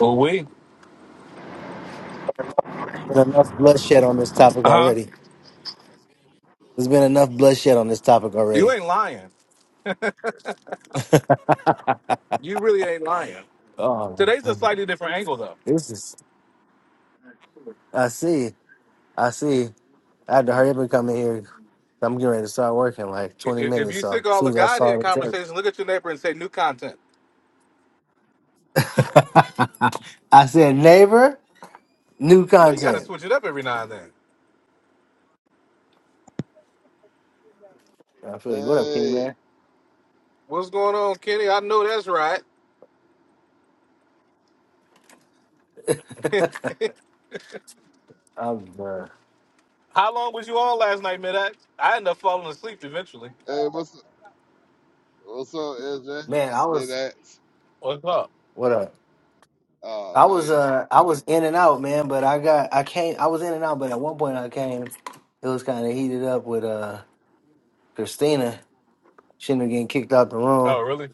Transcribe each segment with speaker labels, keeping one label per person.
Speaker 1: Well, we,
Speaker 2: There's been enough bloodshed on this topic
Speaker 1: uh huh.
Speaker 2: already. There's been enough bloodshed on this topic
Speaker 1: You
Speaker 2: already.
Speaker 1: ain't lying. You really ain't lying.
Speaker 2: Oh,
Speaker 1: Today's a slightly different angle, though.
Speaker 2: this is. I see. I see. I had to hurry up and come in here. I'm getting ready to start working in like
Speaker 1: If,
Speaker 2: 20
Speaker 1: if
Speaker 2: minutes.
Speaker 1: you sick
Speaker 2: So
Speaker 1: of
Speaker 2: as
Speaker 1: all
Speaker 2: soon
Speaker 1: the
Speaker 2: as I
Speaker 1: Godhead
Speaker 2: saw the
Speaker 1: conversation,
Speaker 2: text,
Speaker 1: look at your neighbor and say new content.
Speaker 2: I said, "Neighbor, new
Speaker 1: You know, you got to
Speaker 2: content."
Speaker 1: switch it up every now and then.
Speaker 2: I feel you. What up, King
Speaker 3: Hey,
Speaker 2: Man?
Speaker 1: What's going on, Kenny? I know that's right.
Speaker 2: I'm uh,
Speaker 1: How long was you on last night, Midax? I ended up falling asleep eventually.
Speaker 3: hey, what's up? What's up, SJ?
Speaker 2: man. I
Speaker 3: Mid
Speaker 2: was
Speaker 3: X.
Speaker 1: What's up?
Speaker 2: what up.
Speaker 3: Oh
Speaker 2: I was
Speaker 3: man,
Speaker 2: uh I was in and out, man. But I got I came. I was in and out, but at one point I came. It was kind of heated up with uh. Christina, she ended up getting kicked out the room,
Speaker 1: Oh, really?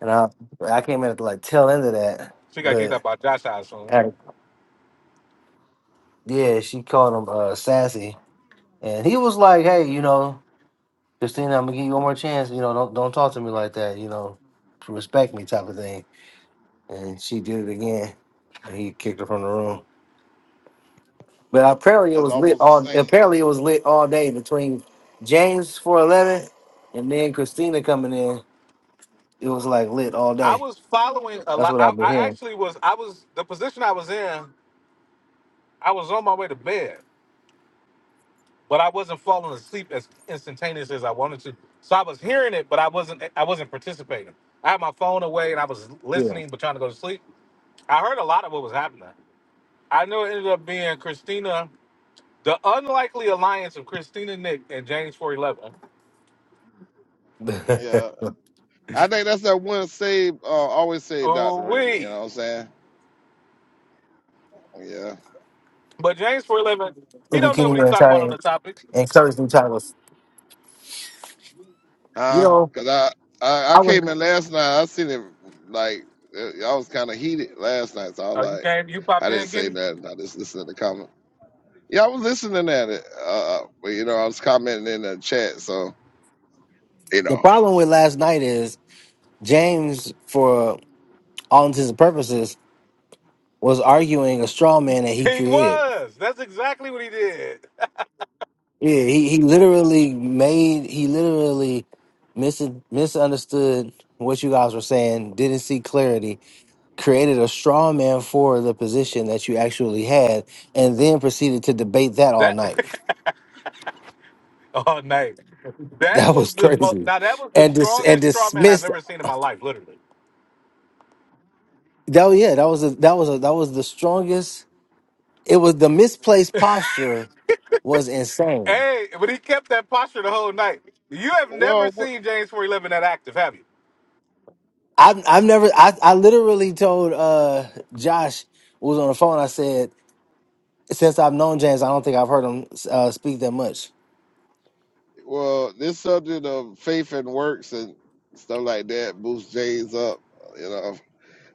Speaker 2: and I I came in at the like tail end of that,
Speaker 1: She got kicked out
Speaker 2: but
Speaker 1: by Josh, I assume.
Speaker 2: Right. yeah, she called him uh, sassy, and he was like, "Hey, you know, Christina, I'm gonna give you one more chance. You know, don't don't talk to me like that. You know, respect me, type of thing." And she did it again, and he kicked her from the room. But apparently, it
Speaker 3: that's
Speaker 2: was lit
Speaker 3: almost the
Speaker 2: all.
Speaker 3: same.
Speaker 2: Apparently, it was lit all day between James four eleven, and then Christina coming in. It was like lit all
Speaker 1: I
Speaker 2: day.
Speaker 1: was following a
Speaker 2: That's
Speaker 1: lot.
Speaker 2: what
Speaker 1: I,
Speaker 2: I've been
Speaker 1: I
Speaker 2: hearing.
Speaker 1: actually was. I was the position I was in. I was on my way to bed, but I wasn't falling asleep as instantaneous as I wanted to. So I was hearing it, but I wasn't I wasn't participating. I had my phone away and I was
Speaker 2: Yeah.
Speaker 1: listening but trying to go to sleep. I heard a lot of what was happening. I know it ended up being Christina, the unlikely alliance of Christina Nick and James 411.
Speaker 2: Look
Speaker 3: Yeah,
Speaker 2: at
Speaker 3: I think that's that one save. Uh, always save Doctor
Speaker 1: Oh
Speaker 3: Rim. You
Speaker 1: we.
Speaker 3: know what I'm saying? Yeah.
Speaker 1: But James 411, he don't know
Speaker 2: Kenny
Speaker 1: what he's
Speaker 2: Man
Speaker 1: talking about
Speaker 2: trying
Speaker 1: on
Speaker 2: to
Speaker 1: the topic.
Speaker 2: encourage them trying you
Speaker 3: Huh?
Speaker 2: know,
Speaker 3: Cause I I, I
Speaker 2: I was
Speaker 3: came in last night. I seen it like uh, I was kind of heated last night, so I was
Speaker 1: Oh, you
Speaker 3: like,
Speaker 1: came, you popped
Speaker 3: I didn't
Speaker 1: in,
Speaker 3: say
Speaker 1: Kenny?
Speaker 3: nothing. I just listened to the comment. Yeah, I was listening at it. Uh, uh, but you know, I was commenting in the chat, so you
Speaker 2: The
Speaker 3: know.
Speaker 2: problem with last night is James, for all intents and purposes, was arguing a straw man that he
Speaker 1: He
Speaker 2: created.
Speaker 1: was. That's exactly what he did.
Speaker 2: Yeah, he, he literally made he literally mis- misunderstood what you guys were saying, didn't see clarity, created a straw man for the position that you actually had, and then proceeded to debate that all
Speaker 1: That
Speaker 2: night.
Speaker 1: all night. That
Speaker 2: That
Speaker 1: was
Speaker 2: was
Speaker 1: the mo-
Speaker 2: crazy
Speaker 1: now that was the
Speaker 2: and dis- and
Speaker 1: strongest straw man I've
Speaker 2: dismissed
Speaker 1: ever seen in my life, literally.
Speaker 2: That was- yeah, that was a, that was a, that was the strongest. It was the misplaced posture was insane.
Speaker 1: Hey, but he kept that posture the whole night. You have never
Speaker 3: Well.
Speaker 1: seen James four eleven that active, have you?
Speaker 2: I've I've never I I literally told uh Josh who was on the phone. I said since I've known James, I don't think I've heard him uh, speak that much.
Speaker 3: Well, this subject of faith and works and stuff like that boosts Jay's up. You know,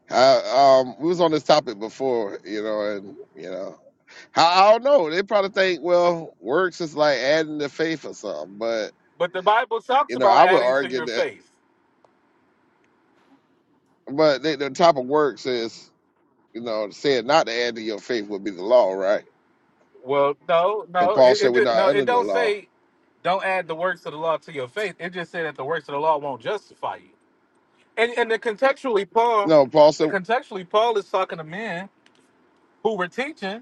Speaker 3: I, um, we was on this topic before. You know, and you know, I, I don't know. They probably think well, works is like adding to faith or something. But
Speaker 1: But the Bible talks
Speaker 3: you know,
Speaker 1: about
Speaker 3: I would
Speaker 1: adding to
Speaker 3: argue
Speaker 1: your
Speaker 3: that.
Speaker 1: faith.
Speaker 3: But they, the type of works is you know saying not to add to your faith would be the law, right?
Speaker 1: Well, no,
Speaker 3: Because
Speaker 1: no,
Speaker 3: Paul
Speaker 1: it,
Speaker 3: said
Speaker 1: it
Speaker 3: we're
Speaker 1: did- no,
Speaker 3: not
Speaker 1: it
Speaker 3: under the
Speaker 1: don't
Speaker 3: law.
Speaker 1: say don't add the works of the law to your faith. It just said that the works of the law won't justify you. And and the contextually Paul,
Speaker 3: No, Paul said,
Speaker 1: contextually Paul is talking to men who were teaching,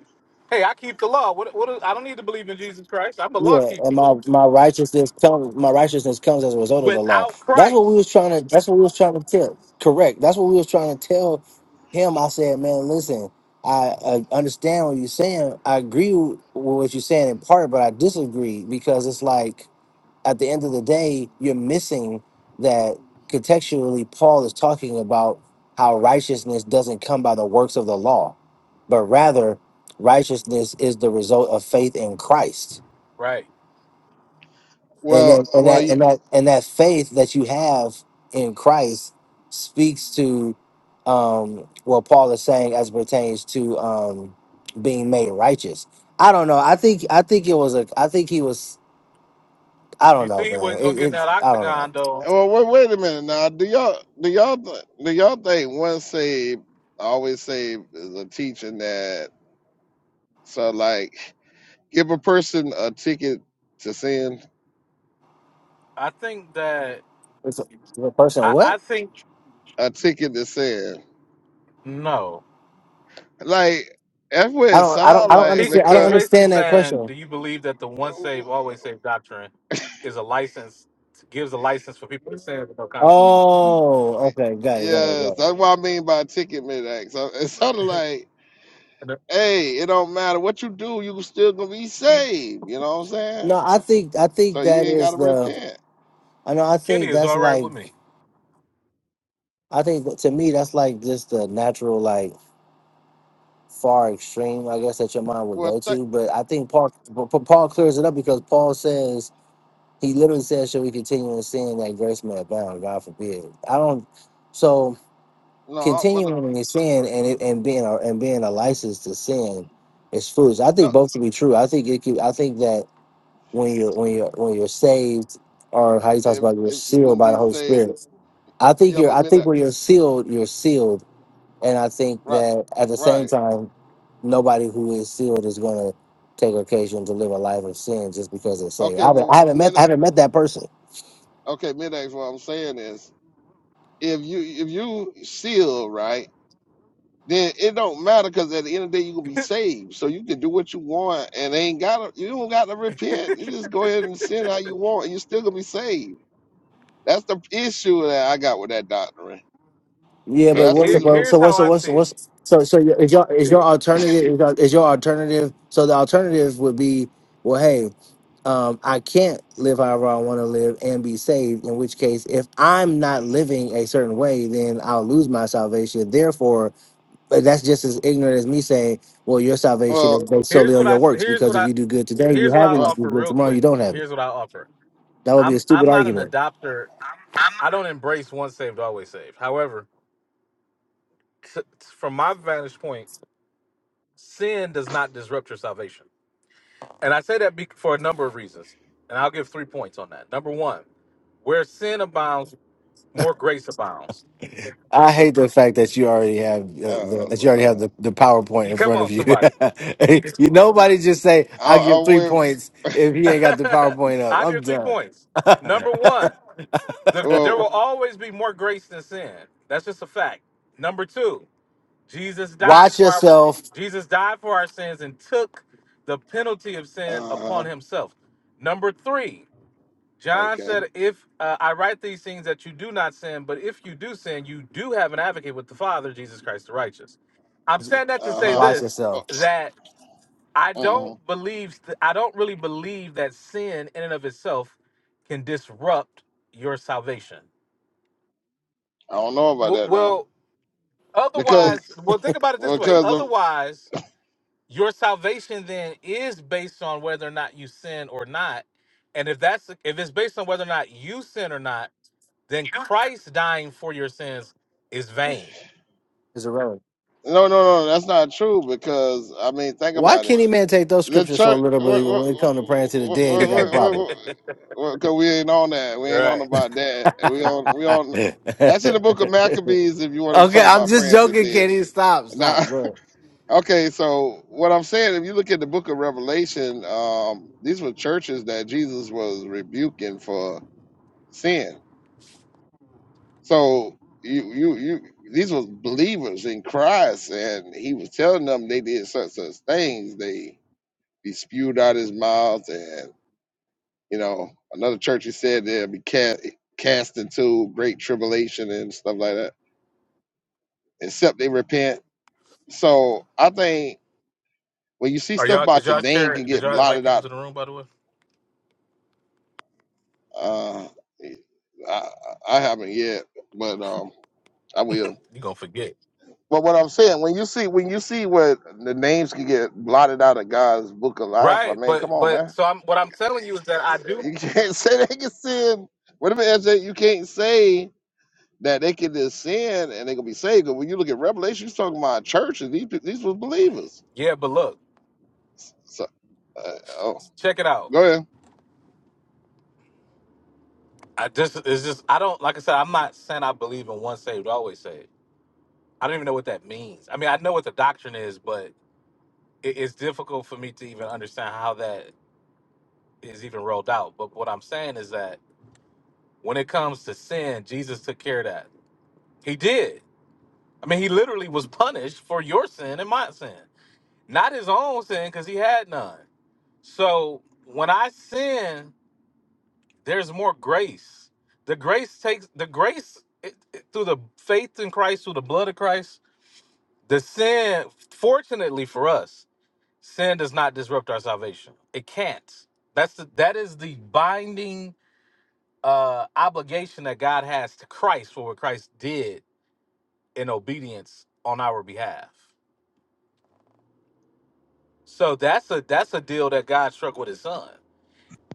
Speaker 1: hey, I keep the law. What what I don't need to believe in Jesus Christ. I'm a law
Speaker 2: Yeah,
Speaker 1: keeper.
Speaker 2: and my, my righteousness comes my righteousness comes as a result of the law.
Speaker 1: without
Speaker 2: That's what we
Speaker 1: Christ.
Speaker 2: was trying to that's what we was trying to tell. Correct. That's what we was trying to tell him. I said, man, listen, I, I understand what you're saying. I agree with what you're saying in part, but I disagree because it's like at the end of the day, you're missing that contextually Paul is talking about how righteousness doesn't come by the works of the law, but rather righteousness is the result of faith in Christ
Speaker 1: Right.
Speaker 2: and
Speaker 3: well,
Speaker 2: then and
Speaker 3: well,
Speaker 2: that and that and that faith that you have in Christ speaks to um what Paul is saying as it pertains to um being made righteous. I don't know. I think I think it was a I think he was I
Speaker 1: You
Speaker 2: don't know,
Speaker 1: see, he
Speaker 2: man.
Speaker 1: wasn't gonna
Speaker 2: It,
Speaker 1: get in
Speaker 2: it's
Speaker 1: that
Speaker 2: I don't
Speaker 1: octagon
Speaker 2: know.
Speaker 1: though.
Speaker 3: Well, wait, wait a minute now. Do y'all do y'all th- do y'all think once saved, always saved is a teaching that so like give a person a ticket to sin,
Speaker 1: I think that
Speaker 2: It's a, the person
Speaker 1: I,
Speaker 2: what?
Speaker 1: I think
Speaker 3: a ticket to sin.
Speaker 1: no.
Speaker 3: Like that's what
Speaker 2: I
Speaker 3: it
Speaker 2: don't I don't
Speaker 3: sounds
Speaker 2: I don't
Speaker 3: like
Speaker 1: He
Speaker 2: understand I don't
Speaker 1: he's
Speaker 3: because
Speaker 1: basically
Speaker 2: understand that
Speaker 1: saying,
Speaker 2: question.
Speaker 1: do you believe that the once saved always saved doctrine is a license gives a license for people to sin with no consequences? And
Speaker 2: Oh, okay, got it, got it,
Speaker 3: yes,
Speaker 2: got
Speaker 3: that's
Speaker 2: it.
Speaker 3: what I mean by ticket mid So it sounded like hey, it don't matter what you do, you still gonna be
Speaker 1: the-
Speaker 3: saved. You know what I'm saying?
Speaker 2: No, I think I
Speaker 3: So
Speaker 2: think
Speaker 3: you
Speaker 2: that
Speaker 3: ain't
Speaker 2: is
Speaker 3: gotta
Speaker 2: the
Speaker 3: repent.
Speaker 2: I know I
Speaker 1: Kenny
Speaker 2: think
Speaker 1: is
Speaker 2: that's
Speaker 1: all right with me.
Speaker 2: like I think that- to me that's like just the natural like far extreme I guess that your mind would
Speaker 3: Well,
Speaker 2: go
Speaker 3: th-
Speaker 2: to. But I think Paul but Pa- Paul clears it up because Paul says he literally says, "Shall we continue in sin that grace may abound?" God forbid. I don't. So
Speaker 3: no, but.
Speaker 2: continuing in sin and it, and being a, and being a license to sin is foolish. I
Speaker 3: no.
Speaker 2: think both to be true. I think it could, I think that when you're when you're when you're saved or how he talks
Speaker 3: if
Speaker 2: about you're
Speaker 3: if you're
Speaker 2: sealed
Speaker 3: gonna
Speaker 2: by the
Speaker 3: be
Speaker 2: Holy
Speaker 3: saved,
Speaker 2: Spirit. I think
Speaker 3: yeah,
Speaker 2: you're.
Speaker 3: but
Speaker 2: I
Speaker 3: mid
Speaker 2: think when you're sealed, you're sealed And I think
Speaker 3: right,
Speaker 2: that at the same
Speaker 3: right.
Speaker 2: time, nobody who is sealed is going to take occasion to live a life of sin just because they're saved. I
Speaker 3: Okay,
Speaker 2: haven't,
Speaker 3: well
Speaker 2: I
Speaker 3: well,
Speaker 2: haven't met
Speaker 3: mid
Speaker 2: I haven't met that person.
Speaker 3: okay, mid what I'm saying is if you if you seal right, then it don't matter because at the end of the day you're gonna be saved. So you can do what you want and ain't gotta you don't gotta repent. You just go ahead and sin how you want and you're still gonna be saved. That's the issue that I got with that doctrine.
Speaker 2: Yeah,
Speaker 3: So
Speaker 1: He,
Speaker 2: but
Speaker 3: that's the
Speaker 2: what's the
Speaker 1: here,
Speaker 3: reason
Speaker 2: bro? So
Speaker 1: here's how
Speaker 2: what's the
Speaker 1: I
Speaker 2: what's
Speaker 1: see
Speaker 2: the,
Speaker 1: it.
Speaker 2: what's so so your- is your is your alternative is your, is your alternative? So the alternative would be well, hey, um, I can't live however I want to live and be saved. In which case, if I'm not living a certain way, then I'll lose my salvation. Therefore, But that's just as ignorant as me saying, well, your salvation
Speaker 3: well
Speaker 2: is based
Speaker 1: Here's
Speaker 2: solely
Speaker 1: what
Speaker 2: on
Speaker 1: I
Speaker 2: your
Speaker 1: s-
Speaker 2: works
Speaker 1: here's what
Speaker 2: because if
Speaker 1: I
Speaker 2: you do good today, you
Speaker 1: here's what I
Speaker 2: have it.
Speaker 3: uh,
Speaker 2: If you
Speaker 1: offer
Speaker 2: do good
Speaker 1: real
Speaker 2: tomorrow,
Speaker 1: quick.
Speaker 2: you don't have it.
Speaker 1: Here's what I offer.
Speaker 2: That would be a
Speaker 1: I'm I'm
Speaker 2: stupid
Speaker 1: not an
Speaker 2: argument.
Speaker 1: adopter. I don't embrace once saved always saved. However, t- from my vantage point, sin does not disrupt your salvation. And I say that be- for a number of reasons. And I'll give three points on that. Number one, where sin abounds, more grace abounds.
Speaker 2: I hate the fact that you already have uh, the,
Speaker 3: oh
Speaker 2: that you already have
Speaker 3: Lord.
Speaker 2: the, the PowerPoint
Speaker 1: You
Speaker 2: in
Speaker 1: come
Speaker 2: front of
Speaker 1: on,
Speaker 2: you.
Speaker 1: somebody.
Speaker 2: you nobody just say
Speaker 3: I
Speaker 2: I give
Speaker 3: I
Speaker 2: three
Speaker 3: went
Speaker 2: points if he ain't got the PowerPoint up.
Speaker 1: i
Speaker 2: I'm
Speaker 1: give three points.
Speaker 2: done.
Speaker 1: Number one, the, there will
Speaker 3: well
Speaker 1: always be more grace than sin. That's just a fact. Number two, Jesus died
Speaker 2: Watch
Speaker 1: for our
Speaker 2: yourself.
Speaker 1: Jesus died for our sins and took the penalty of sin
Speaker 3: uh
Speaker 1: upon
Speaker 3: huh
Speaker 1: himself. Number three, John
Speaker 3: okay.
Speaker 1: said, If uh, I write these things that you do not sin, but if you do sin, you do have an advocate with the Father, Jesus Christ the righteous. I'm saying that to
Speaker 3: Uh
Speaker 1: say
Speaker 2: Watch
Speaker 1: this
Speaker 3: huh.
Speaker 2: yourself.
Speaker 1: that I
Speaker 3: hmm
Speaker 1: don't believe, I don't really believe that sin in and of itself can disrupt your salvation.
Speaker 3: I don't know about
Speaker 1: W-
Speaker 3: that now
Speaker 1: Well,
Speaker 3: because
Speaker 1: otherwise, well, think about it this way.
Speaker 3: because of,
Speaker 1: Otherwise, your salvation then is based on whether or not you sin or not. And if that's, if it's based on whether or not you sin or not, then Christ dying for your sins is vain.
Speaker 2: It's irrelevant.
Speaker 3: no no no that's not true because I mean think
Speaker 2: Why
Speaker 3: about it
Speaker 2: can't he man take those
Speaker 3: the
Speaker 2: scriptures so
Speaker 3: church
Speaker 2: literally? But
Speaker 3: because
Speaker 2: when it comes to praying to the dead, he got a problem.
Speaker 3: we ain't on that we ain't on
Speaker 1: right.
Speaker 3: about that we on we on that's in the book of Maccabees if you want to
Speaker 2: Okay,
Speaker 3: talk
Speaker 2: I'm
Speaker 3: about
Speaker 2: just
Speaker 3: praying to the
Speaker 2: joking,
Speaker 3: dead
Speaker 2: Kenny. Stop,
Speaker 3: now
Speaker 2: stop. Go ahead.
Speaker 3: okay so what I'm saying if you look at the book of Revelation um these were churches that Jesus was rebuking for sin So you you you these was believers in Christ, and he was telling them they did such such things. They he spewed out his mouth, and you know another church he said they'll be cast cast into great tribulation and stuff like that, except they repent. So I think when you see
Speaker 1: Are
Speaker 3: stuff
Speaker 1: y'all did
Speaker 3: about your
Speaker 1: y'all
Speaker 3: name
Speaker 1: share
Speaker 3: can
Speaker 1: did
Speaker 3: get
Speaker 1: y'all invite
Speaker 3: blotted
Speaker 1: people
Speaker 3: out,
Speaker 1: to the room by the way?
Speaker 3: uh, I, I haven't yet, but um, I will.
Speaker 1: You gonna forget.
Speaker 3: But what I'm saying, when you see when you see what the names can get blotted out of God's book of life, I
Speaker 1: Right,
Speaker 3: mean, come
Speaker 1: but
Speaker 3: on,
Speaker 1: but
Speaker 3: man.
Speaker 1: so I'm what I'm telling you is that I do
Speaker 3: You can't say they can sin. Whatever SJ, you can't say that they can just sin and they gonna be saved. 'Cause when you look at Revelation, you're talking about churches. These peo- these was believers.
Speaker 1: yeah, but look,
Speaker 3: So, uh, oh,
Speaker 1: check it out.
Speaker 3: go ahead.
Speaker 1: I just it's just I don't like I said, I'm not saying I believe in one saved, always saved. I don't even know what that means. I mean I know what the doctrine is, but it, it's difficult for me to even understand how that is even rolled out. But what I'm saying is that when it comes to sin, Jesus took care of that. He did I mean, he literally was punished for your sin and my sin, not his own sin because he had none. So when I sin, there's more grace. The grace takes the grace it, it- through the faith in Christ, through the blood of Christ. The sin, fortunately for us, sin does not disrupt our salvation. It can't. That's the that is the binding uh obligation that God has to Christ for what Christ did in obedience on our behalf. So that's a that's a deal that God struck with his son.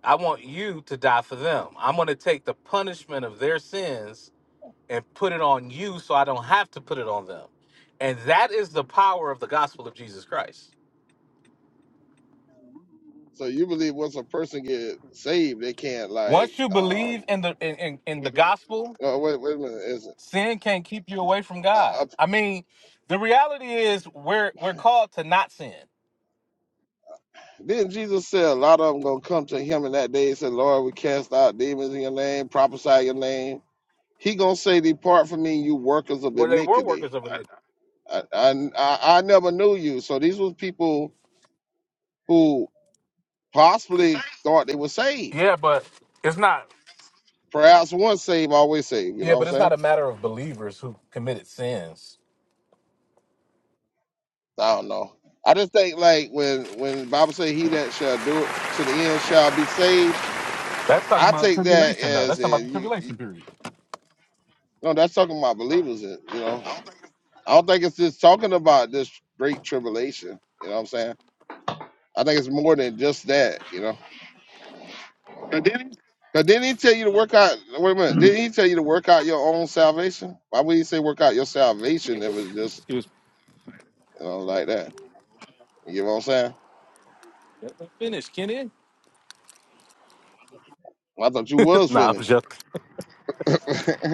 Speaker 1: I want you to die for them. I'm going to take the punishment of their sins and put it on you so I don't have to put it on them. And that is the power of the gospel of Jesus Christ.
Speaker 3: So you believe once a person get saved, they can't like
Speaker 1: Once you believe
Speaker 3: um.
Speaker 1: in the in, in, in the gospel,
Speaker 3: oh, wait, wait a minute. Is it?
Speaker 1: sin can't keep you away from God.
Speaker 3: uh,
Speaker 1: I mean, the reality is we're we're called to not sin.
Speaker 3: Then Jesus said, a lot of them gonna come to him in that day and say, Lord, we cast out demons in your name, prophesy your name. He gonna say, depart from me, you workers of
Speaker 1: Well, they were workers
Speaker 3: iniquity.
Speaker 1: of religion.
Speaker 3: I, I, I I never knew you. So these was people who possibly thought they were saved.
Speaker 1: Yeah, but it's not
Speaker 3: Perhaps once saved, always saved. You know
Speaker 1: yeah,
Speaker 3: what I'm
Speaker 1: but it's not
Speaker 3: saying?
Speaker 1: a matter of believers who committed sins
Speaker 3: I don't know. I just think like when when the Bible say he that shall do it to the end shall be saved.
Speaker 1: That's talking
Speaker 3: I
Speaker 1: about
Speaker 3: take that
Speaker 1: tribulation, though.
Speaker 3: as
Speaker 1: That's talking about the
Speaker 3: in you, you
Speaker 1: tribulation period.
Speaker 3: no, that's talking about believers. You know, I don't think it's just talking about this great tribulation. You know what I'm saying? I think it's more than just that. You know,
Speaker 1: But then
Speaker 3: because didn't he tell you to work out? Wait a minute, didn't he tell you to work out your own salvation? Why would he say work out your salvation if it's just
Speaker 1: Excuse me.
Speaker 3: you know like that? You know what I'm saying?
Speaker 1: Let me Finish, Kenny.
Speaker 3: I thought you was
Speaker 1: nah, I'm
Speaker 3: finished.
Speaker 1: just.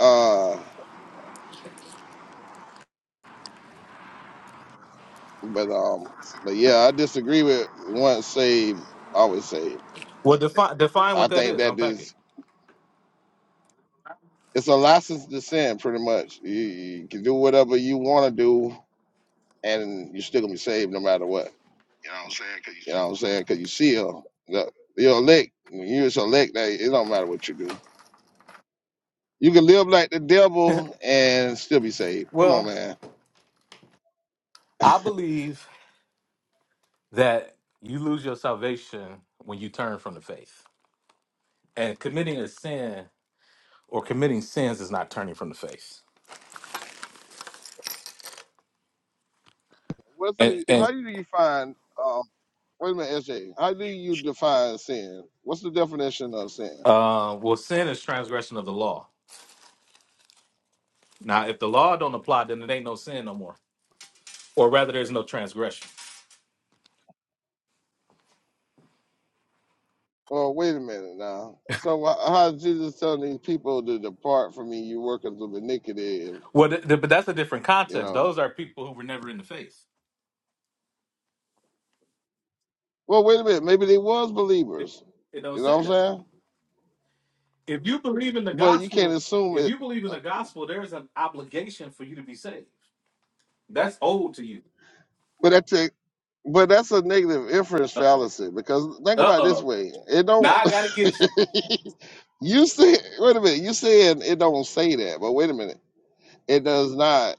Speaker 3: uh, but um, but yeah, I disagree with once saved, always saved.
Speaker 1: Well, define define
Speaker 3: I
Speaker 1: what that
Speaker 3: think
Speaker 1: is.
Speaker 3: that
Speaker 1: Unpack it.
Speaker 3: this it's a license to sin, pretty much. You, you can do whatever you want to do and you're still gonna be saved no matter what.
Speaker 1: you know what I'm saying? 'Cause you
Speaker 3: You know what I'm
Speaker 1: see,
Speaker 3: saying? Because you seal, the- you're elect. When you're just elect, that it don't matter what you do. You can live like the devil and still be saved. Come on,
Speaker 1: Well,
Speaker 3: man.
Speaker 1: I believe that you lose your salvation when you turn from the faith, and committing a sin or committing sins is not turning from the faith.
Speaker 3: What's
Speaker 1: And,
Speaker 3: the?
Speaker 1: and
Speaker 3: How do you find? Um, wait a minute, SJ. How do you define sin? What's the definition of sin?
Speaker 1: uh, well, sin is transgression of the law. Now, if the law don't apply, then it ain't no sin no more. Or rather, there's no transgression.
Speaker 3: Well, wait a minute now. So wh- how is Jesus telling these people to depart from me, you workers of iniquity?
Speaker 1: Well, th- th- but that's a different
Speaker 3: You
Speaker 1: context.
Speaker 3: know.
Speaker 1: Those are people who were never in the faith.
Speaker 3: Well, wait a minute. Maybe they was
Speaker 1: It,
Speaker 3: believers.
Speaker 1: it don't
Speaker 3: You know
Speaker 1: say
Speaker 3: what I'm
Speaker 1: that.
Speaker 3: saying?
Speaker 1: If you believe in the
Speaker 3: but you can't
Speaker 1: gospel,
Speaker 3: assume
Speaker 1: if
Speaker 3: it.
Speaker 1: you believe in the gospel, there's an obligation for you to be saved. That's old to you.
Speaker 3: But that's a but that's a negative inference
Speaker 1: Uh oh.
Speaker 3: fallacy because think
Speaker 1: Uh
Speaker 3: about it this
Speaker 1: oh.
Speaker 3: way: it
Speaker 1: Now
Speaker 3: don't.
Speaker 1: I gotta get you.
Speaker 3: you say wait a minute. You saying it don't say that, but wait a minute, it does not.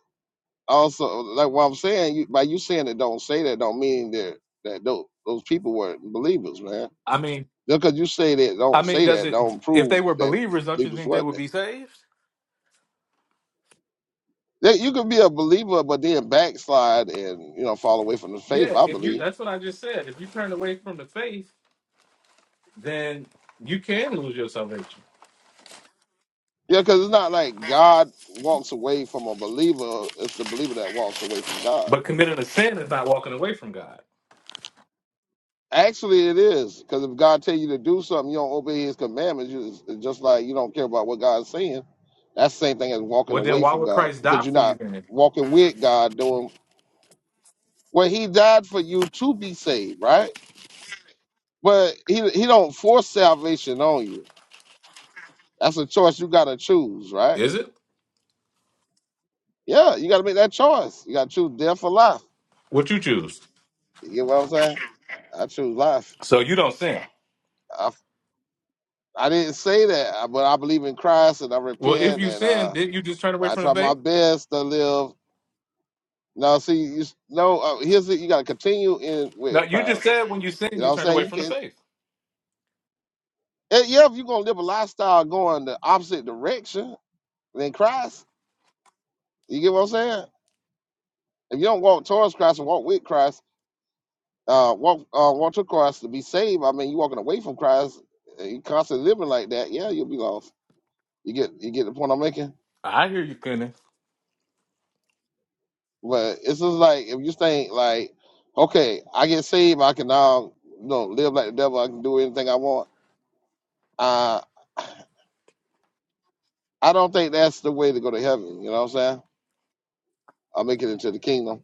Speaker 3: Also, like what I'm saying, you, by you saying it don't say that, don't mean that that those, those people weren't believers, man.
Speaker 1: I mean,
Speaker 3: Just because you say that
Speaker 1: I
Speaker 3: don't
Speaker 1: mean,
Speaker 3: say
Speaker 1: does
Speaker 3: that,
Speaker 1: it?
Speaker 3: don't
Speaker 1: If they
Speaker 3: prove
Speaker 1: were
Speaker 3: that
Speaker 1: believers, don't you
Speaker 3: believers
Speaker 1: think they
Speaker 3: wasn't
Speaker 1: would
Speaker 3: there.
Speaker 1: be saved?
Speaker 3: That you could be a believer, but then backslide and you know fall away from the
Speaker 1: Yeah.
Speaker 3: faith. I
Speaker 1: If you,
Speaker 3: believe.
Speaker 1: that's what I just said. If you turn away from the faith, then you can lose your salvation.
Speaker 3: Yeah, because it's not like God walks away from a believer. It's the believer that walks away from God.
Speaker 1: But committing a sin is not walking away from God.
Speaker 3: Actually, it is because if God tell you to do something, you don't obey His commandments. You it's just like you don't care about what God's saying. That's the same thing as walking
Speaker 1: Well, then
Speaker 3: away
Speaker 1: why
Speaker 3: from
Speaker 1: would
Speaker 3: God
Speaker 1: Christ die
Speaker 3: because you're
Speaker 1: for you
Speaker 3: not
Speaker 1: then?
Speaker 3: walking with God doing well. He died for you to be saved, right? But He He don't force salvation on you. That's a choice you got to choose, right?
Speaker 1: Is it?
Speaker 3: Yeah, you got to make that choice. You got to choose death or life.
Speaker 1: What you choose?
Speaker 3: You get what I'm saying? I choose life.
Speaker 1: So you don't sin.
Speaker 3: I didn't say that, uh, but I believe in Christ and I
Speaker 1: Well, if
Speaker 3: repent
Speaker 1: you
Speaker 3: and
Speaker 1: sin,
Speaker 3: uh,
Speaker 1: did you just turn away
Speaker 3: I
Speaker 1: from the
Speaker 3: try my
Speaker 1: faith?
Speaker 3: best to live. Now, see, you know, uh, here's it. You got to continue in
Speaker 1: No,
Speaker 3: with
Speaker 1: you just
Speaker 3: Christ.
Speaker 1: said when you sin,
Speaker 3: You know
Speaker 1: you
Speaker 3: what I'm
Speaker 1: turn away
Speaker 3: saying? You
Speaker 1: from the
Speaker 3: can,
Speaker 1: faith.
Speaker 3: eh, yeah, if you're gonna live a lifestyle going the opposite direction than Christ, you get what I'm saying? If you don't walk towards Christ and walk with Christ, uh, walk uh, walk to Christ to be saved. I mean, you walking away from Christ, and you constantly living like that. Yeah, you'll be lost. You get you get the point I'm making.
Speaker 1: I hear you, Kenny.
Speaker 3: But it's just like if you think like, okay, I get saved, I can now you know live like the devil, I can do anything I want. Uh, I don't think that's the way to go to heaven. You know what I'm saying? I'll make it into the kingdom.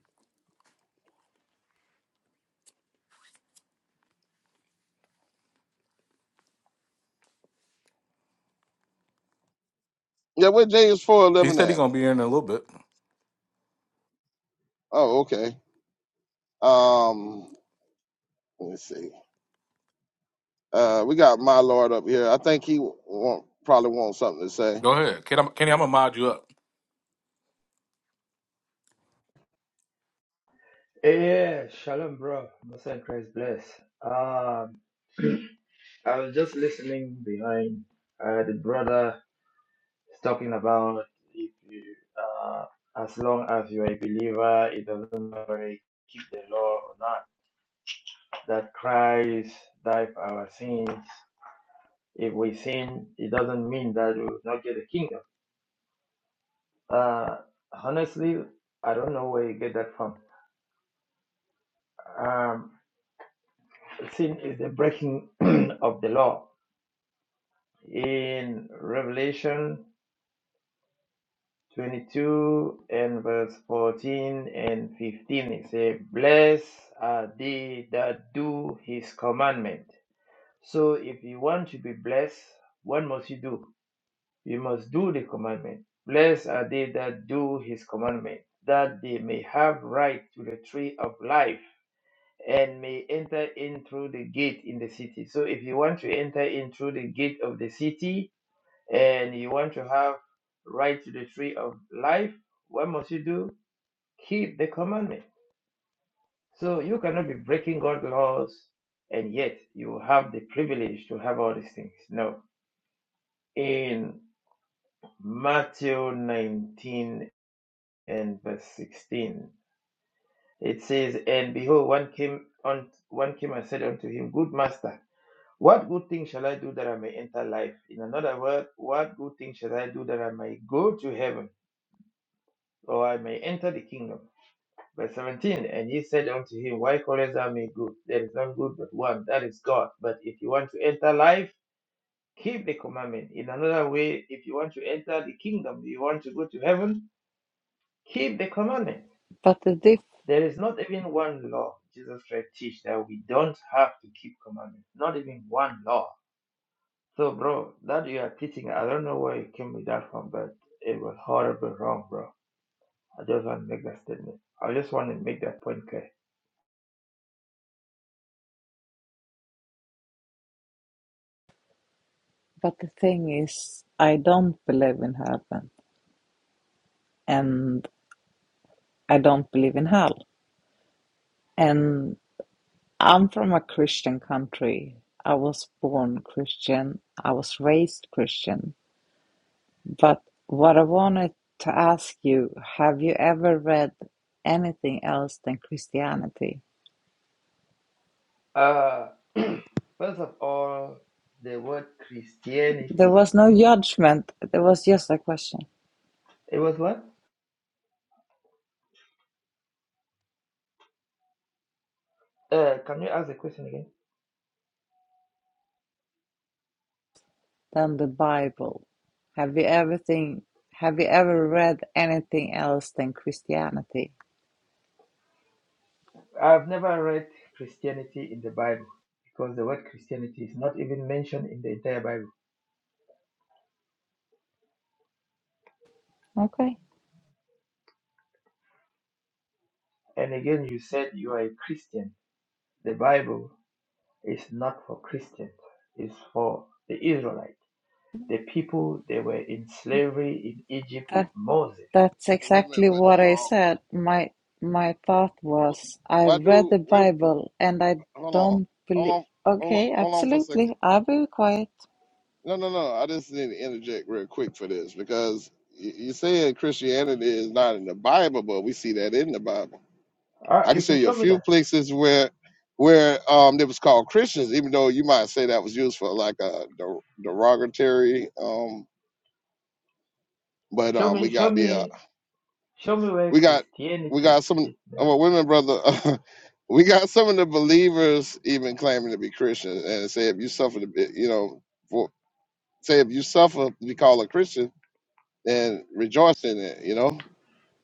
Speaker 3: Yeah, where James four
Speaker 1: He
Speaker 3: eleven
Speaker 1: said he's
Speaker 3: at?
Speaker 1: gonna be here in a little bit.
Speaker 3: Oh, okay. Um, let me see. Uh, we got my Lord up here. I think he want, probably wants something to say.
Speaker 1: Go ahead, Kenny. I'm, Kenny, I'm gonna mod you up.
Speaker 4: Hey, Yeah, shalom, bro. Most High Christ bless. Um, I was just listening behind. Uh, the brother is talking about if you, uh, as long as you are a believer, it doesn't matter if you keep the law or not. That Christ died for our sins. If we sin, it doesn't mean that we will not get the kingdom. Uh, honestly, I don't know where you get that from. Um, sin is the breaking of the law in Revelation 22 and verse 14 and 15. It says, Blessed are they that do his commandment. So if you want to be blessed, what must you do? You must do the commandment. Blessed are they that do his commandment, that they may have right to the tree of life and may enter in through the gate in the city. So if you want to enter in through the gate of the city, and you want to have right to the tree of life, what must you do? Keep the commandment. So you cannot be breaking God's laws and yet you have the privilege to have all these things. No. In Matthew 19 and verse 16, it says, And behold, one came on one came and said unto him, Good master, what good thing shall I do that I may enter life? In another word, what good thing shall I do that I may go to heaven or I may enter the kingdom? Verse 17, and he said unto him, Why callest thou me good? There is none good but one, that is God. But if you want to enter life, keep the commandment. In another way, if you want to enter the kingdom, you want to go to heaven, keep the commandment.
Speaker 5: But the diff,
Speaker 4: There is not even one law. Jesus Christ teach that we don't have to keep commandments, not even one law. So, bro, that you are teaching, I don't know where you came with that from, but it was horribly wrong, bro. I just want to make that statement. I just want to make that point clear.
Speaker 5: but the thing is, I don't believe in heaven, and I don't believe in hell. And I'm from a Christian country. I was born Christian. I was raised Christian. But what I wanted to ask you, have you ever read anything else than Christianity?
Speaker 4: Uh, first of all, the word
Speaker 5: There
Speaker 4: Christianity.
Speaker 5: was no judgment. There was just a question.
Speaker 4: It was what? Uh, can you ask the question again?
Speaker 5: Then the Bible. Have you everything? Have you ever read anything else than Christianity?
Speaker 4: I've never read Christianity in the Bible because the word Christianity is not even mentioned in the entire Bible.
Speaker 5: Okay.
Speaker 4: And again, you said you are a Christian. The Bible is not for Christians, it's for the Israelites, the people they were in slavery in Egypt with
Speaker 5: That
Speaker 4: Moses.
Speaker 5: that's
Speaker 3: Wait a minute,
Speaker 5: exactly
Speaker 3: buddy.
Speaker 5: what I
Speaker 3: Um,
Speaker 5: said. My my thought was
Speaker 3: wh-
Speaker 5: I
Speaker 3: why
Speaker 5: read
Speaker 3: do
Speaker 5: the
Speaker 3: wait?
Speaker 5: Bible and I
Speaker 3: a- Hold on,
Speaker 5: don't
Speaker 3: hold
Speaker 5: believe
Speaker 3: on, hold on,
Speaker 5: okay,
Speaker 3: hold on for a second.
Speaker 5: absolutely. I will be quiet.
Speaker 3: No, no, no. I just need to interject real quick for this because y- you said Christianity is not in the Bible, but we see that in the Bible.
Speaker 4: Ah,
Speaker 3: I can
Speaker 4: you
Speaker 3: show
Speaker 4: can
Speaker 3: you a
Speaker 4: show me
Speaker 3: few
Speaker 4: that.
Speaker 3: places where where um it was called Christians, even though you might say that was used for like a der- derogatory. Um, but
Speaker 4: Show
Speaker 3: um,
Speaker 4: me,
Speaker 3: we
Speaker 4: show
Speaker 3: got the uh,
Speaker 4: me, show me where
Speaker 3: we got we got
Speaker 4: Christianity
Speaker 3: some
Speaker 4: is mentioned.
Speaker 3: oh, wait a minute, brother. we got some of the believers even claiming to be Christians and say if you suffer to be, you know, for, say if you suffer to be called a Christian and rejoice in it, you know?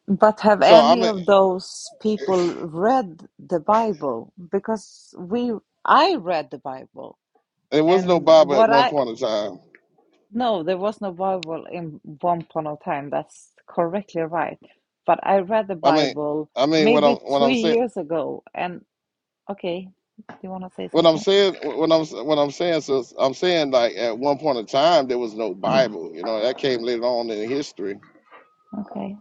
Speaker 5: But have
Speaker 3: So I
Speaker 5: any
Speaker 3: mean
Speaker 5: of those people read the Bible? Because we I read the Bible
Speaker 3: there was no
Speaker 5: and
Speaker 3: Bible at
Speaker 5: what
Speaker 3: one
Speaker 5: I
Speaker 3: point in time.
Speaker 5: no, there was no Bible in one point of time. That's correctly right. But I read the
Speaker 3: I mean
Speaker 5: Bible
Speaker 3: I mean what I'm
Speaker 5: maybe
Speaker 3: what I'm
Speaker 5: three
Speaker 3: saying
Speaker 5: years ago, and Okay. Do you want to say
Speaker 3: what I'm
Speaker 5: something?
Speaker 3: saying what I'm what I'm saying so I'm saying like at one point in time there was no Bible, you know, that came later on in history.
Speaker 5: Okay.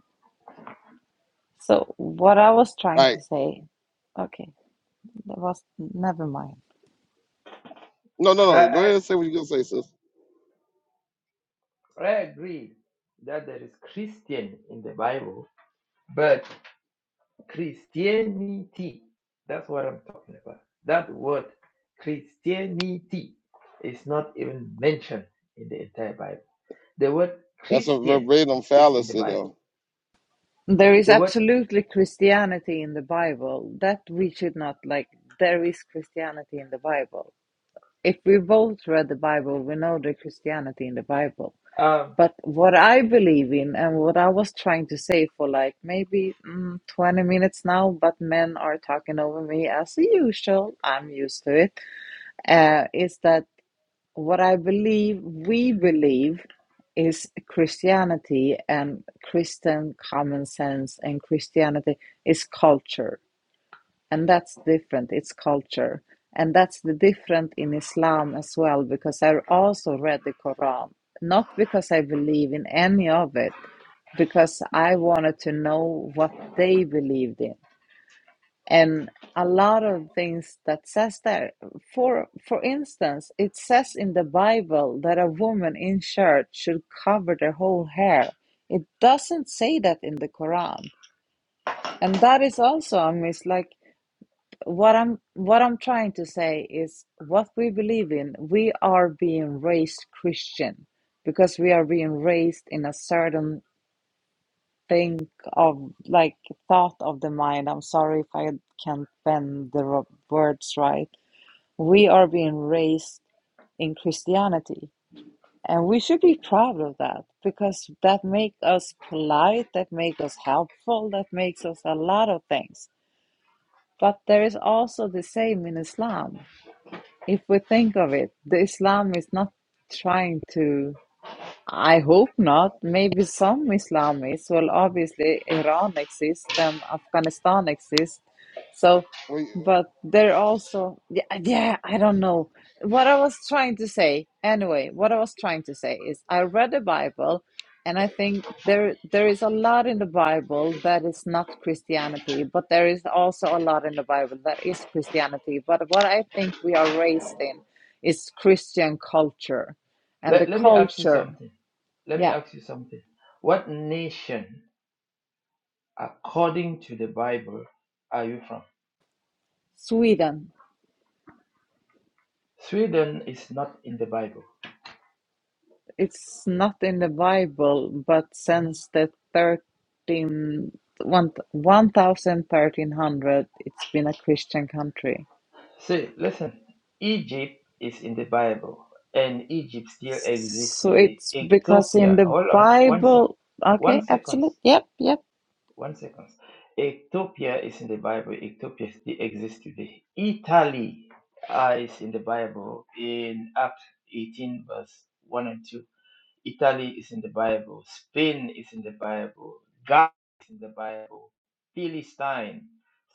Speaker 5: So what I was trying to
Speaker 3: Like
Speaker 5: say, okay, that was never mind.
Speaker 3: no
Speaker 4: I,
Speaker 3: no no go
Speaker 4: I,
Speaker 3: ahead and say what you're gonna say, sis.
Speaker 4: I agree that there is Christian in the Bible, but Christianity, that's what I'm talking about. That word Christianity is not even mentioned in the entire Bible. The word
Speaker 3: That's a
Speaker 4: Christian
Speaker 3: verbatim
Speaker 4: is in the
Speaker 3: fallacy though.
Speaker 4: Bible.
Speaker 5: There is
Speaker 4: The word,
Speaker 5: absolutely Christianity in the Bible that we should not like. There is Christianity in the Bible. If we both read the Bible, we know the Christianity in the Bible.
Speaker 4: um,
Speaker 5: But what I believe in and what I was trying to say for like maybe mm, 20 minutes now, but men are talking over me as usual. I'm used to it. Uh, is that What I believe we believe is Christianity and Christian common sense and Christianity is culture. And that's different. It's culture. And that's the different in Islam as well, because I also read the Quran, not because I believe in any of it, because I wanted to know what they believed in and a lot of things that says there for for instance it says in the bible that a woman in church should cover their whole hair it doesn't say that in the quran and that is also a mis like what i'm what i'm trying to say is what we believe in we are being raised christian because we are being raised in a certain think of like thought of the mind. I'm sorry if I can't bend the ro- words right. We are being raised in Christianity, and we should be proud of that because that makes us polite, that makes us helpful, that makes us a lot of things. But there is also the same in Islam. If we think of it, the Islam is not trying to. I hope
Speaker 3: Yeah.
Speaker 5: not. Maybe some Islamists. Well, obviously, Iran exists and Afghanistan exists. So,
Speaker 3: Well, you-
Speaker 5: but they're also, yeah, yeah, I don't know. What I was trying to say, anyway, what I was trying to say is I read the Bible and I think there there is a lot in the Bible that is not Christianity, but there is also a lot in the Bible that is Christianity. But what I think we are raised in is Christian culture and the
Speaker 4: let, let me ask you
Speaker 5: culture.
Speaker 4: something. Let me
Speaker 5: Yeah,
Speaker 4: ask you something. What nation, according to the Bible, are you from?
Speaker 5: Sweden.
Speaker 4: Sweden is not in the Bible.
Speaker 5: It's not in the Bible, but since the thirteen one one thousand thirteen hundred, it's been a Christian country.
Speaker 4: See, listen, Egypt is in the Bible, and Egypt still exists
Speaker 5: So
Speaker 4: today.
Speaker 5: it's because in
Speaker 4: Ethiopia,
Speaker 5: the
Speaker 4: hold on, one sec,
Speaker 5: Bible,
Speaker 4: one
Speaker 5: okay,
Speaker 4: seconds,
Speaker 5: absolute, yep, yep.
Speaker 4: one seconds. Ethiopia is in the Bible. Ethiopia still exists today. Italy uh, is in the Bible in Acts 18, verse 1 and 2. Italy is in the Bible. Spain is in the Bible. Gaza is in the Bible. Palestine,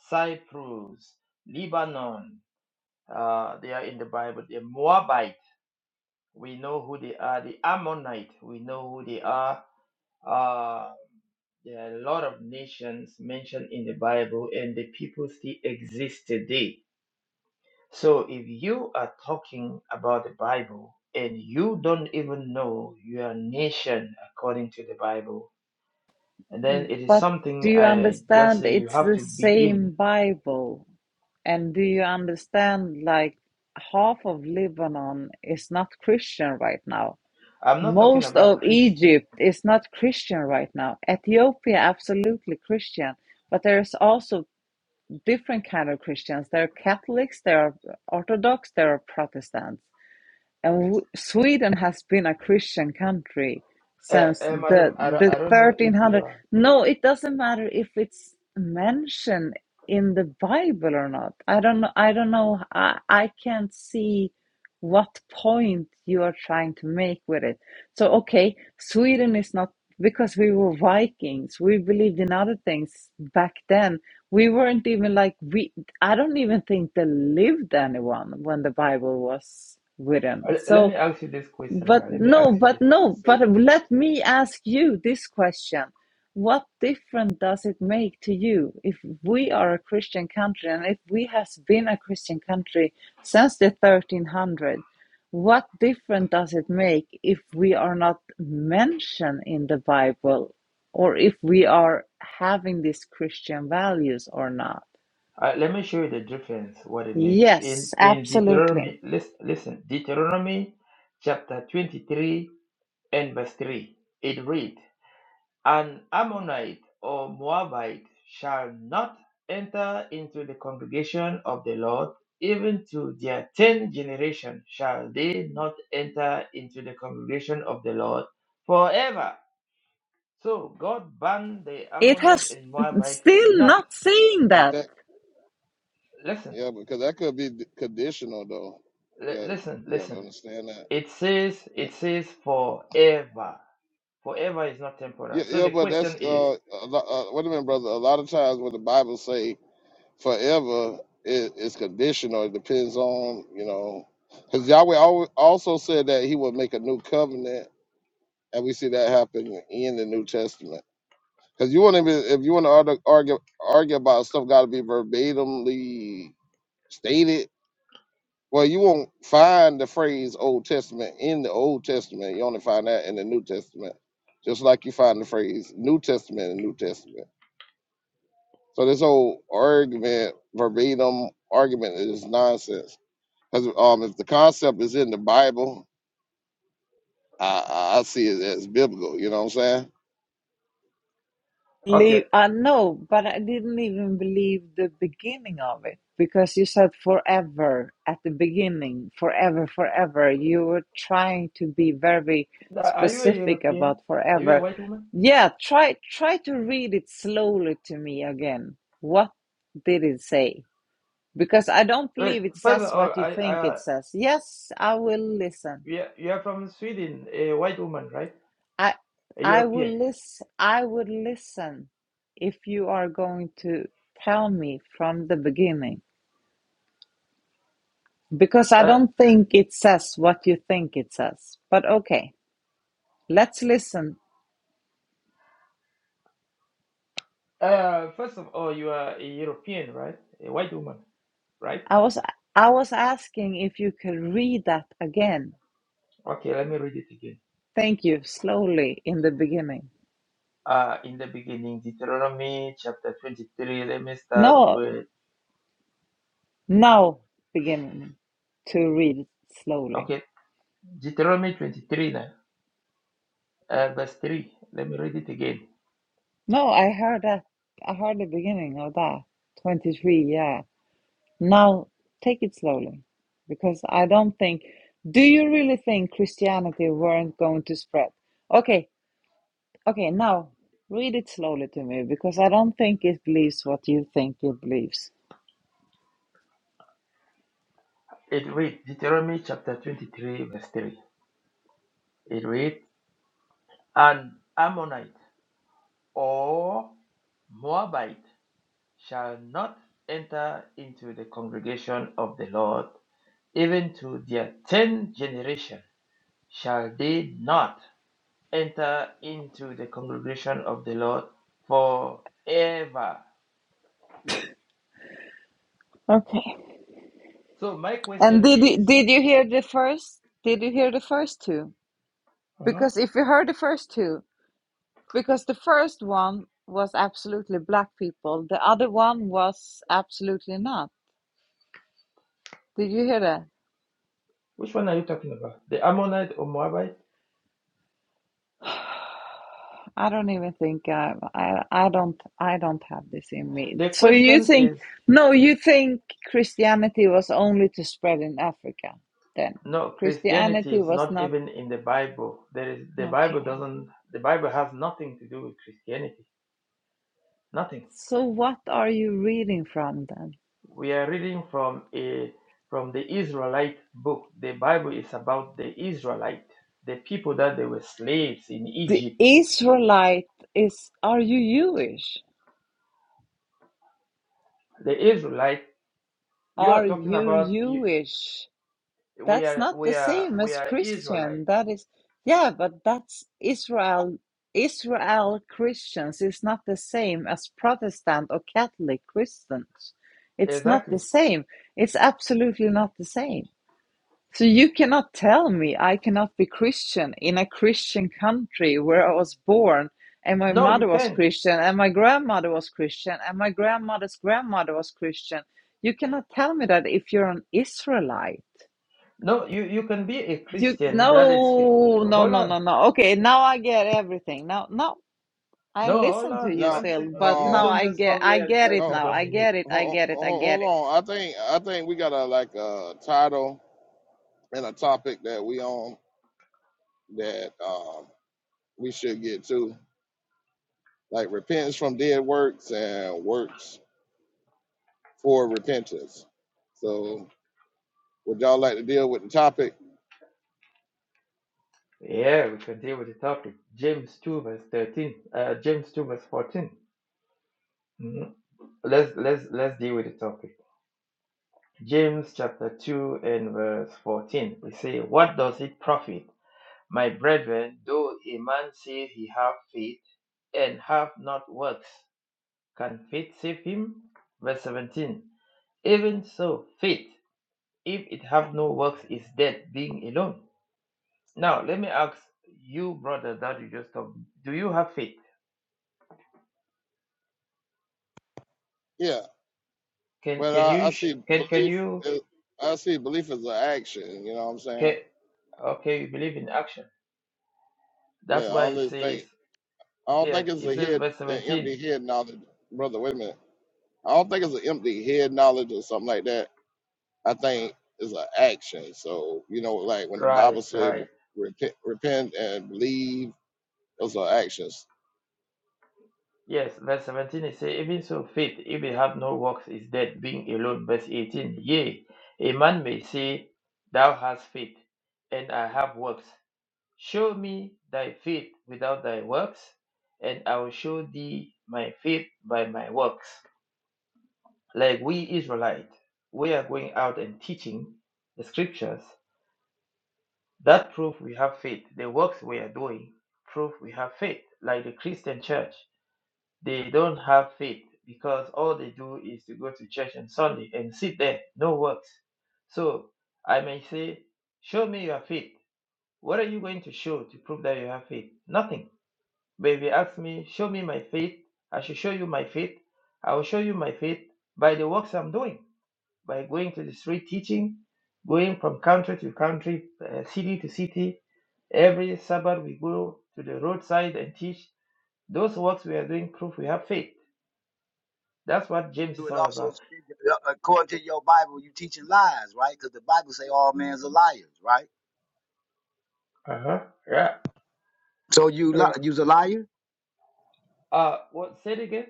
Speaker 4: Cyprus, Lebanon, uh, they are in the Bible. The Moabite, we know who they are. The Ammonite, we know who they are. Uh, there are a lot of nations mentioned in the Bible, and the people still exist today. So if you are talking about the Bible and you don't even know your nation according to the Bible, and then it is
Speaker 5: But do
Speaker 4: something
Speaker 5: you
Speaker 4: I just
Speaker 5: understand
Speaker 4: say you
Speaker 5: it's
Speaker 4: have
Speaker 5: the
Speaker 4: to
Speaker 5: same
Speaker 4: begin.
Speaker 5: Bible? And do you understand like half of Lebanon is not Christian right now?
Speaker 4: I'm not talking
Speaker 5: Most
Speaker 4: about
Speaker 5: of
Speaker 4: Christian.
Speaker 5: Egypt is not Christian right now. Ethiopia, absolutely Christian, but there's also different kind of Christians. There are Catholics, there are Orthodox, there are Protestants. And w Sweden has been a Christian country
Speaker 4: Uh,
Speaker 5: since
Speaker 4: uh,
Speaker 5: the
Speaker 4: madam, I, don't-
Speaker 5: the
Speaker 4: I don't know if you
Speaker 5: 1300.
Speaker 4: are.
Speaker 5: No, it doesn't matter if it's mentioned in the Bible or not. I don't know. I don't know. I, I can't see what point you are trying to make with it. So, okay, Sweden is not because we were Vikings, we believed in other things back then. We weren't even like we I don't even think there lived anyone when the Bible was written.
Speaker 4: Uh, Let
Speaker 5: So
Speaker 4: me ask you this question.
Speaker 5: but
Speaker 4: Now. Let me
Speaker 5: no,
Speaker 4: ask you
Speaker 5: but
Speaker 4: this.
Speaker 3: let me
Speaker 5: no,
Speaker 3: just say
Speaker 5: but let me ask you this question. What difference does it make to you if we are a Christian country and if we has been a Christian country since the 1300? What difference does it make if we are not mentioned in the Bible or if we are having these Christian values or not?
Speaker 4: Uh, let me show you the difference what it makes in
Speaker 5: Yes,
Speaker 4: in
Speaker 5: absolutely.
Speaker 4: Deuteronomy. Listen, listen. Deuteronomy chapter twenty three and verse three. It reads, "An Ammonite or Moabite shall not enter into the congregation of the Lord; even to their tenth generation shall they not enter into the congregation of the Lord forever." So God banned the
Speaker 5: It
Speaker 4: Ammonite
Speaker 5: has
Speaker 4: and Moabite
Speaker 5: still
Speaker 4: not
Speaker 5: not saying
Speaker 3: is
Speaker 5: that.
Speaker 3: that
Speaker 4: Listen,
Speaker 3: yeah, because that could be d- conditional though. You
Speaker 4: li-
Speaker 3: gotta,
Speaker 4: listen,
Speaker 3: you gotta
Speaker 4: listen.
Speaker 3: understand that.
Speaker 4: It says, it says forever. Forever is not temporal.
Speaker 3: Yeah,
Speaker 4: So
Speaker 3: yeah,
Speaker 4: the
Speaker 3: but that's
Speaker 4: question is,
Speaker 3: uh, a lo- uh, wait a minute, brother. A lot of times when the Bible say forever, it, it's conditional. It depends on you know, because Yahweh al- also said that He would make a new covenant, and we see that happen in the New Testament. Because you want to, if you want to argue argue about stuff, got to be verbatimly stated. Well, you won't find the phrase Old Testament in the Old Testament. You only find that in the New Testament. Just like you find the phrase New Testament in New Testament. So this whole argument, verbatim argument, is nonsense. Because um, if the concept is in the Bible, I, I see it as biblical. You know what I'm saying?
Speaker 4: okay,
Speaker 5: believe I know, but I didn't even believe the beginning of it because you said forever at the beginning, forever, forever. You were trying to be very
Speaker 4: uh, are you a
Speaker 5: specific
Speaker 4: European?
Speaker 5: about
Speaker 4: Are you a
Speaker 5: forever.
Speaker 4: white woman?
Speaker 5: Yeah, try try to read it slowly to me again. What did it say? Because I don't
Speaker 4: Wait,
Speaker 5: believe it
Speaker 4: first of
Speaker 5: says
Speaker 4: all,
Speaker 5: what you
Speaker 4: I,
Speaker 5: think it
Speaker 4: uh,
Speaker 5: says. Yes, I will listen.
Speaker 4: you are you are from Sweden, a white woman, right?
Speaker 5: I
Speaker 4: A
Speaker 5: I
Speaker 4: European.
Speaker 5: will listen I would listen if you are going to tell me from the beginning because I
Speaker 4: Uh,
Speaker 5: don't think it says what you think it says. But okay, let's listen.
Speaker 4: uh, first of all, you are a European, right? A white woman, right?
Speaker 5: I was I was asking if you could read that again.
Speaker 4: Okay, let me read it again.
Speaker 5: Thank you. Slowly in the beginning.
Speaker 4: Uh, in the beginning, Deuteronomy chapter 23. Let me start
Speaker 5: No,
Speaker 4: with,
Speaker 5: now beginning to read it slowly.
Speaker 4: okay, Deuteronomy 23 now. Uh, verse 3. Let me read it again.
Speaker 5: No, I heard that. I heard the beginning of that. 23, yeah. Now, take it slowly, because I don't think. Do you really think Christianity weren't going to spread? Okay, okay, now read it slowly to me, because I don't think it believes what you think it believes.
Speaker 4: It reads Deuteronomy chapter 23, verse 3. It reads, An Ammonite or Moabite shall not enter into the congregation of the Lord, even to their tenth generation shall they not enter into the congregation of the Lord forever.
Speaker 5: Okay.
Speaker 4: So, my
Speaker 5: And
Speaker 4: question
Speaker 5: did
Speaker 4: is,
Speaker 5: you, did you hear the first? Did you hear the first two?
Speaker 4: uh-huh,
Speaker 5: Because if you heard the first two, because the first one was absolutely black people, the other one was absolutely not. Did you hear that?
Speaker 4: which one are you talking about? The Ammonite or Moabite?
Speaker 5: I don't even think I, I I don't I don't have this in me.
Speaker 4: The
Speaker 5: So you
Speaker 4: question
Speaker 5: think
Speaker 4: is
Speaker 5: no, you think Christianity was only to spread in Africa then.
Speaker 4: No, Christianity
Speaker 5: Christianity
Speaker 4: is
Speaker 5: was
Speaker 4: not
Speaker 5: not
Speaker 4: even in the Bible. There is the
Speaker 5: okay.
Speaker 4: Bible doesn't the Bible has nothing to do with Christianity. Nothing.
Speaker 5: So what are you reading from then?
Speaker 4: We are reading from a from the Israelite book. The Bible is about the Israelite, the people that they were slaves in
Speaker 5: The
Speaker 4: Egypt.
Speaker 5: Israelite is are you Jewish?
Speaker 4: The Israelite you
Speaker 5: Are
Speaker 4: are talking
Speaker 5: you
Speaker 4: about you,
Speaker 5: Jewish?
Speaker 4: we
Speaker 5: That's
Speaker 4: are
Speaker 5: not the
Speaker 4: we are
Speaker 5: same
Speaker 4: we
Speaker 5: as
Speaker 4: are Israelite.
Speaker 5: Christian. That is, yeah, but that's Israel. Israel Christians is not the same as Protestant or Catholic Christians. It's not the
Speaker 4: Exactly.
Speaker 5: same. It's absolutely not the same. So you cannot tell me I cannot be Christian in a Christian country where I was born and my
Speaker 4: No, you
Speaker 5: mother was
Speaker 4: can.
Speaker 5: Christian and my grandmother was Christian and my grandmother's grandmother was Christian. You cannot tell me that if you're an Israelite.
Speaker 4: No, you, you can be a
Speaker 5: You
Speaker 4: Christian that is
Speaker 5: no, no,
Speaker 4: hold
Speaker 5: no,
Speaker 4: on.
Speaker 5: no, no. Okay, now I get everything. Now, no, I
Speaker 4: No, hold
Speaker 5: listen to
Speaker 4: on,
Speaker 5: you
Speaker 3: Now,
Speaker 4: one
Speaker 5: still,
Speaker 4: second.
Speaker 5: but
Speaker 4: You
Speaker 5: now
Speaker 3: um,
Speaker 4: don't
Speaker 5: I
Speaker 4: just come
Speaker 5: get, I
Speaker 4: here and
Speaker 5: get
Speaker 4: try
Speaker 5: it
Speaker 4: to
Speaker 3: ho-
Speaker 5: now.
Speaker 3: ho-
Speaker 5: I
Speaker 4: dominate.
Speaker 5: get it. I
Speaker 3: ho-
Speaker 5: get it. I get it.
Speaker 3: hold on. I think I think we got a like a title and a topic that we on that um we should get to, like repentance from dead works and works for repentance. So, would y'all like to deal with the topic?
Speaker 4: Yeah, we can deal with the topic. James 2 verse 13. Uh, James 2 verse 14. Mhm. Let's let's let's deal with the topic. James chapter 2 and verse 14. We say, What does it profit, my brethren, though a man say he have faith and have not works? Can faith save him? Verse 17. Even so, faith, if it have no works, is dead, being alone. Now, let me ask you, brother, that you just told me, do you have faith?
Speaker 3: Yeah.
Speaker 4: Can
Speaker 3: But
Speaker 4: can
Speaker 3: I, I
Speaker 4: you
Speaker 3: see
Speaker 4: sh- can can
Speaker 3: belief.
Speaker 4: you
Speaker 3: Is, I see belief as an action. You know what I'm
Speaker 4: can
Speaker 3: saying?
Speaker 4: okay, you believe in action.
Speaker 3: Yeah.
Speaker 4: That's
Speaker 3: I
Speaker 4: why
Speaker 3: don't
Speaker 4: it
Speaker 3: just
Speaker 4: says
Speaker 3: think. I don't
Speaker 4: yes,
Speaker 3: think it's
Speaker 4: it
Speaker 3: a
Speaker 4: says
Speaker 3: head,
Speaker 4: verse
Speaker 3: an empty
Speaker 4: 17.
Speaker 3: head knowledge, brother. Wait a minute. I don't think it's an empty head knowledge or something like that. I think it's an action. So you know, like when the
Speaker 4: Right,
Speaker 3: Bible says
Speaker 4: right.
Speaker 3: repent, repent and believe, those are actions.
Speaker 4: Yes, verse 17 it says, even so faith, if it have no works, is dead, being alone. Verse 18, yea, a man may say, Thou hast faith, and I have works. Show me thy faith without thy works, and I will show thee my faith by my works. Like we Israelite, we are going out and teaching the scriptures. That proof we have faith. The works we are doing proof we have faith. Like the Christian church, they don't have faith because all they do is to go to church on Sunday and sit there, no works. So I may say, Show me your faith. What are you going to show to prove that you have faith? Nothing. But if you ask me, Show me my faith, I shall show you my faith. I will show you my faith by the works I'm doing by going to the street teaching, going from country to country, uh, city to city. Every Sabbath we go to the roadside and teach. Those works we are doing prove we have faith. That's what James
Speaker 6: You
Speaker 4: is
Speaker 6: would
Speaker 4: all
Speaker 6: also,
Speaker 4: about.
Speaker 6: uh, according to your Bible, you teaching lies, right? Because the Bible say all men's are liars, right?
Speaker 4: Uh-huh. Yeah.
Speaker 6: So you
Speaker 4: Sure.
Speaker 6: li- you's a liar.
Speaker 4: Uh, what said again?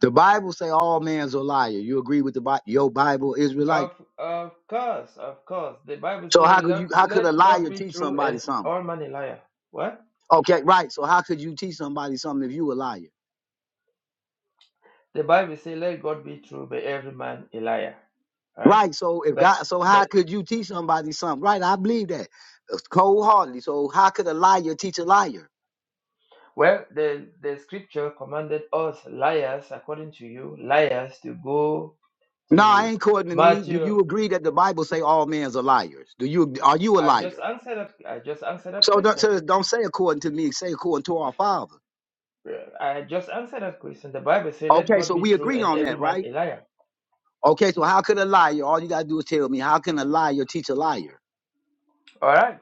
Speaker 6: The Bible say all men's a liar. You agree with the Bi- your Bible Israelite?
Speaker 4: Of of course, of course. The Bible
Speaker 6: So how
Speaker 4: says,
Speaker 6: could
Speaker 4: let,
Speaker 6: you? How could a
Speaker 4: let God
Speaker 6: liar
Speaker 4: be
Speaker 6: teach
Speaker 4: true
Speaker 6: somebody
Speaker 4: and
Speaker 6: something?
Speaker 4: all man a liar. What?
Speaker 6: Okay, right. So how could you teach somebody something if you a liar?
Speaker 4: The Bible says, let God be true, but every man a liar. All right?
Speaker 6: Right. So if
Speaker 4: But
Speaker 6: God, so
Speaker 4: but.
Speaker 6: how could you teach somebody something? Right. I believe that cold heartedly. So how could a liar teach a liar?
Speaker 4: Well, the, the scripture commanded us liars, according to you, liars, to go
Speaker 6: No, I
Speaker 4: to
Speaker 6: ain't according to me. Do
Speaker 4: Matthew.
Speaker 6: you agree that the Bible say all men's are liars? Do you? Are you a
Speaker 4: I
Speaker 6: liar?
Speaker 4: just answered that. I just answered that
Speaker 6: So don't,
Speaker 4: question.
Speaker 6: so don't say according to me, say according to our Father.
Speaker 4: Yeah. I just answered that question. The Bible says, "Let
Speaker 6: Okay,
Speaker 4: God
Speaker 6: so
Speaker 4: be
Speaker 6: we
Speaker 4: true
Speaker 6: agree
Speaker 4: and
Speaker 6: on
Speaker 4: every
Speaker 6: that,
Speaker 4: man
Speaker 6: right?
Speaker 4: a liar."
Speaker 6: Okay, so how could a liar, all you gotta do is tell me, how can a liar teach a liar?
Speaker 4: All right.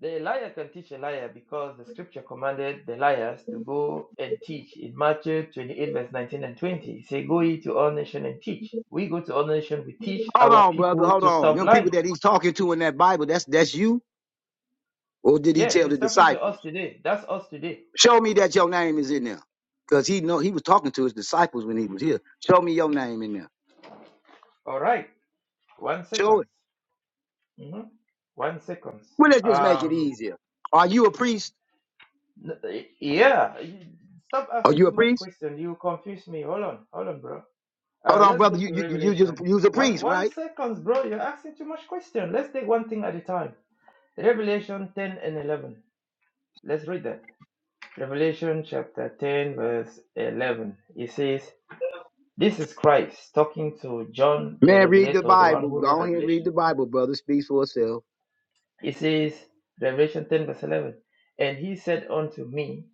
Speaker 4: The liar can teach a liar because the scripture commanded the liars to go and teach. In Matthew 28, verse 19 and 20, it say, Go ye to all nations and teach. We go to all nations, we teach
Speaker 6: Hold
Speaker 4: our
Speaker 6: on, brother,
Speaker 4: people
Speaker 6: hold
Speaker 4: to
Speaker 6: on.
Speaker 4: stop
Speaker 6: Them people
Speaker 4: lying.
Speaker 6: that he's talking to in that Bible, that's that's you? Or did he
Speaker 4: Yes,
Speaker 6: tell the
Speaker 4: it's talking to us
Speaker 6: disciples?
Speaker 4: today. That's us today
Speaker 6: Show me that your name is in there. Because he know he was talking to his disciples when he was here. Show me your name in there.
Speaker 4: All right, one
Speaker 6: Show it.
Speaker 4: second. Mhm. One second.
Speaker 6: Well, let's just make it
Speaker 4: Um,
Speaker 6: easier. Are you a priest?
Speaker 4: n- y- yeah, y- stop
Speaker 6: Are
Speaker 4: asking
Speaker 6: you
Speaker 4: too
Speaker 6: a
Speaker 4: much
Speaker 6: priest?
Speaker 4: question. You confuse me. Hold on, hold on, bro.
Speaker 6: Hold
Speaker 4: Uh,
Speaker 6: on,
Speaker 4: let's
Speaker 6: brother.
Speaker 4: go
Speaker 6: You
Speaker 4: to
Speaker 6: you you you,
Speaker 4: Revelation.
Speaker 6: you was a
Speaker 4: One,
Speaker 6: priest,
Speaker 4: one
Speaker 6: right?
Speaker 4: seconds, bro. You're asking too much question. Let's take one thing at a time. Revelation 10 and 11. Let's read that. Revelation chapter 10, verse 11. It says, This is Christ talking to John the
Speaker 6: Man, read the
Speaker 4: Revelator, the one
Speaker 6: Bible.
Speaker 4: who
Speaker 6: Go
Speaker 4: wrote
Speaker 6: on here and read
Speaker 4: Revelation.
Speaker 6: the Bible, brother. Speaks for itself.
Speaker 4: It says, Revelation 10, verse 11, And he said unto me,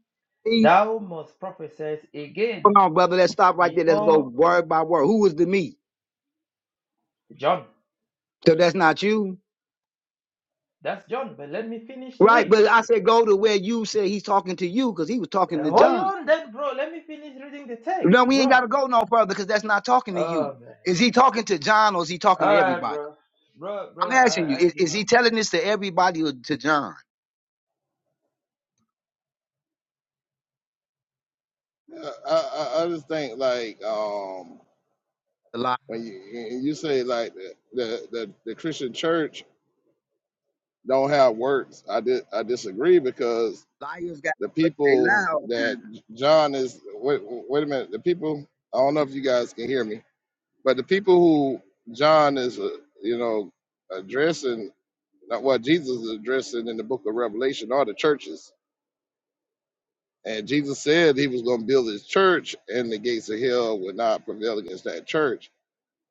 Speaker 6: See?
Speaker 4: Thou must prophesy
Speaker 6: Come
Speaker 4: again
Speaker 6: on, brother. Let's stop right there. Let's go
Speaker 4: before
Speaker 6: word by word. Who is the me?
Speaker 4: John.
Speaker 6: So that's not you.
Speaker 4: That's John, but let me finish to
Speaker 6: Right,
Speaker 4: read.
Speaker 6: but I said go to where you said he's talking to you because he was talking
Speaker 4: Uh,
Speaker 6: to
Speaker 4: Hold
Speaker 6: John.
Speaker 4: on then, bro. Let me finish reading the text,
Speaker 6: No, we ain't got
Speaker 4: bro.
Speaker 6: to go no further because that's not talking to you.
Speaker 4: Oh, man.
Speaker 6: Is he talking to John or is he talking
Speaker 4: All
Speaker 6: to
Speaker 4: right,
Speaker 6: everybody?
Speaker 4: bro. Bro, bro,
Speaker 6: I'm asking you,
Speaker 4: I, I
Speaker 6: is,
Speaker 4: give
Speaker 6: is
Speaker 4: up.
Speaker 6: he telling this to everybody or to John?
Speaker 3: Yeah, I, I, I just think like um
Speaker 6: The li-
Speaker 3: when you you you say like the the the, the Christian church don't have works. I did I disagree because
Speaker 6: liars got,
Speaker 3: the
Speaker 6: they lie
Speaker 3: people
Speaker 6: all the
Speaker 3: that
Speaker 6: time.
Speaker 3: John is wait, wait a minute the people I don't know if you guys can hear me but the people who John is uh, you know addressing not what Jesus is addressing in the book of Revelation are the churches and Jesus said he was going to build his church and the gates of hell would not prevail against that church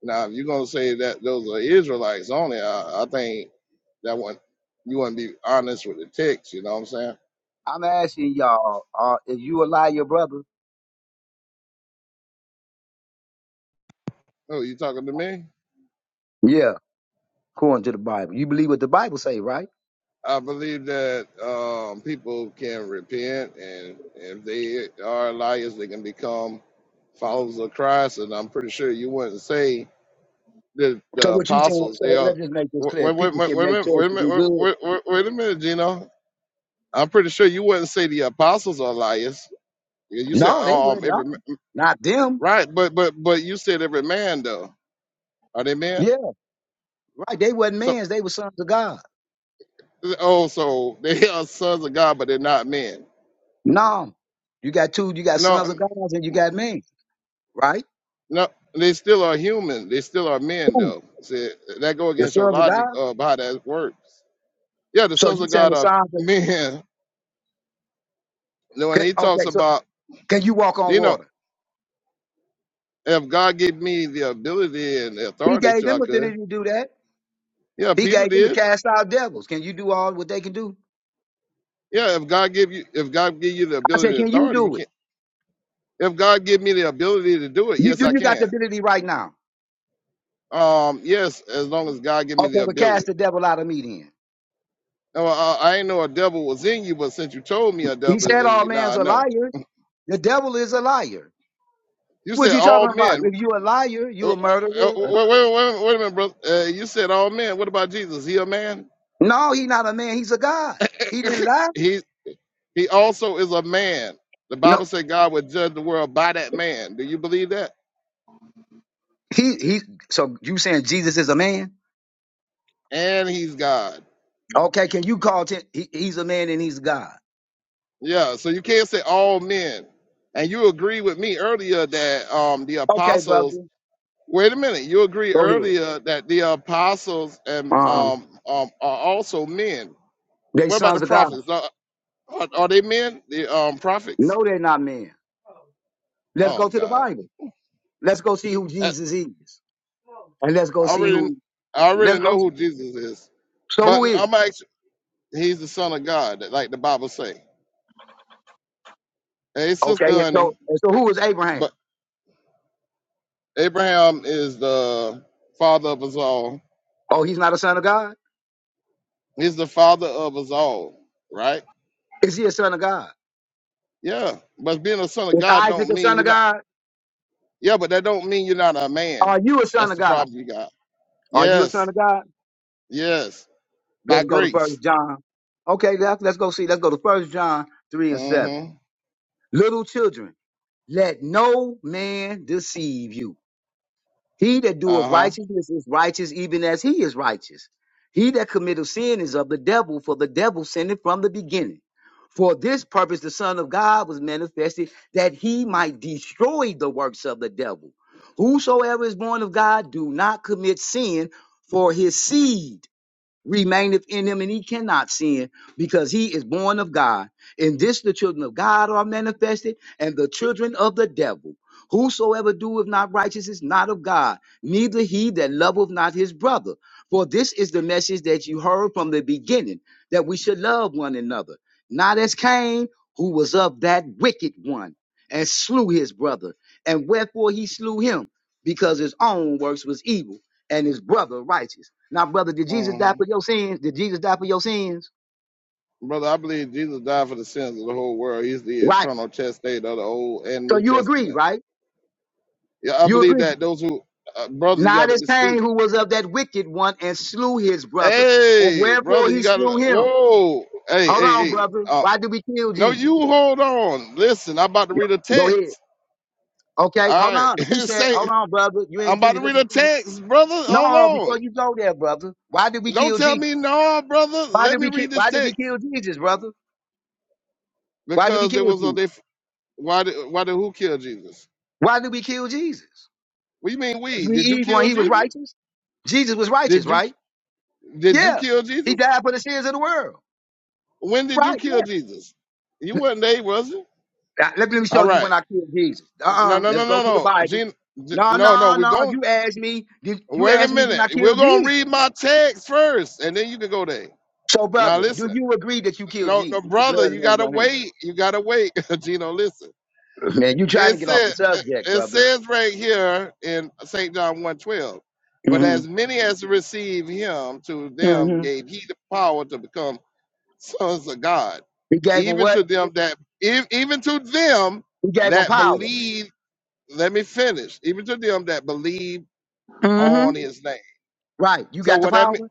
Speaker 3: now if you're going to say that those are Israelites only I, I think that one you wouldn't be honest with the text you know what I'm saying
Speaker 6: I'm asking y'all, uh, if you a liar, brother,
Speaker 3: oh you talking to me
Speaker 6: yeah. according to the Bible. You believe what the Bible say, right?
Speaker 3: I believe that um, people can repent, and if they are liars, they can become followers of Christ. And I'm pretty sure you wouldn't say that
Speaker 6: So
Speaker 3: the
Speaker 6: what you saying?
Speaker 3: apostles they
Speaker 6: So
Speaker 3: are.
Speaker 6: let's just make this clear.
Speaker 3: Wait, wait,
Speaker 6: People
Speaker 3: wait, wait,
Speaker 6: can
Speaker 3: wait a
Speaker 6: make
Speaker 3: minute,
Speaker 6: choice
Speaker 3: wait a
Speaker 6: to do
Speaker 3: minute,
Speaker 6: good.
Speaker 3: wait, wait, wait a minute, Gino. I'm pretty sure you wouldn't say the apostles are liars. You you said
Speaker 6: No, they
Speaker 3: um
Speaker 6: would not.
Speaker 3: every ma-
Speaker 6: Not them.
Speaker 3: right, but but but you said every man though. Are they men?
Speaker 6: Yeah, right. They wasn't
Speaker 3: So
Speaker 6: mans. They were sons of God.
Speaker 3: oh, so they are sons of God, but they're not men.
Speaker 6: No, you got two. You got
Speaker 3: No,
Speaker 6: sons of God and you got men. Right?
Speaker 3: No, they still are human. They still are men,
Speaker 6: Who?
Speaker 3: though. See, that go
Speaker 6: The
Speaker 3: against your
Speaker 6: sons of
Speaker 3: logic
Speaker 6: God.
Speaker 3: uh, of how that works. Yeah, the
Speaker 6: So you
Speaker 3: sons of
Speaker 6: saying
Speaker 3: God
Speaker 6: the
Speaker 3: are
Speaker 6: sons? Of,
Speaker 3: men. Now, When
Speaker 6: okay,
Speaker 3: he talks
Speaker 6: okay. So
Speaker 3: about,
Speaker 6: can you walk on
Speaker 3: you know,
Speaker 6: water?
Speaker 3: if God gave me the ability and the
Speaker 6: He
Speaker 3: authority
Speaker 6: gave
Speaker 3: to, I
Speaker 6: them
Speaker 3: could.
Speaker 6: ability to do that.
Speaker 3: Yeah,
Speaker 6: He
Speaker 3: Peter
Speaker 6: gave them to
Speaker 3: did.
Speaker 6: cast out devils. Can you do all what they can do?
Speaker 3: Yeah, if God give you, if God give you the
Speaker 6: I said,
Speaker 3: ability and
Speaker 6: can you
Speaker 3: authority, you
Speaker 6: do it?
Speaker 3: can't. If God give me the ability to do it,
Speaker 6: You
Speaker 3: yes,
Speaker 6: do.
Speaker 3: I
Speaker 6: You got the
Speaker 3: can.
Speaker 6: ability right now.
Speaker 3: Um, yes, as long as God give me
Speaker 6: Okay,
Speaker 3: the
Speaker 6: but
Speaker 3: ability.
Speaker 6: cast the devil out of me then.
Speaker 3: Now, I, I ain't know a devil was in you, but since you told me a
Speaker 6: He
Speaker 3: devil is
Speaker 6: said
Speaker 3: in
Speaker 6: all
Speaker 3: you, now I
Speaker 6: men's are
Speaker 3: know.
Speaker 6: liars. The devil is a liar.
Speaker 3: You
Speaker 6: What
Speaker 3: said
Speaker 6: you talking
Speaker 3: all
Speaker 6: about?
Speaker 3: men.
Speaker 6: If you a liar, you
Speaker 3: Uh,
Speaker 6: a
Speaker 3: uh, uh,
Speaker 6: murderer.
Speaker 3: Wait, wait, wait, wait a minute, brother. Uh, you said all men. What about Jesus? He a man?
Speaker 6: No, he not a man. He's a God. He didn't lie.
Speaker 3: he he also is a man. The Bible
Speaker 6: No,
Speaker 3: said God would judge the world by that man. Do you believe that?
Speaker 6: he he. So you saying Jesus is a man?
Speaker 3: And he's God.
Speaker 6: Okay, can you call him? He, he's a man and he's God.
Speaker 3: Yeah. So you can't say all men. And you agree with me earlier that um the
Speaker 6: Okay, brother,
Speaker 3: apostles. Wait a minute. You agree
Speaker 6: go ahead.
Speaker 3: earlier that the apostles and
Speaker 6: Uh,
Speaker 3: um um are also men.
Speaker 6: they
Speaker 3: What about
Speaker 6: sons
Speaker 3: the
Speaker 6: of God.
Speaker 3: prophets? Are, are, are they men? The um prophets.
Speaker 6: No, they're not men. Let's
Speaker 3: Oh
Speaker 6: go to the
Speaker 3: God.
Speaker 6: Bible. Let's go see who
Speaker 3: Uh,
Speaker 6: Jesus is, and let's go
Speaker 3: I
Speaker 6: see
Speaker 3: already
Speaker 6: who.
Speaker 3: I
Speaker 6: Let's
Speaker 3: already
Speaker 6: go.
Speaker 3: know who Jesus is.
Speaker 6: So who
Speaker 3: But
Speaker 6: is? He?
Speaker 3: I'm actually he's the son of God, like the Bible say. Hey
Speaker 6: Okay,
Speaker 3: sister
Speaker 6: so
Speaker 3: honey,
Speaker 6: so who is Abraham?
Speaker 3: but Abraham is the father of us all.
Speaker 6: Oh, he's not a son of God.
Speaker 3: He's the father of us all, right?
Speaker 6: Is he a son of God?
Speaker 3: Yeah. But being a son of
Speaker 6: Is
Speaker 3: God
Speaker 6: Isaac
Speaker 3: don't
Speaker 6: a
Speaker 3: mean
Speaker 6: son of
Speaker 3: you're not
Speaker 6: God?
Speaker 3: yeah, but that don't mean you're not a man.
Speaker 6: Are you a son
Speaker 3: That's
Speaker 6: of
Speaker 3: the
Speaker 6: God?
Speaker 3: problem you got.
Speaker 6: Are you a
Speaker 3: Yes,
Speaker 6: son of God?
Speaker 3: yes. By
Speaker 6: Let's go to First
Speaker 3: grace.
Speaker 6: John. Okay, let's, let's go see. Let's go to First John three and seven.
Speaker 3: Mm-hmm.
Speaker 6: Little children, let no man deceive you. He that doeth
Speaker 3: Uh-huh.
Speaker 6: righteousness is righteous, even as he is righteous. He that committeth sin is of the devil, for the devil sinned from the beginning. For this purpose the Son of God was manifested, that he might destroy the works of the devil. Whosoever is born of God do not commit sin, for his seed remaineth in him and he cannot sin because he is born of God. In this the children of God are manifested and the children of the devil. Whosoever doeth not righteous is not of God, neither he that loveth not his brother. For this is the message that you heard from the beginning, that we should love one another, not as Cain, who was of that wicked one, and slew his brother. And wherefore he slew him, because his own works was evil and his brother righteous. Now, brother, did Jesus
Speaker 3: Mm-hmm.
Speaker 6: die for your sins? Did Jesus die for your sins?
Speaker 3: Brother, I believe Jesus died for the sins of the whole world. He's the
Speaker 6: Right.
Speaker 3: eternal chastisement of the Old and
Speaker 6: So
Speaker 3: New
Speaker 6: you agree,
Speaker 3: Testaments.
Speaker 6: right?
Speaker 3: Yeah, I
Speaker 6: You
Speaker 3: believe
Speaker 6: agree.
Speaker 3: that those who, uh, brother, you got
Speaker 6: Not as
Speaker 3: to
Speaker 6: Cain,
Speaker 3: speak.
Speaker 6: who was of that wicked one and slew his brother. And
Speaker 3: Hey,
Speaker 6: wherefore
Speaker 3: brother, you
Speaker 6: he
Speaker 3: got to.
Speaker 6: slew him.
Speaker 3: Whoa, hey,
Speaker 6: Hold
Speaker 3: hey,
Speaker 6: on,
Speaker 3: hey.
Speaker 6: brother.
Speaker 3: Uh,
Speaker 6: Why did we kill
Speaker 3: no, you
Speaker 6: Jesus?
Speaker 3: hold on. Listen, I'm about to read a
Speaker 6: Yep. Go ahead.
Speaker 3: text.
Speaker 6: Okay,
Speaker 3: All
Speaker 6: hold on.
Speaker 3: right,
Speaker 6: You said,
Speaker 3: say
Speaker 6: hold on, brother. You
Speaker 3: I'm
Speaker 6: ain't
Speaker 3: about
Speaker 6: finished.
Speaker 3: to
Speaker 6: Let
Speaker 3: read
Speaker 6: me
Speaker 3: a
Speaker 6: finish.
Speaker 3: text, brother. Hold
Speaker 6: No, before
Speaker 3: on.
Speaker 6: you go there, brother. Why did we
Speaker 3: Don't
Speaker 6: kill
Speaker 3: tell
Speaker 6: Jesus?
Speaker 3: me no, brother.
Speaker 6: Why
Speaker 3: Let
Speaker 6: did
Speaker 3: me
Speaker 6: we kill?
Speaker 3: read this
Speaker 6: Why did we
Speaker 3: text
Speaker 6: kill Jesus, brother? Why did we
Speaker 3: because there
Speaker 6: kill
Speaker 3: was a
Speaker 6: Jesus?
Speaker 3: they. Why did why did who kill Jesus?
Speaker 6: Why did we kill Jesus?
Speaker 3: What do you mean
Speaker 6: Because
Speaker 3: we?
Speaker 6: we
Speaker 3: Did you
Speaker 6: evil and
Speaker 3: kill
Speaker 6: he was
Speaker 3: Jesus?
Speaker 6: righteous. Jesus was righteous,
Speaker 3: Did you?
Speaker 6: right?
Speaker 3: Did you
Speaker 6: Yeah.
Speaker 3: kill
Speaker 6: He
Speaker 3: Jesus?
Speaker 6: died for the sins of the world.
Speaker 3: When did you
Speaker 6: Right,
Speaker 3: kill
Speaker 6: yeah.
Speaker 3: Jesus? You wasn't there, was you?
Speaker 6: Now, Let me let me show
Speaker 3: All
Speaker 6: you when
Speaker 3: right.
Speaker 6: I killed Jesus.
Speaker 3: No,
Speaker 6: Uh-uh.
Speaker 3: no,
Speaker 6: Let's
Speaker 3: no,
Speaker 6: go
Speaker 3: no,
Speaker 6: to the
Speaker 3: no.
Speaker 6: Bible.
Speaker 3: Gene, G-
Speaker 6: No,
Speaker 3: no, no.
Speaker 6: no,
Speaker 3: We
Speaker 6: no.
Speaker 3: going.
Speaker 6: You asked me. Did you
Speaker 3: Wait a
Speaker 6: ask me when I
Speaker 3: minute. We're
Speaker 6: killed
Speaker 3: gonna
Speaker 6: Jesus?
Speaker 3: read my text first, and then you can go there.
Speaker 6: So,
Speaker 3: Now
Speaker 6: brother, do
Speaker 3: listen.
Speaker 6: you agree that you killed
Speaker 3: No, no,
Speaker 6: Jesus? The
Speaker 3: brother.
Speaker 6: blood is
Speaker 3: You
Speaker 6: on
Speaker 3: gotta
Speaker 6: your hand.
Speaker 3: wait. You gotta wait. Gino, listen.
Speaker 6: Man, you trying to
Speaker 3: It
Speaker 6: get off the
Speaker 3: said. It
Speaker 6: subject,
Speaker 3: it
Speaker 6: brother.
Speaker 3: says right here in Saint John one twelve. But
Speaker 6: hmm
Speaker 3: as many as receive him, to them
Speaker 6: hmm
Speaker 3: gave he the power to become sons of God,
Speaker 6: He gave him
Speaker 3: even
Speaker 6: what?
Speaker 3: to them that ev- even to them
Speaker 6: He gave him
Speaker 3: that
Speaker 6: power.
Speaker 3: believe. Let me finish. Even to them that believe
Speaker 6: hmm
Speaker 3: on His name.
Speaker 6: Right. You
Speaker 3: So
Speaker 6: got the
Speaker 3: what that
Speaker 6: power?
Speaker 3: mean?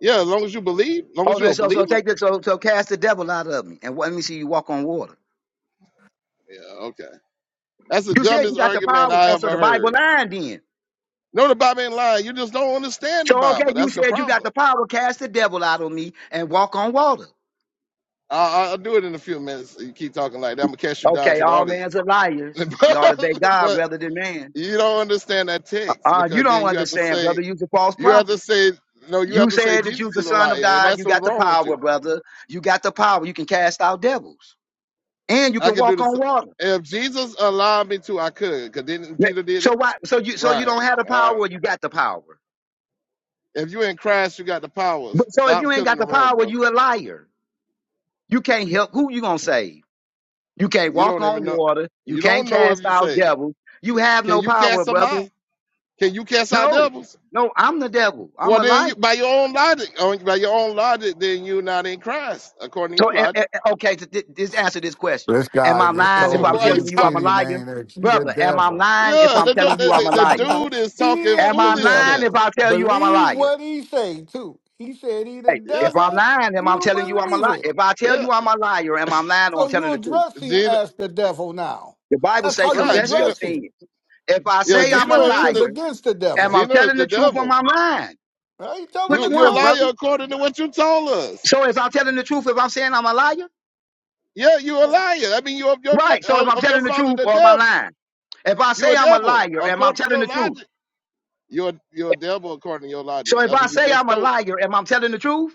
Speaker 3: Yeah, as long as you believe, as long as you're
Speaker 6: Okay,
Speaker 3: a
Speaker 6: so so
Speaker 3: believer.
Speaker 6: take this, so so cast the devil out of me. And let me see you walk on water.
Speaker 3: Yeah, okay. That's the
Speaker 6: You said you
Speaker 3: dumbest
Speaker 6: got the
Speaker 3: argument
Speaker 6: power.
Speaker 3: I
Speaker 6: Oh, so
Speaker 3: ever
Speaker 6: the Bible
Speaker 3: heard.
Speaker 6: lying then.
Speaker 3: No, the Bible ain't lying. You just don't understand the
Speaker 6: So okay,
Speaker 3: Bible.
Speaker 6: you
Speaker 3: That's the
Speaker 6: said you got
Speaker 3: problem.
Speaker 6: the power, cast the devil out on me and walk on water.
Speaker 3: I'll, I'll do it in a few minutes. You keep talking like that, I'm gonna cast you down
Speaker 6: Okay,
Speaker 3: to the
Speaker 6: all men's
Speaker 3: audience.
Speaker 6: are liars. We ought to thank God
Speaker 3: but
Speaker 6: rather than man.
Speaker 3: you don't understand that text
Speaker 6: Uh, you
Speaker 3: because
Speaker 6: don't
Speaker 3: then you have to
Speaker 6: understand,
Speaker 3: say
Speaker 6: brother. You's a false
Speaker 3: You have to
Speaker 6: prophet.
Speaker 3: say no. You have
Speaker 6: You
Speaker 3: to say
Speaker 6: said that
Speaker 3: Jesus
Speaker 6: you's the
Speaker 3: is a
Speaker 6: son of
Speaker 3: liar, and
Speaker 6: God. You
Speaker 3: that's what's
Speaker 6: got the
Speaker 3: wrong with
Speaker 6: power,
Speaker 3: you.
Speaker 6: brother. You got the power. You can cast out devils and you
Speaker 3: I
Speaker 6: can
Speaker 3: could do
Speaker 6: walk
Speaker 3: this
Speaker 6: on water.
Speaker 3: if Jesus allowed me to. I could, cause then
Speaker 6: Yeah.
Speaker 3: Peter did
Speaker 6: So
Speaker 3: it.
Speaker 6: why? So you so you
Speaker 3: Right.
Speaker 6: don't have the
Speaker 3: All
Speaker 6: power.
Speaker 3: right.
Speaker 6: Or you got the power.
Speaker 3: If you in Christ, you got the powers.
Speaker 6: But so if
Speaker 3: Stop
Speaker 6: you ain't got
Speaker 3: killing the
Speaker 6: the
Speaker 3: room,
Speaker 6: power,
Speaker 3: brother.
Speaker 6: you a liar. You can't help. Who you gonna save? You can't
Speaker 3: You
Speaker 6: walk
Speaker 3: don't even
Speaker 6: on
Speaker 3: know.
Speaker 6: water. You
Speaker 3: You
Speaker 6: can't
Speaker 3: don't know if
Speaker 6: cast
Speaker 3: you
Speaker 6: out
Speaker 3: saved.
Speaker 6: devils. You have
Speaker 3: Can
Speaker 6: no
Speaker 3: you cast
Speaker 6: power,
Speaker 3: them out?
Speaker 6: brother.
Speaker 3: Can you cast out
Speaker 6: No,
Speaker 3: devils?
Speaker 6: no, I'm the devil. I'm
Speaker 3: Well,
Speaker 6: a
Speaker 3: then
Speaker 6: liar.
Speaker 3: you, by your own logic, on- by your own logic, then you're not in Christ according to
Speaker 6: So,
Speaker 3: your
Speaker 6: eh, eh,
Speaker 3: logic.
Speaker 6: eh, okay, th- th- just answer this question.
Speaker 7: This
Speaker 6: Am
Speaker 7: guy
Speaker 6: I
Speaker 7: just
Speaker 6: lying if
Speaker 3: So
Speaker 6: I'm
Speaker 7: told
Speaker 3: why are you
Speaker 6: telling
Speaker 7: you,
Speaker 6: you I'm a
Speaker 3: talking?
Speaker 7: Kenny
Speaker 3: to-
Speaker 6: liar?
Speaker 7: Man, that he the
Speaker 6: Brother, am I
Speaker 7: devil.
Speaker 6: lying if
Speaker 3: Yeah,
Speaker 6: I'm
Speaker 3: the, du-
Speaker 6: telling you
Speaker 3: the,
Speaker 6: I'm a
Speaker 3: the, the
Speaker 6: liar?
Speaker 3: dude is
Speaker 7: he
Speaker 3: talking
Speaker 6: Am
Speaker 7: is the
Speaker 6: I lying
Speaker 3: foolishness.
Speaker 7: devil.
Speaker 6: if I tell you I'm a
Speaker 7: Believe
Speaker 6: liar?
Speaker 7: what he say too. He said he the
Speaker 6: Hey,
Speaker 3: Yeah.
Speaker 6: if I'm
Speaker 7: devil.
Speaker 6: lying, am I
Speaker 7: You
Speaker 6: telling you I'm a
Speaker 7: believe
Speaker 6: liar?
Speaker 7: it.
Speaker 6: If I tell
Speaker 3: Yeah,
Speaker 6: you I'm a liar, am I lying or I'm
Speaker 7: So you
Speaker 6: telling the truth?
Speaker 7: address him
Speaker 3: Gino.
Speaker 7: as the devil now.
Speaker 6: The Bible
Speaker 7: That's
Speaker 6: say
Speaker 7: how you
Speaker 3: Right,
Speaker 6: confess your
Speaker 3: Gino.
Speaker 7: address him
Speaker 6: sin. If I
Speaker 3: Yeah,
Speaker 7: with
Speaker 6: say
Speaker 7: the
Speaker 6: I'm a
Speaker 3: Gino is
Speaker 6: liar,
Speaker 7: scriptures
Speaker 3: the
Speaker 7: against the
Speaker 6: am I
Speaker 7: devil.
Speaker 3: Gino is
Speaker 6: telling the
Speaker 3: the
Speaker 6: truth or am
Speaker 3: devil.
Speaker 6: I lying?
Speaker 7: Are you telling
Speaker 6: Which
Speaker 7: the
Speaker 3: You you a
Speaker 6: one,
Speaker 7: truth?
Speaker 6: brother?
Speaker 3: liar according to what you told us.
Speaker 6: So if I'm telling the truth, if I'm saying I'm a liar,
Speaker 3: Yeah, you a
Speaker 7: Yeah.
Speaker 3: liar. I mean, you of your
Speaker 6: right.
Speaker 3: de-
Speaker 6: So if
Speaker 3: of
Speaker 6: I'm
Speaker 3: of your
Speaker 6: telling the
Speaker 3: father
Speaker 6: truth
Speaker 3: the
Speaker 6: or am I
Speaker 3: devil.
Speaker 6: lying? If I
Speaker 3: You
Speaker 6: say
Speaker 3: a
Speaker 6: I'm a
Speaker 3: devil
Speaker 6: liar, am I
Speaker 3: according to
Speaker 6: telling
Speaker 3: your
Speaker 6: the truth?
Speaker 3: logic. You're you're a devil according to your
Speaker 6: So
Speaker 3: logic.
Speaker 6: if
Speaker 3: That's
Speaker 6: I
Speaker 3: what you
Speaker 6: say
Speaker 3: just
Speaker 6: I'm a
Speaker 3: told,
Speaker 6: liar, am I telling the truth?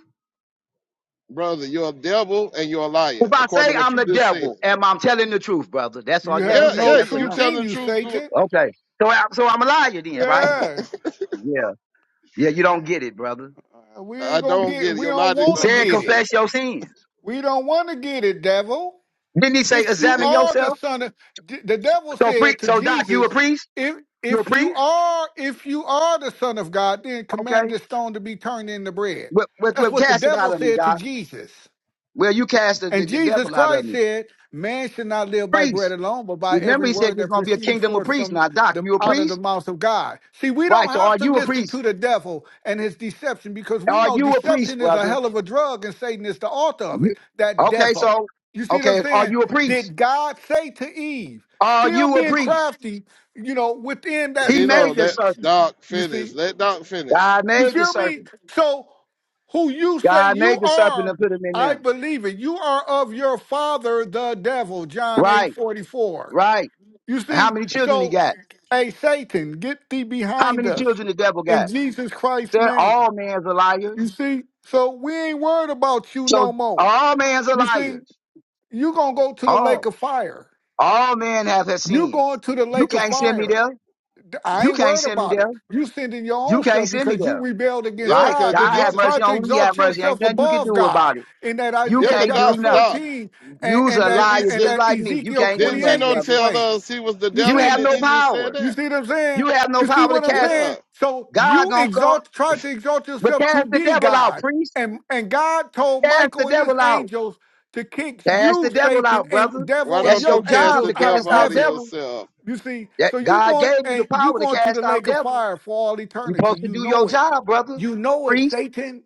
Speaker 3: brother. You're a devil and you're a
Speaker 6: If
Speaker 3: liar
Speaker 6: I
Speaker 3: according
Speaker 6: say
Speaker 3: to what
Speaker 6: I'm
Speaker 3: you
Speaker 6: the
Speaker 3: just
Speaker 6: devil,
Speaker 3: said.
Speaker 6: am I telling the truth, brother? That's all
Speaker 7: You
Speaker 6: you gotta
Speaker 7: have
Speaker 6: do.
Speaker 3: Yeah,
Speaker 6: Say
Speaker 7: no
Speaker 3: yeah.
Speaker 6: yes or
Speaker 3: You
Speaker 7: truth
Speaker 6: no.
Speaker 3: telling
Speaker 7: in
Speaker 3: the
Speaker 7: you,
Speaker 3: truth. You,
Speaker 7: Satan.
Speaker 6: Okay. So I, so I'm a liar then, right?
Speaker 7: Yeah.
Speaker 6: Yeah. Yeah. You don't get it, brother.
Speaker 7: Uh, We
Speaker 3: I
Speaker 7: ain't gonna
Speaker 3: don't
Speaker 7: get.
Speaker 3: get it.
Speaker 7: We
Speaker 3: Your
Speaker 7: don't
Speaker 3: logic
Speaker 6: He
Speaker 7: want to
Speaker 3: don't
Speaker 6: said
Speaker 3: make
Speaker 7: get it.
Speaker 3: sense.
Speaker 6: confess your sins.
Speaker 7: We don't want to get it, devil.
Speaker 6: Didn't he say
Speaker 7: if you
Speaker 3: Yeah,
Speaker 6: examine
Speaker 7: are the
Speaker 6: yourself?
Speaker 7: son of d- the devil
Speaker 6: So pre-
Speaker 7: said to
Speaker 6: so doc, you a
Speaker 7: jesus
Speaker 6: priest?
Speaker 7: if
Speaker 6: You a
Speaker 7: if you
Speaker 6: priest?
Speaker 7: are if you are the son of god then command
Speaker 6: Okay.
Speaker 7: this stone to be turned into bread
Speaker 6: Well, well,
Speaker 7: that's
Speaker 6: well,
Speaker 7: what the
Speaker 6: cast it out
Speaker 7: devil
Speaker 6: of me,
Speaker 7: said to
Speaker 6: doc.
Speaker 7: jesus
Speaker 6: Well, you cast the, the,
Speaker 7: and
Speaker 6: the
Speaker 7: Jesus
Speaker 6: devil out of
Speaker 7: Christ
Speaker 6: me.
Speaker 7: said, Man should not live by bread
Speaker 6: Priest.
Speaker 7: alone, but by
Speaker 6: Remember,
Speaker 7: every
Speaker 6: he said
Speaker 7: word
Speaker 6: you're
Speaker 7: that
Speaker 6: going to be a
Speaker 7: proceeds
Speaker 6: kingdom of
Speaker 7: forth
Speaker 6: priests.
Speaker 7: from
Speaker 6: Now, Doc,
Speaker 7: the
Speaker 6: you a
Speaker 7: out of the
Speaker 6: priest?
Speaker 7: mouth of God. See, we don't
Speaker 6: Right. So are
Speaker 7: have to
Speaker 6: you a
Speaker 7: listen
Speaker 6: priest?
Speaker 7: to the devil and his deception because we
Speaker 6: Are
Speaker 7: know
Speaker 6: you a priest,
Speaker 7: deception is a
Speaker 6: brother?
Speaker 7: hell of a drug and Satan is the author of
Speaker 6: You,
Speaker 7: it. That
Speaker 6: okay,
Speaker 7: devil.
Speaker 6: so,
Speaker 7: You see what I'm
Speaker 6: okay, are
Speaker 7: saying?
Speaker 6: you a priest?
Speaker 7: Did God say to Eve,
Speaker 6: Are
Speaker 7: still
Speaker 6: you a
Speaker 7: being
Speaker 6: priest?
Speaker 7: crafty, you know, within that
Speaker 6: He
Speaker 3: Gino,
Speaker 6: made the
Speaker 3: let
Speaker 7: serpent?
Speaker 6: serpent.
Speaker 3: Doc
Speaker 7: You
Speaker 3: finish.
Speaker 7: see?
Speaker 3: Let Doc finish.
Speaker 6: God
Speaker 7: You
Speaker 6: made the
Speaker 7: feel me?
Speaker 6: serpent.
Speaker 7: So, who you say
Speaker 6: God
Speaker 7: you
Speaker 6: made the serpent
Speaker 7: are,
Speaker 6: and put him in
Speaker 7: I
Speaker 6: there.
Speaker 7: believe it. You are of your father, the devil, John 8
Speaker 6: Right,
Speaker 7: forty four.
Speaker 6: right.
Speaker 7: You
Speaker 6: And how
Speaker 7: see?
Speaker 6: many children he
Speaker 7: So,
Speaker 6: got?
Speaker 7: hey, Satan, get thee
Speaker 6: How
Speaker 7: behind
Speaker 6: many
Speaker 7: us
Speaker 6: children the devil
Speaker 7: in
Speaker 6: got?
Speaker 7: Jesus
Speaker 6: He
Speaker 7: Christ's
Speaker 6: said
Speaker 7: name.
Speaker 6: all men's are
Speaker 7: You
Speaker 6: liars.
Speaker 7: see? So, we ain't worried about you
Speaker 6: So
Speaker 7: no more.
Speaker 6: all men's are
Speaker 7: You see?
Speaker 6: liars.
Speaker 7: you going to go to the
Speaker 6: All.
Speaker 7: lake of fire.
Speaker 6: All men have, have
Speaker 7: you
Speaker 6: sinned.
Speaker 7: going to the
Speaker 6: You
Speaker 7: lake of
Speaker 6: can't send me
Speaker 7: fire.
Speaker 6: there.
Speaker 7: I
Speaker 6: You
Speaker 7: ain't
Speaker 6: can't
Speaker 7: worried
Speaker 6: send me
Speaker 7: about
Speaker 6: there.
Speaker 7: it. You sending your
Speaker 6: You
Speaker 7: own
Speaker 6: can't
Speaker 7: self
Speaker 6: send me
Speaker 7: because you
Speaker 6: there,
Speaker 7: rebelled against
Speaker 3: Yeah,
Speaker 6: right?
Speaker 3: because
Speaker 7: God.
Speaker 6: God
Speaker 3: then he
Speaker 6: have
Speaker 7: Exalt, try
Speaker 6: mercy
Speaker 7: to
Speaker 6: on who He have
Speaker 7: exalt
Speaker 6: mercy. Ain't
Speaker 7: yourself
Speaker 6: nothing you can
Speaker 7: above
Speaker 6: do
Speaker 7: God
Speaker 6: about it.
Speaker 7: in that
Speaker 6: You
Speaker 3: Yeah,
Speaker 7: Isaiah
Speaker 3: cause
Speaker 6: can't
Speaker 7: chapter
Speaker 6: do
Speaker 3: Doc, Doc,
Speaker 6: nothing.
Speaker 7: 14 and,
Speaker 6: You's
Speaker 7: and
Speaker 6: a
Speaker 7: that
Speaker 3: didn't he
Speaker 6: liar
Speaker 7: and
Speaker 3: say?
Speaker 6: just
Speaker 7: that
Speaker 6: like me. You
Speaker 7: Ezekiel
Speaker 6: can't do
Speaker 3: Didn't
Speaker 6: nothing,
Speaker 7: 28
Speaker 3: Gino
Speaker 6: brother.
Speaker 3: tell
Speaker 7: explains.
Speaker 3: us he was the
Speaker 7: You
Speaker 6: You
Speaker 3: devil?
Speaker 6: have
Speaker 7: see,
Speaker 3: Didn't
Speaker 6: no
Speaker 3: he just say
Speaker 6: power.
Speaker 7: you
Speaker 3: that?
Speaker 7: see what I'm
Speaker 6: You
Speaker 7: saying?
Speaker 6: have no
Speaker 7: You see
Speaker 6: power to
Speaker 7: what I'm
Speaker 6: cast.
Speaker 7: saying?
Speaker 3: Yeah.
Speaker 7: So
Speaker 6: God
Speaker 7: you
Speaker 6: gonna call,
Speaker 7: exalt, try to exalt
Speaker 6: but
Speaker 7: yourself to
Speaker 6: cast the
Speaker 7: be
Speaker 6: devil out,
Speaker 7: God.
Speaker 6: priest.
Speaker 7: And and God told
Speaker 6: Cast the
Speaker 7: Michael and his
Speaker 6: devil out.
Speaker 7: angels to kick
Speaker 6: Cast the
Speaker 7: you,
Speaker 6: devil
Speaker 7: Satan,
Speaker 6: out,
Speaker 7: and
Speaker 6: brother.
Speaker 3: Why
Speaker 7: devil and
Speaker 6: That's
Speaker 3: don't you
Speaker 6: your
Speaker 7: your
Speaker 3: cast
Speaker 6: job
Speaker 3: the
Speaker 7: angels
Speaker 6: to
Speaker 7: out of
Speaker 3: devil
Speaker 6: cast
Speaker 3: out
Speaker 6: out
Speaker 3: of
Speaker 7: heaven.
Speaker 6: devils.
Speaker 3: yourself?
Speaker 7: You see,
Speaker 6: That
Speaker 7: so you're
Speaker 6: God
Speaker 7: going
Speaker 6: gave you the
Speaker 7: and you're
Speaker 6: power to
Speaker 7: going to the
Speaker 6: cast out
Speaker 7: lake of
Speaker 6: devils.
Speaker 7: fire for all
Speaker 6: You
Speaker 7: eternity.
Speaker 6: supposed to
Speaker 7: You
Speaker 6: do your
Speaker 7: know it.
Speaker 6: job, brother,
Speaker 7: You know it,
Speaker 6: priest.
Speaker 7: Satan,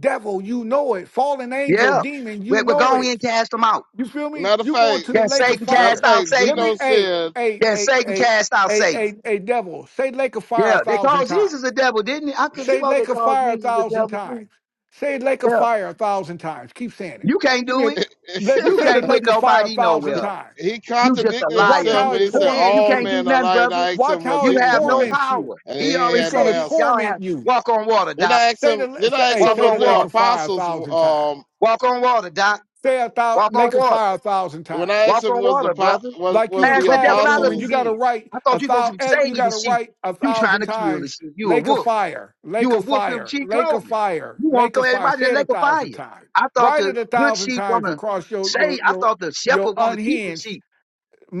Speaker 7: devil, you know it. Fallen angel,
Speaker 6: Yeah,
Speaker 7: demon, you
Speaker 6: we're, we're
Speaker 7: know
Speaker 6: going
Speaker 7: it.
Speaker 6: and cast them out.
Speaker 7: You feel me?
Speaker 3: Matter of
Speaker 7: you going
Speaker 3: fact,
Speaker 7: to the
Speaker 6: Then
Speaker 7: lake of
Speaker 6: Satan
Speaker 3: matter of
Speaker 6: cast
Speaker 7: fire.
Speaker 6: out
Speaker 3: fact,
Speaker 7: Let
Speaker 6: Satan.
Speaker 7: me
Speaker 3: Gino
Speaker 7: hey,
Speaker 3: said
Speaker 7: hey,
Speaker 6: Then
Speaker 7: hey,
Speaker 6: Satan
Speaker 7: hey,
Speaker 6: cast out
Speaker 7: hey,
Speaker 6: Satan.
Speaker 7: hey, hey, devil, say lake of fire a
Speaker 6: Yeah, they
Speaker 7: thousand
Speaker 6: called
Speaker 7: times.
Speaker 6: Jesus the devil, didn't they? I could have
Speaker 7: Say
Speaker 6: swore they
Speaker 7: lake of
Speaker 6: called
Speaker 7: fire a
Speaker 6: Jesus the
Speaker 7: thousand
Speaker 6: devil too.
Speaker 7: times. Say lake of
Speaker 6: Yeah.
Speaker 7: fire a thousand times. Keep saying it.
Speaker 6: You can't
Speaker 7: Give me
Speaker 6: do
Speaker 7: a
Speaker 6: it.
Speaker 7: let,
Speaker 6: You
Speaker 7: say the
Speaker 6: can't put
Speaker 7: lake of fire a
Speaker 6: nobody
Speaker 7: thousand
Speaker 6: nowhere.
Speaker 7: times.
Speaker 3: he
Speaker 6: You just a
Speaker 3: contradicted
Speaker 7: Watch
Speaker 6: liar.
Speaker 3: himself
Speaker 6: You
Speaker 7: how
Speaker 3: when
Speaker 7: it
Speaker 3: he
Speaker 6: just a
Speaker 3: said
Speaker 6: man. You
Speaker 7: torments
Speaker 3: all
Speaker 6: can't
Speaker 7: you.
Speaker 6: do
Speaker 3: men are
Speaker 6: nothing,
Speaker 3: like. And
Speaker 6: brother.
Speaker 3: I asked
Speaker 7: Watch
Speaker 3: him what
Speaker 7: how
Speaker 6: You
Speaker 7: it
Speaker 3: Jesus
Speaker 6: have no
Speaker 3: was,
Speaker 7: torments you.
Speaker 6: power.
Speaker 3: and he
Speaker 6: He
Speaker 3: ain't
Speaker 6: already
Speaker 7: It's
Speaker 3: had
Speaker 7: going
Speaker 3: no
Speaker 7: to
Speaker 6: said he,
Speaker 3: answer.
Speaker 6: y'all
Speaker 7: torment
Speaker 6: have
Speaker 7: you.
Speaker 6: walk on water,
Speaker 3: Then
Speaker 6: Doc.
Speaker 3: I asked
Speaker 7: Say
Speaker 3: him.
Speaker 7: the
Speaker 3: Then
Speaker 7: say,
Speaker 3: I asked
Speaker 7: hey,
Speaker 6: Walk
Speaker 3: him
Speaker 7: say
Speaker 3: was
Speaker 7: the
Speaker 6: on
Speaker 3: the
Speaker 7: lake
Speaker 6: water.
Speaker 7: of fire a
Speaker 3: apostles.
Speaker 7: thousand times.
Speaker 3: Um,
Speaker 6: Walk on water, Doc.
Speaker 7: Say a thou,
Speaker 6: Walk on
Speaker 7: lake of
Speaker 6: water.
Speaker 7: fire a thousand
Speaker 3: when
Speaker 7: times.
Speaker 3: I
Speaker 6: Walk
Speaker 3: asked him
Speaker 6: on
Speaker 3: was the
Speaker 6: water,
Speaker 3: po-
Speaker 6: brother.
Speaker 3: was
Speaker 7: Like you
Speaker 3: was
Speaker 7: in
Speaker 6: Ask
Speaker 3: the
Speaker 6: the devil out
Speaker 7: classroom
Speaker 6: of
Speaker 7: and
Speaker 6: me
Speaker 7: you
Speaker 3: apostles
Speaker 7: got to
Speaker 6: then.
Speaker 7: write
Speaker 6: I
Speaker 7: a
Speaker 6: thought you supposed to
Speaker 7: thousand.
Speaker 6: save
Speaker 7: You
Speaker 6: the
Speaker 7: got to
Speaker 6: sheep.
Speaker 7: write a
Speaker 6: You trying
Speaker 7: thousand
Speaker 6: to kill the
Speaker 7: times.
Speaker 6: sheep. You a
Speaker 7: Lake of
Speaker 6: wolf.
Speaker 7: fire,
Speaker 6: You
Speaker 7: lake
Speaker 6: a
Speaker 7: of
Speaker 6: wolf in
Speaker 7: fire,
Speaker 6: sheep
Speaker 7: lake of
Speaker 6: clothing.
Speaker 7: fire,
Speaker 6: You want
Speaker 7: lake
Speaker 6: to
Speaker 7: of
Speaker 6: throw
Speaker 7: fire.
Speaker 6: everybody in
Speaker 7: Say
Speaker 6: the
Speaker 7: it a
Speaker 6: lake of
Speaker 7: thousand
Speaker 6: fire.
Speaker 7: times.
Speaker 6: I thought
Speaker 7: Write
Speaker 6: the
Speaker 7: it a
Speaker 6: good
Speaker 7: thousand
Speaker 6: sheep want
Speaker 7: times
Speaker 6: to
Speaker 7: across your
Speaker 6: say,
Speaker 7: your
Speaker 6: I
Speaker 7: your
Speaker 6: thought the
Speaker 7: your
Speaker 6: shepherd wanna keep the
Speaker 7: unhinged
Speaker 6: sheep.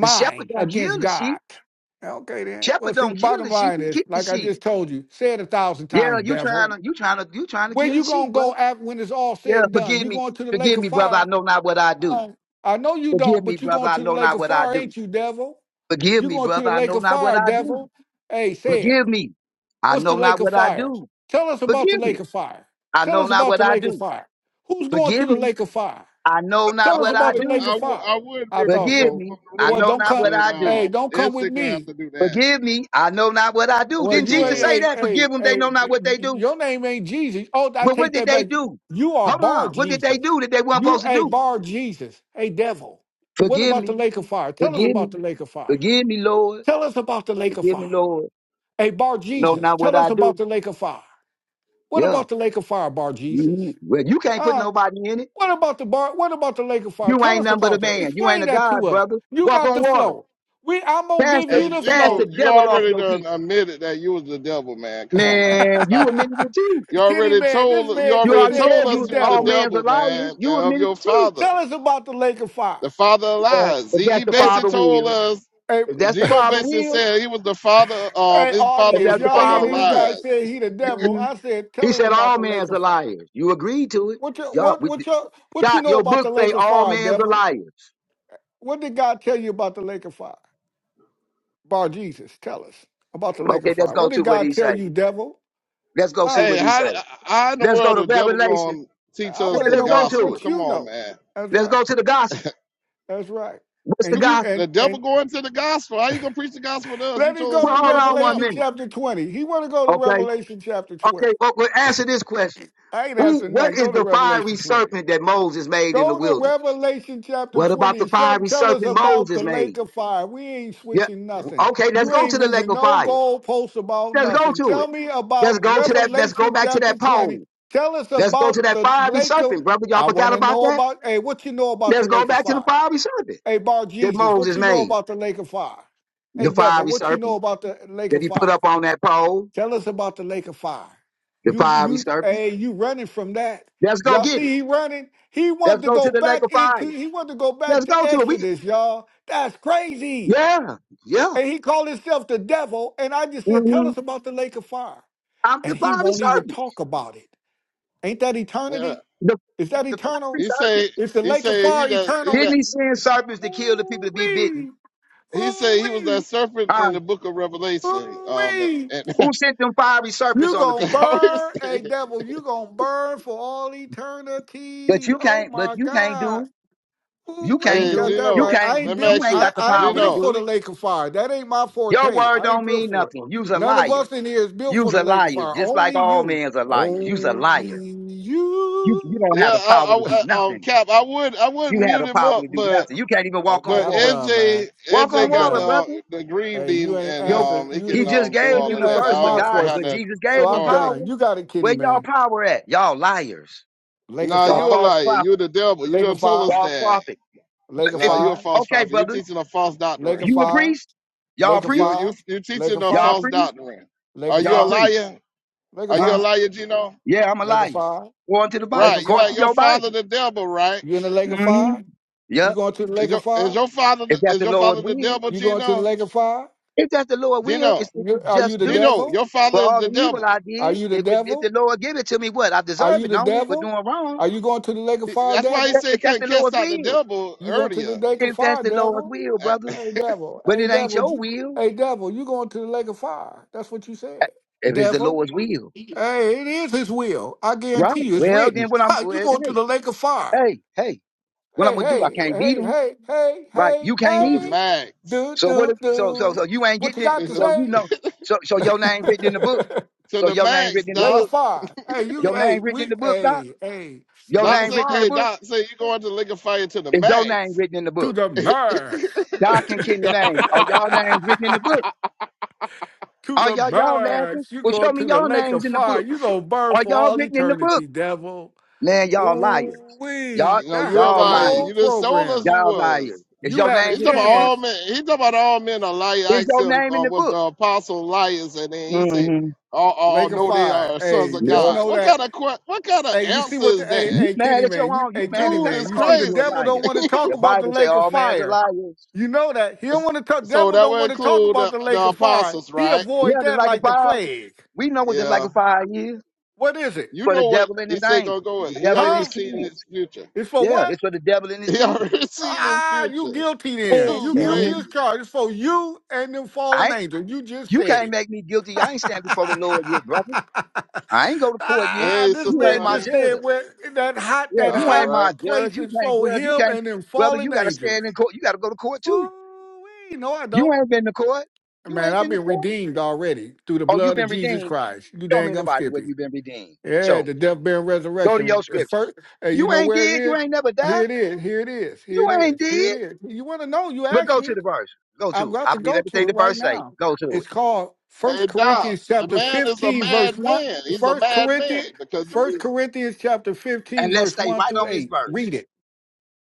Speaker 6: The shepherd don't kill
Speaker 7: against
Speaker 6: the
Speaker 7: God.
Speaker 6: sheep.
Speaker 7: Okay, then. Well,
Speaker 6: Shepherd
Speaker 7: see, the
Speaker 6: don't kill
Speaker 7: bottom
Speaker 6: the sheep.
Speaker 7: line
Speaker 6: He
Speaker 7: is,
Speaker 6: keep the
Speaker 7: like I
Speaker 6: sheep.
Speaker 7: just told you, say it a thousand
Speaker 6: Yeah,
Speaker 7: times,
Speaker 6: you trying
Speaker 7: devil.
Speaker 6: to, you trying to, you trying to
Speaker 7: Where
Speaker 6: kill the
Speaker 7: you gonna
Speaker 6: sheep, brother.
Speaker 7: go after when it's all
Speaker 6: Yeah,
Speaker 7: said and done?
Speaker 6: forgive
Speaker 7: You
Speaker 6: me,
Speaker 7: going to the lake
Speaker 6: forgive
Speaker 7: of
Speaker 6: me, brother. I
Speaker 7: fire?
Speaker 6: know not what I do.
Speaker 7: Uh, I know you
Speaker 6: Forgive
Speaker 7: don't,
Speaker 6: me,
Speaker 7: but you
Speaker 6: brother.
Speaker 7: going
Speaker 6: I
Speaker 7: to the
Speaker 6: know
Speaker 7: lake
Speaker 6: not
Speaker 7: of
Speaker 6: what I
Speaker 7: fire,
Speaker 6: do.
Speaker 7: ain't you, devil?
Speaker 6: Forgive
Speaker 7: You
Speaker 6: me,
Speaker 7: going to
Speaker 6: brother.
Speaker 7: the
Speaker 6: I
Speaker 7: lake
Speaker 6: know
Speaker 7: of
Speaker 6: not what
Speaker 7: fire,
Speaker 6: I do.
Speaker 7: devil? Hey, say it.
Speaker 6: Forgive me. I
Speaker 7: What's
Speaker 6: know
Speaker 7: the
Speaker 6: not
Speaker 7: lake of
Speaker 6: what I
Speaker 7: fire?
Speaker 6: do.
Speaker 7: Tell us about the
Speaker 6: Forgive me.
Speaker 7: lake of fire.
Speaker 6: I
Speaker 7: Tell
Speaker 6: know
Speaker 7: us
Speaker 6: not
Speaker 7: about
Speaker 6: what
Speaker 7: the
Speaker 6: I
Speaker 7: lake of
Speaker 6: do.
Speaker 7: fire. Who's going to
Speaker 6: Forgive
Speaker 7: the
Speaker 6: me.
Speaker 7: lake of fire?
Speaker 6: I know not
Speaker 7: Tell us
Speaker 3: I
Speaker 6: what I
Speaker 7: about the
Speaker 3: would,
Speaker 6: do.
Speaker 7: lake of
Speaker 3: I would,
Speaker 7: fire.
Speaker 3: I would
Speaker 7: I thought
Speaker 3: remove
Speaker 6: Forgive
Speaker 3: him
Speaker 7: so.
Speaker 6: me.
Speaker 3: from the
Speaker 6: I
Speaker 7: Boy,
Speaker 6: know
Speaker 3: room,
Speaker 7: don't
Speaker 6: not
Speaker 7: come.
Speaker 6: what
Speaker 3: but
Speaker 6: I do.
Speaker 7: Hey,
Speaker 3: um,
Speaker 7: don't come with
Speaker 3: Esther gonna have
Speaker 7: me.
Speaker 3: to do that
Speaker 6: Forgive me. I know not what I do.
Speaker 7: Well,
Speaker 6: Didn't
Speaker 7: you ain't,
Speaker 6: Jesus
Speaker 3: because,
Speaker 6: say
Speaker 7: hey,
Speaker 6: that?
Speaker 7: hey,
Speaker 6: Forgive them. They know
Speaker 7: hey,
Speaker 6: not what they do.
Speaker 7: your name ain't Jesus. Oh, I
Speaker 6: But what
Speaker 7: take
Speaker 6: did
Speaker 7: that
Speaker 6: they
Speaker 7: back.
Speaker 6: do?
Speaker 7: You are
Speaker 6: Hold on.
Speaker 7: Bar
Speaker 6: What did they
Speaker 7: Jesus.
Speaker 6: do that they weren't
Speaker 7: You
Speaker 6: supposed to
Speaker 7: a
Speaker 6: do?
Speaker 7: Bar Jesus, a devil. What
Speaker 6: Forgive
Speaker 7: about the
Speaker 6: me.
Speaker 7: lake of fire? Tell us
Speaker 6: Forgive me.
Speaker 7: about the lake of fire.
Speaker 6: Forgive me, Lord.
Speaker 7: Tell us about the lake of
Speaker 6: Forgive
Speaker 7: fire.
Speaker 6: me, Lord.
Speaker 7: Hey, Bar
Speaker 6: Know
Speaker 7: Jesus,
Speaker 6: not what
Speaker 7: tell us
Speaker 6: I
Speaker 7: about
Speaker 6: do.
Speaker 7: the lake of fire. What
Speaker 6: Yeah.
Speaker 7: about the lake of fire, Bar Jesus?
Speaker 6: Mhm. Well, you can't put
Speaker 7: Uh,
Speaker 6: nobody in it.
Speaker 7: what about the bar? What about the lake of fire?
Speaker 6: You
Speaker 7: Tell
Speaker 6: ain't
Speaker 7: us
Speaker 6: nothing but a
Speaker 7: about that.
Speaker 6: man. You ain't
Speaker 7: Explain
Speaker 6: a
Speaker 7: that
Speaker 6: God,
Speaker 7: to us.
Speaker 6: brother.
Speaker 7: You
Speaker 6: Walk
Speaker 7: got
Speaker 6: on
Speaker 7: the
Speaker 6: water.
Speaker 7: flow. We, I'm gonna
Speaker 6: Cast
Speaker 7: give
Speaker 6: the,
Speaker 7: you
Speaker 3: and
Speaker 7: the
Speaker 3: you
Speaker 6: cast the
Speaker 3: know,
Speaker 7: flow.
Speaker 3: you
Speaker 6: devil off
Speaker 3: already
Speaker 6: your
Speaker 3: done
Speaker 6: people.
Speaker 3: admitted that you was the devil, man. Come on now,
Speaker 6: Man, you
Speaker 3: stop it.
Speaker 6: admitted it too.
Speaker 3: You
Speaker 7: Kenny
Speaker 3: already
Speaker 7: man, this
Speaker 3: told, you
Speaker 7: man
Speaker 6: You
Speaker 7: just
Speaker 3: already
Speaker 6: already
Speaker 7: said he
Speaker 3: told
Speaker 6: said
Speaker 7: was
Speaker 6: you
Speaker 7: the
Speaker 3: us
Speaker 6: was
Speaker 3: you was the
Speaker 6: all
Speaker 7: devil.
Speaker 6: man's a
Speaker 3: devil,
Speaker 6: liars.
Speaker 3: man,
Speaker 6: You
Speaker 3: and of
Speaker 6: admitted it
Speaker 3: your
Speaker 6: too.
Speaker 3: father,
Speaker 7: Tell us about the lake of fire.
Speaker 3: the father of
Speaker 6: Uh,
Speaker 3: lies.
Speaker 6: If
Speaker 3: He,
Speaker 6: that's
Speaker 3: he
Speaker 6: the
Speaker 7: Hey,
Speaker 3: basically
Speaker 6: Father
Speaker 3: told
Speaker 6: will.
Speaker 3: us.
Speaker 7: hey,
Speaker 6: If that's the
Speaker 3: Gino
Speaker 6: Father
Speaker 3: basically
Speaker 6: will.
Speaker 3: said he was the father. Um,
Speaker 7: hey,
Speaker 3: his father
Speaker 6: If
Speaker 7: audience,
Speaker 3: was
Speaker 6: that's
Speaker 3: the
Speaker 6: the
Speaker 7: y'all
Speaker 3: father
Speaker 7: hear
Speaker 6: Father
Speaker 3: of
Speaker 7: this
Speaker 6: will.
Speaker 7: guy
Speaker 3: lies.
Speaker 7: say he the devil?
Speaker 6: hmm
Speaker 7: I said,
Speaker 6: He
Speaker 7: tell us
Speaker 6: said,
Speaker 7: about
Speaker 6: all
Speaker 7: the lake
Speaker 6: men's are
Speaker 7: of fire.
Speaker 6: liars. You agreed to it.
Speaker 7: What you,
Speaker 6: Y'all,
Speaker 7: what
Speaker 6: we,
Speaker 7: what you what you
Speaker 6: God,
Speaker 7: know
Speaker 6: your
Speaker 7: about the
Speaker 6: book say
Speaker 7: lake of
Speaker 6: all
Speaker 7: fire,
Speaker 6: men's are
Speaker 7: devil?
Speaker 6: liars.
Speaker 7: What did God tell you about the lake of fire? Bar Jesus, tell us about the lake
Speaker 6: Okay,
Speaker 7: of
Speaker 6: let's
Speaker 7: fire.
Speaker 6: go
Speaker 7: What
Speaker 6: to
Speaker 7: did
Speaker 6: what
Speaker 7: God
Speaker 6: he
Speaker 7: tell
Speaker 6: say.
Speaker 7: you, devil?
Speaker 6: Let's go see
Speaker 7: Um,
Speaker 3: Hey,
Speaker 6: what he
Speaker 3: how,
Speaker 6: say.
Speaker 3: how in the
Speaker 6: Let's go
Speaker 3: world
Speaker 6: to
Speaker 3: the devil
Speaker 6: Revelation.
Speaker 3: gonna teach
Speaker 7: I
Speaker 3: us
Speaker 7: want to
Speaker 6: Let-
Speaker 3: the
Speaker 6: Let's
Speaker 7: know
Speaker 6: go
Speaker 7: what
Speaker 6: to
Speaker 3: gospel?
Speaker 6: it.
Speaker 7: what
Speaker 3: Come
Speaker 7: you
Speaker 3: on,
Speaker 7: know.
Speaker 3: man.
Speaker 7: That's
Speaker 6: Let's
Speaker 7: right.
Speaker 6: go to the gospel.
Speaker 7: That's right.
Speaker 6: What's the
Speaker 7: And
Speaker 3: You
Speaker 7: you
Speaker 6: gospel?
Speaker 7: and
Speaker 3: the
Speaker 7: and
Speaker 3: devil going to the gospel. How you gonna preach the gospel to us? You
Speaker 7: Let me
Speaker 3: told
Speaker 7: go
Speaker 3: us
Speaker 6: Well,
Speaker 7: to
Speaker 3: it
Speaker 6: hold
Speaker 3: was the
Speaker 6: on one
Speaker 7: Revelation
Speaker 3: devil.
Speaker 6: minute.
Speaker 7: chapter 20. He want to go to
Speaker 6: Okay.
Speaker 7: Revelation chapter
Speaker 6: Okay.
Speaker 7: 20.
Speaker 6: okay. Answer this question.
Speaker 7: I ain't
Speaker 6: Who,
Speaker 7: answering
Speaker 6: what
Speaker 7: that.
Speaker 6: is
Speaker 7: Go to
Speaker 6: the fiery
Speaker 7: Revelation 20.
Speaker 6: serpent that Moses made in the
Speaker 7: Go to
Speaker 6: wilderness?
Speaker 7: Revelation chapter
Speaker 6: What about
Speaker 7: 20
Speaker 6: the
Speaker 7: and tell,
Speaker 6: fiery
Speaker 7: tell us
Speaker 6: serpent
Speaker 7: about
Speaker 6: Moses
Speaker 7: the
Speaker 6: made?
Speaker 7: lake of fire. We ain't
Speaker 6: Yeah.
Speaker 7: switching nothing.
Speaker 6: Okay, let's
Speaker 7: You
Speaker 6: go
Speaker 7: ain't
Speaker 6: to the lake
Speaker 7: moving
Speaker 6: of
Speaker 7: no
Speaker 6: fire.
Speaker 7: goalposts about
Speaker 6: Let's go
Speaker 7: nothing.
Speaker 6: to it.
Speaker 7: Tell me
Speaker 6: Let's
Speaker 7: about
Speaker 6: go to that. Let's go
Speaker 7: Revelation
Speaker 6: back to
Speaker 7: chapter
Speaker 6: that
Speaker 7: 20.
Speaker 6: pole.
Speaker 7: Tell us
Speaker 6: Let's go
Speaker 7: about
Speaker 6: to that
Speaker 7: the
Speaker 6: fiery
Speaker 7: lake of
Speaker 6: serpent, brother. Y'all
Speaker 7: I want
Speaker 6: forgot
Speaker 7: to
Speaker 6: about
Speaker 7: know
Speaker 6: that?
Speaker 7: about hey, what you know about the
Speaker 6: Let's go
Speaker 7: lake of
Speaker 6: back to the
Speaker 7: fire?
Speaker 6: fiery serpent
Speaker 7: Hey, Bar
Speaker 6: that
Speaker 7: Jesus, what
Speaker 6: Moses
Speaker 7: you know
Speaker 6: made.
Speaker 7: about the lake of fire?
Speaker 6: The
Speaker 7: Hey, devil,
Speaker 6: fiery
Speaker 7: what you know
Speaker 6: serpent
Speaker 7: about the lake
Speaker 6: that
Speaker 7: of
Speaker 6: he put
Speaker 7: fire?
Speaker 6: up on that pole.
Speaker 7: Tell us about the lake of fire.
Speaker 6: The
Speaker 7: You
Speaker 6: fiery
Speaker 7: you
Speaker 6: serpent.
Speaker 7: hey, you running from that.
Speaker 6: Let's go
Speaker 7: Y'all
Speaker 6: get
Speaker 7: see
Speaker 6: it.
Speaker 7: he running? He
Speaker 6: Let's
Speaker 7: wanted to
Speaker 6: go to
Speaker 7: go
Speaker 6: the lake of
Speaker 7: back into
Speaker 6: fire.
Speaker 7: he wanted to go back
Speaker 6: Let's go
Speaker 7: to
Speaker 6: to it. We,
Speaker 7: Exodus, y'all. That's crazy.
Speaker 6: yeah, yeah.
Speaker 7: And he called himself the devil. And I just said, Tell
Speaker 6: hmm
Speaker 7: us about the lake of fire.
Speaker 6: I'm
Speaker 7: And
Speaker 6: the
Speaker 7: he
Speaker 6: fiery
Speaker 7: won't even
Speaker 6: serpent.
Speaker 7: talk about it. Ain't that
Speaker 3: Yeah.
Speaker 7: eternity?
Speaker 6: The,
Speaker 7: Is that
Speaker 6: the fiery
Speaker 7: eternal?
Speaker 3: He
Speaker 6: serpent.
Speaker 3: say
Speaker 7: Is the
Speaker 3: he
Speaker 7: lake of
Speaker 3: say he
Speaker 7: fire
Speaker 3: that he
Speaker 7: eternal?
Speaker 6: Didn't
Speaker 3: that
Speaker 6: he send serpents to kill the people
Speaker 7: Ooh
Speaker 6: to be bitten?
Speaker 7: wee.
Speaker 3: he
Speaker 7: Ooh
Speaker 3: say he was that
Speaker 7: wee.
Speaker 3: serpent in
Speaker 6: Huh?
Speaker 3: the book of Revelation.
Speaker 7: Ooh
Speaker 3: Um and,
Speaker 7: wee.
Speaker 6: Who
Speaker 3: and
Speaker 6: sent them fiery serpents
Speaker 7: You
Speaker 6: on the
Speaker 7: gonna
Speaker 6: people?
Speaker 3: I was
Speaker 7: burn, hey
Speaker 3: saying,
Speaker 7: devil, you gonna burn for all
Speaker 6: But
Speaker 7: eternity.
Speaker 6: you
Speaker 7: Oh
Speaker 6: can't, but
Speaker 7: my
Speaker 6: you can't do
Speaker 7: God.
Speaker 6: it. You
Speaker 7: Ooh,
Speaker 6: can't
Speaker 7: you
Speaker 3: hey
Speaker 6: do
Speaker 7: got
Speaker 6: it.
Speaker 7: that
Speaker 6: You
Speaker 7: right.
Speaker 3: Gino,
Speaker 6: can't,
Speaker 7: I ain't
Speaker 3: let me
Speaker 6: you
Speaker 7: built
Speaker 3: ask
Speaker 6: ain't
Speaker 3: you,
Speaker 7: I,
Speaker 6: got the
Speaker 7: I ain't
Speaker 6: power to
Speaker 7: built
Speaker 3: Gino.
Speaker 7: for
Speaker 6: do
Speaker 7: the
Speaker 6: it.
Speaker 7: lake of fire. That ain't my
Speaker 6: Your
Speaker 7: forte.
Speaker 6: word
Speaker 7: I ain't
Speaker 6: don't
Speaker 7: built
Speaker 6: mean
Speaker 7: for it.
Speaker 6: nothing. You's a
Speaker 7: None of
Speaker 6: liar.
Speaker 7: us in here is built for
Speaker 6: You's
Speaker 7: the
Speaker 6: a
Speaker 7: lake of
Speaker 6: liar.
Speaker 7: fire.
Speaker 6: Just like
Speaker 7: Only
Speaker 6: all
Speaker 7: you.
Speaker 6: men's a liar. You's a
Speaker 7: Only
Speaker 6: liar. You,
Speaker 7: you.
Speaker 6: you don't have
Speaker 3: Yeah,
Speaker 6: the power to
Speaker 3: I,
Speaker 6: do
Speaker 3: I, I um
Speaker 6: nothing.
Speaker 3: Cap, I would I would
Speaker 6: You have
Speaker 3: mute
Speaker 6: the
Speaker 3: him
Speaker 6: power
Speaker 3: up,
Speaker 6: to do
Speaker 3: but
Speaker 6: nothing. You can't even walk
Speaker 7: Okay,
Speaker 6: on
Speaker 3: but
Speaker 7: I'm
Speaker 6: water.
Speaker 3: S
Speaker 7: done, man.
Speaker 3: J S
Speaker 6: Walk
Speaker 3: J
Speaker 6: on
Speaker 7: I'm
Speaker 3: got
Speaker 6: water,
Speaker 3: the
Speaker 7: done.
Speaker 3: uh,
Speaker 6: brother.
Speaker 3: the green
Speaker 7: Hey, you
Speaker 3: bean
Speaker 7: ain't
Speaker 3: and
Speaker 6: Yo,
Speaker 7: answered.
Speaker 3: um he
Speaker 7: You
Speaker 6: he
Speaker 3: can
Speaker 7: didn't
Speaker 6: just
Speaker 3: um do
Speaker 6: gave
Speaker 7: you
Speaker 3: all
Speaker 6: you
Speaker 7: didn't
Speaker 3: of
Speaker 6: the
Speaker 3: that.
Speaker 7: answer
Speaker 6: verse
Speaker 3: I
Speaker 6: where
Speaker 7: my
Speaker 3: don't I
Speaker 6: God,
Speaker 3: have
Speaker 6: where
Speaker 3: that
Speaker 7: question.
Speaker 6: Jesus
Speaker 7: So
Speaker 6: gave him
Speaker 7: I'm
Speaker 3: authority.
Speaker 6: power.
Speaker 7: done. You got it, Kenny
Speaker 6: Where y'all
Speaker 7: man.
Speaker 6: power at? Y'all liars.
Speaker 7: Lake of
Speaker 3: Nah,
Speaker 6: Y'all
Speaker 3: you
Speaker 7: fire.
Speaker 3: a
Speaker 6: false
Speaker 3: liar.
Speaker 6: prophet,
Speaker 3: You the devil. You
Speaker 7: Lake
Speaker 3: done
Speaker 7: of
Speaker 3: told
Speaker 7: fire.
Speaker 3: us
Speaker 6: false
Speaker 3: that.
Speaker 6: prophet.
Speaker 7: Lake of
Speaker 6: It
Speaker 3: Nah,
Speaker 6: was-
Speaker 3: you a
Speaker 7: Fire,
Speaker 3: false
Speaker 6: okay,
Speaker 3: prophet. You
Speaker 6: brother.
Speaker 3: teaching a false
Speaker 7: Lake
Speaker 3: doctrine.
Speaker 7: of
Speaker 6: You a
Speaker 7: Fire,
Speaker 6: priest? Y'all
Speaker 7: Lake of
Speaker 6: priest?
Speaker 3: You you
Speaker 7: Fire,
Speaker 3: you
Speaker 7: Lake
Speaker 3: teaching
Speaker 7: of
Speaker 3: a
Speaker 6: Y'all
Speaker 7: Fire,
Speaker 3: false
Speaker 6: preach?
Speaker 3: doctrine.
Speaker 7: Lake
Speaker 3: Are
Speaker 7: of
Speaker 3: you a
Speaker 6: Y'all
Speaker 7: Fire,
Speaker 6: preach.
Speaker 3: liar?
Speaker 7: Lake of
Speaker 3: Are you a
Speaker 6: Huh?
Speaker 7: Fire,
Speaker 3: liar, Gino?
Speaker 6: Yeah, I'm a
Speaker 7: Lake of
Speaker 6: liar.
Speaker 7: Fire,
Speaker 6: According to the
Speaker 7: Lake
Speaker 6: Bible.
Speaker 3: Right.
Speaker 7: of
Speaker 3: You
Speaker 6: According
Speaker 3: like
Speaker 6: to
Speaker 7: Fire.
Speaker 3: your
Speaker 6: your
Speaker 3: father
Speaker 6: Bible.
Speaker 3: the devil, right?
Speaker 7: You in the Lake of
Speaker 6: hmm
Speaker 7: Fire? You
Speaker 6: Yep.
Speaker 7: going to the
Speaker 3: Is
Speaker 7: Lake
Speaker 3: your
Speaker 7: of
Speaker 3: is
Speaker 7: Fire?
Speaker 3: your father the,
Speaker 6: If that's
Speaker 3: is
Speaker 6: the
Speaker 3: your
Speaker 6: Lord
Speaker 3: father the
Speaker 6: will.
Speaker 3: devil,
Speaker 7: You going to the
Speaker 3: Gino?
Speaker 7: Lake of Fire?
Speaker 6: If that's the Lord will,
Speaker 3: Gino,
Speaker 6: it's,
Speaker 7: You,
Speaker 6: it's
Speaker 7: are you
Speaker 6: just
Speaker 7: the
Speaker 6: due.
Speaker 3: Gino,
Speaker 7: devil?
Speaker 3: your father
Speaker 6: For
Speaker 3: is
Speaker 6: all
Speaker 3: the
Speaker 6: the evil
Speaker 3: devil.
Speaker 6: I
Speaker 7: Are
Speaker 6: did,
Speaker 7: you the
Speaker 6: if, if the
Speaker 7: devil?
Speaker 6: Lord give it to me, what? I
Speaker 7: Are
Speaker 6: deserve
Speaker 7: you
Speaker 6: it,
Speaker 7: the
Speaker 6: don't I? For doing
Speaker 7: devil?
Speaker 6: wrong.
Speaker 7: Are you going to the Lake of
Speaker 3: He-
Speaker 7: Fire,
Speaker 3: That's why he
Speaker 6: That-
Speaker 7: devil?
Speaker 3: said he
Speaker 6: If that's
Speaker 3: couldn't
Speaker 6: the
Speaker 3: cast
Speaker 6: Lord's
Speaker 3: out the
Speaker 6: will.
Speaker 3: devil
Speaker 7: You going to the
Speaker 3: earlier.
Speaker 7: Lake of
Speaker 6: If that's
Speaker 7: Fire,
Speaker 6: the Lord's
Speaker 7: devil?
Speaker 6: will, brother.
Speaker 7: Hey, devil.
Speaker 6: But
Speaker 7: Hey,
Speaker 6: it ain't
Speaker 7: devil.
Speaker 6: your
Speaker 7: you-
Speaker 6: will.
Speaker 7: Hey, devil. You going to the Lake of Fire? That's what you
Speaker 6: eh,
Speaker 7: said,
Speaker 6: If it's the
Speaker 7: devil.
Speaker 6: Lord's will.
Speaker 7: Hey, it is his will. I
Speaker 6: Right.
Speaker 7: guarantee you, it's
Speaker 6: Well, then
Speaker 7: written.
Speaker 6: what I'm,
Speaker 7: Ha,
Speaker 6: well,
Speaker 7: you go to
Speaker 6: hey,
Speaker 7: the lake of fire.
Speaker 6: hey, hey, what I'm
Speaker 7: Hey,
Speaker 6: going to do, I
Speaker 7: hey,
Speaker 6: can't beat
Speaker 7: hey,
Speaker 6: him.
Speaker 7: hey, hey,
Speaker 6: Right. You
Speaker 7: hey,
Speaker 6: can't
Speaker 3: to the
Speaker 6: either.
Speaker 7: hey.
Speaker 3: max.
Speaker 7: Do,
Speaker 6: So what?
Speaker 7: do,
Speaker 6: If, so so so
Speaker 7: do.
Speaker 6: you ain't
Speaker 7: What you
Speaker 6: getting it.
Speaker 3: To
Speaker 7: got to
Speaker 6: So
Speaker 3: the
Speaker 6: you
Speaker 7: say?
Speaker 6: know. So so your name written in the book.
Speaker 3: to
Speaker 6: So
Speaker 3: the
Speaker 6: your name
Speaker 3: max,
Speaker 6: written in the
Speaker 7: lake
Speaker 3: dog.
Speaker 7: of
Speaker 6: book.
Speaker 7: fire. Hey, you,
Speaker 6: Your name
Speaker 7: hey,
Speaker 6: written in
Speaker 7: we,
Speaker 6: the book, Doc.
Speaker 7: hey, hey.
Speaker 6: Your
Speaker 3: Doc
Speaker 7: Lake of
Speaker 6: name
Speaker 3: say,
Speaker 6: written in
Speaker 7: fire.
Speaker 6: the
Speaker 3: hey,
Speaker 6: book.
Speaker 3: Doc say you going to lick a fire to the
Speaker 6: Is your name
Speaker 3: max.
Speaker 6: written in the
Speaker 7: To
Speaker 6: book?
Speaker 7: the
Speaker 3: you
Speaker 7: max.
Speaker 6: Doc and
Speaker 7: to
Speaker 6: Kenny name. Are y'all names written in the book? Are
Speaker 7: the
Speaker 6: y'all y'all laughing?
Speaker 7: max. You
Speaker 6: Well,
Speaker 7: go
Speaker 6: show
Speaker 7: to
Speaker 6: me
Speaker 7: the
Speaker 6: y'all
Speaker 7: lake of
Speaker 6: names in the
Speaker 7: fire.
Speaker 6: book.
Speaker 7: You gonna burn
Speaker 6: Are
Speaker 7: for
Speaker 6: y'all
Speaker 7: all
Speaker 6: written in the book?
Speaker 7: eternity, devil.
Speaker 6: Man, y'all liars.
Speaker 7: Ooh,
Speaker 6: Y'all
Speaker 7: wee.
Speaker 3: know,
Speaker 7: That
Speaker 3: you a
Speaker 7: hurt
Speaker 6: y'all
Speaker 7: the
Speaker 3: liar.
Speaker 6: liars.
Speaker 7: whole
Speaker 3: You just told
Speaker 7: program.
Speaker 3: us you
Speaker 6: Y'all liars.
Speaker 3: was.
Speaker 6: Is
Speaker 7: You
Speaker 6: your
Speaker 7: had a
Speaker 6: name
Speaker 3: He
Speaker 6: written
Speaker 3: talking
Speaker 6: in
Speaker 3: about
Speaker 6: the book?
Speaker 3: all
Speaker 7: chance,
Speaker 3: men. He talking about all men are liars. I
Speaker 6: Is
Speaker 3: asked
Speaker 6: your
Speaker 3: him,
Speaker 6: name in
Speaker 3: uh,
Speaker 6: the
Speaker 3: was the
Speaker 6: book?
Speaker 3: apostle liars? And then he said,
Speaker 6: Mm-hmm.
Speaker 3: oh, oh, oh,
Speaker 7: Lake of
Speaker 3: no, they
Speaker 7: Fire.
Speaker 3: are sons
Speaker 7: Hey,
Speaker 3: of
Speaker 6: Yeah.
Speaker 7: just
Speaker 3: God.
Speaker 7: know
Speaker 3: What
Speaker 7: that.
Speaker 3: kind of que- what kind of
Speaker 7: Hey, you see
Speaker 3: answer
Speaker 7: what the
Speaker 3: is
Speaker 7: hey,
Speaker 3: that?
Speaker 6: You
Speaker 7: hey
Speaker 6: mad
Speaker 7: Kenny
Speaker 6: at your
Speaker 7: man, you
Speaker 6: own? You
Speaker 7: hey
Speaker 6: mad
Speaker 7: Kenny
Speaker 6: at God
Speaker 3: Dude
Speaker 7: man,
Speaker 3: is
Speaker 7: you see
Speaker 6: calling
Speaker 7: the
Speaker 6: you a
Speaker 7: devil
Speaker 3: crazy.
Speaker 7: don't
Speaker 6: liar?
Speaker 7: want to talk
Speaker 6: The
Speaker 7: about the
Speaker 6: Bible say
Speaker 7: lake of
Speaker 6: all man's a
Speaker 7: fire.
Speaker 6: liar.
Speaker 7: You know that. He don't
Speaker 3: It's-
Speaker 7: want to talk
Speaker 3: So
Speaker 7: devil
Speaker 3: that
Speaker 7: don't
Speaker 3: would
Speaker 7: want to talk
Speaker 3: include
Speaker 7: about
Speaker 3: the,
Speaker 7: the
Speaker 3: the
Speaker 7: lake of fire.
Speaker 3: apostles,
Speaker 7: He
Speaker 3: right?
Speaker 7: avoid
Speaker 6: Yeah, the
Speaker 7: that
Speaker 6: like of
Speaker 7: like the
Speaker 6: fire.
Speaker 7: plague.
Speaker 6: We know what the like
Speaker 3: Yeah.
Speaker 6: of fire is
Speaker 7: What is it?
Speaker 3: You
Speaker 6: for the
Speaker 3: know what
Speaker 6: devil and his
Speaker 3: he said gonna
Speaker 6: angels,
Speaker 3: go with.
Speaker 6: the
Speaker 3: He
Speaker 6: devil and
Speaker 3: already
Speaker 6: his
Speaker 7: Huh?
Speaker 3: seen his
Speaker 6: kids.
Speaker 3: future.
Speaker 7: It's for
Speaker 6: Yeah,
Speaker 7: what?
Speaker 6: it's for the devil and his
Speaker 3: He
Speaker 6: kids.
Speaker 3: already seen his
Speaker 7: Ah, you
Speaker 3: future.
Speaker 7: guilty then.
Speaker 8: Hey,
Speaker 3: Dude,
Speaker 7: You
Speaker 8: Shay.
Speaker 7: guilty
Speaker 6: hmm
Speaker 7: as
Speaker 3: crazy.
Speaker 7: charged. It's for you and them
Speaker 6: I
Speaker 7: fallen
Speaker 6: ain't-
Speaker 7: angels. You just
Speaker 6: you
Speaker 7: said
Speaker 6: can't
Speaker 7: it.
Speaker 6: make me guilty. I ain't stand before the Lord yet, brother. I ain't go to court yet.
Speaker 7: ah,
Speaker 3: Hey,
Speaker 7: this
Speaker 6: You
Speaker 3: sister,
Speaker 6: ain't
Speaker 7: man
Speaker 6: my
Speaker 7: just
Speaker 3: honey.
Speaker 6: judge.
Speaker 7: said where that hot
Speaker 6: Yeah,
Speaker 7: that
Speaker 6: you
Speaker 3: All
Speaker 6: ain't
Speaker 7: hot
Speaker 6: my
Speaker 3: right.
Speaker 6: judge.
Speaker 7: place
Speaker 6: You
Speaker 7: is
Speaker 6: can't
Speaker 7: for
Speaker 6: judge. You
Speaker 7: him
Speaker 6: can't,
Speaker 7: and them
Speaker 6: brother. You
Speaker 7: fallen
Speaker 6: got to stand in
Speaker 7: angels.
Speaker 6: court. You got to go to court
Speaker 7: Ooh,
Speaker 6: too.
Speaker 7: no, I
Speaker 6: You
Speaker 7: don't.
Speaker 6: ain't been to court. You
Speaker 7: Man,
Speaker 6: ain't
Speaker 7: I've
Speaker 6: been to
Speaker 7: been
Speaker 6: court.
Speaker 7: redeemed already through the
Speaker 6: Oh, you have
Speaker 7: blood of
Speaker 6: been redeemed.
Speaker 7: Jesus Christ. You
Speaker 6: Show me
Speaker 7: dang
Speaker 6: in the
Speaker 7: gum
Speaker 6: Bible where
Speaker 7: skippy.
Speaker 6: you've been redeemed.
Speaker 7: Yeah,
Speaker 6: So
Speaker 7: the death, burial, and
Speaker 6: Go to your
Speaker 7: resurrection.
Speaker 6: scripture.
Speaker 7: First, hey, you
Speaker 6: You
Speaker 7: know
Speaker 6: ain't
Speaker 7: where it
Speaker 6: dead. You
Speaker 7: is?
Speaker 6: ain't never died.
Speaker 7: Here it is. Here it is. Here
Speaker 6: You
Speaker 7: it
Speaker 6: ain't
Speaker 7: is. Here it
Speaker 6: dead.
Speaker 7: is. You want to know? You
Speaker 6: But
Speaker 7: asked
Speaker 6: go to
Speaker 7: me.
Speaker 6: the verse. Go
Speaker 7: I'm
Speaker 6: to it.
Speaker 7: about
Speaker 6: I
Speaker 7: to
Speaker 6: believe
Speaker 7: go to
Speaker 6: everything
Speaker 7: it
Speaker 6: the
Speaker 7: right
Speaker 6: verse say.
Speaker 7: now.
Speaker 6: Go to
Speaker 7: It's called First
Speaker 3: Hey, Doc.
Speaker 7: Corinthians
Speaker 3: The
Speaker 7: chapter
Speaker 3: man is a
Speaker 7: 15, verse 1.
Speaker 3: madman. He's a
Speaker 7: First
Speaker 3: madman
Speaker 7: Corinthians,
Speaker 3: because
Speaker 7: First
Speaker 6: it.
Speaker 7: Corinthians chapter 15,
Speaker 6: And let's
Speaker 7: verse
Speaker 6: stay
Speaker 7: 1
Speaker 6: right
Speaker 7: through
Speaker 6: on this
Speaker 7: 8.
Speaker 6: verse.
Speaker 7: Read it.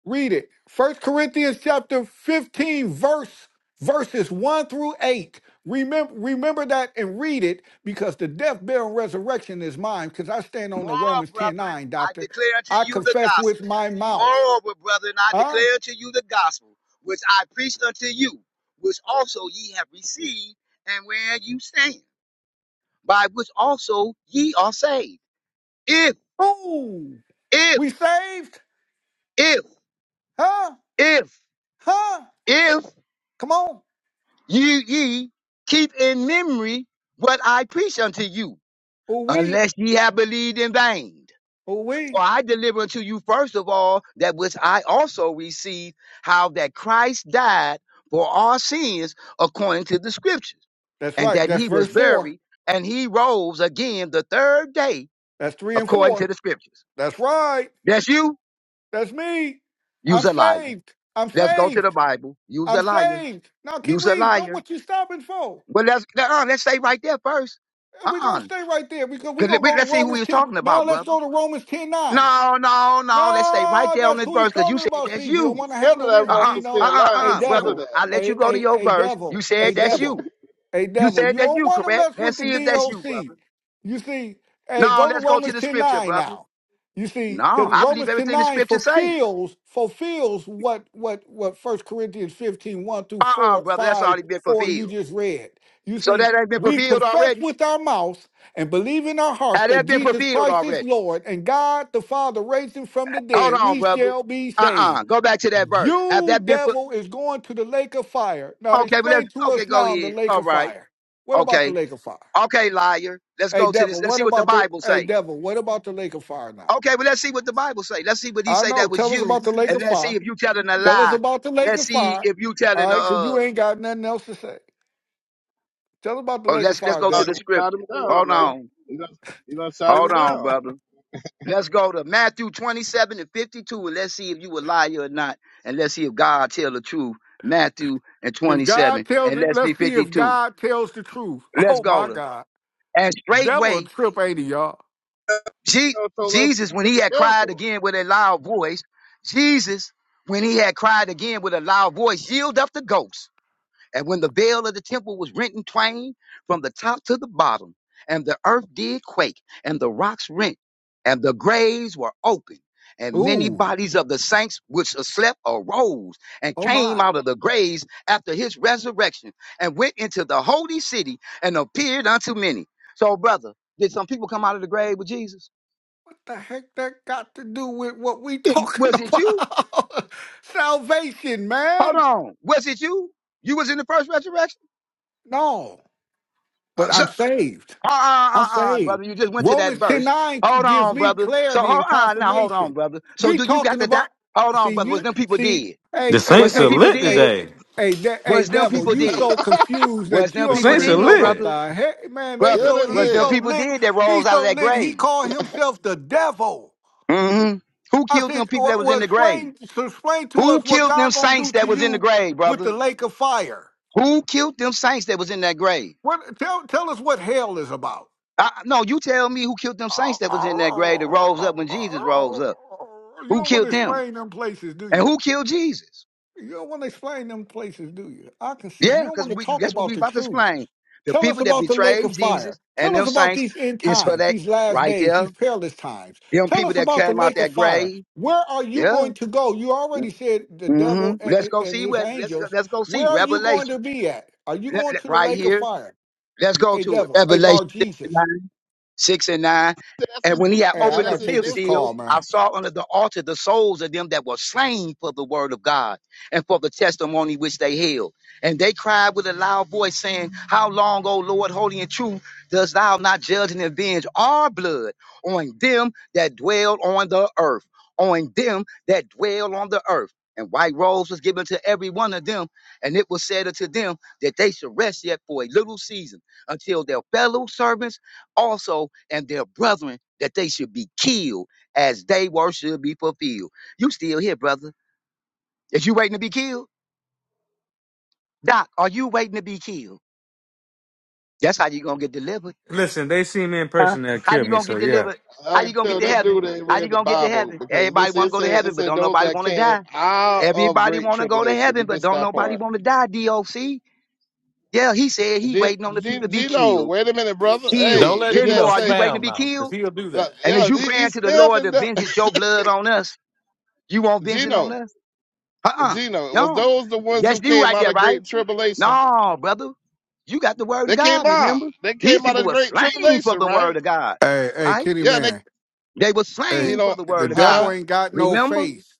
Speaker 7: Read it. First Corinthians chapter 15, verse verses 1 through 8. Remember, remember that and read it because the death, burial, and resurrection is mine. Because I stand on the
Speaker 6: Moreover,
Speaker 7: Romans 10
Speaker 6: brethren,
Speaker 7: 9,
Speaker 6: I
Speaker 7: Doctor.
Speaker 6: declare unto
Speaker 7: I
Speaker 6: you the
Speaker 7: confess with
Speaker 6: gospel.
Speaker 7: my mouth.
Speaker 6: Moreover, brethren, I
Speaker 7: Huh?
Speaker 6: declare unto you the gospel, which I preached unto you, which also ye have received, and where you stand, by which also ye are saved. If,
Speaker 7: Oh,
Speaker 6: if,
Speaker 7: we saved?
Speaker 6: if,
Speaker 7: Huh?
Speaker 6: if,
Speaker 7: Huh?
Speaker 6: if
Speaker 7: Come on.
Speaker 6: You ye keep in memory what I preach unto you,
Speaker 7: Ooh wee.
Speaker 6: unless ye have believed in vain.
Speaker 7: Ooh wee.
Speaker 6: For I deliver unto you first of all that which I also received, how that Christ died for our sins according to the scriptures,
Speaker 7: That's
Speaker 6: and
Speaker 7: right.
Speaker 6: that
Speaker 7: That's
Speaker 6: he was
Speaker 7: verse four.
Speaker 6: buried, and he rose again the third day
Speaker 7: That's three and
Speaker 6: according to
Speaker 7: four.
Speaker 6: the scriptures.
Speaker 7: That's right.
Speaker 6: That's you?
Speaker 7: That's me. I'm
Speaker 6: You's a liar.
Speaker 7: saved. I'm
Speaker 6: Let's go to the
Speaker 7: saved.
Speaker 6: Bible. You's a
Speaker 7: I'm
Speaker 6: liar.
Speaker 7: saved. Now keep
Speaker 6: You's a
Speaker 7: reading. Don't
Speaker 6: liar.
Speaker 7: what you stopping for.
Speaker 6: Well, let's, uh, let's stay right there first.
Speaker 7: We're gonna
Speaker 6: Uh.
Speaker 7: stay right there because we're
Speaker 6: Cause
Speaker 7: gonna
Speaker 6: we,
Speaker 7: go to
Speaker 6: let's see who he
Speaker 7: Romans
Speaker 6: was
Speaker 7: 10.
Speaker 6: talking
Speaker 7: Now
Speaker 6: about,
Speaker 7: let's
Speaker 6: brother.
Speaker 7: go to Romans 10 9.
Speaker 6: No, no, no. Let's stay right
Speaker 7: No,
Speaker 6: there on
Speaker 7: that's
Speaker 6: this
Speaker 7: who
Speaker 6: verse
Speaker 7: he's
Speaker 6: because you
Speaker 7: talking
Speaker 6: said
Speaker 7: about.
Speaker 6: that's
Speaker 7: See, you
Speaker 3: he-
Speaker 7: don't
Speaker 6: you.
Speaker 3: he's
Speaker 7: want to
Speaker 3: scared
Speaker 7: handle
Speaker 3: of that
Speaker 7: this,
Speaker 6: Uh-uh,
Speaker 3: woman
Speaker 7: Gino.
Speaker 3: staying
Speaker 6: uh-uh,
Speaker 3: nine.
Speaker 7: A
Speaker 6: uh-uh,
Speaker 3: He's scared
Speaker 6: brother.
Speaker 3: of
Speaker 7: devil,
Speaker 3: that.
Speaker 6: I let
Speaker 7: a
Speaker 6: you go to
Speaker 7: a
Speaker 6: your
Speaker 7: a
Speaker 6: verse. You
Speaker 7: devil, a
Speaker 6: said that's you.
Speaker 7: devil, a
Speaker 6: You
Speaker 7: devil.
Speaker 6: said
Speaker 7: You
Speaker 6: that's
Speaker 7: don't
Speaker 6: you,
Speaker 7: want to
Speaker 6: correct?
Speaker 7: mess
Speaker 6: Let's
Speaker 7: with the
Speaker 6: see if that's you,
Speaker 7: DOC.
Speaker 6: brother.
Speaker 7: You see, hey,
Speaker 6: No,
Speaker 7: go
Speaker 6: let's
Speaker 7: to
Speaker 6: go to
Speaker 7: Romans
Speaker 6: the
Speaker 7: ten
Speaker 6: scripture,
Speaker 7: nine
Speaker 6: brother.
Speaker 7: now. You see,
Speaker 6: No,
Speaker 7: because
Speaker 6: I believe
Speaker 7: Romans ten
Speaker 6: everything the
Speaker 7: nine
Speaker 6: scripture say.
Speaker 7: fulfills fulfills what what what First Corinthians fifteen one through
Speaker 6: Uh-uh,
Speaker 7: four
Speaker 6: brother. That's
Speaker 7: five
Speaker 6: already been
Speaker 7: four you
Speaker 6: fulfilled.
Speaker 7: just read. You
Speaker 6: So
Speaker 7: see,
Speaker 6: that ain't been
Speaker 7: we
Speaker 6: fulfilled
Speaker 7: confess
Speaker 6: already.
Speaker 7: with our mouth and believe in our hearts
Speaker 6: Had
Speaker 7: that
Speaker 6: that been
Speaker 7: Jesus
Speaker 6: fulfilled
Speaker 7: Christ is
Speaker 6: already?
Speaker 7: Lord and God the Father raised him from the
Speaker 6: Hold
Speaker 7: dead,
Speaker 6: on,
Speaker 7: we
Speaker 6: brother.
Speaker 7: shall be
Speaker 6: Uh-uh.
Speaker 7: saved.
Speaker 6: Go back to that verse. Have
Speaker 7: You,
Speaker 6: that been fulfilled?
Speaker 7: devil, is going to the lake of fire. Now,
Speaker 6: Okay, but
Speaker 7: explain
Speaker 6: let's
Speaker 7: to
Speaker 6: okay,
Speaker 7: us
Speaker 6: go
Speaker 7: now the
Speaker 6: ahead.
Speaker 7: lake
Speaker 6: All
Speaker 7: of
Speaker 6: right.
Speaker 7: fire. What about the
Speaker 6: Okay.
Speaker 7: lake of fire?
Speaker 6: Okay, liar. Let's
Speaker 7: Hey,
Speaker 6: go to this.
Speaker 7: devil,
Speaker 6: Let's
Speaker 7: what
Speaker 6: see what the
Speaker 7: about the,
Speaker 6: Bible
Speaker 7: hey,
Speaker 6: say.
Speaker 7: devil, what about the lake of fire now?
Speaker 6: Okay, well, let's see what the Bible say. Let's see what he
Speaker 7: I
Speaker 6: say
Speaker 7: know.
Speaker 6: that was
Speaker 7: Tell us
Speaker 6: you,
Speaker 7: about the lake
Speaker 6: and
Speaker 7: of
Speaker 6: let's see
Speaker 7: fire.
Speaker 6: if you telling a
Speaker 7: Tell us
Speaker 6: lie.
Speaker 7: about the lake
Speaker 6: Let's
Speaker 7: of
Speaker 6: see
Speaker 7: fire.
Speaker 6: if you
Speaker 7: All
Speaker 6: telling a.
Speaker 7: right, because you
Speaker 6: Uh,
Speaker 7: ain't got nothing else to say. Tell us about the
Speaker 6: or
Speaker 7: lake of
Speaker 6: let's let's
Speaker 7: fire,
Speaker 6: go
Speaker 3: Uh,
Speaker 6: to the
Speaker 3: he
Speaker 7: devil.
Speaker 3: Shot
Speaker 6: scripture.
Speaker 3: him down,
Speaker 6: Hold
Speaker 3: man.
Speaker 6: on,
Speaker 3: You know, you know, shot
Speaker 6: hold
Speaker 3: him
Speaker 6: on,
Speaker 3: down.
Speaker 6: brother. Let's go to Matthew twenty-seven and fifty-two, and let's see if you a liar or not, and let's see if God tell the truth. Matthew and
Speaker 7: If God
Speaker 6: twenty-seven,
Speaker 7: tells
Speaker 6: and
Speaker 7: it,
Speaker 6: let's see
Speaker 7: let's see if
Speaker 6: fifty-two.
Speaker 7: God tells the truth.
Speaker 6: Let's
Speaker 7: Oh,
Speaker 6: go
Speaker 7: my
Speaker 6: to
Speaker 7: God.
Speaker 6: and
Speaker 7: Devil a
Speaker 6: straightway
Speaker 7: trip, ain't he, y'all?
Speaker 3: You
Speaker 6: Je-
Speaker 3: know, told us
Speaker 6: Jesus,
Speaker 3: he
Speaker 6: when he had
Speaker 3: was the
Speaker 6: cried
Speaker 3: devil.
Speaker 6: again with a loud voice, Jesus, when he had cried again with a loud voice, yielded up the ghost. And when the veil of the temple was rent in twain from the top to the bottom, and the earth did quake, and the rocks rent, and the graves were opened, and many
Speaker 7: Ooh,
Speaker 6: bodies of the saints which slept arose and
Speaker 7: oh
Speaker 6: came
Speaker 7: my.
Speaker 6: out of the graves after his resurrection, and went into the holy city and appeared unto many. So, brother, did some people come out of the grave with Jesus?
Speaker 7: What the heck that got to do with what we
Speaker 6: It-
Speaker 7: talking
Speaker 6: was it you?
Speaker 7: about? Salvation,
Speaker 6: Hold
Speaker 7: man.
Speaker 6: on. Was it you? You was in the first resurrection?
Speaker 7: No,
Speaker 6: Uh,
Speaker 7: but
Speaker 6: so,
Speaker 7: I'm
Speaker 6: uh,
Speaker 7: saved.
Speaker 6: uh,
Speaker 7: I'm
Speaker 6: uh, uh,
Speaker 7: saved.
Speaker 6: brother, you just went to that
Speaker 7: Romans 10
Speaker 6: verse.
Speaker 7: 9
Speaker 6: Hold
Speaker 7: gives
Speaker 6: on,
Speaker 7: me
Speaker 6: brother. So,
Speaker 7: clarity
Speaker 6: hold
Speaker 7: and
Speaker 6: on, now hold on,
Speaker 7: confirmation.
Speaker 6: brother. So,
Speaker 7: We
Speaker 6: do you got
Speaker 7: talking
Speaker 6: the doc?
Speaker 7: about,
Speaker 6: Hold on,
Speaker 7: see,
Speaker 6: brother. Was
Speaker 7: you,
Speaker 6: them people
Speaker 7: see,
Speaker 6: dead?
Speaker 9: The
Speaker 7: hey, hey,
Speaker 6: Was
Speaker 9: Saints
Speaker 6: them
Speaker 9: are
Speaker 7: hey, d-
Speaker 6: people
Speaker 9: lit
Speaker 7: hey,
Speaker 6: dead?
Speaker 9: today.
Speaker 7: Hey, de- hey,
Speaker 6: Was them
Speaker 7: devil!
Speaker 6: people
Speaker 7: You
Speaker 6: dead?
Speaker 7: so confused
Speaker 6: Was
Speaker 7: that you
Speaker 6: them
Speaker 9: The
Speaker 7: don't
Speaker 6: people
Speaker 9: Saints are
Speaker 7: even know
Speaker 6: dead,
Speaker 7: what
Speaker 9: lit.
Speaker 6: brother?
Speaker 7: the heck, man. They
Speaker 3: yeah,
Speaker 6: Brother,
Speaker 7: so
Speaker 3: they
Speaker 7: he
Speaker 6: was them
Speaker 3: did.
Speaker 7: so
Speaker 6: people
Speaker 7: lit,
Speaker 6: dead that
Speaker 7: he
Speaker 6: rose out of
Speaker 7: so
Speaker 6: that
Speaker 7: lit. He
Speaker 6: grave?
Speaker 7: called himself the devil.
Speaker 6: hmm Who
Speaker 7: I
Speaker 6: killed them
Speaker 7: said,
Speaker 6: people
Speaker 7: well,
Speaker 6: that was in
Speaker 7: well
Speaker 6: the grave?
Speaker 7: explain, so explain to
Speaker 6: Who
Speaker 7: us what
Speaker 6: killed them
Speaker 7: God gonna
Speaker 6: saints
Speaker 7: do
Speaker 6: that
Speaker 7: to
Speaker 6: was in the
Speaker 7: you
Speaker 6: grave,
Speaker 7: with the
Speaker 6: brother?
Speaker 7: lake of fire.
Speaker 6: Who killed them saints that was in that grave?
Speaker 7: What? Tell, tell us what hell is about.
Speaker 6: I, no, you tell me who killed them
Speaker 7: You
Speaker 6: saints that was in that grave that rose up when Jesus rose up. Who
Speaker 7: don't want
Speaker 6: killed
Speaker 7: to
Speaker 6: them?
Speaker 7: explain them places, do
Speaker 6: And
Speaker 7: you?
Speaker 6: who killed Jesus?
Speaker 7: You don't want to explain them places, do you? I can see
Speaker 6: Yeah,
Speaker 7: you don't
Speaker 6: because
Speaker 7: want to
Speaker 6: we
Speaker 7: talk
Speaker 6: that's what
Speaker 7: about
Speaker 6: we
Speaker 7: the
Speaker 6: about to
Speaker 7: truth.
Speaker 6: explain. The
Speaker 7: Tell us
Speaker 6: people that
Speaker 7: about the lake
Speaker 6: betrayed
Speaker 7: of
Speaker 6: Jesus
Speaker 7: fire.
Speaker 6: and
Speaker 7: Tell
Speaker 6: them
Speaker 7: us about
Speaker 6: saints
Speaker 7: these end
Speaker 6: is for
Speaker 7: times,
Speaker 6: that
Speaker 7: these last
Speaker 6: right
Speaker 7: days,
Speaker 6: there.
Speaker 7: these perilous times.
Speaker 6: Them
Speaker 7: Tell
Speaker 6: people
Speaker 7: us
Speaker 6: that
Speaker 7: about the
Speaker 6: came out
Speaker 7: lake of
Speaker 6: that
Speaker 7: fire.
Speaker 6: grave.
Speaker 7: Where are you
Speaker 6: Yeah.
Speaker 7: going to go? You
Speaker 6: Mm,
Speaker 7: already said the devil
Speaker 6: Mm-hmm. Let's
Speaker 7: and,
Speaker 6: go
Speaker 7: and
Speaker 6: see
Speaker 7: his
Speaker 6: what let's go-
Speaker 7: angels.
Speaker 6: let's go see
Speaker 7: Where are you going
Speaker 6: Revelation.
Speaker 7: to be at? Are you
Speaker 6: Let-
Speaker 7: going
Speaker 6: let-
Speaker 7: to the
Speaker 6: right
Speaker 7: lake of
Speaker 6: here.
Speaker 7: fire?
Speaker 6: Let's go
Speaker 7: Hey,
Speaker 6: to it.
Speaker 7: devil. Hey,
Speaker 6: Revelation.
Speaker 7: Bar Jesus.
Speaker 6: six and nine.
Speaker 3: That's
Speaker 6: And
Speaker 3: his.
Speaker 6: when he had
Speaker 3: He
Speaker 7: Hey, I
Speaker 3: said
Speaker 6: opened
Speaker 7: got
Speaker 6: the
Speaker 7: to
Speaker 3: that's his
Speaker 7: take
Speaker 6: fifth
Speaker 7: this
Speaker 6: seal,
Speaker 7: call,
Speaker 3: destiny.
Speaker 6: I
Speaker 7: man.
Speaker 6: saw under the altar the souls of them that were slain for the word of God and for the testimony which they held. And they cried with a loud voice, saying, How long, O Lord, holy and true, dost thou not judge and avenge our blood on them that dwell on the earth? On them that dwell on the earth. And white robes was given to every one of them, and it was said unto them that they should rest yet for a little season until their fellow servants also and their brethren that they should be killed as they word should be fulfilled. You still here, brother. Is you waiting to be killed? Doc, are you waiting to be killed? That's how you gonna get delivered.
Speaker 9: Listen, they see me in
Speaker 6: Huh?
Speaker 9: person, they'll
Speaker 6: How
Speaker 9: kill
Speaker 6: you
Speaker 9: me.
Speaker 6: gonna
Speaker 9: So
Speaker 6: get
Speaker 9: yeah,
Speaker 6: delivered? How
Speaker 3: I
Speaker 6: you
Speaker 3: can
Speaker 6: gonna get
Speaker 3: tell
Speaker 6: to
Speaker 3: this
Speaker 6: heaven?
Speaker 3: dude ain't
Speaker 6: How you
Speaker 3: read the
Speaker 6: gonna get to
Speaker 3: Bible
Speaker 6: heaven?
Speaker 3: because
Speaker 6: Everybody
Speaker 3: this
Speaker 6: wanna
Speaker 3: it
Speaker 6: go to
Speaker 3: said
Speaker 6: heaven,
Speaker 3: it
Speaker 6: but
Speaker 3: said
Speaker 6: don't
Speaker 3: those
Speaker 6: nobody
Speaker 3: that
Speaker 6: wanna
Speaker 3: came
Speaker 6: die.
Speaker 3: out of
Speaker 6: Everybody
Speaker 3: great
Speaker 6: wanna go to
Speaker 3: tribulation.
Speaker 6: heaven,
Speaker 3: You
Speaker 6: but
Speaker 3: missed
Speaker 6: don't
Speaker 3: that
Speaker 6: nobody
Speaker 3: part.
Speaker 6: wanna die, DOC. Yeah, he said he
Speaker 3: G-
Speaker 6: waiting on the people
Speaker 3: G-
Speaker 6: to be
Speaker 3: Gino,
Speaker 6: killed.
Speaker 3: wait a minute, brother.
Speaker 6: Killed.
Speaker 1: Don't
Speaker 3: Hey,
Speaker 1: let
Speaker 3: did
Speaker 6: Ken
Speaker 3: that
Speaker 1: Gino
Speaker 6: Moore, are you
Speaker 3: say?
Speaker 6: waiting to
Speaker 1: spam
Speaker 6: be
Speaker 1: now, because
Speaker 6: killed?
Speaker 1: he'll do
Speaker 3: Like,
Speaker 1: that.
Speaker 6: And as
Speaker 3: yeah,
Speaker 6: you
Speaker 3: he,
Speaker 6: praying
Speaker 3: he's
Speaker 6: to the Lord
Speaker 3: spamming
Speaker 6: to
Speaker 3: that.
Speaker 6: vengeance your blood on us, You want vengeance on
Speaker 3: Gino,
Speaker 6: us? Uh-uh.
Speaker 3: Gino, was
Speaker 6: No.
Speaker 3: those the ones
Speaker 6: That's
Speaker 3: who
Speaker 6: you
Speaker 3: came
Speaker 6: right
Speaker 3: out
Speaker 6: there,
Speaker 3: of
Speaker 6: right?
Speaker 3: great tribulation?
Speaker 6: No, brother. You got the word of
Speaker 3: They came
Speaker 6: God,
Speaker 3: out.
Speaker 6: remember?
Speaker 3: They
Speaker 6: These
Speaker 3: came out
Speaker 6: people
Speaker 3: of
Speaker 6: were
Speaker 3: great
Speaker 6: slain for
Speaker 3: tribulation,
Speaker 6: the word
Speaker 3: right?
Speaker 6: of God,
Speaker 7: Hey, hey,
Speaker 6: right?
Speaker 7: Kenny,
Speaker 3: Yeah, and they
Speaker 7: man.
Speaker 6: They were
Speaker 3: he
Speaker 7: Hey,
Speaker 6: slain for
Speaker 3: don't
Speaker 6: the
Speaker 7: the
Speaker 6: word of
Speaker 3: huh?
Speaker 7: devil
Speaker 6: God.
Speaker 7: ain't got no
Speaker 6: Remember?
Speaker 7: face.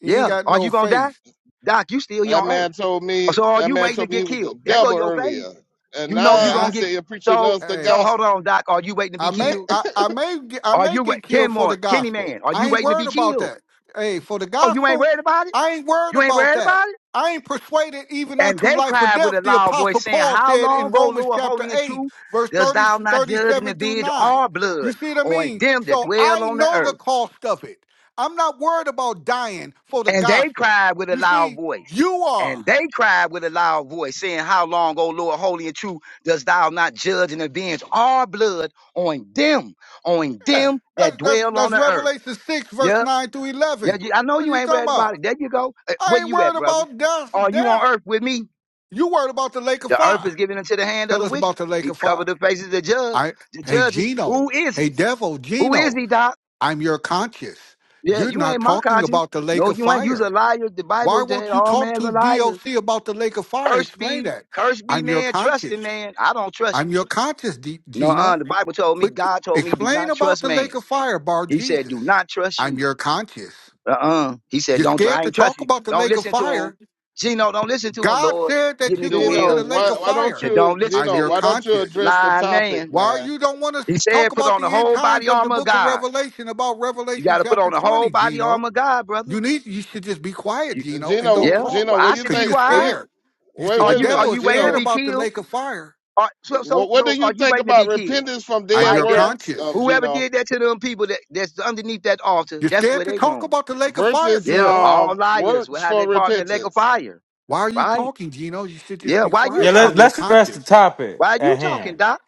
Speaker 7: He ain't
Speaker 6: Yeah.
Speaker 7: got
Speaker 6: Are
Speaker 7: no
Speaker 6: you gonna die?
Speaker 7: face.
Speaker 6: Doc, you still here
Speaker 3: That
Speaker 6: on earth.
Speaker 3: man told me
Speaker 6: So are
Speaker 3: that
Speaker 6: you
Speaker 3: man
Speaker 6: waiting to
Speaker 3: told me he
Speaker 6: get
Speaker 3: was the
Speaker 6: killed? There go
Speaker 3: devil
Speaker 6: your faith.
Speaker 3: earlier. And
Speaker 6: You know
Speaker 7: Hey,
Speaker 3: now
Speaker 6: you gonna
Speaker 7: I,
Speaker 3: he
Speaker 6: get
Speaker 3: said you're preaching
Speaker 6: so
Speaker 3: us the
Speaker 7: hey,
Speaker 6: so hold
Speaker 3: gospel.
Speaker 6: on, Doc. Are you waiting to be
Speaker 7: I may
Speaker 6: killed?
Speaker 7: I, I may get- I
Speaker 6: Are
Speaker 7: may
Speaker 6: you wait
Speaker 7: get killed for
Speaker 6: Kenmore,
Speaker 7: the
Speaker 6: Kenny
Speaker 7: gospel.
Speaker 6: Man, are you
Speaker 7: I ain't
Speaker 6: waiting to
Speaker 7: worried
Speaker 6: be
Speaker 7: about
Speaker 6: killed?
Speaker 7: that. Hey, for the
Speaker 6: Oh, you ain't
Speaker 7: gospel,
Speaker 6: worried about it?
Speaker 7: I ain't worried
Speaker 6: You ain't
Speaker 7: about
Speaker 6: worried
Speaker 7: that.
Speaker 6: about it?
Speaker 7: I ain't persuaded even
Speaker 6: And
Speaker 7: unto
Speaker 6: they
Speaker 7: life or
Speaker 6: cried with
Speaker 7: death,
Speaker 6: a
Speaker 7: the
Speaker 6: loud voice,
Speaker 7: apostle
Speaker 6: saying,
Speaker 7: Paul
Speaker 6: How
Speaker 7: said
Speaker 6: long,
Speaker 7: in
Speaker 6: O
Speaker 7: Romans
Speaker 6: Lord,
Speaker 7: chapter
Speaker 6: holy and
Speaker 7: 8,
Speaker 6: true,
Speaker 7: verse
Speaker 6: dost
Speaker 7: 30
Speaker 6: thou not
Speaker 7: thirty
Speaker 6: judge and
Speaker 7: seven through
Speaker 6: avenge
Speaker 7: 9.
Speaker 6: our
Speaker 7: You
Speaker 6: blood
Speaker 7: see what I
Speaker 6: on
Speaker 7: mean?
Speaker 6: them that
Speaker 7: So I
Speaker 6: dwell on the
Speaker 7: know the
Speaker 6: earth?
Speaker 7: cost of it. I'm not worried about dying for the
Speaker 6: And they
Speaker 7: gospel.
Speaker 6: cried with a
Speaker 7: You
Speaker 6: loud
Speaker 7: see,
Speaker 6: voice.
Speaker 7: you are.
Speaker 6: And they cried with a loud voice, saying, How long, O Lord, holy and true, dost thou not judge and avenge our blood on them, on
Speaker 7: Yeah.
Speaker 6: them that
Speaker 7: That's that's,
Speaker 6: dwell on
Speaker 7: that's
Speaker 6: the earth?
Speaker 7: Revelation 6, verse
Speaker 6: Yeah,
Speaker 7: 9 through
Speaker 6: yeah.
Speaker 7: 11.
Speaker 6: you- I know
Speaker 7: What are
Speaker 6: you
Speaker 7: you
Speaker 6: ain't
Speaker 7: talking
Speaker 6: worried
Speaker 7: about?
Speaker 6: about it. There you go. Uh,
Speaker 7: I
Speaker 6: Where
Speaker 7: ain't
Speaker 6: you at,
Speaker 7: worried
Speaker 6: brother?
Speaker 7: about death.
Speaker 6: Are you on
Speaker 7: Death.
Speaker 6: earth with me?
Speaker 7: You worried about the lake of
Speaker 6: The earth
Speaker 7: fire.
Speaker 6: is given into the hand of
Speaker 7: Tell
Speaker 6: the
Speaker 7: us
Speaker 6: wicked.
Speaker 7: about the lake
Speaker 6: He
Speaker 7: of
Speaker 6: covered
Speaker 7: fire.
Speaker 6: the faces of the judge,
Speaker 7: I
Speaker 6: the
Speaker 7: hey
Speaker 6: judges.
Speaker 7: Gino,
Speaker 6: Who is
Speaker 7: hey
Speaker 6: he?
Speaker 7: devil,
Speaker 6: Who is
Speaker 7: Gino,
Speaker 6: he, Doc?
Speaker 7: I'm your conscience.
Speaker 6: Yeah,
Speaker 7: You're
Speaker 6: you ain't
Speaker 7: not
Speaker 6: my
Speaker 7: talking
Speaker 6: conscience.
Speaker 7: about the lake
Speaker 6: No,
Speaker 7: of
Speaker 6: you ain't. You's a
Speaker 7: fire.
Speaker 6: liar. The
Speaker 7: Why
Speaker 6: Bible said
Speaker 7: won't you
Speaker 6: all
Speaker 7: talk
Speaker 6: men's
Speaker 7: to
Speaker 6: are liars.
Speaker 7: DOC about the lake of fire?
Speaker 6: Cursed
Speaker 7: Explain
Speaker 6: be,
Speaker 7: that.
Speaker 6: cursed be
Speaker 7: I'm your
Speaker 6: man, Trusting
Speaker 7: conscience.
Speaker 6: man. I don't trust
Speaker 7: I'm
Speaker 6: you.
Speaker 7: your conscience, D-
Speaker 6: No, uh,
Speaker 7: Gino.
Speaker 6: the Bible told me,
Speaker 7: But
Speaker 6: God told me, do
Speaker 7: explain
Speaker 6: not
Speaker 7: about
Speaker 6: trust
Speaker 7: the
Speaker 6: man.
Speaker 7: lake of fire, Bar
Speaker 6: He said, do
Speaker 7: Jesus.
Speaker 6: not trust
Speaker 7: I'm
Speaker 6: you.
Speaker 7: your conscience.
Speaker 6: Uh-uh. He said,
Speaker 7: You're
Speaker 6: don't, tr-
Speaker 7: scared
Speaker 6: I
Speaker 7: to
Speaker 6: ain't trust
Speaker 7: talk
Speaker 6: you.
Speaker 7: about the
Speaker 6: Don't
Speaker 7: lake of
Speaker 6: listen to
Speaker 7: fire.
Speaker 6: him. Gino, don't listen to him,
Speaker 7: God
Speaker 6: Lord.
Speaker 7: said
Speaker 6: Give
Speaker 7: that
Speaker 6: me
Speaker 7: you're
Speaker 6: the
Speaker 7: going to
Speaker 3: Gino,
Speaker 7: the
Speaker 6: will
Speaker 7: lake
Speaker 3: why
Speaker 7: of
Speaker 3: why don't
Speaker 7: fire.
Speaker 6: to
Speaker 3: you
Speaker 6: don't listen
Speaker 7: I'm
Speaker 6: to
Speaker 3: Gino,
Speaker 7: your
Speaker 3: why
Speaker 6: this
Speaker 3: don't you
Speaker 7: conscience.
Speaker 3: address the
Speaker 6: lying man.
Speaker 3: topic,
Speaker 7: Why
Speaker 3: man?
Speaker 7: you don't want to
Speaker 6: He
Speaker 7: talk
Speaker 6: said, put
Speaker 7: about
Speaker 6: on the
Speaker 7: the end
Speaker 6: whole
Speaker 7: times
Speaker 6: body
Speaker 7: of the
Speaker 6: armor of
Speaker 7: book of
Speaker 6: God.
Speaker 7: Revelation, about
Speaker 6: You
Speaker 7: Revelation
Speaker 6: got to put on
Speaker 7: chapter
Speaker 6: the
Speaker 7: 20,
Speaker 6: whole body
Speaker 7: Gino?
Speaker 6: armor of God, brother.
Speaker 7: You need you should just be quiet,
Speaker 6: You,
Speaker 7: Gino, and don't
Speaker 6: yeah.
Speaker 3: Gino,
Speaker 7: talk.
Speaker 6: Well,
Speaker 3: Gino,
Speaker 6: I
Speaker 3: what you
Speaker 6: should
Speaker 7: Because
Speaker 6: be
Speaker 3: think
Speaker 7: you're
Speaker 3: what
Speaker 6: quiet.
Speaker 3: you
Speaker 7: scared. You see,
Speaker 3: wait
Speaker 6: Are
Speaker 7: the
Speaker 3: wait a
Speaker 6: you, are
Speaker 7: devil
Speaker 3: minute.
Speaker 7: is
Speaker 6: you waiting to
Speaker 7: scared
Speaker 3: Gino,
Speaker 6: be
Speaker 7: about the
Speaker 6: killed?
Speaker 7: lake of fire.
Speaker 6: Are, so, so,
Speaker 3: what what do
Speaker 6: so
Speaker 3: you
Speaker 6: are you
Speaker 3: think
Speaker 6: waiting to be
Speaker 3: about
Speaker 6: killed?
Speaker 3: repentance from
Speaker 7: I'm
Speaker 3: dead
Speaker 6: Right
Speaker 7: your
Speaker 6: there.
Speaker 3: works
Speaker 7: conscience.
Speaker 3: um,
Speaker 6: Whoever
Speaker 3: Gino
Speaker 6: did that to them people that, that's underneath that altar,
Speaker 7: You're
Speaker 6: that's
Speaker 7: scared
Speaker 6: where
Speaker 7: to
Speaker 6: they
Speaker 7: talk
Speaker 6: going.
Speaker 7: about the lake of fire,
Speaker 3: versus
Speaker 6: Yeah.
Speaker 7: Gino.
Speaker 6: All
Speaker 3: um
Speaker 6: liars will
Speaker 3: works
Speaker 6: have
Speaker 3: for
Speaker 6: their part in the lake of
Speaker 3: repentance?
Speaker 6: fire.
Speaker 7: Why are you
Speaker 6: Right.
Speaker 7: talking, Gino? You should just
Speaker 6: Yeah.
Speaker 7: be
Speaker 6: Why you
Speaker 9: yeah.
Speaker 7: quiet. I'm
Speaker 9: Let,
Speaker 7: your
Speaker 6: talking?
Speaker 9: let's address the
Speaker 7: conscience.
Speaker 9: topic
Speaker 6: Why
Speaker 9: at
Speaker 6: you talking,
Speaker 9: hand.
Speaker 6: doc?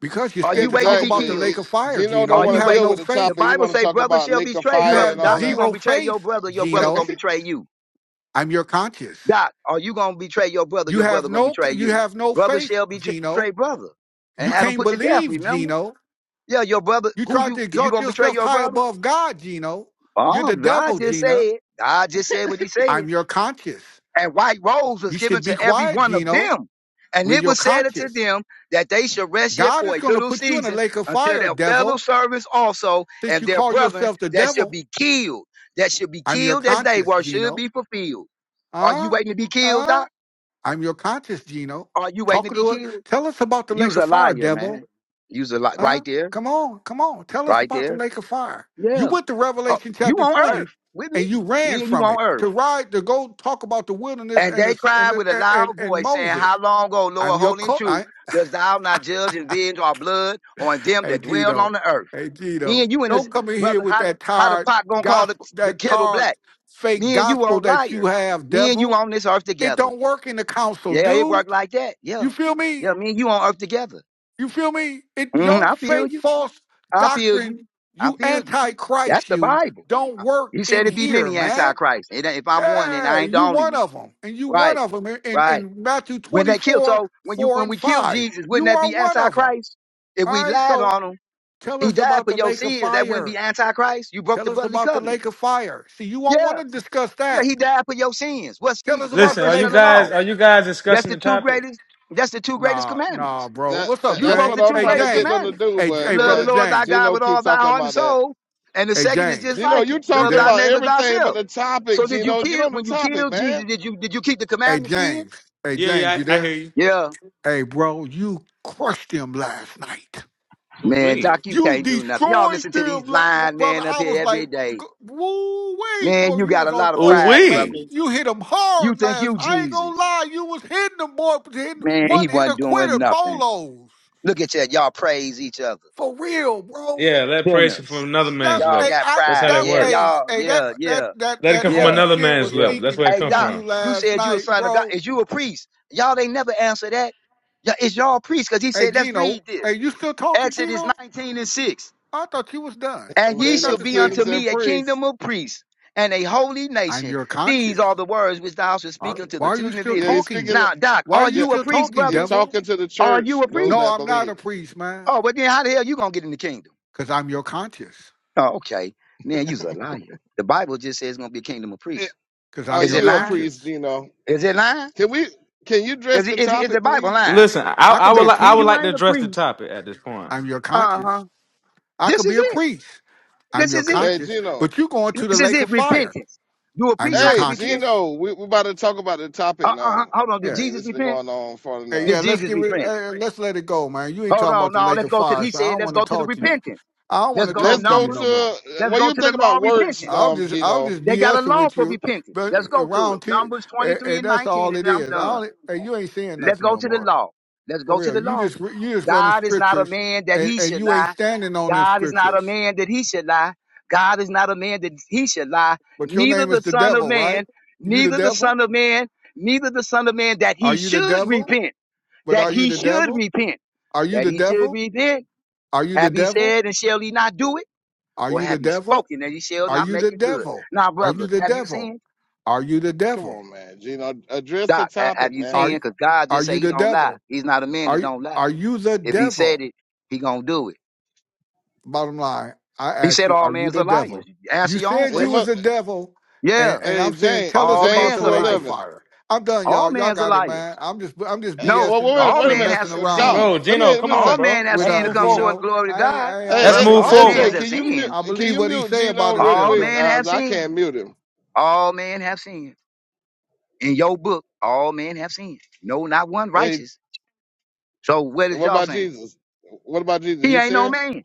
Speaker 7: Because you're
Speaker 6: Are you
Speaker 7: scared to
Speaker 6: waiting to
Speaker 7: talk
Speaker 6: be
Speaker 7: about
Speaker 3: Exactly.
Speaker 7: the
Speaker 6: killed?
Speaker 7: lake
Speaker 3: It-
Speaker 7: of fire,
Speaker 3: Gino
Speaker 7: Gino.
Speaker 3: don't
Speaker 6: Are
Speaker 7: You
Speaker 3: want
Speaker 6: you
Speaker 3: to
Speaker 7: have
Speaker 3: deal
Speaker 7: no
Speaker 3: with
Speaker 6: waiting?
Speaker 3: the
Speaker 6: The
Speaker 3: topic.
Speaker 7: faith.
Speaker 3: He
Speaker 6: Bible
Speaker 3: want to
Speaker 6: say
Speaker 3: talk
Speaker 6: brother
Speaker 3: about
Speaker 6: shall
Speaker 3: lake of
Speaker 6: betray
Speaker 7: You
Speaker 3: fire
Speaker 6: brother,
Speaker 3: and
Speaker 7: have
Speaker 3: all
Speaker 6: doc. You
Speaker 3: that.
Speaker 6: going
Speaker 7: zero
Speaker 6: to betray your
Speaker 7: faith,
Speaker 6: brother. Your brother going
Speaker 7: Gino.
Speaker 6: to betray you.
Speaker 7: I'm your conscience.
Speaker 6: Doc, are you gonna betray your brother?
Speaker 7: You
Speaker 6: Your brother
Speaker 7: have
Speaker 6: gonna
Speaker 7: no
Speaker 6: betray
Speaker 7: you
Speaker 6: you.
Speaker 7: have no
Speaker 6: Brother
Speaker 7: faith,
Speaker 6: shall betray
Speaker 7: Gino.
Speaker 6: brother, and
Speaker 7: You
Speaker 6: have him
Speaker 7: can't
Speaker 6: put to death.
Speaker 7: believe,
Speaker 6: Remember?
Speaker 7: Gino.
Speaker 6: Yeah, your brother.
Speaker 7: You
Speaker 6: Who
Speaker 7: tried
Speaker 6: you?
Speaker 7: to
Speaker 6: You
Speaker 7: exalt
Speaker 6: gonna betray
Speaker 7: yourself
Speaker 6: your
Speaker 7: high
Speaker 6: brother?
Speaker 7: above God, Gino. You're
Speaker 6: Oh,
Speaker 7: the
Speaker 6: God
Speaker 7: devil,
Speaker 6: just
Speaker 7: Gina.
Speaker 6: said. God just said what He said.
Speaker 7: I'm your conscience.
Speaker 6: And white robes was
Speaker 7: You
Speaker 6: given
Speaker 7: should be
Speaker 6: to every
Speaker 7: quiet,
Speaker 6: one of
Speaker 7: Gino.
Speaker 6: them, and
Speaker 7: We're
Speaker 6: it
Speaker 7: your
Speaker 6: was said unto
Speaker 7: conscience.
Speaker 6: them that they should rest yet
Speaker 7: God
Speaker 6: for
Speaker 7: is
Speaker 6: a
Speaker 7: going to
Speaker 6: little
Speaker 7: put you in a
Speaker 6: season
Speaker 7: lake of
Speaker 6: until
Speaker 7: fire,
Speaker 6: their fellow
Speaker 7: devil.
Speaker 6: servants also
Speaker 7: Since
Speaker 6: and
Speaker 7: you
Speaker 6: their
Speaker 7: call
Speaker 6: brethren
Speaker 7: yourself the
Speaker 6: that should
Speaker 7: devil,
Speaker 6: be killed, that should be
Speaker 7: I'm your
Speaker 6: killed as they
Speaker 7: conscience,
Speaker 6: were, should
Speaker 7: Gino.
Speaker 6: be fulfilled. Are you
Speaker 7: Huh?
Speaker 6: waiting to be killed,
Speaker 7: Huh?
Speaker 6: Doc?
Speaker 7: I'm your conscience, Gino.
Speaker 6: Are you waiting
Speaker 7: Talk
Speaker 6: to be
Speaker 7: to us.
Speaker 6: killed?
Speaker 7: Tell us about the
Speaker 6: You's
Speaker 7: lake of
Speaker 6: a
Speaker 7: fire,
Speaker 6: liar,
Speaker 7: devil.
Speaker 6: man. You's a li-
Speaker 7: Huh?
Speaker 6: right there,
Speaker 7: Come on, come on. Tell us
Speaker 6: right
Speaker 7: about the
Speaker 6: there.
Speaker 7: lake of fire. You
Speaker 6: Yeah,
Speaker 7: went to
Speaker 6: oh,
Speaker 7: Revelation
Speaker 6: you
Speaker 7: chapter
Speaker 6: on
Speaker 7: 20
Speaker 6: earth with me,
Speaker 7: and you
Speaker 6: me
Speaker 7: ran
Speaker 6: and you
Speaker 7: from
Speaker 6: on
Speaker 7: it
Speaker 6: earth.
Speaker 7: to ride to go talk about the wilderness
Speaker 6: And
Speaker 7: and
Speaker 6: they
Speaker 7: the, and,
Speaker 6: cried with a
Speaker 7: the, and
Speaker 6: loud
Speaker 7: and
Speaker 6: voice, saying, "How
Speaker 7: Moses.
Speaker 6: long, O
Speaker 7: I'm
Speaker 6: Lord,
Speaker 7: your
Speaker 6: holy and
Speaker 7: co
Speaker 6: true,
Speaker 7: I
Speaker 6: dost thou not judge and venge our blood on them
Speaker 7: hey
Speaker 6: that dwell on
Speaker 7: Gino.
Speaker 6: the earth?"
Speaker 7: Hey
Speaker 6: Me
Speaker 7: Gino.
Speaker 6: and you and this
Speaker 7: Don't come in here
Speaker 6: brother,
Speaker 7: with
Speaker 6: how the-
Speaker 7: that
Speaker 6: how the
Speaker 7: tired
Speaker 6: pot gonna call the,
Speaker 7: gospel
Speaker 6: the
Speaker 7: that
Speaker 6: kettle
Speaker 7: tired
Speaker 6: black?
Speaker 7: fake
Speaker 6: Me and you
Speaker 7: gospel
Speaker 6: on
Speaker 7: that you
Speaker 6: liars.
Speaker 7: have,
Speaker 6: Me and you
Speaker 7: devil.
Speaker 6: on this earth
Speaker 7: It
Speaker 6: together.
Speaker 7: don't work in the council,
Speaker 6: Yeah, it worked
Speaker 7: dude.
Speaker 6: like that. Yeah,
Speaker 7: You feel me?
Speaker 6: yeah. Me and you on earth together.
Speaker 7: You feel me? It
Speaker 6: hmm
Speaker 7: your
Speaker 6: I feel
Speaker 7: faith
Speaker 6: you.
Speaker 7: false
Speaker 6: I feel
Speaker 7: doctrine,
Speaker 6: you. I
Speaker 7: you
Speaker 6: feel you. That's
Speaker 7: antichrist,
Speaker 6: the
Speaker 7: you
Speaker 6: Bible.
Speaker 7: don't work
Speaker 6: He
Speaker 7: in
Speaker 6: said it be
Speaker 7: here,
Speaker 6: many
Speaker 7: man.
Speaker 6: antichrists. It ain't- If I'm one, then
Speaker 7: Yeah,
Speaker 6: I ain't the
Speaker 7: you
Speaker 6: only
Speaker 7: one
Speaker 6: one.
Speaker 7: of them, and you one
Speaker 6: Right,
Speaker 7: of them in, in,
Speaker 6: right.
Speaker 7: in Matthew
Speaker 6: When they killed,
Speaker 7: 24,
Speaker 6: so when you
Speaker 7: 4
Speaker 6: when
Speaker 7: and
Speaker 6: we killed
Speaker 7: 5.
Speaker 6: Jesus, wouldn't
Speaker 7: You
Speaker 6: that
Speaker 7: are
Speaker 6: be
Speaker 7: one of them.
Speaker 6: antichrist? If
Speaker 7: All
Speaker 6: we
Speaker 7: right,
Speaker 6: lied
Speaker 7: so
Speaker 6: on him,
Speaker 7: tell
Speaker 6: he
Speaker 7: us
Speaker 6: died
Speaker 7: about
Speaker 6: for
Speaker 7: the
Speaker 6: your
Speaker 7: lake of
Speaker 6: sins. That wouldn't be
Speaker 7: fire.
Speaker 6: antichrist. You broke
Speaker 7: Tell
Speaker 6: the
Speaker 7: us
Speaker 6: bloodly
Speaker 7: about the
Speaker 6: covenant.
Speaker 7: lake of fire. See, you won't want
Speaker 6: Yeah,
Speaker 7: to discuss
Speaker 6: yeah.
Speaker 7: that.
Speaker 6: He died for your sins. What
Speaker 7: Tell
Speaker 6: sins?
Speaker 7: us about
Speaker 9: Listen,
Speaker 7: the
Speaker 9: are
Speaker 6: Transgression
Speaker 9: you
Speaker 7: lake
Speaker 6: of the
Speaker 7: of
Speaker 6: law.
Speaker 9: guys
Speaker 7: fire.
Speaker 9: are you guys
Speaker 6: That's
Speaker 9: discussing
Speaker 6: the
Speaker 9: the
Speaker 6: two
Speaker 9: topic?
Speaker 6: greatest. That's the two greatest
Speaker 7: Nah,
Speaker 6: commandments.
Speaker 7: nah, bro.
Speaker 3: That,
Speaker 7: What's
Speaker 3: that
Speaker 7: up,
Speaker 6: You
Speaker 3: that's
Speaker 6: broke
Speaker 3: what
Speaker 6: the
Speaker 7: James?
Speaker 3: I'm
Speaker 6: two
Speaker 7: Hey,
Speaker 3: trying to
Speaker 6: greatest
Speaker 3: get
Speaker 7: James.
Speaker 3: them to
Speaker 6: commandments
Speaker 3: do,
Speaker 7: Hey, J-
Speaker 6: to
Speaker 3: but
Speaker 7: hey,
Speaker 6: love the
Speaker 7: brother
Speaker 3: they
Speaker 6: Lord thy
Speaker 7: James.
Speaker 6: God
Speaker 3: Gino
Speaker 6: with all
Speaker 3: keep
Speaker 6: thy
Speaker 3: talking
Speaker 6: heart and
Speaker 3: about that.
Speaker 6: soul. And the
Speaker 7: Hey,
Speaker 6: second is
Speaker 7: James.
Speaker 6: just
Speaker 3: You know,
Speaker 6: like
Speaker 3: you
Speaker 6: it
Speaker 7: You
Speaker 6: love
Speaker 3: talking
Speaker 7: there?
Speaker 6: thy
Speaker 3: about
Speaker 6: neighbor
Speaker 3: everything but
Speaker 6: thyself.
Speaker 3: the topic,
Speaker 6: So, did you
Speaker 3: Gino. Get
Speaker 6: kill
Speaker 3: on the
Speaker 6: when you
Speaker 3: topic,
Speaker 6: killed Jesus?
Speaker 3: man.
Speaker 6: Did you did you keep the
Speaker 7: Hey
Speaker 6: commandments then?
Speaker 7: James, hey
Speaker 9: Yeah,
Speaker 7: James,
Speaker 9: yeah.
Speaker 7: you
Speaker 9: I, I hear
Speaker 7: there?
Speaker 9: you.
Speaker 6: Yeah,
Speaker 7: Hey bro, you crushed them last night.
Speaker 9: Ooh
Speaker 6: man,
Speaker 9: wee.
Speaker 6: Doc, you
Speaker 7: You
Speaker 6: can't do nothing. Y'all
Speaker 7: destroyed
Speaker 6: listen to these
Speaker 7: them, la-
Speaker 6: lying
Speaker 7: brother.
Speaker 6: men up
Speaker 7: I
Speaker 6: here
Speaker 7: was
Speaker 6: every
Speaker 7: like, g-
Speaker 6: day.
Speaker 7: woo, way
Speaker 6: Man,
Speaker 7: boy,
Speaker 6: you
Speaker 7: you
Speaker 6: got
Speaker 7: was
Speaker 6: a
Speaker 7: on
Speaker 6: lot of
Speaker 9: Ooh
Speaker 7: point,
Speaker 6: pride, brother.
Speaker 9: wee.
Speaker 7: man. You, you hit them
Speaker 6: You
Speaker 7: hard
Speaker 6: think
Speaker 7: last.
Speaker 6: you
Speaker 7: I ain't gonna
Speaker 6: Jesus.
Speaker 7: lie, you was hitting them, boy, but hitting
Speaker 6: Man, he
Speaker 7: one hit a
Speaker 6: wasn't doing
Speaker 7: quitter
Speaker 6: nothing.
Speaker 7: bolos
Speaker 6: Look at you, y'all praise each other.
Speaker 7: for real, bro.
Speaker 9: Yeah, let praise come from
Speaker 6: Sinners.
Speaker 9: another
Speaker 7: That
Speaker 9: man's
Speaker 6: Y'all
Speaker 7: hey,
Speaker 9: lips.
Speaker 6: got
Speaker 7: I
Speaker 9: That's how
Speaker 6: pride.
Speaker 9: that
Speaker 7: that
Speaker 6: Yeah,
Speaker 7: hey
Speaker 9: works.
Speaker 6: y'all,
Speaker 7: hey that
Speaker 6: yeah, yeah.
Speaker 7: that that
Speaker 9: Let it
Speaker 7: that
Speaker 9: come from
Speaker 6: Yeah,
Speaker 7: Holy
Speaker 9: another
Speaker 7: Spirit
Speaker 9: man's
Speaker 7: was
Speaker 6: yeah.
Speaker 9: lip. That's
Speaker 7: speaking
Speaker 9: where it
Speaker 6: Hey
Speaker 9: come
Speaker 7: through
Speaker 6: Doc,
Speaker 7: you
Speaker 9: from.
Speaker 6: you
Speaker 7: last
Speaker 6: said you a
Speaker 7: night,
Speaker 6: son of God.
Speaker 7: bro.
Speaker 6: Is you a priest? Y'all ain't never answer that. Yeah, is y'all priests? Because he
Speaker 7: Hey
Speaker 6: said, let's
Speaker 7: Gino,
Speaker 6: read
Speaker 7: hey,
Speaker 6: this.
Speaker 7: you still talking,
Speaker 6: Exodus
Speaker 7: Gino?
Speaker 6: 19 and 6.
Speaker 7: I thought you was done.
Speaker 6: And
Speaker 3: And
Speaker 7: What
Speaker 6: ye
Speaker 7: you
Speaker 3: made
Speaker 7: got
Speaker 6: shall
Speaker 3: us
Speaker 7: to
Speaker 6: be
Speaker 7: say,
Speaker 6: unto
Speaker 3: kings
Speaker 7: man?
Speaker 3: and
Speaker 6: me a
Speaker 3: priests.
Speaker 6: kingdom of priests and a holy
Speaker 7: I'm
Speaker 6: nation.
Speaker 7: your
Speaker 6: These are
Speaker 7: conscience.
Speaker 6: the words which thou shalt
Speaker 7: Uh,
Speaker 6: speak unto
Speaker 7: why
Speaker 6: the
Speaker 7: are you
Speaker 6: children of
Speaker 7: still
Speaker 3: Yeah,
Speaker 6: Israel.
Speaker 3: he's
Speaker 7: talking?
Speaker 3: speaking.
Speaker 6: Now, Doc,
Speaker 7: Why are
Speaker 6: are
Speaker 7: you
Speaker 3: Yeah,
Speaker 6: you a
Speaker 7: still
Speaker 6: priest,
Speaker 7: talking,
Speaker 3: he's
Speaker 6: brother?
Speaker 7: devil?
Speaker 3: talking to the
Speaker 6: Are you
Speaker 3: church,
Speaker 6: a
Speaker 3: those
Speaker 7: No,
Speaker 6: priest?
Speaker 3: that
Speaker 7: I'm not a
Speaker 3: believe.
Speaker 7: priest, man.
Speaker 6: Oh, but then how the hell you gonna get in the kingdom?
Speaker 7: Cause I'm your conscience.
Speaker 6: Oh, okay. Man, you's a liar. The Bible just says it's gonna be a kingdom of
Speaker 3: Eh,
Speaker 6: priests.
Speaker 7: Cause
Speaker 3: Are
Speaker 7: I'm
Speaker 6: Is
Speaker 7: your
Speaker 6: it
Speaker 3: you a
Speaker 6: lying?
Speaker 3: priest,
Speaker 7: conscience.
Speaker 3: Gino?
Speaker 6: Is it lying?
Speaker 3: Can we? Can you address
Speaker 6: Is
Speaker 3: the
Speaker 6: it is is the
Speaker 3: topic,
Speaker 6: Bible
Speaker 3: please?
Speaker 6: line?
Speaker 9: Listen, I,
Speaker 7: I
Speaker 9: I
Speaker 7: could be
Speaker 9: would
Speaker 7: a
Speaker 9: li-
Speaker 6: So if
Speaker 9: I would
Speaker 6: you
Speaker 7: king.
Speaker 9: like to
Speaker 6: ain't a
Speaker 9: address the
Speaker 6: priest,
Speaker 9: topic at this point,
Speaker 7: I'm your
Speaker 6: uh huh,
Speaker 7: conscience. I
Speaker 6: this
Speaker 7: could be
Speaker 6: is
Speaker 7: a
Speaker 6: it.
Speaker 7: priest. I'm
Speaker 6: This
Speaker 7: your
Speaker 6: is it.
Speaker 3: Hey,
Speaker 7: conscience.
Speaker 3: Gino.
Speaker 7: But you going to the
Speaker 6: This is
Speaker 7: lake
Speaker 6: it.
Speaker 7: of fire.
Speaker 6: Repentance. Do a
Speaker 7: I'm
Speaker 6: priest
Speaker 7: your
Speaker 6: have to
Speaker 3: Hey,
Speaker 6: repent?
Speaker 7: conscience.
Speaker 3: Gino. We, we're about to talk about the topic
Speaker 6: Uh uh.
Speaker 3: now.
Speaker 6: Hold on.
Speaker 3: I
Speaker 6: Did
Speaker 7: Yeah.
Speaker 3: mean,
Speaker 6: Jesus
Speaker 3: this has been
Speaker 6: repent?
Speaker 3: going on far
Speaker 7: Hey, yeah.
Speaker 3: enough.
Speaker 6: Did
Speaker 7: Let's
Speaker 6: Jesus
Speaker 7: give it.
Speaker 6: repent?
Speaker 7: eh, let's let it go, man. You ain't
Speaker 6: Hold
Speaker 7: talking
Speaker 6: on.
Speaker 7: about the
Speaker 6: No.
Speaker 7: lake
Speaker 6: Let's
Speaker 7: of
Speaker 6: go to.
Speaker 7: fire,
Speaker 6: He
Speaker 7: so I
Speaker 6: said.
Speaker 7: don't
Speaker 6: Let's
Speaker 7: want to
Speaker 6: go to the
Speaker 7: talk to you.
Speaker 6: repentance.
Speaker 7: I don't want
Speaker 6: Let's
Speaker 7: to
Speaker 6: go to
Speaker 3: Let's
Speaker 7: talk to
Speaker 3: go
Speaker 7: you no
Speaker 6: Numbers.
Speaker 7: more.
Speaker 3: to
Speaker 6: Let's
Speaker 3: what
Speaker 6: go
Speaker 3: you
Speaker 6: to the
Speaker 3: think
Speaker 6: law
Speaker 3: about
Speaker 6: of
Speaker 3: works,
Speaker 6: repentance.
Speaker 7: I'll
Speaker 3: um,
Speaker 7: just I'll
Speaker 3: Gino.
Speaker 7: just
Speaker 6: They got a
Speaker 7: BSing
Speaker 6: law
Speaker 7: with
Speaker 6: for
Speaker 7: you,
Speaker 6: repentance.
Speaker 7: but
Speaker 6: Let's go to it.
Speaker 7: around here,
Speaker 6: Numbers
Speaker 7: and,
Speaker 6: 23
Speaker 7: and
Speaker 6: and
Speaker 7: that's
Speaker 6: 19,
Speaker 7: all
Speaker 6: and
Speaker 7: it
Speaker 6: then I'm
Speaker 7: is. I
Speaker 6: done.
Speaker 7: don't, and you ain't saying
Speaker 6: Let's
Speaker 7: nothing
Speaker 6: go
Speaker 7: no
Speaker 6: to the
Speaker 7: more
Speaker 6: law. Let's
Speaker 7: for
Speaker 6: go to
Speaker 7: real.
Speaker 6: the
Speaker 7: You
Speaker 6: law.
Speaker 7: just you just running
Speaker 6: God is not a
Speaker 7: scriptures,
Speaker 6: man that
Speaker 7: and
Speaker 6: he
Speaker 7: and
Speaker 6: should
Speaker 7: you ain't
Speaker 6: lie.
Speaker 7: standing on them
Speaker 6: God is not a
Speaker 7: scriptures.
Speaker 6: man that he should lie. God is not a man that he should lie.
Speaker 7: But your
Speaker 6: Neither
Speaker 7: name
Speaker 6: the
Speaker 7: is the
Speaker 6: son of
Speaker 7: devil, right?
Speaker 6: man,
Speaker 7: You the
Speaker 6: neither the
Speaker 7: devil?
Speaker 6: son of man, neither the son of man that
Speaker 7: Are
Speaker 6: he
Speaker 7: you the
Speaker 6: should
Speaker 7: devil?
Speaker 6: repent,
Speaker 7: But
Speaker 6: that
Speaker 7: are you
Speaker 6: he
Speaker 7: the
Speaker 6: should
Speaker 7: devil?
Speaker 6: repent,
Speaker 7: Are you
Speaker 6: that
Speaker 7: the
Speaker 6: he should
Speaker 7: devil?
Speaker 6: repent.
Speaker 7: Are you the
Speaker 6: Have he
Speaker 7: devil?
Speaker 6: said and shall he not do it?
Speaker 7: Are
Speaker 6: Or
Speaker 7: you the
Speaker 6: have he
Speaker 7: devil?
Speaker 6: spoken and he shall
Speaker 7: Are
Speaker 6: not
Speaker 7: you the
Speaker 6: make it good?
Speaker 7: devil?
Speaker 6: Now,
Speaker 7: Are you
Speaker 6: brother,
Speaker 7: the
Speaker 6: have you
Speaker 7: devil?
Speaker 6: sinned?
Speaker 7: Are you the
Speaker 3: Come
Speaker 7: devil?
Speaker 3: on, man, Gino. Address the
Speaker 6: Doc, ha- have
Speaker 3: topic,
Speaker 6: you
Speaker 3: man.
Speaker 7: Are
Speaker 6: sinned?
Speaker 7: you-
Speaker 6: Because God
Speaker 7: are
Speaker 6: just say
Speaker 7: you
Speaker 6: he
Speaker 7: the
Speaker 6: don't lie.
Speaker 7: devil?
Speaker 6: He's not a man
Speaker 7: Are
Speaker 6: that
Speaker 7: you,
Speaker 6: don't lie.
Speaker 7: are you the
Speaker 6: If he
Speaker 7: devil?
Speaker 6: said it, he gonna do it.
Speaker 7: bottom line, I
Speaker 6: He
Speaker 7: ask
Speaker 6: said
Speaker 7: you,
Speaker 6: all
Speaker 7: are you
Speaker 6: men's
Speaker 7: the
Speaker 6: are liars.
Speaker 7: devil?
Speaker 6: Answer
Speaker 7: You
Speaker 6: your own
Speaker 7: said
Speaker 3: It
Speaker 7: you
Speaker 6: question.
Speaker 3: mu
Speaker 7: was the devil,
Speaker 6: Yeah,
Speaker 7: and, and
Speaker 3: Hey,
Speaker 7: I'm saying,
Speaker 3: James,
Speaker 7: tell us
Speaker 6: all
Speaker 7: about
Speaker 3: James
Speaker 7: the
Speaker 6: men's are
Speaker 3: four
Speaker 7: lake of
Speaker 6: liars.
Speaker 3: eleven.
Speaker 7: fire. I'm done,
Speaker 6: All
Speaker 7: y'all. Y'all
Speaker 6: men's are
Speaker 7: got it, man.
Speaker 6: liars.
Speaker 7: I'm just I'm just
Speaker 3: Uh,
Speaker 6: No,
Speaker 3: Well,
Speaker 7: BSing
Speaker 3: wait, a-
Speaker 7: and
Speaker 6: all
Speaker 3: wait a
Speaker 7: uh,
Speaker 6: men
Speaker 3: minute,
Speaker 6: have
Speaker 7: messing
Speaker 3: Uh,
Speaker 7: around
Speaker 3: Doc.
Speaker 6: sinned.
Speaker 9: bro.
Speaker 3: Let me
Speaker 9: Gino,
Speaker 3: let
Speaker 9: come
Speaker 3: me
Speaker 9: on,
Speaker 3: say.
Speaker 6: All
Speaker 9: bro.
Speaker 6: men have
Speaker 7: with
Speaker 9: Let's
Speaker 6: sinned
Speaker 7: uh
Speaker 6: to
Speaker 9: move
Speaker 6: come
Speaker 9: forward.
Speaker 6: short of
Speaker 7: Gino.
Speaker 6: the glory of
Speaker 7: I ain't,
Speaker 6: God,
Speaker 7: I, ain't- I
Speaker 9: Let's
Speaker 7: ain't
Speaker 3: Hey,
Speaker 6: brother.
Speaker 9: move
Speaker 3: A-
Speaker 7: taking
Speaker 6: All men
Speaker 3: AJ,
Speaker 9: forward.
Speaker 7: Gino.
Speaker 6: have
Speaker 3: can you mute,
Speaker 6: sinned.
Speaker 7: I
Speaker 3: can
Speaker 7: believe
Speaker 3: you
Speaker 7: what he
Speaker 3: mute
Speaker 7: say
Speaker 3: Gino
Speaker 7: about
Speaker 3: real
Speaker 6: All
Speaker 7: himself
Speaker 3: quick?
Speaker 7: though.
Speaker 6: men
Speaker 3: Uh,
Speaker 6: have
Speaker 3: I
Speaker 6: sinned.
Speaker 3: can't mute him.
Speaker 6: All men have sinned. In your book, all men have sinned. No, not one
Speaker 3: Hey,
Speaker 6: righteous. So what is
Speaker 3: what
Speaker 6: y'all
Speaker 3: about
Speaker 6: saying?
Speaker 3: Jesus? What about Jesus?
Speaker 6: He
Speaker 3: He's
Speaker 6: ain't no
Speaker 3: here.
Speaker 6: man.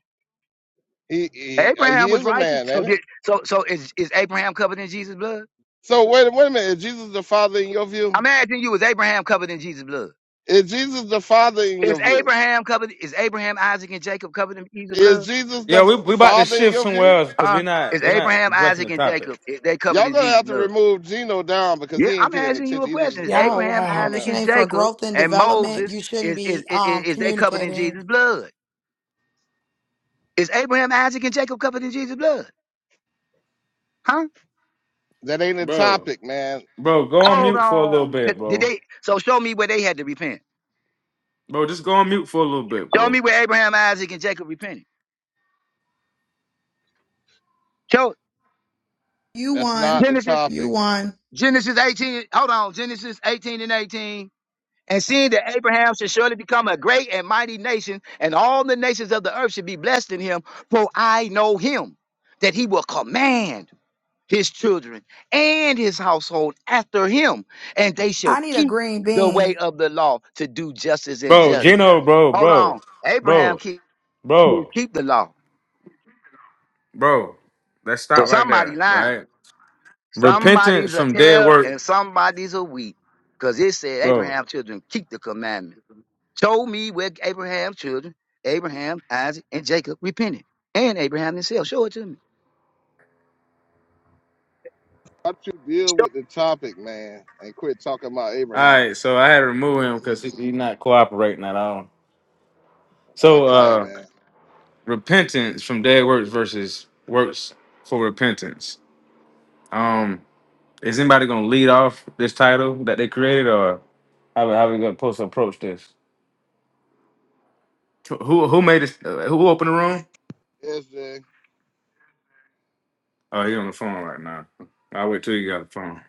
Speaker 3: He he, uh, he
Speaker 6: Abraham was
Speaker 3: is a
Speaker 6: righteous.
Speaker 3: man,
Speaker 6: So
Speaker 3: ain't it?
Speaker 6: did so so is is Abraham covered in Jesus' blood?
Speaker 3: So wait wait a minute. Is Jesus the Father in your
Speaker 6: I'm
Speaker 3: view?
Speaker 6: asking you, is Abraham covered in Jesus' blood?
Speaker 3: Is Jesus the Father in your
Speaker 6: Is
Speaker 3: view?
Speaker 6: Abraham covered? Is Abraham, Isaac, and Jacob covered in Jesus'
Speaker 3: Is
Speaker 6: blood?
Speaker 3: Jesus the
Speaker 9: Yeah, we we
Speaker 3: f-
Speaker 9: about to
Speaker 3: Father in
Speaker 9: shift
Speaker 3: your
Speaker 9: somewhere
Speaker 3: view?
Speaker 9: else because we're
Speaker 6: Huh?
Speaker 9: not
Speaker 6: Is
Speaker 9: we're not
Speaker 6: Abraham,
Speaker 9: addressing
Speaker 6: Isaac,
Speaker 9: the
Speaker 6: and
Speaker 9: topic,
Speaker 6: Jacob is they covered
Speaker 3: Y'all
Speaker 6: in
Speaker 3: gonna
Speaker 6: Jesus'
Speaker 3: have to
Speaker 6: blood?
Speaker 3: remove Gino down because
Speaker 6: Yeah,
Speaker 3: he ain't
Speaker 6: I'm
Speaker 3: paying
Speaker 6: asking you a
Speaker 3: attention. He
Speaker 6: question.
Speaker 3: just
Speaker 6: Is
Speaker 3: wanna
Speaker 8: Y'all,
Speaker 6: Abraham,
Speaker 8: wow.
Speaker 6: Isaac,
Speaker 3: wanna.
Speaker 8: It's your
Speaker 6: and
Speaker 8: name for
Speaker 6: Jacob
Speaker 8: growth and
Speaker 6: and
Speaker 8: development.
Speaker 6: Moses
Speaker 8: You shouldn't
Speaker 6: is is
Speaker 8: be
Speaker 6: is,
Speaker 8: um
Speaker 6: is they covered in
Speaker 8: communicating.
Speaker 6: Jesus' blood? Is Abraham, Isaac, and Jacob covered in Jesus' blood? Huh?
Speaker 3: That ain't a
Speaker 9: Bro,
Speaker 3: topic, man.
Speaker 9: bro. Go on
Speaker 6: Hold
Speaker 9: mute for a little
Speaker 6: on.
Speaker 9: bit,
Speaker 6: Did
Speaker 9: bro.
Speaker 6: they? So show me where they had to repent.
Speaker 9: bro, just go on mute for a little bit,
Speaker 6: Show
Speaker 9: bro.
Speaker 6: me where Abraham, Isaac, and Jacob repented. Show
Speaker 8: You
Speaker 3: That's not
Speaker 8: won.
Speaker 3: the
Speaker 6: Genesis,
Speaker 8: You
Speaker 3: topic.
Speaker 8: won.
Speaker 6: Genesis 18. Hold on, Genesis 18 and 18. and seeing that Abraham should surely become a great and mighty nation, and all the nations of the earth should be blessed in him, for I know him, that he will command his children and his household after him, and they
Speaker 8: I
Speaker 6: shall
Speaker 8: need a
Speaker 6: keep
Speaker 8: green
Speaker 6: the way
Speaker 8: bean.
Speaker 6: of the law to do justice and
Speaker 9: Bro,
Speaker 6: judgment.
Speaker 9: Gino, bro,
Speaker 6: Hold
Speaker 9: bro,
Speaker 6: on. Abraham
Speaker 9: bro,
Speaker 6: keep,
Speaker 9: bro,
Speaker 6: keep the law.
Speaker 9: Bro, let's
Speaker 6: So
Speaker 9: stop right
Speaker 6: somebody
Speaker 9: there,
Speaker 6: lying.
Speaker 9: right? repentance
Speaker 6: Somebody's a
Speaker 9: from dead
Speaker 6: tell
Speaker 9: work,
Speaker 6: and somebody's a weep. Because it said
Speaker 9: bro. All
Speaker 6: Abraham's children keep the commandment. Show me where Abraham's children, Abraham, Isaac, and Jacob repented, and Abraham himself. Show it to me.
Speaker 3: Why don't you deal with the topic, man, and quit talking about Abraham?
Speaker 9: right, so I had to remove him
Speaker 3: There
Speaker 9: because
Speaker 3: you
Speaker 9: he's not cooperating at all.
Speaker 3: go. I
Speaker 9: So,
Speaker 3: clear,
Speaker 9: uh,
Speaker 3: man.
Speaker 9: repentance from dead works versus works for repentance. Um. Is anybody gonna lead off this title that they created, or how how are we gonna supposed approach this? Who who made this? uh, Who opened the room?
Speaker 3: SJ.
Speaker 9: Oh, he on the phone right now. I'll wait till you got the phone.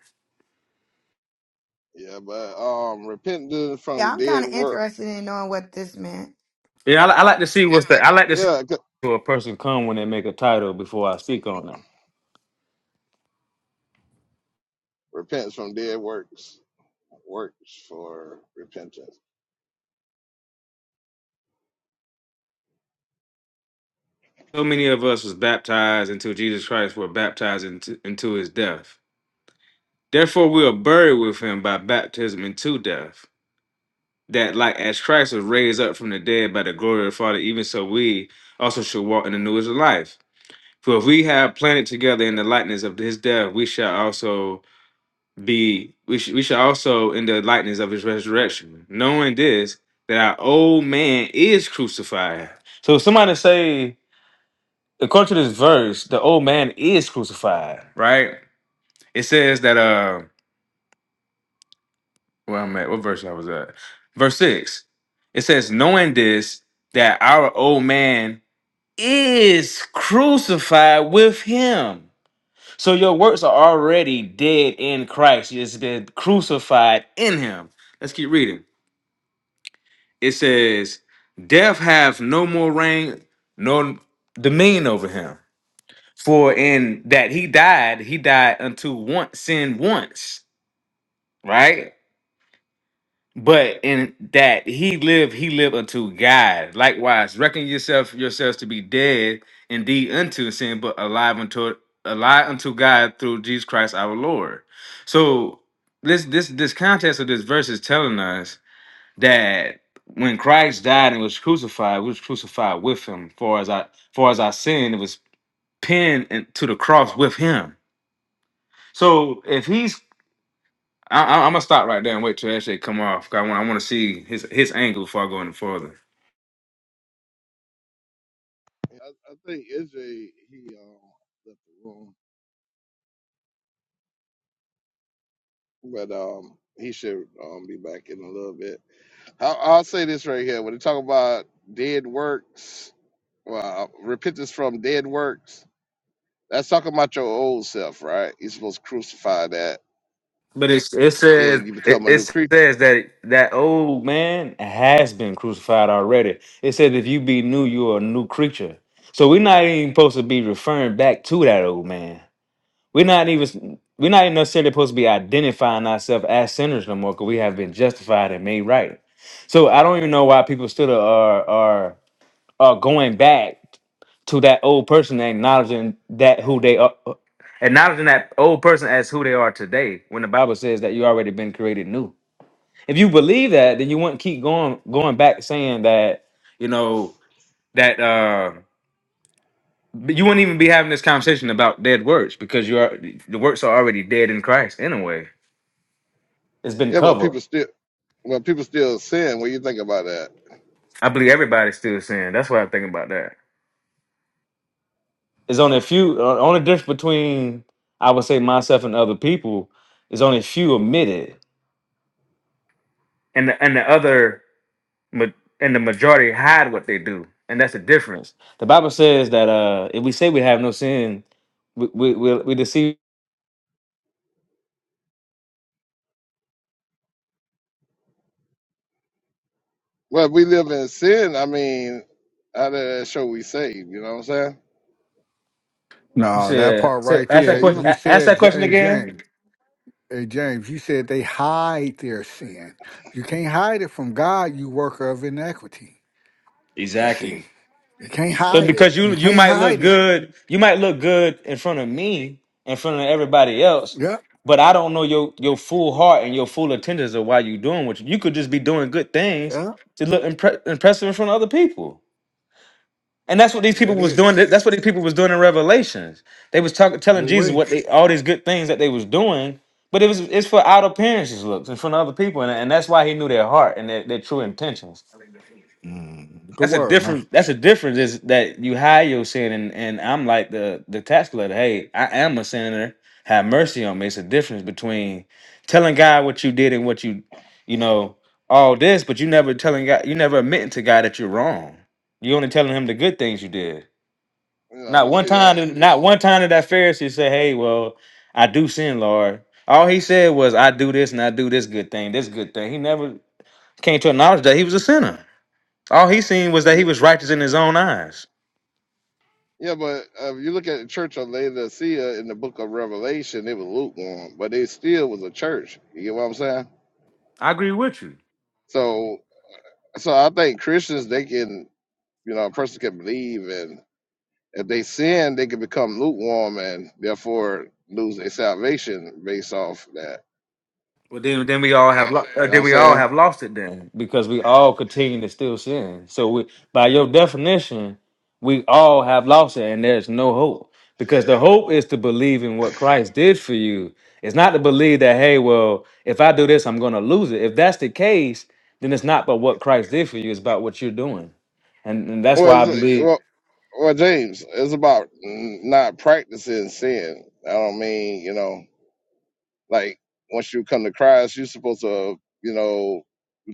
Speaker 3: Yeah, but um, repentance
Speaker 8: Yeah,
Speaker 3: from
Speaker 8: I'm kind
Speaker 3: dead
Speaker 8: of
Speaker 3: work.
Speaker 8: interested in knowing what this meant.
Speaker 9: Yeah, I, li- I like to see what's the. I like to see
Speaker 3: Yeah, c-
Speaker 9: where a person come when they make a title before I speak on it.
Speaker 3: repentance from dead works. Works for repentance.
Speaker 9: So many of us was baptized into Jesus Christ were baptized into, into his death. Therefore, we are buried with him by baptism into death. That, like as Christ was raised up from the dead by the glory of the Father, even so we also should walk in the newness of life. For if we have planted together in the likeness of his death, we shall also be we, sh- we shall also in the likeness of his resurrection, knowing this that our old man is crucified. So if somebody say, according to this verse, the old man is crucified, right? It says that uh where I'm at, what verse I was at? Verse six. It says, knowing this that our old man is crucified with him So your works are already dead in Christ. It's been crucified in him. Let's keep reading. It says, Death have no more reign, no dominion over him. For in that he died, he died unto once sin once, right? But in that he lived, he lived unto God. Likewise, reckon yourself yourselves to be dead indeed unto sin, but alive unto alive unto God through Jesus Christ our Lord. So this this this context of this verse is telling us that when Christ died and was crucified, we was crucified with him. For as I for as our sin, it was pinned in- to the cross with him. So if he's I, I, I'm gonna stop right there and wait till that shit come off. 'cause I want I want to see his his angle before I go any further.
Speaker 3: I, I think SJ he um left the room, but um he should um be back in a little bit. I, I'll say this right here when they talk about dead works, well, repentance from dead works. That's talking about your old self, right? You're supposed to crucify that,
Speaker 9: But it's, it says
Speaker 3: and you
Speaker 9: it,
Speaker 3: become a
Speaker 9: it
Speaker 3: new creature.
Speaker 9: says that that old man has been crucified already. It says if you be new, you are a new creature. So we're not even supposed to be referring back to that old man. We're not even we're not even necessarily supposed to be identifying ourselves as sinners no more because we have been justified and made right. So I don't even know why people still are are uh, going back to that old person, and acknowledging that who they are, acknowledging that old person as who they are today. When the Bible says that you already been created new. If you believe that, then you wouldn't keep going going back saying that you know that uh, you wouldn't even be having this conversation about dead works because you are the works are already dead in Christ anyway. It's been
Speaker 3: Yeah, but
Speaker 9: covered.
Speaker 3: people still, well, people still sin. What do you think about that?
Speaker 9: I believe everybody's still saying. That's what I'm thinking about that. It's only a few. Uh, only difference between I would say myself and other people is only a few admit it, and the and the other ma- and the majority hide what they do, and that's the difference. The Bible says that uh, if we say we have no sin, we we we, we deceive.
Speaker 3: Well, if we live in sin. I mean, how does that show we saved? You know what I'm saying?
Speaker 9: You
Speaker 7: No, that
Speaker 9: said
Speaker 7: part
Speaker 9: say-
Speaker 7: right
Speaker 9: ask that
Speaker 3: And
Speaker 7: there.
Speaker 3: you,
Speaker 9: question.
Speaker 7: You
Speaker 9: a- Ask
Speaker 7: said,
Speaker 9: that
Speaker 7: J-
Speaker 9: question
Speaker 7: hey
Speaker 9: again.
Speaker 7: James, hey James, you said they hide their sin. You can't hide it from God, you worker of iniquity. You
Speaker 9: Exactly.
Speaker 7: see, you can't
Speaker 9: But
Speaker 7: hide it.
Speaker 9: because you
Speaker 7: You
Speaker 9: you
Speaker 7: can't
Speaker 9: might look
Speaker 7: hide it.
Speaker 9: good, you might look good in front of me, in front of everybody else,
Speaker 7: Yep,
Speaker 9: but I don't know your your full heart and your full intentions of why you doing what you, you could just be doing good things
Speaker 7: yep.
Speaker 9: to look impre- impressive in front of other people. And that's what these
Speaker 7: There
Speaker 9: people
Speaker 7: it
Speaker 9: was
Speaker 7: is.
Speaker 9: doing. That's what these people was doing in Revelations. They was talking, telling
Speaker 7: Well,
Speaker 9: Jesus
Speaker 7: wait.
Speaker 9: what they all these good things that they was doing, but it was it's for out appearances, looks in front of other people, and, and that's why he knew their heart and their, their true intentions.
Speaker 7: Mm, good
Speaker 9: That's a
Speaker 7: word, man.
Speaker 9: difference. That's a difference is that you hide your sin, and, and I'm like the the tax collector. Hey, I am a sinner. Have mercy on me. It's a difference between telling God what you did and what you, you know, all this, but you never telling God. You never admitting to God that you're wrong. You only telling him the good things you did.
Speaker 3: you know,
Speaker 9: Not
Speaker 3: but
Speaker 9: one
Speaker 3: see
Speaker 9: time.
Speaker 3: that.
Speaker 9: did- Not one time did that Pharisee say, "Hey, well, I do sin, Lord." All he said was, "I do this and I do this good thing, this good thing." He never came to acknowledge that he was a sinner. All he seen was that
Speaker 3: Yeah,
Speaker 9: he was righteous in his own eyes.
Speaker 3: yeah, but uh, if you look at the Church of Laodicea in the Book of Revelation, it was lukewarm, but it still was a church. You get what I'm saying?
Speaker 9: I agree with you.
Speaker 3: So, so I think Christians they can, you know, a person can believe and If they sin, they can become lukewarm and therefore lose their salvation based off that.
Speaker 9: Well, then, then we all have lo- uh,
Speaker 3: You know what
Speaker 9: then
Speaker 3: I'm
Speaker 9: we all
Speaker 3: saying?
Speaker 9: have lost it then because we all continue to still sin. So we, by your definition, we all have lost it, and there's no hope because the hope is to believe in what Christ did for you. It's not to believe that hey, well, if I do this, I'm going to lose it. If that's the case, then it's not about what Christ did for you; it's about what you're doing, and, and that's
Speaker 3: Well,
Speaker 9: why I
Speaker 3: it's, like,
Speaker 9: believe.
Speaker 3: well, well, James, it's about n- not practicing sin. I don't mean, you know, like once you come to Christ, you're supposed to, you know,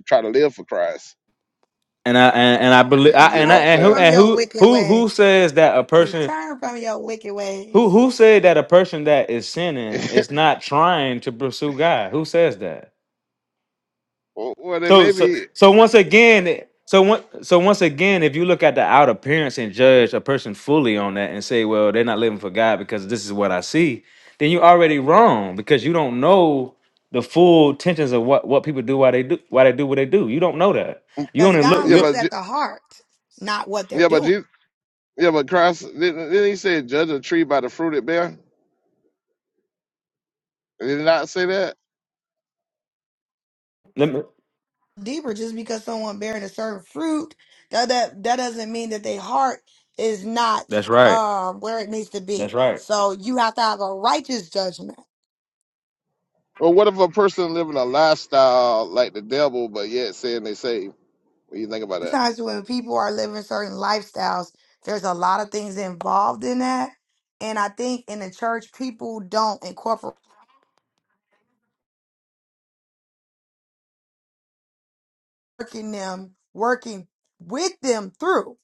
Speaker 3: try to live for Christ.
Speaker 9: And I and, and I believe I,
Speaker 8: You
Speaker 3: You get
Speaker 9: and I
Speaker 3: what
Speaker 8: turn
Speaker 3: I'm
Speaker 9: and who
Speaker 3: saying?
Speaker 8: from
Speaker 9: and
Speaker 8: your
Speaker 9: who
Speaker 8: wicked
Speaker 9: who who
Speaker 8: ways.
Speaker 9: says that a
Speaker 8: You
Speaker 9: person
Speaker 8: turn from your wicked
Speaker 9: who
Speaker 8: ways.
Speaker 9: who said that a person that is sinning is not trying to pursue God? Who says that?
Speaker 3: well, well, they
Speaker 9: So
Speaker 3: may
Speaker 9: so
Speaker 3: be,
Speaker 9: so once again so one, so once again if you look at the outer appearance and judge a person fully on that and say well they're not living for God because this is what I see then you're already wrong because you don't know the full tensions of what what people do why they do why they do what they do you don't know that you
Speaker 8: Because
Speaker 9: only look
Speaker 8: God
Speaker 3: yeah,
Speaker 8: looks
Speaker 9: you
Speaker 3: but Je-
Speaker 8: at the heart, not what they're
Speaker 3: yeah, but
Speaker 8: doing.
Speaker 3: Jesus, yeah, but Christ didn't, didn't he say judge a tree by the fruit it bear? Did he not say that?
Speaker 9: let me,
Speaker 8: deeper just because someone bearing a certain fruit that that, that doesn't mean that their heart is not
Speaker 9: that's right
Speaker 8: um where it needs to be
Speaker 9: that's right
Speaker 8: so you have to have a righteous judgment
Speaker 3: Or what if a person living a lifestyle like the devil, but yet saying they saved? What do you think about that?
Speaker 8: sometimes when people are living certain lifestyles there's a lot of things involved in that and i think in the church people don't incorporate working them, working with them through.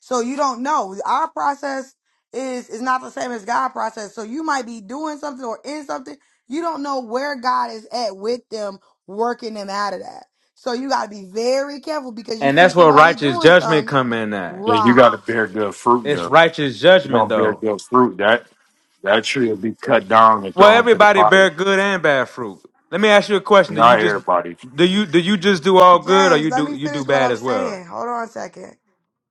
Speaker 8: So you don't know. Our process is is not the same as God' process. So you might be doing something or in something. You don't know where God is at with them, working them out of that. So you gotta be very careful because you
Speaker 9: And
Speaker 8: see
Speaker 9: that's where
Speaker 8: somebody
Speaker 9: righteous
Speaker 8: doing
Speaker 9: judgment
Speaker 8: something.
Speaker 9: come in at.
Speaker 10: Yeah, you
Speaker 8: Right.
Speaker 10: got to bear good fruit,
Speaker 9: It's
Speaker 10: though.
Speaker 9: righteous
Speaker 10: You
Speaker 9: judgment
Speaker 10: don't bear
Speaker 9: though.
Speaker 10: good fruit, that that tree will be cut down and
Speaker 9: Well,
Speaker 10: thrown to the
Speaker 9: everybody bear
Speaker 10: fire.
Speaker 9: good and bad fruit. Let me ask you a question. Do you
Speaker 10: Not
Speaker 9: just
Speaker 10: everybody.
Speaker 9: do you do you just do all good or
Speaker 8: James,
Speaker 9: you
Speaker 8: let
Speaker 9: do
Speaker 8: me
Speaker 9: you do
Speaker 8: finish what
Speaker 9: bad
Speaker 8: I
Speaker 9: as
Speaker 8: was
Speaker 9: well?
Speaker 8: saying. Hold on a second.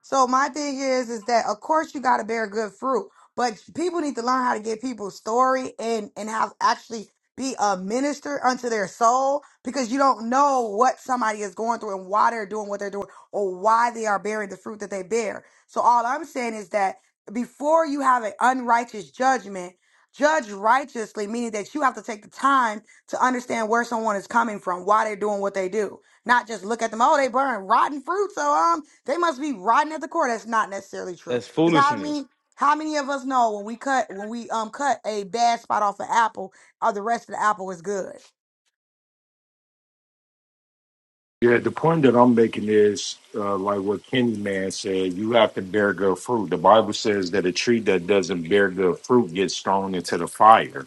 Speaker 8: So my thing is, is that of course you got to bear good fruit, but people need to learn how to get people's story and and how actually be a minister unto their soul because you don't know what somebody is going through and why they're doing what they're doing or why they are bearing the fruit that they bear. So all I'm saying is that before you have an unrighteous judgment, judge righteously, meaning that you have to take the time to understand where someone is coming from, why they're doing what they do not just look at them, oh, they burn rotten fruit, so um, they must be rotten at the core. That's not necessarily true.
Speaker 9: That's
Speaker 8: Because how
Speaker 9: foolishness.
Speaker 8: many how many of us know when we cut when we um cut a bad spot off an apple, or the rest of the apple is good?
Speaker 10: Yeah, the point that I'm making is uh, like what Kenny Man said. You have to bear good fruit. The Bible says that a tree that doesn't bear good fruit gets thrown into the fire.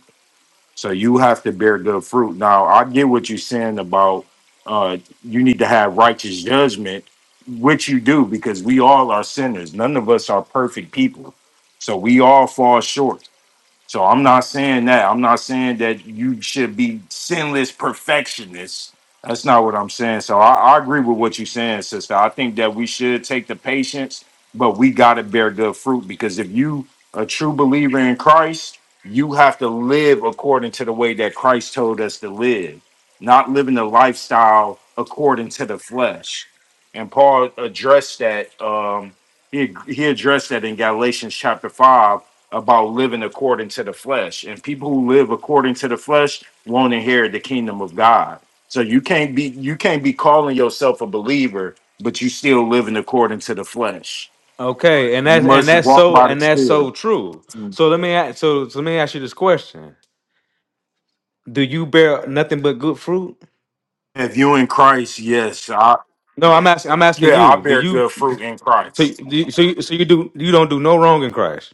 Speaker 10: So you have to bear good fruit. Now, I get what you're saying about uh, you need to have righteous judgment, which you do because we all are sinners. None of us are perfect people. So we all fall short. So I'm not saying that. I'm not saying that you should be sinless perfectionists. That's not what I'm saying. So I, I agree with what you're saying, sister. I think that we should take the patience, but we got to bear good fruit because if you a true believer in Christ, you have to live according to the way that Christ told us to live, not living the lifestyle according to the flesh. And Paul addressed that. Um, he he addressed that in Galatians chapter five about living according to the flesh, and people who live according to the flesh won't inherit the kingdom of God. So you can't be you can't be calling yourself a believer, but you still living according to the flesh.
Speaker 9: Okay, and
Speaker 10: You
Speaker 9: that's and
Speaker 10: must
Speaker 9: that's
Speaker 10: walk
Speaker 9: so
Speaker 10: by the
Speaker 9: and that's so
Speaker 10: Spirit.
Speaker 9: true. So let me ask, so, so let me ask you this question. Do you bear nothing but good fruit?
Speaker 10: If you in Christ, yes, I
Speaker 9: No, I'm asking I'm asking
Speaker 10: yeah, I
Speaker 9: you. Do
Speaker 10: bear
Speaker 9: you
Speaker 10: good fruit in
Speaker 9: so you-
Speaker 10: Christ.
Speaker 9: do you, so you, so you do you don't do no wrong in Christ?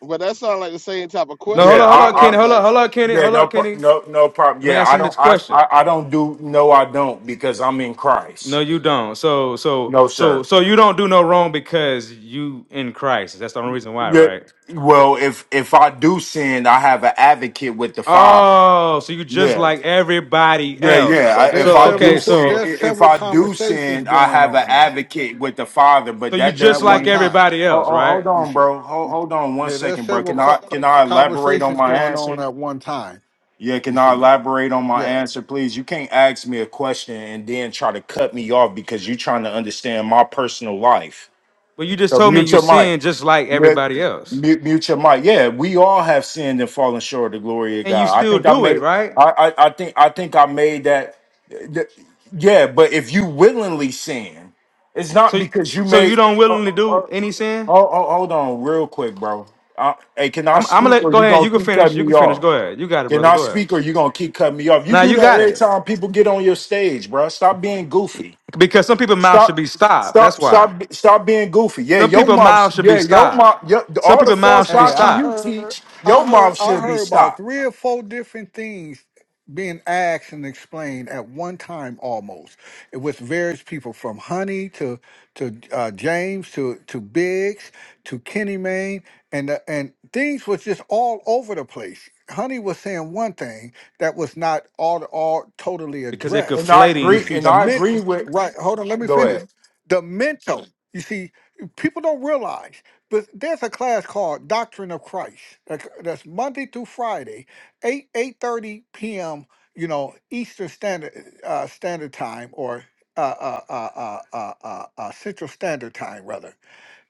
Speaker 3: But that sounds like the same type of
Speaker 9: No, hold
Speaker 10: Yeah,
Speaker 9: on,
Speaker 3: question
Speaker 9: hold
Speaker 10: I,
Speaker 9: on,
Speaker 3: Gina
Speaker 10: I
Speaker 9: Kenny,
Speaker 3: was
Speaker 9: hold on, hold
Speaker 3: asking.
Speaker 9: on, Kenny,
Speaker 10: yeah,
Speaker 9: hold on,
Speaker 10: no, pro-
Speaker 9: Kenny.
Speaker 10: no, no problem.
Speaker 9: Let me
Speaker 10: Yeah,
Speaker 9: ask
Speaker 10: I
Speaker 9: him this
Speaker 10: don't, I,
Speaker 9: question.
Speaker 10: I, I don't do. No, I don't, because I'm in
Speaker 9: No,
Speaker 10: Christ.
Speaker 9: you don't. So, so,
Speaker 10: No,
Speaker 9: so,
Speaker 10: sir.
Speaker 9: so you don't do no wrong because you in Christ. That's the only reason why,
Speaker 10: Yeah.
Speaker 9: right?
Speaker 10: Well, if if I do sin, I have an advocate with the Father.
Speaker 9: Oh, so you just
Speaker 10: Yeah,
Speaker 9: like everybody
Speaker 10: yeah, yeah.
Speaker 9: else.
Speaker 7: But
Speaker 10: I, if
Speaker 7: there's
Speaker 9: So,
Speaker 10: I
Speaker 7: several
Speaker 10: do
Speaker 9: okay,
Speaker 7: qu-
Speaker 10: sin,
Speaker 9: so,
Speaker 7: there's
Speaker 10: i- if
Speaker 7: several
Speaker 10: I do
Speaker 7: conversations
Speaker 10: sin, I
Speaker 7: going
Speaker 10: have an
Speaker 7: on now
Speaker 10: advocate with the Father.
Speaker 9: so
Speaker 10: But
Speaker 9: you
Speaker 10: that
Speaker 9: just
Speaker 7: at
Speaker 10: doesn't
Speaker 7: one
Speaker 9: like
Speaker 10: mean.
Speaker 7: time.
Speaker 9: everybody
Speaker 10: Oh,
Speaker 9: else,
Speaker 10: oh,
Speaker 9: right?
Speaker 10: hold
Speaker 7: You
Speaker 10: on,
Speaker 7: see,
Speaker 10: bro. Hold, hold on one
Speaker 7: yeah, there's
Speaker 10: second, bro.
Speaker 7: several
Speaker 10: Can I
Speaker 7: co- co-
Speaker 10: can I elaborate on
Speaker 7: conversations
Speaker 10: my
Speaker 7: going on
Speaker 10: answer?
Speaker 7: at one time.
Speaker 10: Yeah, can
Speaker 7: You
Speaker 10: I
Speaker 7: see,
Speaker 10: elaborate on my
Speaker 7: Yeah.
Speaker 10: answer, please? You can't ask me a question and then try to cut me off because you're trying to understand my personal life.
Speaker 9: Well, you just
Speaker 10: So
Speaker 9: told me
Speaker 10: mute
Speaker 9: you
Speaker 10: your mic.
Speaker 9: sin just like
Speaker 10: Mute,
Speaker 9: everybody else,
Speaker 10: mute mute your mic. Yeah, we all have sinned and fallen short of the glory of
Speaker 9: and you
Speaker 10: God. I
Speaker 9: still
Speaker 10: think I
Speaker 9: do it,
Speaker 10: made.
Speaker 9: right?
Speaker 10: I, I, I think I think I made that. th- Yeah, but if you willingly sin, it's not
Speaker 9: So,
Speaker 10: because you
Speaker 9: so you
Speaker 10: made.
Speaker 9: don't
Speaker 10: Oh,
Speaker 9: willingly do
Speaker 10: oh, oh,
Speaker 9: any sin.
Speaker 10: oh, hold on, real quick, bro. Uh, hey, can I
Speaker 9: I'm, I'm gonna
Speaker 10: speak
Speaker 9: let
Speaker 10: or
Speaker 9: go
Speaker 10: you
Speaker 9: ahead. You
Speaker 10: gonna
Speaker 9: can
Speaker 10: keep
Speaker 9: finish.
Speaker 10: cutting
Speaker 9: You can
Speaker 10: me
Speaker 9: finish.
Speaker 10: off?
Speaker 9: Go ahead. You got it,
Speaker 10: Can
Speaker 9: brother.
Speaker 10: I
Speaker 9: Go ahead.
Speaker 10: speak or you gonna keep cutting me off? You
Speaker 9: Now
Speaker 10: do
Speaker 9: you
Speaker 10: that
Speaker 9: got
Speaker 10: every
Speaker 9: it
Speaker 10: time people get on your stage, bro. Stop being goofy.
Speaker 9: because some people's mouth should
Speaker 10: Stop,
Speaker 9: be stopped. That's
Speaker 10: stop,
Speaker 9: why.
Speaker 10: stop, stop being goofy. Yeah,
Speaker 9: Some
Speaker 10: your
Speaker 9: people's
Speaker 10: mouth,
Speaker 9: mouths should be
Speaker 10: yeah, your
Speaker 9: stopped.
Speaker 10: mouth, your,
Speaker 9: Some
Speaker 10: all the
Speaker 9: people's mouths
Speaker 10: false
Speaker 9: should be
Speaker 7: Hey, I
Speaker 10: doctrine
Speaker 9: stopped
Speaker 10: you
Speaker 7: heard,
Speaker 10: teach, your
Speaker 7: I heard,
Speaker 10: mouth
Speaker 7: I
Speaker 10: should be
Speaker 7: heard about
Speaker 10: stopped.
Speaker 7: three or four different things being asked and explained at one time almost. It was various people from Honey to to uh, James to to Biggs to Kenny Mayne, and uh, and things was just all over the place. Honey was saying one thing that was not all all totally
Speaker 9: because they're
Speaker 10: And
Speaker 7: addressed.
Speaker 10: I
Speaker 7: You
Speaker 10: agree,
Speaker 9: conflating.
Speaker 7: see,
Speaker 10: and
Speaker 7: the
Speaker 10: I agree
Speaker 7: mental,
Speaker 10: with,
Speaker 7: right? Hold on, let me
Speaker 10: go
Speaker 7: finish.
Speaker 10: ahead.
Speaker 7: The mental. You see, people don't realize. But there's a class called Doctrine of Christ. that- That's Monday through Friday, eight eight thirty p.m. You know Eastern Standard uh, Standard Time or uh, uh, uh, uh, uh, uh, uh, Central Standard Time rather.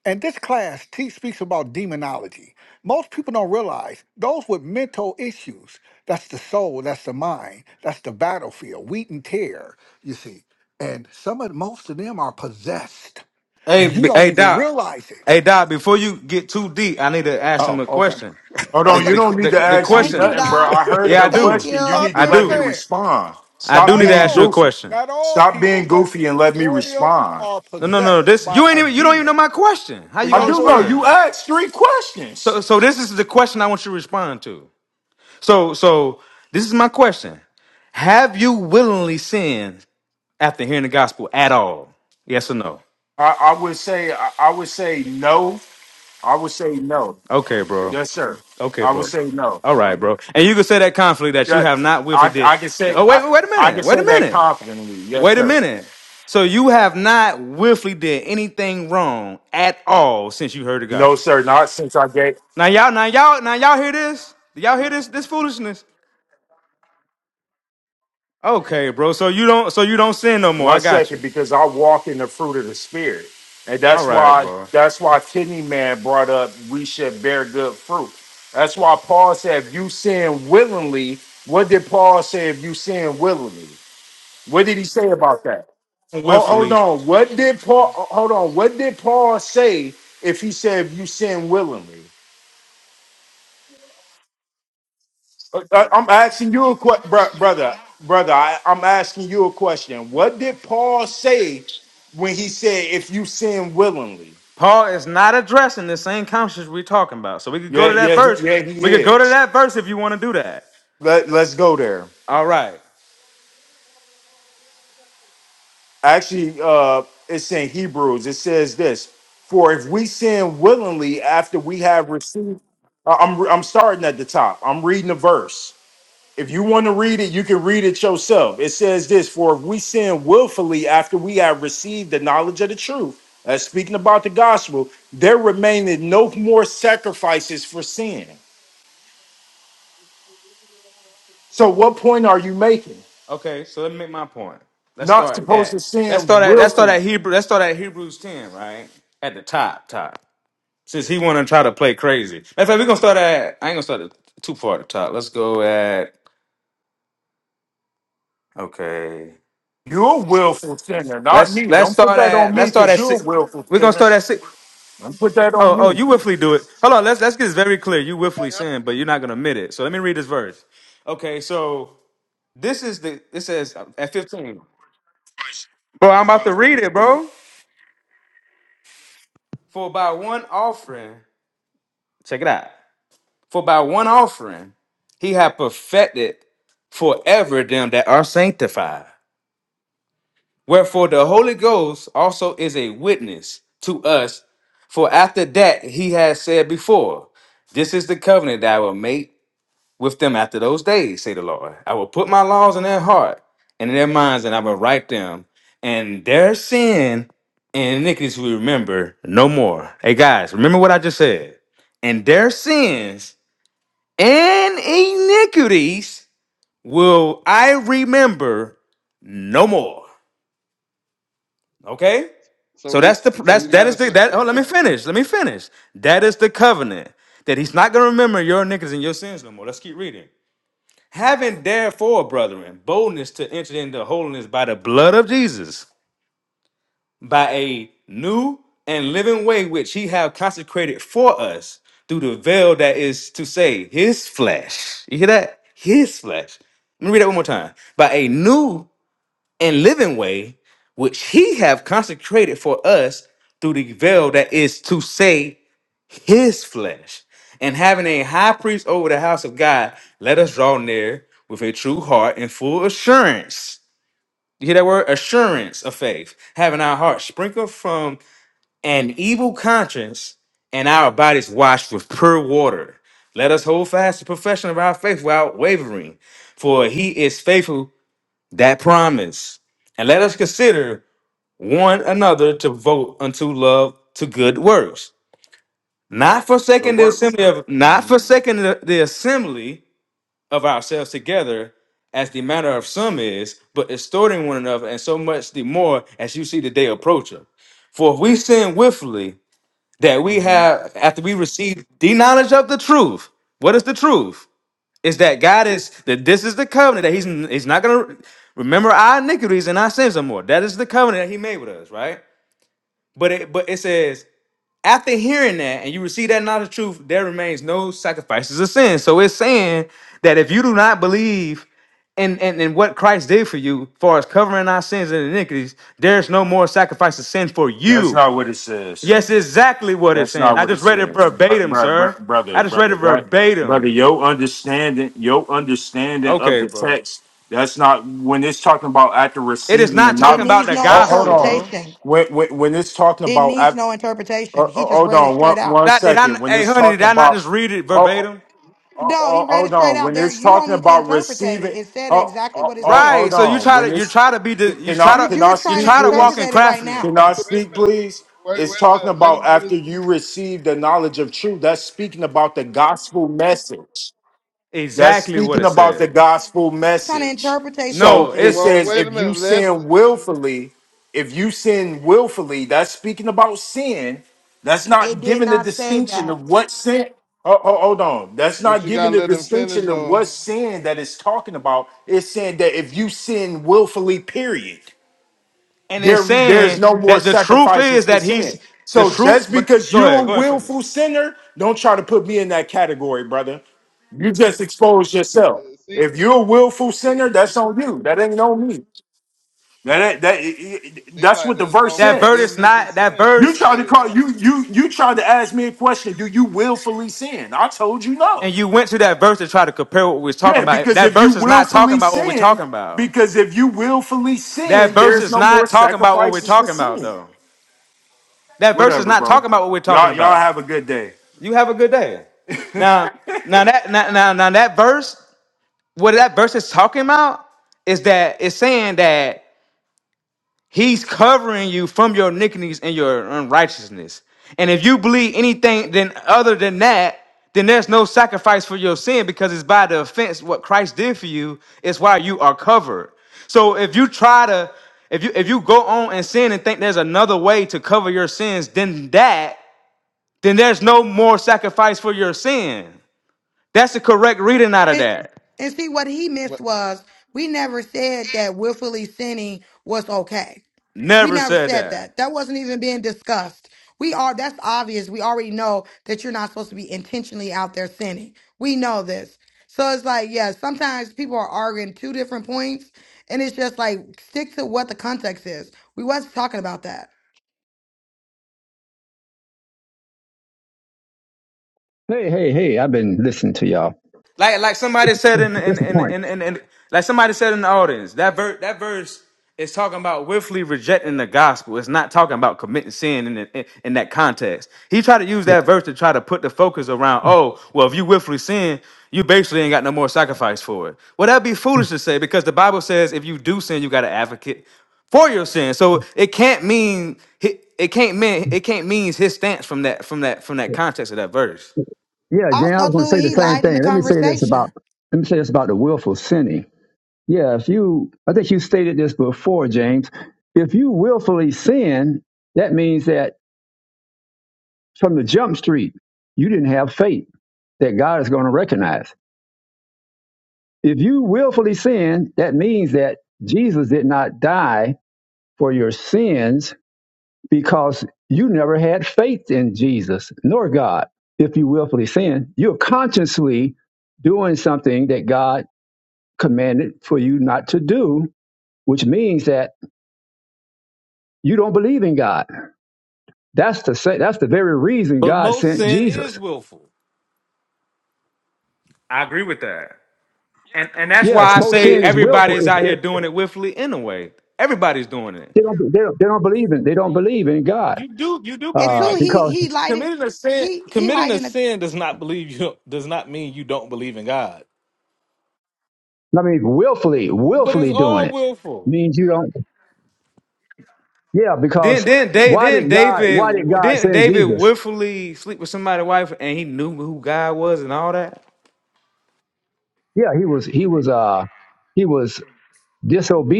Speaker 7: And this class te- speaks about demonology. Most people don't realize those with mental issues. That's the soul. That's the mind. That's the battlefield. Wheat and tear. You see. And some of most of them are possessed,
Speaker 9: Hey,
Speaker 7: and you
Speaker 9: b-
Speaker 7: don't
Speaker 9: hey,
Speaker 7: even
Speaker 9: Doc.
Speaker 7: realize it
Speaker 9: Hey, Doc. Before you get too deep, I need to ask him
Speaker 7: Oh,
Speaker 9: a
Speaker 7: okay.
Speaker 9: question.
Speaker 10: Hold
Speaker 9: The
Speaker 10: on, you
Speaker 9: the
Speaker 10: don't need to
Speaker 9: the, the
Speaker 10: ask me
Speaker 8: Thank you,
Speaker 9: question.
Speaker 10: nothing, bro.
Speaker 8: Doc.
Speaker 10: I heard
Speaker 9: Yeah, I
Speaker 10: your
Speaker 8: Thank
Speaker 9: do.
Speaker 10: question. You
Speaker 7: I'm
Speaker 8: you.
Speaker 10: need to
Speaker 9: I
Speaker 7: just
Speaker 10: let me
Speaker 9: do.
Speaker 7: saying,
Speaker 10: respond.
Speaker 9: I do
Speaker 10: Stop
Speaker 9: need
Speaker 7: not
Speaker 9: to
Speaker 10: being
Speaker 9: ask you a
Speaker 7: all,
Speaker 10: goofy.
Speaker 9: question.
Speaker 7: not all
Speaker 10: Stop
Speaker 7: people,
Speaker 10: being
Speaker 7: but
Speaker 10: goofy and let me
Speaker 7: majority of them
Speaker 10: respond.
Speaker 7: are
Speaker 9: No, no, no.
Speaker 7: possessed
Speaker 9: This
Speaker 7: by
Speaker 9: you ain't
Speaker 7: a
Speaker 9: even. You don't even know
Speaker 7: demon.
Speaker 9: my question. How
Speaker 7: But
Speaker 9: you
Speaker 10: I
Speaker 9: gonna
Speaker 7: y'all
Speaker 10: do
Speaker 7: go
Speaker 10: know
Speaker 7: ahead
Speaker 9: respond?
Speaker 10: you
Speaker 7: though.
Speaker 10: asked three questions.
Speaker 9: So, so this is the question I want you to respond to. So, so this is my question. Have you willingly sinned after hearing the gospel at all? Yes or no?
Speaker 10: I, I would say, I, I would say no. I would say no.
Speaker 9: Okay, bro.
Speaker 10: Yes, sir.
Speaker 9: Okay,
Speaker 10: I would
Speaker 9: bro.
Speaker 10: say no.
Speaker 9: All right, bro. And you can say that confidently that you
Speaker 10: Yeah,
Speaker 9: have not willfully
Speaker 10: I
Speaker 9: did.
Speaker 10: I can say
Speaker 9: Oh, wait,
Speaker 10: I,
Speaker 9: wait a
Speaker 10: I
Speaker 9: minute.
Speaker 10: can
Speaker 9: Wait a
Speaker 10: say that
Speaker 9: minute.
Speaker 10: confidently. Yes,
Speaker 9: Wait a
Speaker 10: sir.
Speaker 9: minute. So you have not willfully did anything wrong at all since you heard the
Speaker 10: No,
Speaker 9: gospel.
Speaker 10: sir, not since I gave
Speaker 9: Now y'all, now y'all, now y'all hear this? Do y'all hear this? This foolishness. Okay, bro. So you don't, so you don't sin no more. I
Speaker 10: one
Speaker 9: got
Speaker 10: second
Speaker 9: you.
Speaker 10: because I walk in the fruit of the spirit. And
Speaker 9: All
Speaker 10: that's
Speaker 9: right,
Speaker 10: why
Speaker 9: bro.
Speaker 10: that's why Kidney Man brought up we should bear good fruit. That's why Paul said if you sin willingly, what did Paul say if you sin willingly? What did he say about that? Ho- Hold,
Speaker 9: Willfully,
Speaker 10: on. What did Paul hold on? What did Paul say if he said if you sin willingly? Uh, I, I'm asking you a question, brother. Brother, I, I'm asking you a question. What did Paul say when he said, "If you sin willingly"?
Speaker 9: Paul is not addressing the same conscience we're talking about. So we could go
Speaker 10: Yeah,
Speaker 9: to that
Speaker 10: yeah, he-
Speaker 9: verse.
Speaker 10: yeah. He
Speaker 9: We could go to
Speaker 10: is.
Speaker 9: that verse if you want to do that.
Speaker 10: Let Let's go there.
Speaker 9: All right.
Speaker 10: Actually, uh, it's in Hebrews. It says this: For if we sin willingly after we have received, I- I'm I'm starting at the top. I'm reading the verse. If you want to read it, you can read it yourself. It says this For if we sin willfully after we have received the knowledge of the truth, that's speaking about the gospel, there remaineth no more sacrifices for sin. So, what point are you making?
Speaker 9: Okay, so let me make my point. Let's
Speaker 10: Not
Speaker 9: start
Speaker 10: supposed
Speaker 9: at
Speaker 10: to
Speaker 9: let's
Speaker 10: sin
Speaker 9: start at let's start at
Speaker 10: willfully.
Speaker 9: Hebrew let's start at Hebrews ten, right? At the top, top. Since he wanna try to play crazy. Matter of fact, we're gonna start at I ain't gonna start at too far at the top. Let's go at okay.
Speaker 10: You're a willful sinner, not
Speaker 9: Let's
Speaker 10: me.
Speaker 9: let's
Speaker 10: Don't put
Speaker 9: start
Speaker 10: that on
Speaker 9: at
Speaker 10: me
Speaker 9: let's start
Speaker 10: because
Speaker 9: at
Speaker 10: you're a
Speaker 9: six
Speaker 10: willful
Speaker 9: we're gonna
Speaker 10: sinner.
Speaker 9: start at six.
Speaker 10: Don't put that
Speaker 9: Oh,
Speaker 10: on
Speaker 9: oh,
Speaker 10: me.
Speaker 9: you willfully do it. Hold on, let's let's get this very clear. You willfully sin, but you're not gonna admit it. So let me read this verse. Okay, so this is the it says uh, at 15. Bro, I'm about to read it, bro. For by one offering Check it out. For by one offering he hath perfected forever them that are sanctified. Wherefore the Holy Ghost also is a witness to us. For after that he has said before, This is the covenant that I will make with them after those days, say the Lord. I will put my laws in their heart and in their minds, and I will write them, and their sin and iniquities we remember no more. Hey guys, remember what I just said. And their sins and iniquities will I remember no more. Okay?
Speaker 3: So
Speaker 9: So
Speaker 3: you,
Speaker 9: that's the
Speaker 3: so
Speaker 9: that's
Speaker 3: you
Speaker 9: that
Speaker 3: trying
Speaker 9: is
Speaker 3: to
Speaker 9: the
Speaker 3: say,
Speaker 9: that oh let me finish. Let me finish. That is the covenant that he's not gonna remember your iniquities and your sins no more. Let's keep reading. Having therefore, brethren, boldness to enter into holiness by the blood of Jesus by a new and living way which he have consecrated for us through the veil that is to say his flesh. You hear that? His flesh. Let me read that one more time. By a new and living way which he have consecrated for us through the veil that is to say his flesh. And having a high priest over the house of God, let us draw near with a true heart and full assurance you hear that word? Assurance of faith. Having our hearts sprinkled from an evil conscience and our bodies washed with pure water. Let us hold fast the profession of our faith without wavering, for he is faithful that promise. And let us consider one another to vote unto love to good works, not
Speaker 10: It
Speaker 9: forsaking the
Speaker 10: works.
Speaker 9: assembly of not
Speaker 10: Mhm,
Speaker 9: forsaking the, the assembly of ourselves together, as the manner of some is, but exhorting one another, and so much the more as you see the day approaching. For if we sin willfully, that we
Speaker 10: mhm.
Speaker 9: have after we receive the knowledge of the truth. What is the truth? Is that God is that this is the covenant that He's He's not gonna remember our iniquities and our sins no more. That is the covenant that He made with us, right? But it but it says after hearing that and you receive that knowledge of truth, there remains no sacrifices of sin. So it's saying that if you do not believe in in and what Christ did for you, far as covering our sins and iniquities, there's no more sacrifice of sin for
Speaker 10: That's
Speaker 9: you.
Speaker 10: not what it says.
Speaker 9: Yes, exactly what it's
Speaker 10: That's
Speaker 9: saying.
Speaker 10: not
Speaker 9: I
Speaker 10: what
Speaker 9: just
Speaker 10: it
Speaker 9: read it
Speaker 10: says, Br-
Speaker 9: verbatim,
Speaker 10: br-
Speaker 9: sir.
Speaker 10: br- brother.
Speaker 9: I just read it
Speaker 10: Brother, that brother,
Speaker 9: verbatim.
Speaker 10: your understanding, your understanding of
Speaker 9: Okay,
Speaker 10: the
Speaker 9: bro.
Speaker 10: text. That's not when it's talking about after
Speaker 9: It is
Speaker 10: receiving or
Speaker 9: not
Speaker 8: It
Speaker 9: talking
Speaker 10: not.
Speaker 9: about
Speaker 8: needs
Speaker 9: the
Speaker 8: no
Speaker 10: Ho- Hold,
Speaker 9: gospel,
Speaker 10: on.
Speaker 9: bro.
Speaker 8: interpretation.
Speaker 10: When, when when it's talking
Speaker 8: It
Speaker 10: about,
Speaker 8: needs
Speaker 10: af-
Speaker 8: no
Speaker 10: uh,
Speaker 8: interpretation.
Speaker 10: uh,
Speaker 8: He just
Speaker 10: hold
Speaker 8: read it
Speaker 10: on one
Speaker 8: straight out.
Speaker 10: one
Speaker 9: That did I?
Speaker 10: second. When
Speaker 9: Hey,
Speaker 10: it's
Speaker 9: honey, did
Speaker 10: talking
Speaker 9: I not
Speaker 10: about,
Speaker 9: just read it
Speaker 10: oh,
Speaker 9: verbatim?
Speaker 10: oh,
Speaker 8: No, he
Speaker 10: oh,
Speaker 8: read it
Speaker 10: hold
Speaker 8: straight
Speaker 10: on.
Speaker 8: out
Speaker 10: When
Speaker 8: there.
Speaker 10: it's
Speaker 8: You don't
Speaker 10: talking
Speaker 8: need to
Speaker 10: about
Speaker 8: interpret it.
Speaker 10: receiving,
Speaker 8: It said
Speaker 10: oh,
Speaker 8: exactly
Speaker 10: oh,
Speaker 8: what it
Speaker 10: oh,
Speaker 8: said.
Speaker 9: Right.
Speaker 10: hold
Speaker 9: So you
Speaker 10: on.
Speaker 9: try
Speaker 10: When
Speaker 9: to you
Speaker 10: it's
Speaker 9: try to be the you
Speaker 10: can I
Speaker 9: try
Speaker 8: You're,
Speaker 9: to
Speaker 10: can I
Speaker 8: you're
Speaker 9: you
Speaker 8: trying
Speaker 10: speak,
Speaker 8: to
Speaker 9: try to
Speaker 8: interpret
Speaker 9: walk
Speaker 10: please?
Speaker 9: in
Speaker 8: it right
Speaker 9: craftiness,
Speaker 10: Can
Speaker 8: now.
Speaker 10: I
Speaker 9: bro.
Speaker 10: speak, please?
Speaker 3: wait,
Speaker 10: It's
Speaker 3: wait
Speaker 10: talking
Speaker 3: a minute, let
Speaker 10: about
Speaker 3: him get
Speaker 10: after
Speaker 3: his.
Speaker 10: you receive the knowledge of truth. That's speaking about the gospel message. That's
Speaker 9: Exactly what
Speaker 10: speaking
Speaker 9: it
Speaker 10: about the
Speaker 9: said.
Speaker 10: gospel
Speaker 8: Trying to
Speaker 10: message.
Speaker 8: interpretate
Speaker 10: So
Speaker 9: No,
Speaker 10: it
Speaker 9: it's
Speaker 8: something.
Speaker 3: Well,
Speaker 10: says,
Speaker 3: wait a
Speaker 10: if you
Speaker 3: minute, let.
Speaker 10: sin willfully, if you sin willfully, that's speaking about sin. That's
Speaker 8: It
Speaker 10: not
Speaker 8: did
Speaker 10: giving the
Speaker 8: not say
Speaker 10: distinction
Speaker 8: that.
Speaker 10: of what sin. Oh, oh, hold on. That's
Speaker 3: But
Speaker 10: not
Speaker 3: you
Speaker 10: giving
Speaker 3: gotta
Speaker 10: the
Speaker 3: let him finish
Speaker 10: distinction of
Speaker 3: though.
Speaker 10: what sin that it's talking about. It's saying that if you sin willfully, period
Speaker 9: and
Speaker 10: there
Speaker 9: it's
Speaker 10: there's
Speaker 9: saying
Speaker 10: no more
Speaker 9: that the truth
Speaker 10: sacrifices
Speaker 9: is
Speaker 10: for
Speaker 9: that he's
Speaker 10: sin.
Speaker 9: the
Speaker 10: So
Speaker 9: truth.
Speaker 10: just
Speaker 9: But
Speaker 10: because
Speaker 9: go
Speaker 10: you're
Speaker 9: ahead,
Speaker 10: a
Speaker 9: go ahead, finish.
Speaker 10: willful sinner, don't try to put me in that category, brother. You just expose yourself.
Speaker 3: It seems
Speaker 10: If you're a willful sinner, that's on you. That ain't on me. That ain't, that
Speaker 3: it seem
Speaker 10: that's
Speaker 3: like
Speaker 10: what the
Speaker 3: there's
Speaker 10: verse
Speaker 3: no
Speaker 9: That verse
Speaker 10: says.
Speaker 9: is
Speaker 3: forgiveness of
Speaker 9: not that
Speaker 3: sin.
Speaker 10: You
Speaker 3: in
Speaker 9: verse.
Speaker 3: the
Speaker 10: tried to
Speaker 3: way,
Speaker 10: call you you you tried to ask me a question. Do you willfully sin? I told you no.
Speaker 9: And you went to that verse to try to compare what we was talking
Speaker 10: Yeah,
Speaker 9: about.
Speaker 10: because
Speaker 9: That
Speaker 10: if you
Speaker 9: verse is not talking
Speaker 10: willfully
Speaker 9: about what we're
Speaker 10: sin,
Speaker 9: talking about.
Speaker 10: because if you willfully
Speaker 9: That
Speaker 10: sin,
Speaker 9: verse
Speaker 10: there's
Speaker 9: is
Speaker 10: no more
Speaker 9: not talking about what we're
Speaker 10: sacrifices for
Speaker 9: talking about,
Speaker 10: sin.
Speaker 9: though. That verse is
Speaker 10: Whatever,
Speaker 9: not
Speaker 10: bro.
Speaker 9: talking about what we're talking
Speaker 10: Y'all, y'all
Speaker 9: about.
Speaker 10: have a good day.
Speaker 9: You have a good day. Now, now that now now, now that verse, what that verse is talking about is that it's saying that He's covering you from your iniquities and your unrighteousness. And if you believe anything then other than that, then there's no sacrifice for your sin because it's by the offense what Christ did for you is why you are covered. So if you try to if you if you go on and sin and think there's another way to cover your sins than that, then there's no more sacrifice for your sin. That's the correct reading out of
Speaker 8: And,
Speaker 9: that.
Speaker 8: and see, what he missed
Speaker 3: what's
Speaker 8: was we never said that willfully sinning was okay. We
Speaker 9: Never
Speaker 8: never
Speaker 9: said
Speaker 8: said
Speaker 9: that.
Speaker 8: that. That wasn't even being discussed. We are, that's obvious. We already know that you're not supposed to be intentionally out there sinning. We know this. So it's like, yeah, sometimes people are arguing two different points, and it's just like, stick to what the context is. We wasn't talking about that.
Speaker 11: Hey, hey, hey, I've been listening to y'all.
Speaker 9: Like like somebody said in in
Speaker 11: Just a
Speaker 9: in
Speaker 11: point.
Speaker 9: in, in, in like somebody said in the audience that ver- that verse is talking about willfully rejecting the gospel. It's not talking about committing sin in, in in that context. He tried to use that verse to try to put the focus around. Oh well, if you willfully sin, you basically ain't got no more sacrifice for it. Well, that'd be foolish to say because the Bible says if you do sin, you got an advocate for your sin. So it can't mean it can't mean it can't mean his stance from that from that from that context of that verse.
Speaker 11: Yeah, Dan, I
Speaker 8: Also,
Speaker 11: was going to
Speaker 8: too,
Speaker 11: say the
Speaker 8: he
Speaker 11: same
Speaker 8: lied in the
Speaker 11: thing. Let me say this about,
Speaker 8: conversation.
Speaker 11: let me say this about the willful sinning. Yeah, if you, I think you stated this before, James. If you willfully sin, that means that from the jump street, you didn't have faith that God is going to recognize. If you willfully sin, that means that Jesus did not die for your sins because you never had faith in Jesus nor God. If you willfully sin, you're consciously doing something that God commanded for you not to do, which means that you don't believe in God. That's the sa- that's the very reason
Speaker 1: But
Speaker 11: God
Speaker 1: most
Speaker 11: sent
Speaker 1: sin
Speaker 11: Jesus.
Speaker 1: is willful.
Speaker 9: I agree with that. And and that's
Speaker 11: Yeah,
Speaker 9: why I
Speaker 11: most
Speaker 9: say
Speaker 3: the
Speaker 11: sin is
Speaker 3: issue right there?
Speaker 11: willful.
Speaker 9: everybody's
Speaker 11: If,
Speaker 9: out here
Speaker 11: if
Speaker 9: doing it willfully anyway. Everybody's doing it.
Speaker 11: they don't they don't, they don't believe in they don't believe in God
Speaker 1: You do you do
Speaker 8: And
Speaker 1: believe
Speaker 11: uh,
Speaker 8: two,
Speaker 1: it.
Speaker 8: he
Speaker 11: because
Speaker 8: he lied in
Speaker 1: Committing a sin
Speaker 8: he he
Speaker 1: committing
Speaker 8: lied
Speaker 1: a
Speaker 8: in the
Speaker 1: sin does not believe you does not mean you don't believe in God.
Speaker 11: I mean willfully
Speaker 1: But it's
Speaker 11: willfully doing
Speaker 1: all
Speaker 11: it
Speaker 1: willful.
Speaker 11: means you don't. Yeah,
Speaker 9: Then
Speaker 11: because
Speaker 9: then they
Speaker 11: why
Speaker 9: then
Speaker 11: did God why did
Speaker 9: David
Speaker 11: God
Speaker 9: didn't
Speaker 11: send
Speaker 9: David
Speaker 11: Jesus?
Speaker 9: willfully sleep with somebody's wife and he knew who God was and all that.
Speaker 11: Yeah, he was he was uh he was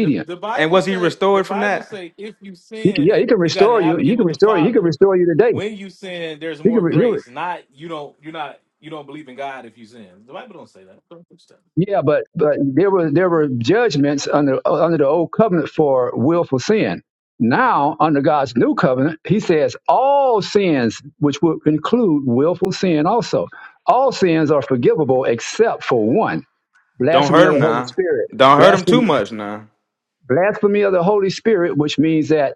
Speaker 1: The, the
Speaker 9: And
Speaker 1: Bible
Speaker 9: was he
Speaker 1: say the
Speaker 9: restored from
Speaker 1: Bible
Speaker 9: that?
Speaker 1: say if you
Speaker 11: He can, yeah, he
Speaker 1: sin,
Speaker 11: can
Speaker 1: you got an
Speaker 11: restore you. He
Speaker 1: advocate
Speaker 11: can
Speaker 1: with the
Speaker 11: restore you. He can
Speaker 1: Father.
Speaker 11: restore you today.
Speaker 1: When you sin, there's
Speaker 11: He can.
Speaker 1: more
Speaker 11: Re- he re-
Speaker 1: grace. Not you don't you're not you don't believe in God if you sin. The Bible don't say that.
Speaker 11: yeah, but but there were there were judgments under uh, under the old covenant for willful sin. Now under God's new covenant, He says all sins, which would include willful sin, also all sins are forgivable except for one:
Speaker 9: Don't
Speaker 11: blasphemy
Speaker 9: hurt
Speaker 11: of
Speaker 9: him
Speaker 11: the Holy
Speaker 9: now.
Speaker 11: Spirit.
Speaker 9: Don't hurt him too
Speaker 11: Blasphemy,
Speaker 9: much now.
Speaker 11: blasphemy of the Holy Spirit, which means that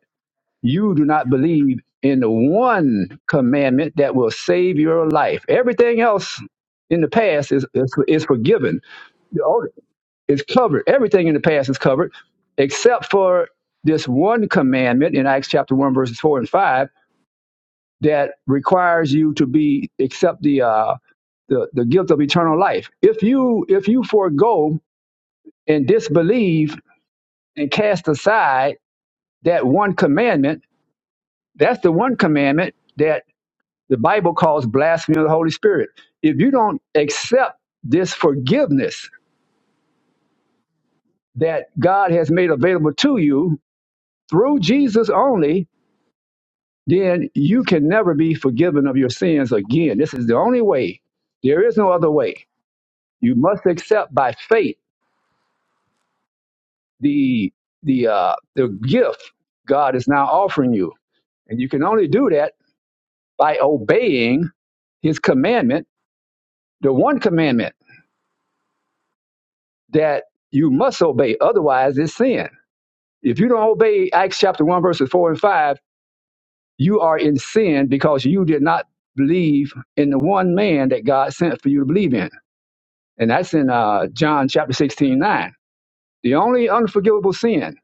Speaker 11: you do not believe in the one commandment that will save your life. Everything else in the past is, is, is forgiven, The old- it's covered. Everything in the past is covered except for this one commandment in Acts chapter 1, verses 4 and 5 that requires you to be accept the uh, the, the guilt of eternal life. If you if you forego and disbelieve and cast aside that one commandment, that's the one commandment that The Bible calls blasphemy of the Holy Spirit. If you don't accept this forgiveness that God has made available to you through Jesus only, then you can never be forgiven of your sins again. This is the only way. There is no other way. You must accept by faith the the uh, the gift God is now offering you, and you can only do that by obeying His commandment, the one commandment that you must obey. Otherwise, it's sin If you don't obey Acts chapter 1, verses 4 and 5, you are in sin because you did not believe in the one man that God sent for you to believe in. And that's in uh, John chapter 16 9. The only unforgivable sin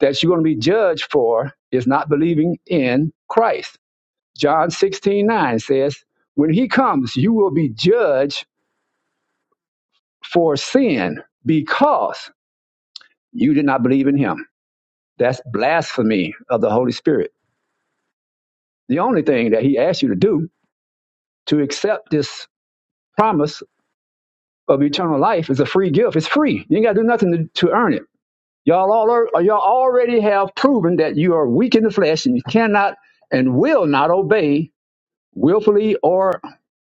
Speaker 11: that you're going to be judged for is not believing in Christ. John 16 9 says, When he comes, you will be judged for sin because you did not believe in him. That's blasphemy of the Holy Spirit. The only thing that he asks you to do to accept this promise of eternal life is a free gift. It's free. You ain't got to do nothing to, to earn it. Y'all all are, y'all already have proven that you are weak in the flesh and you cannot and will not obey willfully or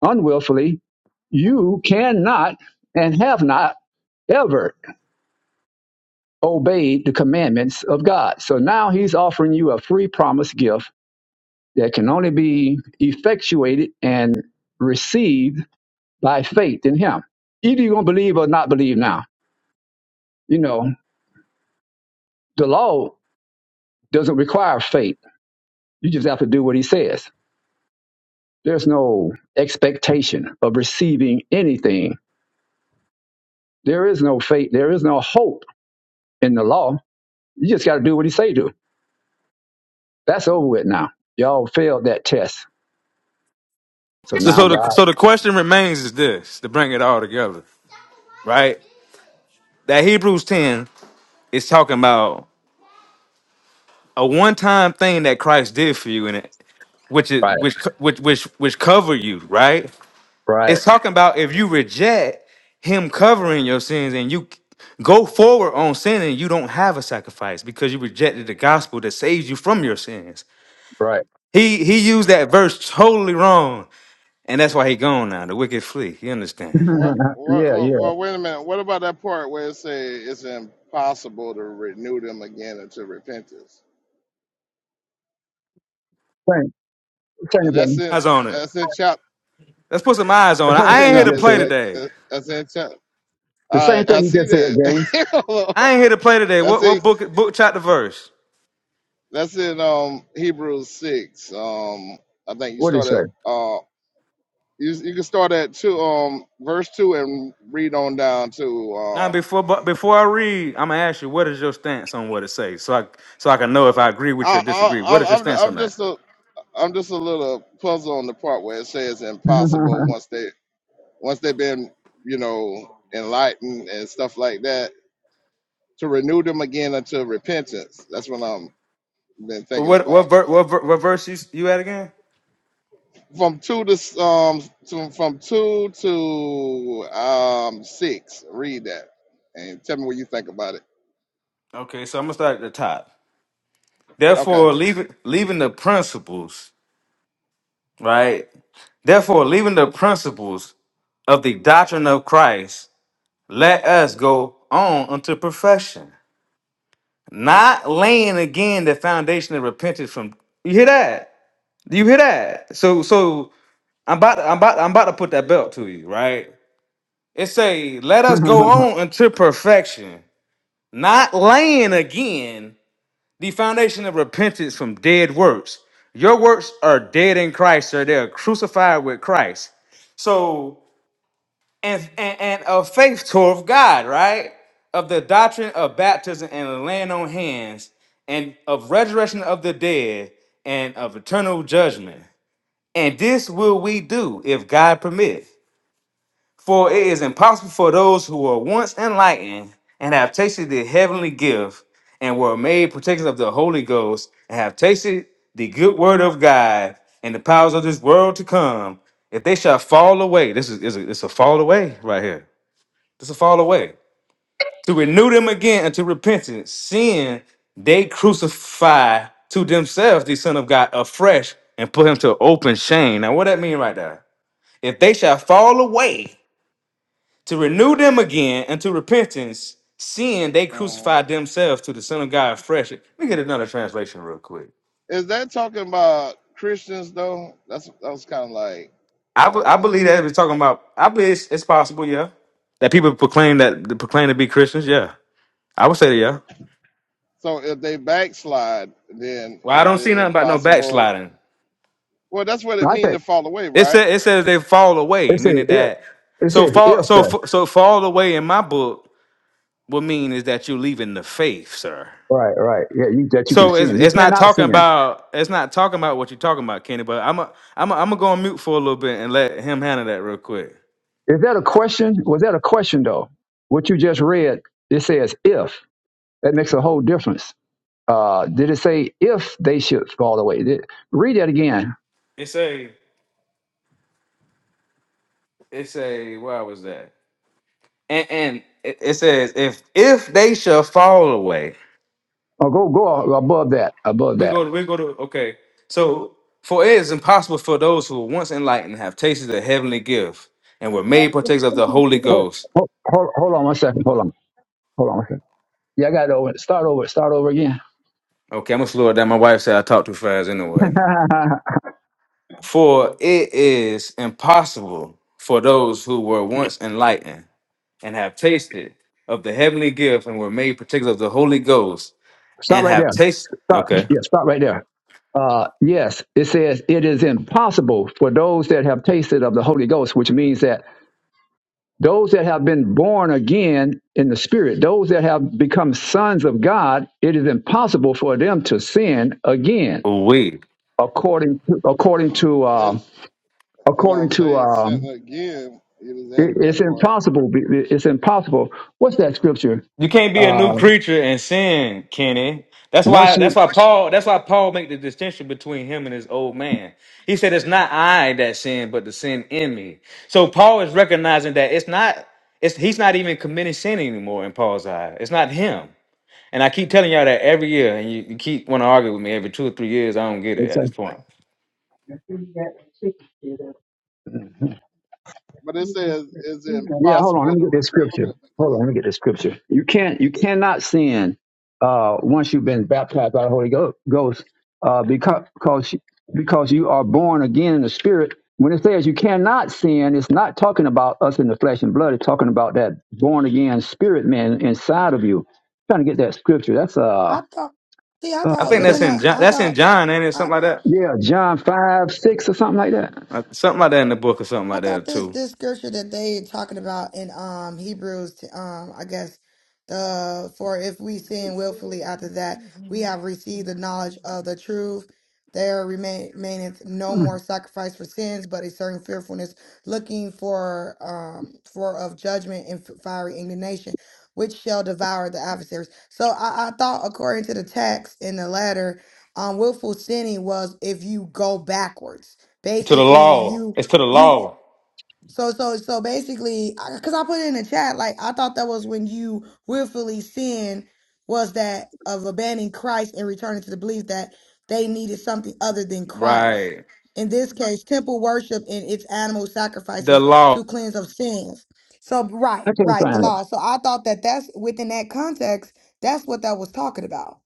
Speaker 11: unwillfully. You cannot and have not ever obeyed the commandments of God. So now he's offering you a free promise gift that can only be effectuated and received by faith in him. Either you're going to believe or not believe now. You know, the law doesn't require faith. You just have to do what he says. There's no expectation of receiving anything. There is no faith. There is no hope in the law. You just got to do what he say do. That's over with now. Y'all failed that test. So
Speaker 9: So
Speaker 11: now
Speaker 9: so the
Speaker 11: God.
Speaker 9: so the question remains is this to bring it all together, right? That Hebrews 10 is talking about a one-time thing that Christ did for you and it which is
Speaker 11: Right,
Speaker 9: which co- which which which cover you, right?
Speaker 11: right,
Speaker 9: It's talking about if you reject him covering your sins and you go forward on sinning, you don't have a sacrifice because you rejected the gospel that saves you from your sins.
Speaker 11: right.
Speaker 9: He he used that verse totally wrong, and that's why he gone now. The wicked flee. You understand?
Speaker 3: What, what,
Speaker 11: yeah, yeah.
Speaker 3: what, well, wait a minute. What about that part where it say it's impossible to renew them again into repentance?
Speaker 11: Same, same
Speaker 3: And that's
Speaker 11: thing.
Speaker 3: in
Speaker 9: Eyes on it.
Speaker 3: that's in chapter
Speaker 9: Let's put some eyes
Speaker 11: The
Speaker 9: on it.
Speaker 3: that's
Speaker 11: same
Speaker 3: in
Speaker 9: I
Speaker 11: thing
Speaker 9: ain't here
Speaker 11: you
Speaker 9: to
Speaker 3: chapter
Speaker 11: just
Speaker 9: play
Speaker 11: said.
Speaker 3: six.
Speaker 9: today.
Speaker 3: that- That's in chapter.
Speaker 11: The
Speaker 3: All
Speaker 11: same
Speaker 3: right, I
Speaker 11: thing you
Speaker 3: see
Speaker 11: just said,
Speaker 3: that.
Speaker 11: James.
Speaker 9: I ain't here to play today. What
Speaker 3: that's
Speaker 9: what
Speaker 3: it.
Speaker 9: book book chapter verse?
Speaker 3: That's in um Hebrews six. Um, I think you
Speaker 11: What did
Speaker 3: start at
Speaker 11: he
Speaker 3: uh you you can start at two um verse two and read on down to
Speaker 9: Now
Speaker 3: um
Speaker 9: before but before I read, I'm gonna ask you what is your stance on what it says, so I so I can know if I agree with you or
Speaker 3: I I
Speaker 9: disagree. What is your
Speaker 3: I'm
Speaker 9: stance on
Speaker 3: I'm
Speaker 9: that?
Speaker 3: just a I'm just a little puzzled on the part where it says
Speaker 11: say?
Speaker 3: impossible once they once they've been you know enlightened and stuff like that to renew them again unto repentance. That's what I'm been
Speaker 9: But
Speaker 3: thinking
Speaker 9: what what
Speaker 3: about.
Speaker 9: ver, what, ver, what verse you, you at again?
Speaker 3: From two to um to, from two to um six. Read that and tell me what you think about it.
Speaker 9: Okay, so I'm gonna start at the top.
Speaker 3: Okay.
Speaker 9: Therefore, leaving leaving the principles, right? Therefore, leaving the principles of the doctrine of Christ, let us go on unto perfection, not laying again the foundation of repentance from. You hear that? Do you hear that? So so I'm about I'm about I'm about to put that belt to you, right? It say, let us go on unto perfection, not laying again The foundation of repentance from dead works. Your works are dead in Christ, or they're crucified with Christ. So, and, and, and of faith toward God, right? Of the doctrine of baptism and the laying on hands, and of resurrection of the dead, and of eternal judgment. And this will we do if God permit. For it is impossible for those who were once enlightened and have tasted the heavenly gift and were made partakers of the Holy Ghost and have tasted the good word of God and the powers of this world to come, if they shall fall away, this is, is a, it's a fall away right here. This is a fall away. To renew them again unto repentance, seeing they crucify to themselves the Son of God afresh and put him to open shame. Now, what that mean right there? If they shall fall away to renew them again unto repentance, seeing they
Speaker 3: Mhm.
Speaker 9: crucified themselves to the Son of God fresh. Let me get another translation real quick.
Speaker 3: Is that talking about Christians though? That's that was kind of like you
Speaker 9: I, be-
Speaker 3: know.
Speaker 9: I
Speaker 3: Um,
Speaker 9: believe that we're talking about. I believe it's, it's possible, yeah. That people proclaim that proclaim to be Christians, yeah. I would say that, yeah.
Speaker 3: so if they backslide, then
Speaker 9: Well, I
Speaker 3: is
Speaker 9: don't see
Speaker 3: it
Speaker 9: nothing about no
Speaker 3: impossible?
Speaker 9: backsliding.
Speaker 3: Well, that's what it
Speaker 11: I think.
Speaker 3: means to fall away,
Speaker 9: It
Speaker 3: right?
Speaker 9: says it says they fall away,
Speaker 11: It says
Speaker 9: meaning
Speaker 11: if.
Speaker 9: that
Speaker 11: It
Speaker 9: so
Speaker 11: says
Speaker 9: fall
Speaker 11: if
Speaker 9: so
Speaker 11: though.
Speaker 9: f- so fall away in my book. would mean is that you're leaving the faith, sir.
Speaker 11: Right, right. Yeah, you, that you can
Speaker 9: So
Speaker 11: sin.
Speaker 9: it's
Speaker 11: You
Speaker 9: it's not
Speaker 11: cannot
Speaker 9: talking
Speaker 11: sin.
Speaker 9: about it's not talking about what you're talking about, Kenny. But I'm a, I'm a, I'm gonna go on mute for a little bit and let him handle that real quick.
Speaker 11: Is that a question? Was that a question though? What you just read, it says if. That makes a whole difference. Uh, did it say if they should fall away? Did, read that again.
Speaker 9: It's a it's a where was that? And and it, it says if if they shall fall away,
Speaker 11: Or go go above that. Above
Speaker 9: we
Speaker 11: that.
Speaker 9: go to, we go to okay. So for it is impossible for those who were once enlightened have tasted the heavenly gift and were made partakers of the Holy
Speaker 11: Hold,
Speaker 9: Ghost.
Speaker 11: hold, hold hold on one second. Hold on. Hold on. One second. Yeah, I got it over. Start over. Start over again.
Speaker 9: Okay, I'm gonna slow it down. My wife said I talk too fast anyway. For it is impossible for those who were once enlightened and have tasted of the heavenly gift and were made partakers of the Holy Ghost
Speaker 11: Stop
Speaker 9: and
Speaker 11: right
Speaker 9: have
Speaker 11: there.
Speaker 9: tasted.
Speaker 11: Stop.
Speaker 9: Okay,
Speaker 11: Yeah, stop right there. Uh, yes, it says it is impossible for those that have tasted of the Holy Ghost, which means that those that have been born again in the Spirit, those that have become sons of God, it is impossible for them to sin again.
Speaker 9: we.
Speaker 11: According according to uh,
Speaker 3: It, it
Speaker 11: according
Speaker 3: don't
Speaker 11: to
Speaker 3: say sin
Speaker 11: um,
Speaker 3: again. It just
Speaker 11: it,
Speaker 3: added
Speaker 11: it's
Speaker 3: that part.
Speaker 11: impossible. It's impossible. What's that scripture?
Speaker 9: You can't be a
Speaker 11: Uh,
Speaker 9: new creature and sin, Kenny. That's
Speaker 11: once
Speaker 9: why.
Speaker 11: you
Speaker 9: That's why Paul. That's why Paul made the distinction between him and his old man. He said, "It's not I that sin, but the sin in me." So Paul is recognizing that it's not. It's he's not even committing sin anymore in Paul's eye. It's not him. And I keep telling y'all that every year, and you, you keep want to argue with me every two or three years. I don't get it at this point.
Speaker 3: but it says it's
Speaker 11: Yeah, hold on. Let
Speaker 3: impossible
Speaker 11: me
Speaker 3: to
Speaker 11: get this
Speaker 3: renew
Speaker 11: scripture.
Speaker 3: them.
Speaker 11: Hold on. Let me get this scripture. You can't. You cannot sin uh, once you've been baptized by the Holy Go- Ghost uh, because because because you are born again in the Spirit. When it says you cannot sin, it's not talking about us in the flesh and blood. It's talking about that born again spirit man inside of you. trying to get that scripture. That's
Speaker 8: I
Speaker 11: uh,
Speaker 8: thought, see, I
Speaker 9: I
Speaker 11: oh,
Speaker 8: thought
Speaker 9: think
Speaker 11: is that
Speaker 9: that's
Speaker 8: within
Speaker 9: in
Speaker 8: a,
Speaker 9: John.
Speaker 8: I
Speaker 9: That's in
Speaker 8: thought,
Speaker 9: John, ain't it?
Speaker 8: I,
Speaker 9: Something like that.
Speaker 11: yeah, John five six or something like that.
Speaker 9: Uh, something like that in the book, or something
Speaker 8: I
Speaker 9: like
Speaker 8: thought
Speaker 9: that
Speaker 8: this
Speaker 9: too.
Speaker 8: this scripture that they talking about in um Hebrews um I guess the for if we sin willfully after that we have received the knowledge of the truth there remain- remaineth no more sacrifice for sins but a certain fearfulness looking for um for of judgment and fiery indignation which shall devour the adversaries so I, I thought according to the text in the letter um willful sinning was if you go backwards
Speaker 9: To the
Speaker 8: basically
Speaker 9: law.
Speaker 8: you
Speaker 9: It's to the
Speaker 8: you
Speaker 9: law.
Speaker 8: so so so basically, because I, 'cause I put it in the chat, like I thought that was when you willfully sin was that of abandoning Christ and returning to the belief that they needed something other than Christ.
Speaker 9: Right.
Speaker 8: In this case, temple worship and its animal
Speaker 9: The
Speaker 8: sacrifices
Speaker 9: law.
Speaker 8: to cleanse of sins. So right,
Speaker 11: I can't
Speaker 8: right, the
Speaker 11: find it.
Speaker 8: law. So I thought that that's within that context. That's what that was talking about.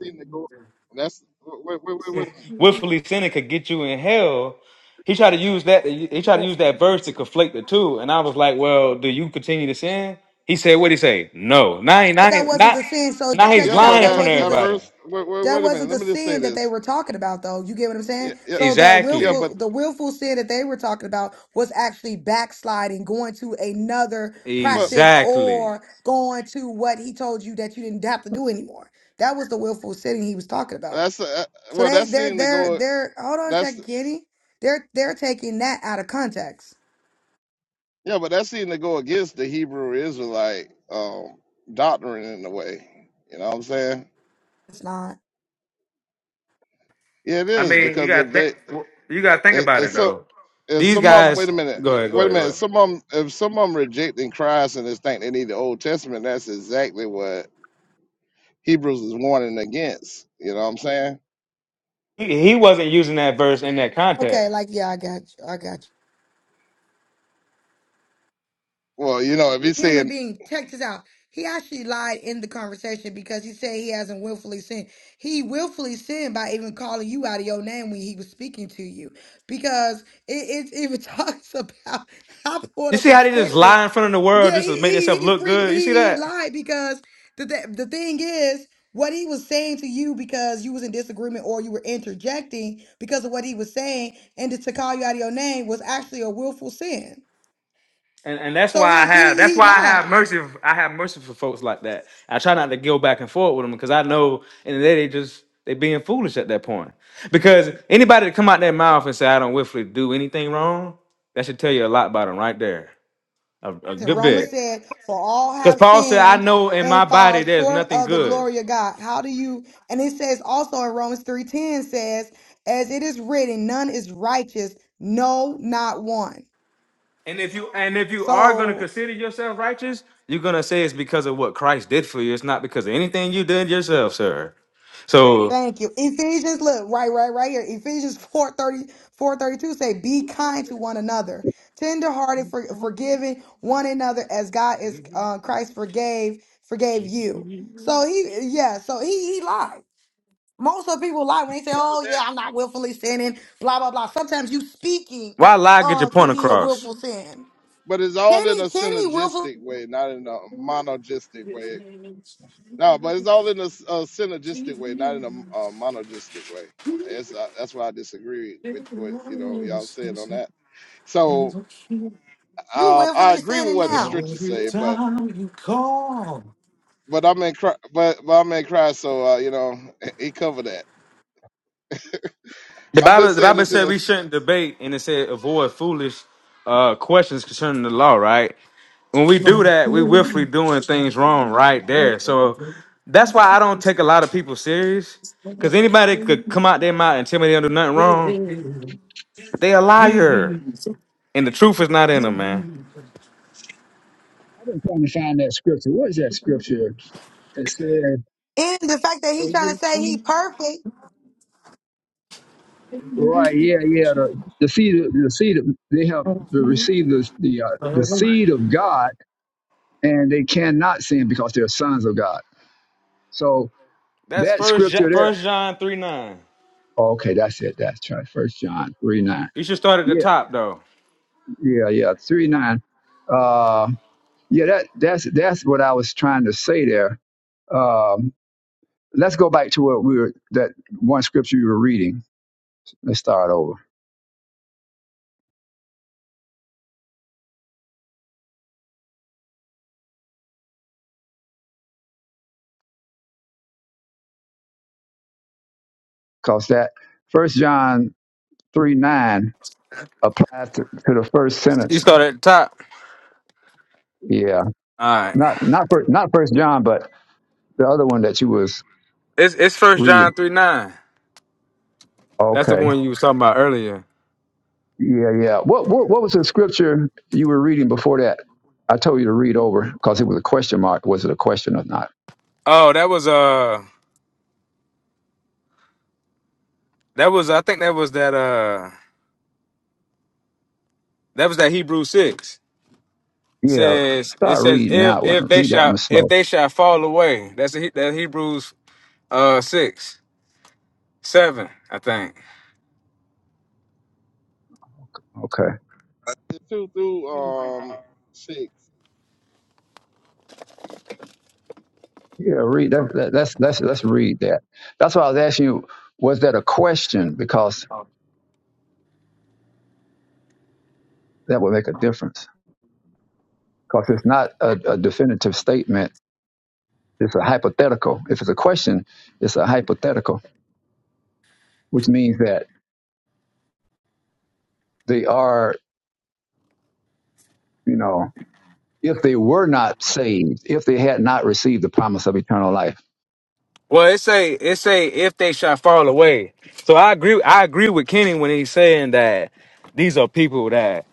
Speaker 3: Exceeding the glory. That's wait, wait, wait, wait a minute.
Speaker 9: Willfully sinning could get you in hell. He tried to use that. He tried to
Speaker 8: Well,
Speaker 9: use that verse to conflate the two, and I was like, "Well, do you continue to sin?" He said, "What would he say? No." Now, he- now,
Speaker 8: But that
Speaker 9: he-
Speaker 8: wasn't
Speaker 9: now,
Speaker 8: the sin. So
Speaker 9: now he's
Speaker 8: check
Speaker 3: Yeah,
Speaker 8: this
Speaker 3: but
Speaker 8: out.
Speaker 9: lying in
Speaker 8: That
Speaker 9: front of
Speaker 3: that
Speaker 8: wasn't
Speaker 3: that
Speaker 8: the
Speaker 9: everybody.
Speaker 3: verse. Wait, wait,
Speaker 8: That
Speaker 3: wait a minute.
Speaker 8: wasn't
Speaker 3: Let
Speaker 8: the
Speaker 3: me just say
Speaker 8: sin that they
Speaker 3: this.
Speaker 8: were talking about, though. You get what I'm
Speaker 3: Yeah,
Speaker 8: saying?
Speaker 3: yeah,
Speaker 8: So the
Speaker 3: yeah.
Speaker 9: Exactly.
Speaker 3: But
Speaker 8: willful, the willful sin that they were talking about was actually backsliding, going to another
Speaker 3: but
Speaker 8: practice,
Speaker 9: Exactly.
Speaker 8: or going to what he told you that you didn't have to do anymore. That was the willful sin he was talking about.
Speaker 3: that's uh,
Speaker 8: So
Speaker 3: well,
Speaker 8: they,
Speaker 3: that's
Speaker 8: they're,
Speaker 3: seeming to
Speaker 8: they're,
Speaker 3: go.
Speaker 8: they're. Hold on a
Speaker 3: That's
Speaker 8: second, Kenny. They're, they're taking that out of context.
Speaker 3: yeah, but that's seeming to go against the Hebrew Israelite um, doctrine in a way. You know what I'm saying?
Speaker 8: It's not
Speaker 3: Yeah, it
Speaker 9: I
Speaker 3: is
Speaker 9: mean, you
Speaker 3: because
Speaker 9: gotta
Speaker 3: if
Speaker 9: think.
Speaker 3: they
Speaker 9: You gotta think
Speaker 3: if,
Speaker 9: about
Speaker 3: if
Speaker 9: it
Speaker 3: so
Speaker 9: though.
Speaker 3: if
Speaker 9: These
Speaker 3: some of them wait
Speaker 9: guys,
Speaker 3: a minute
Speaker 9: go ahead, go
Speaker 3: wait a
Speaker 9: ahead, go
Speaker 3: minute
Speaker 9: ahead.
Speaker 3: some of them if some of them rejecting Christ and just think they need the Old Testament that's exactly what Hebrews is warning against. You know what I'm saying?
Speaker 9: He, he wasn't using that verse in that
Speaker 8: okay.
Speaker 9: context.
Speaker 8: Like, yeah, I got you. I got you.
Speaker 3: Well, you know, if he's
Speaker 8: human
Speaker 3: saying,
Speaker 8: being. Check this out. He actually lied in the conversation because he said he hasn't willfully sinned. He willfully sinned by even calling you out of your name when he was speaking to you, because it, it even talks about. I pulled
Speaker 9: You
Speaker 8: up
Speaker 9: see
Speaker 8: the
Speaker 9: how they just
Speaker 8: scriptures.
Speaker 9: lie in front of the world
Speaker 8: Yeah,
Speaker 9: just to
Speaker 8: he
Speaker 9: make
Speaker 8: he
Speaker 9: themselves
Speaker 8: he,
Speaker 9: look
Speaker 8: free,
Speaker 9: good. You see
Speaker 8: he he
Speaker 9: that?
Speaker 8: lied because the, the the thing is what he was saying to you because you was in disagreement or you were interjecting because of what he was saying and to call you out of your name was actually a willful sin.
Speaker 9: And, and that's
Speaker 8: So
Speaker 9: why I
Speaker 8: he
Speaker 9: have
Speaker 8: he
Speaker 9: that's
Speaker 8: he
Speaker 9: why I have
Speaker 8: lied.
Speaker 9: mercy. I have mercy for folks like that. I try not to go back and forth with them because I know in the day they just they being foolish at that point. Because anybody that come out their mouth and say I don't willfully do anything wrong, that should tell you a lot about them right there. A, a
Speaker 8: And
Speaker 9: good
Speaker 8: Roma
Speaker 9: bit.
Speaker 8: said, For all
Speaker 9: Because
Speaker 8: have
Speaker 9: Paul said, I
Speaker 8: sinned
Speaker 9: know in my
Speaker 8: and fall
Speaker 9: body there's
Speaker 8: short
Speaker 9: nothing
Speaker 8: of the
Speaker 9: good.
Speaker 8: glory of God. How do you and it says also in Romans 3:10 says, as it is written, none is righteous, no, not one.
Speaker 9: And if you and if you are gonna
Speaker 8: So
Speaker 9: consider yourself righteous, you're gonna say it's because of what Christ did for you. It's not because of anything you did yourself, sir. So
Speaker 8: thank you. Ephesians, look, right, right, right here. Ephesians four thirty four thirty two say, be kind to one another, tenderhearted, for, forgiving one another as God is uh, Christ forgave, forgave you. So he yeah, so he he lied. Most of the people lie when they say, "Oh yeah, I'm not willfully sinning." Blah blah blah. Sometimes you speaking
Speaker 9: why lie? Get your
Speaker 8: uh can
Speaker 9: point
Speaker 8: be a
Speaker 9: across.
Speaker 8: willful sin.
Speaker 3: but it's all in
Speaker 8: Kenny,
Speaker 3: a
Speaker 8: Kenny, willful,
Speaker 3: synergistic way, not in a monogistic way.
Speaker 1: Every
Speaker 3: No, but it's all in a, s- a synergistic way, not in a, m- a monogistic way. That's uh, that's why I disagree with what you know y'all saying on that. So
Speaker 8: you
Speaker 3: um, I
Speaker 8: willfully
Speaker 3: agree with
Speaker 8: sinning
Speaker 3: what the
Speaker 8: now,
Speaker 3: scriptures say, but
Speaker 1: time you call.
Speaker 3: but I'm in Christ, but, but I'm in Christ, so uh, you know he covered that.
Speaker 9: The
Speaker 3: I'm
Speaker 9: Bible,
Speaker 3: just
Speaker 9: the
Speaker 3: saying
Speaker 9: Bible
Speaker 3: this in
Speaker 9: said
Speaker 3: a
Speaker 9: we
Speaker 3: s-
Speaker 9: shouldn't debate, and it said avoid foolish uh, questions concerning the law. Right? When we do that, we willfully doing things wrong right there. So that's why I don't take a lot of people serious. Because anybody could come out their mouth and tell me they don't do nothing wrong. They a liar, and the truth is not in them, man.
Speaker 11: I'm trying to find that scripture. What is that scripture?
Speaker 8: and the fact that he's trying to say he perfect.
Speaker 11: Right, yeah, yeah. The, the seed, of- the seed. Of, they have to receive the the uh, the seed of God, and they cannot sin because they're sons of God. So
Speaker 9: That's
Speaker 11: that
Speaker 9: first Jo-
Speaker 11: scripture there.
Speaker 9: First John three nine.
Speaker 11: oh, Okay, that's it. That's right. First John three nine.
Speaker 9: You should start at the
Speaker 11: Yeah,
Speaker 9: top though.
Speaker 11: yeah, yeah. Three nine. Uh, yeah. That that's that's what I was trying to say there. Um, let's go back to what we were that one scripture you were reading. Let's start over because that First John three nine applies to, to the first
Speaker 9: You
Speaker 11: sentence.
Speaker 9: start at the top.
Speaker 11: Yeah,
Speaker 9: All right.
Speaker 11: not not for, not First John, but the other one that you was
Speaker 9: It's it's First John
Speaker 11: reading.
Speaker 9: three nine. That's the
Speaker 11: Okay.
Speaker 9: one you was talking about earlier.
Speaker 11: Yeah, yeah. What what what was the scripture you were reading before that? I told you to read over because it was a question mark. Was it a question or not?
Speaker 9: Oh, that was uh, that was I think that was that uh, that was that Hebrew six. It
Speaker 11: Yeah.
Speaker 9: says it
Speaker 11: Start
Speaker 9: says
Speaker 11: reading
Speaker 9: if
Speaker 11: that
Speaker 9: if
Speaker 11: one.
Speaker 9: they
Speaker 11: Read that
Speaker 9: shall
Speaker 11: one
Speaker 9: if
Speaker 11: slow.
Speaker 9: they shall fall away. That's the, He- that Hebrews uh six seven I think.
Speaker 11: Okay.
Speaker 3: two through um six.
Speaker 11: Yeah. Read that. that that's that's let's read that. That's why I was asking you. Was that a question? Because that would make a difference. Because it's not a, a definitive statement It's a hypothetical. If it's a question, it's a hypothetical, which means that they are, you know, if they were not saved, if they had not received the promise of eternal life.
Speaker 9: Well, it say it say if they shall fall away. So I agree. I agree with Kenny when he's saying that these are people that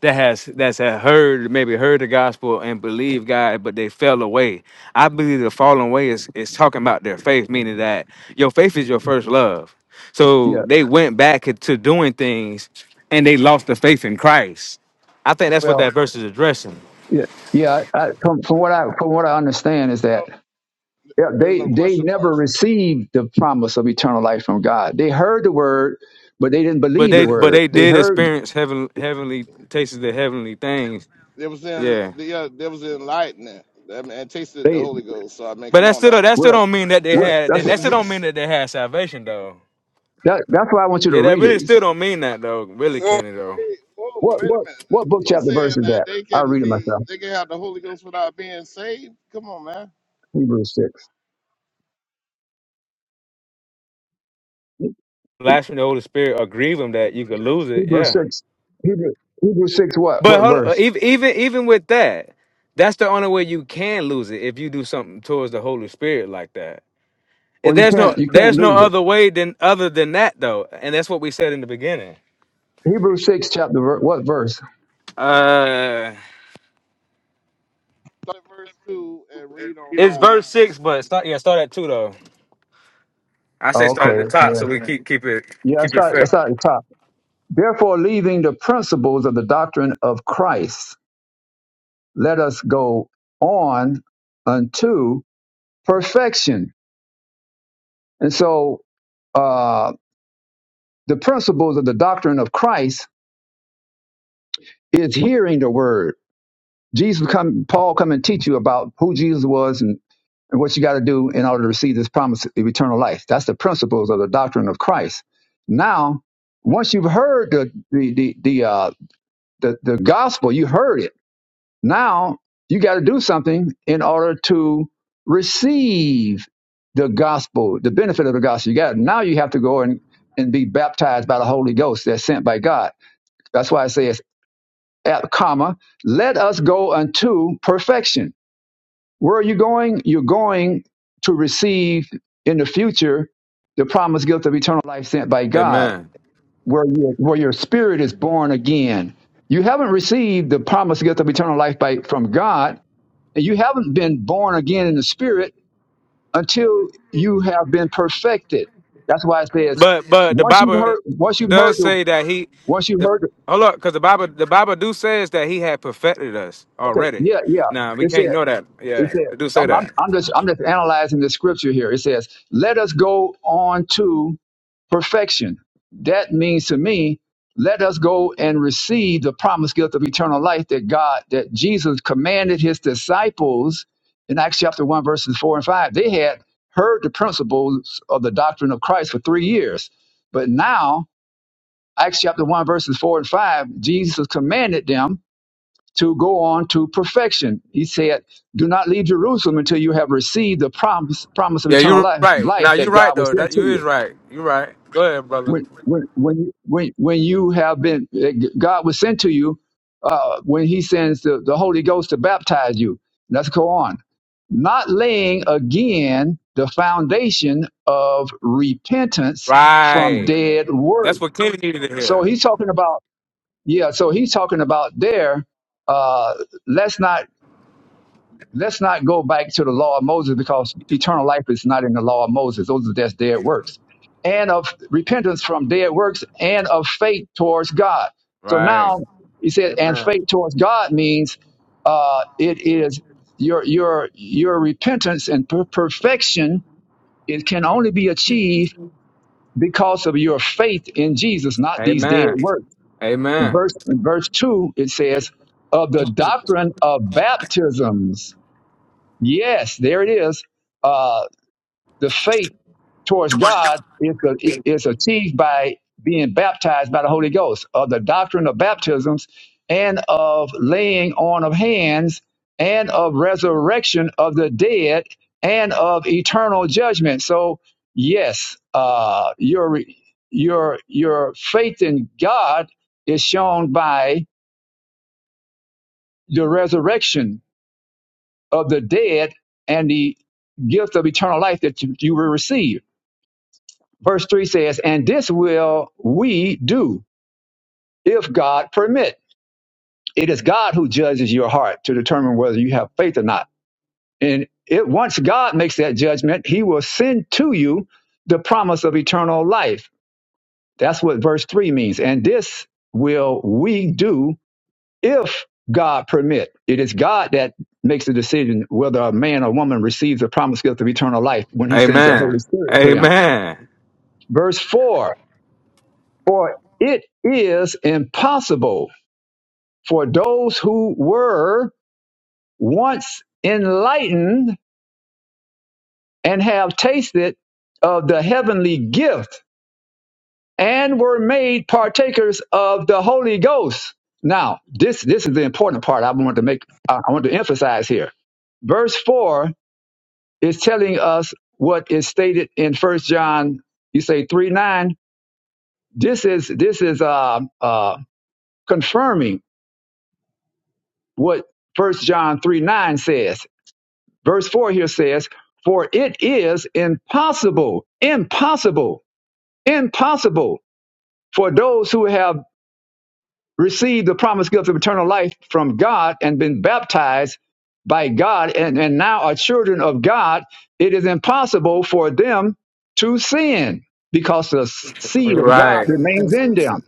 Speaker 9: that has that's had heard maybe heard the gospel and believed God, but they fell away. I believe the falling away is is talking about their faith, meaning that your faith is your first love. So
Speaker 11: Yeah.
Speaker 9: they went back to doing things, and they lost the faith in Christ. I think that's what
Speaker 11: Well,
Speaker 9: that verse is addressing.
Speaker 11: yeah. Yeah. I, from, from what I from what I understand is
Speaker 3: No,
Speaker 11: that yeah,
Speaker 3: there's
Speaker 11: they
Speaker 3: no
Speaker 11: they
Speaker 3: question
Speaker 11: never
Speaker 3: marks.
Speaker 11: received the promise of eternal life from God. They heard the word, but they didn't
Speaker 9: But
Speaker 11: believe
Speaker 9: they
Speaker 11: the
Speaker 9: but
Speaker 11: word.
Speaker 9: they
Speaker 11: They
Speaker 9: did
Speaker 11: heard
Speaker 9: experience heaven heavenly tastes of the heavenly things.
Speaker 3: There was in
Speaker 9: Yeah.
Speaker 3: the there was enlightenment. I mean, and tasted the
Speaker 11: they
Speaker 3: Holy Ghost. So I mean,
Speaker 9: But
Speaker 3: come
Speaker 9: that
Speaker 3: on
Speaker 9: still
Speaker 3: now.
Speaker 9: that still
Speaker 11: well.
Speaker 9: don't mean that they
Speaker 11: Well,
Speaker 9: had
Speaker 11: that's
Speaker 9: that,
Speaker 11: what,
Speaker 9: that still
Speaker 3: whoa,
Speaker 9: don't mean that they had salvation though.
Speaker 11: that, that's why I want you to
Speaker 9: Yeah, that
Speaker 11: read
Speaker 9: really
Speaker 11: it.
Speaker 9: still don't mean that though, really,
Speaker 3: wait,
Speaker 9: Kenny though.
Speaker 3: whoa,
Speaker 11: What
Speaker 3: wait a
Speaker 11: what
Speaker 3: minute.
Speaker 11: what book
Speaker 3: You
Speaker 11: chapter
Speaker 3: saying
Speaker 11: verse is
Speaker 3: that
Speaker 11: that?
Speaker 3: they
Speaker 11: I'll
Speaker 3: can
Speaker 11: read it
Speaker 3: be
Speaker 11: myself.
Speaker 3: they can have the Holy Ghost without being saved? Come on, man.
Speaker 11: Hebrews six.
Speaker 9: Blasphemy the Holy Spirit or grieve him that you could lose it,
Speaker 11: Hebrew
Speaker 9: yeah.
Speaker 11: six, Hebrew Hebrew six, what
Speaker 9: But
Speaker 11: what
Speaker 9: hold,
Speaker 11: verse?
Speaker 9: even even even with that, that's the only way you can lose it if you do something towards the Holy Spirit like that. If
Speaker 11: Well, you
Speaker 9: There's
Speaker 11: can't
Speaker 9: no
Speaker 11: you can't
Speaker 9: there's no
Speaker 11: lose it.
Speaker 9: other way than other than that though, and that's what we said in the beginning.
Speaker 11: Hebrew six chapter ver- what verse?
Speaker 9: Uh,
Speaker 3: Start at verse two and read on
Speaker 9: it's verse
Speaker 3: down.
Speaker 9: six,
Speaker 3: So,
Speaker 9: but start yeah, start at two though. I
Speaker 3: yeah,
Speaker 9: say
Speaker 11: Oh,
Speaker 3: read
Speaker 9: start at the
Speaker 11: okay,
Speaker 3: on
Speaker 11: it's, uh,
Speaker 9: top
Speaker 3: down.
Speaker 9: so we keep keep it
Speaker 11: yeah,
Speaker 9: keep
Speaker 11: it's
Speaker 9: it
Speaker 11: not it's
Speaker 9: fair.
Speaker 11: not at the top. Therefore, leaving the principles of the doctrine of Christ, let us go on unto perfection. And so, uh, the principles of the doctrine of Christ is hearing the word. Jesus come, Paul come and teach you about who Jesus was and. and what you got to do in order to receive this promise of eternal life. That's the principles of the doctrine of Christ. Now, once you've heard the the the the, uh, the, the gospel, you heard it. Now you got to do something in order to receive the gospel, the benefit of the gospel. You got now you have to go and and be baptized by the Holy Ghost that's sent by God. That's why I say it's at comma, let us go unto perfection where are you going? You're going to receive in the future the promised gift of eternal life sent by God,
Speaker 9: Amen.
Speaker 11: where, you, where your spirit is born again. You haven't received the promised gift of eternal life by, from God, and you haven't been born again in the spirit until you have been perfected. That's why it says,
Speaker 9: But but the
Speaker 11: once you've
Speaker 9: Bible
Speaker 11: heard, once you've heard,
Speaker 9: does
Speaker 11: the,
Speaker 9: say that he
Speaker 11: once you've
Speaker 9: the
Speaker 11: heard, the,
Speaker 9: hold up, because the Bible the Bible do says that he had perfected us
Speaker 11: okay,
Speaker 9: already.
Speaker 11: yeah, yeah,
Speaker 9: Now we
Speaker 11: it said,
Speaker 9: can't know that.
Speaker 11: it
Speaker 9: Yeah,
Speaker 11: said,
Speaker 9: it do say
Speaker 11: I'm, I'm,
Speaker 9: that.
Speaker 11: I'm just, I'm just analyzing the scripture here. It says, let us go on to perfection. That means to me, let us go and receive the promised gift of eternal life that God, that Jesus commanded his disciples in Acts chapter 1, verses 4 and 5. They had heard the principles of the doctrine of Christ for three years. But now, Acts chapter 1, verses 4 and 5, Jesus commanded them to go on to perfection. He said, Do not leave Jerusalem until you have received the promise, promise of
Speaker 9: Yeah,
Speaker 11: eternal
Speaker 9: you're
Speaker 11: life,
Speaker 9: right.
Speaker 11: life
Speaker 9: Now you're
Speaker 11: that
Speaker 9: right
Speaker 11: God will
Speaker 9: though.
Speaker 11: send
Speaker 9: That
Speaker 11: to
Speaker 9: you
Speaker 11: you
Speaker 9: is right. You're right. Go ahead, brother.
Speaker 11: when when when you- when when you have been God was sent to you uh, when He sends the, the Holy Ghost to baptize you. Let's go on. Not laying again the foundation of repentance from
Speaker 9: Right.
Speaker 11: dead work.
Speaker 9: That's what Kenny needed to
Speaker 11: So
Speaker 9: hear.
Speaker 11: he's talking about yeah. So he's talking about there. Uh, let's not Let's not go back to the law of Moses because eternal life is not in the law of Moses. Those are just dead works. And of repentance from dead works and of faith towards God. So
Speaker 9: Right.
Speaker 11: now he said, and faith towards God means uh, it is your your your repentance and per- perfection. It can only be achieved because of your faith in Jesus, not these dead
Speaker 9: Amen.
Speaker 11: works. In
Speaker 9: Amen.
Speaker 11: verse in verse two, it says of the doctrine of baptisms. Yes, there it is. Uh, the faith towards God is, a, is achieved by being baptized by the Holy Ghost, of the doctrine of baptisms, and of laying on of hands, and of resurrection of the dead, and of eternal judgment. So, yes, uh, your your your faith in God is shown by the resurrection of the dead and the gift of eternal life that you you will receive. Verse 3 says, And this will we do if God permit. It is God who judges your heart to determine whether you have faith or not. And it, once God makes that judgment, he will send to you the promise of eternal life. That's what verse 3 means. And this will we do if God permit. It is God that makes the decision whether a man or woman receives the promised gift of eternal life when he sends the
Speaker 9: Amen.
Speaker 11: Holy Spirit to them.
Speaker 9: Amen.
Speaker 11: Verse 4 For it is impossible for those who were once enlightened and have tasted of the heavenly gift and were made partakers of the Holy Ghost. Now, this, this is the important part I want to make, I I want to emphasize here. Verse 4 It's telling us what is stated in First John. You say three nine. This is this is uh, uh, confirming what First John three nine says. Verse four here says, "For it is impossible, impossible, impossible." For those who have received the promised gift of eternal life from God and been baptized by God and, and now are children of God, it is impossible for them to sin because the seed of God
Speaker 9: Right.
Speaker 3: And, and,
Speaker 11: remains in
Speaker 3: and
Speaker 11: them.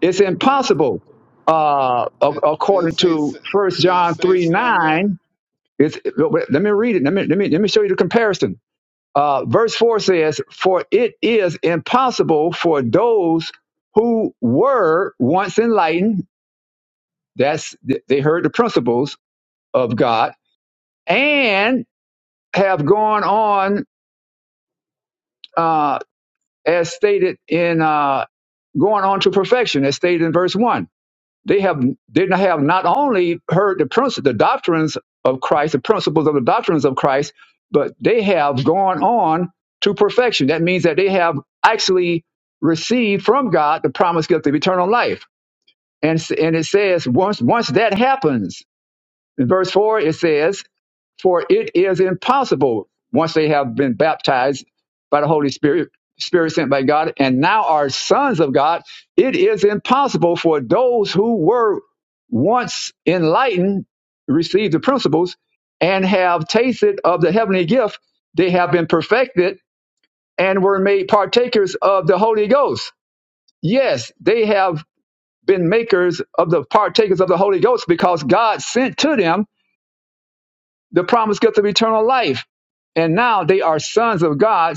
Speaker 11: It's
Speaker 3: wait a minute.
Speaker 11: impossible. Uh, ac-
Speaker 3: Did, did it
Speaker 11: according
Speaker 3: say
Speaker 11: to
Speaker 3: sin-
Speaker 11: First
Speaker 3: did it
Speaker 11: John
Speaker 3: say
Speaker 11: 3
Speaker 3: sin there?
Speaker 11: 9, it's, let me read it. Let me, let, me, let me show you the comparison. Uh, verse 4 says, For it is impossible for those who were once enlightened that's they heard the principles of God and have gone on uh, as stated in uh, going on to perfection, as stated in verse one. They have did not have not only heard the principles, the doctrines of Christ, the principles of the doctrines of Christ, but they have gone on to perfection. That means that they have actually received from God the promised gift of eternal life. And, s- and it says once once that happens, in verse four it says For it is impossible once they have been baptized by the Holy Spirit, Spirit sent by God, and now are sons of God. It is impossible for those who were once enlightened, received the principles, and have tasted of the heavenly gift. They have been perfected and were made partakers of the Holy Ghost. Yes, they have been makers of the partakers of the Holy Ghost because God sent to them the promised gift of eternal life. And now they are sons of God.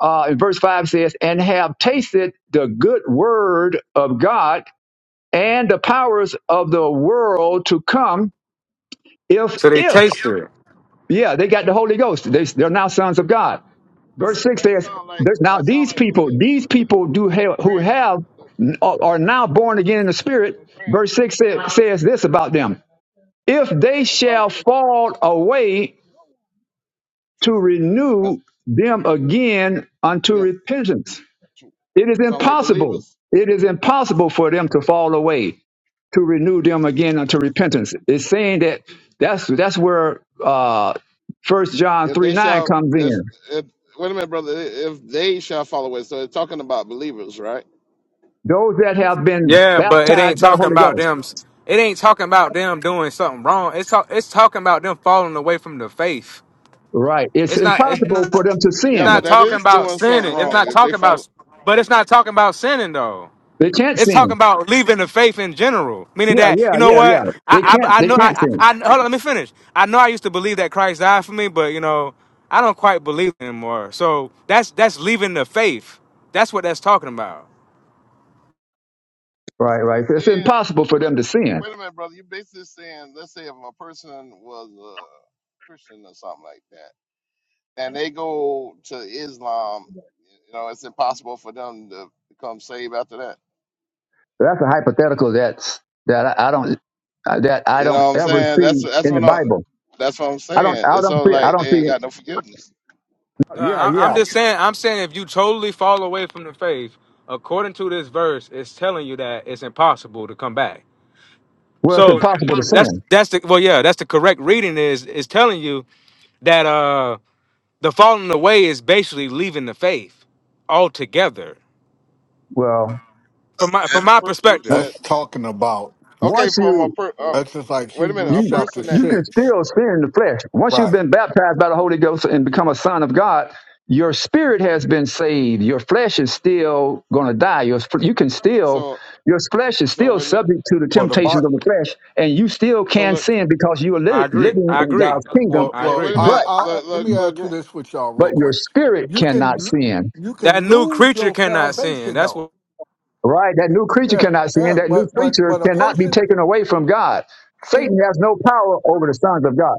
Speaker 11: Uh, and verse 5 says, and have tasted the good word of God and the powers of the world to come, if,
Speaker 9: So they
Speaker 11: if,
Speaker 9: tasted it.
Speaker 11: yeah, they got the Holy Ghost. They, they're now sons of God. Verse 6
Speaker 3: That
Speaker 11: says,
Speaker 3: sound like
Speaker 11: there's now
Speaker 3: that sound
Speaker 11: these
Speaker 3: like
Speaker 11: people,
Speaker 3: belief.
Speaker 11: these
Speaker 3: Wait a minute,
Speaker 11: people
Speaker 3: Le,
Speaker 11: do have, who
Speaker 3: LeGrant,
Speaker 11: have,
Speaker 3: Le,
Speaker 11: are now
Speaker 3: Le,
Speaker 11: born again in the
Speaker 3: Le,
Speaker 11: Spirit.
Speaker 3: LeGrant.
Speaker 11: Verse 6 sa- says this about them if they
Speaker 3: That sound.
Speaker 11: shall fall away to renew them again unto
Speaker 3: them
Speaker 11: repentance. It is
Speaker 3: sound like
Speaker 11: impossible.
Speaker 3: believers.
Speaker 11: It is impossible for them to fall away, to renew them again unto repentance. It's saying that that's that's where uh first John
Speaker 3: If
Speaker 11: three
Speaker 3: they
Speaker 11: nine
Speaker 3: shall,
Speaker 11: comes
Speaker 3: if,
Speaker 11: in.
Speaker 3: if, wait a minute, brother. If they shall follow it, so it's talking about believers, right?
Speaker 11: Those that have been
Speaker 9: Yeah, but it ain't
Speaker 11: baptized by the
Speaker 9: talking
Speaker 11: Holy
Speaker 9: about
Speaker 11: Ghost.
Speaker 9: them. It ain't talking about them doing something wrong. It's talk, it's talking about them falling away from the faith.
Speaker 11: Right. It's
Speaker 9: It's not. It's
Speaker 11: impossible
Speaker 9: not.
Speaker 11: for them to
Speaker 9: It's
Speaker 3: Yeah,
Speaker 9: not
Speaker 11: sin.
Speaker 3: but that
Speaker 9: talking
Speaker 3: is
Speaker 9: about
Speaker 3: doing something
Speaker 9: sinning. It's
Speaker 3: wrong
Speaker 9: not
Speaker 3: if they
Speaker 9: talking about.
Speaker 3: follow.
Speaker 9: But it's not talking about sinning though.
Speaker 11: They can't
Speaker 9: It's talking
Speaker 11: sin.
Speaker 9: about leaving the faith in general, meaning
Speaker 11: Yeah,
Speaker 9: that
Speaker 11: yeah,
Speaker 9: you know
Speaker 11: yeah,
Speaker 9: what
Speaker 11: yeah. They
Speaker 9: I
Speaker 11: can't
Speaker 9: I, I
Speaker 11: they
Speaker 9: know
Speaker 11: can't
Speaker 9: I,
Speaker 11: sin.
Speaker 9: I I hold on. Let me finish. I know I used to believe that Christ died for me, but you know I don't quite believe anymore. So that's that's leaving the faith. That's what that's talking about.
Speaker 11: Right, right.
Speaker 3: It's
Speaker 11: It's
Speaker 3: saying,
Speaker 11: impossible for
Speaker 3: wait,
Speaker 11: them to sin
Speaker 3: wait a minute, brother. You're basically saying, let's say if a person was a Christian or something like that, and they go to Islam, you know, it's impossible for them to become saved after that.
Speaker 11: That's a hypothetical that's that I, I don't uh, that I
Speaker 3: You
Speaker 11: don't
Speaker 3: know what I'm
Speaker 11: ever
Speaker 3: saying?
Speaker 11: see
Speaker 3: That's that's
Speaker 11: in the
Speaker 3: what I'm.
Speaker 11: Bible.
Speaker 3: That's what I'm
Speaker 11: I don't
Speaker 3: saying.
Speaker 11: I
Speaker 3: It's
Speaker 11: don't
Speaker 3: all
Speaker 11: see I
Speaker 3: like
Speaker 11: don't
Speaker 3: they ain't got
Speaker 11: see.
Speaker 3: no forgiveness.
Speaker 9: No,
Speaker 11: Yeah,
Speaker 9: I, I'm
Speaker 11: yeah.
Speaker 9: just saying. I'm saying if you totally fall away from the faith, according to this verse, it's telling you that it's impossible to come back.
Speaker 11: Well, it's
Speaker 9: So
Speaker 11: impossible to
Speaker 9: that's
Speaker 11: sin.
Speaker 9: that's the well, yeah, that's the correct reading. Is is telling you that uh the falling away is basically leaving the faith altogether.
Speaker 11: Well,
Speaker 9: From my
Speaker 3: A
Speaker 9: from my
Speaker 3: person
Speaker 11: w-
Speaker 9: perspective,
Speaker 3: that
Speaker 7: That's talking about
Speaker 3: okay
Speaker 11: once
Speaker 3: from a
Speaker 11: you
Speaker 3: per uh,
Speaker 7: that's just like
Speaker 3: wait a minute
Speaker 7: Hebrews
Speaker 3: a
Speaker 11: you
Speaker 7: chapter
Speaker 3: person that
Speaker 11: you can
Speaker 7: six,
Speaker 11: still sin in the flesh. Once you've
Speaker 7: right?
Speaker 11: been baptized by the Holy Ghost and become a son of God, your spirit has been saved. Your flesh is still going to die. Your sp- you can still
Speaker 3: so
Speaker 11: your flesh is
Speaker 3: so
Speaker 11: still
Speaker 3: wait a minute
Speaker 11: subject to the
Speaker 7: Well, the Bi-
Speaker 11: temptations of the flesh, and you still
Speaker 3: so
Speaker 11: can
Speaker 3: look
Speaker 11: sin because you are
Speaker 9: I
Speaker 11: li-
Speaker 9: agree.
Speaker 11: living
Speaker 9: I
Speaker 11: in
Speaker 9: agree.
Speaker 11: God's kingdom.
Speaker 7: well,
Speaker 9: I
Speaker 3: wait,
Speaker 7: well,
Speaker 3: wait
Speaker 9: agree.
Speaker 3: a
Speaker 11: but
Speaker 7: I,
Speaker 3: minute look
Speaker 7: I'll let me add
Speaker 3: look
Speaker 7: to
Speaker 3: look
Speaker 7: this with y'all
Speaker 11: but
Speaker 7: real
Speaker 11: your
Speaker 7: quick.
Speaker 11: spirit
Speaker 7: You
Speaker 11: cannot
Speaker 7: can
Speaker 11: sin.
Speaker 7: you
Speaker 9: That
Speaker 7: can
Speaker 9: new
Speaker 7: lose
Speaker 9: creature
Speaker 7: your
Speaker 9: cannot sin.
Speaker 7: salvation
Speaker 9: That's
Speaker 7: though.
Speaker 9: what
Speaker 11: Right? That new creature
Speaker 7: Yeah,
Speaker 11: cannot sin.
Speaker 7: yeah,
Speaker 11: That new
Speaker 7: but but
Speaker 11: creature
Speaker 7: but a
Speaker 11: cannot be
Speaker 7: person
Speaker 11: taken away from God.
Speaker 7: see,
Speaker 11: Satan has no power over the sons of God.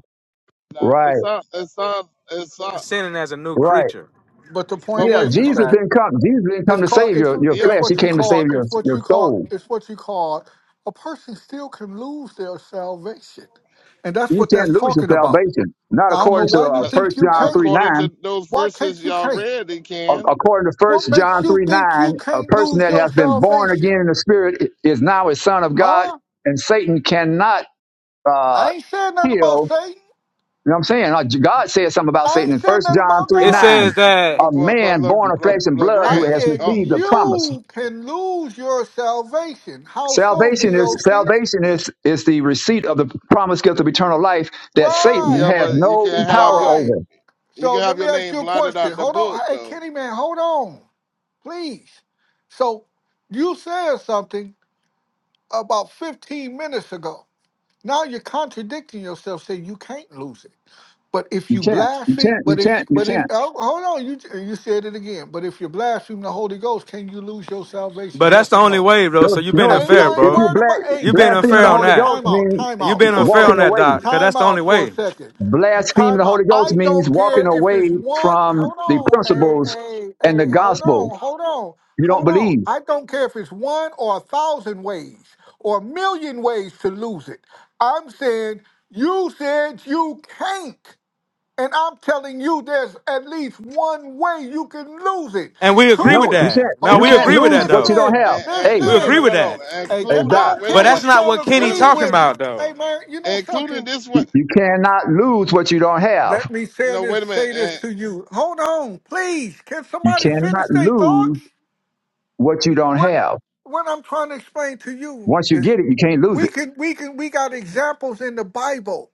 Speaker 3: nah,
Speaker 11: Right,
Speaker 3: it's not it's not it's not
Speaker 9: sinning as a new
Speaker 11: right.
Speaker 9: creature.
Speaker 7: but the
Speaker 3: but
Speaker 7: point
Speaker 11: Yeah,
Speaker 3: wait
Speaker 7: is is
Speaker 3: uh,
Speaker 11: Jesus
Speaker 7: that
Speaker 11: didn't come. Jesus didn't come
Speaker 7: It's
Speaker 11: to
Speaker 7: called
Speaker 11: save
Speaker 7: it's
Speaker 11: your, your
Speaker 3: yeah
Speaker 7: it's
Speaker 11: flesh. He
Speaker 7: what you
Speaker 11: came to
Speaker 7: call
Speaker 11: save your,
Speaker 7: it's what
Speaker 11: your
Speaker 7: you call
Speaker 11: soul.
Speaker 7: it's what you call a person still can lose their salvation. And that's
Speaker 11: You
Speaker 7: what
Speaker 11: can't
Speaker 7: that's
Speaker 11: lose your
Speaker 7: talking about.
Speaker 11: salvation. Not
Speaker 7: I don't know
Speaker 11: according to
Speaker 7: why you
Speaker 11: uh,
Speaker 3: uh,
Speaker 11: 1
Speaker 7: think you
Speaker 11: John
Speaker 7: can't.
Speaker 11: 3
Speaker 3: according
Speaker 11: 9.
Speaker 3: to those
Speaker 7: Why can't
Speaker 3: verses
Speaker 7: you
Speaker 3: y'all
Speaker 7: can't?
Speaker 3: read they can
Speaker 11: According to
Speaker 7: What
Speaker 11: First
Speaker 7: makes
Speaker 11: John
Speaker 7: you
Speaker 11: 3 9,
Speaker 7: think you
Speaker 11: a
Speaker 7: can't
Speaker 11: person
Speaker 7: lose
Speaker 11: that
Speaker 7: your
Speaker 11: has been born
Speaker 7: salvation?
Speaker 11: again in the spirit is now a son of God,
Speaker 7: Huh?
Speaker 11: and Satan cannot
Speaker 7: I
Speaker 11: uh,
Speaker 7: ain't said nothing about
Speaker 11: kill
Speaker 7: Satan.
Speaker 11: You know what I'm saying? Uh, God said something about
Speaker 7: I
Speaker 11: Satan
Speaker 7: ain't
Speaker 11: in
Speaker 7: said
Speaker 11: First
Speaker 7: nothing
Speaker 11: John
Speaker 7: about
Speaker 11: 3
Speaker 9: It
Speaker 7: God.
Speaker 11: 9.
Speaker 9: says that
Speaker 3: but
Speaker 11: A
Speaker 3: but but
Speaker 11: man
Speaker 3: Le,
Speaker 11: born of flesh and
Speaker 3: Le,
Speaker 11: blood
Speaker 7: I
Speaker 11: who
Speaker 3: Grant
Speaker 11: has
Speaker 7: said
Speaker 3: oh
Speaker 11: received the promise.
Speaker 7: you can lose your salvation. How so,
Speaker 11: Salvation is
Speaker 7: DOC?
Speaker 11: salvation is is the receipt of the promised gift of eternal life that Satan
Speaker 3: yeah
Speaker 7: Right,
Speaker 11: has
Speaker 3: but you
Speaker 11: no
Speaker 3: can have
Speaker 11: power
Speaker 3: your
Speaker 7: right.
Speaker 11: over.
Speaker 3: you
Speaker 7: So
Speaker 3: can
Speaker 7: let
Speaker 3: have
Speaker 7: me
Speaker 3: your
Speaker 7: ask
Speaker 3: name
Speaker 7: you a
Speaker 3: blotted
Speaker 7: question.
Speaker 3: out the
Speaker 7: Hold on.
Speaker 3: book
Speaker 7: Hey,
Speaker 3: though
Speaker 7: Kenny, man, hold on, please. So you said something about 15 minutes ago. Now you're contradicting yourself, saying you can't lose it. But if
Speaker 11: You
Speaker 7: you
Speaker 11: can't. You
Speaker 7: blaspheme,
Speaker 11: can't. You
Speaker 7: but if
Speaker 11: can't. You
Speaker 7: but if
Speaker 11: can't.
Speaker 7: oh, hold on, you you said it again. But if you blaspheme the Holy Ghost, can you lose your
Speaker 9: But
Speaker 7: salvation?
Speaker 9: that's
Speaker 7: Yes
Speaker 9: the
Speaker 7: or
Speaker 9: only
Speaker 7: no?
Speaker 9: way, bro.
Speaker 11: You know,
Speaker 9: So you
Speaker 11: you
Speaker 9: been
Speaker 11: know if,
Speaker 7: ain't,
Speaker 9: unfair,
Speaker 11: if,
Speaker 7: I ain't
Speaker 11: if
Speaker 9: bro.
Speaker 11: you
Speaker 7: worried about.
Speaker 11: bla-
Speaker 7: Hey,
Speaker 9: you been
Speaker 7: look,
Speaker 11: blaspheme
Speaker 7: look
Speaker 9: unfair
Speaker 11: the
Speaker 9: on
Speaker 11: Holy
Speaker 7: here.
Speaker 9: that.
Speaker 11: Ghost
Speaker 7: Time out.
Speaker 11: means
Speaker 7: Time
Speaker 9: you
Speaker 7: out
Speaker 9: been
Speaker 7: for a
Speaker 9: unfair on
Speaker 11: walking
Speaker 7: second.
Speaker 9: that, Doc,
Speaker 11: away.
Speaker 9: because that's
Speaker 7: Time
Speaker 9: the only
Speaker 7: out for a
Speaker 9: way.
Speaker 7: second.
Speaker 11: Blaspheme the
Speaker 7: Time out.
Speaker 11: Holy Ghost
Speaker 7: I
Speaker 11: means
Speaker 7: don't
Speaker 11: walking
Speaker 7: care if
Speaker 11: away
Speaker 7: it's one.
Speaker 11: from
Speaker 7: Hold
Speaker 11: the
Speaker 7: on. Hey,
Speaker 11: principles
Speaker 7: hey,
Speaker 11: and the
Speaker 7: hey. Hold
Speaker 11: gospel.
Speaker 7: on. Hold on.
Speaker 11: You don't
Speaker 7: Hold on.
Speaker 11: believe.
Speaker 7: I don't care if it's one or a thousand ways or a million ways to lose it. I'm saying you said you can't. And I'm telling you, there's at least one way you can lose it.
Speaker 9: And we agree
Speaker 7: Two.
Speaker 9: with
Speaker 11: No,
Speaker 7: wa-
Speaker 11: you
Speaker 9: that.
Speaker 11: can't.
Speaker 9: Now,
Speaker 7: Hold
Speaker 11: You
Speaker 9: we
Speaker 11: can't
Speaker 9: agree
Speaker 7: on.
Speaker 9: with
Speaker 11: lose
Speaker 9: that,
Speaker 11: what
Speaker 9: though.
Speaker 11: you don't
Speaker 7: Listen.
Speaker 11: have.
Speaker 3: and and,
Speaker 11: Hey,
Speaker 9: We
Speaker 3: and no
Speaker 9: agree
Speaker 3: no
Speaker 7: Listen.
Speaker 9: with
Speaker 3: no no
Speaker 9: that.
Speaker 7: Hey,
Speaker 11: hey,
Speaker 7: ca- I
Speaker 11: Doc,
Speaker 3: including
Speaker 7: don't
Speaker 3: wait a
Speaker 9: But
Speaker 7: care
Speaker 9: that's
Speaker 3: minute
Speaker 7: what
Speaker 9: not
Speaker 7: y'all
Speaker 9: what
Speaker 3: wait
Speaker 9: Kenny
Speaker 3: a
Speaker 7: agree
Speaker 3: minute
Speaker 9: talking
Speaker 7: with.
Speaker 9: about,
Speaker 7: Hey,
Speaker 9: though.
Speaker 7: man, you know
Speaker 3: including
Speaker 7: something?
Speaker 3: this
Speaker 11: you,
Speaker 3: one.
Speaker 11: you cannot lose what you don't
Speaker 7: Let
Speaker 11: have.
Speaker 7: me say
Speaker 3: No, wait
Speaker 7: this,
Speaker 3: a minute.
Speaker 7: say this to you. Hold on, please. Can
Speaker 11: You
Speaker 7: somebody finish
Speaker 11: cannot
Speaker 7: their
Speaker 11: lose
Speaker 7: thoughts?
Speaker 11: what you don't
Speaker 7: What
Speaker 11: have.
Speaker 7: what I'm trying to explain to you
Speaker 11: Once you
Speaker 7: is
Speaker 11: get it, you can't lose
Speaker 7: we
Speaker 11: it.
Speaker 7: can we can we got examples in the Bible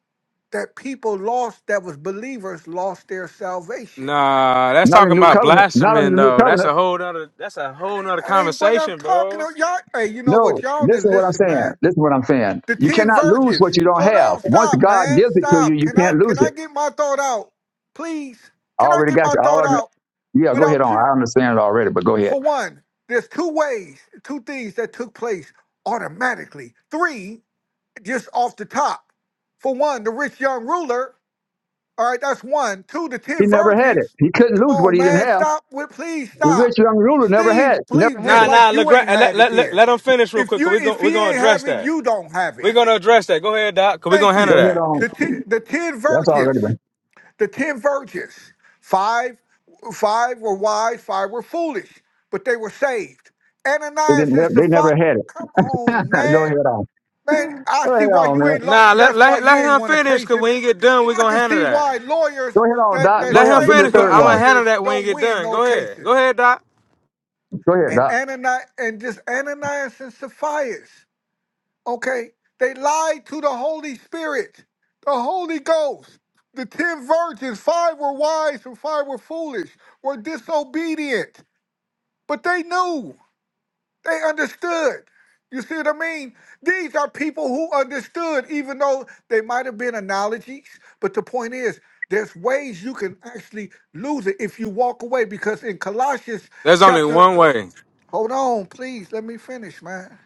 Speaker 7: that people lost that was believers lost their salvation.
Speaker 9: Nah, that's
Speaker 11: Not in
Speaker 9: talking
Speaker 11: the new
Speaker 9: about
Speaker 11: covenant. Not in
Speaker 9: blaspheming,
Speaker 11: the new
Speaker 7: Uh,
Speaker 9: though. That's
Speaker 11: covenant.
Speaker 9: a whole nother, that's a whole nother
Speaker 7: That ain't what I'm
Speaker 9: conversation,
Speaker 7: talking
Speaker 9: bro.
Speaker 7: about. Y'all hey, you know
Speaker 11: No,
Speaker 7: what? Y'all need to
Speaker 11: listen to what I'm
Speaker 7: listen,
Speaker 11: saying.
Speaker 7: man.
Speaker 11: Listen to what I'm saying.
Speaker 7: The
Speaker 11: You
Speaker 7: ten
Speaker 11: cannot lose what
Speaker 7: virgins.
Speaker 11: you don't
Speaker 7: Hold
Speaker 11: have.
Speaker 7: on,
Speaker 11: Once
Speaker 7: stop,
Speaker 11: God
Speaker 7: man.
Speaker 11: gives it to you,
Speaker 7: Stop.
Speaker 11: you
Speaker 7: Can I
Speaker 11: can't
Speaker 7: can
Speaker 11: lose
Speaker 7: I
Speaker 11: it.
Speaker 7: get my thought out? Please.
Speaker 11: I
Speaker 7: Can I
Speaker 11: already
Speaker 7: get
Speaker 11: got
Speaker 7: my
Speaker 11: you. I
Speaker 7: thought
Speaker 11: already,
Speaker 7: out
Speaker 11: yeah, go ahead
Speaker 7: without
Speaker 11: on.
Speaker 7: two
Speaker 11: I understand it already, but go ahead.
Speaker 7: for one? There's two ways, two things that took place automatically. Three, just off the top. For one, the rich young ruler. All right, that's one. Two, the
Speaker 11: He
Speaker 7: ten
Speaker 11: never had it.
Speaker 7: virgins.
Speaker 11: He couldn't
Speaker 7: Come
Speaker 11: lose what
Speaker 7: on,
Speaker 11: he didn't
Speaker 7: man.
Speaker 11: have.
Speaker 7: Stop with please
Speaker 11: The
Speaker 7: stop.
Speaker 11: rich young ruler never had
Speaker 7: Steve,
Speaker 11: it. Never
Speaker 7: please,
Speaker 11: had
Speaker 7: just
Speaker 9: Nah,
Speaker 11: it.
Speaker 9: nah,
Speaker 7: like you ain't
Speaker 9: LeGrand, let,
Speaker 7: had it
Speaker 9: let, let,
Speaker 7: then.
Speaker 9: let him finish real
Speaker 7: If
Speaker 9: quick, because
Speaker 7: you
Speaker 9: we're going
Speaker 7: if
Speaker 9: we
Speaker 7: he
Speaker 9: gonna
Speaker 7: ain't
Speaker 9: address
Speaker 7: having,
Speaker 9: that.
Speaker 7: you don't have it.
Speaker 9: We're going to address that. Go ahead, Doc, because we're going
Speaker 7: Thank
Speaker 9: to handle
Speaker 11: Go
Speaker 7: you.
Speaker 11: ahead
Speaker 9: that.
Speaker 11: on.
Speaker 7: The ten, the ten
Speaker 11: That's
Speaker 7: virgins,
Speaker 11: already been.
Speaker 7: the ten virgins, five, five were wise, five were foolish, but they were saved.
Speaker 11: They
Speaker 7: Ananias
Speaker 11: didn't.
Speaker 7: and the
Speaker 11: They never had
Speaker 7: Come
Speaker 11: it.
Speaker 7: on,
Speaker 11: Go
Speaker 7: man,
Speaker 11: ahead on.
Speaker 7: man. I
Speaker 11: Go
Speaker 7: see
Speaker 11: ahead
Speaker 7: why
Speaker 11: on,
Speaker 7: you
Speaker 11: man.
Speaker 7: ain't like.
Speaker 9: Nah, let,
Speaker 7: That's why
Speaker 9: let,
Speaker 7: you
Speaker 9: let
Speaker 7: ain't
Speaker 9: him
Speaker 7: won a
Speaker 9: finish,
Speaker 7: case
Speaker 9: because
Speaker 7: in
Speaker 9: when he
Speaker 7: it.
Speaker 9: get done, we're
Speaker 7: I
Speaker 9: going to
Speaker 7: can
Speaker 9: handle
Speaker 7: see
Speaker 9: that.
Speaker 7: why lawyers
Speaker 11: Go ahead on,
Speaker 7: that
Speaker 11: Doc. Go
Speaker 7: that
Speaker 9: Let
Speaker 11: ahead
Speaker 9: him
Speaker 11: on. Give
Speaker 7: claim
Speaker 11: me
Speaker 7: to
Speaker 11: the
Speaker 9: finish. i
Speaker 7: be
Speaker 11: third
Speaker 9: I'm gonna
Speaker 11: one.
Speaker 9: handle
Speaker 7: lawyers
Speaker 9: that when you
Speaker 7: don't
Speaker 9: get
Speaker 7: win
Speaker 9: done.
Speaker 7: no
Speaker 9: Go ahead. Go
Speaker 7: cases.
Speaker 9: ahead, Doc.
Speaker 11: Go ahead,
Speaker 7: And
Speaker 11: Doc.
Speaker 7: Ananias and just Ananias and Sapphira. Okay? They lied to the Holy Spirit, the Holy Ghost. The ten virgins, five were wise and five were foolish, were disobedient. But they knew, they understood. You see what I mean? These are people who understood, even though they might have been analogies. But the point is, there's ways you can actually lose it if you walk away. Because in Colossians
Speaker 9: There's only
Speaker 7: chapter,
Speaker 9: one way.
Speaker 7: hold on, please, let me finish, man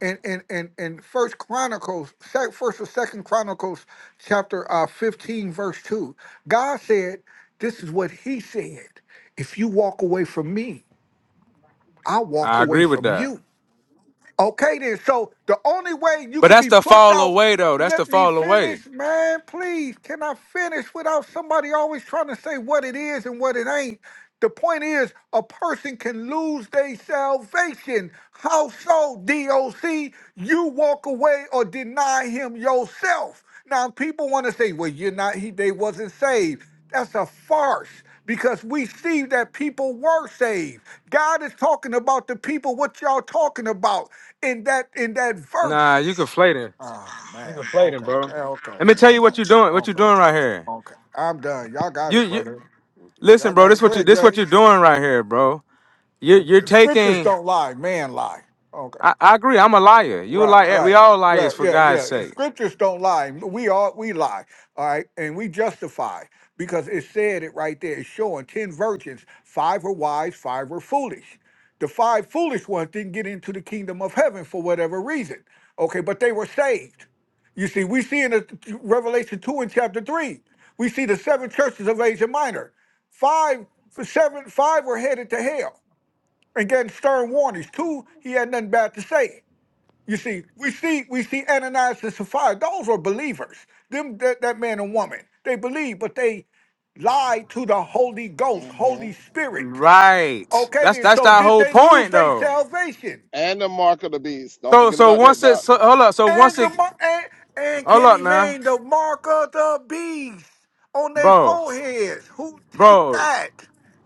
Speaker 7: in in in, in first chronicles sec- first or second chronicles chapter uh 15 verse 2 god said this is what he said if you walk away from me i walk
Speaker 9: I
Speaker 7: away
Speaker 9: agree with
Speaker 7: from
Speaker 9: that.
Speaker 7: you Okay, then. So the only way you
Speaker 9: But
Speaker 7: could
Speaker 9: that's
Speaker 7: be
Speaker 9: the
Speaker 7: plucked
Speaker 9: fall
Speaker 7: out.
Speaker 9: away, though. That's the
Speaker 7: Let me
Speaker 9: fall away.
Speaker 7: finish, man. Please, can I finish without somebody always trying to say what it is and what it ain't? The point is, a person can lose their salvation. How so, DOC? You walk away or deny him yourself. Now, people want to say, well, you're not, he, they wasn't saved. That's a farce because we see that people were saved. God is talking about the people what y'all talking about in that in that
Speaker 9: Nah,
Speaker 7: verse.
Speaker 9: you conflating,
Speaker 7: Oh man.
Speaker 9: Conflating,
Speaker 7: Okay.
Speaker 9: bro.
Speaker 7: Eh, Okay.
Speaker 9: Let me tell you
Speaker 7: Okay.
Speaker 9: what you're doing. What you're
Speaker 7: Okay.
Speaker 9: doing right here.
Speaker 7: Okay. I'm done. Y'all got
Speaker 9: You,
Speaker 7: it,
Speaker 9: you
Speaker 7: brother. Y'all
Speaker 9: listen, bro.
Speaker 7: got
Speaker 9: This
Speaker 7: it. Go
Speaker 9: what you.
Speaker 7: ahead,
Speaker 9: This
Speaker 7: Jay.
Speaker 9: what you're doing right here, bro. You,
Speaker 7: The
Speaker 9: you're
Speaker 7: the scriptures
Speaker 9: taking.
Speaker 7: don't lie. Man lie. Okay.
Speaker 9: I, I agree. I'm a liar. You a
Speaker 7: Right,
Speaker 9: liar. We
Speaker 7: right,
Speaker 9: all liars,
Speaker 7: right.
Speaker 9: for
Speaker 7: Yeah,
Speaker 9: God's
Speaker 7: yeah. The
Speaker 9: sake.
Speaker 7: scriptures don't lie. We are we lie. All right, and we justify because it said it right there. It's showing ten virgins. Five were wise, five were foolish. The five foolish ones didn't get into the kingdom of heaven for whatever reason. Okay, but they were saved. You see, we see in the, Revelation two and chapter three, we see the seven churches of Asia Minor. Five, seven, five were headed to hell and getting stern warnings. Two, he had nothing bad to say you see, we see, we see Ananias and Sapphira. Those were believers. Them, that, that man and woman, they believed, but they lied to the Holy Ghost,
Speaker 3: And,
Speaker 7: Holy
Speaker 3: mhm.
Speaker 7: Spirit.
Speaker 9: Right.
Speaker 7: Okay,
Speaker 9: That's
Speaker 7: then.
Speaker 9: that's
Speaker 7: So
Speaker 9: that
Speaker 7: did
Speaker 9: whole
Speaker 7: they lose
Speaker 9: point,
Speaker 7: their
Speaker 9: though.
Speaker 7: salvation?
Speaker 3: and the mark of the beast. Don't
Speaker 9: So
Speaker 3: forget
Speaker 9: so
Speaker 3: about that,
Speaker 9: once it
Speaker 3: Doc.
Speaker 9: so, hold up. So once
Speaker 7: And the
Speaker 9: it
Speaker 7: mar- and, and
Speaker 9: hold
Speaker 7: can
Speaker 9: up
Speaker 7: he
Speaker 9: now,
Speaker 7: mean the mark of the beast on their
Speaker 9: bro.
Speaker 7: foreheads? Who take
Speaker 9: bro.
Speaker 7: that?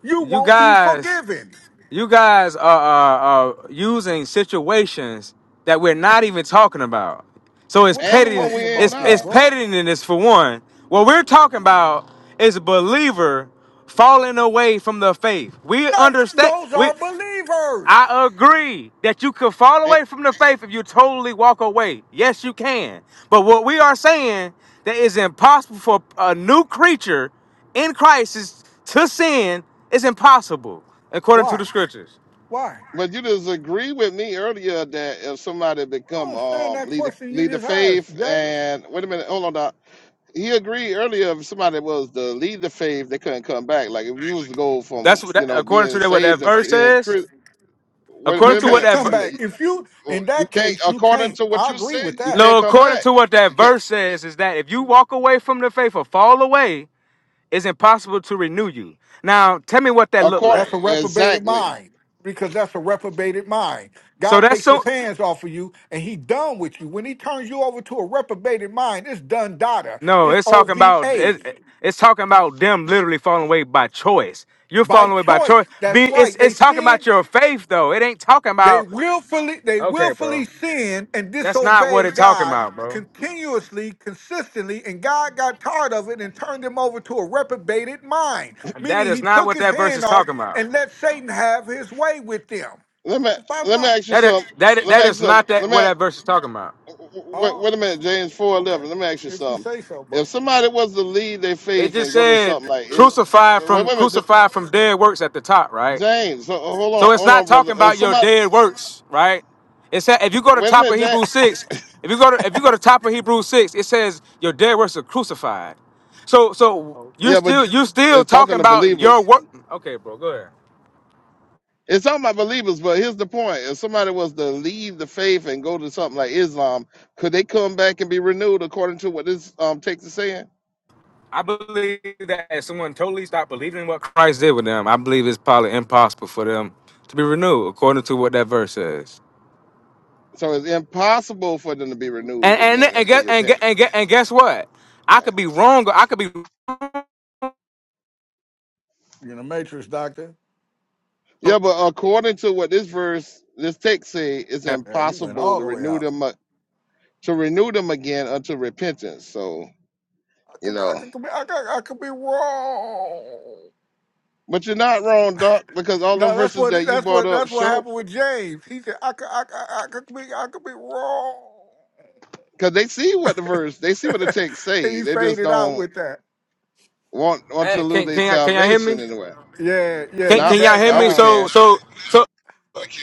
Speaker 7: You
Speaker 9: You
Speaker 7: won't be
Speaker 9: guys,
Speaker 7: forgiven.
Speaker 9: you guys are, are, are using situations that we're not even talking about. So it's
Speaker 7: What
Speaker 3: And
Speaker 7: y'all
Speaker 3: the
Speaker 9: petty.
Speaker 3: one
Speaker 7: talking
Speaker 3: we're in
Speaker 7: about
Speaker 9: It's
Speaker 7: there,
Speaker 9: it's
Speaker 3: now.
Speaker 7: bro?
Speaker 9: pettiness for one. What we're talking about is a believer falling away from the faith. We
Speaker 7: That's,
Speaker 9: understand.
Speaker 7: those
Speaker 9: We
Speaker 7: are believers.
Speaker 9: I agree that you could fall
Speaker 3: And,
Speaker 9: away from the faith if you totally walk away. Yes, you can. But what we are saying that is impossible for a new creature in Christ is to sin is impossible according to
Speaker 7: Why?
Speaker 9: the scriptures.
Speaker 7: Why?
Speaker 3: but you disagree with me earlier that if somebody
Speaker 7: I don't
Speaker 3: become
Speaker 7: understand
Speaker 3: um
Speaker 7: that
Speaker 3: leader
Speaker 7: question you
Speaker 3: leader
Speaker 7: just asked,
Speaker 3: faith
Speaker 7: James.
Speaker 3: and wait a minute, hold on, Doc. He agreed earlier if somebody was the leader faith, they couldn't come back. Like if you was to go from
Speaker 9: That's what
Speaker 3: you
Speaker 9: that,
Speaker 3: know
Speaker 9: according to
Speaker 3: being
Speaker 9: that, what that
Speaker 3: saved to
Speaker 9: verse
Speaker 3: being
Speaker 9: says.
Speaker 3: Chris. Wait,
Speaker 9: According
Speaker 7: You
Speaker 3: wait a
Speaker 9: to what
Speaker 3: minute,
Speaker 7: can't
Speaker 9: that
Speaker 7: come
Speaker 3: wait a
Speaker 9: ver-
Speaker 3: minute.
Speaker 7: back.
Speaker 3: You,
Speaker 7: If you,
Speaker 3: oh,
Speaker 7: in
Speaker 3: you
Speaker 7: that
Speaker 3: can't,
Speaker 7: case, you
Speaker 3: according
Speaker 7: can't.
Speaker 3: to what
Speaker 7: I
Speaker 3: you
Speaker 7: agree
Speaker 3: said,
Speaker 7: with
Speaker 3: you
Speaker 7: that.
Speaker 3: can't
Speaker 9: no,
Speaker 3: come
Speaker 9: according
Speaker 3: back.
Speaker 9: to what that
Speaker 3: You can't.
Speaker 9: verse says is that if you walk away from the faith or fall away, it's impossible to renew you. Now, tell me what that looked
Speaker 3: According,
Speaker 7: That's
Speaker 9: like.
Speaker 7: a reprobated
Speaker 3: exactly.
Speaker 7: mind because that's a reprobated mind.
Speaker 9: So
Speaker 7: God
Speaker 9: that's
Speaker 7: takes his
Speaker 9: so.
Speaker 7: hands off of you and he done with you. When he turns you over to a reprobated mind, it's done data.
Speaker 9: No,
Speaker 7: It's
Speaker 9: it's talking
Speaker 7: OVA
Speaker 9: about it, it's talking about them literally falling away by choice. You're
Speaker 7: by
Speaker 9: falling away by
Speaker 7: choice.
Speaker 9: choice. Be
Speaker 7: That's
Speaker 9: it's
Speaker 7: right. They
Speaker 9: it's talking about
Speaker 7: sinned
Speaker 9: your faith though. It ain't talking
Speaker 7: They
Speaker 9: about
Speaker 7: willfully they
Speaker 9: okay, bro.
Speaker 7: willfully sin and
Speaker 9: That's not what
Speaker 7: disobey
Speaker 9: it's talking
Speaker 7: God
Speaker 9: about, bro.
Speaker 7: continuously, consistently, and God got tired of it and turned him over to a reprobated mind.
Speaker 9: That
Speaker 7: Meaning
Speaker 9: is
Speaker 7: he
Speaker 9: not
Speaker 7: took
Speaker 9: what
Speaker 7: his
Speaker 9: that verse
Speaker 7: hand
Speaker 9: is
Speaker 7: off
Speaker 9: talking about.
Speaker 7: and let Satan have his way with them.
Speaker 3: Let me
Speaker 7: That's bottom
Speaker 3: let me
Speaker 7: line.
Speaker 3: ask you
Speaker 9: That is,
Speaker 3: something.
Speaker 9: that is,
Speaker 3: Let me
Speaker 9: that
Speaker 3: ask
Speaker 9: is
Speaker 3: you something.
Speaker 9: not
Speaker 3: Let
Speaker 9: that what that
Speaker 3: me
Speaker 9: verse is talking about.
Speaker 3: wait,
Speaker 7: Oh,
Speaker 3: wait a minute, James four
Speaker 7: okay.
Speaker 3: eleven. Let me ask you
Speaker 7: If you
Speaker 3: something.
Speaker 7: say so,
Speaker 3: If
Speaker 7: bro.
Speaker 3: somebody was to leave their
Speaker 9: It
Speaker 3: faith
Speaker 9: just
Speaker 3: and go to
Speaker 9: said
Speaker 3: something like it,
Speaker 9: crucified
Speaker 3: wait,
Speaker 9: from
Speaker 3: wait a minute, J-
Speaker 9: crucified from dead works at the top, right?
Speaker 3: James. ho- Hold
Speaker 9: So
Speaker 3: on,
Speaker 9: it's
Speaker 3: hold
Speaker 9: not
Speaker 3: on, brother.
Speaker 9: talking
Speaker 3: If
Speaker 9: about your
Speaker 3: somebody,
Speaker 9: dead works, right? It said if you go to
Speaker 3: wait a
Speaker 9: top of
Speaker 3: minute, James.
Speaker 9: Hebrew six, if you go to if you go to top of Hebrew six, it says your dead works are crucified. So so
Speaker 7: Okay.
Speaker 9: you're
Speaker 3: Yeah, but
Speaker 9: still you're still
Speaker 3: it's
Speaker 9: talking
Speaker 3: talking to
Speaker 9: about your
Speaker 3: believers.
Speaker 9: work. Okay, bro, go ahead.
Speaker 3: It's talking about believers, but here's the point: if somebody was to leave the faith and go to something like Islam, could they come back and be renewed according to what this um text is saying?
Speaker 9: I believe that if someone totally stopped believing in what Christ did with them, I believe it's probably impossible for them to be renewed, according to what that verse says.
Speaker 3: So it's impossible for them to be renewed
Speaker 9: And and
Speaker 3: again
Speaker 9: and
Speaker 3: until
Speaker 9: guess and guess,
Speaker 3: repentance.
Speaker 9: and guess, and guess what? I could be wrong. or I could be.
Speaker 7: You're in the matrix, doctor.
Speaker 3: Yeah, but according to what this verse, this text say, it's
Speaker 7: Yeah, he went
Speaker 3: impossible
Speaker 7: all
Speaker 3: to
Speaker 7: the way
Speaker 3: renew
Speaker 7: out.
Speaker 3: them a- to renew them again unto repentance. So
Speaker 7: I
Speaker 3: you
Speaker 7: could, I
Speaker 3: know,
Speaker 7: could, be, I could, I could be wrong.
Speaker 3: but you're not wrong, Doc, because all them
Speaker 7: No, that's
Speaker 3: verses
Speaker 7: what
Speaker 3: that you
Speaker 7: that's
Speaker 3: brought
Speaker 7: what
Speaker 3: up
Speaker 7: that's what
Speaker 3: show
Speaker 7: happened with James. He said, "I could, I, could- I, could be, I could be wrong,"
Speaker 3: because they see what the verse, they see what the text
Speaker 7: and
Speaker 3: say.
Speaker 7: he
Speaker 3: They just
Speaker 7: faded out
Speaker 3: don't
Speaker 7: with that.
Speaker 3: want want
Speaker 9: Hey,
Speaker 3: to lose
Speaker 9: Can
Speaker 3: their
Speaker 9: can y'all, can y'all hear
Speaker 3: salvation
Speaker 9: me?
Speaker 3: anyway.
Speaker 7: Yeah, yeah,
Speaker 9: Can,
Speaker 7: you
Speaker 3: Now,
Speaker 9: can y'all
Speaker 7: back
Speaker 9: hear
Speaker 3: now
Speaker 9: me?
Speaker 3: we
Speaker 7: now.
Speaker 9: So
Speaker 3: can
Speaker 9: so so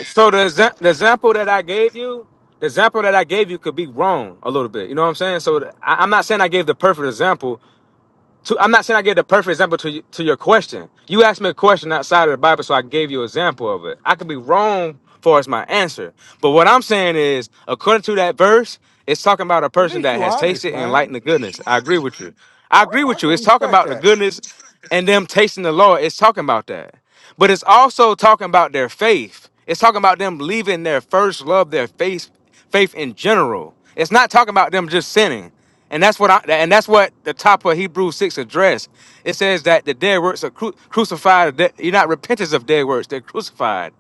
Speaker 9: so the exa- the example that I gave you, the example that I gave you could be wrong a little bit. You know what I'm saying? So the- I, I'm not saying I gave the perfect example. To, I'm not saying I gave the perfect example to y- to your question. You asked me a question outside of the Bible, so I gave you an example of it. I could be wrong far as my answer, but what I'm saying is, according to that verse, it's talking about a
Speaker 7: At
Speaker 9: person
Speaker 7: least
Speaker 9: that
Speaker 7: you
Speaker 9: has
Speaker 7: honest,
Speaker 9: tasted and lightened
Speaker 7: man.
Speaker 9: the goodness. I agree with you. I
Speaker 7: I,
Speaker 9: agree
Speaker 7: I
Speaker 9: with you.
Speaker 7: can
Speaker 9: It's talking
Speaker 7: respect
Speaker 9: about the
Speaker 7: that.
Speaker 9: goodness and them tasting the Lord. It's talking about that. But it's also talking about their faith. It's talking about them leaving their first love, their faith, faith in general. It's not talking about them just sinning. And that's what I, and that's what the top of Hebrews 6 address. It says that the dead works are cru- crucified. that You're not repentance of dead works. They're crucified.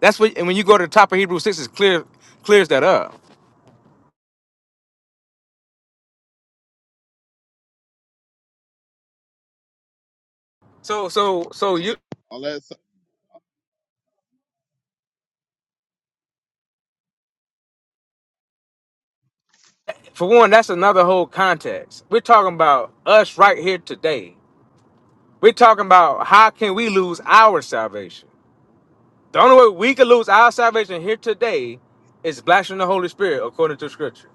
Speaker 9: That's what and when you go to the top of Hebrews 6, it clear clears that up. So so so you
Speaker 3: unless
Speaker 9: for one, that's another whole context. We're talking about us right here today. We're talking about how can we lose our salvation? The only way we can lose our salvation here today is blaspheming the Holy Spirit according to Scripture.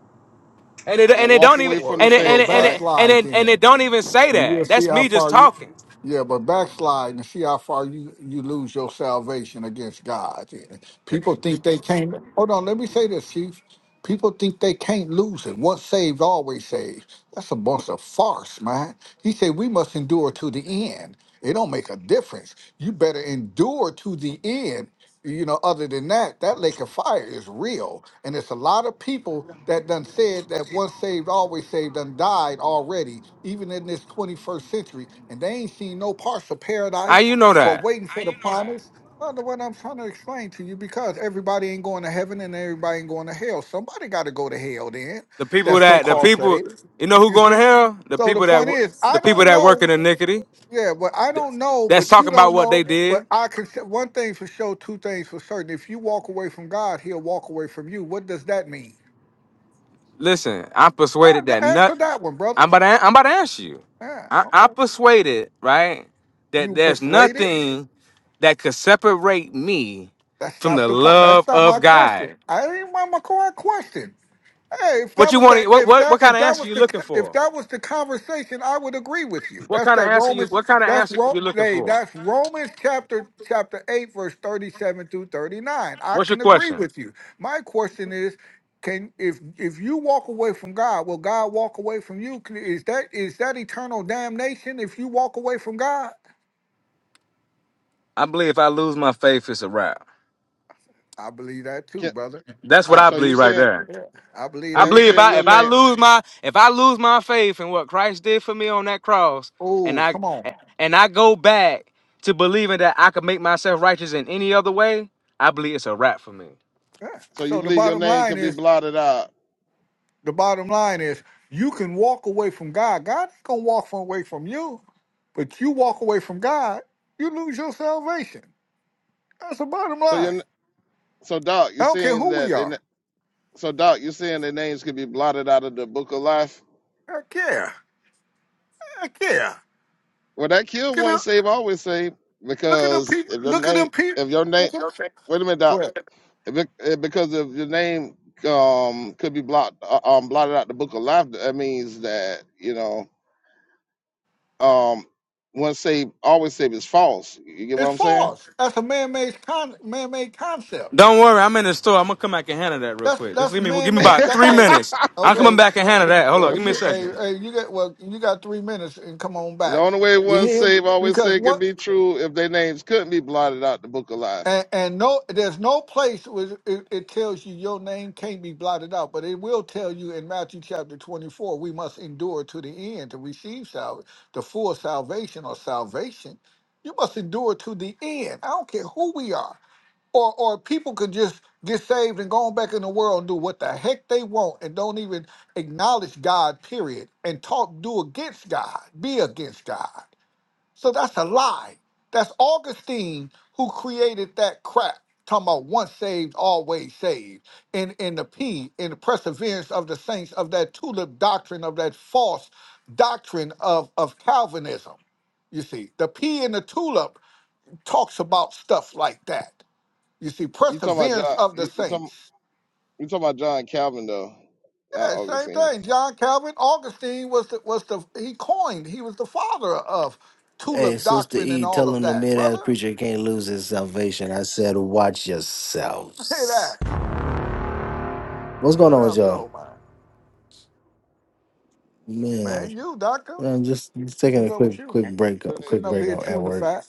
Speaker 9: And it
Speaker 3: and
Speaker 9: and it
Speaker 3: walk
Speaker 9: don't even
Speaker 3: away from
Speaker 7: Well,
Speaker 3: the
Speaker 9: and it
Speaker 7: well,
Speaker 9: and
Speaker 3: faith,
Speaker 9: it and
Speaker 3: right?
Speaker 9: it and
Speaker 7: backslide
Speaker 9: it, and
Speaker 7: then.
Speaker 9: it don't even say
Speaker 7: and you'll
Speaker 9: that.
Speaker 7: see
Speaker 9: That's
Speaker 7: how
Speaker 9: me just
Speaker 7: far you.
Speaker 9: talking.
Speaker 7: Yeah, but backslide and see how far you you lose your salvation against God. People think they can't. Hold on, let me say this, Chief. People think they can't lose it. Once saved, always saved. That's a bunch of farce, man. He said we must endure to the end. It don't make a difference. You better endure to the end you know other than that that lake of fire is real and it's a lot of people that done said that once saved always saved done died already even in this 21st century and they ain't seen no parts of
Speaker 9: How
Speaker 7: paradise
Speaker 9: you know
Speaker 7: or
Speaker 9: that?
Speaker 7: waiting for How the you know that? promise well the what i'm trying to explain to you because everybody ain't going to heaven and everybody ain't going to hell somebody got to go to hell then That's The
Speaker 9: The people
Speaker 7: that's people
Speaker 9: that the
Speaker 7: so-called that
Speaker 9: people
Speaker 7: saved
Speaker 9: you know who
Speaker 7: you
Speaker 9: going to
Speaker 7: see
Speaker 9: hell? The
Speaker 7: so the
Speaker 9: people that
Speaker 7: point
Speaker 9: wo-
Speaker 7: is
Speaker 9: the
Speaker 7: i
Speaker 9: people
Speaker 7: don't
Speaker 9: that work in
Speaker 7: know
Speaker 9: iniquity.
Speaker 7: yeah, but I don't know,
Speaker 9: That's
Speaker 7: but you
Speaker 9: talking about
Speaker 7: don't
Speaker 9: what they
Speaker 7: know. But
Speaker 9: did.
Speaker 7: I can say one thing for sure, two things for certain. If you walk away from God, He'll walk away from you. What does that mean?
Speaker 9: Listen, I'm
Speaker 7: Uh,
Speaker 9: persuaded
Speaker 7: th-
Speaker 9: that
Speaker 7: answer
Speaker 9: not.
Speaker 7: that one, brother.
Speaker 9: I'm about to, I'm about to ask you.
Speaker 7: Yeah,
Speaker 9: I, I
Speaker 7: okay.
Speaker 9: persuaded, right, that
Speaker 7: You
Speaker 9: there's
Speaker 7: persuaded?
Speaker 9: nothing that could separate me
Speaker 7: That's
Speaker 9: from
Speaker 7: not
Speaker 9: the
Speaker 7: the point. That's
Speaker 9: love
Speaker 7: not
Speaker 9: of
Speaker 7: my question.
Speaker 9: God.
Speaker 7: I didn't want my core question. Hey, if
Speaker 9: What
Speaker 7: that
Speaker 9: you
Speaker 7: was
Speaker 9: want?
Speaker 7: the
Speaker 9: What
Speaker 7: if
Speaker 9: what
Speaker 7: that
Speaker 9: what kind
Speaker 7: if
Speaker 9: of
Speaker 7: that
Speaker 9: answer
Speaker 7: was
Speaker 9: you
Speaker 7: the
Speaker 9: looking
Speaker 7: if
Speaker 9: for?
Speaker 7: that was the conversation, I would agree with you.
Speaker 9: What
Speaker 7: That's
Speaker 9: kind of
Speaker 7: that
Speaker 9: answer you?
Speaker 7: Romans.
Speaker 9: What kind of
Speaker 7: That's
Speaker 9: answer you
Speaker 7: Ro,
Speaker 9: looking
Speaker 7: hey,
Speaker 9: for?
Speaker 7: that's Romans chapter chapter eight, verse thirty seven through thirty nine. I
Speaker 9: What's your
Speaker 7: can agree
Speaker 9: question?
Speaker 7: with you. My question is, can if if you walk away from God, will God walk away from you? Can- Is that is that eternal damnation? If you walk away from God,
Speaker 9: I believe if I lose my faith, it's a wrap.
Speaker 7: I believe that too,
Speaker 3: Can,
Speaker 7: brother.
Speaker 9: That's what
Speaker 3: can,
Speaker 7: I
Speaker 9: I
Speaker 3: so you
Speaker 9: believe right
Speaker 3: saying,
Speaker 9: there.
Speaker 7: I believe
Speaker 3: so
Speaker 9: I
Speaker 7: that
Speaker 3: you
Speaker 9: believe if
Speaker 7: too.
Speaker 3: saying
Speaker 9: I
Speaker 3: your
Speaker 9: if I
Speaker 3: name,
Speaker 9: lose my if I lose my faith in what Christ did for me on that cross, and
Speaker 7: Oh,
Speaker 9: I
Speaker 7: come on.
Speaker 9: and I go back to believing that I could make myself righteous in any other way, I believe it's a wrap for me.
Speaker 7: Yeah.
Speaker 3: so you
Speaker 7: So the
Speaker 3: believe your
Speaker 7: bottom
Speaker 3: name
Speaker 7: line
Speaker 3: can be
Speaker 7: is
Speaker 3: blotted out.
Speaker 7: The bottom line is you can walk away from God. God ain't gonna walk from away from you, but you walk away from God, you lose your salvation. That's the bottom
Speaker 3: So your
Speaker 7: line.
Speaker 3: n- so Doc,
Speaker 7: I
Speaker 3: you're
Speaker 7: don't care
Speaker 3: saying
Speaker 7: who we
Speaker 3: that they
Speaker 7: are.
Speaker 3: So, Doc, you're saying their names could be blotted out of the book of life?
Speaker 7: Heck yeah. Heck yeah.
Speaker 3: Well, that kill
Speaker 7: Look at them
Speaker 3: one save, always save,
Speaker 7: look at them
Speaker 3: because
Speaker 7: people
Speaker 3: if your
Speaker 7: look at
Speaker 3: name,
Speaker 7: them people
Speaker 3: if your name,
Speaker 7: look at them.
Speaker 3: wait a minute,
Speaker 7: Go
Speaker 3: Doc,
Speaker 7: ahead.
Speaker 3: if it, eh, because if your name um could be blocked, uh, um, blotted out the book of life, that means that you know, um, one save, always save is false. You get what
Speaker 7: It's
Speaker 3: I'm saying?
Speaker 7: false. That's a man-made con- man-made concept.
Speaker 9: Don't worry, I'm in the store. I'm gonna come back and handle that real
Speaker 7: That's
Speaker 9: quick. Just
Speaker 7: that's
Speaker 9: give me give me
Speaker 7: man-made.
Speaker 9: about
Speaker 7: That,
Speaker 9: three
Speaker 7: hey,
Speaker 9: minutes. I'm coming
Speaker 7: okay.
Speaker 9: back and
Speaker 7: Well,
Speaker 9: handle that. Hold on,
Speaker 7: Or
Speaker 9: give me a
Speaker 7: you
Speaker 3: the
Speaker 7: hey,
Speaker 9: second.
Speaker 7: hey, you got well, you got three minutes and come on back.
Speaker 3: only way
Speaker 7: You
Speaker 3: one
Speaker 7: hear?
Speaker 3: save, always
Speaker 7: Because
Speaker 3: save can
Speaker 7: what?
Speaker 3: be true if their names couldn't be blotted out the book of life.
Speaker 7: And, and no, there's no place where it, it tells you your name can't be blotted out, but it will tell you in Matthew chapter 24, we must endure to the end to receive sal- the full salvation or salvation. You must endure to the end. I don't care who we are. Or, or people could just get saved and go on back in the world and do what the heck they want and don't even acknowledge God, period, and talk, do against God, be against God. So that's a lie. That's Augustine who created that crap. Talking about once saved, always saved. And in the P, in the perseverance of the saints of that tulip doctrine, of that false doctrine of, of Calvinism. You see, the P in the tulip talks about stuff like that. You see,
Speaker 3: You talking about
Speaker 7: perseverance
Speaker 3: John?
Speaker 7: of the
Speaker 3: You, you talking?
Speaker 7: saints.
Speaker 3: You talking about John Calvin though, not
Speaker 7: Yeah, same
Speaker 3: Augustine.
Speaker 7: thing. John Calvin, Augustine was the was the he coined, he was the father of
Speaker 2: Hey,
Speaker 7: tulip
Speaker 2: Sister
Speaker 7: doctrine and
Speaker 2: E,
Speaker 7: all
Speaker 2: tell
Speaker 7: of
Speaker 2: him the
Speaker 7: that,
Speaker 2: mid ass
Speaker 7: brother.
Speaker 2: preacher can't lose his salvation. I said, watch
Speaker 7: Hey, that.
Speaker 2: yourselves. What's going
Speaker 7: What
Speaker 2: on with
Speaker 7: up,
Speaker 2: y'all?
Speaker 7: though, man?
Speaker 2: Man,
Speaker 7: Man, you, doctor?
Speaker 2: I'm just just taking
Speaker 7: What's
Speaker 2: a
Speaker 7: up
Speaker 2: quick
Speaker 7: with you,
Speaker 2: quick
Speaker 7: man?
Speaker 2: break
Speaker 3: It
Speaker 7: I'm sitting
Speaker 3: ain't
Speaker 2: quick
Speaker 7: up
Speaker 3: good
Speaker 2: break
Speaker 7: here
Speaker 3: than
Speaker 2: on- at
Speaker 3: that.
Speaker 7: chewing the
Speaker 2: work.
Speaker 7: fat.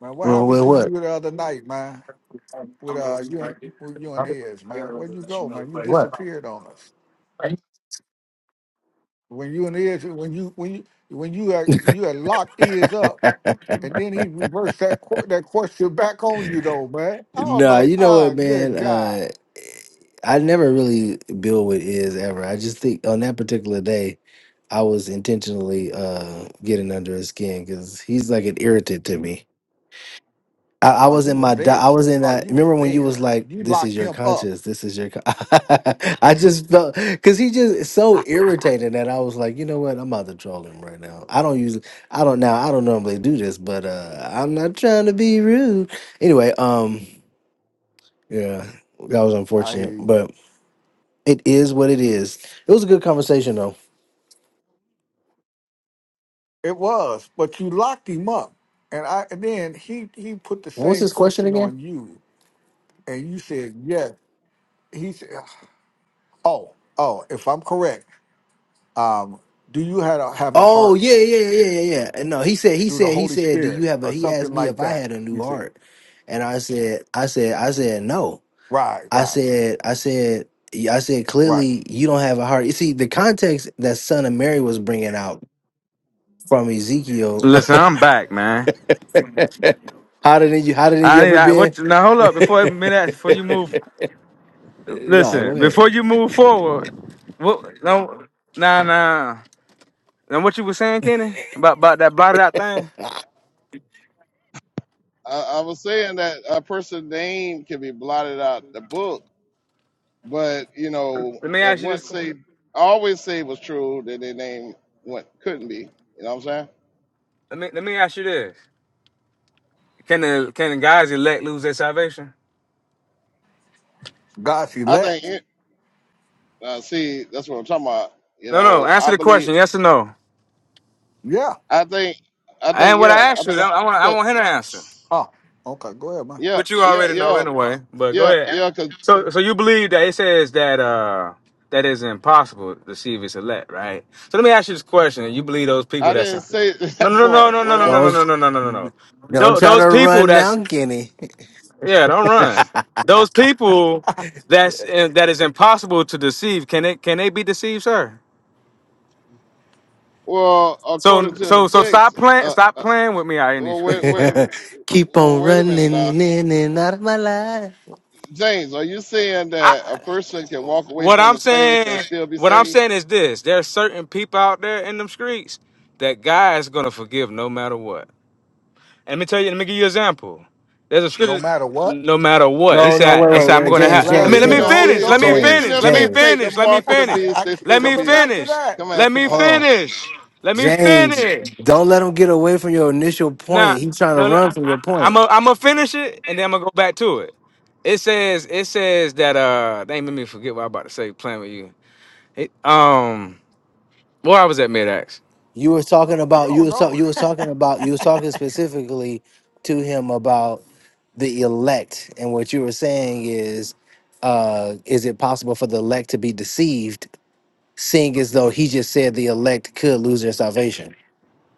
Speaker 7: Man, what
Speaker 2: Well,
Speaker 7: happened
Speaker 2: well
Speaker 7: to
Speaker 2: what?
Speaker 7: you the other night, man? With uh, you and with you and Iz, man. Where'd you go, man? You
Speaker 2: What?
Speaker 7: disappeared on us. When you and Iz, when you when you when you had, you had locked Iz up, and then he reversed that qu- that question back on you, though, man. I was
Speaker 2: Nah,
Speaker 7: like,
Speaker 2: you know
Speaker 7: ah,
Speaker 2: what,
Speaker 7: good
Speaker 2: man?
Speaker 7: God.
Speaker 2: Uh, I never really build with is ever. I just think on that particular day, I was intentionally uh getting under his skin because he's like an irritant to me. I, I
Speaker 7: Oh,
Speaker 2: was
Speaker 7: you
Speaker 2: in
Speaker 7: were
Speaker 2: my di- I
Speaker 7: there.
Speaker 2: was in
Speaker 7: Oh,
Speaker 2: that.
Speaker 7: you was
Speaker 2: Remember when you was
Speaker 7: there.
Speaker 2: like,
Speaker 7: You
Speaker 2: "This is
Speaker 7: locked
Speaker 2: your
Speaker 7: him up.
Speaker 2: conscience. This is your." Con-. I just felt because he just is so
Speaker 7: I
Speaker 2: irritated that I was like, you know what? I'm about to troll him right now. I don't use I don't now. I don't normally do this, but uh I'm not trying to be rude. Anyway, um. Yeah, that was unfortunate,
Speaker 7: hear
Speaker 2: but it is what it is. It was a good conversation though.
Speaker 7: It was, but you locked him up, and I and then he he put the
Speaker 2: What was
Speaker 7: same
Speaker 2: his question
Speaker 7: question
Speaker 2: again?
Speaker 7: on you, and you said yes. He said, "Oh, oh, if I'm correct, um, do you have a, have a
Speaker 2: Oh
Speaker 7: heart
Speaker 2: yeah, yeah, yeah, yeah, yeah. yeah. And no, he said, he
Speaker 7: through the
Speaker 2: said, he
Speaker 7: Holy
Speaker 2: said, do
Speaker 7: Spirit
Speaker 2: you have a?
Speaker 7: or
Speaker 2: He asked
Speaker 7: something
Speaker 2: me
Speaker 7: like
Speaker 2: if I
Speaker 7: that?"
Speaker 2: had a new
Speaker 7: You said,
Speaker 2: heart, and I said, I said, I said no.
Speaker 7: "Right,
Speaker 2: I
Speaker 7: right,
Speaker 2: said, I said, I said
Speaker 7: right."
Speaker 2: clearly you don't have a heart. You see the context that Son of Mary was bringing out from Ezekiel.
Speaker 9: Listen, I'm back, man.
Speaker 2: hotter than you, hotter than you
Speaker 9: I need
Speaker 2: ever
Speaker 9: I, what
Speaker 2: been.
Speaker 9: now. Hold up before
Speaker 2: no,
Speaker 9: minute before you move.
Speaker 2: go
Speaker 9: Listen
Speaker 2: ahead.
Speaker 9: before you move forward. What? No, nah, nah. And what you were saying, Kenny, about about that blotted out thing?
Speaker 3: I, I was saying that a person's name can be blotted out the book, but you know,
Speaker 9: Let me
Speaker 3: if
Speaker 9: ask you this.
Speaker 3: once say always say it was true, then their name what couldn't be. You know what I'm saying?
Speaker 9: Let me let me ask you this. Can the can the guys elect lose their salvation?
Speaker 7: God's
Speaker 3: I think.
Speaker 7: elect,
Speaker 3: It, uh, see, that's what I'm talking about. You
Speaker 9: No, no.
Speaker 3: know,
Speaker 9: Answer
Speaker 3: I
Speaker 9: the
Speaker 3: believe.
Speaker 9: question. Yes or no.
Speaker 7: yeah.
Speaker 3: I think. I think.
Speaker 9: And what
Speaker 3: Yeah.
Speaker 9: I
Speaker 3: I
Speaker 9: asked you,
Speaker 3: think.
Speaker 9: I
Speaker 3: I'm,
Speaker 9: I want I
Speaker 3: 'cause-
Speaker 9: want him to answer,
Speaker 7: Oh, okay. Go ahead, man.
Speaker 3: yeah.
Speaker 9: which you
Speaker 3: Yeah.
Speaker 9: already know
Speaker 3: Yeah.
Speaker 9: anyway. But go
Speaker 3: Yeah.
Speaker 9: ahead.
Speaker 3: Yeah. Because
Speaker 9: So so you believe that it says that uh that is impossible to see if it's elect, right? So let me ask you this question. You believe those people
Speaker 3: I
Speaker 9: that's
Speaker 3: didn't
Speaker 9: in
Speaker 3: say at
Speaker 9: no,
Speaker 3: that
Speaker 9: no, no,
Speaker 3: point.
Speaker 9: no, no, no,
Speaker 3: Well,
Speaker 9: no,
Speaker 2: Don't
Speaker 9: no, no, no, no, no, no. no.
Speaker 2: don't
Speaker 9: Tho-
Speaker 2: try
Speaker 9: Those
Speaker 2: to
Speaker 9: people
Speaker 2: run
Speaker 9: that's
Speaker 2: now, Kenny.
Speaker 9: Yeah, don't run. Those people that's that is impossible to deceive. Can it can they be deceived, sir?
Speaker 3: well,
Speaker 9: So
Speaker 3: according to the
Speaker 9: so so stop
Speaker 3: text.
Speaker 9: playing
Speaker 3: uh,
Speaker 9: stop playing with me out in the
Speaker 3: Well,
Speaker 9: street,
Speaker 3: wait, wait,
Speaker 9: man.
Speaker 2: Keep
Speaker 3: well,
Speaker 2: on
Speaker 3: wait a
Speaker 2: running
Speaker 3: minute now.
Speaker 2: in and out of my life.
Speaker 3: James, are you saying that
Speaker 9: I
Speaker 3: a person can walk away
Speaker 9: what
Speaker 3: from
Speaker 9: I'm
Speaker 3: the faith and
Speaker 9: saying
Speaker 3: still be
Speaker 9: what I'm
Speaker 3: saved?
Speaker 9: saying is this. There are certain people out there in them streets that God gonna forgive no matter what. Let me tell you. Let me give you an example. There's a
Speaker 7: No
Speaker 9: scripture.
Speaker 7: matter what,
Speaker 9: No matter what, he
Speaker 2: No, no,
Speaker 9: said.
Speaker 2: wait,
Speaker 9: He
Speaker 2: wait,
Speaker 9: said, "I'm
Speaker 2: wait,
Speaker 7: if
Speaker 9: going to
Speaker 7: they
Speaker 2: James,
Speaker 9: have."
Speaker 3: So
Speaker 9: Let me.
Speaker 2: James,
Speaker 9: Let
Speaker 7: blaspheme
Speaker 3: even
Speaker 9: me
Speaker 7: the
Speaker 3: if
Speaker 2: James,
Speaker 7: Holy
Speaker 9: finish.
Speaker 3: eh,
Speaker 9: Let me
Speaker 3: so
Speaker 7: Ghost,
Speaker 3: even
Speaker 2: James,
Speaker 9: finish.
Speaker 3: if
Speaker 9: Let me
Speaker 3: they
Speaker 2: James.
Speaker 3: take the
Speaker 9: finish. Let me
Speaker 3: mark of the
Speaker 9: finish.
Speaker 3: beast,
Speaker 7: I
Speaker 3: they
Speaker 7: keep
Speaker 9: Let
Speaker 3: still gonna
Speaker 9: me
Speaker 7: coming
Speaker 3: be
Speaker 7: back to
Speaker 9: finish.
Speaker 7: that.
Speaker 3: come on,
Speaker 9: Let
Speaker 3: come
Speaker 9: me
Speaker 3: on
Speaker 2: Hold on,
Speaker 3: now.
Speaker 9: finish. Let me
Speaker 2: James.
Speaker 9: finish.
Speaker 2: Don't let him get away from your initial point.
Speaker 9: Now,
Speaker 2: He's trying to
Speaker 9: no, no,
Speaker 2: run
Speaker 9: I,
Speaker 2: from
Speaker 9: I,
Speaker 2: your
Speaker 9: I'm
Speaker 2: point.
Speaker 9: a, I'm gonna finish it, and then I'm gonna go back to it. It says, it says that uh, they made me forget what I am about to say. Playing with you, it, um, where I was at mid
Speaker 2: You were talking
Speaker 7: You
Speaker 2: about you
Speaker 7: don't
Speaker 2: was
Speaker 7: know.
Speaker 2: talk, you was talking about you was talking specifically to him about the elect, and what you were saying is, uh, is it possible for the elect to be deceived? seeing as though he just said the elect could lose their salvation.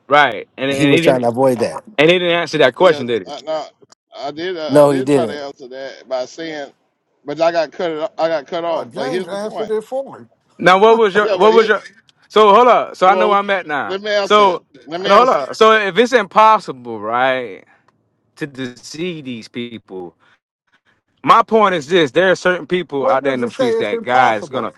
Speaker 9: Right, and
Speaker 2: And he
Speaker 9: and he
Speaker 2: was trying to
Speaker 9: didn't,
Speaker 2: avoid that.
Speaker 9: and he didn't answer that
Speaker 3: Yeah,
Speaker 9: question, did he?
Speaker 3: I, now I did I, I
Speaker 2: No, he
Speaker 3: did try to
Speaker 2: didn't.
Speaker 3: answer that by saying, but I got cut it- I got cut
Speaker 7: Uh,
Speaker 3: off. But
Speaker 7: James
Speaker 3: here's the
Speaker 7: answered
Speaker 3: point.
Speaker 7: it for me.
Speaker 9: Now, what was
Speaker 3: Yeah,
Speaker 9: your
Speaker 3: well,
Speaker 9: what was
Speaker 3: here,
Speaker 9: your? So hold up. So I know where
Speaker 3: well,
Speaker 9: I'm at now.
Speaker 3: let me answer it.
Speaker 9: So
Speaker 3: Let me
Speaker 9: no, hold
Speaker 3: answer it.
Speaker 9: up. So if it's impossible, right, to deceive these people, my point is this: there are certain people
Speaker 7: Where
Speaker 9: out there in
Speaker 7: does
Speaker 9: them
Speaker 7: it say
Speaker 9: streets
Speaker 7: it's
Speaker 9: that God's gonna.
Speaker 7: impossible?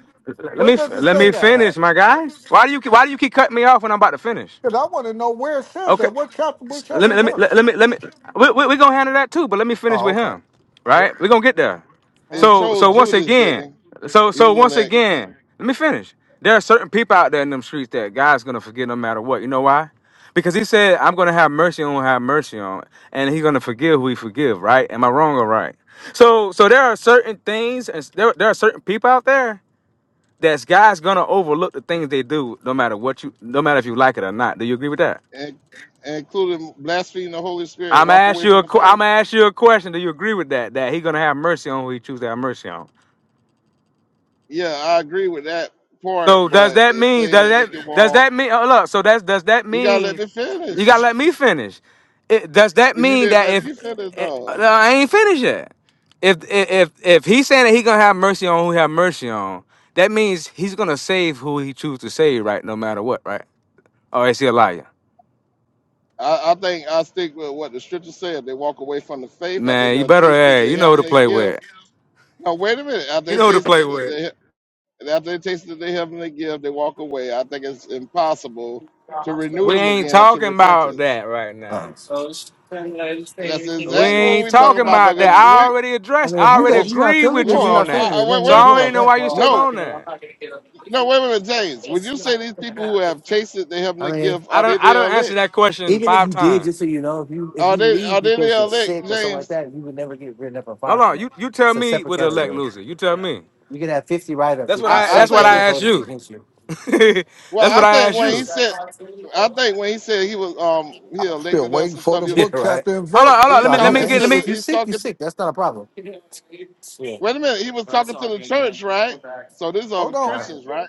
Speaker 9: Let
Speaker 7: Where
Speaker 9: me
Speaker 7: does it
Speaker 9: let
Speaker 7: say
Speaker 9: me
Speaker 7: that
Speaker 9: finish,
Speaker 7: at?
Speaker 9: my guy. Why do you keep- why do you keep cutting me off when I'm about to finish?
Speaker 7: Because I want to know where it says that.
Speaker 9: Okay.
Speaker 7: What chapter, what
Speaker 9: Let
Speaker 7: chapter
Speaker 9: me
Speaker 7: and
Speaker 9: let me let,
Speaker 7: verse?
Speaker 9: let me let me. We we, we gonna handle that too, but let me finish
Speaker 7: Oh,
Speaker 9: with
Speaker 7: okay.
Speaker 9: him,
Speaker 7: Where,
Speaker 9: right? We are gonna get there.
Speaker 3: It
Speaker 7: oh,
Speaker 9: So
Speaker 3: showed
Speaker 9: so
Speaker 7: okay.
Speaker 9: once
Speaker 3: Judas, didn't
Speaker 9: again,
Speaker 3: he?
Speaker 9: so
Speaker 3: He
Speaker 9: so
Speaker 3: was
Speaker 9: once
Speaker 3: elect.
Speaker 9: again, let me finish. There are certain people out there in them streets that God's gonna forgive no matter what. You know why? Because He said, "I'm gonna have mercy on who I have mercy on," and He's gonna forgive who He forgive. Right? Am I wrong or right? So so there are certain things, and s- there there are certain people out there that's God's gonna overlook the things they do, no matter what you, no matter if you like it or not. Do you agree with that?
Speaker 3: and, and including blaspheming the Holy Spirit,
Speaker 9: I'm
Speaker 3: walk
Speaker 9: ask
Speaker 3: away
Speaker 9: you
Speaker 3: from
Speaker 9: a
Speaker 3: the
Speaker 9: qu- I'm
Speaker 3: faith.
Speaker 9: ask you a question. Do you agree with that? That he gonna have mercy on who he chooses to have mercy on.
Speaker 3: Yeah, I agree with that
Speaker 9: So
Speaker 3: part,
Speaker 9: does
Speaker 3: but
Speaker 9: that
Speaker 3: they
Speaker 9: mean
Speaker 3: say
Speaker 9: does
Speaker 3: that they
Speaker 9: that
Speaker 3: can
Speaker 9: does
Speaker 3: walk.
Speaker 9: that mean oh, look? So that's does that
Speaker 3: You gotta let
Speaker 9: mean
Speaker 3: me
Speaker 9: you
Speaker 3: finish.
Speaker 9: gotta let me finish? It, does that
Speaker 3: well, you
Speaker 9: mean
Speaker 3: didn't
Speaker 9: that
Speaker 3: let
Speaker 9: if
Speaker 3: me finish,
Speaker 9: it, uh,
Speaker 3: though.
Speaker 9: I ain't finished yet? If if if he's saying that he gonna have mercy on who he have mercy on, that means he's gonna save who he chooses to save, right? No matter what, right? Or is he a liar?
Speaker 3: I, I think I stick with what the scripture said. They walk away from the faith after they
Speaker 9: Man, you
Speaker 3: done
Speaker 9: better
Speaker 3: tasted
Speaker 9: hey,
Speaker 3: the
Speaker 9: you know who to
Speaker 3: heavenly
Speaker 9: play
Speaker 3: gift.
Speaker 9: with.
Speaker 3: No, wait a minute. After
Speaker 9: You
Speaker 3: they
Speaker 9: know who to
Speaker 3: taste
Speaker 9: play with.
Speaker 3: the, the after they tasted the heavenly gift, they walk away. I think it's impossible to renew
Speaker 9: We
Speaker 3: them
Speaker 9: ain't
Speaker 3: again unto
Speaker 9: talking about
Speaker 3: repentance.
Speaker 9: that right now.
Speaker 2: Um,
Speaker 3: That's
Speaker 9: We
Speaker 3: exactly what
Speaker 9: ain't
Speaker 3: we talking
Speaker 9: talking
Speaker 3: about
Speaker 9: about that.
Speaker 3: because
Speaker 9: I
Speaker 3: we
Speaker 9: already
Speaker 2: I
Speaker 9: addressed.
Speaker 2: mean,
Speaker 9: I
Speaker 2: if you
Speaker 9: already
Speaker 3: well,
Speaker 2: got, you're not
Speaker 9: agree
Speaker 2: feeling
Speaker 9: with
Speaker 2: good,
Speaker 9: you
Speaker 3: Well,
Speaker 2: you're
Speaker 3: whoa,
Speaker 9: on
Speaker 2: not
Speaker 3: I,
Speaker 2: feeling
Speaker 9: that.
Speaker 2: good.
Speaker 3: I, wait,
Speaker 2: Nothing
Speaker 9: So
Speaker 2: you can
Speaker 9: I
Speaker 2: do
Speaker 3: wait,
Speaker 9: don't even
Speaker 2: about
Speaker 3: wait.
Speaker 9: know
Speaker 2: that.
Speaker 9: why you still
Speaker 3: No,
Speaker 9: on that.
Speaker 3: no, wait a minute, James. Would you say these people who have tasted the
Speaker 2: I
Speaker 3: heavenly
Speaker 2: mean,
Speaker 3: gift
Speaker 9: I
Speaker 3: are they
Speaker 9: don't. I
Speaker 3: the
Speaker 9: don't answer
Speaker 3: elect?
Speaker 9: that question
Speaker 2: even if
Speaker 9: five
Speaker 2: you did,
Speaker 9: times.
Speaker 2: just so you know, if you if
Speaker 3: Are
Speaker 2: you
Speaker 3: they are
Speaker 2: leave
Speaker 3: they
Speaker 2: because
Speaker 3: the
Speaker 2: you're
Speaker 3: elect,
Speaker 2: sick or something like
Speaker 3: James?
Speaker 2: that, you would never get written up or
Speaker 9: Hold
Speaker 2: fired from
Speaker 9: on.
Speaker 2: that.
Speaker 9: You you tell
Speaker 2: It's a
Speaker 9: me
Speaker 2: separate
Speaker 9: with the elect
Speaker 2: category.
Speaker 9: loser. You tell me.
Speaker 2: You could have 50 write-ups.
Speaker 9: That's what
Speaker 2: If you're
Speaker 9: I.
Speaker 3: I, I
Speaker 9: That's
Speaker 2: sick,
Speaker 9: what
Speaker 2: no
Speaker 3: think
Speaker 9: I
Speaker 3: that.
Speaker 2: one's
Speaker 9: asked
Speaker 2: holding it
Speaker 9: you.
Speaker 2: against you.
Speaker 3: Well,
Speaker 9: that's
Speaker 3: I
Speaker 9: what I
Speaker 3: think
Speaker 9: asked
Speaker 3: when he
Speaker 9: you.
Speaker 3: said, I think when he said he was um he
Speaker 7: I'm still
Speaker 3: elected us
Speaker 7: waiting
Speaker 3: and
Speaker 7: for
Speaker 3: stuff,
Speaker 7: the
Speaker 3: he
Speaker 2: Yeah,
Speaker 3: was,
Speaker 7: book,
Speaker 2: right.
Speaker 7: chapter, and
Speaker 9: Hold on. Hold on.
Speaker 7: verse,
Speaker 3: he's
Speaker 9: Let
Speaker 2: No,
Speaker 9: me.
Speaker 2: if
Speaker 9: Let
Speaker 2: you
Speaker 9: me
Speaker 3: talking
Speaker 2: if
Speaker 9: get.
Speaker 2: you
Speaker 3: to
Speaker 9: Let
Speaker 3: the
Speaker 9: me.
Speaker 2: if
Speaker 7: James.
Speaker 2: you're
Speaker 3: he's
Speaker 2: sick, you're
Speaker 3: talking. To,
Speaker 2: sick. That's not a problem. Yeah.
Speaker 3: wait a minute, he was talking to the church, right? So these are
Speaker 7: Hold on.
Speaker 3: Christians, right?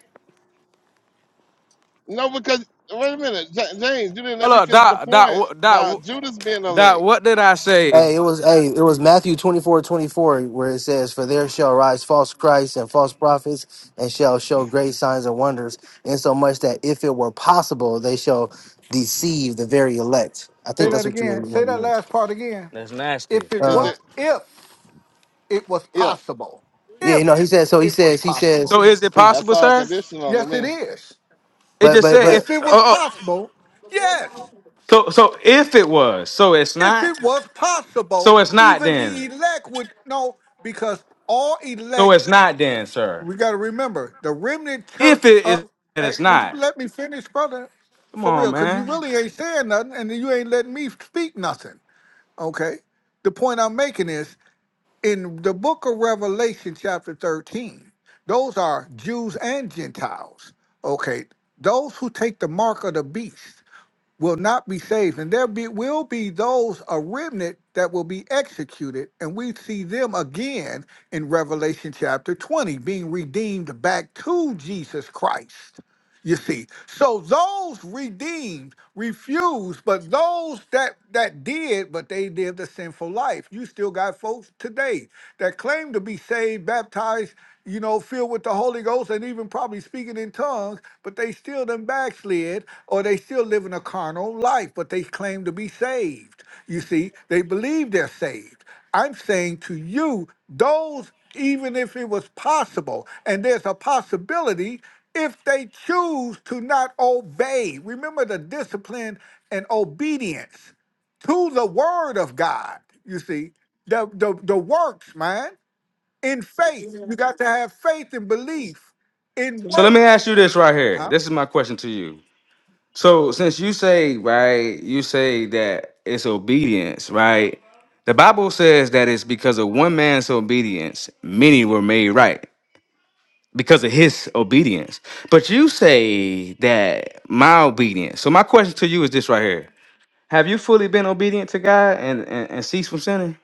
Speaker 3: No, because wait a minute, Ja- James, you didn't let
Speaker 9: Hold
Speaker 3: me
Speaker 9: on.
Speaker 3: finish the
Speaker 9: Dot. Dot.
Speaker 3: point
Speaker 9: wh- Dot.
Speaker 3: about Judas being
Speaker 9: wh- Dot.
Speaker 3: elect.
Speaker 9: What did I say?
Speaker 2: Hey, it was hey, it was Matthew 24 24 where it says, For there shall rise false Christs and false prophets, and shall show great signs and wonders, insomuch that if it were possible, they shall deceive the very elect. I
Speaker 7: Say
Speaker 2: think that's
Speaker 7: that
Speaker 2: what you were
Speaker 7: again. Say
Speaker 2: referring
Speaker 7: that
Speaker 2: to.
Speaker 7: last part again.
Speaker 9: That's nasty.
Speaker 7: If it
Speaker 3: Is
Speaker 2: Uh,
Speaker 7: what?
Speaker 3: it
Speaker 7: If it was
Speaker 3: if
Speaker 7: possible.
Speaker 2: yeah,
Speaker 7: If
Speaker 2: you know, he says so he
Speaker 7: it was
Speaker 2: says, he says,
Speaker 9: So
Speaker 7: possible.
Speaker 9: is it
Speaker 2: he-
Speaker 3: that's
Speaker 9: possible,
Speaker 3: all
Speaker 9: sir?
Speaker 3: conditional to
Speaker 7: Yes, it
Speaker 3: me?
Speaker 7: is.
Speaker 9: It
Speaker 2: but
Speaker 9: just
Speaker 2: but
Speaker 9: said
Speaker 2: but
Speaker 7: If
Speaker 9: if.
Speaker 7: it was
Speaker 9: Oh. oh,
Speaker 7: possible, yes.
Speaker 9: So so if it was, so it's
Speaker 7: If
Speaker 9: not.
Speaker 7: it was
Speaker 9: So
Speaker 7: possible,
Speaker 9: it's not
Speaker 7: even the
Speaker 9: then.
Speaker 7: elect would know because all
Speaker 9: So
Speaker 7: elect,
Speaker 9: it's not then, sir.
Speaker 7: we got to remember, the remnant
Speaker 9: If
Speaker 7: church.
Speaker 9: it
Speaker 7: Uh,
Speaker 9: is, then
Speaker 7: hey,
Speaker 9: it's
Speaker 7: would you
Speaker 9: not.
Speaker 7: let me finish, brother?
Speaker 9: Come
Speaker 7: For
Speaker 9: on,
Speaker 7: real, because you
Speaker 9: man.
Speaker 7: really ain't saying nothing and you ain't letting me speak nothing. Okay. The point I'm making is in the book of Revelation, chapter 13, those are Jews and Gentiles. Okay. Those who take the mark of the beast will not be saved. And there be, will be those, a remnant, that will be executed. And we see them again in Revelation chapter 20, being redeemed back to Jesus Christ you see so those redeemed refused but those that that did but they lived a sinful life you still got folks today that claim to be saved baptized you know filled with the holy ghost and even probably speaking in tongues but they still done backslid or they still living a carnal life but they claim to be saved you see they believe they're saved i'm saying to you those even if it was possible and there's a possibility if they choose to not obey. Remember the discipline and obedience to the word of God. You see, the the, the works, man. In faith, you got to have faith and belief in
Speaker 9: So let me ask
Speaker 7: works.
Speaker 9: you this right
Speaker 7: huh?
Speaker 9: here. This is my question to you. So since you say right, you say that it's obedience, right? The Bible says that it's because of one man's obedience, many were made right because of his obedience. But you say that my obedience. So my question to you is this right here. Have you fully been obedient to God and and, and ceased from sinning?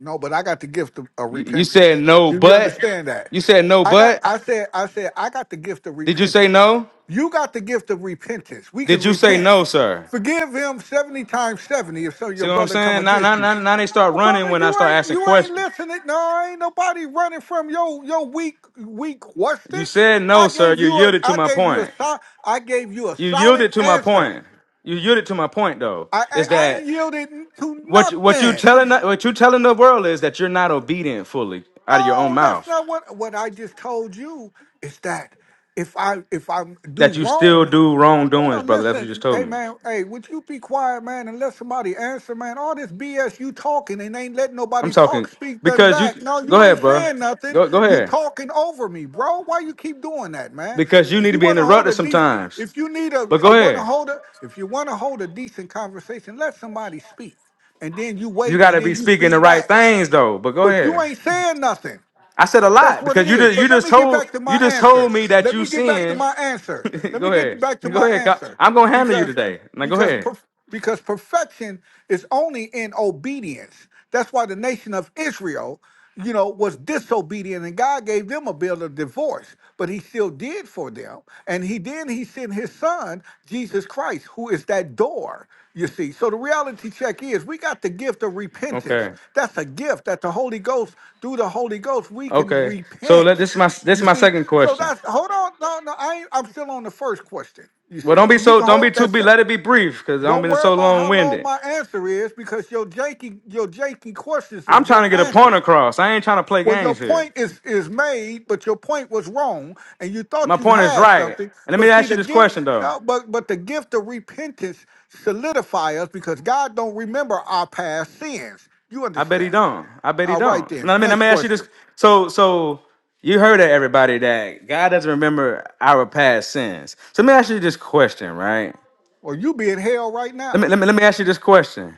Speaker 7: No, but I got the gift of, of
Speaker 9: You, you said
Speaker 7: repentance.
Speaker 9: no,
Speaker 7: Do you
Speaker 9: but
Speaker 7: understand that?
Speaker 9: you said no,
Speaker 7: I got
Speaker 9: but
Speaker 7: I said I said I got the gift of
Speaker 9: did you say
Speaker 7: repentance.
Speaker 9: no?
Speaker 7: You got the gift of repentance. We
Speaker 9: Did
Speaker 7: can
Speaker 9: you say
Speaker 7: repent.
Speaker 9: no, sir?
Speaker 7: Forgive him 70 times 70 if so
Speaker 9: See
Speaker 7: your
Speaker 9: what I'm
Speaker 7: brother come
Speaker 9: saying? Now, now,
Speaker 7: against you.
Speaker 9: now, now they start
Speaker 7: No,
Speaker 9: running
Speaker 7: brother,
Speaker 9: when I
Speaker 7: you
Speaker 9: start
Speaker 7: ain't
Speaker 9: asking
Speaker 7: you ain't
Speaker 9: questions.
Speaker 7: listening. No, ain't nobody running from your your weak weak
Speaker 9: You
Speaker 7: question.
Speaker 9: said no,
Speaker 7: I
Speaker 9: sir.
Speaker 7: gave
Speaker 9: You
Speaker 7: you a
Speaker 9: yielded to
Speaker 7: I
Speaker 9: my
Speaker 7: gave you a
Speaker 9: point.
Speaker 7: so- I gave you a
Speaker 9: You
Speaker 7: solid
Speaker 9: yielded to my
Speaker 7: answer.
Speaker 9: point. You yielded to my point, though.
Speaker 7: I I,
Speaker 9: Is
Speaker 7: I
Speaker 9: that
Speaker 7: ain't yielded to
Speaker 9: what you- what you
Speaker 7: nothing.
Speaker 9: telling what you telling the world is that you're not obedient fully out of your own
Speaker 7: No, that's
Speaker 9: mouth?
Speaker 7: not what what I just told you. Is that if I if I do
Speaker 9: That you still
Speaker 7: wrong?
Speaker 9: do
Speaker 7: Hold
Speaker 9: wrongdoings,
Speaker 7: on,
Speaker 9: brother. That's what you just
Speaker 7: listen,
Speaker 9: told
Speaker 7: hey
Speaker 9: me.
Speaker 7: man, hey, would you be quiet, man, and let somebody answer, man? All this BS you talking and ain't letting
Speaker 9: I'm
Speaker 7: nobody
Speaker 9: talking
Speaker 7: talk, speak done
Speaker 9: because you
Speaker 7: back. No,
Speaker 9: go
Speaker 7: you
Speaker 9: ahead,
Speaker 7: ain't
Speaker 9: bro.
Speaker 7: saying nothing.
Speaker 9: Go go
Speaker 7: You
Speaker 9: ahead.
Speaker 7: talking over me, bro. Why you keep doing that, man?
Speaker 9: Because you
Speaker 7: If
Speaker 9: need to
Speaker 7: you
Speaker 9: be
Speaker 7: want to hold
Speaker 9: interrupted
Speaker 7: a decent,
Speaker 9: sometimes.
Speaker 7: if you need a,
Speaker 9: But
Speaker 7: a
Speaker 9: go
Speaker 7: want to
Speaker 9: ahead.
Speaker 7: hold a, if you want to hold a decent conversation, let somebody speak, and then you
Speaker 9: You
Speaker 7: wait, and
Speaker 9: gotta be
Speaker 7: then you
Speaker 9: speaking the
Speaker 7: speak
Speaker 9: right
Speaker 7: back.
Speaker 9: things though. But go
Speaker 7: But you
Speaker 9: ahead.
Speaker 7: ain't saying nothing.
Speaker 9: I said a
Speaker 7: That's
Speaker 9: lot
Speaker 7: what
Speaker 9: because
Speaker 7: it
Speaker 9: you
Speaker 7: is.
Speaker 9: just you
Speaker 7: But let
Speaker 9: just
Speaker 7: me get
Speaker 9: told
Speaker 7: back to
Speaker 9: you
Speaker 7: my
Speaker 9: just told
Speaker 7: answer.
Speaker 9: me that
Speaker 7: Let
Speaker 9: you
Speaker 7: me get back to
Speaker 9: sin.
Speaker 7: my answer. Let me
Speaker 9: go
Speaker 7: get
Speaker 9: ahead.
Speaker 7: back to
Speaker 9: Go
Speaker 7: my
Speaker 9: ahead. Ka-
Speaker 7: answer
Speaker 9: I'm gonna handle you
Speaker 7: because
Speaker 9: today. Now go
Speaker 7: because
Speaker 9: ahead.
Speaker 7: perf- because perfection is only in obedience. That's why the nation of Israel, you know, was disobedient and God gave them a bill of divorce, but he still did for them. And he then he sent his son, Jesus Christ, who is that door. You see, so the reality check is we got the gift of repentance.
Speaker 9: Okay.
Speaker 7: That's a gift that the Holy Ghost through the Holy Ghost, we can
Speaker 9: Okay. So let
Speaker 7: repent.
Speaker 9: this is my this is
Speaker 7: You
Speaker 9: my
Speaker 7: see,
Speaker 9: second
Speaker 7: so
Speaker 9: question.
Speaker 7: that's hold on. No, no, I ain't, I'm still on the first question. You
Speaker 9: Well,
Speaker 7: see,
Speaker 9: don't be
Speaker 7: you
Speaker 9: so
Speaker 7: can
Speaker 9: don't be
Speaker 7: hold
Speaker 9: too
Speaker 7: that.
Speaker 9: be
Speaker 7: se-
Speaker 9: let it be brief because I don't
Speaker 7: Don't
Speaker 9: be
Speaker 7: worry
Speaker 9: so
Speaker 7: about
Speaker 9: long
Speaker 7: how long
Speaker 9: winded.
Speaker 7: my answer is because your janky, your janky questions is
Speaker 9: I'm trying
Speaker 7: getting
Speaker 9: to get a point
Speaker 7: answered.
Speaker 9: across. I ain't trying to play
Speaker 7: Well, your
Speaker 9: games here.
Speaker 7: point is is made, but your point was wrong, and you
Speaker 9: My
Speaker 7: thought you
Speaker 9: point is
Speaker 7: had
Speaker 9: right.
Speaker 7: something.
Speaker 9: And let me
Speaker 7: But see,
Speaker 9: ask you
Speaker 7: the
Speaker 9: this
Speaker 7: gift,
Speaker 9: question though.
Speaker 7: no, but but the gift of repentance solidify us because God don't remember our past sins. You
Speaker 9: I bet he
Speaker 7: understand?
Speaker 9: don't. I bet he
Speaker 7: All right,
Speaker 9: don't.
Speaker 7: then.
Speaker 9: No, I mean, let
Speaker 7: Next
Speaker 9: me ask you this.
Speaker 7: question.
Speaker 9: So, so you heard it, everybody, that God doesn't remember our past sins. So let me ask you this question, right?
Speaker 7: Or you be in hell right
Speaker 9: Let me
Speaker 7: now.
Speaker 9: let me let me ask you this question,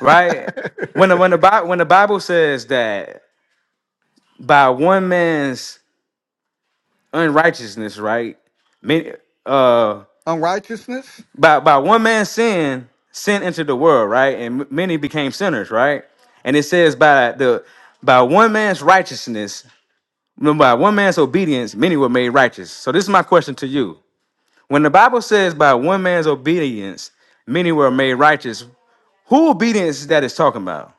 Speaker 9: right? When the when the Bible when the Bible says that by one man's unrighteousness, right? Many, uh,
Speaker 7: Unrighteousness.
Speaker 9: by by one man's sin, sin entered the world, right? And m- many became sinners, right? And it says by the by one man's righteousness, no, by one man's obedience, many were made righteous. So this is my question to you: When the Bible says by one man's obedience, many were made righteous, who obedience is that it's talking about?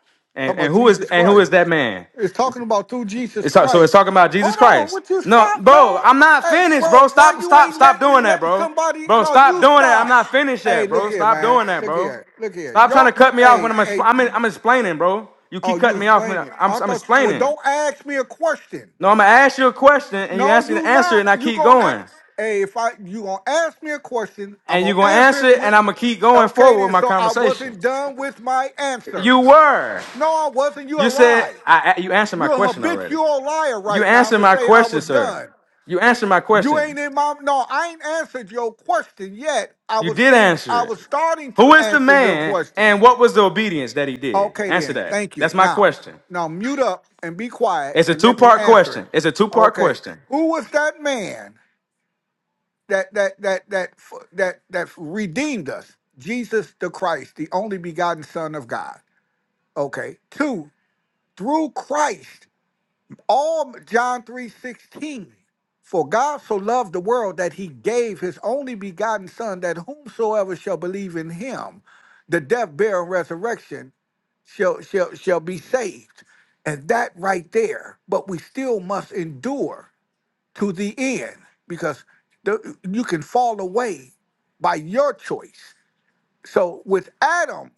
Speaker 7: Talk
Speaker 9: And and
Speaker 7: about
Speaker 9: who is
Speaker 7: Jesus
Speaker 9: and who
Speaker 7: Christ.
Speaker 9: is that man?
Speaker 7: It's talking about through Jesus
Speaker 9: It's talk, so it's
Speaker 7: Christ.
Speaker 9: talking about Jesus
Speaker 7: Hold on,
Speaker 9: Christ.
Speaker 7: would you
Speaker 9: No,
Speaker 7: stop,
Speaker 9: bro,
Speaker 7: man?
Speaker 9: I'm not
Speaker 7: Hey,
Speaker 9: finished, bro.
Speaker 7: bro, why
Speaker 9: Stop,
Speaker 7: you
Speaker 9: stop,
Speaker 7: ain't
Speaker 9: stop
Speaker 7: letting
Speaker 9: doing that,
Speaker 7: letting
Speaker 9: bro.
Speaker 7: somebody?
Speaker 9: Bro,
Speaker 7: No,
Speaker 9: stop
Speaker 7: you
Speaker 9: doing that. I'm
Speaker 7: stop.
Speaker 9: not finished
Speaker 7: Hey,
Speaker 9: yet,
Speaker 7: look
Speaker 9: bro.
Speaker 7: here,
Speaker 9: Stop
Speaker 7: man.
Speaker 9: doing that,
Speaker 7: Look
Speaker 9: bro.
Speaker 7: here. Look here.
Speaker 9: Stop trying to
Speaker 7: Yo, yo
Speaker 9: cut me off when
Speaker 7: hey,
Speaker 9: I'm exp-
Speaker 7: hey.
Speaker 9: I'm, in, I'm explaining, bro. You
Speaker 7: Oh,
Speaker 9: keep
Speaker 7: you
Speaker 9: cutting me off when
Speaker 7: explain
Speaker 9: I-
Speaker 7: it.
Speaker 9: I'm
Speaker 7: I
Speaker 9: I'm
Speaker 7: thought. you- Well,
Speaker 9: explaining.
Speaker 7: don't ask me a question.
Speaker 9: No, I'm gonna ask you a question and you
Speaker 7: No,
Speaker 9: ask me to
Speaker 7: you
Speaker 9: answer it,
Speaker 7: not.
Speaker 9: and I
Speaker 7: You
Speaker 9: keep
Speaker 7: gonna ask.
Speaker 9: going.
Speaker 7: Hey, if I you gonna ask me a question, I'm
Speaker 9: And
Speaker 7: gonna
Speaker 9: you're gonna
Speaker 7: answer
Speaker 9: answer
Speaker 7: it.
Speaker 9: it,
Speaker 7: when.
Speaker 9: and I'm gonna keep going
Speaker 7: Okay,
Speaker 9: forward with
Speaker 7: then.
Speaker 9: my
Speaker 7: So I
Speaker 9: conversation.
Speaker 7: wasn't done with my answer.
Speaker 9: You were.
Speaker 7: No, I wasn't. You a
Speaker 9: You said
Speaker 7: lie.
Speaker 9: I I- you answered my
Speaker 7: You're a
Speaker 9: question already.
Speaker 7: habitual liar
Speaker 9: You
Speaker 7: right now
Speaker 9: answered
Speaker 7: to
Speaker 9: my
Speaker 7: say I
Speaker 9: question,
Speaker 7: was
Speaker 9: sir.
Speaker 7: done.
Speaker 9: You answered my
Speaker 7: You
Speaker 9: question.
Speaker 7: ain't in my no. I ain't answered your question yet. I
Speaker 9: You
Speaker 7: was
Speaker 9: did
Speaker 7: in. I
Speaker 9: answer it.
Speaker 7: was starting to
Speaker 9: Who is the
Speaker 7: answer your
Speaker 9: man
Speaker 7: question.
Speaker 9: and what was the obedience that he did?
Speaker 7: Okay,
Speaker 9: Answer
Speaker 7: then.
Speaker 9: that.
Speaker 7: Thank you.
Speaker 9: That's my
Speaker 7: Now,
Speaker 9: question.
Speaker 7: now mute up and be quiet
Speaker 9: It's a
Speaker 7: and
Speaker 9: two
Speaker 7: let me
Speaker 9: part
Speaker 7: answer it.
Speaker 9: question. It's a two part
Speaker 7: Okay.
Speaker 9: question.
Speaker 7: Who was that man that that that that that that redeemed us? Jesus the Christ, the only begotten Son of God. Okay. Two, through Christ, all John 3 16, For God so loved the world that he gave his only begotten Son, that whomsoever shall believe in him, the death, burial, and resurrection shall, shall, shall be saved. And that right there, but we still must endure to the end because the, you can fall away by your choice. So with Adam,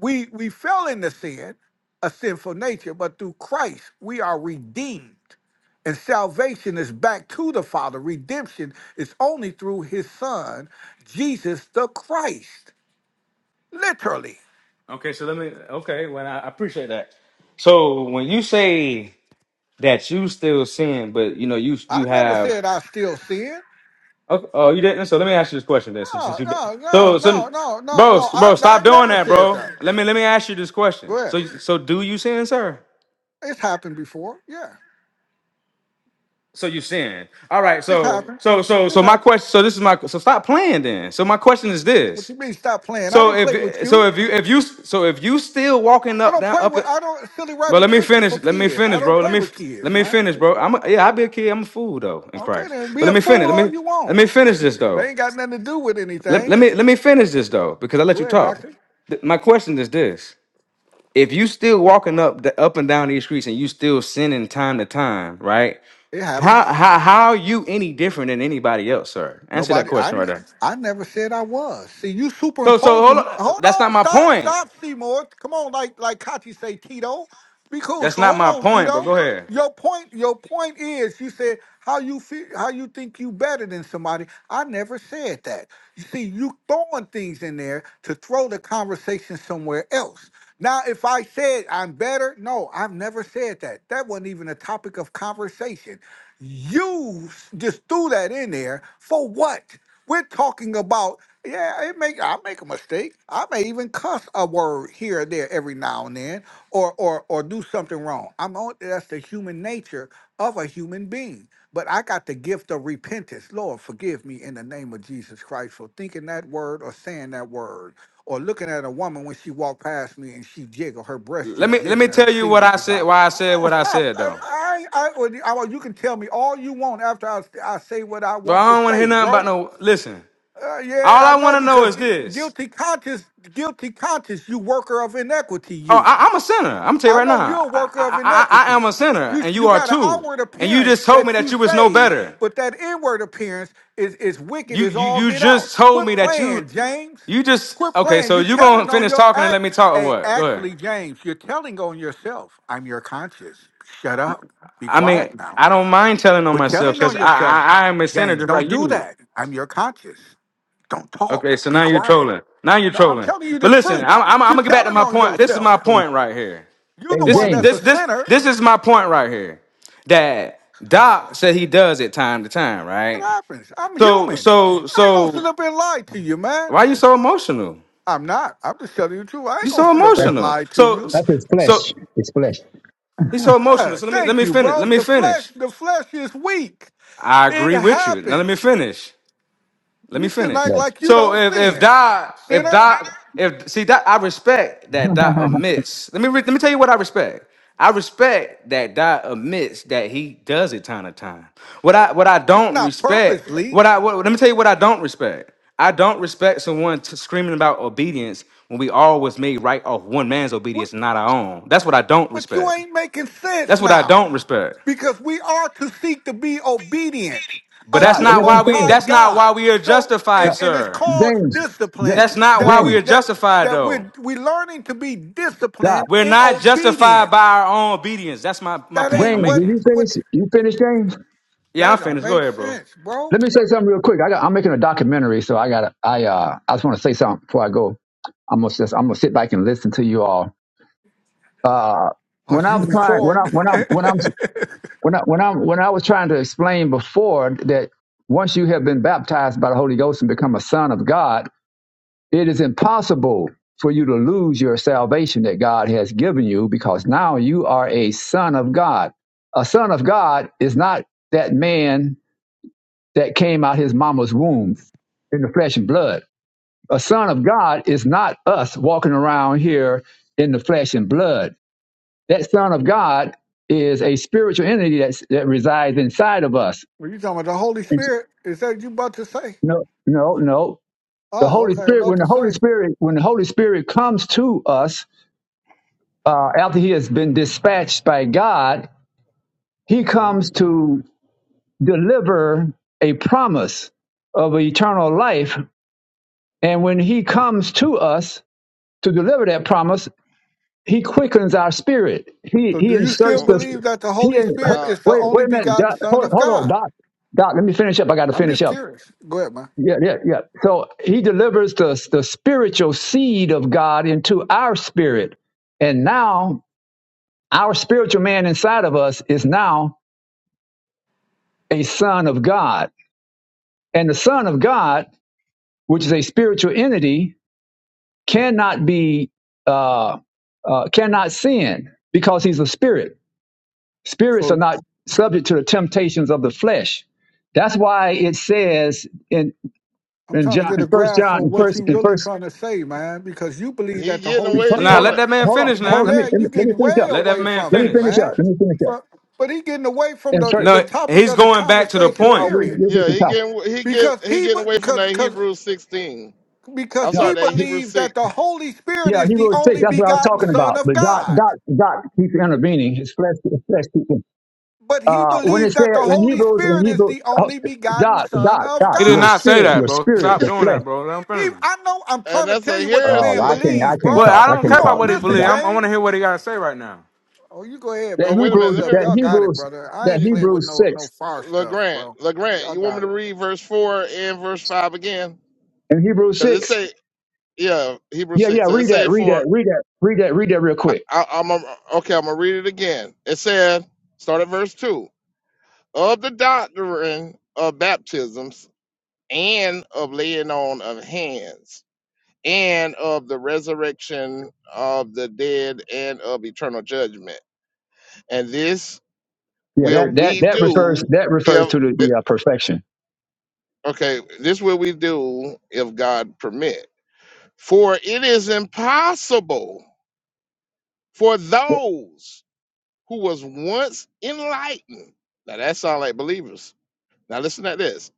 Speaker 7: we we fell into sin, a sinful nature, but through Christ we are redeemed. And salvation is back to the Father. Redemption is only through his son, Jesus the Christ. Literally.
Speaker 9: Okay, so let me. Okay, well, I I appreciate that. So when you say that you still sin, but you know you
Speaker 7: I
Speaker 9: you
Speaker 7: never
Speaker 9: have.
Speaker 7: said I still sin.
Speaker 9: Oh, oh, you didn't. So let me ask you this question then, since, since
Speaker 7: No,
Speaker 9: you did.
Speaker 7: no, no,
Speaker 9: So, so,
Speaker 7: no, no, no,
Speaker 9: bro,
Speaker 7: no. I
Speaker 9: bro,
Speaker 7: I
Speaker 9: stop doing
Speaker 7: never
Speaker 9: that,
Speaker 7: said
Speaker 9: bro.
Speaker 7: that.
Speaker 9: Let me let me ask you this question.
Speaker 7: Go ahead.
Speaker 9: So, so do you sin, sir?
Speaker 7: It's happened before. Yeah.
Speaker 9: So you sin. All right.
Speaker 7: It's
Speaker 9: So,
Speaker 7: happened.
Speaker 9: so, so,
Speaker 7: It's
Speaker 9: so my
Speaker 7: happened.
Speaker 9: question. So this is my. So stop playing then. So my question is this.
Speaker 7: What you mean stop playing? I
Speaker 9: So
Speaker 7: don't play with
Speaker 9: if so
Speaker 7: you.
Speaker 9: if you if you so if you still walking
Speaker 7: I
Speaker 9: up
Speaker 7: don't
Speaker 9: down
Speaker 7: play
Speaker 9: up,
Speaker 7: with I don't silly
Speaker 9: but
Speaker 7: rabbit
Speaker 9: let me
Speaker 7: tricks are for
Speaker 9: finish. Let me
Speaker 7: kids. I
Speaker 9: finish,
Speaker 7: don't
Speaker 9: bro. Let
Speaker 7: play
Speaker 9: me
Speaker 7: with
Speaker 9: let
Speaker 7: kids,
Speaker 9: me
Speaker 7: man.
Speaker 9: finish, bro. I'm a, yeah, I be a kid. I'm a fool though in
Speaker 7: Okay
Speaker 9: Christ.
Speaker 7: then. Be
Speaker 9: But let
Speaker 7: a
Speaker 9: me finish.
Speaker 7: fool
Speaker 9: Let
Speaker 7: all
Speaker 9: me
Speaker 7: you
Speaker 9: let
Speaker 7: want.
Speaker 9: me finish this though.
Speaker 7: They ain't got nothing to do with
Speaker 9: Let,
Speaker 7: anything.
Speaker 9: let me let me finish this though because I let
Speaker 7: Go
Speaker 9: you
Speaker 7: ahead,
Speaker 9: talk.
Speaker 7: doctor.
Speaker 9: Th- my question is this: If you still walking up the up and down these streets and you still sinning time to time, right?
Speaker 7: It
Speaker 9: How
Speaker 7: happens.
Speaker 9: how how are you any different than anybody else, sir? Answer that
Speaker 7: Nobody, I,
Speaker 9: question right
Speaker 7: n-
Speaker 9: there.
Speaker 7: I never said I was. See, you
Speaker 9: So so hold
Speaker 7: superimposing.
Speaker 9: on.
Speaker 7: Hold
Speaker 9: That's not
Speaker 7: on,
Speaker 9: my
Speaker 7: stop,
Speaker 9: point.
Speaker 7: stop, Seymour. Come on, like like Kachi say, Tito. Be cool.
Speaker 9: That's
Speaker 7: So
Speaker 9: not
Speaker 7: hold
Speaker 9: my
Speaker 7: on,
Speaker 9: point. But
Speaker 7: Tito.
Speaker 9: go ahead.
Speaker 7: Your point, your point is, you said how you feel, how you think you better than somebody. I never said that. You see, you throwing things in there to throw the conversation somewhere else. Now, if I said I'm better, no, I've never said that. That wasn't even a topic of conversation. You just threw that in there for what? We're talking about, yeah, it make I make a mistake. I may even cuss a word here or there every now and then or or or do something wrong. I'm on that's the human nature of a human being. But I got the gift of repentance. Lord, forgive me in the name of Jesus Christ for thinking that word or saying that word or looking at a woman when she walked past me and she jiggle, her breast
Speaker 9: Let
Speaker 7: just
Speaker 9: me let me
Speaker 7: jiggling, her
Speaker 9: tell you what
Speaker 7: cleavage
Speaker 9: I
Speaker 7: is
Speaker 9: said.
Speaker 7: out.
Speaker 9: Why I said
Speaker 7: Hold on,
Speaker 9: what I
Speaker 7: stop.
Speaker 9: said
Speaker 7: I,
Speaker 9: though.
Speaker 7: I, I, or you I- well, you can tell me all you want after I, I say what I
Speaker 9: But I
Speaker 7: want to
Speaker 9: don't want to hear
Speaker 7: say,
Speaker 9: nothing about
Speaker 7: bro.
Speaker 9: no. Listen,
Speaker 7: Uh, yeah,
Speaker 9: all I
Speaker 7: I
Speaker 9: want
Speaker 7: know
Speaker 9: to know
Speaker 7: because
Speaker 9: is this.
Speaker 7: guilty conscience, guilty conscience, you worker of inequity,
Speaker 9: Oh,
Speaker 7: you.
Speaker 9: I, I'm a sinner. I'm gonna tell you
Speaker 7: I
Speaker 9: right
Speaker 7: know
Speaker 9: now.
Speaker 7: you're a
Speaker 9: I,
Speaker 7: worker of
Speaker 9: I I I
Speaker 7: iniquity.
Speaker 9: am a sinner,
Speaker 7: You
Speaker 9: and you
Speaker 7: you
Speaker 9: are
Speaker 7: got an
Speaker 9: too.
Speaker 7: outward
Speaker 9: And you
Speaker 7: appearance
Speaker 9: just told me
Speaker 7: that
Speaker 9: that
Speaker 7: you
Speaker 9: you was no
Speaker 7: saved,
Speaker 9: better.
Speaker 7: but that inward appearance is is wicked
Speaker 9: You
Speaker 7: as
Speaker 9: you
Speaker 7: all
Speaker 9: you
Speaker 7: get out.
Speaker 9: just told
Speaker 7: Quit
Speaker 9: me that you
Speaker 7: playing, James.
Speaker 9: you just
Speaker 7: Quit
Speaker 9: okay.
Speaker 7: playing.
Speaker 9: So
Speaker 7: You
Speaker 9: you
Speaker 7: telling
Speaker 9: gonna
Speaker 7: on
Speaker 9: finish
Speaker 7: your
Speaker 9: talking and let
Speaker 7: act.
Speaker 9: me talk or
Speaker 7: Hey,
Speaker 9: what? Go ahead.
Speaker 7: actually, James, you're telling on yourself. I'm your conscience. Shut up. Be
Speaker 9: I
Speaker 7: quiet
Speaker 9: mean,
Speaker 7: now.
Speaker 9: I don't mind telling on
Speaker 7: Quit
Speaker 9: myself
Speaker 7: telling
Speaker 9: because
Speaker 7: on
Speaker 9: I, I
Speaker 7: yourself,
Speaker 9: I am a sinner
Speaker 7: James.
Speaker 9: just
Speaker 7: Don't
Speaker 9: like
Speaker 7: do
Speaker 9: you.
Speaker 7: that. I'm your conscience. Don't
Speaker 9: Okay,
Speaker 7: talk.
Speaker 9: so
Speaker 7: Be
Speaker 9: now you're
Speaker 7: quiet.
Speaker 9: trolling. Now you're
Speaker 7: No, I'm
Speaker 9: trolling.
Speaker 7: telling you
Speaker 9: But
Speaker 7: the
Speaker 9: listen, I'm,
Speaker 7: truth.
Speaker 9: I'm, I'm
Speaker 7: You're
Speaker 9: gonna get back to
Speaker 7: telling
Speaker 9: my
Speaker 7: on
Speaker 9: point. This is
Speaker 7: yourself.
Speaker 9: my point right here.
Speaker 7: You're
Speaker 11: Hey,
Speaker 7: the
Speaker 9: This
Speaker 7: one
Speaker 11: James,
Speaker 7: that's
Speaker 9: this
Speaker 7: a
Speaker 9: this
Speaker 7: sinner.
Speaker 9: this is my point right here. That Doc said he does it time to time,
Speaker 7: It
Speaker 9: right?
Speaker 7: happens. I'm
Speaker 9: So
Speaker 7: human.
Speaker 9: so
Speaker 7: I ain't gonna sit
Speaker 9: so
Speaker 7: up here and lie to you, man.
Speaker 9: why you so emotional?
Speaker 7: I'm not. I'm just telling you the truth. I ain't
Speaker 9: You
Speaker 7: gonna
Speaker 9: so
Speaker 7: sit up here
Speaker 11: that,
Speaker 7: and
Speaker 9: emotional.
Speaker 7: lie to
Speaker 9: So
Speaker 7: you.
Speaker 11: that is
Speaker 9: so
Speaker 11: flesh. It's flesh. It's
Speaker 9: he's so emotional.
Speaker 7: Yeah,
Speaker 9: So let me let
Speaker 7: thank
Speaker 9: me
Speaker 7: you,
Speaker 9: finish. Let
Speaker 7: bro.
Speaker 9: me
Speaker 7: The flesh,
Speaker 9: finish.
Speaker 7: the flesh is weak.
Speaker 9: I
Speaker 7: It
Speaker 9: agree with you. Now let
Speaker 7: happens.
Speaker 9: me finish. Let me
Speaker 7: You sin
Speaker 9: finish.
Speaker 7: like
Speaker 11: flesh.
Speaker 7: like you
Speaker 9: So
Speaker 7: don't
Speaker 9: if if
Speaker 7: sin,
Speaker 9: Doc if
Speaker 7: sinner.
Speaker 9: Doc if see that I respect that Doc admits. Let me re- let me tell you what I respect. I respect that Doc admits that he does it time to time. What I what I
Speaker 7: It's
Speaker 9: don't
Speaker 7: not
Speaker 9: respect.
Speaker 7: purposely.
Speaker 9: What I what, let me tell you what I don't respect. I don't respect someone t- screaming about obedience when we all was made right off one man's
Speaker 7: What,
Speaker 9: obedience, and not our own. That's what I don't
Speaker 7: but you
Speaker 9: respect.
Speaker 7: ain't making sense
Speaker 9: That's what I
Speaker 7: now.
Speaker 9: don't respect.
Speaker 7: because we are to seek to be obedient
Speaker 9: But that's
Speaker 11: Doc,
Speaker 7: unto the
Speaker 9: not
Speaker 11: let
Speaker 9: why
Speaker 11: him
Speaker 7: most
Speaker 9: we.
Speaker 11: finish.
Speaker 7: high
Speaker 9: That's not why
Speaker 7: god
Speaker 9: we are
Speaker 7: so
Speaker 9: justified,
Speaker 11: Doc,
Speaker 7: and and it's
Speaker 9: sir.
Speaker 7: called
Speaker 11: James, Ja-
Speaker 7: discipline
Speaker 9: That's not
Speaker 7: that
Speaker 9: why we
Speaker 7: we
Speaker 11: James,
Speaker 9: are
Speaker 7: that
Speaker 9: justified,
Speaker 7: that
Speaker 9: though.
Speaker 7: we're we learning to be
Speaker 11: Doc,
Speaker 7: disciplined
Speaker 9: We're
Speaker 7: in
Speaker 9: not justified by
Speaker 7: obedience
Speaker 9: our own obedience. That's my, my
Speaker 7: that
Speaker 9: point I'm
Speaker 7: ain't
Speaker 11: James,
Speaker 7: what
Speaker 11: did
Speaker 9: making.
Speaker 11: you finish?
Speaker 7: what
Speaker 11: You finish, James?
Speaker 9: Yeah, I'm
Speaker 7: that don't
Speaker 9: finished. Go
Speaker 7: make
Speaker 9: ahead, bro.
Speaker 7: sense bro
Speaker 11: Let me say something real quick. I got, I'm making a documentary, so I got. I uh, I just want to say something before I go. I'm gonna just, I'm gonna sit back and listen to you all. Uh,
Speaker 7: are
Speaker 11: when
Speaker 7: you
Speaker 11: I'm trying, when I'm
Speaker 7: recording
Speaker 11: when I'm when I'm When I, when I when I was trying to explain before that once you have been baptized by the Holy Ghost and become a son of God, it is impossible for you to lose your salvation that God has given you because now you are a son of God. A son of God is not that man that came out his mama's womb in the flesh and blood. A son of God is not us walking around here in the flesh and blood. That son of God is a spiritual entity that's, that resides inside of us
Speaker 7: were you talking about the holy spirit is that you about to say
Speaker 11: No, no, no. The
Speaker 7: oh
Speaker 11: Holy
Speaker 7: okay
Speaker 11: Spirit,
Speaker 7: about
Speaker 11: when
Speaker 7: to
Speaker 11: the Holy
Speaker 7: say
Speaker 11: Spirit, when the Holy Spirit comes to us uh, after He has been dispatched by God, He
Speaker 3: hmm
Speaker 11: comes to deliver a promise of eternal life. And when He comes to us to deliver that promise, He quickens our spirit. He
Speaker 7: so
Speaker 11: He
Speaker 7: do you
Speaker 3: You
Speaker 7: still
Speaker 11: inserts us.
Speaker 7: believe that the
Speaker 11: He
Speaker 7: holy
Speaker 11: in,
Speaker 7: spirit
Speaker 3: uh,
Speaker 7: is the
Speaker 11: wait
Speaker 7: only
Speaker 11: wait a minute,
Speaker 7: begotten
Speaker 11: Doc,
Speaker 7: son
Speaker 11: hold,
Speaker 7: of
Speaker 11: hold on,
Speaker 7: god
Speaker 11: Doc. Doc, let me finish up. I got to
Speaker 7: i'm
Speaker 11: finish
Speaker 7: just
Speaker 11: up.
Speaker 7: curious go ahead man
Speaker 11: Yeah, yeah, yeah. So he delivers the, the spiritual seed of God into our spirit. And now our spiritual man inside of us is now a son of God. And the son of God, which is a spiritual entity, cannot be, uh, uh, cannot sin because he's a spirit. Spirits are
Speaker 7: so
Speaker 11: not subject to the temptations of the flesh. That's why it says in,
Speaker 7: I'm
Speaker 11: in
Speaker 7: trying to
Speaker 11: John,
Speaker 7: get a
Speaker 11: in First
Speaker 7: grasp
Speaker 11: John,
Speaker 7: on
Speaker 11: in
Speaker 7: what
Speaker 11: First,
Speaker 7: you
Speaker 11: in
Speaker 7: really
Speaker 11: First,
Speaker 7: trying to say, man, because you believe
Speaker 3: he
Speaker 7: that the
Speaker 3: getting
Speaker 11: in
Speaker 7: Holy
Speaker 3: away
Speaker 11: first
Speaker 9: Nah,
Speaker 11: hold
Speaker 3: from
Speaker 7: Spirit,
Speaker 11: on,
Speaker 9: let
Speaker 3: the
Speaker 9: that man
Speaker 11: hold on,
Speaker 9: finish
Speaker 11: hold
Speaker 9: now.
Speaker 11: on. Let me,
Speaker 7: yeah,
Speaker 11: let
Speaker 7: you
Speaker 11: me, let me
Speaker 7: getting
Speaker 11: finish
Speaker 7: way
Speaker 11: up.
Speaker 9: Let that
Speaker 7: away
Speaker 9: man
Speaker 7: from
Speaker 11: Let me
Speaker 7: it,
Speaker 9: finish.
Speaker 11: finish up.
Speaker 7: man.
Speaker 11: Let me finish up.
Speaker 7: But, but he getting away from
Speaker 11: And
Speaker 7: the,
Speaker 11: church,
Speaker 7: the
Speaker 9: No,
Speaker 7: topic
Speaker 9: he's
Speaker 7: of the
Speaker 9: going back to the
Speaker 7: conversation,
Speaker 11: Oh,
Speaker 9: point.
Speaker 11: we,
Speaker 7: period,
Speaker 11: this is
Speaker 3: yeah.
Speaker 11: the
Speaker 3: He
Speaker 11: topic.
Speaker 3: getting he get
Speaker 7: because
Speaker 3: he
Speaker 7: he
Speaker 3: getting away from
Speaker 7: because
Speaker 3: that
Speaker 7: because
Speaker 3: Hebrew sixteen.
Speaker 7: because
Speaker 3: I'm
Speaker 11: No,
Speaker 7: he
Speaker 3: sorry, that Hebrew
Speaker 7: believes
Speaker 3: six,
Speaker 7: that the Holy Spirit
Speaker 11: yeah,
Speaker 7: is the
Speaker 11: Hebrews six.
Speaker 7: only
Speaker 11: That's what I was
Speaker 7: begotten
Speaker 11: talking
Speaker 7: Son
Speaker 11: about.
Speaker 7: of
Speaker 11: But God,
Speaker 7: God.
Speaker 11: God, God keeps intervening. His flesh, his flesh keeps. in-
Speaker 7: But he
Speaker 11: Uh, when it
Speaker 7: believes that
Speaker 11: said
Speaker 7: the
Speaker 11: in
Speaker 7: Holy
Speaker 11: Hebrews, in
Speaker 7: Spirit is
Speaker 11: Hebrews,
Speaker 7: the
Speaker 11: oh,
Speaker 7: only begotten
Speaker 11: God,
Speaker 7: Son
Speaker 11: God,
Speaker 7: of
Speaker 11: God,
Speaker 9: He did
Speaker 11: your
Speaker 9: not
Speaker 7: God.
Speaker 9: say
Speaker 11: spirit,
Speaker 9: that,
Speaker 11: your
Speaker 9: bro.
Speaker 11: spirit,
Speaker 9: Stop
Speaker 11: the
Speaker 9: doing
Speaker 11: flesh.
Speaker 9: that, bro. Let him
Speaker 7: He,
Speaker 9: finish.
Speaker 7: I know I'm
Speaker 3: and
Speaker 7: trying to
Speaker 3: that's
Speaker 7: tell
Speaker 3: a
Speaker 7: you what the
Speaker 11: Oh,
Speaker 7: man
Speaker 11: I
Speaker 3: heresy.
Speaker 11: can't, I
Speaker 7: believes,
Speaker 11: can't
Speaker 9: Well,
Speaker 7: bro.
Speaker 11: talk.
Speaker 9: I
Speaker 11: I
Speaker 9: don't
Speaker 7: You
Speaker 9: care
Speaker 11: can't
Speaker 9: about
Speaker 11: talk.
Speaker 7: won't
Speaker 9: what he
Speaker 7: listen,
Speaker 9: believes.
Speaker 11: God.
Speaker 9: I'm, I want to hear
Speaker 7: James.
Speaker 9: what he got to say right now.
Speaker 7: Oh, you go ahead,
Speaker 11: That
Speaker 3: Well,
Speaker 7: man. I'm
Speaker 3: wait a
Speaker 7: gonna
Speaker 3: minute.
Speaker 11: Hebrews,
Speaker 7: mute
Speaker 3: Let
Speaker 7: up.
Speaker 11: that
Speaker 3: me
Speaker 7: Y'all got it,
Speaker 11: Hebrews,
Speaker 7: brother. I
Speaker 11: that
Speaker 7: ain't
Speaker 3: you-
Speaker 7: playing with
Speaker 11: Hebrews
Speaker 7: no no
Speaker 11: six.
Speaker 7: far stuff,
Speaker 3: Legrand
Speaker 7: bro.
Speaker 3: Legrand.
Speaker 7: Y'all
Speaker 3: You want me
Speaker 7: got
Speaker 3: to
Speaker 7: it.
Speaker 3: read verse four and verse five again?
Speaker 11: In Hebrews
Speaker 3: Cause it
Speaker 11: six,
Speaker 3: say yeah Hebrew
Speaker 11: yeah, yeah,
Speaker 3: six. So it
Speaker 11: read that,
Speaker 3: say
Speaker 11: read
Speaker 3: for
Speaker 11: that, read that, read that, read that real
Speaker 3: I,
Speaker 11: quick.
Speaker 3: I, I'm a, okay. I'm gonna read it again. It said start at verse two of the doctrine of baptisms and of laying on of hands and of the resurrection of the dead and of eternal judgment. And this
Speaker 11: Yeah,
Speaker 3: will
Speaker 11: that that
Speaker 3: we
Speaker 11: that refers
Speaker 3: do
Speaker 11: that refers
Speaker 3: if
Speaker 11: to the, the uh, perfection.
Speaker 3: okay, this will we do if God permit. For it is impossible for those who was once enlightened. Now that sound like believers. Now listen to this.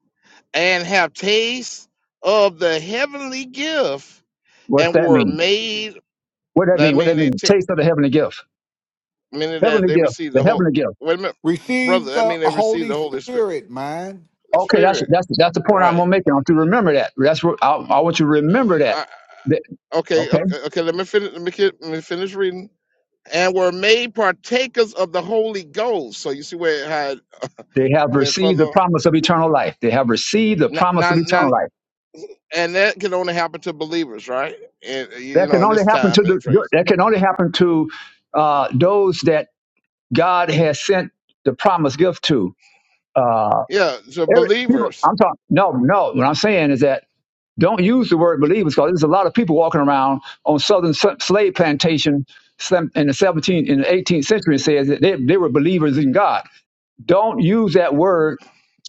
Speaker 3: And have taste of the heavenly gift
Speaker 11: What's
Speaker 3: and
Speaker 11: that
Speaker 3: were
Speaker 11: mean?
Speaker 3: made.
Speaker 11: What that mean?
Speaker 3: That
Speaker 11: What that mean?
Speaker 3: means
Speaker 11: Taste of the heavenly gift.
Speaker 3: meaning that
Speaker 11: Heavenly
Speaker 3: they
Speaker 11: gift.
Speaker 3: receive
Speaker 11: The
Speaker 3: the whole.
Speaker 11: heavenly gift.
Speaker 3: Wait a minute,
Speaker 7: Receive
Speaker 3: brother. I
Speaker 7: the
Speaker 3: mean they receive
Speaker 7: Holy
Speaker 3: the Holy Spirit.
Speaker 7: Spirit, man.
Speaker 11: Okay, that's
Speaker 3: Spirit,
Speaker 11: that's that's the point I'm
Speaker 3: right?
Speaker 11: gonna make. I want you to remember that. That's what I, I want you to
Speaker 3: Uh,
Speaker 11: remember that.
Speaker 3: I,
Speaker 11: That-
Speaker 3: okay,
Speaker 11: Okay,
Speaker 3: okay, okay. Let me finish. Let me, ki- let me finish reading. And were made partakers of the Holy Ghost. So you see where it had
Speaker 11: they have
Speaker 3: went
Speaker 11: received the
Speaker 3: further.
Speaker 11: promise of eternal life. They have received the
Speaker 3: Now,
Speaker 11: promise
Speaker 3: now,
Speaker 11: of eternal
Speaker 3: now-
Speaker 11: life.
Speaker 3: and that can only happen to believers, right? And uh, you
Speaker 11: That
Speaker 3: you know,
Speaker 11: can
Speaker 3: in this
Speaker 11: only happen to
Speaker 3: time and
Speaker 11: the.
Speaker 3: phrase,
Speaker 11: That can only happen to uh, those that God has sent the promised gift to. Uh,
Speaker 3: yeah, so
Speaker 11: every, people,
Speaker 3: believers.
Speaker 11: I'm talking. No, no. What I'm saying is that Don't use the word believers because there's a lot of people walking around on southern slave plantation in the 17th in the 18th century and says that they, they were believers in God. Don't use that word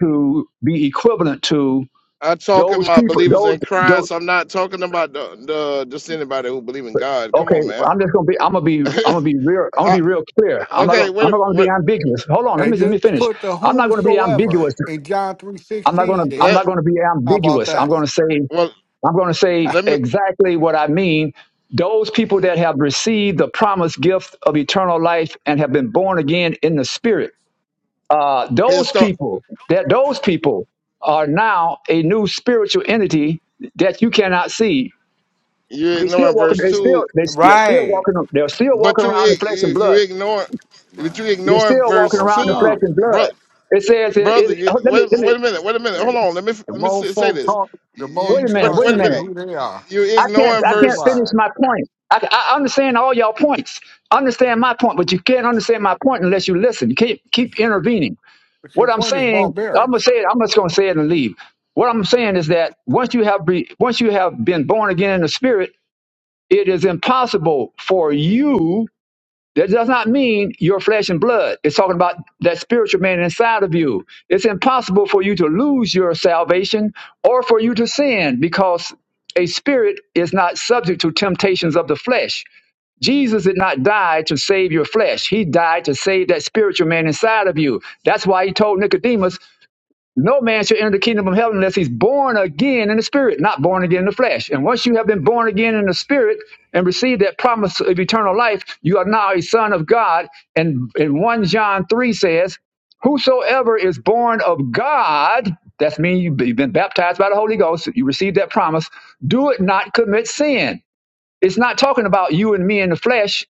Speaker 11: to be equivalent to
Speaker 3: I'm talking
Speaker 11: those
Speaker 3: about
Speaker 11: people.
Speaker 3: believers
Speaker 11: Those
Speaker 3: in
Speaker 11: those.
Speaker 3: Christ. I'm not talking about the, the just anybody who believe in God. Come
Speaker 11: Okay,
Speaker 3: on, man.
Speaker 11: I'm just gonna be. I'm gonna be. I'm gonna
Speaker 3: I,
Speaker 11: be real. I'm gonna be real clear. I'm not
Speaker 3: okay,
Speaker 11: gonna. I'm
Speaker 3: wait,
Speaker 11: not gonna be
Speaker 3: wait,
Speaker 11: ambiguous. Hold on. Let
Speaker 7: They
Speaker 11: me let
Speaker 7: just
Speaker 11: me finish.
Speaker 7: put the
Speaker 11: I'm not gonna be
Speaker 7: whomsoever
Speaker 11: ambiguous.
Speaker 7: in John three
Speaker 11: I'm not
Speaker 7: sixteen
Speaker 11: gonna. I'm
Speaker 3: let
Speaker 7: there.
Speaker 11: not gonna be
Speaker 7: How about
Speaker 11: ambiguous. I'm
Speaker 7: that,
Speaker 11: gonna say.
Speaker 3: well,
Speaker 11: I'm going to say
Speaker 3: let me
Speaker 11: exactly what I mean. Those people that have received the promised gift of eternal life and have been born again in the spirit, uh,
Speaker 3: it
Speaker 11: those
Speaker 3: start.
Speaker 11: people that those people are now a new spiritual entity that you cannot see.
Speaker 3: You
Speaker 11: They still
Speaker 3: ignoring
Speaker 11: walking.
Speaker 3: verse
Speaker 11: They still
Speaker 3: two,
Speaker 11: they, they're still
Speaker 9: Right.
Speaker 11: walking. They're still
Speaker 3: but
Speaker 11: walking
Speaker 3: you
Speaker 11: around in
Speaker 3: ig-
Speaker 11: flesh
Speaker 3: you
Speaker 11: and
Speaker 3: you
Speaker 11: blood.
Speaker 3: ignore, but you
Speaker 7: man?
Speaker 11: They're
Speaker 3: ignoring
Speaker 11: still walking
Speaker 3: verse
Speaker 7: Both of
Speaker 11: around in flesh
Speaker 7: y'all.
Speaker 3: two,
Speaker 11: and
Speaker 3: bro,
Speaker 11: blood. It says, it,
Speaker 3: brother.
Speaker 11: it,
Speaker 3: You,
Speaker 11: oh, let me
Speaker 3: wait,
Speaker 11: let me
Speaker 3: wait a minute, wait a minute. Hold
Speaker 7: hey,
Speaker 3: on, let me
Speaker 7: The
Speaker 3: let me
Speaker 7: more
Speaker 3: say, say
Speaker 7: folk
Speaker 3: this.
Speaker 7: talk, the
Speaker 3: You,
Speaker 7: more
Speaker 3: you
Speaker 11: wait
Speaker 7: you
Speaker 11: a minute.
Speaker 3: wait,
Speaker 7: start
Speaker 11: Wait a
Speaker 3: wait a
Speaker 7: seeing
Speaker 11: minute.
Speaker 3: minute.
Speaker 7: who they are.
Speaker 3: You
Speaker 11: I
Speaker 7: Let
Speaker 11: can't
Speaker 7: me
Speaker 3: ignoring
Speaker 11: I
Speaker 7: be
Speaker 11: can't
Speaker 3: verse.
Speaker 11: finish
Speaker 7: quiet.
Speaker 11: my point. I, I understand all y'all points. Understand my point, but you can't understand my point unless you listen. You keep keep intervening.
Speaker 7: But your
Speaker 11: What I'm
Speaker 7: point is
Speaker 11: saying, I'm gonna
Speaker 7: barbaric.
Speaker 11: say it. I'm just gonna say it and leave. What I'm saying is that once you have be, once you have been born again in the spirit, it is impossible for you that does not mean your flesh and blood. It's talking about that spiritual man inside of you. It's impossible for you to lose your salvation or for you to sin because a spirit is not subject to temptations of the flesh. Jesus did not die to save your flesh. He died to save that spiritual man inside of you. That's why he told Nicodemus, no man shall enter the kingdom of heaven unless he's born again in the spirit, not born again in the flesh. And once you have been born again in the spirit and received that promise of eternal life, you are now a son of God. And, and 1 John 3 says, Whosoever is born of God, that's mean you- you've been baptized by the Holy Ghost, you received that promise, do it not commit sin. It's not talking about you and me in the flesh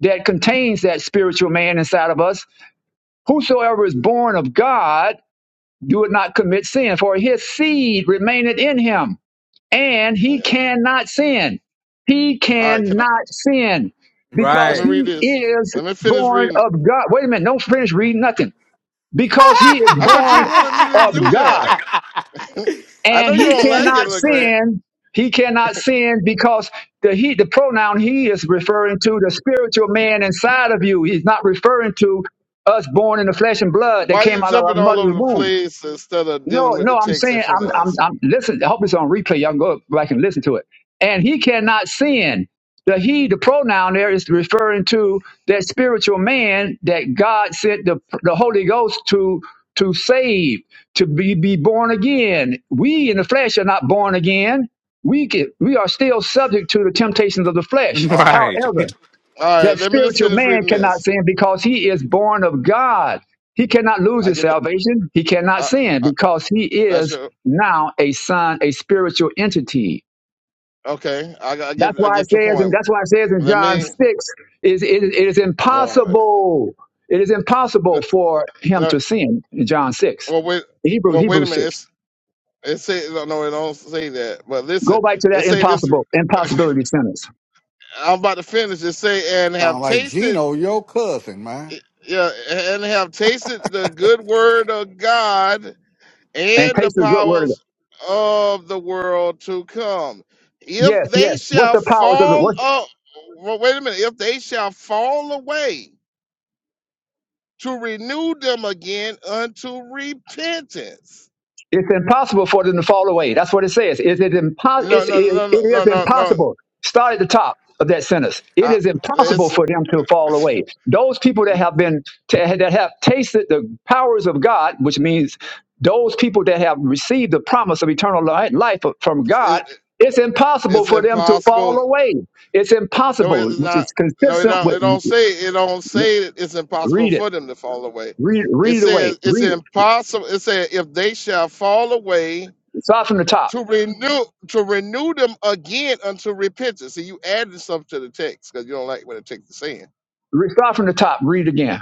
Speaker 11: that contains that spiritual man inside of us. Whosoever is born of God, do it not commit sin, for his seed remaineth in him, and he
Speaker 3: Yeah.
Speaker 11: cannot sin. He
Speaker 3: All right, can I?
Speaker 11: cannot sin
Speaker 3: Let
Speaker 11: because
Speaker 3: me
Speaker 9: Right.
Speaker 3: read
Speaker 11: he
Speaker 3: this.
Speaker 11: is
Speaker 3: Let me finish
Speaker 11: born
Speaker 3: reading.
Speaker 11: of God. Wait a minute, don't finish reading nothing. Because he is
Speaker 3: I thought you
Speaker 11: born
Speaker 3: wanted me to
Speaker 11: of
Speaker 3: do
Speaker 11: God,
Speaker 3: that. I know
Speaker 11: and
Speaker 3: you
Speaker 11: he
Speaker 3: don't like it,
Speaker 11: cannot
Speaker 3: LeGrand.
Speaker 11: sin. He cannot sin because the he the pronoun he is referring to the spiritual man inside of you. He's not referring to us born in the flesh and blood that
Speaker 3: Why you
Speaker 11: came out of our
Speaker 3: jumping all
Speaker 11: mother's
Speaker 3: over the
Speaker 11: womb.
Speaker 3: place instead of
Speaker 11: No,
Speaker 3: dealing with the
Speaker 11: no, I'm
Speaker 3: text in
Speaker 11: saying
Speaker 3: front
Speaker 11: I'm
Speaker 3: of
Speaker 11: I'm
Speaker 3: us?
Speaker 11: I'm listen, I hope it's on replay. Y'all can go back and listen to it. And he cannot sin. The he, the pronoun there is referring to that spiritual man that God sent the the Holy Ghost to to save, to be, be born again. We in the flesh are not born again. We can, we are still subject to the temptations of the flesh.
Speaker 3: All right,
Speaker 9: Right.
Speaker 11: However,
Speaker 3: all
Speaker 11: that
Speaker 3: right. Let me just
Speaker 11: spiritual
Speaker 3: finish
Speaker 11: man
Speaker 3: reading
Speaker 11: cannot
Speaker 3: this.
Speaker 11: sin because he is born of God. He cannot lose
Speaker 3: I
Speaker 11: his
Speaker 3: get,
Speaker 11: salvation. He cannot
Speaker 3: I,
Speaker 11: sin
Speaker 3: I
Speaker 11: because he
Speaker 3: that's
Speaker 11: is
Speaker 3: your,
Speaker 11: now a son, a spiritual entity.
Speaker 3: okay. I, I get,
Speaker 11: That's
Speaker 3: I
Speaker 11: why it
Speaker 3: get your
Speaker 11: says, and
Speaker 3: point.
Speaker 11: that's why it says in
Speaker 3: Let
Speaker 11: John
Speaker 3: me.
Speaker 11: 6, is it, is- it is
Speaker 3: All right.
Speaker 11: impossible. It is
Speaker 3: No,
Speaker 11: impossible for him
Speaker 3: no,
Speaker 11: to sin in John 6.
Speaker 3: well, wait.
Speaker 11: Hebrew,
Speaker 3: Well, wait
Speaker 11: Hebrew
Speaker 3: a minute.
Speaker 11: 6.
Speaker 3: It's, it say no, no, it don't say that. But listen,
Speaker 11: Go back to
Speaker 3: it
Speaker 11: that
Speaker 3: say this.
Speaker 11: impossible, impossibility sentence
Speaker 3: I'm about to finish. It say and have
Speaker 7: Sound like
Speaker 3: tasted,
Speaker 7: Gino, your cousin, man.
Speaker 3: yeah, and have tasted the good word of God
Speaker 11: and
Speaker 3: and the
Speaker 11: taste the good word of God.
Speaker 3: powers of the world to come. If
Speaker 11: Yes,
Speaker 3: they
Speaker 11: yes. What's
Speaker 3: shall
Speaker 11: the powers of the,
Speaker 3: fall up, well, wait a minute, if they shall fall away to renew them again unto repentance.
Speaker 11: It's impossible for them to fall away. That's what it says. It is, impo-
Speaker 3: No,
Speaker 11: it's,
Speaker 3: no, no,
Speaker 11: it, it
Speaker 3: no,
Speaker 11: is
Speaker 3: no, no, no. no.
Speaker 11: impossible. Start at the top of that sentence. It
Speaker 3: I,
Speaker 11: is impossible
Speaker 3: it's,
Speaker 11: for them to fall away. Those people that have been that have tasted the powers of God, which means those people that have received the promise of eternal li- life from
Speaker 3: it,
Speaker 11: God, it's impossible
Speaker 3: it's
Speaker 11: for them to fall
Speaker 3: impossible.
Speaker 11: away. It's
Speaker 3: No,
Speaker 11: impossible,
Speaker 3: it's
Speaker 11: which
Speaker 3: not.
Speaker 11: is
Speaker 3: No, it
Speaker 11: consistent
Speaker 3: don't,
Speaker 11: with
Speaker 3: it don't say, it don't say that it's impossible
Speaker 11: read it,
Speaker 3: for them to fall away.
Speaker 11: read
Speaker 3: It
Speaker 11: read it away,
Speaker 3: says it's
Speaker 11: read
Speaker 3: impossible. It says if they shall fall away
Speaker 11: it. Start from the top.
Speaker 3: to renew to renew them again unto repentance. So you added something to the text because you don't like what the text is saying.
Speaker 11: Re- Start from the top. Read again.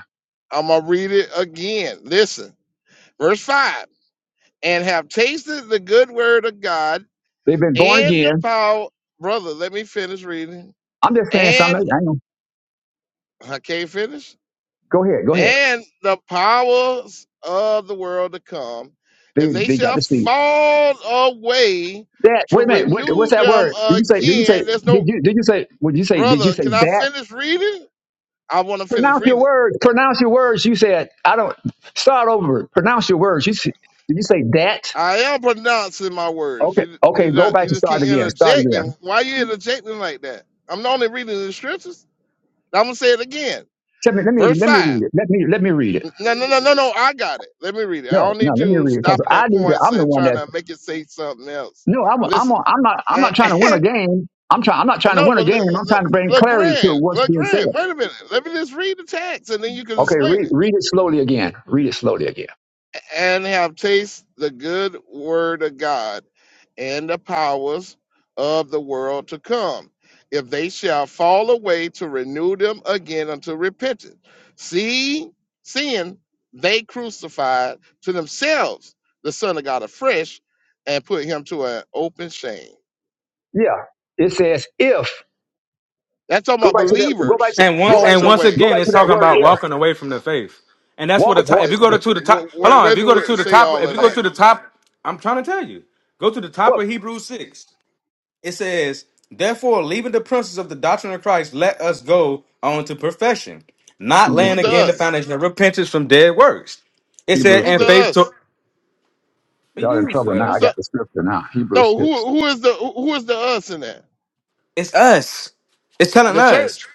Speaker 3: I'm gonna read it again. Listen, verse five, and have tasted the good word of God
Speaker 11: They've been born
Speaker 3: and the
Speaker 11: again.
Speaker 3: power. Brother, let me finish reading.
Speaker 11: I'm just saying something.
Speaker 3: And
Speaker 11: I know.
Speaker 3: I can't finish.
Speaker 11: Go ahead. Go ahead.
Speaker 3: And the powers of the world to come, if
Speaker 11: They
Speaker 3: they
Speaker 11: they got
Speaker 3: shall
Speaker 11: the seed.
Speaker 3: fall away
Speaker 11: That
Speaker 3: to
Speaker 11: wait a minute. What, what's
Speaker 3: renew
Speaker 11: that
Speaker 3: them
Speaker 11: word? Did you say? Did you say?
Speaker 3: again. There's
Speaker 11: Did
Speaker 3: no
Speaker 11: you did you say? Would you say? Did you
Speaker 3: brother.
Speaker 11: say
Speaker 3: Can I
Speaker 11: that?
Speaker 3: finish reading? I want to finish
Speaker 11: Pronounce your
Speaker 3: reading it.
Speaker 11: words. Pronounce your words. You said I don't. Start over. Pronounce your words. You s- did you say that?
Speaker 3: I am pronouncing my words.
Speaker 11: Okay.
Speaker 3: You
Speaker 11: Okay.
Speaker 3: you
Speaker 11: Go
Speaker 3: not
Speaker 11: back
Speaker 3: you
Speaker 11: to
Speaker 3: just
Speaker 11: start
Speaker 3: keep
Speaker 11: again. Start again.
Speaker 3: interjecting. Why you interjecting like that? I'm not only reading the scriptures. I'm gonna say it again.
Speaker 11: Let me let me
Speaker 3: Verse
Speaker 11: let me
Speaker 3: five.
Speaker 11: read it. Let me let me read it.
Speaker 3: No no no no no. I got it. Let me read it. I
Speaker 11: No,
Speaker 3: don't
Speaker 11: no,
Speaker 3: need
Speaker 11: let me
Speaker 3: you
Speaker 11: read it because
Speaker 3: stopping
Speaker 11: I
Speaker 3: at
Speaker 11: need to.
Speaker 3: points
Speaker 11: I'm the
Speaker 3: and
Speaker 11: one
Speaker 3: trying
Speaker 11: that.
Speaker 3: to make it say something else.
Speaker 11: No, I'm I'm
Speaker 3: Listen.
Speaker 11: I'm not I'm
Speaker 3: eh,
Speaker 11: not trying to win a game. I'm trying. I'm not trying to
Speaker 3: no,
Speaker 11: win a
Speaker 3: but
Speaker 11: game.
Speaker 3: Le- Le-
Speaker 11: I'm trying to bring
Speaker 3: Le-
Speaker 11: clarity to
Speaker 3: Legrand,
Speaker 11: what's being said.
Speaker 3: Legrand. Wait a minute. Let me just read the text and then you can
Speaker 11: Okay,
Speaker 3: explain
Speaker 11: read
Speaker 3: it.
Speaker 11: read it slowly again. Read it slowly again.
Speaker 3: and have tasted the good word of God and the powers of the world to come. If they shall fall away to renew them again unto repentance. See, seeing they crucified to themselves the Son of God afresh and put him to an open shame.
Speaker 11: Yeah. It says if.
Speaker 3: That's talking
Speaker 11: Go
Speaker 3: about
Speaker 11: back to that go back
Speaker 3: believers
Speaker 11: to
Speaker 9: And
Speaker 11: go
Speaker 9: once
Speaker 11: back
Speaker 3: falling
Speaker 9: and
Speaker 11: to
Speaker 9: once
Speaker 3: away.
Speaker 11: go
Speaker 9: again,
Speaker 11: back
Speaker 9: it's
Speaker 11: to that
Speaker 9: talking
Speaker 11: word
Speaker 9: about
Speaker 11: if.
Speaker 9: walking away from the faith, and that's what
Speaker 11: Walk
Speaker 9: the
Speaker 11: up
Speaker 9: top,
Speaker 11: walk.
Speaker 9: if you
Speaker 3: It-
Speaker 9: go to,
Speaker 3: do-
Speaker 9: to the top.
Speaker 3: wh-
Speaker 9: Hold
Speaker 3: wh-
Speaker 9: on, if
Speaker 3: Where,
Speaker 9: you
Speaker 3: do
Speaker 9: go to,
Speaker 3: we
Speaker 9: to the
Speaker 3: say
Speaker 9: top,
Speaker 3: all
Speaker 9: if
Speaker 3: of
Speaker 9: you go
Speaker 3: that?
Speaker 9: to the top, I'm trying to tell you, go to the top
Speaker 11: What?
Speaker 9: of Hebrews six. It says, "Therefore, leaving the principles of the doctrine of Christ, let us go on to perfection, not
Speaker 11: Hebrews
Speaker 9: laying
Speaker 3: Who's the
Speaker 9: again the
Speaker 3: us?
Speaker 9: foundation of repentance from dead works." It said,
Speaker 11: Hebrews
Speaker 3: Who's
Speaker 9: "And
Speaker 3: the
Speaker 11: six.
Speaker 9: faith to." What
Speaker 3: us?
Speaker 9: do you
Speaker 11: Y'all
Speaker 9: mean it
Speaker 11: in
Speaker 9: was
Speaker 11: trouble now.
Speaker 3: Who's
Speaker 11: I
Speaker 9: us?
Speaker 11: got
Speaker 3: the
Speaker 11: the scripture now. Hebrews
Speaker 3: No, who
Speaker 11: six.
Speaker 3: who is the who is the us in that?
Speaker 9: It's us. It's telling
Speaker 3: The
Speaker 9: us.
Speaker 3: church,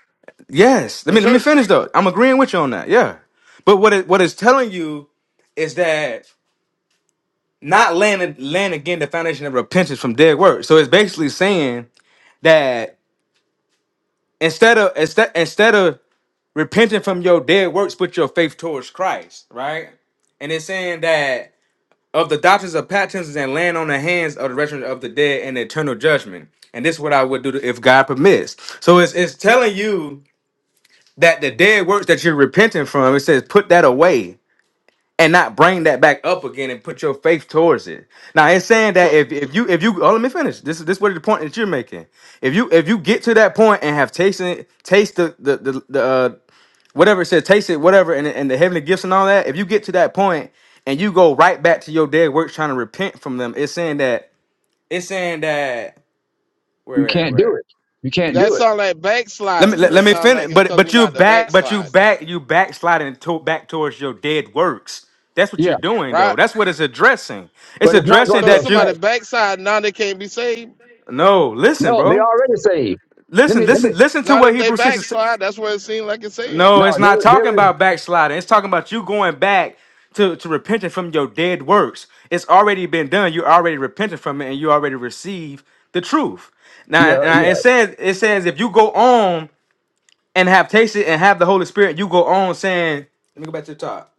Speaker 9: Yes. Let
Speaker 3: the
Speaker 9: me let me
Speaker 3: church.
Speaker 9: finish though. I'm agreeing with you on that. Yeah. But what it what it's telling you is that not laying laying again the foundation of repentance from dead works. So it's basically saying that instead of instead instead of repenting from your dead works, put your faith towards Christ, right? And it's saying that of the doctrines of patterns and land on the hands of the resurrection of the dead and eternal judgment. And this is what I would do if God permits. So it's it's telling you that the dead works that you're repenting from, it says put that away and not bring that back up again and put your faith towards it. Now it's saying that
Speaker 3: So
Speaker 9: if, if you if you oh let me finish. This is this what the point that you're making. If you if you get to that point and have tasted it, taste the the the, the uh, whatever it says, taste it, whatever, and, and the heavenly gifts and all that, if you get to that point and you go right back to your dead works trying to repent from them, it's saying that it's saying that
Speaker 11: You
Speaker 9: where at,
Speaker 11: can't
Speaker 9: where
Speaker 11: do it. You can't
Speaker 3: that
Speaker 11: do it.
Speaker 3: sounds like
Speaker 9: Let me
Speaker 3: backsliding.
Speaker 9: let,
Speaker 3: That
Speaker 9: let me
Speaker 3: sounds like
Speaker 9: finish.
Speaker 3: it's
Speaker 9: But
Speaker 3: telling you
Speaker 9: but you
Speaker 3: not to
Speaker 9: back but you
Speaker 3: backslide,
Speaker 9: back you backsliding to, back towards your dead works. That's what you're
Speaker 11: Yeah.
Speaker 9: doing though.
Speaker 3: right?
Speaker 9: That's what it's addressing. It's
Speaker 11: But it's not going
Speaker 9: addressing
Speaker 11: to
Speaker 3: So if
Speaker 9: that you
Speaker 3: somebody
Speaker 11: affect.
Speaker 3: backslide now, they can't be saved.
Speaker 9: no listen,
Speaker 11: No, they
Speaker 9: bro.
Speaker 11: already saved. Let
Speaker 9: Listen,
Speaker 11: me let
Speaker 9: listen,
Speaker 11: me
Speaker 9: listen to
Speaker 3: Now
Speaker 9: what
Speaker 3: that they
Speaker 9: Hebrews six is.
Speaker 3: backslide, that's what it seems like it's saying.
Speaker 9: No,
Speaker 11: no,
Speaker 9: it's
Speaker 11: there
Speaker 9: not talking
Speaker 11: there is
Speaker 9: about backsliding. It's talking about you going back to to repenting from your dead works. It's already been done. You already repented from it, and you already received the truth. Now,
Speaker 11: yeah,
Speaker 9: and I- it
Speaker 11: yeah.
Speaker 9: says it says if you go on and have tasted and have the Holy Spirit, you go on saying, let me go back to the top.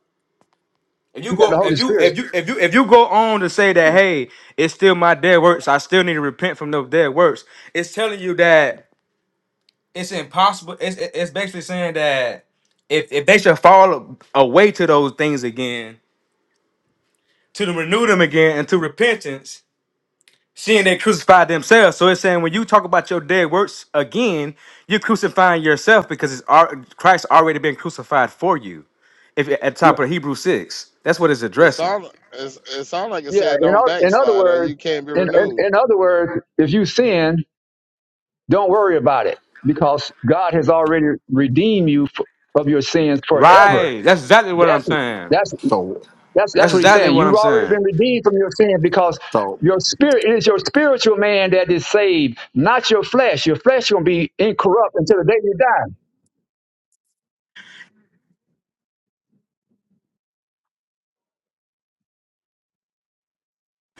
Speaker 9: If you
Speaker 11: You got the
Speaker 9: go, if
Speaker 11: Holy
Speaker 9: you, if
Speaker 11: Spirit.
Speaker 9: you, if you, if you go on to say that, hey, it's still my dead works. I still need to repent from those dead works. It's telling you that it's impossible. It's it's basically saying that if if they should fall away to those things again, to the renew them again, and to repentance, seeing they crucified themselves. So it's saying when you talk about your dead works again, you're crucifying yourself because it's al- Christ already been crucified for you. if at
Speaker 11: Yeah.
Speaker 9: top of Hebrew six. That's what it's
Speaker 3: It
Speaker 9: addressing.
Speaker 3: sounds it's, it sounds like it's
Speaker 11: yeah.
Speaker 3: saying
Speaker 11: In,
Speaker 3: don't
Speaker 11: oth- in other
Speaker 3: backslide or
Speaker 11: words,
Speaker 3: you can't be
Speaker 11: in, in,
Speaker 3: renewed.
Speaker 11: in other words, if you sin, Don't worry about it because God has already redeemed you f- of your sins forever.
Speaker 9: Right. That's exactly what I'm
Speaker 11: That's
Speaker 9: saying.
Speaker 11: that's
Speaker 7: So,
Speaker 11: that's
Speaker 9: That's
Speaker 11: that's what he's
Speaker 9: exactly
Speaker 11: saying.
Speaker 9: what
Speaker 11: You've
Speaker 9: I'm
Speaker 11: already
Speaker 9: saying.
Speaker 11: been redeemed from your sins because
Speaker 7: so,
Speaker 11: your spirit it is your spiritual man that is saved, not your flesh. Your flesh gonna be incorrupt until the day you die.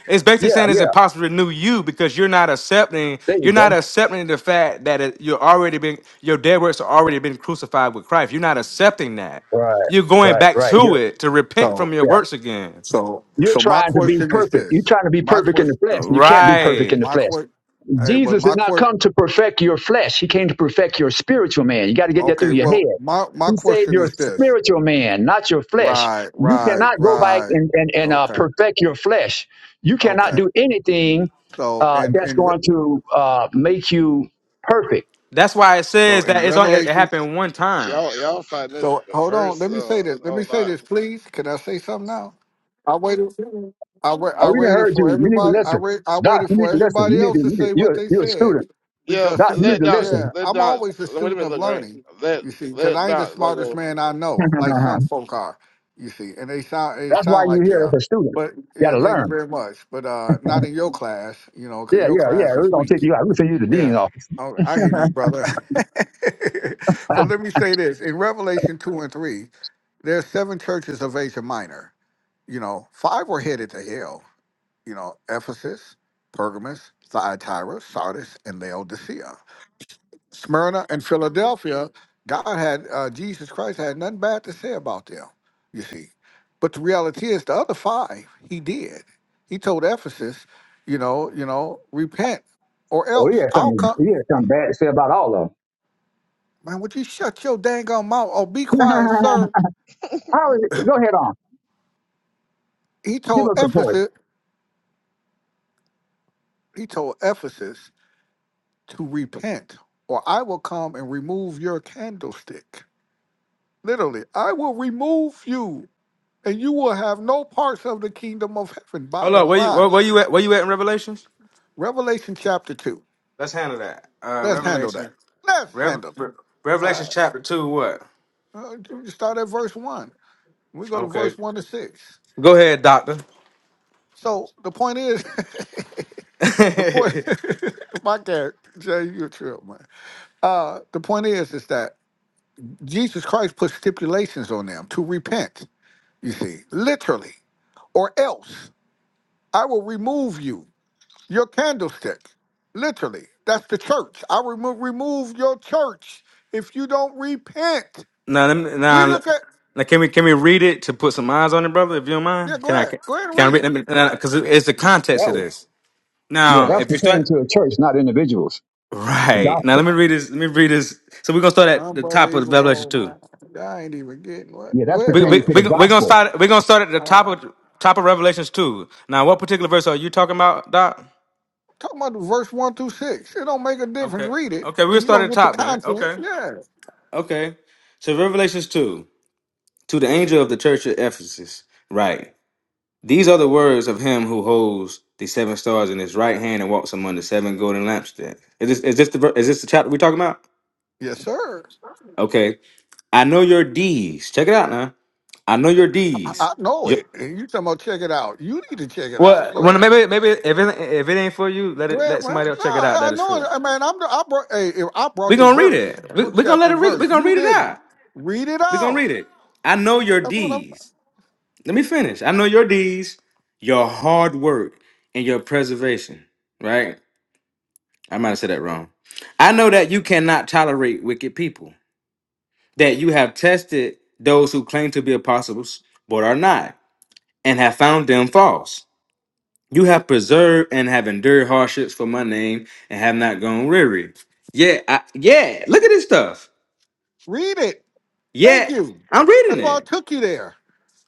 Speaker 9: It's basically
Speaker 11: Yeah,
Speaker 9: saying it's
Speaker 11: yeah.
Speaker 9: impossible to renew you because you're not accepting.
Speaker 11: There you
Speaker 9: You're not
Speaker 11: go.
Speaker 9: accepting the fact that it, you're already been your dead works are already been crucified with Christ. You're not accepting that.
Speaker 11: Right,
Speaker 9: You're going
Speaker 11: right,
Speaker 9: back
Speaker 11: right. Yeah,
Speaker 9: to it to repent
Speaker 7: so.
Speaker 9: from your
Speaker 11: yeah.
Speaker 9: works again.
Speaker 7: So
Speaker 11: You're
Speaker 7: so my
Speaker 11: trying to be
Speaker 7: question is
Speaker 11: perfect. You're
Speaker 7: this.
Speaker 11: trying to be
Speaker 7: My
Speaker 11: perfect in the
Speaker 7: question
Speaker 11: flesh, and you can't be perfect
Speaker 9: Right.
Speaker 11: in the
Speaker 7: my
Speaker 11: flesh.
Speaker 7: question hey, but
Speaker 11: Jesus did
Speaker 7: my
Speaker 11: not
Speaker 7: question
Speaker 11: come to perfect your flesh. He came to perfect your spiritual man. You got to get that through
Speaker 7: okay,
Speaker 11: your
Speaker 7: well
Speaker 11: head.
Speaker 7: my my
Speaker 11: He saved
Speaker 7: question
Speaker 11: your
Speaker 7: is this.
Speaker 11: spiritual man, not your flesh.
Speaker 7: Right,
Speaker 11: You
Speaker 7: right,
Speaker 11: cannot go back
Speaker 7: right.
Speaker 11: and, and, and uh,
Speaker 7: Okay.
Speaker 11: perfect your flesh. You cannot
Speaker 7: Okay.
Speaker 11: do anything
Speaker 7: So
Speaker 11: uh,
Speaker 7: in
Speaker 11: that's
Speaker 7: in Re-
Speaker 11: going to uh, make you perfect.
Speaker 9: That's why it
Speaker 7: so
Speaker 9: says that
Speaker 7: in
Speaker 9: it's on. It, it
Speaker 7: Revelation
Speaker 9: happened one time.
Speaker 3: Y'all, y'all fighting this
Speaker 7: So hold on.
Speaker 3: first
Speaker 7: Let me
Speaker 3: uh,
Speaker 7: say this. Let me
Speaker 3: whole
Speaker 7: say
Speaker 3: lot.
Speaker 7: this, please. Can I say something now? I waited. I wait.
Speaker 11: Oh,
Speaker 7: I
Speaker 11: we didn't
Speaker 7: waited
Speaker 11: heard you.
Speaker 7: for
Speaker 11: You need to
Speaker 7: everybody. I
Speaker 11: listen.
Speaker 7: wait. I
Speaker 11: Doc,
Speaker 7: waited
Speaker 11: you need
Speaker 7: for
Speaker 11: to listen. You
Speaker 7: everybody
Speaker 11: need to,
Speaker 7: else
Speaker 11: you
Speaker 7: to
Speaker 11: need to-
Speaker 7: say what
Speaker 11: you're,
Speaker 7: they
Speaker 11: you're a
Speaker 7: said
Speaker 11: student.
Speaker 3: Yeah,
Speaker 7: because
Speaker 11: Doc,
Speaker 7: see,
Speaker 11: you need
Speaker 3: let
Speaker 7: the-
Speaker 11: to
Speaker 3: Doc,
Speaker 7: yeah,
Speaker 11: listen.
Speaker 3: let
Speaker 7: I'm
Speaker 3: Doc.
Speaker 7: always a
Speaker 3: Wait a
Speaker 7: student
Speaker 3: minute,
Speaker 7: of
Speaker 3: look right.
Speaker 7: learning.
Speaker 3: Let
Speaker 7: You see, because
Speaker 3: let
Speaker 7: I ain't the
Speaker 3: Doc
Speaker 7: smartest
Speaker 3: Logo.
Speaker 7: man I know, like some
Speaker 11: that's
Speaker 7: folk are. You see, and they sound they
Speaker 11: why
Speaker 7: sound
Speaker 11: you're
Speaker 7: like they
Speaker 11: here as
Speaker 7: are.
Speaker 11: a student.
Speaker 7: But
Speaker 11: You got
Speaker 7: yeah,
Speaker 11: to
Speaker 7: thank you
Speaker 11: learn.
Speaker 7: very much. But uh, not in your class, you know, because
Speaker 11: Yeah,
Speaker 7: your
Speaker 11: yeah, yeah.
Speaker 7: class
Speaker 11: We're
Speaker 7: is
Speaker 11: going to
Speaker 7: weak.
Speaker 11: take you out. We're going to send you to the dean's
Speaker 7: Yeah,
Speaker 11: office.
Speaker 7: I, I hear you, brother. but let me say this: in Revelation two and three, there's seven churches of Asia Minor. You know, five were headed to hell. You know, Ephesus, Pergamus, Thyatira, Sardis, and Laodicea. Smyrna and Philadelphia. God had uh, Jesus Christ had nothing bad to say about them. You see, but the reality is, the other five, he did. He told Ephesus, you know, you know, repent or
Speaker 11: Oh, he
Speaker 7: else
Speaker 11: had
Speaker 7: I'll
Speaker 11: something.
Speaker 7: come.
Speaker 11: He had something bad to say about all of
Speaker 7: Man, would you shut your dang on mouth or be
Speaker 11: them.
Speaker 7: quiet, sir?
Speaker 11: I was, go ahead on.
Speaker 7: He
Speaker 11: Give
Speaker 7: told
Speaker 11: us some points.
Speaker 7: Ephesus, he told Ephesus to repent, or I will come and remove your candlestick. Literally, I will remove you, and you will have no parts of the kingdom of heaven.
Speaker 9: Hold
Speaker 7: Bottom
Speaker 9: on. Where you where,
Speaker 7: line.
Speaker 9: where you at? Where you at in Revelations?
Speaker 7: Revelation chapter two.
Speaker 9: Let's handle that. Uh,
Speaker 7: Let's handle that.
Speaker 9: Revelation.
Speaker 7: Let's
Speaker 9: Rev-
Speaker 7: handle it.
Speaker 9: Re-
Speaker 7: All
Speaker 9: Revelation
Speaker 7: right.
Speaker 9: chapter two. What?
Speaker 7: Uh, we just start at verse one. We go to
Speaker 9: Okay.
Speaker 7: verse one to six.
Speaker 9: Go ahead, doctor.
Speaker 7: So the point is the point my God, Jay, you a trip, man Uh, the point is, is that Jesus Christ put stipulations on them to repent. You see, literally, or else I will remove you, your candlestick. Literally, that's the church. I will remo- remove your church if you don't repent.
Speaker 9: now, let me,
Speaker 7: We
Speaker 9: now,
Speaker 7: look at
Speaker 9: now, can we can we read it to put some eyes on it, brother? If you don't mind,
Speaker 7: yeah. Go
Speaker 9: can I
Speaker 7: ahead,
Speaker 9: can
Speaker 7: go ahead and
Speaker 9: I
Speaker 7: read it.
Speaker 9: read?
Speaker 7: Go ahead,
Speaker 9: Because
Speaker 11: Yeah.
Speaker 9: it's the context
Speaker 11: That
Speaker 9: of
Speaker 11: was,
Speaker 9: this.
Speaker 11: yeah,
Speaker 7: go
Speaker 9: Now,
Speaker 7: ahead.
Speaker 11: that's
Speaker 9: if you
Speaker 11: pertaining
Speaker 9: start
Speaker 11: to the church, not individuals. The
Speaker 9: right now, let
Speaker 11: gospel.
Speaker 9: me read this. Let me read this. So we're gonna start at the top of Revelation
Speaker 7: Unbelievable,
Speaker 9: two.
Speaker 7: man. I ain't even getting what.
Speaker 11: Yeah,
Speaker 7: Go
Speaker 11: that's
Speaker 7: ahead,
Speaker 9: We we
Speaker 11: pertaining
Speaker 7: brother.
Speaker 11: to
Speaker 9: we
Speaker 11: the
Speaker 9: are gonna
Speaker 11: gospel.
Speaker 9: start. We're gonna start at the
Speaker 7: All
Speaker 9: top
Speaker 7: right.
Speaker 9: of top of Revelations two. Now, what particular verse are you talking about, Doc?
Speaker 7: Talking about verse one through six. It don't make a difference.
Speaker 9: Okay.
Speaker 7: Read it,
Speaker 9: Okay, we'll
Speaker 7: and you're
Speaker 9: start at
Speaker 7: gonna
Speaker 9: the
Speaker 7: get the
Speaker 9: top then.
Speaker 7: content.
Speaker 9: Okay.
Speaker 7: Yeah.
Speaker 9: Okay. So Revelations 2. To the angel of the church of Ephesus, write These are the words of him who holds the seven stars in his right hand and walks among the seven golden lampstands. Is this, is this the ver- is this the chapter we're talking about?
Speaker 7: Yes, sir.
Speaker 9: Okay. I know your deeds. Check it out now. I know your
Speaker 7: I,
Speaker 9: deeds.
Speaker 7: I know
Speaker 9: Yep.
Speaker 7: it. And you talking about check it out. You need to check it out.
Speaker 9: Well,
Speaker 7: Go
Speaker 9: well,
Speaker 7: ahead.
Speaker 9: maybe, maybe if it, if it ain't for you, let
Speaker 7: Go
Speaker 9: it
Speaker 7: ahead,
Speaker 9: let
Speaker 7: man.
Speaker 9: somebody else
Speaker 7: No,
Speaker 9: check it out.
Speaker 7: I
Speaker 9: That it's
Speaker 7: know it.
Speaker 9: for.
Speaker 7: I mean, I'm the, I brought hey, if I
Speaker 9: We
Speaker 7: brought the
Speaker 9: gonna read
Speaker 7: verse,
Speaker 9: it. We're
Speaker 7: book
Speaker 9: We are going
Speaker 7: chapter
Speaker 9: to
Speaker 7: and
Speaker 9: read it. We- we gonna let it. Read, we
Speaker 7: verse.
Speaker 9: gonna
Speaker 7: You
Speaker 9: read it
Speaker 7: didn't.
Speaker 9: out.
Speaker 7: Read it
Speaker 9: We are gonna
Speaker 7: out.
Speaker 9: read it. I know your
Speaker 7: That's what I'm
Speaker 9: deeds. Let me finish. I know your deeds, your hard work, and your preservation, right? I might have said that wrong. I know that you cannot tolerate wicked people, that you have tested those who claim to be apostles but are not, and have found them false. You have preserved and have endured hardships for my name and have not gone weary. Yeah, I, yeah, look at this stuff.
Speaker 7: read it. Thank
Speaker 9: Yet,
Speaker 7: you.
Speaker 9: I'm reading
Speaker 7: That's why I
Speaker 9: it.
Speaker 7: took you there.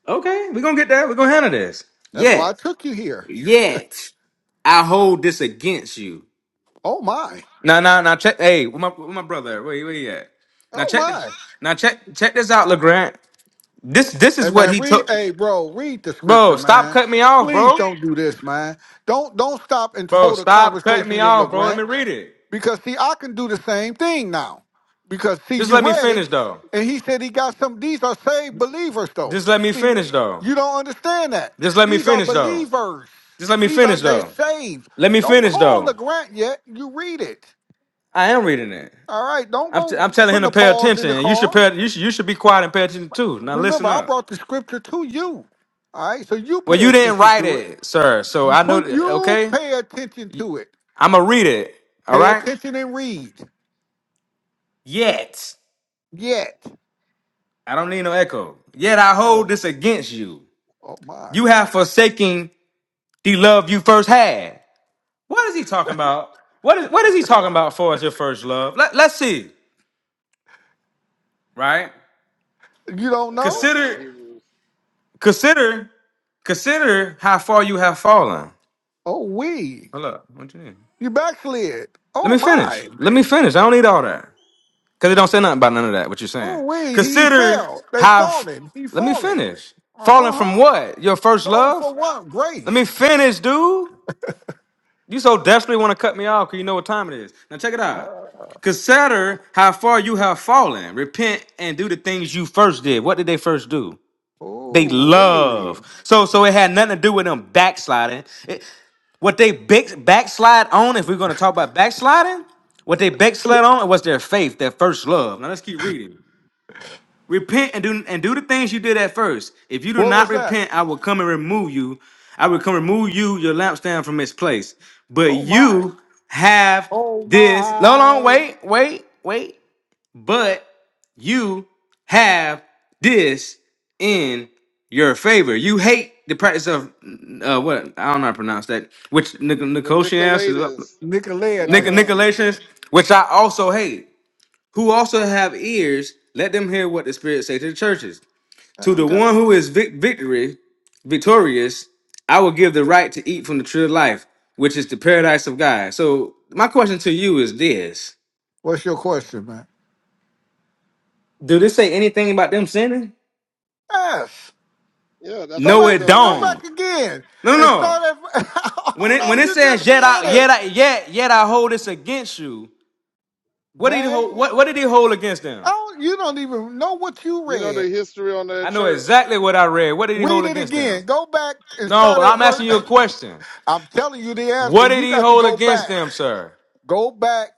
Speaker 9: Okay, we're gonna get that. We're gonna handle this.
Speaker 7: That's why I
Speaker 9: Yet,
Speaker 7: took you here.
Speaker 9: yet. I hold this against you.
Speaker 7: Oh my.
Speaker 9: Now, now, now, check. Hey, where my, where my brother? at? Where, he- where he at? Now
Speaker 7: Oh
Speaker 9: check. This,
Speaker 7: my.
Speaker 9: now check. Check this out, Legrand. This, this is
Speaker 7: Hey
Speaker 9: what
Speaker 7: man,
Speaker 9: he
Speaker 7: read
Speaker 9: took.
Speaker 7: hey bro, read the
Speaker 9: Bro,
Speaker 7: scripture,
Speaker 9: stop
Speaker 7: man.
Speaker 9: cutting me off,
Speaker 7: Please
Speaker 9: bro.
Speaker 7: don't do this, man. Don't don't stop and
Speaker 9: Bro,
Speaker 7: hold a
Speaker 9: stop cutting me
Speaker 7: conversation with
Speaker 9: off, bro.
Speaker 7: LeGrant.
Speaker 9: Let me read it.
Speaker 7: Because see, I can do the same thing now. Because see,
Speaker 9: Just
Speaker 7: you
Speaker 9: let me
Speaker 7: read it,
Speaker 9: finish, though.
Speaker 7: and he said he got some. These are saved believers, though.
Speaker 9: Just let me
Speaker 7: See,
Speaker 9: finish, though.
Speaker 7: you don't understand that.
Speaker 9: Just let me
Speaker 7: These are
Speaker 9: finish, though.
Speaker 7: believers.
Speaker 9: Just let me
Speaker 7: These are
Speaker 9: finish,
Speaker 7: they
Speaker 9: though.
Speaker 7: saved.
Speaker 9: Let me
Speaker 7: Don't
Speaker 9: finish,
Speaker 7: call the
Speaker 9: though.
Speaker 7: grant yet. You read it.
Speaker 9: I am reading it.
Speaker 7: All right. Don't
Speaker 9: I'm, t-
Speaker 7: go
Speaker 9: I'm telling him
Speaker 7: putting
Speaker 9: to
Speaker 7: a
Speaker 9: pay
Speaker 7: pause in
Speaker 9: attention.
Speaker 7: the
Speaker 9: You should
Speaker 7: call.
Speaker 9: pay. You should, you should be quiet and pay attention too. Now
Speaker 7: Remember,
Speaker 9: listen
Speaker 7: I
Speaker 9: up.
Speaker 7: brought the scripture to you. All right. So you
Speaker 9: Well,
Speaker 7: pay
Speaker 9: you didn't
Speaker 7: attention
Speaker 9: write
Speaker 7: to it.
Speaker 9: it, sir. So I know.
Speaker 7: Put
Speaker 9: that-
Speaker 7: you
Speaker 9: Okay.
Speaker 7: pay attention to it.
Speaker 9: I'm gonna read it. All
Speaker 7: Pay
Speaker 9: right.
Speaker 7: attention and read.
Speaker 9: Yet
Speaker 7: Yet.
Speaker 9: I don't need no echo. Yet I hold
Speaker 7: Oh.
Speaker 9: this against you.
Speaker 7: Oh my.
Speaker 9: You have forsaken the love you first had. What is he talking about? What is what is he talking about for as your first love? Let, let's see. Right.
Speaker 7: You don't
Speaker 3: That
Speaker 7: know?
Speaker 3: sound like
Speaker 9: Consider,
Speaker 3: Hebrews.
Speaker 9: consider, consider how far you have fallen.
Speaker 7: Oh, we.
Speaker 9: Hold up. What you need?
Speaker 7: You backslid.
Speaker 9: Let
Speaker 7: Oh,
Speaker 9: me finish.
Speaker 7: my.
Speaker 9: Let me finish. I don't need all that because it don't say nothing about none of that. What you're saying.
Speaker 7: Oh, we. He
Speaker 9: Consider
Speaker 7: fell. They
Speaker 9: how. f-
Speaker 7: fallen. He
Speaker 9: Let me
Speaker 7: fallen.
Speaker 9: finish. Falling
Speaker 7: Uh
Speaker 9: from
Speaker 7: huh.
Speaker 9: what? Your first
Speaker 7: Fallen
Speaker 9: love?
Speaker 7: for what?
Speaker 9: Let me
Speaker 7: Grace.
Speaker 9: finish, dude. You so desperately want to cut me off because you know what time it is. Now check it
Speaker 7: Uh,
Speaker 9: out. Consider how far you have fallen. Repent and do the things you first did. What did they first do? They
Speaker 7: oh, we.
Speaker 9: love. So so it had nothing to do with them backsliding. It- what they big, backslide on, if we're going to talk about backsliding, what they backslid on was their faith, their first love. Now let's keep reading. Repent and do and do the things you did at first. If you do
Speaker 7: What
Speaker 9: not
Speaker 7: was that?
Speaker 9: repent, I will come and remove you. I will come remove you, your lampstand from its place. But
Speaker 7: Oh, my.
Speaker 9: you have
Speaker 7: Oh,
Speaker 9: this. No, no,
Speaker 7: my.
Speaker 9: wait, wait, wait. But you have this in your favor. You hate the practice of uh, what I don't know how to pronounce that, which Nic-
Speaker 3: The
Speaker 9: Nicotians is up,
Speaker 3: Nicolaitans. No,
Speaker 9: Nic-
Speaker 3: no,
Speaker 7: Nicolaitans.
Speaker 3: no.
Speaker 9: Nicolaitans, which I also hate. Who also have ears, let them hear what the Spirit say to the churches. To the
Speaker 7: Okay.
Speaker 9: one who is vic- victory, victorious, I will give the right to eat from the tree of life, which is the paradise of God. So my question to you is this:
Speaker 7: What's your question, man?
Speaker 9: Do this say anything about them sinning?
Speaker 7: Yes.
Speaker 3: Yeah, that's
Speaker 7: Go
Speaker 3: how they
Speaker 9: No,
Speaker 7: back.
Speaker 9: it
Speaker 3: fell
Speaker 7: Go
Speaker 3: away.
Speaker 9: don't.
Speaker 7: back again
Speaker 9: No,
Speaker 7: and
Speaker 9: no.
Speaker 7: start at.
Speaker 9: When
Speaker 7: Hold
Speaker 9: it when
Speaker 7: on.
Speaker 9: it
Speaker 7: You
Speaker 3: Yeah,
Speaker 9: says
Speaker 7: just
Speaker 9: yet I
Speaker 7: read
Speaker 3: I,
Speaker 7: it,
Speaker 9: yet I yet yet I hold this against you, what did he
Speaker 7: man.
Speaker 9: hold? What what did he hold against
Speaker 7: I
Speaker 9: them?
Speaker 7: don't, you don't even know what you
Speaker 3: you know
Speaker 7: read.
Speaker 3: the history on
Speaker 9: I
Speaker 3: that
Speaker 9: know
Speaker 3: church.
Speaker 9: exactly what I read. What did he hold
Speaker 7: Read it
Speaker 9: against
Speaker 7: again.
Speaker 9: them?
Speaker 7: Go back and
Speaker 9: No,
Speaker 7: start at
Speaker 9: I'm asking
Speaker 7: verse.
Speaker 9: you a question.
Speaker 7: I'm telling you the
Speaker 9: What
Speaker 7: answer.
Speaker 9: did
Speaker 7: You
Speaker 9: he
Speaker 7: got to
Speaker 9: hold
Speaker 7: go
Speaker 9: against
Speaker 7: back.
Speaker 9: them, sir?
Speaker 7: Go back.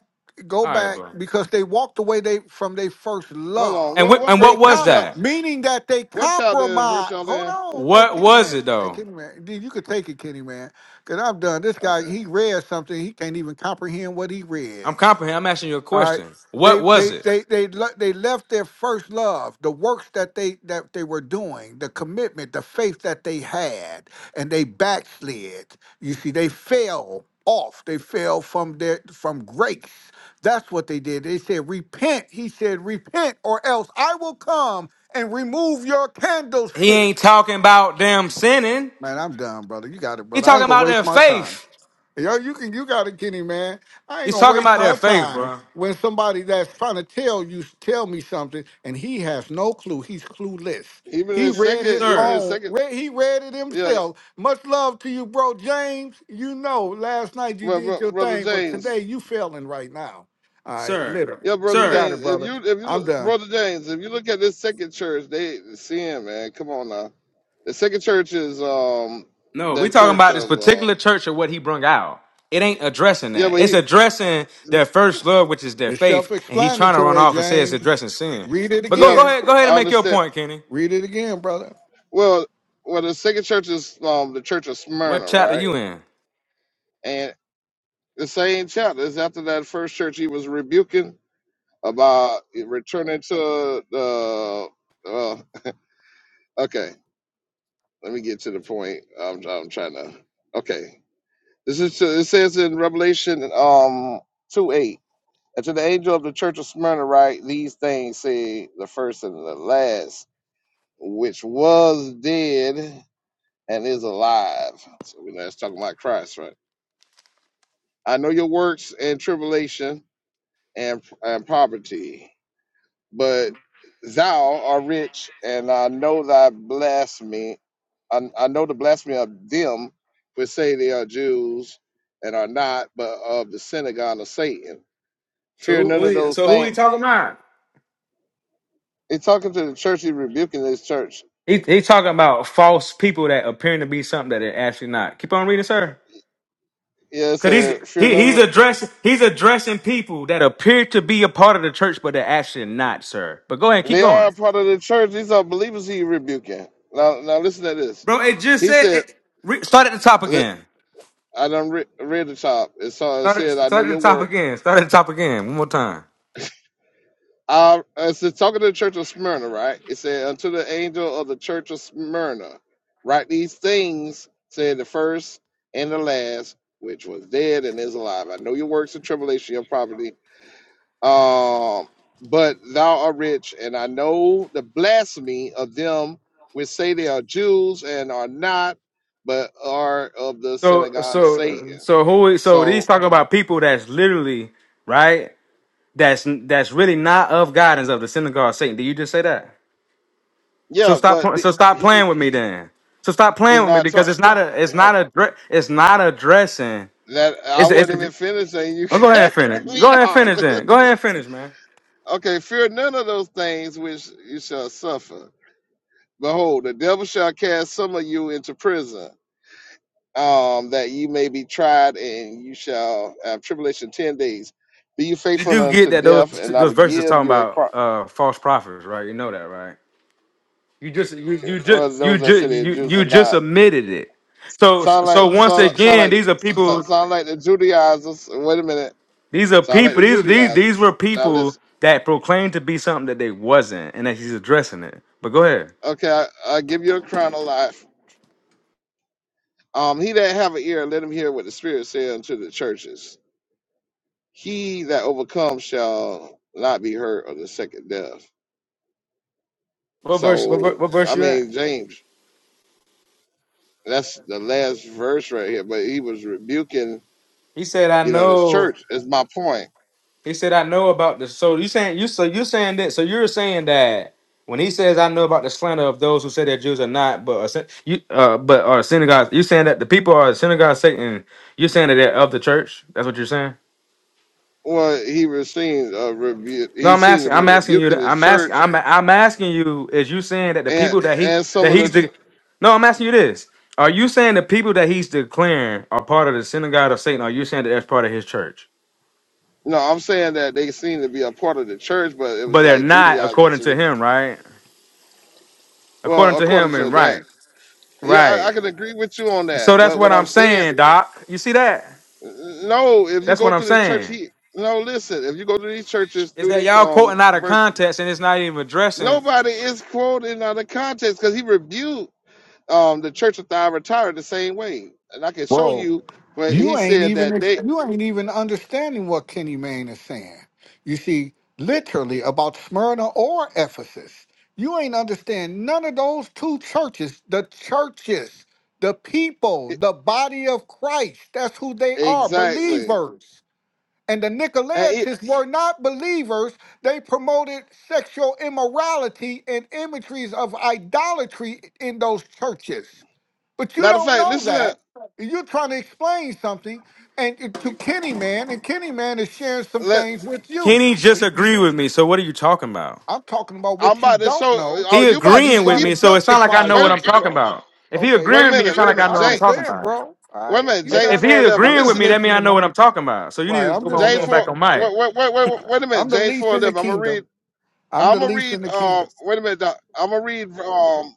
Speaker 7: Go
Speaker 9: All right,
Speaker 7: back
Speaker 9: bro.
Speaker 7: because they walked away they from their first
Speaker 3: Hold on.
Speaker 7: love.
Speaker 9: And
Speaker 3: What
Speaker 9: wh-
Speaker 3: what
Speaker 9: and
Speaker 3: ver,
Speaker 7: They
Speaker 9: what
Speaker 3: what
Speaker 9: was
Speaker 7: com-
Speaker 3: chapter?
Speaker 9: that?
Speaker 7: meaning that they
Speaker 3: What chapter in verse
Speaker 7: compromise.
Speaker 3: y'all
Speaker 7: Hold
Speaker 3: in?
Speaker 7: on, hey
Speaker 9: What
Speaker 7: Kenny
Speaker 9: was
Speaker 7: man,
Speaker 9: it
Speaker 7: hey
Speaker 9: though?
Speaker 7: Kenny man, Dude, you could take it, Kenny man, because I'm done. This guy,
Speaker 3: Okay.
Speaker 7: he read something he can't even comprehend what he read.
Speaker 9: I'm comprehending. I'm asking you a
Speaker 7: All right.
Speaker 9: question. What
Speaker 7: They
Speaker 9: was
Speaker 7: they
Speaker 9: it?
Speaker 7: they they le- they left their first love, the works that they that they were doing, the commitment, the faith that they had, and they backslid. You see, they fell off. They fell from their from grace. That's what they did. They said, "Repent." He said, "Repent, or else I will come and remove your
Speaker 9: He ain't
Speaker 7: candlestick."
Speaker 9: talking about them sinning.
Speaker 7: Man, I'm done, brother. You got it,
Speaker 9: He
Speaker 7: brother. I
Speaker 9: talking
Speaker 7: ain't gonna
Speaker 9: about their
Speaker 7: waste my time.
Speaker 9: faith.
Speaker 7: Yo, you can you got it, Kenny, man. I ain't
Speaker 9: He's
Speaker 7: gonna
Speaker 9: talking
Speaker 7: waste
Speaker 9: about their
Speaker 7: my
Speaker 9: faith,
Speaker 7: time
Speaker 9: bro.
Speaker 7: when somebody that's trying to tell you tell me something and he has no clue. He's clueless.
Speaker 3: Even in
Speaker 7: He
Speaker 3: the
Speaker 7: read
Speaker 3: second,
Speaker 7: his
Speaker 3: even in
Speaker 9: Sir,
Speaker 3: the
Speaker 7: own.
Speaker 3: second.
Speaker 7: Read, he read it
Speaker 3: Yeah,
Speaker 7: himself. Much love to you, bro, James. You know, last night you
Speaker 3: but,
Speaker 7: did
Speaker 3: but
Speaker 7: your
Speaker 3: brother
Speaker 7: thing, but
Speaker 3: James.
Speaker 7: today you failing right now. All right,
Speaker 9: sir,
Speaker 7: literally.
Speaker 3: Yeah, brother
Speaker 7: You
Speaker 9: sir.
Speaker 7: got it,
Speaker 3: James. If
Speaker 7: brother.
Speaker 3: you if you
Speaker 7: I'm
Speaker 3: look,
Speaker 7: done.
Speaker 3: brother James, if you look at this second church, they sin, man. Come on now. The second church is um
Speaker 9: No, we
Speaker 3: that
Speaker 9: talking
Speaker 3: church
Speaker 9: about this
Speaker 3: of um
Speaker 9: particular church or what he brung out. It ain't addressing
Speaker 3: yeah,
Speaker 9: that.
Speaker 3: but
Speaker 9: It's
Speaker 3: he
Speaker 9: addressing their first love, which is their
Speaker 7: It's
Speaker 9: faith, and he's trying to run
Speaker 7: self-explanatory,
Speaker 9: off and say it's
Speaker 7: James.
Speaker 9: addressing sin.
Speaker 7: Read it
Speaker 9: But go,
Speaker 3: yeah
Speaker 9: go
Speaker 7: again.
Speaker 9: ahead, go ahead and
Speaker 3: I
Speaker 9: make your
Speaker 3: understand.
Speaker 9: point, Kenny.
Speaker 7: Read it again, brother.
Speaker 3: Well, well the second church is um the church of
Speaker 9: What
Speaker 3: Smyrna,
Speaker 9: chapter
Speaker 3: right?
Speaker 9: you in?
Speaker 3: And the same chapter is after that first church he was rebuking about returning to the uh okay. Let me get to the point. I'm I'm trying to okay. This is it says in Revelation um two eight. And to the angel of the church of Smyrna write, these things say the first and the last, which was dead and is alive. So we know that's talking about Christ, right? I know your works and tribulation and and poverty, but thou art rich, and I know thy blasphemy. I, I know the blasphemy of them which say they are Jews and are not, but of the synagogue of Satan
Speaker 9: So
Speaker 3: Fear
Speaker 9: who, who
Speaker 3: none of
Speaker 9: he-
Speaker 3: those
Speaker 9: so who he
Speaker 3: things.
Speaker 9: talking about?
Speaker 3: He's talking to the church. He's rebuking this church.
Speaker 9: He he talking about false people that appearing to be something that they're actually not. Keep on reading, sir.
Speaker 3: Yeah, it
Speaker 9: Cause he's
Speaker 3: said, fear
Speaker 9: he,
Speaker 3: none.
Speaker 9: he's
Speaker 3: Of,
Speaker 9: addressing he's addressing people that appear to be a part of the church, but they're actually not, sir. But go ahead, keep
Speaker 3: they are
Speaker 9: going,
Speaker 3: a part of the church. These are believers. He rebuking. Now, now listen to this.
Speaker 9: bro. It just
Speaker 3: He
Speaker 9: said
Speaker 3: said,
Speaker 9: it, re, start at the top
Speaker 3: li-
Speaker 9: again.
Speaker 3: I done re- read the top. It, saw, it
Speaker 9: Start at,
Speaker 3: said, I know
Speaker 9: start at the
Speaker 3: your
Speaker 9: top
Speaker 3: work.
Speaker 9: again. Start at the top again. One more time.
Speaker 3: I, it's talking to the church of Smyrna, right? It said, unto the angel of the church of Smyrna, write these things, said the first and the last, which was dead and is alive. I know your works and tribulation, your poverty, Um, but thou art rich, and I know the blasphemy of them which say they are Jews and are not, but are of the
Speaker 9: So
Speaker 3: synagogue of
Speaker 9: so
Speaker 3: Satan.
Speaker 9: so who? is- So he's
Speaker 3: So
Speaker 9: talking about people that's literally right. That's that's really not of God and is of the synagogue of Satan. Did you just say that? So
Speaker 3: yeah,
Speaker 9: stop.
Speaker 3: but
Speaker 9: pl- So
Speaker 3: the-
Speaker 9: stop
Speaker 3: he,
Speaker 9: playing
Speaker 3: is
Speaker 9: with me then. So stop playing
Speaker 3: he's
Speaker 9: with me
Speaker 3: not
Speaker 9: because
Speaker 3: talking.
Speaker 9: it's not a. It's not a. dre- It's not addressing.
Speaker 3: that I
Speaker 9: It's. It's.
Speaker 3: wasn't
Speaker 9: A,
Speaker 3: even finished, and you
Speaker 9: oh, go ahead and
Speaker 3: cut
Speaker 9: finish. Go
Speaker 3: me
Speaker 9: ahead and
Speaker 3: off.
Speaker 9: finish then. Go ahead and finish, man.
Speaker 3: Okay, fear none of those things which you shall suffer. Behold, the devil shall cast some of you into prison um, that you may be tried, and you shall have tribulation ten days. Be you
Speaker 9: You
Speaker 3: faithful
Speaker 9: do get
Speaker 3: unto
Speaker 9: that those
Speaker 3: death, and I will
Speaker 9: those verses
Speaker 3: give
Speaker 9: talking
Speaker 3: you a
Speaker 9: about
Speaker 3: crown.
Speaker 9: uh false prophets, right? You know that, right? You just you, you
Speaker 3: Whether
Speaker 9: just you
Speaker 3: those that say
Speaker 9: just
Speaker 3: they're
Speaker 9: you
Speaker 3: Jews
Speaker 9: you
Speaker 3: or
Speaker 9: just
Speaker 3: not,
Speaker 9: admitted it. So
Speaker 3: sound like
Speaker 9: so once
Speaker 3: sound, sound
Speaker 9: again,
Speaker 3: like the-
Speaker 9: these are people.
Speaker 3: sound, sound like the Judaizers. Wait a minute,
Speaker 9: These are
Speaker 3: sound like
Speaker 9: people.
Speaker 3: the
Speaker 9: These these these
Speaker 3: Judaizers.
Speaker 9: were
Speaker 3: Now
Speaker 9: people
Speaker 3: listen,
Speaker 9: that proclaimed to be something that they wasn't, and that he's addressing it. But go ahead.
Speaker 3: okay, I, I give you a crown of life. Um, he that have an ear, let him hear what the Spirit said unto the churches. He that overcomes shall not be hurt of the second death.
Speaker 9: What verse? What, ver-
Speaker 3: So
Speaker 9: what verse
Speaker 3: I
Speaker 9: you at?
Speaker 3: mean, James. That's the last verse right here. But he was rebuking,
Speaker 9: He said, "I
Speaker 3: you know, this
Speaker 9: know."
Speaker 3: church. Is my point.
Speaker 9: He said, "I know about the." So you saying you so you saying that? So you're saying that when he says, "I know about the slander of those who say that Jews are not, but are, syn- you uh, but are synagogues." You're saying that the people are synagogue of Satan. You're saying that they're of the church. That's what you're saying.
Speaker 3: Well, he was seen uh, rebu-
Speaker 9: No,
Speaker 3: He
Speaker 9: I'm
Speaker 3: seemed to
Speaker 9: asking.
Speaker 3: be
Speaker 9: I'm asking you.
Speaker 3: rebuking
Speaker 9: to-
Speaker 3: his
Speaker 9: I'm asking.
Speaker 3: church
Speaker 9: I'm I'm asking you. Is you saying that the
Speaker 3: and
Speaker 9: people that he
Speaker 3: and some
Speaker 9: that
Speaker 3: of the.
Speaker 9: he's
Speaker 3: ch-
Speaker 9: the? No, I'm asking you this. Are you saying the people that he's declaring are part of the synagogue of Satan? Are you saying that that's part of his church?
Speaker 3: No, I'm saying that they seemed to be a part of the church, but it
Speaker 9: But
Speaker 3: was
Speaker 9: they're
Speaker 3: like
Speaker 9: not,
Speaker 3: Judaizers.
Speaker 9: according to
Speaker 3: who-
Speaker 9: him, right? according
Speaker 3: Well,
Speaker 9: to
Speaker 3: according
Speaker 9: him
Speaker 3: to
Speaker 9: and
Speaker 3: that,
Speaker 9: right
Speaker 3: yeah, I, I
Speaker 9: right
Speaker 3: can agree with you on that.
Speaker 9: so that's
Speaker 3: But
Speaker 9: what
Speaker 3: what
Speaker 9: i'm
Speaker 3: I'm saying,
Speaker 9: saying doc you see that
Speaker 3: no, if you
Speaker 9: that's
Speaker 3: go
Speaker 9: what i'm
Speaker 3: through the church,
Speaker 9: saying
Speaker 3: he no. Listen, if you go through these churches
Speaker 9: is
Speaker 3: through
Speaker 9: that
Speaker 3: these
Speaker 9: y'all quoting
Speaker 3: um
Speaker 9: out of
Speaker 3: verses,
Speaker 9: context and it's not even addressing
Speaker 3: nobody is quoted out of context because he rebuked. um, the Church of Thyatira the same way, and I can show
Speaker 7: Bro.
Speaker 3: you. But
Speaker 7: You
Speaker 3: he
Speaker 7: ain't
Speaker 3: said that
Speaker 7: even
Speaker 3: they
Speaker 7: you ain't even understanding what Kenny Mayne is saying. You see, literally about Smyrna or Ephesus. You ain't understand none of those two churches, the churches, the people,
Speaker 3: it-
Speaker 7: the body of Christ. That's who they are,
Speaker 3: exactly.
Speaker 7: believers. And the
Speaker 3: And it,
Speaker 7: Nicolaitans were not believers. They promoted sexual immorality and imageries of idolatry in those churches. But you
Speaker 3: matter of
Speaker 7: don't
Speaker 3: fact,
Speaker 7: know
Speaker 3: listen
Speaker 7: that
Speaker 3: to
Speaker 7: you're trying to explain something and it- to Kenny Man, and Kenny Man is sharing some
Speaker 3: let.
Speaker 7: things with you.
Speaker 9: kenny just
Speaker 7: You-
Speaker 9: agree with me so what are you talking about
Speaker 7: I'm talking about
Speaker 3: I'm
Speaker 7: what you
Speaker 3: about to show.
Speaker 7: don't know,
Speaker 3: Oh,
Speaker 9: he
Speaker 3: you about
Speaker 7: and
Speaker 3: to
Speaker 7: you're
Speaker 9: agreeing with
Speaker 7: trying
Speaker 3: he
Speaker 7: to
Speaker 9: me so it sounds like i
Speaker 7: justify
Speaker 9: know
Speaker 3: wait.
Speaker 9: what i'm
Speaker 7: something,
Speaker 3: a-
Speaker 9: talking
Speaker 7: bro.
Speaker 9: about if he
Speaker 7: Okay,
Speaker 3: Wait a
Speaker 9: agreeing
Speaker 7: wait.
Speaker 9: with me it
Speaker 3: minute.
Speaker 9: sounds
Speaker 3: Wait a
Speaker 9: like i
Speaker 3: minute.
Speaker 9: know
Speaker 7: I'm
Speaker 9: what i'm
Speaker 3: James.
Speaker 7: just
Speaker 9: talking
Speaker 7: saying,
Speaker 9: about
Speaker 7: bro. All
Speaker 3: Wait a
Speaker 7: right,
Speaker 3: minute.
Speaker 7: you
Speaker 9: if,
Speaker 3: James
Speaker 9: if
Speaker 7: got it.
Speaker 9: he
Speaker 3: four eleven.
Speaker 7: I'm
Speaker 9: agreeing with
Speaker 7: just
Speaker 3: Listen.
Speaker 9: me that means i
Speaker 7: listening,
Speaker 9: know what
Speaker 7: man.
Speaker 9: i'm talking about so you need
Speaker 7: Right,
Speaker 9: to
Speaker 7: I'm
Speaker 9: go
Speaker 7: just
Speaker 9: on
Speaker 3: James
Speaker 9: going
Speaker 3: four.
Speaker 9: back on
Speaker 7: listening, man.
Speaker 9: mike
Speaker 3: Wait. Wait. Wait.
Speaker 7: All
Speaker 3: Wait.
Speaker 7: right.
Speaker 3: Wait a minute.
Speaker 7: I'm the
Speaker 3: James
Speaker 7: least
Speaker 3: four
Speaker 7: in the
Speaker 3: eleven. I'm gonna
Speaker 7: kingdom.
Speaker 3: read.
Speaker 7: I'm
Speaker 3: I'm
Speaker 7: the
Speaker 3: gonna
Speaker 7: least in
Speaker 3: read.
Speaker 7: the
Speaker 3: Um.
Speaker 7: kingdom.
Speaker 3: Wait a minute. I'm gonna read. Um.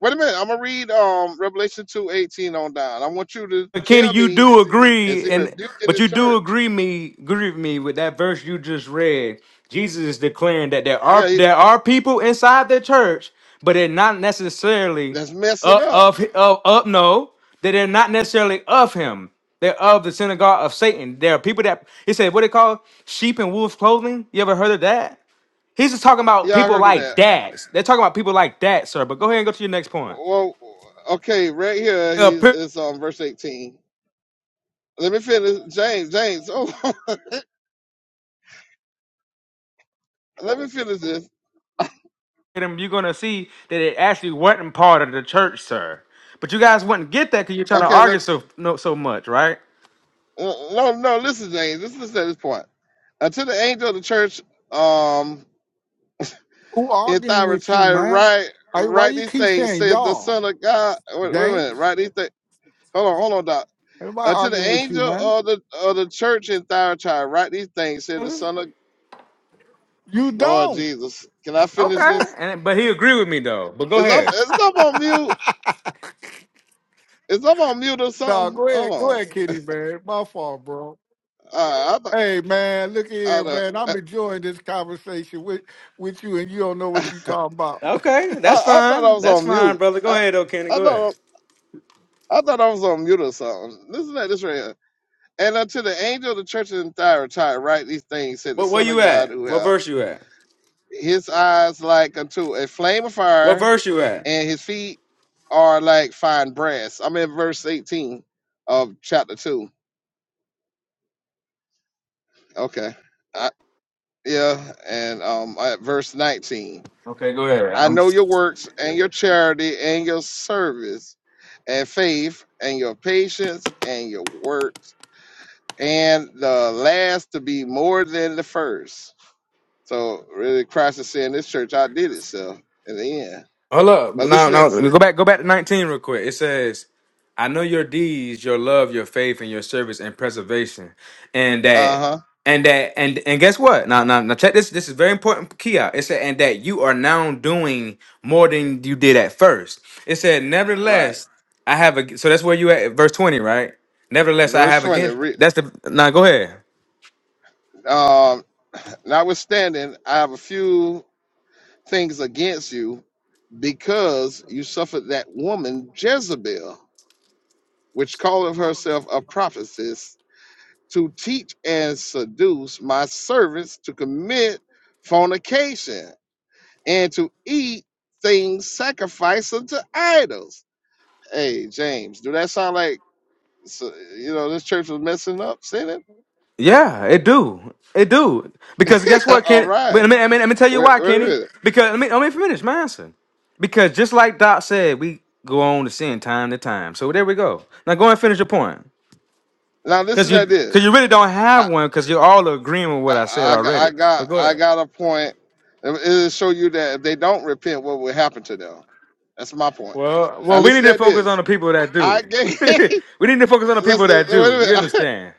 Speaker 3: Wait a minute. I'm gonna read. Um. Revelation two eighteen on down. I want you to
Speaker 9: But Kenny,
Speaker 3: tell
Speaker 9: you
Speaker 3: me
Speaker 9: do
Speaker 3: Is
Speaker 9: agree,
Speaker 3: he
Speaker 9: and
Speaker 3: rebuking
Speaker 9: but
Speaker 3: the
Speaker 9: you do
Speaker 3: church?
Speaker 9: agree me agree with me with that verse you just read. Jesus is declaring that there
Speaker 3: Yeah,
Speaker 9: are
Speaker 3: he,
Speaker 9: there are people inside the church, but they're not necessarily
Speaker 3: that's messing
Speaker 9: of
Speaker 3: up.
Speaker 9: of of, of no, that they're not necessarily of him. They're of the synagogue of Satan. There are people that he said what they call sheep in wolf clothing. You ever heard of that? He's just talking about
Speaker 3: Y'all
Speaker 9: people
Speaker 3: heard of
Speaker 9: like
Speaker 3: that?
Speaker 9: that. They're talking about people like that, sir. But go ahead and go to your next point.
Speaker 3: Well, okay, right here he is on verse eighteen. Let me finish, James. James, oh, let me finish this.
Speaker 9: them, you're gonna see that it actually wasn't part of the church, sir. But you guys wouldn't get that because you're trying to
Speaker 3: Okay,
Speaker 9: argue
Speaker 3: let
Speaker 9: so no, so much, right?
Speaker 3: uh, no, no. Listen, James. Just listen to this point. Until the angel of the church, um,
Speaker 7: Who
Speaker 3: in
Speaker 7: arguing with you,
Speaker 3: Thyatira,
Speaker 7: man?
Speaker 3: write
Speaker 7: Hey, why
Speaker 3: write
Speaker 7: you
Speaker 3: these
Speaker 7: keep
Speaker 3: things.
Speaker 7: saying
Speaker 3: Said the
Speaker 7: y'all,
Speaker 3: Son of God. Wait, wait a minute.
Speaker 7: James?
Speaker 3: Write these things. Hold on, hold on, Doc.
Speaker 7: Everybody
Speaker 3: Until the
Speaker 7: arguing with you,
Speaker 3: angel
Speaker 7: man.
Speaker 3: of the of the church in Thyatira, write these things. Said the Son of
Speaker 7: You
Speaker 3: Lord
Speaker 7: don't.
Speaker 3: Jesus, can I finish
Speaker 9: Okay,
Speaker 3: this?
Speaker 9: and but he agreed with me though. But go
Speaker 3: Is up?
Speaker 9: ahead.
Speaker 3: Is up on mute? Is up on mute or
Speaker 7: no,
Speaker 3: something?
Speaker 7: go
Speaker 3: Hold
Speaker 7: ahead, go
Speaker 3: on.
Speaker 7: ahead, Kitty, man. My fault, bro.
Speaker 3: All right,
Speaker 7: Hey, man, look
Speaker 3: I,
Speaker 7: here,
Speaker 3: th-
Speaker 7: man.
Speaker 3: I,
Speaker 7: I'm enjoying this conversation with with you, and you don't know what
Speaker 3: th-
Speaker 7: you're
Speaker 3: I,
Speaker 7: talking about.
Speaker 9: Okay, that's
Speaker 3: I thought I
Speaker 9: fine.
Speaker 3: was
Speaker 9: That's
Speaker 3: on
Speaker 9: fine,
Speaker 3: mute.
Speaker 9: brother. Go
Speaker 3: I,
Speaker 9: ahead, though, Kenny.
Speaker 3: I
Speaker 9: Go ahead.
Speaker 3: thought I, thought I was on mute or something. Listen to this right here. And unto the angel of the church in Thyatira write these things, said the
Speaker 9: What where
Speaker 3: Son
Speaker 9: you
Speaker 3: of God,
Speaker 9: at?
Speaker 3: who
Speaker 9: What
Speaker 3: have
Speaker 9: verse you at?
Speaker 3: his eyes like unto a flame of
Speaker 9: What
Speaker 3: fire,
Speaker 9: verse you at?
Speaker 3: and his feet are like fine brass. I'm in verse 18 of chapter two. Okay. Yeah, and um, at verse 19.
Speaker 9: Okay, go
Speaker 3: I
Speaker 9: ahead.
Speaker 3: know your works and your charity and your service and faith and your patience and your works, and the last to be more than the first. So, really, Christ is saying this church outdid itself in the end.
Speaker 9: Hold up.
Speaker 3: But
Speaker 9: No,
Speaker 3: listen at,
Speaker 9: no. Go back. Go back to nineteen real quick. It says, "I know your deeds, your love, your faith, and your service and preservation, and
Speaker 3: uh
Speaker 9: that,
Speaker 3: huh,
Speaker 9: and that, and and guess what? Now, now, now. Check this. This is very important. Key out. It said, and that you are now doing more than you did at first. It said,
Speaker 3: right.
Speaker 9: nevertheless, I have a. So that's where you at, verse twenty, right? Nevertheless, I
Speaker 3: Verse
Speaker 9: have
Speaker 3: 20.
Speaker 9: again.
Speaker 3: Re,
Speaker 9: That's the. Now, go ahead.
Speaker 3: um, Notwithstanding, I have a few things against you because you suffered that woman Jezebel. which calleth herself a prophetess, to teach and seduce my servants to commit fornication and to eat things sacrificed unto idols. Hey, James, do that sound like so- you know this church was messing up, sinning?
Speaker 9: Yeah, it do. It do. Because guess what,
Speaker 3: All
Speaker 9: Kenny? But
Speaker 3: right,
Speaker 9: I mean, I mean, let me tell you
Speaker 3: wait,
Speaker 9: why,
Speaker 3: wait a
Speaker 9: Kenny.
Speaker 3: minute.
Speaker 9: Because let me let me finish my answer. Because just like Doc said, we go on to sin time to time. So there we go. Now go and finish your point.
Speaker 3: Now
Speaker 9: Cause
Speaker 3: listen
Speaker 9: you
Speaker 3: to
Speaker 9: cause you
Speaker 3: this.
Speaker 9: really don't have
Speaker 3: I,
Speaker 9: one because you're all agreeing with what
Speaker 3: I,
Speaker 9: I said
Speaker 3: I got I
Speaker 9: already.
Speaker 3: got
Speaker 9: But go
Speaker 3: I
Speaker 9: ahead.
Speaker 3: got a point. It- It'll show you that if they don't repent, what will happen to them? That's my point.
Speaker 9: Well
Speaker 3: Now
Speaker 9: well we need
Speaker 3: listen
Speaker 9: to
Speaker 3: to
Speaker 9: focus
Speaker 3: this.
Speaker 9: on the people that do.
Speaker 3: I gave
Speaker 9: we need to focus on the people
Speaker 3: listen.
Speaker 9: that
Speaker 3: Wait
Speaker 9: do. You
Speaker 3: a minute.
Speaker 9: understand?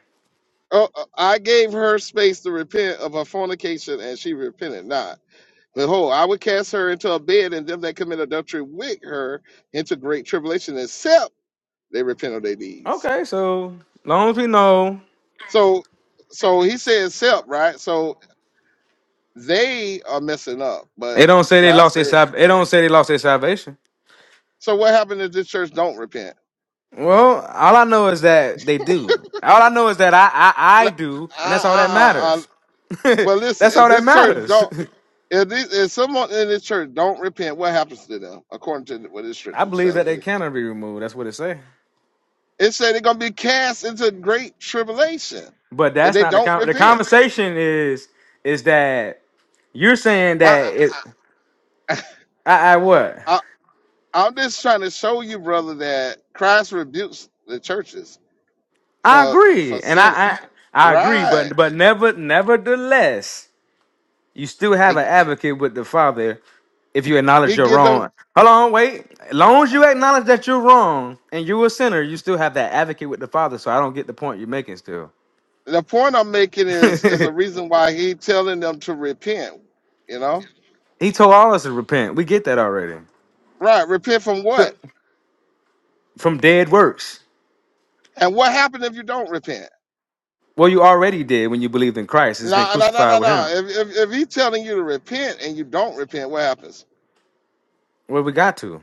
Speaker 3: Oh, oh, I gave her space to repent of her fornication, and she repented not. Behold, I would cast her into a bed, and them that commit adultery with her into great tribulation, except they repent of their deeds.
Speaker 9: Okay, so long as we know.
Speaker 3: So, so he said, "Except," right? So they are messing up, but
Speaker 9: It don't say they
Speaker 3: Christ
Speaker 9: lost their
Speaker 3: said.
Speaker 9: salvation. It don't say they lost their salvation.
Speaker 3: So what happened if this church don't repent?
Speaker 9: Well, all I know is that they do. All I know is that I I,
Speaker 3: I,
Speaker 9: I do, and that's all that
Speaker 3: I, I, I,
Speaker 9: matters.
Speaker 3: well, listen.
Speaker 9: that's
Speaker 3: If
Speaker 9: all that
Speaker 3: this church
Speaker 9: matters.
Speaker 3: don't If, these, if someone in this church don't repent, what happens to them? According to what this church
Speaker 9: I
Speaker 3: is
Speaker 9: believe that
Speaker 3: telling
Speaker 9: they
Speaker 3: you,
Speaker 9: cannot be removed. That's what it say.
Speaker 3: it said they're gonna be cast into great tribulation,
Speaker 9: But
Speaker 3: and
Speaker 9: that's
Speaker 3: they
Speaker 9: not the
Speaker 3: don't
Speaker 9: con- the
Speaker 3: repent.
Speaker 9: conversation is is that you're saying
Speaker 3: I,
Speaker 9: that it.
Speaker 3: I,
Speaker 9: I, I what?
Speaker 3: I, I- am just trying to show you, brother, that Christ rebukes the churches
Speaker 9: I
Speaker 3: for
Speaker 9: agree,
Speaker 3: for
Speaker 9: and
Speaker 3: sin.
Speaker 9: I I, I agree,
Speaker 3: Right?
Speaker 9: but but never nevertheless. You still have an
Speaker 3: He
Speaker 9: advocate with the Father if you acknowledge
Speaker 3: he
Speaker 9: you're
Speaker 3: give them.
Speaker 9: wrong. Hold on, wait. As long as you acknowledge that you're wrong and you're a sinner, you still have that advocate with the Father. So I don't get the point you're making still.
Speaker 3: The point I'm making is is a reason why he telling them to repent. You know?
Speaker 9: he told all us to repent. We get that already.
Speaker 3: Right? Repent from
Speaker 9: So
Speaker 3: what?
Speaker 9: from dead works.
Speaker 3: And what happened if you don't repent?
Speaker 9: Well, you already did when you believed in Christ. It's been
Speaker 3: No, no, no, no,
Speaker 9: crucified with
Speaker 3: no.
Speaker 9: him.
Speaker 3: If, if if he's telling you to repent and you don't repent, what happens?
Speaker 9: Well, we got to.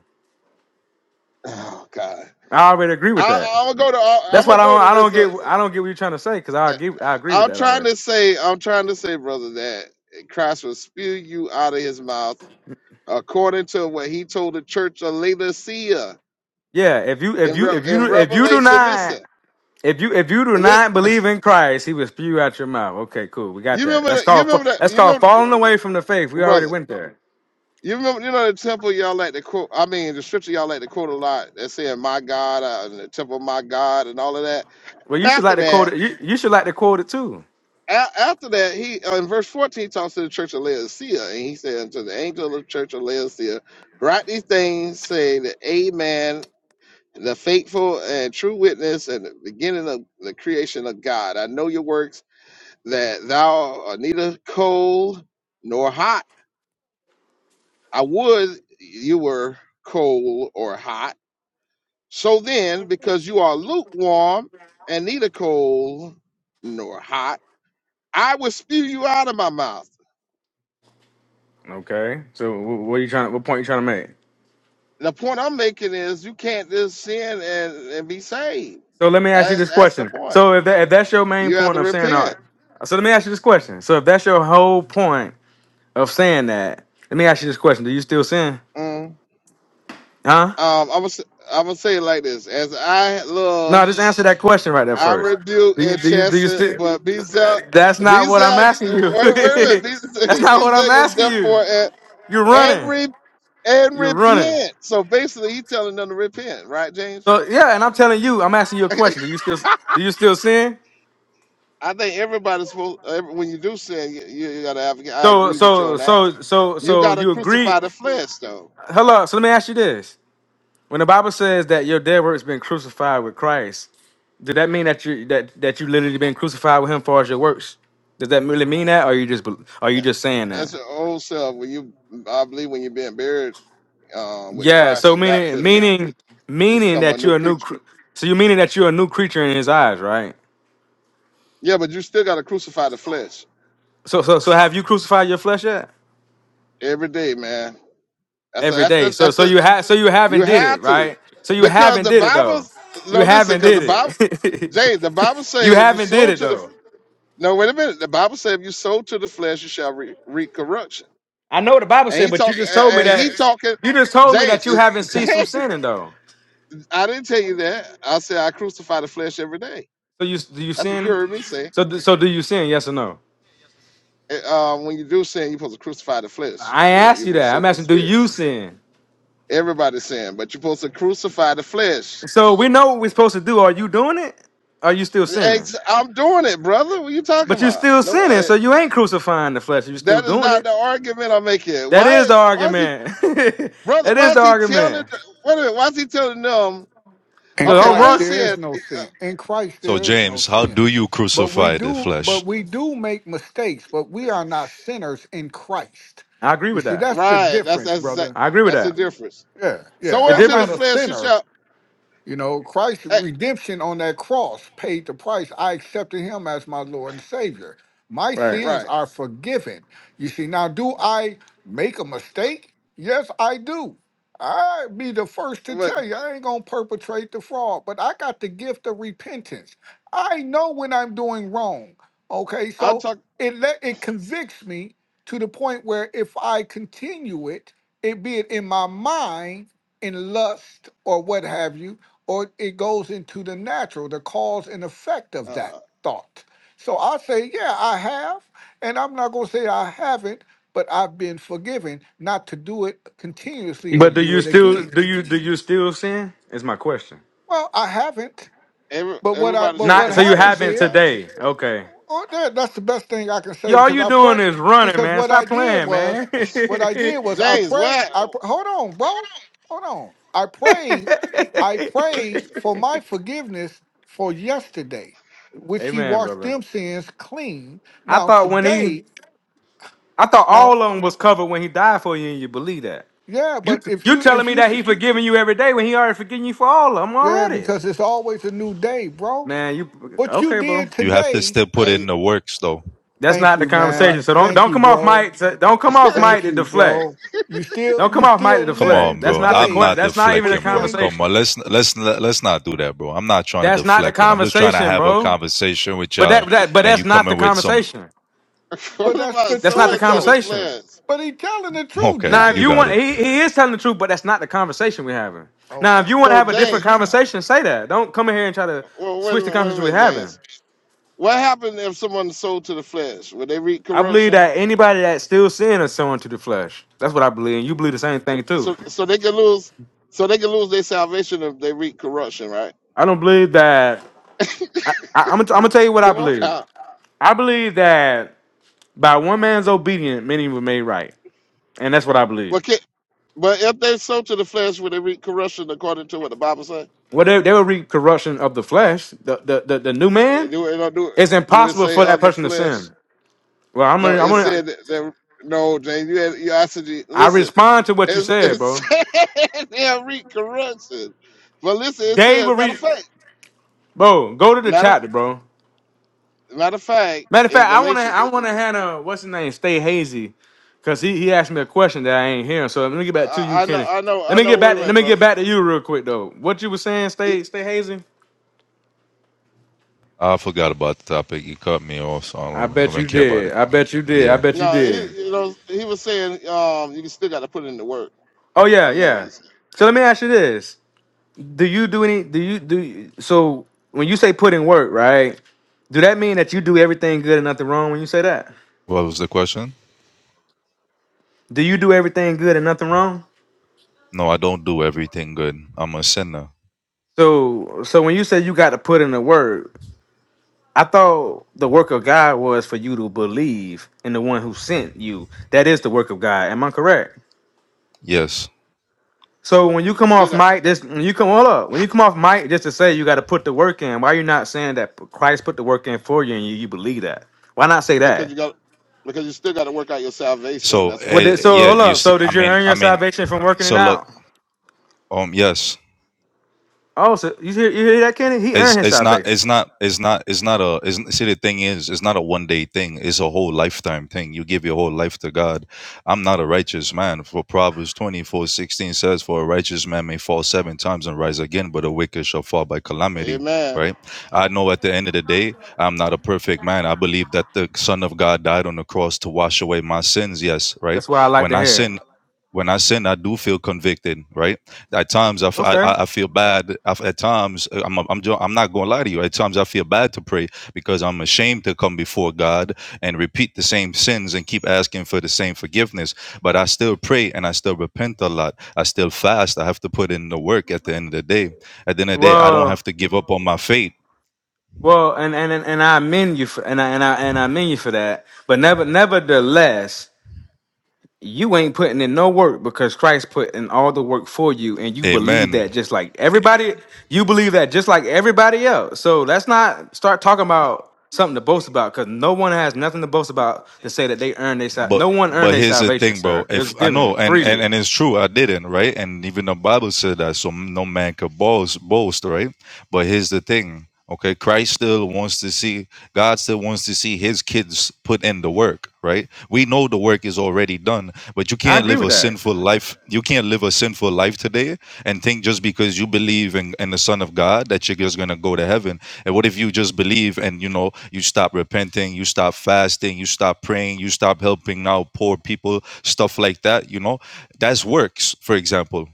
Speaker 3: Oh God.
Speaker 9: I already agree with that.
Speaker 3: I, I'm gonna go to. I'm
Speaker 9: That's why
Speaker 3: gonna
Speaker 9: I
Speaker 3: go
Speaker 9: don't
Speaker 3: to
Speaker 9: I
Speaker 3: this.
Speaker 9: don't
Speaker 3: Uh,
Speaker 9: get I don't get what you're trying to say, because I
Speaker 3: uh,
Speaker 9: agree I agree with
Speaker 3: I'm
Speaker 9: that
Speaker 3: trying
Speaker 9: already.
Speaker 3: to say. I'm trying to say, brother, that Christ will spew you out of his mouth according to what he told the church of Laodicea
Speaker 9: Yeah, if you if
Speaker 3: in
Speaker 9: you
Speaker 3: Re-
Speaker 9: if
Speaker 3: in
Speaker 9: you if you do
Speaker 3: Revelation.
Speaker 9: not
Speaker 3: Listen,
Speaker 9: If you if you do
Speaker 3: li-
Speaker 9: not believe in Christ, he will spew out your mouth. Okay, cool. We got
Speaker 3: you
Speaker 9: that.
Speaker 3: remember.
Speaker 9: That's
Speaker 3: The, You
Speaker 9: called fa-
Speaker 3: remember that.
Speaker 9: that's
Speaker 3: You
Speaker 9: called
Speaker 3: remember,
Speaker 9: falling away from the faith. We already
Speaker 3: brother.
Speaker 9: went there.
Speaker 3: You remember, you know, the temple y'all like to quote. I mean, the scripture y'all like to quote a lot. That saying "My God" uh, and the temple of my God and all of that.
Speaker 9: Well, you should
Speaker 3: After
Speaker 9: like to quote
Speaker 3: that,
Speaker 9: it. You, you should like to quote it too.
Speaker 3: a- after that, he uh, in verse fourteen he talks to the church of Laodicea, and he said unto the angel of the church of Laodicea, "Write these things, say the Amen, the faithful and true witness, and the beginning of the creation of God. I know your works, that thou art neither cold nor hot. I would you were cold or hot." So then, because you are lukewarm and neither cold nor hot, I will spew you out of my mouth.
Speaker 9: Okay. So wh- what are you trying? What point you trying to make?
Speaker 3: The point I'm making is you can't just sin and, and be saved.
Speaker 9: So let me ask you
Speaker 3: That's
Speaker 9: this
Speaker 3: that's the
Speaker 9: question.
Speaker 3: point.
Speaker 9: So if that if that's your main
Speaker 3: You have
Speaker 9: point
Speaker 3: to
Speaker 9: of saying all right.
Speaker 3: repent.
Speaker 9: So let me ask you this question. So if that's your whole point of saying that, let me ask you this question. Do you still sin?
Speaker 3: Mm.
Speaker 9: Huh?
Speaker 3: Um, I'm gonna i I'm gonna say it like this: As I
Speaker 9: No,
Speaker 3: love,
Speaker 9: just answer that question right there
Speaker 3: I
Speaker 9: first.
Speaker 3: rebuke
Speaker 9: Do you
Speaker 3: and
Speaker 9: do you do you
Speaker 3: chasten,
Speaker 9: still?
Speaker 3: but be zeal,
Speaker 9: That's
Speaker 3: be
Speaker 9: not what I'm
Speaker 3: zeal.
Speaker 9: asking
Speaker 3: Wait,
Speaker 9: you.
Speaker 3: wait a minute. Be,
Speaker 9: That's
Speaker 3: be
Speaker 9: not what I'm
Speaker 3: zealous,
Speaker 9: asking
Speaker 3: therefore,
Speaker 9: you.
Speaker 3: and,
Speaker 9: You're running.
Speaker 3: and and
Speaker 9: You're running.
Speaker 3: repent. So basically, he's telling them to repent, right, James?
Speaker 9: So yeah, and I'm telling you, I'm asking you a question. Do you still do you still sin?
Speaker 3: I think everybody's supposed. Every, when you do sin, you, you gotta advocate. I
Speaker 9: So
Speaker 3: agree with you
Speaker 9: so
Speaker 3: on that.
Speaker 9: so so
Speaker 3: You
Speaker 9: so
Speaker 3: gotta
Speaker 9: you agree?
Speaker 3: crucify the flesh, though.
Speaker 9: Hello. So let me ask you this: When the Bible says that your dead work's been crucified with Christ, did that mean that you that that you literally been crucified with Him as far as your works? Does that really mean that, or you just bel- are you just saying
Speaker 3: That's
Speaker 9: that?
Speaker 3: your old self. When you, I believe, when you're being buried uh, with
Speaker 9: Yeah,
Speaker 3: Christ
Speaker 9: so
Speaker 3: in
Speaker 9: meaning
Speaker 3: baptism,
Speaker 9: meaning
Speaker 3: you
Speaker 9: meaning
Speaker 3: become a
Speaker 9: that
Speaker 3: new
Speaker 9: you're a new
Speaker 3: creature.
Speaker 9: cr- so you meaning that you're a new creature in his eyes, right?
Speaker 3: Yeah, but you still gotta crucify the flesh
Speaker 9: So so so have you crucified your flesh yet?
Speaker 3: every day, man. That's a,
Speaker 9: Every
Speaker 3: that's
Speaker 9: day.
Speaker 3: the
Speaker 9: So
Speaker 3: that's
Speaker 9: so
Speaker 3: a
Speaker 9: you have so you
Speaker 3: you
Speaker 9: haven't did it,
Speaker 3: have to,
Speaker 9: right? So you
Speaker 3: because
Speaker 9: haven't
Speaker 3: the
Speaker 9: did it though.
Speaker 3: Bible's
Speaker 9: You
Speaker 3: no listen,
Speaker 9: haven't
Speaker 3: because the
Speaker 9: did
Speaker 3: Bible,
Speaker 9: it.
Speaker 3: James, the Bible
Speaker 9: you
Speaker 3: say if you
Speaker 9: haven't did
Speaker 3: sow
Speaker 9: it
Speaker 3: to the
Speaker 9: though.
Speaker 3: No, wait a minute. The Bible says, "If you sow to the flesh, you shall re- reap corruption."
Speaker 9: I know what the Bible
Speaker 3: And
Speaker 9: said,
Speaker 3: he
Speaker 9: but you
Speaker 3: talking,
Speaker 9: just told me
Speaker 3: and
Speaker 9: that
Speaker 3: he talking,
Speaker 9: you just told me that
Speaker 3: James.
Speaker 9: you
Speaker 3: It,
Speaker 9: haven't ceased from
Speaker 3: James,
Speaker 9: sinning though.
Speaker 3: I didn't tell you that. I said I crucify the flesh every day.
Speaker 9: So you do you
Speaker 3: That's what you
Speaker 9: sin?
Speaker 3: heard me say.
Speaker 9: So do- so do you sin? Yes or no?
Speaker 3: Uh, um, when you do sin, you're supposed to crucify the flesh.
Speaker 9: I ain't
Speaker 3: You're,
Speaker 9: asked
Speaker 3: you're
Speaker 9: you
Speaker 3: supposed to
Speaker 9: that.
Speaker 3: sow
Speaker 9: I'm
Speaker 3: the
Speaker 9: asking do
Speaker 3: spirit.
Speaker 9: you sin?
Speaker 3: Everybody's sin, but you're supposed to crucify the flesh.
Speaker 9: So we know what we're supposed to do. Are you doing it? Are you still sinning?
Speaker 3: It's- I'm doing it, brother. What you talking
Speaker 9: But you're
Speaker 3: about?
Speaker 9: still
Speaker 3: No,
Speaker 9: sinning,
Speaker 3: uh,
Speaker 9: so you ain't crucifying the flesh. You're still
Speaker 3: that is
Speaker 9: doing
Speaker 3: not
Speaker 9: it.
Speaker 3: the argument I'm making.
Speaker 9: That
Speaker 3: Why
Speaker 9: is the
Speaker 3: is why is he,
Speaker 9: argument.
Speaker 3: brother?
Speaker 9: that
Speaker 3: Why
Speaker 9: is the
Speaker 3: is he telling?
Speaker 9: argument.
Speaker 3: Wait a minute. Why is he telling them?
Speaker 7: In
Speaker 9: No,
Speaker 3: Okay,
Speaker 9: don't
Speaker 3: why
Speaker 7: Christ,
Speaker 3: you
Speaker 9: run.
Speaker 7: there is
Speaker 3: saying
Speaker 7: no sin. In Christ,
Speaker 12: So,
Speaker 7: there is no
Speaker 12: James, how
Speaker 7: sin.
Speaker 12: do you
Speaker 7: But we
Speaker 12: crucify the
Speaker 7: do, but
Speaker 12: flesh?
Speaker 7: we do make mistakes. But we are not sinners in Christ.
Speaker 9: I agree
Speaker 7: You
Speaker 9: with
Speaker 7: see,
Speaker 9: that.
Speaker 7: that's the
Speaker 3: right? That's
Speaker 7: difference,
Speaker 3: that's exact-
Speaker 7: brother.
Speaker 9: I agree with
Speaker 3: that's the
Speaker 9: that.
Speaker 3: difference.
Speaker 7: Yeah, yeah.
Speaker 3: So
Speaker 9: The
Speaker 7: I'm
Speaker 3: into the
Speaker 7: not a
Speaker 9: difference,
Speaker 3: flesh you
Speaker 7: sinner.
Speaker 3: shall
Speaker 7: You know, Christ's
Speaker 3: eh,
Speaker 7: redemption on that cross paid the price. I accepted him as my Lord and Savior. My
Speaker 9: right?
Speaker 7: sins
Speaker 3: right.
Speaker 7: are forgiven. You see, now do I make a mistake? Yes, I do. I be the first to
Speaker 3: But
Speaker 7: tell you, I ain't gonna perpetrate the fraud, but I got the gift of repentance. I know when I'm doing wrong. Okay,
Speaker 3: I'm
Speaker 7: so
Speaker 3: talking.
Speaker 7: it let it convicts me to the point where if I continue it, it be it in my mind, in lust or what have you, or it goes into the natural, the cause and effect of that
Speaker 3: Uh,
Speaker 7: thought. So I say, yeah, I have, and I'm not going to say I haven't, but I've been forgiven not to do it continuously or
Speaker 9: But do
Speaker 7: do
Speaker 9: you
Speaker 7: it
Speaker 9: still
Speaker 7: again.
Speaker 9: do you do you still sin? Is my question.
Speaker 7: Well, I haven't,
Speaker 3: every
Speaker 7: but what I
Speaker 3: everybody
Speaker 7: but
Speaker 3: so
Speaker 7: what
Speaker 9: Not
Speaker 3: to
Speaker 9: so
Speaker 3: the
Speaker 9: you
Speaker 3: flesh
Speaker 7: happens
Speaker 9: haven't
Speaker 3: at
Speaker 7: is
Speaker 3: times.
Speaker 9: today. Okay.
Speaker 7: Oh, that, that's the best thing I can
Speaker 9: Yeah,
Speaker 7: say
Speaker 9: all
Speaker 7: because
Speaker 9: you
Speaker 7: I pray
Speaker 9: doing is running,
Speaker 7: because
Speaker 9: man.
Speaker 7: what I
Speaker 9: Stop
Speaker 7: did
Speaker 9: playing,
Speaker 7: was
Speaker 9: man.
Speaker 7: what I did was I
Speaker 3: James,
Speaker 7: prayed.
Speaker 3: what?
Speaker 7: I pr- hold on, bro. Hold on. I prayed. I prayed for my forgiveness for yesterday, which he
Speaker 9: Amen,
Speaker 7: washed
Speaker 9: brother.
Speaker 7: them sins clean.
Speaker 9: I
Speaker 7: Now
Speaker 9: thought when he
Speaker 7: today,
Speaker 9: I thought
Speaker 7: now
Speaker 9: all of them was covered when he died for you, and you believe that.
Speaker 7: yeah,
Speaker 9: You
Speaker 7: but if
Speaker 9: you
Speaker 7: you
Speaker 9: telling
Speaker 7: if
Speaker 9: me
Speaker 7: you
Speaker 9: that
Speaker 7: c-
Speaker 9: he forgiving you every day when he already forgiving you for all of them
Speaker 7: yeah,
Speaker 9: already?
Speaker 7: because it's always a new day, bro.
Speaker 9: Man, you
Speaker 7: What you
Speaker 9: okay, bro?
Speaker 7: did
Speaker 12: You have to
Speaker 7: today,
Speaker 12: still put in
Speaker 3: Hey,
Speaker 12: the works, though.
Speaker 9: That's
Speaker 7: thank
Speaker 9: not the
Speaker 7: you,
Speaker 3: right.
Speaker 9: conversation.
Speaker 7: man.
Speaker 9: So don't
Speaker 7: Thank
Speaker 9: don't
Speaker 7: you,
Speaker 9: come off
Speaker 7: bro.
Speaker 9: Mike. To, don't come off Mike
Speaker 7: Thank
Speaker 9: to
Speaker 7: you,
Speaker 9: deflect.
Speaker 7: bro. You still
Speaker 9: Don't come
Speaker 7: you
Speaker 9: off Mike to
Speaker 7: still
Speaker 12: Come
Speaker 7: living
Speaker 9: deflect.
Speaker 12: on,
Speaker 9: That's
Speaker 12: bro.
Speaker 9: not the
Speaker 12: I'm
Speaker 9: que-
Speaker 7: today,
Speaker 12: not
Speaker 9: That's not even a
Speaker 7: but
Speaker 12: deflecting,
Speaker 7: you
Speaker 12: bro.
Speaker 7: ain't
Speaker 12: Come on,
Speaker 9: conversation.
Speaker 12: let's let's let's not do that, bro. I'm not trying to
Speaker 9: That's not the
Speaker 12: deflect, and I'm just trying to
Speaker 9: conversation,
Speaker 12: have a
Speaker 9: bro.
Speaker 12: conversation with
Speaker 9: But that
Speaker 12: y'all,
Speaker 9: that but
Speaker 12: and
Speaker 9: that's
Speaker 12: you
Speaker 9: not the
Speaker 12: coming with some.
Speaker 9: conversation.
Speaker 3: what
Speaker 7: but that's
Speaker 3: about
Speaker 7: the
Speaker 9: That's not
Speaker 3: so
Speaker 9: the
Speaker 7: truth
Speaker 3: into the
Speaker 7: though.
Speaker 9: conversation.
Speaker 3: flesh?
Speaker 7: But he telling the truth,
Speaker 12: Okay,
Speaker 9: Now, if
Speaker 12: you
Speaker 9: you
Speaker 7: James.
Speaker 12: got
Speaker 9: want,
Speaker 12: it.
Speaker 9: he, he is telling the truth, but that's not the conversation we're having. Now,
Speaker 7: Okay.
Speaker 9: if you want to
Speaker 3: So
Speaker 9: have a different
Speaker 3: James,
Speaker 9: conversation, say that. Don't come in here and try to
Speaker 3: well, wait a
Speaker 9: switch the
Speaker 3: minute, wait a
Speaker 9: conversation we're
Speaker 3: minute,
Speaker 9: having.
Speaker 3: James. What happened if someone sold to the flesh? Would they reap
Speaker 9: I believe
Speaker 3: corruption?
Speaker 9: that anybody that still sin is sowing to the flesh. That's what I believe, and you believe the same thing too.
Speaker 3: So so they could lose. So they could lose their salvation if they reap corruption, right?
Speaker 9: I don't believe that. I, I'm, gonna, I'm gonna tell you what I
Speaker 3: Come on
Speaker 9: believe.
Speaker 3: now.
Speaker 9: I believe that by one man's obedience, many were made right, and that's what I
Speaker 3: Well,
Speaker 9: believe.
Speaker 3: can, But if they sow to the flesh will they every corruption according to what the Bible say,
Speaker 9: Well, they, they will reap corruption of the flesh. The, the the the new man.
Speaker 3: do it, no, do
Speaker 9: It's
Speaker 3: do it
Speaker 9: impossible
Speaker 3: say
Speaker 9: for that
Speaker 3: of the
Speaker 9: person to
Speaker 3: flesh?
Speaker 9: sin. Well, I'm
Speaker 3: No,
Speaker 9: gonna I'm
Speaker 3: it said
Speaker 9: gonna
Speaker 3: that, that- no, James, you had you asked me.
Speaker 9: I
Speaker 3: listen,
Speaker 9: respond to what you
Speaker 3: it's,
Speaker 9: said,
Speaker 3: it
Speaker 9: bro.
Speaker 3: said they'll reap corruption. But listen, it
Speaker 9: They
Speaker 3: says
Speaker 9: will
Speaker 3: matter of
Speaker 9: read,
Speaker 3: fact,
Speaker 9: bro. Go to the
Speaker 3: matter of,
Speaker 9: chapter, bro.
Speaker 3: matter of fact,
Speaker 9: Matter of
Speaker 3: in
Speaker 9: fact, I wanna,
Speaker 3: Galatians,
Speaker 9: I
Speaker 3: it,
Speaker 9: wanna have a what's his name, stay hazy, cause he he asked me a question that I ain't hearing. So let me get back to you,
Speaker 3: I, I know,
Speaker 9: Kenny.
Speaker 3: I know,
Speaker 9: Let
Speaker 3: I
Speaker 9: me get
Speaker 3: know. Wait
Speaker 9: back,
Speaker 3: a
Speaker 9: to, let
Speaker 3: minute,
Speaker 9: me get
Speaker 3: brother.
Speaker 9: back to you real quick though. What you were saying,
Speaker 3: He-
Speaker 9: stay stay hazy.
Speaker 12: I forgot about the topic. You cut me off, so I don't,
Speaker 9: I
Speaker 12: I
Speaker 9: bet
Speaker 12: don't
Speaker 9: you
Speaker 12: care about
Speaker 9: did.
Speaker 12: it.
Speaker 9: I bet you did. I
Speaker 12: Yeah.
Speaker 9: bet you
Speaker 3: No,
Speaker 9: did.
Speaker 3: he, you know, he was saying, um, you still got to put in the work.
Speaker 9: Oh
Speaker 3: I
Speaker 9: yeah,
Speaker 3: don't know what
Speaker 9: yeah.
Speaker 3: he
Speaker 9: So let me ask you this: Do you do any? Do you do? you- So when you say put in work, right? Do that mean that you do everything good and nothing wrong when you say that?
Speaker 12: What was the question?
Speaker 9: Do you do everything good and nothing wrong?
Speaker 12: No, I don't do everything good. I'm a sinner.
Speaker 9: So so when you say you got to put in the work, I thought the work of God was for you to believe in the one who sent you. That is the work of God. Am I correct?
Speaker 12: Yes.
Speaker 9: So when you come
Speaker 3: said.
Speaker 9: off mic, this when you come hold up, when you come off mic just to say you got to put the work in, why are you not saying that Christ put the work in for you and you, you believe that? Why not say
Speaker 3: because you
Speaker 9: that?
Speaker 3: got because you still got to work out your salvation.
Speaker 12: So,
Speaker 3: That's
Speaker 9: What
Speaker 3: why.
Speaker 9: did
Speaker 12: uh,
Speaker 9: so
Speaker 12: yeah,
Speaker 9: hold
Speaker 12: you.
Speaker 9: up?
Speaker 12: s-
Speaker 9: So
Speaker 12: I
Speaker 9: did you
Speaker 12: mean,
Speaker 9: earn
Speaker 12: I
Speaker 9: your
Speaker 12: mean.
Speaker 9: salvation from working it
Speaker 12: So look.
Speaker 9: out?
Speaker 12: Um. Yes.
Speaker 9: Oh, so you hear you hear that, Kenny? He earned
Speaker 12: it's
Speaker 9: his
Speaker 12: it's not
Speaker 9: salvation.
Speaker 12: it's not it's not it's not a it's, see the thing is it's not a one day thing it's a whole lifetime thing you give your whole life to god i'm not a righteous man for proverbs 24 16 says for a righteous man may fall seven times and rise again but a wicked shall fall by calamity
Speaker 3: Amen.
Speaker 12: right i know at the end of the day i'm not a perfect man i believe that the son of god died on the cross to wash away my sins yes right
Speaker 9: That's why I like
Speaker 12: when
Speaker 9: to
Speaker 12: i
Speaker 9: hear.
Speaker 12: sin when i sin i do feel convicted right at times, I, f- I-
Speaker 9: Okay.
Speaker 12: I- I feel bad. I f- At times, uh, I'm I'm jo- I'm not going to lie to you. At times, I feel bad to pray because I'm ashamed to come before God and repeat the same sins and keep asking for the same forgiveness. But I still pray and I still repent a lot. I still fast. I have to put in the work. At the end of the day, at the end of the day, I don't
Speaker 9: Well,
Speaker 12: have to give up on my faith.
Speaker 9: Well, and and and and I amend you for and I and I and I amend you for that. But never, nevertheless, you ain't putting in no work because Christ put in all the work for you, and you believe
Speaker 12: Amen.
Speaker 9: that just like everybody. You believe that just like everybody else. So let's not start talking about something to boast about because no one has nothing to boast about to say that they earned their sal-
Speaker 12: But
Speaker 9: no one earned
Speaker 12: but
Speaker 9: their
Speaker 12: here's the
Speaker 9: salvation,
Speaker 12: thing, bro.
Speaker 9: sir. It
Speaker 12: If
Speaker 9: was
Speaker 12: I know,
Speaker 9: given
Speaker 12: and and
Speaker 9: freely.
Speaker 12: and it's true, I didn't, right? And even the Bible said that, so no man could boast, boast, right? But here's the thing, okay? Christ still wants to see, God still wants to see his kids put in the work, right? We know the work is already done, but you
Speaker 9: I
Speaker 12: can't
Speaker 9: agree
Speaker 12: live
Speaker 9: with
Speaker 12: a
Speaker 9: that.
Speaker 12: sinful life. You can't live a sinful life today and think just because you believe in, in the Son of God that you're just gonna go to heaven. And what if you just believe and you know you stop repenting, you stop fasting, you stop praying, you stop helping out poor people, stuff like that, you know? That's works, for example.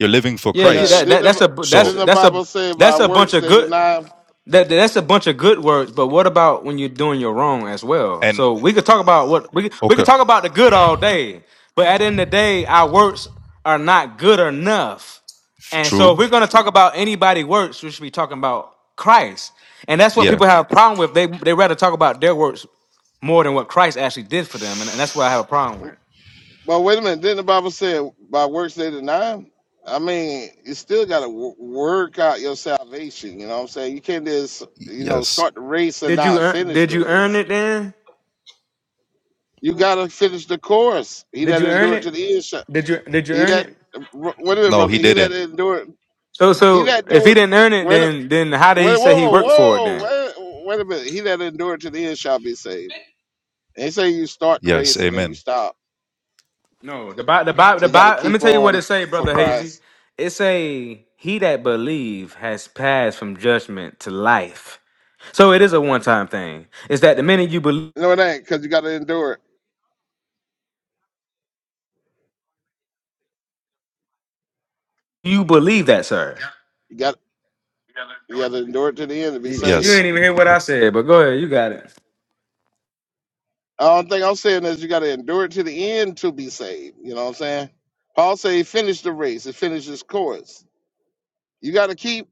Speaker 12: You're living for
Speaker 9: Yeah, you
Speaker 3: Yeah.
Speaker 12: Christ.
Speaker 9: that, that
Speaker 3: Didn't
Speaker 9: that's
Speaker 3: the,
Speaker 9: a that's
Speaker 12: So
Speaker 3: didn't the
Speaker 9: that's a
Speaker 3: Bible say by
Speaker 9: that's a bunch
Speaker 3: works
Speaker 9: of
Speaker 3: they
Speaker 9: good.
Speaker 3: deny?
Speaker 9: That that's a bunch of good words, but what about when you're doing your wrong as well?
Speaker 12: and
Speaker 9: So we could talk about what we could- we
Speaker 12: okay.
Speaker 9: could talk about the good all day, but at the end of the day, our works are not good enough.
Speaker 12: F-
Speaker 9: And so
Speaker 12: True.
Speaker 9: if we're gonna talk about anybody works, we should be talking about Christ. And that's what
Speaker 12: Yeah.
Speaker 9: people have a problem with. They they rather talk about their works more than what Christ actually did for them, and, and that's what I have a problem
Speaker 3: him?
Speaker 9: with.
Speaker 3: Well, wait a minute. Didn't the Bible say by works they deny? him? I mean, you still got to w- work out your salvation. You know what I'm saying? You can't just you know
Speaker 12: Yes.
Speaker 3: start the race and
Speaker 9: Did you
Speaker 3: not
Speaker 9: earn,
Speaker 3: finish
Speaker 9: did
Speaker 3: the
Speaker 9: you earn
Speaker 3: race.
Speaker 9: it then?
Speaker 3: You got to finish the course. He
Speaker 9: Did
Speaker 3: that
Speaker 9: you earn
Speaker 3: endured
Speaker 9: it?
Speaker 3: to the end. shall-
Speaker 9: Did you did you
Speaker 3: He
Speaker 9: earn
Speaker 3: that
Speaker 9: it?
Speaker 3: wait a minute,
Speaker 12: No,
Speaker 3: brother.
Speaker 12: he
Speaker 3: He that
Speaker 12: didn't.
Speaker 3: endured.
Speaker 9: So
Speaker 3: He
Speaker 9: so
Speaker 3: that
Speaker 9: if
Speaker 3: do
Speaker 9: he
Speaker 3: it.
Speaker 9: didn't earn it,
Speaker 3: wait,
Speaker 9: then then how did he
Speaker 3: Wait,
Speaker 9: say he
Speaker 3: whoa,
Speaker 9: worked for it
Speaker 3: whoa,
Speaker 9: then?
Speaker 3: wait, wait a minute. He that endured to the end shall be saved. And he say you start the
Speaker 12: Yes.
Speaker 3: race and then you
Speaker 12: Amen.
Speaker 3: stop.
Speaker 9: No, the Bible, the Bible,
Speaker 3: So
Speaker 9: the
Speaker 3: you got to
Speaker 9: Bible. Let me
Speaker 3: keep
Speaker 9: tell you what it
Speaker 3: on
Speaker 9: say,
Speaker 3: for
Speaker 9: brother Hazy.
Speaker 3: Christ.
Speaker 9: It say he that believe has passed from judgment to life. So it is a one time thing. It's that the minute you believe
Speaker 3: No, it ain't because you got to endure it.
Speaker 9: you believe that, sir.
Speaker 3: You got you got to endure it to the end to be
Speaker 9: Yeah, You
Speaker 3: saved.
Speaker 12: Yes.
Speaker 9: ain't even hear what I said, but go ahead, you got it.
Speaker 3: The only thing I'm saying is you got to endure it to the end to be saved. You know what I'm saying? Paul say he finished the race. He finished his course. You got to keep.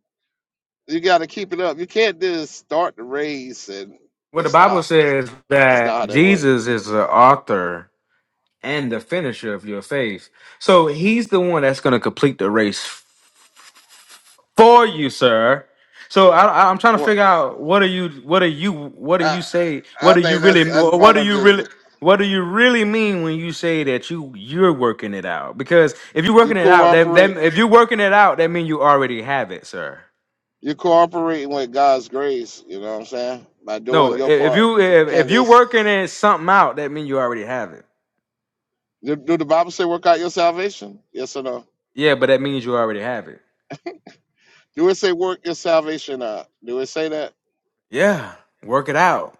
Speaker 3: You got to keep it up. You can't just start the race and
Speaker 9: Well, the
Speaker 3: just
Speaker 9: Bible
Speaker 3: stop.
Speaker 9: says
Speaker 3: That's
Speaker 9: that
Speaker 3: not how that works.
Speaker 9: Jesus is the author and the finisher of your faith. So he's the one that's going to complete the race for you, sir. So I, I, I'm trying to
Speaker 3: Well,
Speaker 9: figure out what are you, what are you, what do
Speaker 3: I
Speaker 9: you say, what
Speaker 3: I
Speaker 9: do you
Speaker 3: think that's
Speaker 9: really,
Speaker 3: that's
Speaker 9: what do you
Speaker 3: monogism.
Speaker 9: really, what do you really mean when you say that you you're working it out? Because if you're
Speaker 3: you
Speaker 9: working it out, then, then
Speaker 3: cooperate
Speaker 9: if you're working it out, that means you already have it, sir.
Speaker 3: you cooperating with God's grace, you know what I'm saying? By doing
Speaker 9: No, i-
Speaker 3: your
Speaker 9: if
Speaker 3: part.
Speaker 9: you if,
Speaker 3: Can
Speaker 9: if you're
Speaker 3: this
Speaker 9: working it something out, that means you already have it.
Speaker 3: do do the Bible say work out your salvation? Yes or no?
Speaker 9: Yeah, but that means you already have it.
Speaker 3: Do it say work your salvation out? Do it say that?
Speaker 9: Yeah, work it out.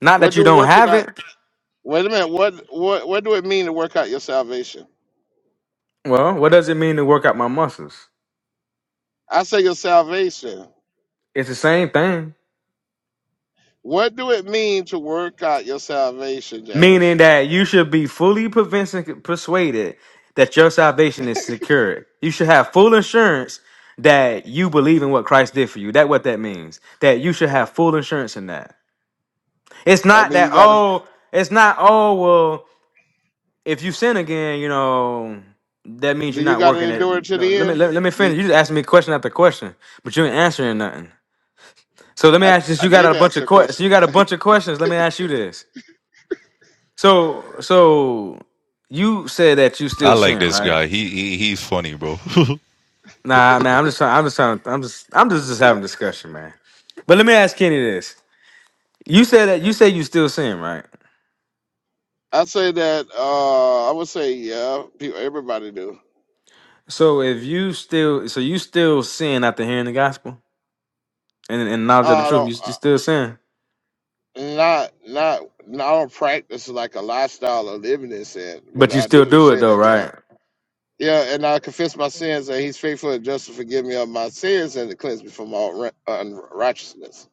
Speaker 9: Not that
Speaker 3: What
Speaker 9: you
Speaker 3: do
Speaker 9: don't
Speaker 3: working
Speaker 9: have
Speaker 3: out
Speaker 9: it.
Speaker 3: wait a minute, what what what do it mean to work out your salvation?
Speaker 9: Well, what does it mean to work out my muscles?
Speaker 3: I say your salvation.
Speaker 9: It's the same thing.
Speaker 3: What do it mean to work out your salvation, James?
Speaker 9: meaning that you should be fully convinced- persuaded that your salvation is secured. You should have full assurance that you believe in what Christ did for you. That what that means. That you should have full assurance in that. It's
Speaker 3: I
Speaker 9: not
Speaker 3: mean
Speaker 9: that
Speaker 3: you gotta
Speaker 9: oh, it's not oh well, if you sin again, you know, that means
Speaker 3: do
Speaker 9: you're
Speaker 3: you
Speaker 9: not
Speaker 3: gotta
Speaker 9: working
Speaker 3: endure it
Speaker 9: it.
Speaker 3: to
Speaker 9: No,
Speaker 3: the
Speaker 9: let me
Speaker 3: end?
Speaker 9: let, let me
Speaker 3: Do you-
Speaker 9: finish. You just asking me question after question, but you ain't answering nothing. So let me
Speaker 3: I,
Speaker 9: ask this.
Speaker 3: I
Speaker 9: You got
Speaker 3: did
Speaker 9: a bunch
Speaker 3: answer
Speaker 9: of
Speaker 3: your
Speaker 9: questions. You
Speaker 3: question.
Speaker 9: got a bunch of questions. Let me ask you this. So so you said that you
Speaker 12: I
Speaker 9: still
Speaker 12: like
Speaker 9: sin,
Speaker 12: this
Speaker 9: right?
Speaker 12: guy. He, he he's funny, bro.
Speaker 9: Nah, man. I'm just trying. I'm just trying. I'm just. I'm just just having a discussion, man. But let me ask Kenny this. You said that you say you still sin, right?
Speaker 3: I say that uh, I would say yeah, people, everybody do.
Speaker 9: So if you still, so you still sin after hearing the gospel and and knowledge of the
Speaker 3: I
Speaker 9: truth,
Speaker 3: don't
Speaker 9: you, you
Speaker 3: uh,
Speaker 9: still sin,
Speaker 3: not not no, I don't practice like a lifestyle of living in sin, but
Speaker 9: but you
Speaker 3: I
Speaker 9: still
Speaker 3: do
Speaker 9: do it
Speaker 3: sin
Speaker 9: though,
Speaker 3: at
Speaker 9: right?
Speaker 3: times. Yeah, and I confess my sins, and He's faithful and just to forgive me of my sins and to cleanse me from all ri- unrighteousness.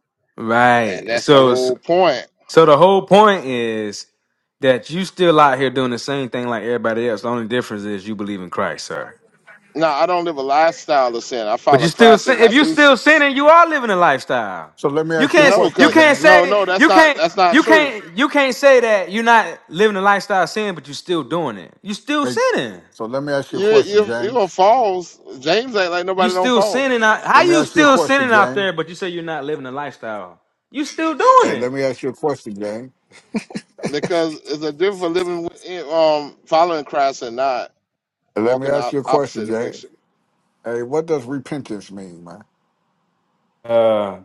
Speaker 3: And
Speaker 9: Right.
Speaker 3: that's the
Speaker 9: So
Speaker 3: whole
Speaker 9: so
Speaker 3: point.
Speaker 9: the whole point is that you still out here doing the same thing like everybody else. The only difference is you believe in Christ, sir.
Speaker 3: No, I don't live a lifestyle of sin. I
Speaker 9: But you
Speaker 3: follow
Speaker 9: still
Speaker 3: Christ
Speaker 9: sin.
Speaker 3: if
Speaker 9: If
Speaker 3: I
Speaker 9: you
Speaker 3: do
Speaker 9: still
Speaker 3: sin.
Speaker 9: sinning, you are living a lifestyle.
Speaker 7: So let me
Speaker 9: You
Speaker 7: ask you a
Speaker 9: can't.
Speaker 3: No,
Speaker 9: You
Speaker 7: question,
Speaker 3: cause
Speaker 9: can't
Speaker 7: James.
Speaker 3: no,
Speaker 9: say.
Speaker 3: no, that's
Speaker 9: You
Speaker 3: not
Speaker 9: can't.
Speaker 3: that's not
Speaker 9: You
Speaker 3: true.
Speaker 9: can't. You can't say that you're not living a lifestyle of sin, but you're still doing it. You still
Speaker 7: Wait.
Speaker 9: sinning.
Speaker 7: So let me ask you a
Speaker 3: You
Speaker 7: question,
Speaker 3: you you gonna
Speaker 7: James.
Speaker 3: fall. James ain't like
Speaker 9: You
Speaker 3: nobody don't
Speaker 9: still
Speaker 3: fall.
Speaker 9: sinning. Out, how
Speaker 7: Let me
Speaker 9: you
Speaker 7: ask you a
Speaker 9: still
Speaker 7: question,
Speaker 9: sinning out
Speaker 7: James.
Speaker 9: there? But you say you're not living a lifestyle. You still
Speaker 7: Hey,
Speaker 9: doing it.
Speaker 7: let me ask you a question, James.
Speaker 3: because it's a difference for living with, um following Christ and not
Speaker 7: Hey, let me
Speaker 3: walking
Speaker 7: ask
Speaker 3: out
Speaker 7: you a question,
Speaker 3: opposite
Speaker 7: James.
Speaker 3: direction.
Speaker 7: Hey, what does repentance mean, man?
Speaker 9: Uh,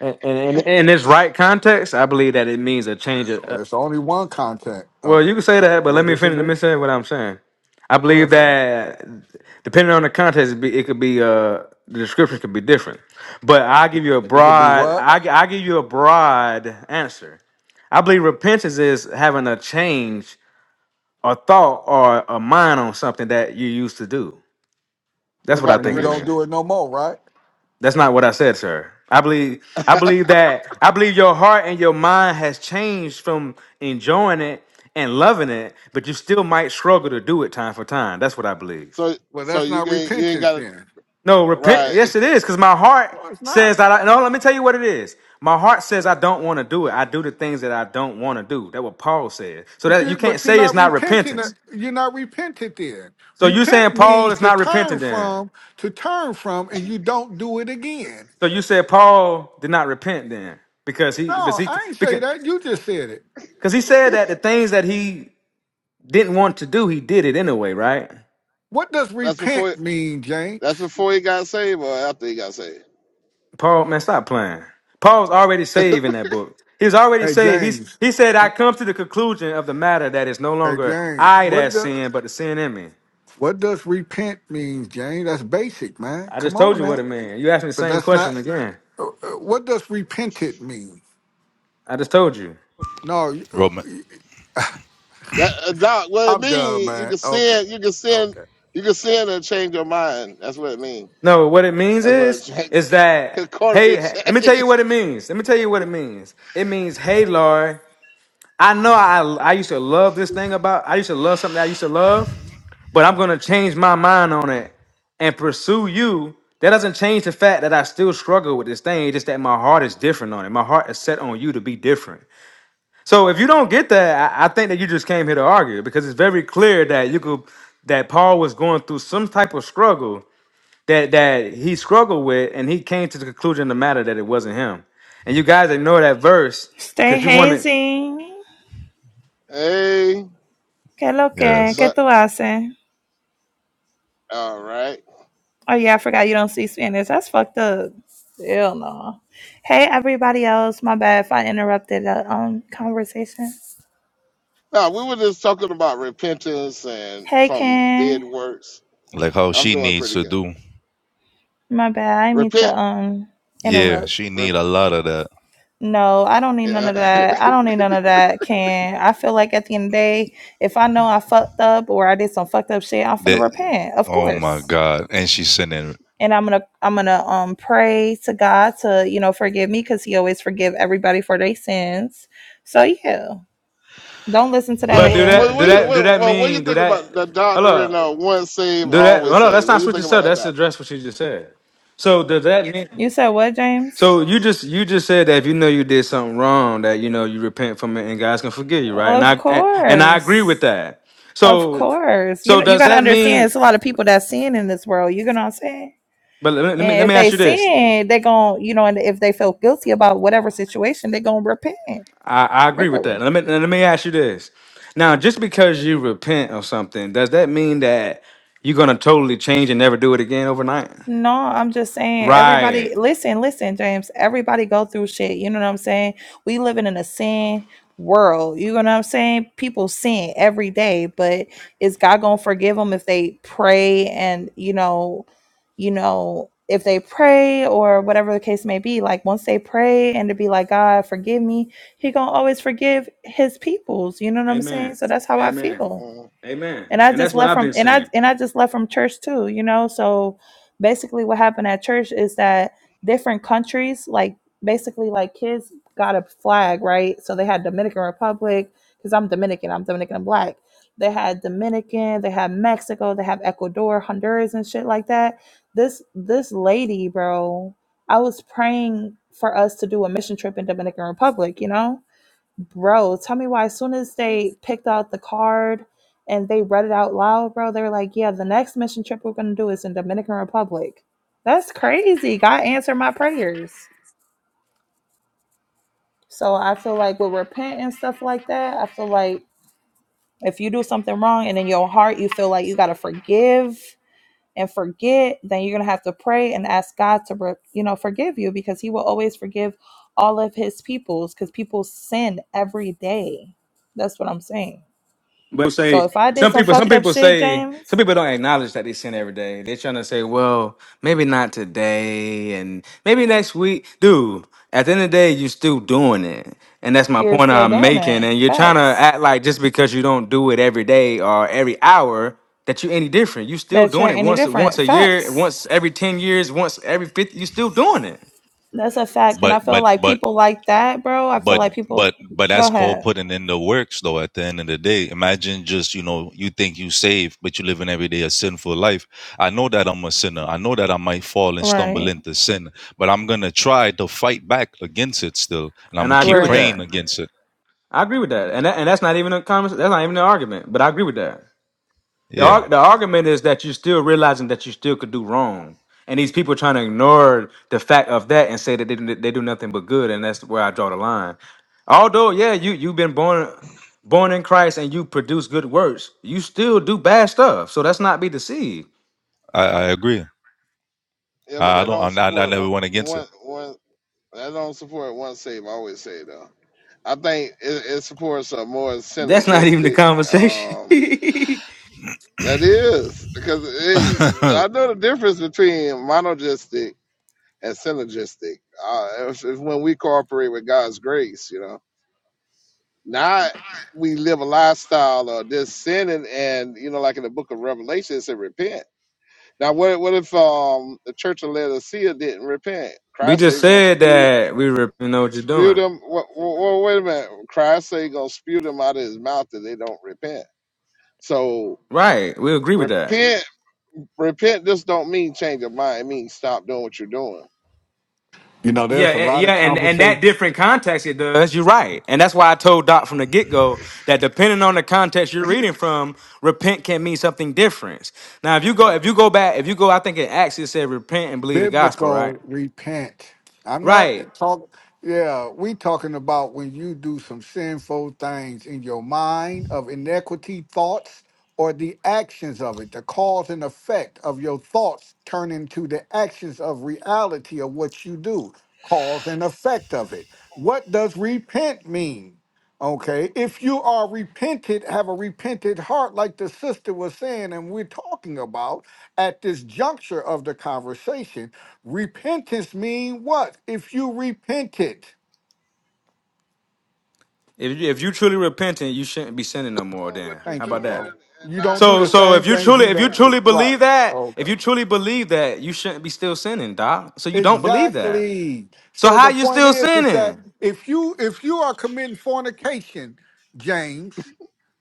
Speaker 9: and in, in, in this right context, I believe that it means a change. of.
Speaker 7: There's only one content
Speaker 9: Well,
Speaker 7: of
Speaker 9: you
Speaker 7: it.
Speaker 9: can say that, but
Speaker 7: What
Speaker 9: let me
Speaker 7: does it
Speaker 9: finish. Let me
Speaker 7: mean?
Speaker 9: say what I'm saying. I
Speaker 7: Go
Speaker 9: believe
Speaker 7: ahead, fam.
Speaker 9: that depending on the context, it, be, it could be uh the description could be different. But I
Speaker 7: It,
Speaker 9: give you a
Speaker 7: it could be
Speaker 9: broad.
Speaker 7: what?
Speaker 9: I gi- I give you a broad answer. I believe repentance is having a change, or thought, or a mind on something that you used to do.
Speaker 3: What
Speaker 9: That's what I
Speaker 3: about
Speaker 7: And
Speaker 9: think
Speaker 7: you
Speaker 9: it
Speaker 7: don't
Speaker 9: means.
Speaker 3: direction?
Speaker 7: do it no more, right?
Speaker 9: That's not what I said, sir. I believe I believe that I believe your heart and your mind has changed from enjoying it and loving it, but you still might struggle to do it time for time. That's what I believe.
Speaker 3: So
Speaker 7: Well,
Speaker 3: so
Speaker 7: that's
Speaker 3: you
Speaker 7: not
Speaker 3: can you ain't
Speaker 7: repentance
Speaker 3: got
Speaker 7: then.
Speaker 9: No, repent.
Speaker 3: right.
Speaker 9: Yes, it is, because my heart
Speaker 7: No, it's
Speaker 9: says
Speaker 7: not.
Speaker 9: that. I, no, let me tell you what it is. My heart says I don't want to do it. I do the things that I don't want to do. That's what Paul said. So
Speaker 7: But
Speaker 9: that you
Speaker 7: you
Speaker 9: can't
Speaker 7: but you're
Speaker 9: say it's
Speaker 7: not
Speaker 9: not
Speaker 7: repenting
Speaker 9: repentance.
Speaker 7: it- you're not repentant then.
Speaker 9: So you saying
Speaker 7: Repent
Speaker 9: Paul
Speaker 7: means
Speaker 9: is
Speaker 7: to
Speaker 9: not
Speaker 7: turn
Speaker 9: repentant then?
Speaker 7: from, to turn from, and you don't do it again.
Speaker 9: So you said Paul did not repent then because he, because
Speaker 7: No,
Speaker 9: he,
Speaker 7: I ain't say
Speaker 9: because
Speaker 7: that. You just said it.
Speaker 9: Because he said that the things that he didn't want to do, he did it anyway, right?
Speaker 7: What does
Speaker 3: That's
Speaker 7: repent
Speaker 3: before
Speaker 7: mean, James?
Speaker 3: that's before he got saved or after he got saved.
Speaker 9: Paul, man, stop playing. Paul's already saved in that book. He's already
Speaker 7: Hey
Speaker 9: saved. He's,
Speaker 7: James.
Speaker 9: he said, I come to the conclusion of the matter that it's no
Speaker 7: Hey
Speaker 9: longer
Speaker 7: James.
Speaker 9: I
Speaker 7: What
Speaker 9: that
Speaker 7: the
Speaker 9: sin, but the sin in me.
Speaker 7: what does repent mean, James? That's basic, man.
Speaker 9: I just
Speaker 7: Come
Speaker 9: told
Speaker 7: on
Speaker 9: you what
Speaker 7: now.
Speaker 9: it means. You asked me the
Speaker 7: But
Speaker 9: same
Speaker 7: that's
Speaker 9: question
Speaker 7: not
Speaker 9: again.
Speaker 7: uh, uh, what does repented mean?
Speaker 9: I just told you.
Speaker 7: No, you- uh,
Speaker 12: Roman.
Speaker 3: That uh, doc, what it
Speaker 7: I'm done,
Speaker 3: mean? You
Speaker 7: man.
Speaker 3: can
Speaker 7: Okay.
Speaker 3: sin, you can sin,
Speaker 7: Okay.
Speaker 3: you can sin and change your mind. That's what it mean.
Speaker 9: No, what it means
Speaker 3: That's what it
Speaker 9: is,
Speaker 3: change.
Speaker 9: is that,
Speaker 3: According
Speaker 9: hey,
Speaker 3: to
Speaker 9: hey, let me tell
Speaker 3: change.
Speaker 9: you what it means. Let me tell you what it means. It means, hey, Lord, I know I, I used to love this thing about, I used to love something that I used to love. but I'm gonna change my mind on it and pursue you. That doesn't change the fact that I still struggle with this thing. It's just that my heart is different on it. My heart is set on you to be different. So if you don't get that, I, I think that you just came here to argue because it's very clear that you could that Paul was going through some type of struggle that that he struggled with, and he came to the conclusion of the matter that it wasn't him. And you guys ignore that verse
Speaker 13: Stay
Speaker 9: because you want to.
Speaker 13: hazing.
Speaker 3: Hey,
Speaker 13: Que lo que?
Speaker 12: Yes.
Speaker 13: Que
Speaker 3: but
Speaker 13: tú haces?
Speaker 3: all right.
Speaker 13: Oh, yeah, I forgot you don't speak Spanish. That's fucked up. Hell no. Hey, everybody else. My bad if I interrupted the um, conversation.
Speaker 3: Now we were just talking about repentance and
Speaker 13: Hey,
Speaker 3: from dead
Speaker 13: Ken.
Speaker 3: works
Speaker 12: Like how
Speaker 3: I'm
Speaker 12: she
Speaker 3: doing
Speaker 12: needs
Speaker 3: pretty
Speaker 12: to
Speaker 3: good.
Speaker 12: do.
Speaker 13: My bad. I need to
Speaker 3: Repent.
Speaker 13: um
Speaker 12: Yeah,
Speaker 13: interrupt.
Speaker 12: she
Speaker 3: Rep-
Speaker 12: need a lot of that.
Speaker 13: No, I don't need none
Speaker 3: yeah.
Speaker 13: of that. I don't need none of that, Ken. I feel like at the end of the day, if I know I fucked up or I did some fucked up shit, I'm finna
Speaker 12: That.
Speaker 13: repent. Of
Speaker 12: Oh my
Speaker 13: course.
Speaker 12: God. And she's sending.
Speaker 13: and I'm gonna I'm gonna um pray to God to you know forgive me because He always forgive everybody for their sins. So yeah, don't listen to that
Speaker 3: well,
Speaker 9: But do
Speaker 3: what,
Speaker 13: nigga.
Speaker 3: what,
Speaker 9: that? Do
Speaker 3: what, you,
Speaker 9: that? Do
Speaker 3: what,
Speaker 9: that
Speaker 3: what what you
Speaker 9: mean? Do
Speaker 3: think about
Speaker 9: that?
Speaker 3: the doctor in
Speaker 9: Hello.
Speaker 3: uh, one save,
Speaker 9: Do that.
Speaker 3: always
Speaker 9: Hold on. That's
Speaker 3: save? What
Speaker 9: not
Speaker 3: do you
Speaker 9: switching
Speaker 3: think about
Speaker 9: stuff.
Speaker 3: that
Speaker 9: That's
Speaker 3: doctor?
Speaker 9: address what you just said. So does that mean?
Speaker 13: You said what, James?
Speaker 9: So you just you just said that if you know you did something wrong, that you know you repent from it and God's gonna forgive you, right? And
Speaker 13: Of
Speaker 9: I and, and I agree
Speaker 13: course,
Speaker 9: with that.
Speaker 13: of
Speaker 9: So
Speaker 13: course. You
Speaker 9: so
Speaker 13: know you
Speaker 9: does
Speaker 13: gotta
Speaker 9: that
Speaker 13: understand.
Speaker 9: mean?
Speaker 13: It's a lot of people that sin in this world. You know what I'm saying?
Speaker 9: But let me let me, let
Speaker 13: And if
Speaker 9: me ask
Speaker 13: they
Speaker 9: you this.
Speaker 13: sin, they gon' you know, and if they feel guilty about whatever situation, they gonna repent.
Speaker 9: I, I agree with
Speaker 13: Literally.
Speaker 9: that. Let me let me ask you this. Now, just because you repent of something, does that mean that you're gonna totally change and never do it again overnight?
Speaker 13: No, I'm just saying
Speaker 9: Right.
Speaker 13: everybody listen, listen, James. Everybody go through shit. You know what I'm saying? We living in a sin world. You know what I'm saying? People sin every day, but is God going to forgive them if they pray and, you know, you know, if they pray or whatever the case may be, like once they pray and to be like, God, forgive me, he going to always forgive his peoples. You know what I'm saying?
Speaker 9: Amen.
Speaker 13: So that's how I
Speaker 9: Amen.
Speaker 13: feel
Speaker 3: Uh,
Speaker 9: Amen.
Speaker 13: and I
Speaker 9: And that's
Speaker 13: just
Speaker 9: what
Speaker 13: left
Speaker 9: I've
Speaker 13: from
Speaker 9: been
Speaker 13: and I
Speaker 9: saying.
Speaker 13: and I just left from church too, you know. So basically what happened at church is that different countries, like basically like kids got a flag, right? So they had Dominican Republic, because I'm Dominican, I'm Dominican and black. They had Dominican, they had Mexico, they have Ecuador, Honduras and shit like that. This this lady, bro, I was praying for us to do a mission trip in Dominican Republic, you know? bro, tell me why as soon as they picked out the card and they read it out loud, bro, they were like, Yeah, the next mission trip we're gonna do is in Dominican Republic. That's crazy. God answered my prayers. So I feel like with repent and stuff like that, I feel like if you do something wrong and in your heart you feel like you gotta forgive and forget, then you're gonna have to pray and ask God to, re- you know, forgive you because He will always forgive all of His peoples because people sin every day. That's what I'm saying.
Speaker 9: But
Speaker 13: So
Speaker 9: say
Speaker 13: if I did
Speaker 9: some
Speaker 13: some
Speaker 9: people, some
Speaker 13: fucked up
Speaker 9: people
Speaker 13: shit,
Speaker 9: say some
Speaker 13: James,
Speaker 9: people don't acknowledge that they sin every day. They're trying to say, well, maybe not today, and maybe next week. Dude, at the end of the day, you're still doing it, and that's my
Speaker 13: you're
Speaker 9: point
Speaker 13: still
Speaker 9: I'm
Speaker 13: doing
Speaker 9: making.
Speaker 13: it.
Speaker 9: And you're trying to
Speaker 13: Facts.
Speaker 9: act like just because you don't do it every day or every hour that you're any different. You're still
Speaker 13: That you're
Speaker 9: doing it
Speaker 13: any
Speaker 9: once once
Speaker 13: different.
Speaker 9: a year,
Speaker 13: Facts.
Speaker 9: once every ten years, once every fifty. You're still doing it,
Speaker 13: That's a fact. And I
Speaker 12: But
Speaker 13: feel
Speaker 12: but
Speaker 13: like
Speaker 12: but
Speaker 13: people like that, bro. I feel
Speaker 12: but
Speaker 13: like people
Speaker 12: but but
Speaker 13: go
Speaker 12: that's called
Speaker 13: ahead.
Speaker 12: putting in the works though at the end of the day imagine just you know you think you saved but you living every day a sinful life i know that i'm a sinner i know that i might fall and stumble
Speaker 13: Right.
Speaker 12: into sin but i'm gonna try to fight back against it still and i'm
Speaker 9: and
Speaker 12: gonna
Speaker 9: I agree
Speaker 12: keep
Speaker 9: with
Speaker 13: Right.
Speaker 12: praying
Speaker 9: that.
Speaker 12: against it
Speaker 9: I agree with that, and that, and that's not even a conversation. That's not even an argument. But I agree with that. The,
Speaker 12: yeah
Speaker 9: arg- the argument is that you're still realizing that you still could do wrong. And these people trying to ignore the fact of that and say that they, do- they do nothing but good. And that's where I draw the line. Although, yeah, you, you've been born born in Christ and you produce good works, you still do bad stuff. So that's not be deceived.
Speaker 12: i, I agree
Speaker 3: yeah, but
Speaker 12: i I
Speaker 3: that
Speaker 12: don't
Speaker 3: don't
Speaker 12: I'm, not- i
Speaker 3: support
Speaker 12: never
Speaker 3: one,
Speaker 12: went against
Speaker 3: one, one, that don't support one save, always save, though. I think it, it supports a more
Speaker 9: That's not even the
Speaker 3: synergistic,
Speaker 9: conversation.
Speaker 3: um,
Speaker 9: we
Speaker 3: that is, because hey,
Speaker 12: it
Speaker 3: I know the difference between monogistic and synergistic. Uh, it's, it's when we cooperate with God's grace, you know Now we live a lifestyle of this sinning, and you know, like in the Book of Revelation, it said repent. Now, what what if um the Church of Laodicea didn't repent? Christ say,
Speaker 9: just
Speaker 3: "Well,
Speaker 9: said
Speaker 3: spew."
Speaker 9: that we, re- you know what you're
Speaker 3: Spew
Speaker 9: doing.
Speaker 3: them. Well, wait a minute. Christ say gonna spew them out of his mouth if they don't repent. So
Speaker 9: Right. We agree with that.
Speaker 3: repent, repent. This don't mean change your mind. It means stop doing what you're doing.
Speaker 7: You know,
Speaker 9: Yeah,
Speaker 7: there's a
Speaker 9: a-
Speaker 7: lot
Speaker 9: yeah,
Speaker 7: of
Speaker 9: and and
Speaker 7: conversation.
Speaker 9: that different context it does. You're right, and that's why I told Doc from the get go that depending on the context you're reading from, repent can mean something different. Now, if you go, if you go back, if you go, I think in Acts it said repent and believe the gospel, right?
Speaker 7: biblical repent. I'm not
Speaker 9: Right.
Speaker 7: talk. Yeah, we talking about when you do some sinful things in your mind of inequity thoughts or the actions of it, the cause and effect of your thoughts turn into the actions of reality of what you do, cause and effect of it. What does repent mean? Okay, if you are repented, have a repented heart, like the sister was saying, and we're talking about, at this juncture of the conversation. Repentance mean what? If you repented.
Speaker 9: If you, if you truly repentant, you shouldn't be sinning no more.
Speaker 3: Doing what
Speaker 9: Then
Speaker 3: you're
Speaker 9: how
Speaker 7: Thank you,
Speaker 9: about that?
Speaker 7: bro.
Speaker 3: doing and
Speaker 7: You
Speaker 3: not
Speaker 7: don't do
Speaker 9: So
Speaker 7: the
Speaker 3: do it
Speaker 9: so
Speaker 7: same
Speaker 9: if
Speaker 3: and
Speaker 9: you
Speaker 7: things
Speaker 3: turn
Speaker 9: truly
Speaker 7: you
Speaker 3: to
Speaker 9: if you
Speaker 7: don't
Speaker 3: Christ.
Speaker 7: do.
Speaker 9: truly
Speaker 3: I'm
Speaker 7: Right.
Speaker 3: ready.
Speaker 9: believe that
Speaker 7: Okay.
Speaker 9: if you truly believe that you shouldn't be still sinning, Doc. So you don't believe that.
Speaker 7: Exactly.
Speaker 9: So
Speaker 7: So
Speaker 9: how
Speaker 7: the
Speaker 9: you
Speaker 7: point
Speaker 9: still
Speaker 7: is is that
Speaker 9: sinning?
Speaker 7: if you if you are committing fornication, James,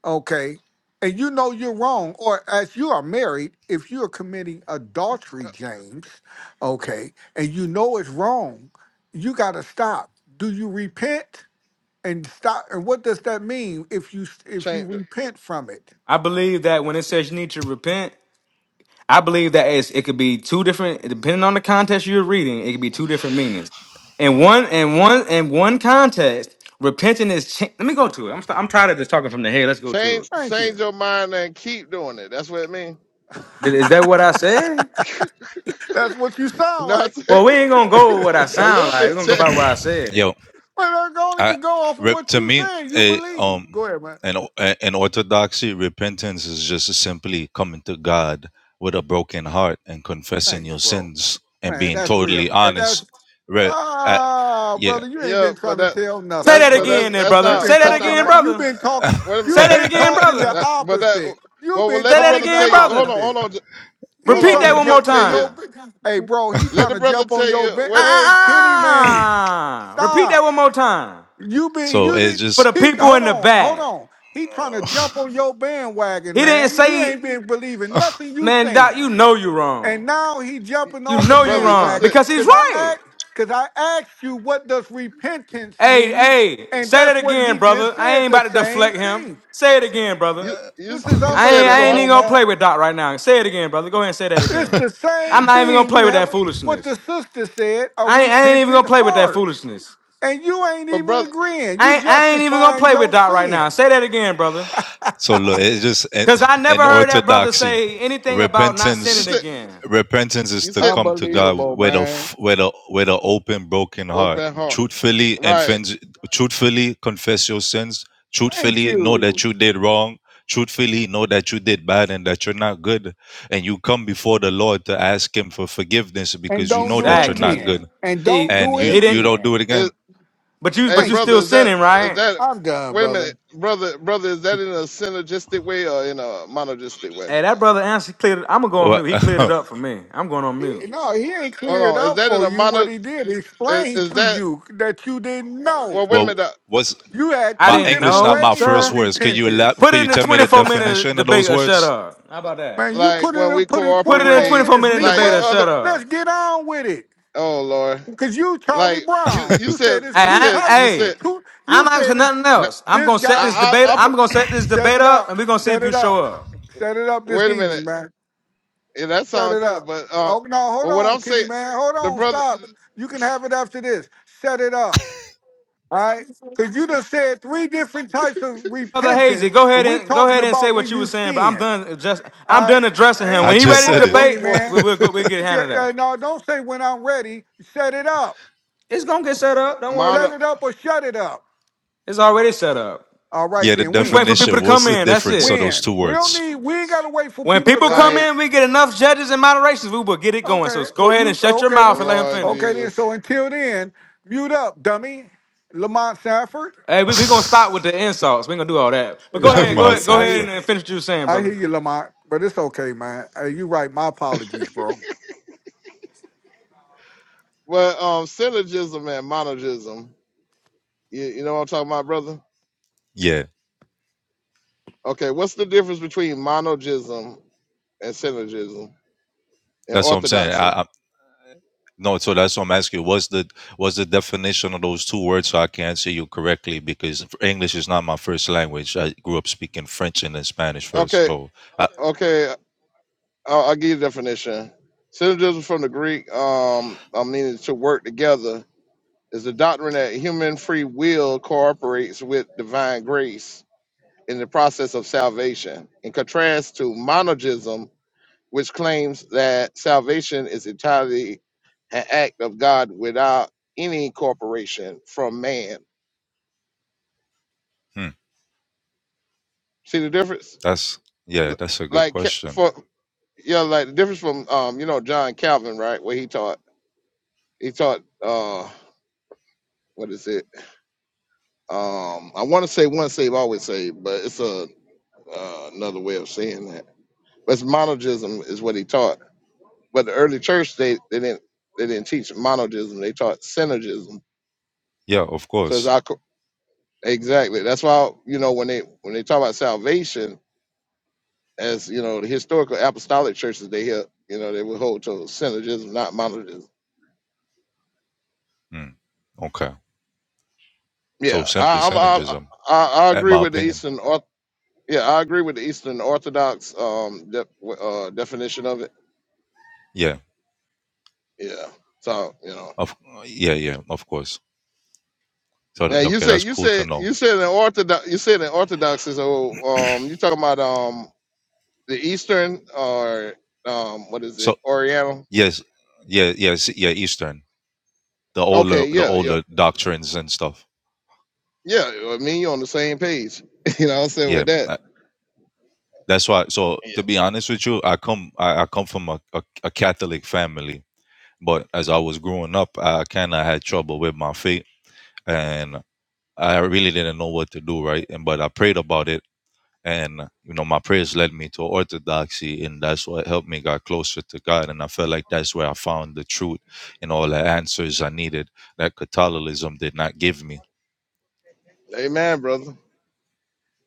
Speaker 7: okay, and you know you're wrong, or as you are married, if you are committing adultery, James, okay, and you know it's wrong, you gotta stop. Do you repent? and stop and what does that mean if you if you
Speaker 3: Change.
Speaker 7: repent from it
Speaker 9: I believe that when it says you need to repent. I believe that it's, it could be two different, depending on the context you're reading, it could be two different meanings. In one, in one, in one context, repenting is. Cha- Let me go to it. I'm, st- I'm tired of just talking from the head. Let's go to
Speaker 3: Change
Speaker 9: it.
Speaker 7: thank you
Speaker 3: change your mind and keep doing it. That's what it means.
Speaker 9: Th- Is that what I said?
Speaker 3: you
Speaker 7: that's what you sound
Speaker 3: know what
Speaker 7: like
Speaker 3: I'm
Speaker 9: Well,
Speaker 3: saying?
Speaker 9: we ain't gonna
Speaker 7: man
Speaker 9: go with what I
Speaker 3: A
Speaker 9: sound
Speaker 3: little
Speaker 9: like. We're
Speaker 3: bit
Speaker 9: gonna go by what
Speaker 3: change.
Speaker 9: I said.
Speaker 12: Yeah,
Speaker 7: i only
Speaker 12: I
Speaker 7: can go off of
Speaker 12: re-
Speaker 7: what
Speaker 12: to
Speaker 7: you
Speaker 12: me,
Speaker 7: said you
Speaker 12: eh,
Speaker 7: believe
Speaker 12: um,
Speaker 7: go ahead man
Speaker 12: in o- eh, in orthodoxy, repentance is just simply coming to God with a broken heart and confessing
Speaker 7: thanks
Speaker 12: your
Speaker 7: bro
Speaker 12: sins and
Speaker 7: man
Speaker 12: being
Speaker 7: that's real
Speaker 12: totally
Speaker 7: and
Speaker 12: honest.
Speaker 7: that's
Speaker 12: Re- uh,
Speaker 7: ah
Speaker 12: yeah.
Speaker 7: brother you ain't
Speaker 3: Yeah,
Speaker 7: been trying
Speaker 3: but
Speaker 7: to
Speaker 3: that
Speaker 7: tell
Speaker 9: Say
Speaker 7: nothing
Speaker 3: that's
Speaker 9: that
Speaker 3: but
Speaker 7: brother
Speaker 9: again,
Speaker 3: that's
Speaker 9: then,
Speaker 3: that's
Speaker 9: brother.
Speaker 7: you've
Speaker 9: Say
Speaker 7: been
Speaker 3: not
Speaker 9: that
Speaker 3: that's
Speaker 7: talking
Speaker 3: not
Speaker 9: again,
Speaker 3: my
Speaker 7: you've
Speaker 9: brother.
Speaker 7: been talking
Speaker 3: what am-
Speaker 9: Say
Speaker 7: you've
Speaker 9: that
Speaker 7: been
Speaker 9: again,
Speaker 7: talking the
Speaker 9: brother.
Speaker 3: that but that
Speaker 7: opposite you've
Speaker 3: well, well
Speaker 7: been
Speaker 3: let
Speaker 9: Say
Speaker 3: the
Speaker 9: that
Speaker 3: brother
Speaker 7: talking the
Speaker 9: again,
Speaker 3: tell you hold on,
Speaker 9: brother.
Speaker 7: opposite
Speaker 3: hold on j-
Speaker 7: He
Speaker 3: hold
Speaker 9: Repeat
Speaker 3: on,
Speaker 7: trying
Speaker 9: that
Speaker 3: let
Speaker 7: to
Speaker 3: the
Speaker 9: one more
Speaker 3: brother
Speaker 7: jump
Speaker 3: tell
Speaker 7: on
Speaker 3: you
Speaker 7: your.
Speaker 9: time.
Speaker 7: Hey, bro, he
Speaker 3: let
Speaker 7: trying
Speaker 3: the
Speaker 7: to
Speaker 3: brother
Speaker 7: jump on
Speaker 3: tell
Speaker 7: your.
Speaker 3: you
Speaker 7: Be-
Speaker 9: Ah,
Speaker 3: what
Speaker 7: hey, Kenny, man,
Speaker 9: ah, ah. Repeat that
Speaker 7: stop.
Speaker 9: one more time
Speaker 7: You been
Speaker 12: so
Speaker 7: you
Speaker 12: it's
Speaker 7: did.
Speaker 9: for
Speaker 12: just
Speaker 9: the
Speaker 7: He
Speaker 9: people in
Speaker 7: hold
Speaker 9: the
Speaker 7: on, hold
Speaker 9: back.
Speaker 7: on. He trying to jump on your bandwagon,
Speaker 9: He didn't
Speaker 7: man. He
Speaker 9: say
Speaker 7: ain't been believing nothing you
Speaker 9: Man, Doc, you
Speaker 7: saying,
Speaker 9: know you wrong.
Speaker 7: and now he jumping
Speaker 9: You
Speaker 7: on the
Speaker 9: know you
Speaker 3: brother, you
Speaker 9: wrong
Speaker 3: said
Speaker 7: bandwagon
Speaker 9: because he's
Speaker 7: because I
Speaker 9: right.
Speaker 7: act because I asked you what does repentance
Speaker 9: Hey,
Speaker 7: mean,
Speaker 9: hey,
Speaker 7: and
Speaker 9: say that
Speaker 7: that's what he
Speaker 9: again, brother.
Speaker 7: just
Speaker 9: I
Speaker 7: said.
Speaker 9: ain't
Speaker 7: The
Speaker 9: about to
Speaker 7: same
Speaker 9: deflect him.
Speaker 7: thing.
Speaker 9: Say it again, brother.
Speaker 3: you you
Speaker 7: This is
Speaker 3: you
Speaker 9: I
Speaker 3: said
Speaker 9: ain't,
Speaker 3: an
Speaker 9: I ain't
Speaker 3: art
Speaker 9: even
Speaker 7: unbelievable,
Speaker 9: gonna
Speaker 7: man.
Speaker 9: play with Doc right now. Say it again, brother. Go ahead and say that
Speaker 7: It's
Speaker 9: again.
Speaker 7: the
Speaker 9: I'm
Speaker 7: same
Speaker 9: not even gonna
Speaker 7: thing.
Speaker 9: play
Speaker 7: You
Speaker 9: with
Speaker 7: have
Speaker 9: that
Speaker 7: a, what
Speaker 9: foolishness.
Speaker 7: the sister said, a
Speaker 9: I ain't, I ain't even
Speaker 7: repentant
Speaker 9: gonna play with that
Speaker 7: heart.
Speaker 9: foolishness.
Speaker 7: And you ain't
Speaker 3: but
Speaker 7: even
Speaker 3: brother
Speaker 7: agreeing. You
Speaker 9: I ain't, I ain't even gonna
Speaker 7: justifying
Speaker 9: play with
Speaker 7: your
Speaker 9: Doc right now.
Speaker 7: sin.
Speaker 9: Say that again, brother.
Speaker 12: so look, it's just eh,
Speaker 9: Cause I never
Speaker 12: in
Speaker 9: heard that brother
Speaker 12: orthodoxy,
Speaker 9: say anything about not
Speaker 3: you
Speaker 12: repentance
Speaker 9: sinning
Speaker 3: said
Speaker 9: again.
Speaker 12: repentance is
Speaker 3: you
Speaker 12: to
Speaker 3: said
Speaker 12: come to
Speaker 3: you
Speaker 12: God
Speaker 7: Unbelievable,
Speaker 12: with a
Speaker 7: man.
Speaker 12: f- with a with an open, broken heart,
Speaker 3: open heart.
Speaker 12: truthfully and
Speaker 3: Right.
Speaker 12: fens- truthfully confess your sins,
Speaker 7: Thank
Speaker 12: truthfully know
Speaker 7: you.
Speaker 12: that you did wrong, truthfully know that you did bad and that you're not good, and you come before the Lord to ask Him for forgiveness
Speaker 7: And
Speaker 12: because you
Speaker 7: don't
Speaker 12: know
Speaker 7: do it
Speaker 12: that you're not
Speaker 9: Exactly.
Speaker 7: again.
Speaker 12: good,
Speaker 7: And don't
Speaker 9: He
Speaker 12: and
Speaker 7: do it
Speaker 12: you
Speaker 3: It,
Speaker 9: he
Speaker 12: you
Speaker 9: didn't.
Speaker 12: don't
Speaker 7: again.
Speaker 12: do it again.
Speaker 9: But you
Speaker 3: Hey,
Speaker 9: but you
Speaker 7: Thank
Speaker 3: brother,
Speaker 9: still
Speaker 3: is
Speaker 7: you.
Speaker 3: that
Speaker 9: sinning,
Speaker 3: is
Speaker 9: right?
Speaker 3: that?
Speaker 7: I'm done,
Speaker 3: Wait a
Speaker 7: brother.
Speaker 3: minute, brother, brother, is that in a synergistic way or in a monogistic way?
Speaker 9: Hey, that brother answer cleared. It. I'm gonna go on
Speaker 12: Well,
Speaker 9: mute. He cleared it up for me. I'm going on
Speaker 7: He-
Speaker 9: mute.
Speaker 7: no, he ain't
Speaker 3: Hold
Speaker 7: cleared
Speaker 3: on, is
Speaker 7: up
Speaker 3: that in
Speaker 7: for
Speaker 3: a
Speaker 7: you what
Speaker 3: mono?
Speaker 7: he did. He
Speaker 3: Is,
Speaker 7: explained
Speaker 3: is
Speaker 7: to
Speaker 3: that?
Speaker 7: you that you didn't know.
Speaker 3: Well, wait a
Speaker 12: well
Speaker 3: minute. the-
Speaker 12: what's
Speaker 7: You had
Speaker 9: I
Speaker 12: my
Speaker 7: two
Speaker 9: didn't
Speaker 12: English
Speaker 7: different
Speaker 12: not
Speaker 9: know,
Speaker 12: my
Speaker 7: ways of
Speaker 12: first
Speaker 9: sir.
Speaker 12: words? Can you
Speaker 7: repentance.
Speaker 12: elab-
Speaker 9: Put it
Speaker 12: Can
Speaker 9: in
Speaker 12: you
Speaker 9: the
Speaker 12: tell me the
Speaker 9: 24 minute
Speaker 12: definition of
Speaker 9: debate
Speaker 12: those
Speaker 9: or shut
Speaker 12: words?
Speaker 9: up. How about that?
Speaker 7: Man, you
Speaker 3: Like
Speaker 7: put
Speaker 3: when
Speaker 7: in
Speaker 3: we
Speaker 7: put in
Speaker 9: Put it in a
Speaker 7: 24
Speaker 3: cooperate,
Speaker 9: 24
Speaker 7: minutes,
Speaker 9: minute
Speaker 3: like
Speaker 9: debate
Speaker 3: in
Speaker 9: or
Speaker 7: Negro.
Speaker 3: other.
Speaker 9: shut
Speaker 7: Let's
Speaker 9: up.
Speaker 7: get on with it.
Speaker 3: Oh Lord,
Speaker 7: Cause you Charlie
Speaker 3: like you
Speaker 7: Brown.
Speaker 3: you
Speaker 7: You
Speaker 3: said
Speaker 7: said it's
Speaker 9: Hey,
Speaker 3: you
Speaker 7: two
Speaker 9: I,
Speaker 3: said
Speaker 7: types.
Speaker 3: you
Speaker 9: hey,
Speaker 3: said.
Speaker 7: Two
Speaker 9: I'm
Speaker 7: you
Speaker 9: not
Speaker 7: said
Speaker 9: asking
Speaker 7: it's
Speaker 9: nothing
Speaker 3: n-
Speaker 9: else. I'm
Speaker 7: this
Speaker 9: gonna set
Speaker 7: guy
Speaker 9: this
Speaker 3: I
Speaker 9: debate.
Speaker 3: I, I put,
Speaker 9: I'm gonna set this
Speaker 7: set
Speaker 9: debate
Speaker 7: it
Speaker 9: up,
Speaker 7: up.
Speaker 9: and we're gonna see
Speaker 7: Set
Speaker 9: if you
Speaker 7: it up.
Speaker 9: show up.
Speaker 7: Set it up this
Speaker 3: wait a
Speaker 7: evening,
Speaker 3: minute.
Speaker 7: man.
Speaker 3: Yeah, that
Speaker 7: Set
Speaker 3: sounds
Speaker 7: it
Speaker 3: good,
Speaker 7: up.
Speaker 3: but uh,
Speaker 7: Oh no, hold
Speaker 3: but what
Speaker 7: on,
Speaker 3: I'm
Speaker 7: Kenny
Speaker 3: saying,
Speaker 7: man. Hold
Speaker 3: the
Speaker 7: on.
Speaker 3: brother,
Speaker 7: Stop. You can have it after this. Set it up. All right? Cause you just said three different types of
Speaker 9: Brother Hazy,
Speaker 7: repentance,
Speaker 9: go
Speaker 7: and
Speaker 9: ahead
Speaker 7: we're
Speaker 9: and go
Speaker 7: talking
Speaker 9: ahead and say
Speaker 7: about
Speaker 9: what
Speaker 7: when
Speaker 9: you were
Speaker 7: you
Speaker 9: saying, bro. I'm
Speaker 7: sin.
Speaker 9: done. Just I'm
Speaker 7: All right.
Speaker 9: done addressing him.
Speaker 12: I
Speaker 7: Hey,
Speaker 9: When he
Speaker 7: hey,
Speaker 12: just
Speaker 7: go
Speaker 9: ready to
Speaker 12: said
Speaker 7: ahead,
Speaker 12: it.
Speaker 3: what
Speaker 7: Kenny
Speaker 9: debate,
Speaker 3: what
Speaker 7: man.
Speaker 9: we, we'll go, we'll get a hand
Speaker 7: Yeah,
Speaker 9: of
Speaker 7: yeah,
Speaker 9: that.
Speaker 7: no, don't say when I'm ready. Set it up.
Speaker 9: It's gonna get set up. Don't
Speaker 7: Set
Speaker 9: worry.
Speaker 3: mono
Speaker 7: it up or shut it up.
Speaker 9: It's already set up.
Speaker 7: All right
Speaker 12: Yeah, the
Speaker 7: then,
Speaker 9: We just wait
Speaker 7: when?
Speaker 9: for people
Speaker 12: definition.
Speaker 9: to
Speaker 12: What's
Speaker 9: come
Speaker 12: the
Speaker 9: in. That's
Speaker 12: difference of
Speaker 9: it.
Speaker 12: those two
Speaker 7: When? We don't
Speaker 12: words?
Speaker 7: need we ain't gotta wait for
Speaker 9: When
Speaker 7: people to
Speaker 9: people
Speaker 7: come
Speaker 9: come
Speaker 7: in.
Speaker 3: like?
Speaker 9: in, we get enough judges and moderations. We will get it going. So
Speaker 7: Okay.
Speaker 9: go
Speaker 7: Well
Speaker 9: ahead and
Speaker 7: you
Speaker 9: shut your
Speaker 7: okay
Speaker 3: Oh
Speaker 9: mouth and
Speaker 7: then.
Speaker 9: let him
Speaker 3: Lord
Speaker 7: Okay
Speaker 9: finish.
Speaker 7: then.
Speaker 3: Jesus.
Speaker 7: So until then, mute up, dummy. Lamont Sanford.
Speaker 9: Hey, we're we going to stop with the insults. We're going to do all that. But go
Speaker 7: Yeah, I
Speaker 9: ahead,
Speaker 7: hear
Speaker 9: go
Speaker 12: Lamar
Speaker 7: you.
Speaker 9: ahead, go
Speaker 7: I hear
Speaker 9: ahead
Speaker 12: Sanford.
Speaker 9: and finish what you were saying,
Speaker 7: I
Speaker 9: brother.
Speaker 7: hear you, Lamont. But it's okay, man. Hey, you right. My apologies, bro.
Speaker 3: Well, um, syllogism and monogism. You, you know what I'm talking about, brother?
Speaker 12: Yeah,
Speaker 3: Okay, what's the difference between monogism and syllogism and
Speaker 12: that's what I'm saying.
Speaker 3: orthodoxy?
Speaker 12: I, I, no, so that's what I'm asking. you. What's the what's the definition of those two words? So I can answer you correctly because English is not my first language. I grew up speaking French and then Spanish first.
Speaker 3: Okay,
Speaker 12: So I,
Speaker 3: uh, okay, I'll, I'll give you the definition. Syllogism from the Greek, um, I mean, to work together, is the doctrine that human free will cooperates with divine grace in the process of salvation. In contrast to monogism, which claims that salvation is entirely an act of God without any corporation from man.
Speaker 12: hmm,
Speaker 3: See the difference?
Speaker 12: that's yeah,
Speaker 3: L-
Speaker 12: that's a good
Speaker 3: Like Ca-
Speaker 12: question.
Speaker 3: for yeah, like the difference from um, you know, John Calvin, right? Where he taught he taught uh what is it? Um I want to say once saved, always saved, but it's a uh, another way of saying that. But it's monogism is what he taught. But the early church they, they didn't they didn't teach monogism, they taught synergism.
Speaker 12: Yeah, of
Speaker 3: So
Speaker 12: course.
Speaker 3: it's Exactly. That's why you know when they when they talk about salvation, as you know, the historical apostolic churches they hear, you know, they would hold to synergism, not monergism.
Speaker 12: Hmm, okay.
Speaker 3: Yeah,
Speaker 12: So simply
Speaker 3: I, I'm I,
Speaker 12: synergism,
Speaker 3: I I
Speaker 12: in
Speaker 3: agree
Speaker 12: my
Speaker 3: with the
Speaker 12: opinion.
Speaker 3: Eastern Orth. Yeah, I agree with the Eastern Orthodox um de- uh, definition of it.
Speaker 12: Yeah,
Speaker 3: Yeah. So you know.
Speaker 12: of yeah, yeah, of course. So
Speaker 3: Now
Speaker 12: th-
Speaker 3: you
Speaker 12: okay,
Speaker 3: say
Speaker 12: that's
Speaker 3: you
Speaker 12: cool to
Speaker 3: said
Speaker 12: know.
Speaker 3: you said an orthodox you said an orthodox is oh um you talking about um the Eastern or um what is
Speaker 12: So
Speaker 3: it Oriental?
Speaker 12: Yes, yeah, yes, yeah, Eastern, the older,
Speaker 3: Okay,
Speaker 12: the
Speaker 3: yeah, yeah.
Speaker 12: older doctrines and stuff.
Speaker 3: Yeah, well, me and you on the same page. you know what I'm saying
Speaker 12: Yeah,
Speaker 3: with that.
Speaker 12: I- that's why. So
Speaker 3: Yeah.
Speaker 12: to be honest with you, I come, I, I come from a, a, a Catholic family, but as I was growing up, I kind of had trouble with my faith, and I really didn't know what to do, right? And but I prayed about it, and you know, my prayers led me to orthodoxy, and that's what helped me got closer to God, and I felt like that's where I found the truth and all the answers I needed that Catholicism did not give me
Speaker 3: Amen, brother.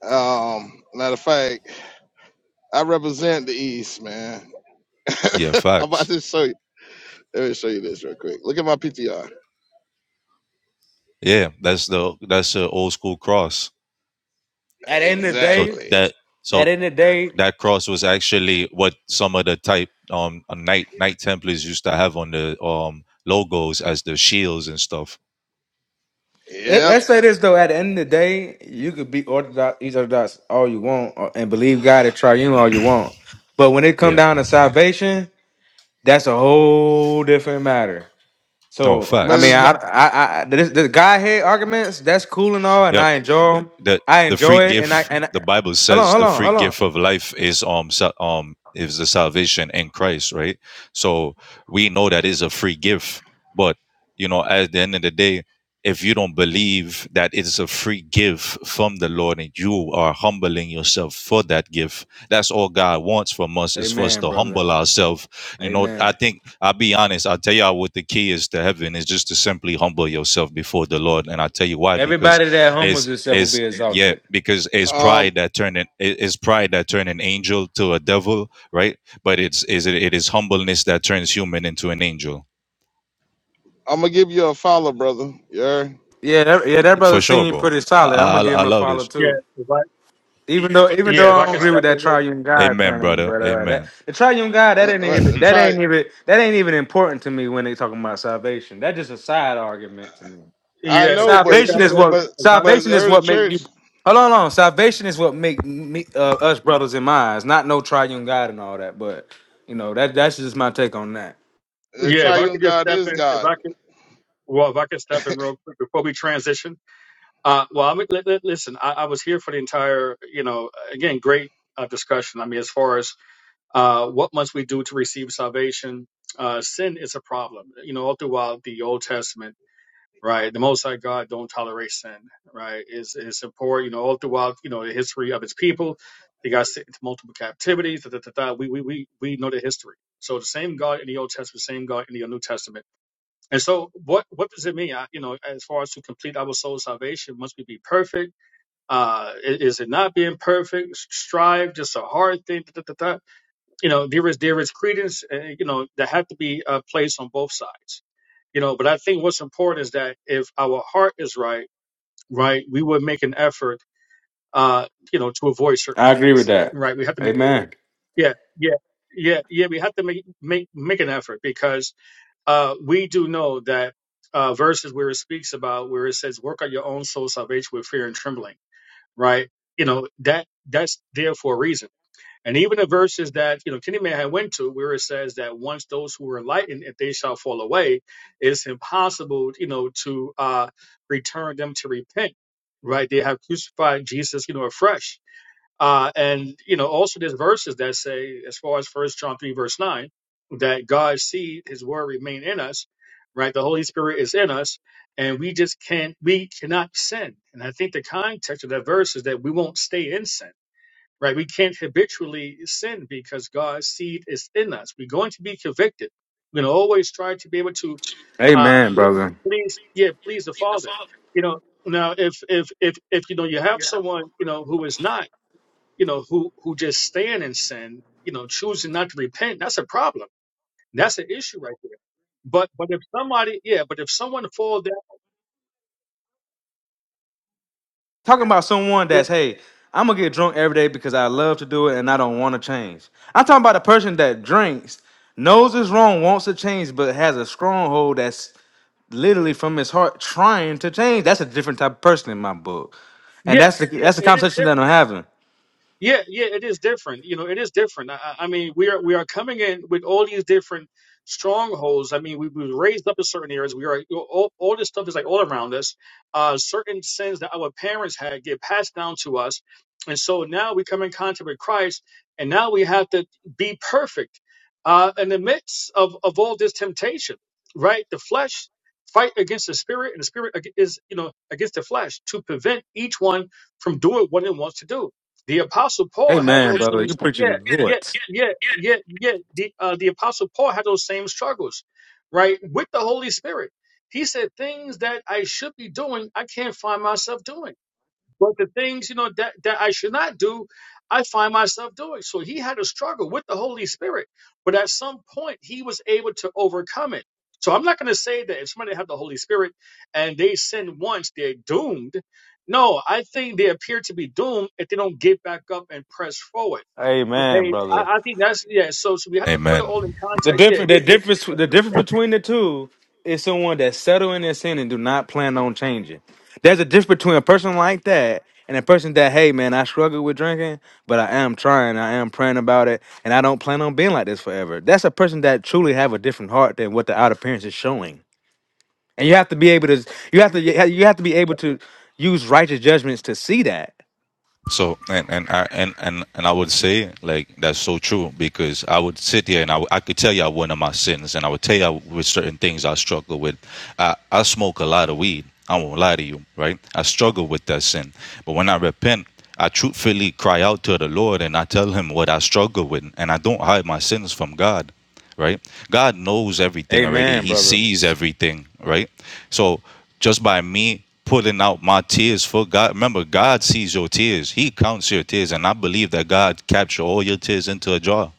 Speaker 3: Um, matter of fact, I represent the East, man.
Speaker 12: Yeah,
Speaker 3: I'm about
Speaker 12: facts.
Speaker 3: to show you. Let me show you this real quick. Look at my PTR.
Speaker 12: Yeah, that's the that's the old school cross.
Speaker 9: At the end of the
Speaker 12: So
Speaker 9: day,
Speaker 3: Exactly.
Speaker 12: that
Speaker 9: at
Speaker 12: so
Speaker 9: the end of the day,
Speaker 12: that cross was actually what some of the type um uh, knight knight templars used to have on the um logos as the shields and stuff.
Speaker 9: let,
Speaker 3: Yep.
Speaker 9: let's say this though. At the end of the day, you could be orthodox, each orthodox all you want, or- and believe God at tribunal all you want. But when it come
Speaker 12: Yeah.
Speaker 9: down to salvation, that's a whole different matter.
Speaker 12: No,
Speaker 9: So I
Speaker 3: But
Speaker 9: mean,
Speaker 3: it's
Speaker 12: facts.
Speaker 9: I
Speaker 3: not
Speaker 9: I, I this, this guy head arguments that's cool and all, and
Speaker 12: Yeah,
Speaker 9: I enjoy them.
Speaker 12: the
Speaker 9: I
Speaker 12: the free
Speaker 9: enjoy it, and I
Speaker 12: gift
Speaker 9: and I,
Speaker 12: the bible
Speaker 9: hold on,
Speaker 12: says
Speaker 9: hold
Speaker 12: the
Speaker 9: on,
Speaker 12: free
Speaker 9: hold on.
Speaker 12: gift of life is um sa- um is the salvation in christ right so we know that is a free gift but you know at the end of the day if you don't believe that it is a free gift from the lord and you are humbling yourself for that gift that's all god wants from us is for us
Speaker 9: Amen,
Speaker 12: to
Speaker 9: brother.
Speaker 12: humble ourselves you know i
Speaker 9: Amen.
Speaker 12: think i'll be honest i'll tell y'all what the key is to heaven is just to simply humble yourself before the lord and i'll tell you why because
Speaker 9: Everybody that humbles
Speaker 12: is
Speaker 9: himself will
Speaker 12: is
Speaker 9: be
Speaker 12: yeah,
Speaker 9: exalted.
Speaker 12: because it's
Speaker 3: um
Speaker 12: pride that turned an, it is pride that turned an angel to a devil, right? But it's is it, it is humbleness that turns human into an angel,
Speaker 3: I'm gonna give you a follow, brother. Yeah.
Speaker 9: Yeah, that, yeah, that
Speaker 12: for
Speaker 9: brother
Speaker 12: sure,
Speaker 9: seemed
Speaker 12: bro.
Speaker 9: pretty solid. I'm
Speaker 12: I
Speaker 9: gonna
Speaker 12: I,
Speaker 9: give
Speaker 12: I
Speaker 9: him a
Speaker 12: love
Speaker 9: follow
Speaker 12: this.
Speaker 14: Yeah,
Speaker 9: too.
Speaker 14: if I
Speaker 9: Even though, even
Speaker 14: yeah,
Speaker 9: though
Speaker 14: if
Speaker 9: I
Speaker 14: I
Speaker 9: don't
Speaker 14: could
Speaker 9: agree
Speaker 3: Yeah.
Speaker 9: with
Speaker 14: step in
Speaker 9: that
Speaker 14: real
Speaker 9: triune God
Speaker 12: Amen,
Speaker 9: thing,
Speaker 12: brother.
Speaker 9: but uh, that
Speaker 12: Amen.
Speaker 9: the triune God that
Speaker 3: Uh,
Speaker 9: ain't
Speaker 3: uh,
Speaker 9: even that
Speaker 3: Try
Speaker 9: ain't even that ain't even important to me when they talking about salvation. That's just a side argument to me.
Speaker 3: I
Speaker 14: yeah, if
Speaker 3: know,
Speaker 14: I could
Speaker 3: but you
Speaker 9: Salvation
Speaker 14: step
Speaker 9: is
Speaker 3: got
Speaker 14: in,
Speaker 9: what
Speaker 3: but
Speaker 14: if I
Speaker 3: but
Speaker 9: salvation
Speaker 3: the
Speaker 9: is
Speaker 3: early
Speaker 9: what make you.
Speaker 3: church,
Speaker 9: Hold on, hold on. Salvation is what make me uh, us brothers in minds, not no triune God and all that. But you know that that's just my take on that.
Speaker 3: the
Speaker 14: yeah, if I
Speaker 3: triune
Speaker 14: could just
Speaker 3: God
Speaker 14: step
Speaker 3: is
Speaker 14: in, if
Speaker 3: God.
Speaker 14: I could well, if I could step in real quick before we transition. Uh, well, I'm, li- li- listen, I, I was here for the entire, you know, again, great uh, discussion. I mean, as far as uh, what must we do to receive salvation, uh, sin is a problem. You know, all throughout the Old Testament, right? The Most High God don't tolerate sin, right? Is is important, you know, all throughout, you know, the history of His people. They got sent into multiple captivities. Da, da, da, da. We, we we we know the history. So the same God in the Old Testament, same God in the New Testament. And so, what what does it mean? I, you know, as far as to complete our soul salvation, must we be perfect? Uh, i- is it not being perfect? Strive, just a hard thing. Da, da, da, da. You know, there is there is credence, uh, you know, that have to be uh, placed on both sides you know but i think what's important is that if our heart is right right we would make an effort uh you know to avoid certain
Speaker 9: I agree with
Speaker 14: things
Speaker 9: that.
Speaker 14: right we have to make
Speaker 9: Amen.
Speaker 14: yeah yeah yeah yeah we have to make make make an effort because uh we do know that uh verses where it speaks about where it says work out your own soul salvation with fear and trembling right you know that that's there for a reason and even the verses that you know Kenny Man had went to, where it says that once those who are enlightened, if they shall fall away, it's impossible, you know, to uh, return them to repent. Right? They have crucified Jesus, you know, afresh. Uh, and you know, also there's verses that say, as far as First John three verse nine, that God's seed, His word, remain in us. Right? The Holy Spirit is in us, and we just can't, we cannot sin. And I think the context of that verse is that we won't stay in sin right? We can't habitually sin because God's seed is in us. We're going to be convicted. We're going to always try to be able to uh,
Speaker 9: Amen,
Speaker 14: please,
Speaker 9: brother.
Speaker 14: please, yeah, please the Father. You know, now if if if if you know you have someone you know who is not you know who who just staying in sin, you know, choosing not to repent, that's a problem. That's an issue right there. But but if somebody, yeah, but if someone falls down,
Speaker 9: Talking about someone
Speaker 14: yeah,
Speaker 9: that's hey, I'm gonna get drunk every day because I love to do it and I don't want to change. I'm talking about a person that drinks, knows it's wrong, wants to change, but has a stronghold that's literally from his heart trying to change. That's a different type of person in my book. And
Speaker 14: yeah,
Speaker 9: that's the
Speaker 14: yeah,
Speaker 9: that's the
Speaker 14: it is
Speaker 9: conversation
Speaker 14: different.
Speaker 9: that I'm having.
Speaker 14: Yeah, yeah, it is different. You know, it is different. I, I I mean, we are we are coming in with all these different strongholds. I mean, we we were raised up in certain areas. We are you know, all all this stuff is like all around us. Uh, certain sins that our parents had get passed down to us, and so now we come in contact with Christ, and now we have to be perfect uh, in the midst of of all this temptation. Right, the flesh fight against the spirit, and the spirit ag- is you know against the flesh to prevent each one from doing what it wants to do. The Apostle Paul had
Speaker 9: Amen,
Speaker 14: those
Speaker 9: brother.
Speaker 14: same,
Speaker 9: You
Speaker 14: yeah,
Speaker 9: preaching
Speaker 14: yeah,
Speaker 9: good.
Speaker 14: yeah, yeah, yeah. The uh, the Apostle Paul had those same struggles, right, with the Holy Spirit. He said things that I should be doing, I can't find myself doing. But the things, you know, that, that I should not do, I find myself doing. So he had a struggle with the Holy Spirit, but at some point he was able to overcome it. So I'm not going to say that if somebody have the Holy Spirit and they sin once, they're doomed. No, I think they appear to be doomed if they don't get back up and press forward.
Speaker 9: Amen,
Speaker 14: Okay, I,
Speaker 9: brother.
Speaker 14: I think that's yeah. So, so we have to put it
Speaker 12: Amen.
Speaker 14: all in
Speaker 9: The
Speaker 14: context. Yeah,
Speaker 9: difference the
Speaker 14: this- this-
Speaker 9: difference
Speaker 14: yes,
Speaker 9: the
Speaker 14: sir,
Speaker 9: difference
Speaker 14: yeah.
Speaker 9: between the two is someone that's settled in their sin and do not plan on changing. There's a difference between a person like that and a person that, hey man, I struggle with drinking, but I am trying, I am praying about it, and I don't plan on being like this forever. That's a person that truly have a different heart than what the outer appearance is showing. and you have to be able to you
Speaker 14: And
Speaker 9: have
Speaker 14: we
Speaker 9: to
Speaker 14: could
Speaker 9: you have to be able
Speaker 14: just
Speaker 9: to use righteous judgments to see that
Speaker 12: So and and I and, and and I would say like that's so true because I would sit here and I, w- I could tell you one of my sins and I would tell you with certain things I struggle with. I I smoke a lot of weed. I won't lie to you, right? I struggle with that sin, but when I repent, I truthfully cry out to the Lord and I tell Him what I struggle with, and I don't hide my sins from God right? God knows everything already.
Speaker 9: amen
Speaker 12: He
Speaker 9: brother
Speaker 12: sees everything, right? So just by me putting out my tears for God, remember, God sees your tears. He counts your tears. And I believe that God captured all your tears into a jar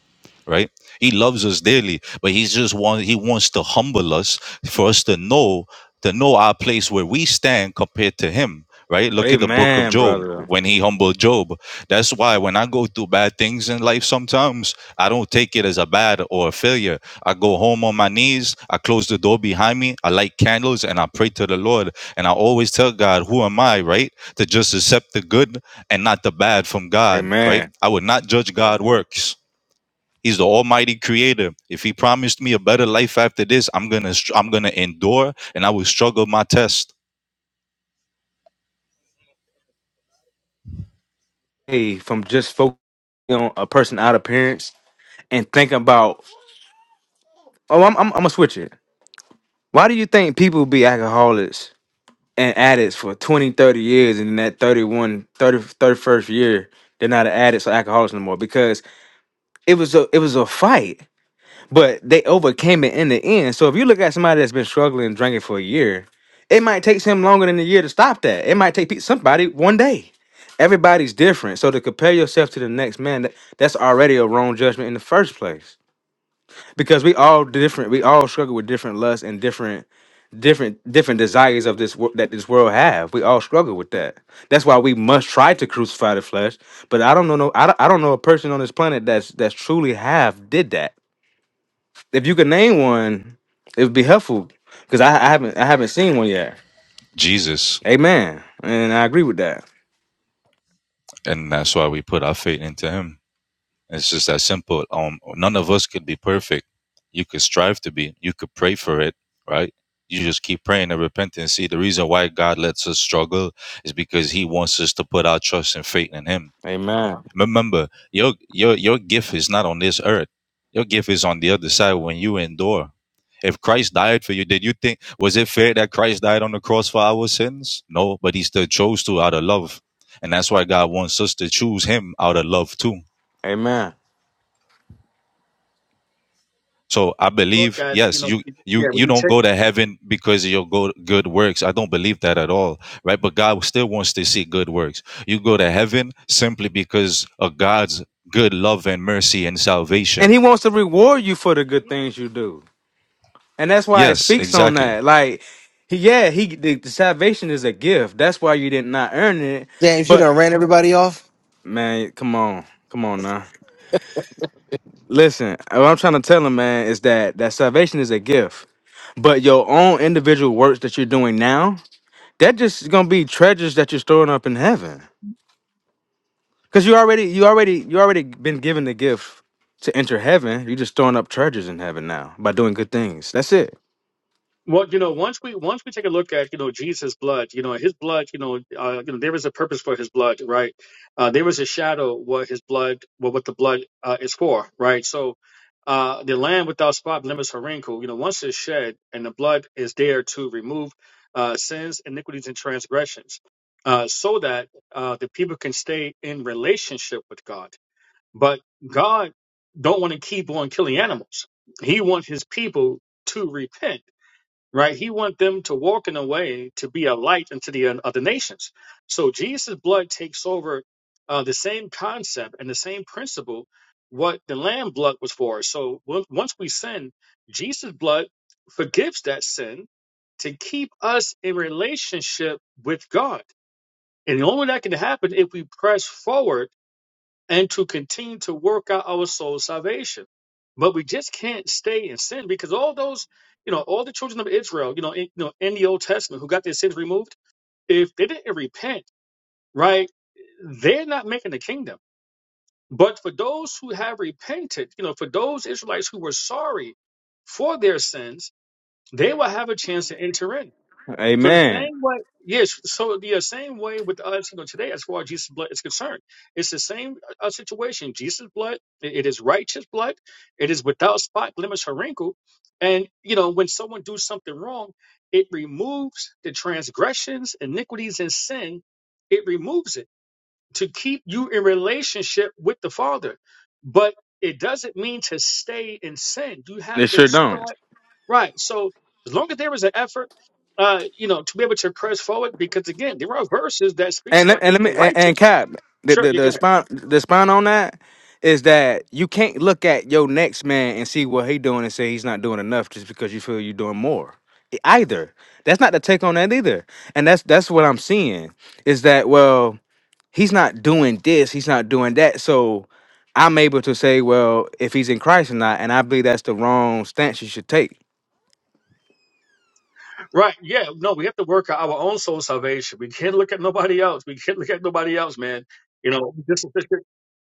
Speaker 12: right he loves us dearly but he's just want he wants to humble us for us to know to know our place where we stand compared to him right look at the book of
Speaker 9: amen
Speaker 12: job
Speaker 9: brother
Speaker 12: when he humbled job that's why when i go through bad things in life sometimes i don't take it as a bad or a failure i go home on my knees i close the door behind me i light candles and i pray to the lord and i always tell god who am i right to just accept the good and not the bad from god right
Speaker 9: amen
Speaker 12: i would not judge god works He's the Almighty Creator. If He promised me a better life after this, I'm gonna I'm gonna endure, and I will struggle my test.
Speaker 9: hey from just focusing on a person out appearance and thinking about oh I'm, I'm, I'm gonna switch it why do you think people be alcoholics and addicts for 20, 30 years and in that thirty one, thirty, thirty first year they're not addicts or alcoholics no more because it was a it was a fight but they overcame it in the end. So if you look at somebody that's been struggling drinking for a year, it might take him longer than a year to stop that. It might take pe- somebody one day. Everybody's different. So to compare yourself to the next man, that, that's already a wrong judgment in the first place. Because we all different. We all struggle with different lusts and different different different desires of this world that this world have. We all struggle with that. That's why we must try to crucify the flesh. But I don't know no I don't, I don't know a person on this planet that's that's truly have did that if you could name one, it would be helpful because I, I haven't I haven't seen one yet.
Speaker 12: Jesus,
Speaker 9: Amen, and I agree with that.
Speaker 12: and that's why we put our faith into Him. It's just that simple. Um, none of us could be perfect. You could strive to be. You could pray for it, right? You just keep praying and repenting. See, the reason why God lets us struggle is because He wants us to put our trust and faith in Him
Speaker 9: Amen,
Speaker 12: Remember, your your your gift is not on this earth. Your gift is on the other side when you endure. If Christ died for you, did you think was it fair that Christ died on the cross for our sins? No, but he still chose to out of love. And that's why God wants us to choose him out of love too.
Speaker 9: amen.
Speaker 12: So I
Speaker 14: look
Speaker 12: believe,
Speaker 14: at you
Speaker 12: yes,
Speaker 14: know
Speaker 12: you you
Speaker 14: yeah when
Speaker 12: you
Speaker 14: you
Speaker 12: don't
Speaker 14: take
Speaker 12: go to heaven because of your go- good works. I don't believe that at all, right? But God still wants to see good works. You go to heaven simply because of God's good love and mercy and salvation.
Speaker 9: And He wants to reward you for the good things you do, and that's why it
Speaker 12: Yes,
Speaker 9: speaks on
Speaker 12: exactly.
Speaker 9: that. Like, he, yeah, He the, the salvation is a gift. That's why you did not earn it.
Speaker 2: damn, you
Speaker 9: But
Speaker 2: done ran everybody off?
Speaker 9: man, come on, come on now. Listen, what I'm trying to tell him, man, is that that salvation is a gift, but your own individual works that you're doing now, that just gonna be treasures that you're storing up in heaven. Cause you already, you already, you already been given the gift to enter heaven. You're just throwing up treasures in heaven now by doing good things. That's it.
Speaker 14: Well, you know, once we once we take a look at you know Jesus' blood, you know his blood, you know, uh, you know there is a purpose for his blood, right? Uh, there is a shadow what his blood, what what the blood uh, is for, right? So, uh, the lamb without spot, blemish, or wrinkle, you know, once it's shed and the blood is there to remove uh, sins, iniquities, and transgressions, uh, so that uh, the people can stay in relationship with God. But God don't want to keep on killing animals. He wants his people to repent right? He want them to walk in a way to be a light unto the uh, other nations. So Jesus' blood takes over uh, the same concept and the same principle what the lamb blood was for. So on- once we sin, Jesus' blood forgives that sin to keep us in relationship with God. And the only way that can happen if we press forward and to continue to work out our soul salvation. But we just can't stay in sin because all those, you know, all the children of Israel, you know, in, you know, in the Old Testament who got their sins removed, if they didn't repent, right, they're not making the kingdom. But for those who have repented, you know, for those Israelites who were sorry for their sins, they will have a chance to enter in. So the
Speaker 9: Amen.
Speaker 14: same way, yes. So the same way with us, you know, today as far as Jesus' blood is concerned, it's the same uh, situation. Jesus' blood, it it is righteous blood. It is without spot, blemish, or wrinkle. And you know, when someone do something wrong, it removes the transgressions, iniquities, and sin. It removes it to keep you in relationship with the Father, but it doesn't mean to stay in sin. You
Speaker 9: They
Speaker 14: have to
Speaker 9: sure don't.
Speaker 14: start. Right. So as long as there is an effort, uh, you know, to be able to press forward, because again, there are verses that speaks
Speaker 9: And let-
Speaker 14: about
Speaker 9: and
Speaker 14: if
Speaker 9: let
Speaker 14: the
Speaker 9: me and, and
Speaker 14: righteous.
Speaker 9: Cap, the
Speaker 14: Sure,
Speaker 9: the
Speaker 14: you
Speaker 9: the
Speaker 14: can.
Speaker 9: spine the spine on that is that you can't look at your next man and see what he doing and say he's not doing enough just because you feel you're doing more. E, Either that's not the take on that either. And that's that's what I'm seeing is that well he's not doing this, he's not doing that. So I'm able to say, well, if he's in Christ or not, and I believe that's the wrong stance you should take.
Speaker 14: Right. Yeah. No, we have to work out our own soul salvation. We can't look at nobody else. We can't look at nobody else, man. You know, this is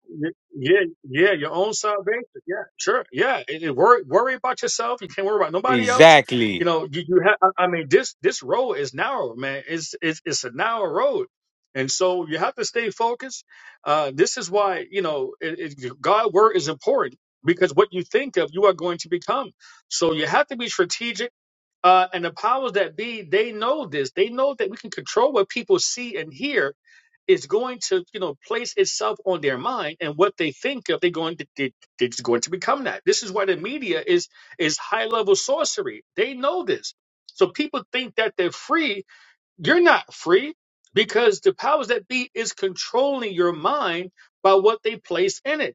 Speaker 14: Y- Yeah, yeah, your own salvation. Yeah, sure. Yeah, and, and worry worry about yourself. You can't worry about nobody else.
Speaker 9: Exactly.
Speaker 14: You know, you, you have. I I mean, this this road is narrow, man. It's it's it's a narrow road, and so you have to stay focused. Uh, this is why you know it, it, God word is important because what you think of, you are going to become. So you have to be strategic. Uh, and the powers that be, they know this. They know that we can control what people see and hear is going to you know place itself on their mind and what they think of they're going to they, they're just going to become that this is why the media is is high level sorcery they know this so people think that they're free you're not free because the powers that be is controlling your mind by what they place in it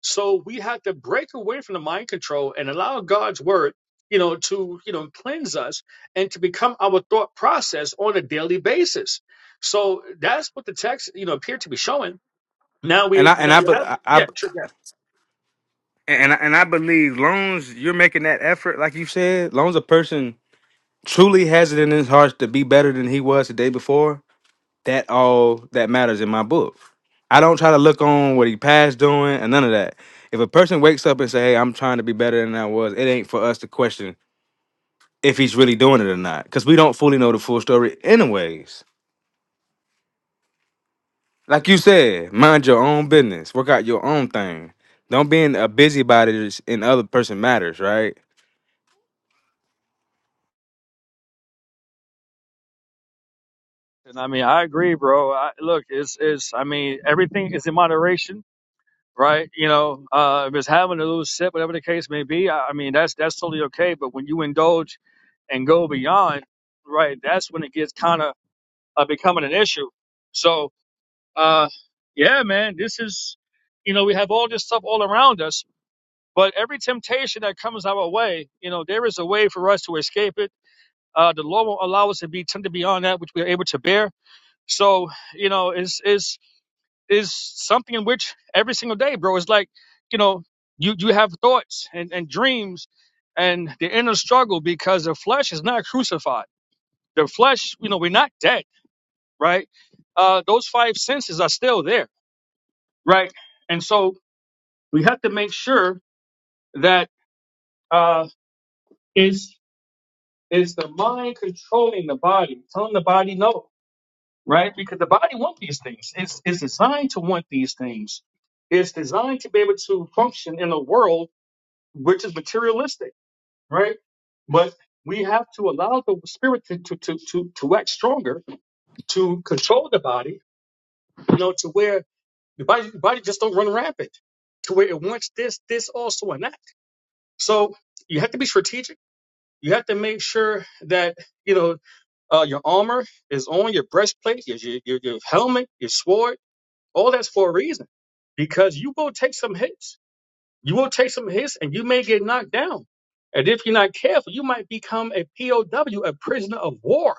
Speaker 14: so we have to break away from the mind control and allow God's word, you know, to, you know, cleanse us and to become our thought process on a daily basis. So that's what the text, you know, appeared to be showing. Now
Speaker 9: And
Speaker 14: we,
Speaker 9: I and
Speaker 14: now
Speaker 9: I
Speaker 14: we
Speaker 9: be-
Speaker 14: have,
Speaker 9: I, I
Speaker 14: yeah, sure, yeah.
Speaker 9: and I, and I believe loans you're making that effort, like you said, loans a person truly has it in his heart to be better than he was the day before. That all that matters in my book. I don't try to look on what he passed doing and none of that. If a person wakes up and say, "Hey, I'm trying to be better than I was," it ain't for us to question if he's really doing it or not because we don't fully know the full story anyways like you said mind your own business work out your own thing don't be in a busybody in other person matters right
Speaker 14: And I mean, I agree, bro. I, look, it's it's. I mean, everything is in moderation, right? You know, uh, if it's having a little sip, whatever the case may be, I, I mean, that's that's totally okay. But when you indulge and go beyond, right, that's when it gets kind of uh, becoming an issue. So, uh, yeah, man, this is, you know, we have all this stuff all around us, but every temptation that comes our way, you know, there is a way for us to escape it. Uh, the Lord won't allow us to be tempted beyond that which we are able to bear. So, you know, is is is something in which every single day, bro, it's like, you know, you you have thoughts and, and dreams and the inner struggle because the flesh is not crucified. The flesh, you know, we're not dead right? Uh, those five senses are still there, right? And so we have to make sure that uh, is is the mind controlling the body, telling the body no, right? Because the body wants these things. It's it's designed to want these things. It's designed to be able to function in a world which is materialistic, right? But we have to allow the spirit to to to to, to act stronger, to control the body, you know, to where Your body, your body just don't run rampant to where it wants this, this also, and that. So you have to be strategic. You have to make sure that you know uh, your armor is on, your breastplate, your, your your your helmet, your sword. All that's for a reason, because you will take some hits. You will take some hits, and you may get knocked down. And if you're not careful, you might become a POW, a prisoner of war.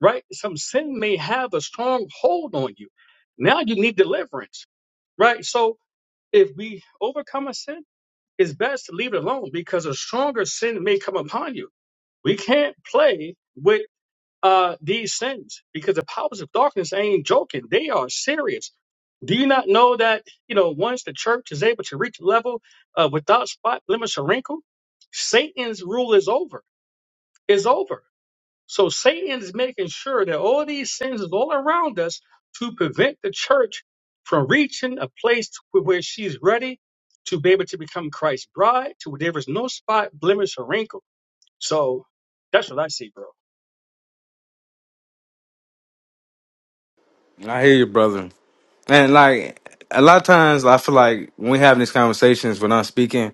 Speaker 14: Right? Some sin may have a strong hold on you. Now you need deliverance right? So if we overcome a sin, it's best to leave it alone because a stronger sin may come upon you. We can't play with uh, these sins because the powers of darkness ain't joking. They are serious. Do you not know that, you know, once the church is able to reach a level uh, without spot, blemish, or wrinkle, Satan's rule is over. Is over. So Satan is making sure that all these sins is all around us to prevent the church from reaching a place to where she's ready to be able to become Christ's bride, to where there is no spot, blemish, or wrinkle. So that's what I see, bro.
Speaker 9: i hear you brother and like a lot of times i feel like when we having these conversations when i'm speaking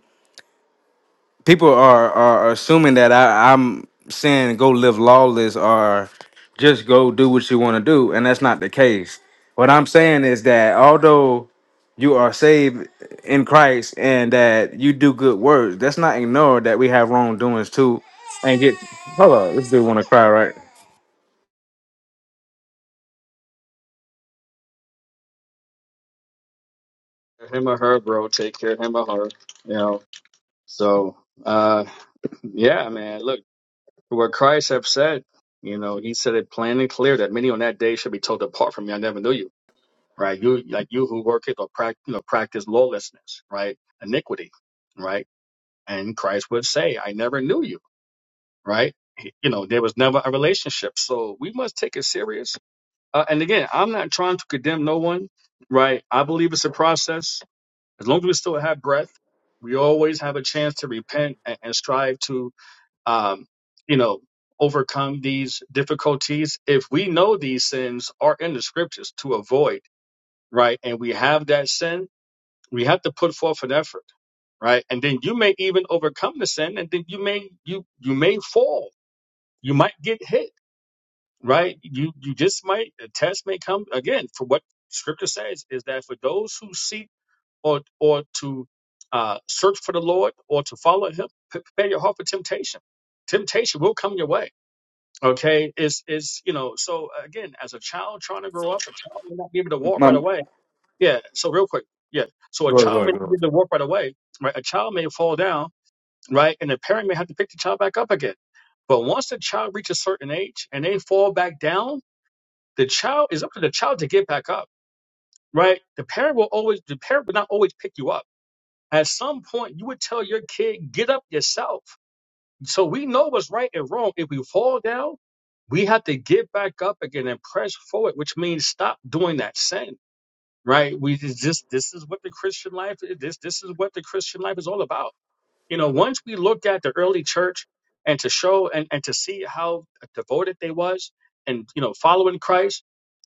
Speaker 9: people are are assuming that I, I'm saying go live lawless or just go do what you want to do, and that's not the case. What I'm saying is that although you are saved in Christ and that you do good works, that's not ignore that we have wrongdoings too. And get hold on, this dude want to cry, right?
Speaker 14: Him or her, bro. Take care of him or her. You know. So, uh, yeah, man. Look, what Christ have said. You know, He said it plain and clear that many on that day should be told, apart from me, I never knew you." right? You like you who worketh or prac you know, practice lawlessness, right? Iniquity, right? And Christ would say, I never knew you, right? He- You know, there was never a relationship. So we must take it serious. Uh, and again, I'm not trying to condemn no one, right? I believe it's a process. As long as we still have breath, we always have a chance to repent and, and strive to, um, you know, overcome these difficulties. If we know these sins are in the scriptures to avoid, right? And we have that sin, we have to put forth an effort, right? And then you may even overcome the sin, and then you may you you may fall. You might get hit, right? You you just might a test may come again. For what Scripture says is that for those who seek or or to uh, search for the Lord or to follow Him, pre- prepare your heart for temptation. Temptation will come your way. Okay, is is you know. So again, as a child trying to grow up, a child may not be able to walk right
Speaker 9: Mom,
Speaker 14: away yeah. So real quick. Yeah. So a
Speaker 9: go ahead, go
Speaker 14: child may
Speaker 9: ahead,
Speaker 14: not
Speaker 9: go
Speaker 14: be able to walk right away, right? A child may fall down, right? And the parent may have to pick the child back up again. But once the child reaches a certain age and they fall back down, the child is up to the child to get back up, right? The parent will always, the parent will not always pick you up. At some point, you would tell your kid, get up yourself. So we know what's right and wrong. If we fall down, we have to get back up again and press forward, which means stop doing that sin right? We it's just this is what the Christian life is. This this is what the Christian life is all about. You know, once we looked at the early church and to show and, and to see how devoted they was and, you know, following Christ,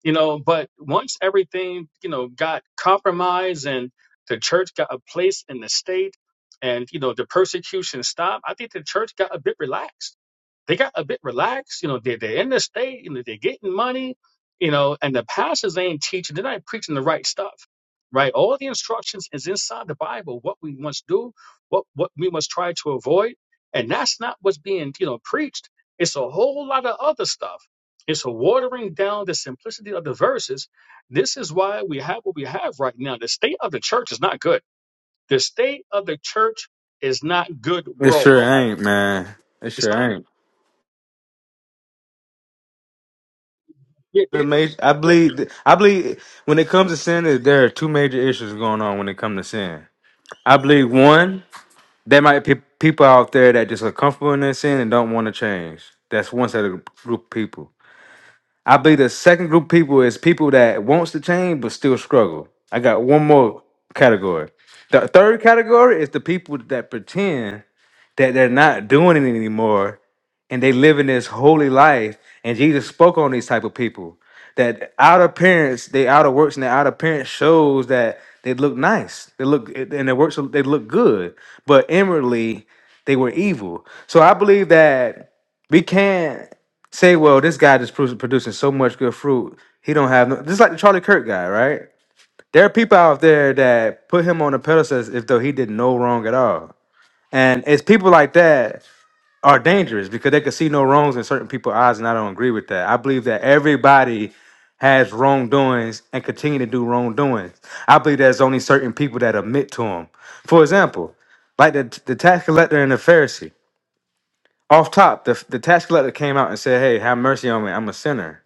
Speaker 14: you know, but once everything, you know, got compromised and the church got a place in the state and, you know, the persecution stopped, I think the church got a bit relaxed they got a bit relaxed. You know, they, they're in the state, you know, they're getting money, you know, and the pastors ain't teaching. They're not preaching the right stuff, right? All the instructions is inside the Bible, what we must do what what we must try to avoid and that's not what's being you know preached it's a whole lot of other stuff it's a watering down the simplicity of the verses this is why we have what we have right now the state of the church is not good the state of the church is not good
Speaker 9: ahead. It sure
Speaker 14: worldwide
Speaker 9: ain't, man. It
Speaker 14: it's not
Speaker 9: sure ain't.
Speaker 14: yeah, it's
Speaker 9: The major, I
Speaker 14: good.
Speaker 9: believe. I believe when it comes to sin, there are two major issues going on when it comes to sin I believe one, there might be people out there that just are comfortable in their sin and don't want to change. That's one set of group of people. I believe the second group of people is people that wants to change but still struggle. I got one more category. The third category is the people that pretend that they're not doing it anymore and they living this holy life and jesus spoke on these type of people that outer appearance they outer works and their outer appearance shows that they look nice they look and their works they look good but inwardly they were evil so i believe that we can't say well this guy just produ- producing so much good fruit he don't have no just like the charlie kirk guy right there are people out there that put him on a pedestal as if though he did no wrong at all and it's people like that are dangerous because they can see no wrongs in certain people's eyes, and I don't agree with that. I believe that everybody has wrongdoings and continue to do wrongdoings. I believe there's only certain people that admit to them. For example, like the, the tax collector and the Pharisee. Off top, the, the tax collector came out and said, Hey, have mercy on me. I'm a sinner.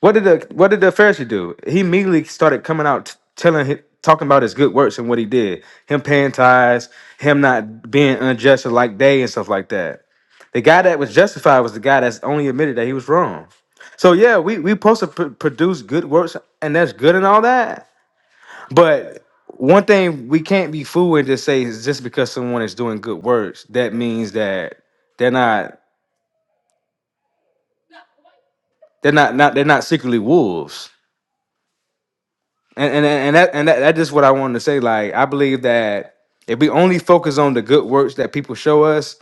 Speaker 9: What did the what did the Pharisee do? He immediately started coming out t- telling hi- talking about his good works and what he did. Him paying tithes, him not being unjust like they and stuff like that. The guy that was justified was the guy that's only admitted that he was wrong. So yeah, we we supposed to pr- produce good works and that's good and all that. But one thing we can't be fooled and just say is just because someone is doing good works, that means that they're not they're not not they're not secretly wolves. and and and that and that, that's just what I wanted to say. Like, I believe that if we only focus on the good works that people show us,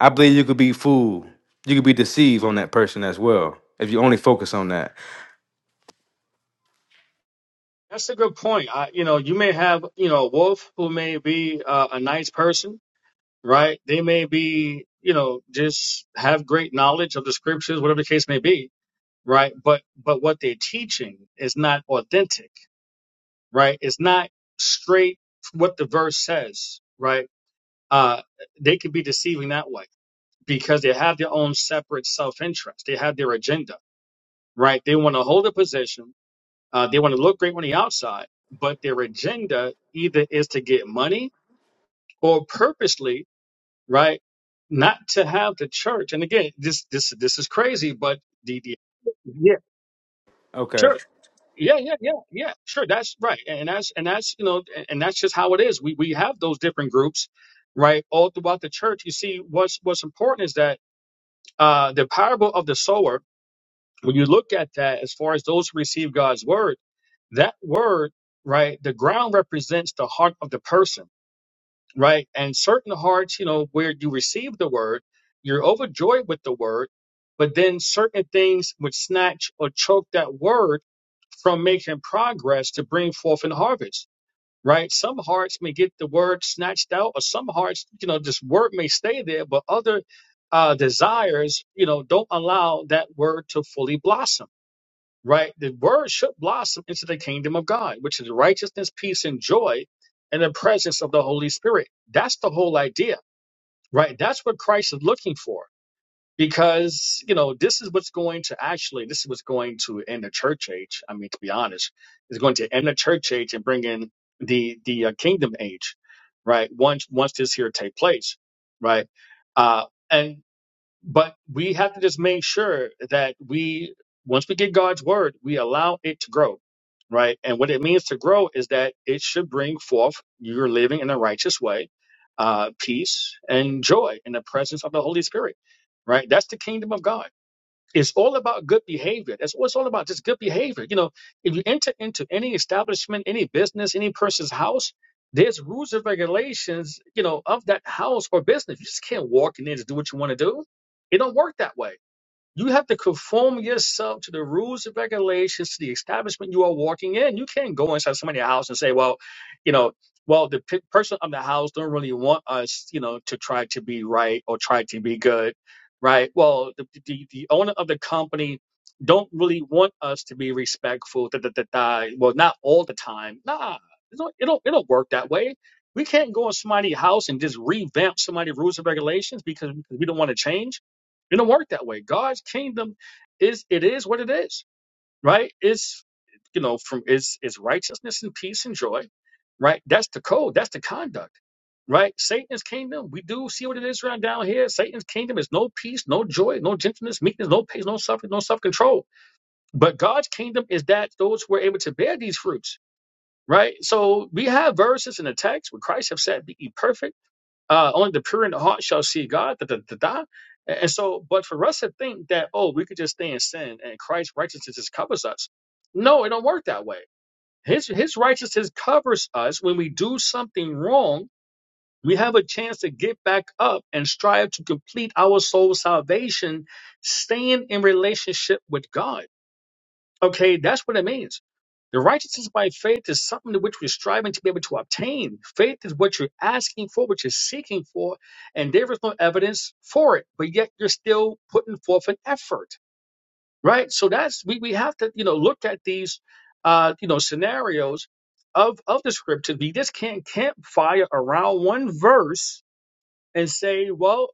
Speaker 9: I believe you could be fooled. You could be deceived on that person as well if you only focus on that.
Speaker 14: that's a good point I, you know you may have you know a wolf who may be uh, a nice person right they may be you know just have great knowledge of the scriptures whatever the case may be right? But but what they're teaching is not authentic, right? It's not straight what the verse says, right? Uh, they could be deceiving that way because they have their own separate self-interest. They have their agenda, right? They want to hold a position. Uh, they want to look great on the outside, but their agenda either is to get money or purposely, right? Not to have the church. And again, this this this is crazy, but the, the yeah,
Speaker 9: Okay,
Speaker 14: sure. Yeah, yeah, yeah, yeah. Sure, that's right, and that's and that's you know, and and that's just how it is. We we have those different groups, right, all throughout the church. You see, what's what's important is that uh, the parable of the sower. When you look at that, as far as those who receive God's word, that word, right, the ground represents the heart of the person right? And certain hearts, you know, where you receive the word, you're overjoyed with the word, but then certain things would snatch or choke that word from making progress to bring forth an harvest, right? Some hearts may get the word snatched out, or some hearts, you know, this word may stay there, but other uh, desires, you know, don't allow that word to fully blossom right? The word should blossom into the kingdom of God, which is righteousness, peace, and joy in the presence of the Holy Spirit. That's the whole idea, right? That's what Christ is looking for. Because, you know, this is what's going to actually, this is what's going to end the church age. I mean, to be honest, it's going to end the church age and bring in the, the uh, kingdom age, right? Once, once this here take place, right? Uh, but we have to just make sure that we, once we get God's word, we allow it to grow, right? And what it means to grow is that it should bring forth you're living in a righteous way, uh, peace and joy in the presence of the Holy Spirit, right? That's the kingdom of God. It's all about good behavior. That's what it's all about, just good behavior. You know, if you enter into any establishment, any business, any person's house, there's rules and regulations, you know, of that house or business. You just can't walk in there to do what you want to do. It don't work that way. You have to conform yourself to the rules and regulations to the establishment you are walking in. You can't go inside somebody's house and say, well, you know, well, the pe- person of the house don't really want us, you know, to try to be right or try to be good, right? Well, the, the, the owner of the company don't really want us to be respectful. Da, da, da, da. Well, not all the time. Nah, it don't, it don't, it don't work that way. We can't go in somebody's house and just revamp somebody's rules and regulations because, because we don't want to change it don't work that way. God's kingdom is it is what it is, right? It's you know from it's it's righteousness and peace and joy, right? That's the code. That's the conduct, right? Satan's kingdom. We do see what it is around down here. Satan's kingdom is no peace, no joy, no gentleness, meekness, no peace, no suffering, no self control. But God's kingdom is that those who are able to bear these fruits, right? So we have verses in the text where Christ have said, "Be ye perfect." uh, only the pure in the heart shall see God. Da, da, da, da. And and so, but for us to think that, oh, we could just stay in sin and Christ's righteousness just covers us. No, it don't work that way. His, his righteousness covers us. When we do something wrong, we have a chance to get back up and strive to complete our soul salvation, staying in relationship with God. Okay, that's what it means. The righteousness by faith is something to which we're striving to be able to obtain. Faith is what you're asking for, what you're seeking for, and there is no evidence for it, but yet you're still putting forth an effort, right? So that's we, we have to you know look at these uh, you know scenarios of of the scripture. We just can't campfire around one verse and say, well,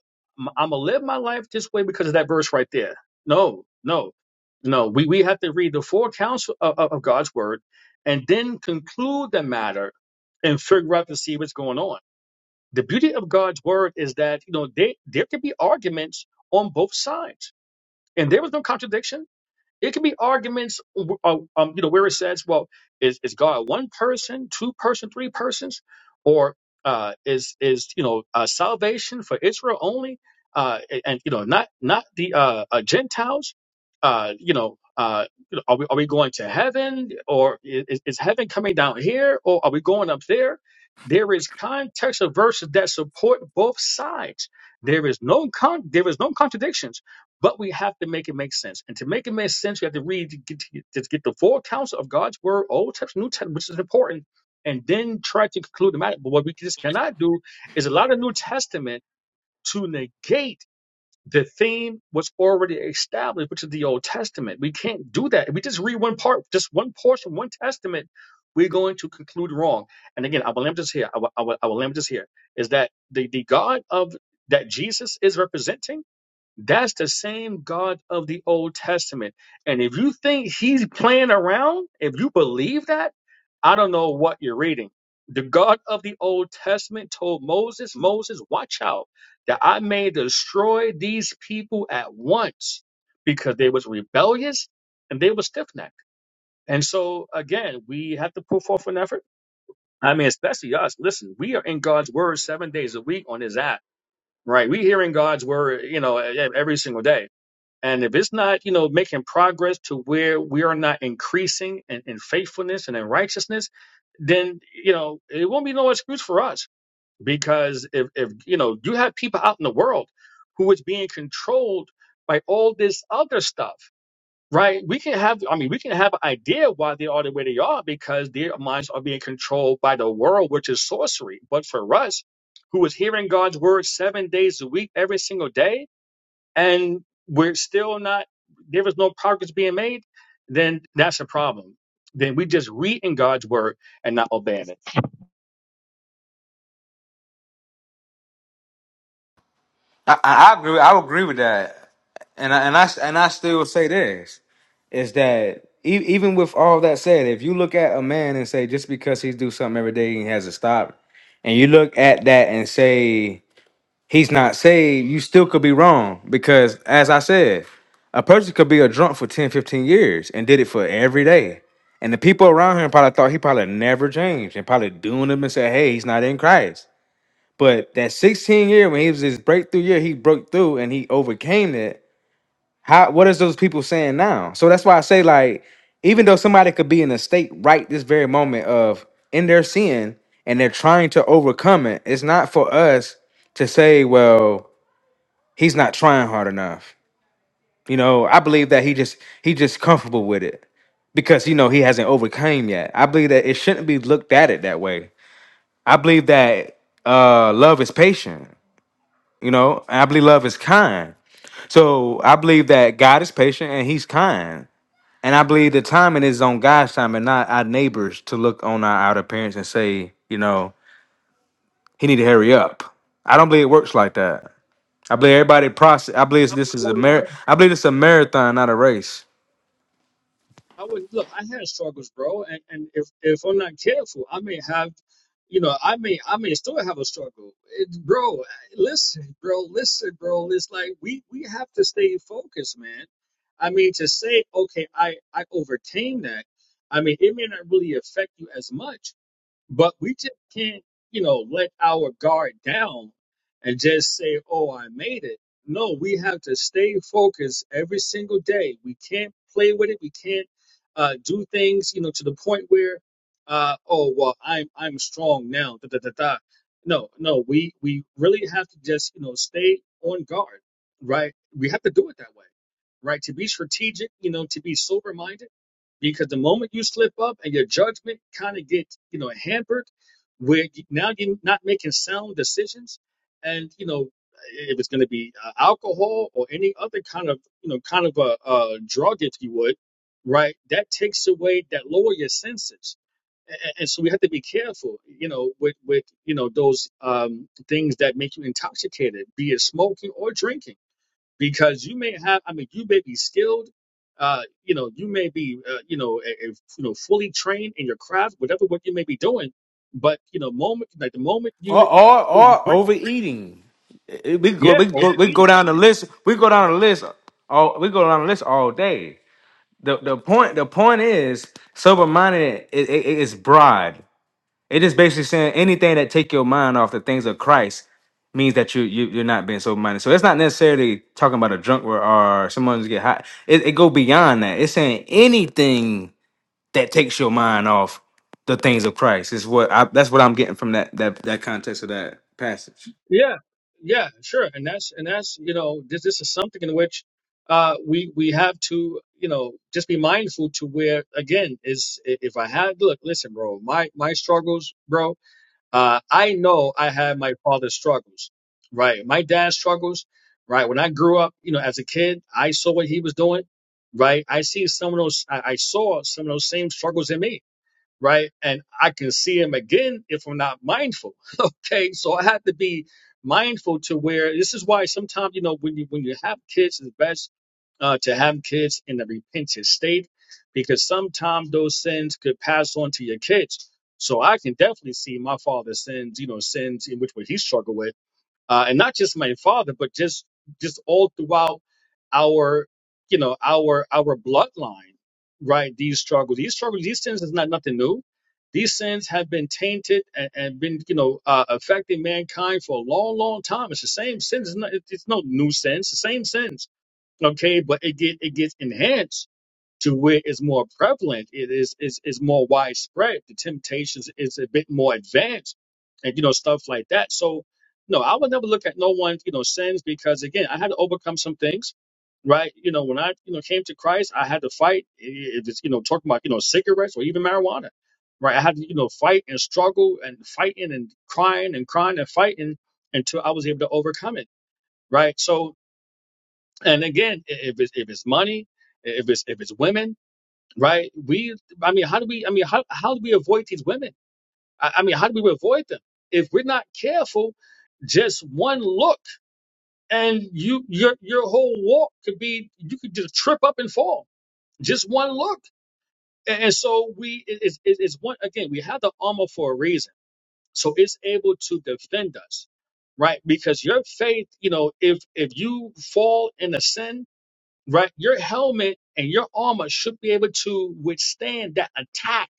Speaker 14: I'm going to live my life this way because of that verse right there. No, no, no. We, we have to read the four counts of, of of God's word and then conclude the matter and figure out to see what's going on. The beauty of God's word is that, you know, they, there could be arguments on both sides and there was no contradiction it can be arguments, uh, um, you know, where it says, "Well, is is God one person, two person, three persons, or uh, is is you know uh, salvation for Israel only, uh, a- and you know not not the uh, uh, Gentiles? Uh, you know, uh, you know, are we are we going to heaven, or i- is, is heaven coming down here, or are we going up there?" There is context of verses that support both sides. There is no con- there is no contradictions but we have to make it make sense. And to make it make sense, we have to read to get, to get, the full counsel of God's word, Old Testament, New Testament, which is important, and then try to conclude the matter. But what we just cannot do is allow the New Testament to negate the theme was already established, which is the Old Testament. We can't do that. If we just read one part, just one portion, one testament, we're going to conclude wrong. And again, I will limit this here. I will, I will, I will limit this here. Is that the, the God of that Jesus is representing? That's the same God of the Old Testament. And if you think he's playing around, if you believe that, I don't know what you're reading. The God of the Old Testament told Moses, Moses, watch out that I may destroy these people at once because they was rebellious and they was stiff-necked. And so again, we have to put forth an effort. I mean, especially us. Listen, we are in God's word seven days a week on his app, right? We hearing God's word, you know, e- every single day and if it's not, you know, making progress to where we are not increasing in, in faithfulness and in righteousness, then you know it won't be no excuse for us. Because if if you know you have people out in the world who is being controlled by all this other stuff, right? We can have, I mean, we can have an idea why they are the way they are because their minds are being controlled by the world, which is sorcery. But for us, who is hearing God's word seven days a week, every single day and we're still not there is no progress being made, then that's a problem. Then we just reading God's word and not obeying it.
Speaker 9: I I, I agree. I agree with that, and I, and I and I still say this is that e- even with all that said, if you look at a man and say just because he do something every day he has to stop, and you look at that and say he's not saved, you still could be wrong. Because as I said, a person could be a drunk for 10, 15 years and did it for every day. And the people around him probably thought he probably never changed and probably doing him and said, hey, he's not in Christ. But that 16 year when he was his breakthrough year, he broke through and he overcame it. How what is those people saying now? So that's why I say, like, even though somebody could be in a state right this very moment of in their sin and they're trying to overcome it, it's not for us to say, well, he's not trying hard enough. You know, I believe that he just he just comfortable with it because you know he hasn't overcame yet. I believe that it shouldn't be looked at it that way. I believe that uh love is patient, you know, and I believe love is kind. So I believe that God is patient and he's kind. And I believe the timing is on God's time and not our neighbors to look on our outer appearance and say, you know, he need to hurry up. I don't believe it works like that. I believe everybody process. I believe
Speaker 14: I
Speaker 9: this is a
Speaker 14: would,
Speaker 9: mar- I believe it's a marathon, not a race.
Speaker 14: I would look. I had struggles, bro, and, and if if I'm not careful, I may have, you know, I may I may still have a struggle, it, bro. Listen, bro, listen, bro. It's like we we have to stay focused, man. I mean, to say okay, I I overcame that. I mean, it may not really affect you as much But we just can't, you know, let our guard down and just say, oh, I made it. No, we have to stay focused every single day. We can't play with it. We can't uh, do things, you know, to the point where, uh, oh, well, I'm I'm strong now. Da, da, da, da. No, no, we we really have to just, you know, stay on guard, right? We have to do it that way, right? To be strategic, you know, to be sober minded because the moment you slip up and your judgment kind of gets you know hampered where you- now you're not making sound decisions and you know if it's going to be uh, alcohol or any other kind of you know kind of a, a drug if you would right that takes away that lower your senses and, and so we have to be careful you know with with you know those um things that make you intoxicated be it smoking or drinking because you may have i mean you may be skilled uh you know you may be uh, you know a, a, you know fully trained in your craft whatever what you may be doing but you know moment like the moment
Speaker 9: Or
Speaker 14: you
Speaker 9: or, or overeating. It- We go
Speaker 14: yeah
Speaker 9: we go we go
Speaker 14: overeating
Speaker 9: down the list. We go down the list. All we go down the list all day. The the point the point is sober minded is it, it, it's broad. It is basically saying anything that take your mind off the things of Christ means that you, you you're not being sober minded. So it's not necessarily talking about a drunk or, or someone who's get high. It, it go beyond that. It's saying anything that takes your mind off the things of Christ. Is what I, that's what I'm getting from that that that context of that passage.
Speaker 14: yeah yeah sure and that's and that's you know this this is something in which uh we we have to you know just be mindful to where again is i- if i had look listen bro my my struggles bro uh, I know I had my father's struggles, right? My dad's struggles, right? When I grew up, you know, as a kid, I saw what he was doing, right? I see some of those, I, I saw some of those same struggles in me right? And I can see him again if I'm not mindful. Okay, so I have to be mindful to where this is why sometimes you know when you when you have kids, it's best uh, to have kids in a repentant state because sometimes those sins could pass on to your kids. So I can definitely see my father's sins, you know, sins in which way he struggled with uh, and not just my father, but just just all throughout our you know our our bloodline, right? These struggles, these struggles, these sins is not nothing new. These sins have been tainted and, and been you know uh, affecting mankind for a long, long time. It's the same sins. It's, not, it's no new sins. The same sins. Okay, but it get it gets enhanced to where it's more prevalent, it is is is more widespread. The temptations is a bit more advanced, and you know stuff like that. So, no, I would never look at no one you know sins because again, I had to overcome some things, right? You know, when I you know came to Christ, I had to fight. If it's you know talking about you know cigarettes or even marijuana, right? I had to you know fight and struggle and fighting and crying and crying and fighting until I was able to overcome it, right? So, and again, i- if it's if it's money, if it's if it's women right? We, I mean, how do we, I mean, how, how do we avoid these women? I, I mean, how do we avoid them? If we're not careful, just one look and you, your, your whole walk could be, you could just trip up and fall. Just one look. And, and so we, it- it's, it's it's one, again, we have the armor for a reason. So it's able to defend us, right? Because your faith, you know, if, if you fall in a sin, right, your helmet and your armor should be able to withstand that attack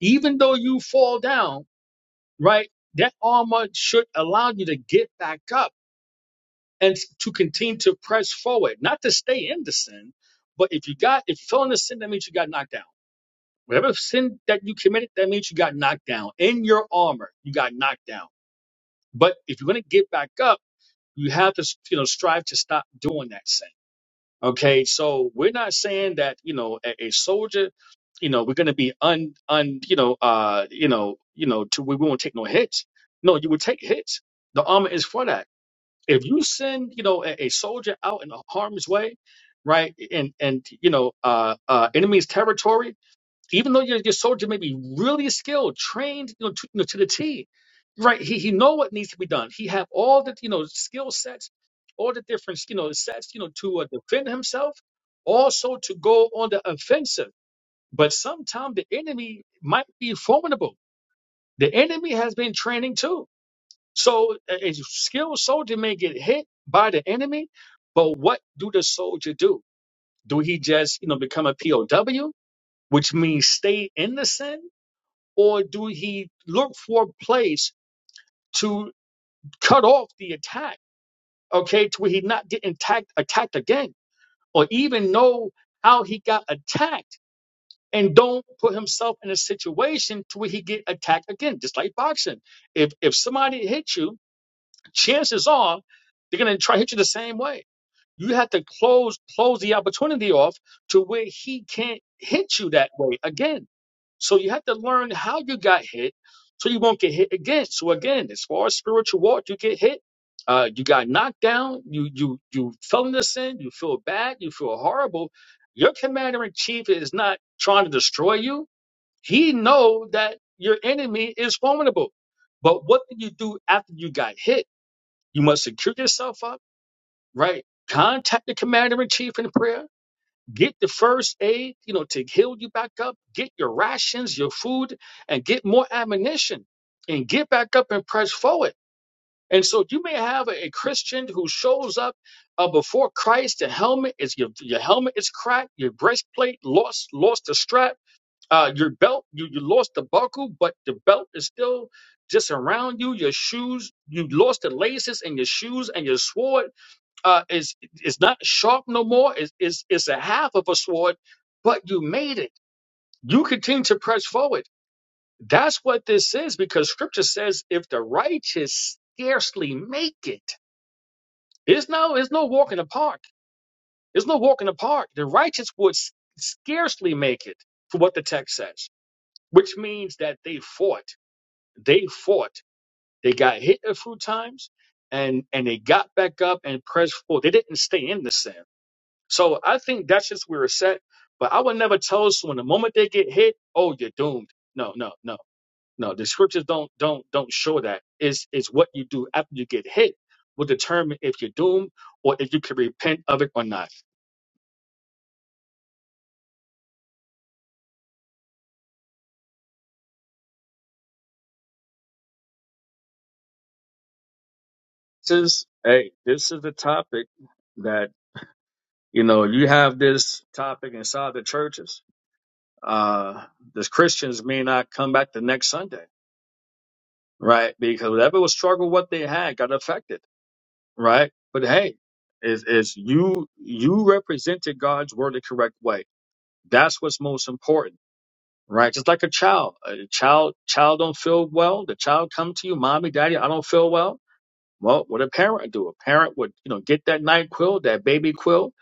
Speaker 14: Even though you fall down, right, that armor should allow you to get back up and to continue to press forward, not to stay in the sin. But if you got, if you fell in the sin, that means you got knocked down. Whatever sin that you committed, that means you got knocked down in your armor. You got knocked down. But if you're going to get back up, you have to, you know, strive to stop doing that sin. Okay, so we're not saying that you know a, a soldier, you know, we're gonna be un un you know uh you know you know to we won't take no hits. No, you would take hits. The armor is for that. If you send you know a, a soldier out in harm's way, right, and and you know uh uh enemy's territory even though your, your soldier may be really skilled, trained, you know, to, you know, to the T, right? He he know what needs to be done. He have all the you know skill sets, all the different you know sets, you know, to uh, defend himself, also to go on the offensive. But sometimes the enemy might be formidable. The enemy has been training too. So a, a skilled soldier may get hit by the enemy, but what do the soldier do? Do he just you know become a POW, which means stay in the sin? or do he look for a place to cut off the attack, okay, to where he not get attacked attacked again, or even know how he got attacked and don't put himself in a situation to where he get attacked again, just like boxing. If if somebody hits you, chances are they're gonna try to hit you the same way You have to close close the opportunity off to where he can't hit you that way again. So you have to learn how you got hit, so you won't get hit again. So again, as far as spiritual walk, you get hit. Uh, you got knocked down. You you you fell into sin. You feel bad. You feel horrible. Your commander in chief is not trying to destroy you. He know that your enemy is formidable. But what did you do after you got hit? You must secure yourself up right? Contact the commander in chief in prayer. Get the first aid, you know, to heal you back up. Get your rations, your food, and get more ammunition and get back up and press forward. And so you may have a, a Christian who shows up uh, before Christ. The helmet is your, your helmet is cracked. Your breastplate lost lost the strap. Uh, your belt you, you lost the buckle, but the belt is still just around you. Your shoes you lost the laces in your shoes and your sword uh, is is not sharp no more. Is is is a half of a sword, but you made it. You continue to press forward. That's what this is because Scripture says, if the righteous scarcely make it, it's no it's no walk in the park. It's no walk in the park. The righteous would s- scarcely make it, for what the text says, which means that they fought. They fought. They got hit a few times, and and they got back up and pressed forward. They didn't stay in the sin So I think that's just where it's at. But I would never tell someone the moment they get hit, oh, you're doomed. No, no, no, no. The scriptures don't don't don't show that. It's it's what you do after you get hit will determine if you're doomed or if you can repent of it or not. This is hey, this is the topic that you know you have this topic inside the churches. Uh, the Christians may not come back the next Sunday, right? Because whatever was struggle, what they had got affected right? But hey, is is you you represented God's word the correct way? That's what's most important, right? Just like a child, a child child don't feel well. The child come to you, mommy, daddy, I don't feel well. Well, what a parent do? A parent would you know get that night quill, that baby quill,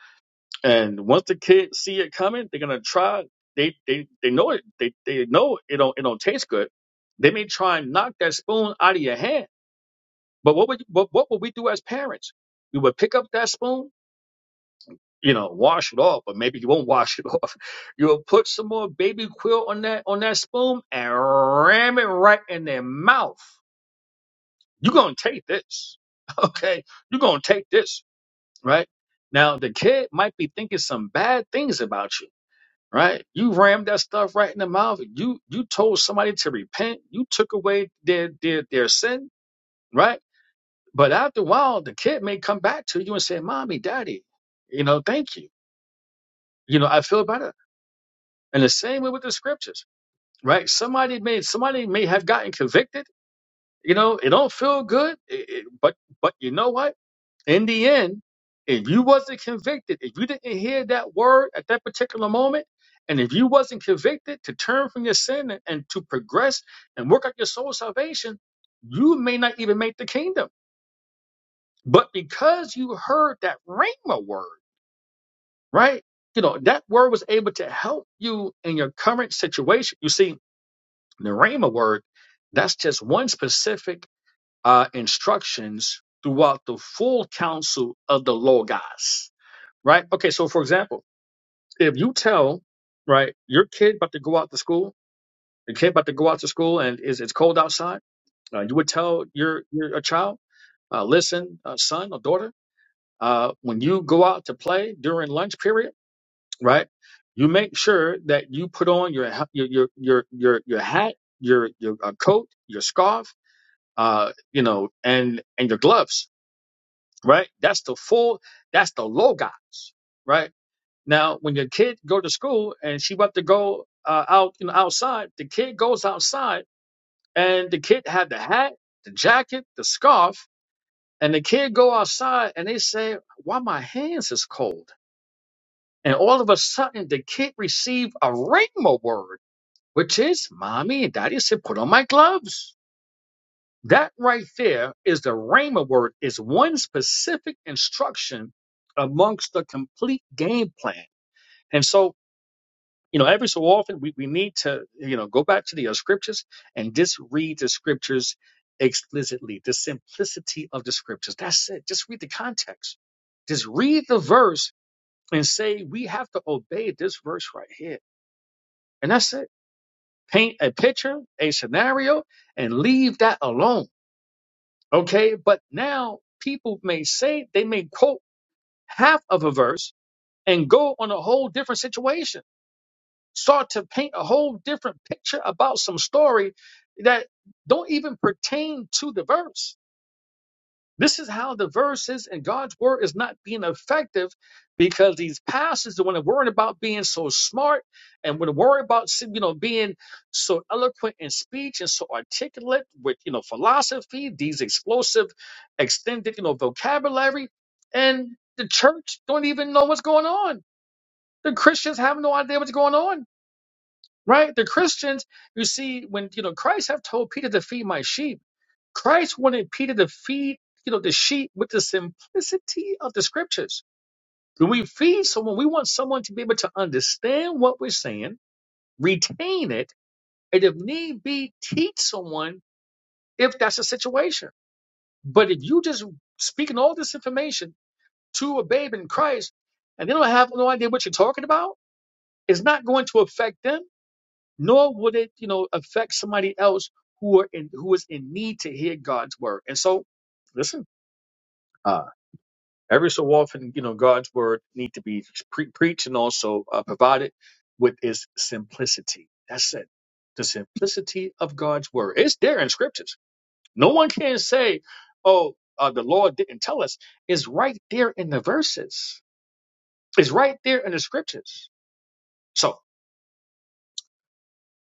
Speaker 14: and once the kids see it coming, they're gonna try. They they they know it. They they know it don't it don't taste good. They may try and knock that spoon out of your hand. But what would what, what would we do as parents? We would pick up that spoon you know, wash it off, but maybe you won't wash it off. You'll put some more baby quilt on that on that spoon and ram it right in their mouth. You're gonna take this. Okay? You're gonna take this, right? Now the kid might be thinking some bad things about you, right? You rammed that stuff right in the mouth. You you told somebody to repent, you took away their their their sin, right? But after a while, the kid may come back to you and say, Mommy, Daddy, you know, thank you. You know, I feel better And the same way with the scriptures, right? Somebody may somebody may have gotten convicted. You know, it don't feel good, it- it- but but you know what? In the end, if you wasn't convicted, if you didn't hear that word at that particular moment, and if you wasn't convicted to turn from your sin and, and to progress and work out your soul salvation, you may not even make the kingdom. But because you heard that rhema word, right? You know, that word was able to help you in your current situation. You see, The Rhema word, that's just one specific uh, instructions throughout the full counsel of the Logos, right? Okay, so for example, if you tell, right, your kid about to go out to school, your kid about to go out to school and it's, it's cold outside, uh, you would tell your, your a child, uh, listen, uh, son or daughter, uh, when you go out to play during lunch period, right, you make sure that you put on your ha- your your your your, your hat, your your uh, coat, your scarf uh, you know, and and your gloves, right? That's the full, that's the logos, right? Now, when your kid go to school and she want to go uh, out, you know, outside, the kid goes outside and the kid had the hat, the jacket, the scarf, and the kid go outside and they say, "Why my hands is cold?" And all of a sudden, the kid received a rhema word, which is, "Mommy and Daddy said, put on my gloves." That right there is the Rhema word, is one specific instruction amongst the complete game plan. And so, you know, every so often we, we need to, you know, go back to the uh, scriptures and just read the scriptures explicitly, the simplicity of the scriptures. That's it. Just read the context. Just read the verse and say, we have to obey this verse right here. And that's it. Paint a picture, a scenario, and leave that alone Okay, but now people may say they may quote half of a verse and go on a whole different situation, start to paint a whole different picture about some story that don't even pertain to the verse. This is how the verses and God's word is not being effective because these pastors want to worry about being so smart and want to worry about you know being so eloquent in speech and so articulate with you know philosophy, these explosive extended you know vocabulary, and the church don't even know what's going on. The Christians have no idea what's going on right? The Christians, you see, when you know Christ have told Peter to feed my sheep, Christ wanted Peter to feed you know the sheep with the simplicity of the scriptures. When we feed someone, we want someone to be able to understand what we're saying, retain it, and if need be, teach someone if that's a situation. But if you just speaking all this information to a babe in Christ and they don't have no idea what you're talking about, it's not going to affect them nor would it, you know, affect somebody else who are in who is in need to hear God's word. And so, listen, uh, every so often, you know, God's word need to be pre- preached and also uh, provided with its simplicity. That's it, the simplicity of God's word. It's there in scriptures. No one can say, "Oh, uh, the Lord didn't tell us." It's right there in the verses. It's right there in the scriptures. So,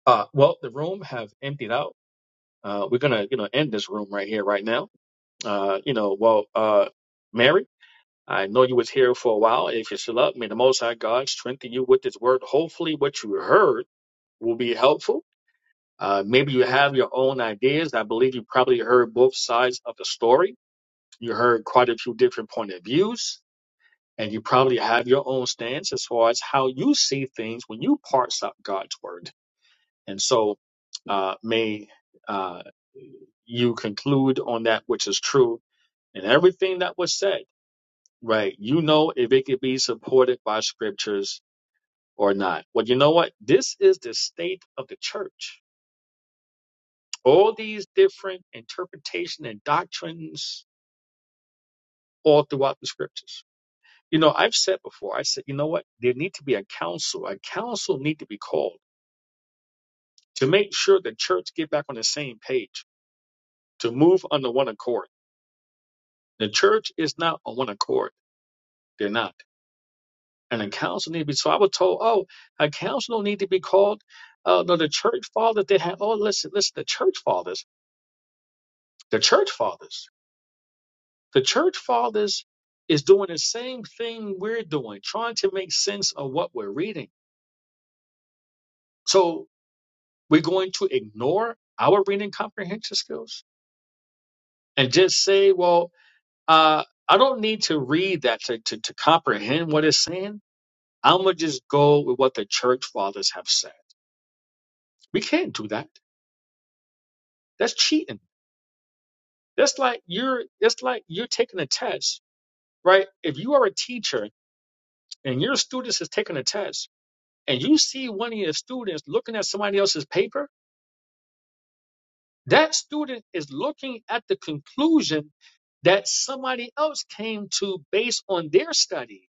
Speaker 14: uh, well, the room have emptied out. Uh, we're gonna, you know, end this room right here, right now. Uh, you know, well, uh, Mary, I know you was here for a while. If you're still up, may the Most High God strengthen you with His word. Hopefully, what you heard will be helpful. Uh, maybe you have your own ideas. I believe you probably heard both sides of the story. You heard quite a few different point of views, and you probably have your own stance as far as how you see things when you parse out God's word. And so uh, may uh, you conclude on that which is true and everything that was said, right? You know if it could be supported by scriptures or not. Well, you know what? This is the state of the church. All these different interpretation and doctrines all throughout the scriptures. You know, I've said before, I said, you know what? There need to be a council. A council need to be called to make sure the church get back on the same page, to move under one accord The church is not on one accord. They're not. And a council need to be. So I was told, oh, a council don't need to be called. Uh, no, the church fathers, they have, oh, listen, listen, the church fathers, the church fathers, the church fathers is doing the same thing we're doing, trying to make sense of what we're reading. So we're going to ignore our reading comprehension skills and just say, well, uh, I don't need to read that to, to, to comprehend what it's saying. I'm gonna just go with what the church fathers have said. We can't do that. That's cheating. That's like you're. That's like you're taking a test, right? If you are a teacher and your students is taking a test, and you see one of your students looking at somebody else's paper, that student is looking at the conclusion that somebody else came to based on their study,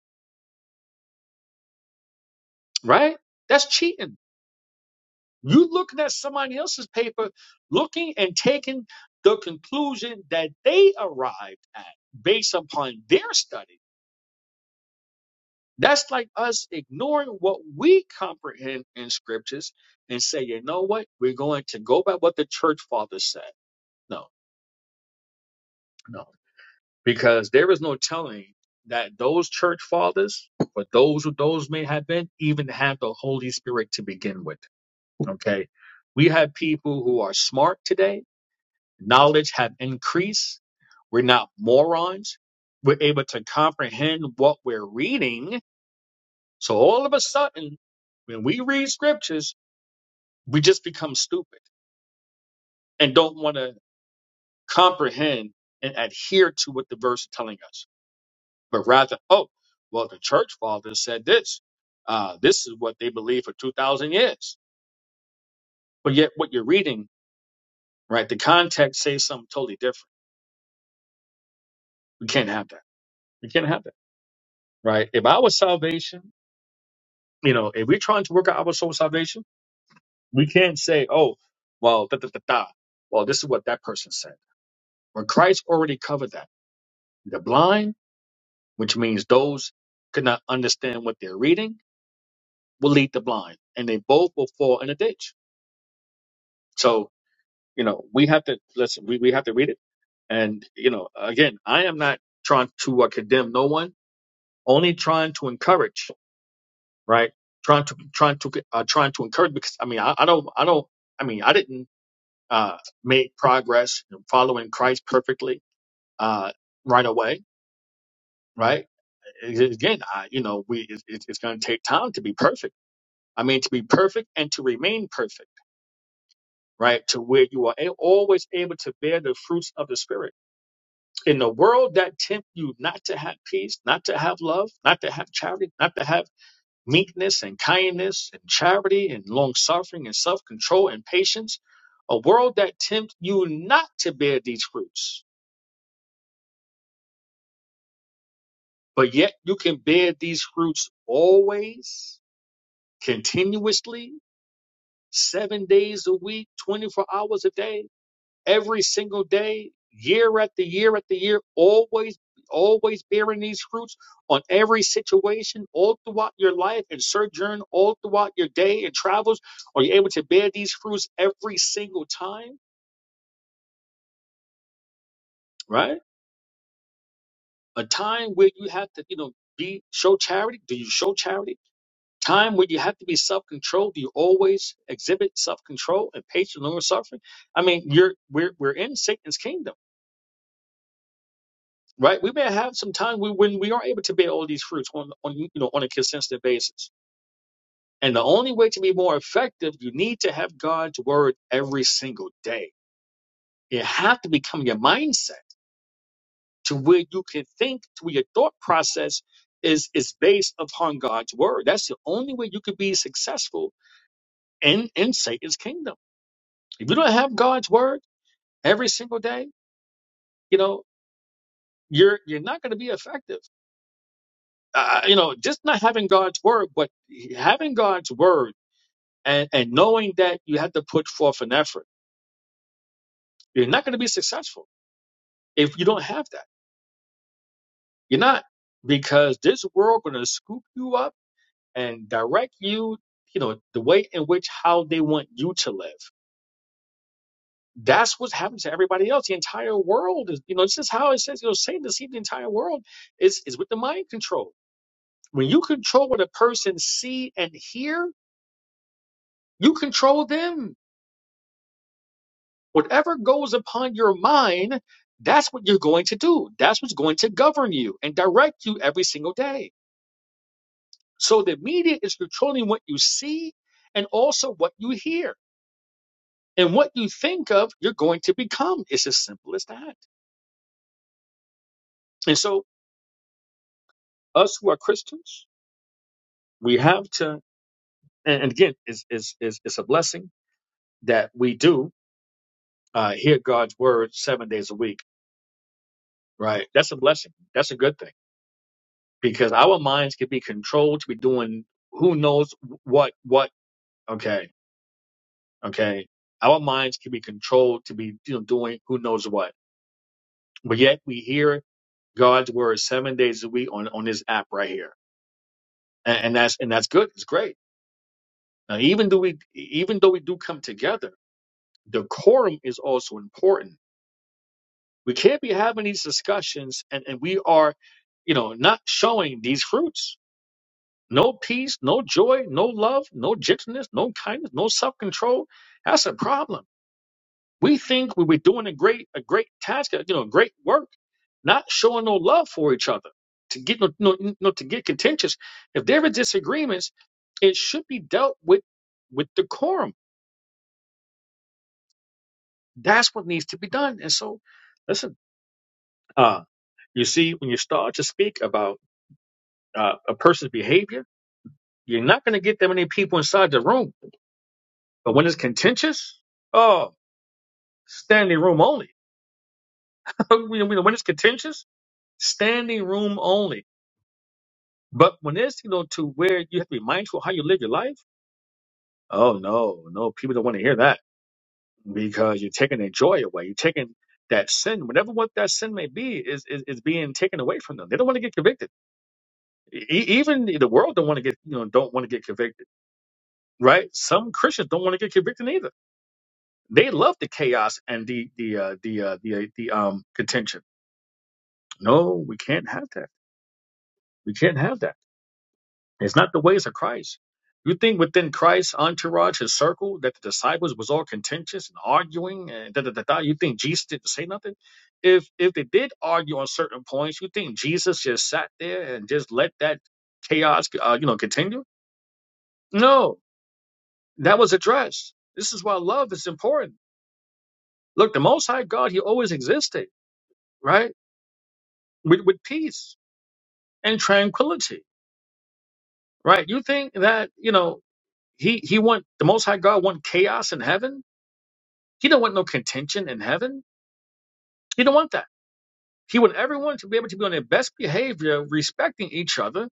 Speaker 14: right? That's cheating You looking at somebody else's paper, looking and taking the conclusion that they arrived at based upon their study. That's like us ignoring what we comprehend in scriptures and say, you know what? We're going to go by what the church fathers said. No, no. Because there is no telling that those church fathers, or those who those may have been, even have the Holy Spirit to begin with. Okay. We have people who are smart today knowledge have increased. We're not morons. We're able to comprehend what we're reading. So all of a sudden, when we read scriptures, we just become stupid and don't want to comprehend and adhere to what the verse is telling us, but rather, oh, well, the church fathers said this. Uh, this is what they believed for 2,000 years. But yet, what you're reading, right, the context says something totally different. We can't have that. We can't have that, right? If our salvation You know, if we're trying to work out our soul salvation, we can't say, oh, well, da da da da. Well, this is what that person said. When Christ already covered that, the blind, which means those could not understand what they're reading, will lead the blind, and they both will fall in a ditch. So, you know, we have to listen. We we have to read it, and you know, again, I am not trying to uh, condemn no one, only trying to encourage, right? Trying to trying to uh, trying to encourage because I mean, I, I don't I don't I mean, I didn't uh, made progress in following Christ perfectly uh, right away, right? Again, I, you know, we it, it- it's going to take time to be perfect. I mean, to be perfect and to remain perfect, right? To where you are a- always able to bear the fruits of the Spirit. In the world that tempt you not to have peace, not to have love, not to have charity, not to have meekness and kindness and charity and long suffering and self control and patience, a world that tempts you not to bear these fruits But yet you can bear these fruits always, continuously, seven days a week, 24 hours a day, every single day, year after year after year, always, always bearing these fruits on every situation, all throughout your life and sojourn all throughout your day and travels. Are you able to bear these fruits every single time? Right? A time where you have to, you know, be show charity. Do you show charity? time where you have to be self-controlled do you always exhibit self-control and patience long suffering i mean you're we're, we're in satan's kingdom right we may have some time we, when we are able to bear all these fruits on, on you know on a consistent basis and the only way to be more effective you need to have god's word every single day you have to become your mindset to where you can think to where your thought process is is based upon god's word that's the only way you could be successful in in satan's kingdom If you don't have God's word every single day, you know, you're you're not going to be effective. Uh, you know, just not having God's word, but having God's word and, and knowing that you have to put forth an effort. You're not going to be successful if you don't have that. You're not because this world going to scoop you up and direct you, you know, the way in which how they want you to live. That's what's happened to everybody else. The entire world is, you know, this is how it says, you know, Satan deceived the entire world is is with the mind control When you control what a person see and hear, you control them. Whatever goes upon your mind, that's what you're going to do. That's what's going to govern you and direct you every single day. So the media is controlling what you see and also what you hear. And what you think of, you're going to become. It's as simple as that. And so us who are Christians, we have to, and and again, it's, it's, it's, it's a blessing that we do uh, hear God's word seven days a week Right. That's a blessing. That's a good thing because our minds can be controlled to be doing who knows what what. Okay. Okay. Our minds can be controlled to be you know, doing who knows what, but yet we hear God's word seven days a week on on this app right here, and, and that's and that's good. It's great. Now, even though we even though we do come together, decorum is also important. We can't be having these discussions, and and we are, you know, not showing these fruits No peace, no joy, no love, no gentleness, no kindness, no self control. That's a problem. We think we were doing a great, a great task, you know, great work, not showing no love for each other. To get no, no, no, to get contentious. If there are disagreements, it should be dealt with with decorum. That's what needs to be done. And so, listen, uh, you see, when you start to speak about uh, a person's behavior, you're not going to get that many people inside the room. But when it's contentious, oh. standing room only. when when- when it's contentious, standing room only. But when it's you know to where you have to be mindful of how you live your life, oh no, no, people don't want to hear that because you're taking their joy away. You're taking that sin, whatever what that sin may be, is is, is being taken away from them. They don't want to get convicted. E- e, even the world don't want to get you know don't want to get convicted, right? Some Christians don't want to get convicted either. They love the chaos and the the uh, the uh, the uh, the um contention. No, we can't have that. We can't have that. It's not the ways of Christ. You think within Christ's entourage, his circle, that the disciples was all contentious and arguing and da da da da. You think Jesus didn't say nothing? If if they did argue on certain points, you think Jesus just sat there and just let that chaos, uh, you know, continue? No, that was addressed. This is why love is important. Look, the Most High God, He always existed, right? With with peace and tranquility, right? You think that you know He He want the Most High God want chaos in heaven? He don't want no contention in heaven. He don't want that. He want everyone to be able to be on their best behavior, respecting each other,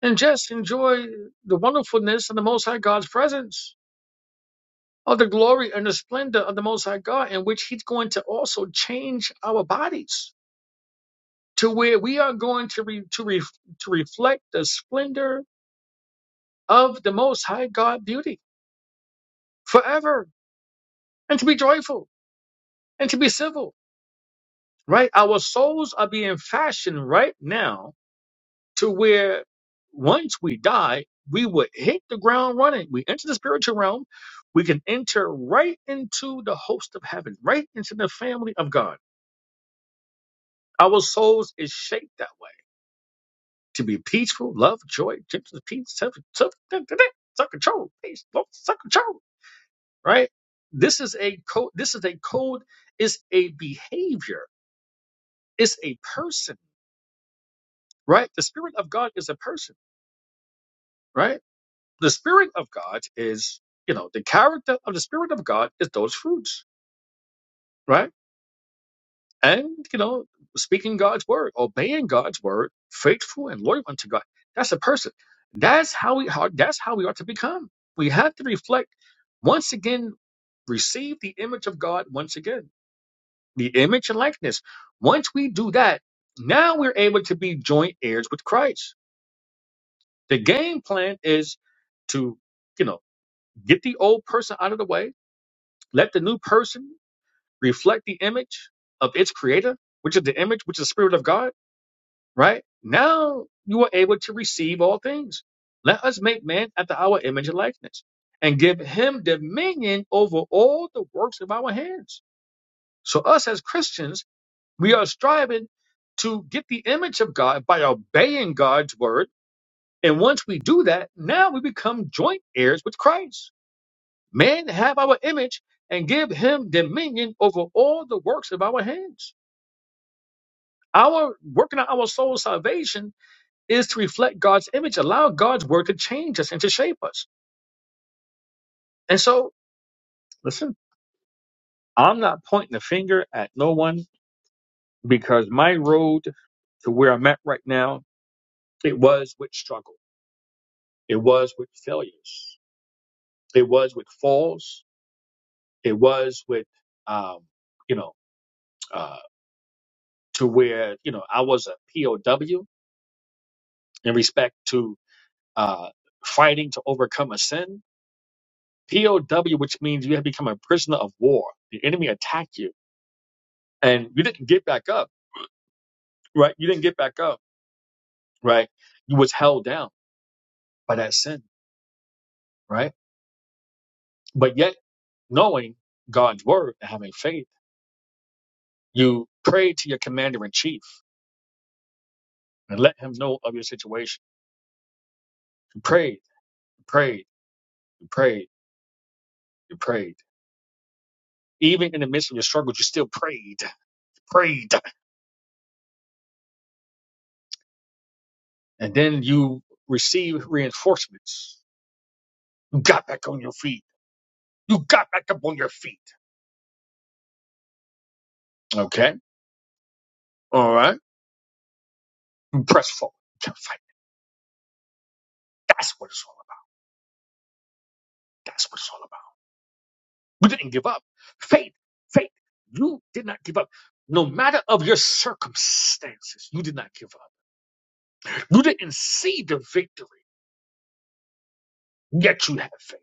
Speaker 14: and just enjoy the wonderfulness of the Most High God's presence, of the glory and the splendor of the Most High God, in which He's going to also change our bodies to where we are going to re, to re, to reflect the splendor of the Most High God beauty forever, and to be joyful and to be civil. Right, our souls are being fashioned right now to where once we die, we would hit the ground running. We enter the spiritual realm. We can enter right into the host of heaven, right into the family of God. Our souls is shaped that way to be peaceful, love, joy, gentleness, peace, self, self, self control, peace, self control. Right? This is a code. This is a code. It's a behavior. It's a person. Right? The spirit of God is a person. Right? the spirit of God is, you know, the character of the spirit of God is those fruits, right? And, you know, speaking God's word, obeying God's word, faithful and loyal unto God. That's a person. That's how we how, that's how we ought to become. We have to reflect once again, receive the image of God once again. The image and likeness. Once we do that, now we're able to be joint heirs with Christ. The game plan is to, you know, get the old person out of the way Let the new person reflect the image of its creator, which is the image, which is the spirit of God, right? Now you are able to receive all things. Let us make man after our image and likeness and give him dominion over all the works of our hands. So us as Christians, we are striving to get the image of God by obeying God's word. And once we do that, now we become joint heirs with Christ man have our image and give him dominion over all the works of our hands. Our working on our soul salvation is to reflect God's image, allow God's word to change us and to shape us. And so, listen, I'm not pointing the finger at no one because my road to where I'm at right now, it was with struggle, it was with failures, it was with falls, it was with, um, you know, uh, to where you know I was a POW in respect to uh, fighting to overcome a sin. POW, which means you have become a prisoner of war. The enemy attacked you, and you didn't get back up, right? You didn't get back up, right? You was held down by that sin, right? But yet, knowing God's word and having faith, you prayed to your commander in chief and let him know of your situation. You prayed, you prayed, you prayed, you prayed. Even in the midst of your struggles, you still prayed, prayed, and then you receive reinforcements got back on your feet. You got back up on your feet. Okay. All right. You press forward. You kept fighting. That's what it's all about. That's what it's all about. We didn't give up. Faith, faith. You did not give up. No matter of your circumstances, you did not give up. You didn't see the victory, yet you have faith.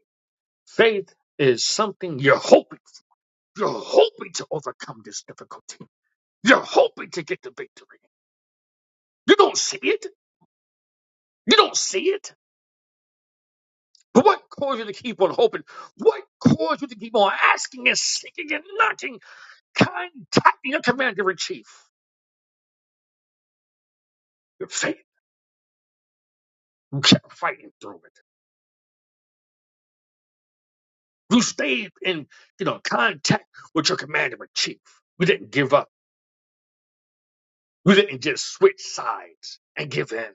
Speaker 14: Faith is something you're hoping. You're hoping to overcome this difficulty. You're hoping to get the victory. You don't see it. You don't see it. But what caused you to keep on hoping? What caused you to keep on asking and seeking and knocking, contacting your commander in chief? Your faith. You kept fighting through it. You stayed in, you know, contact with your commander in chief. You didn't give up. You didn't just switch sides and give in.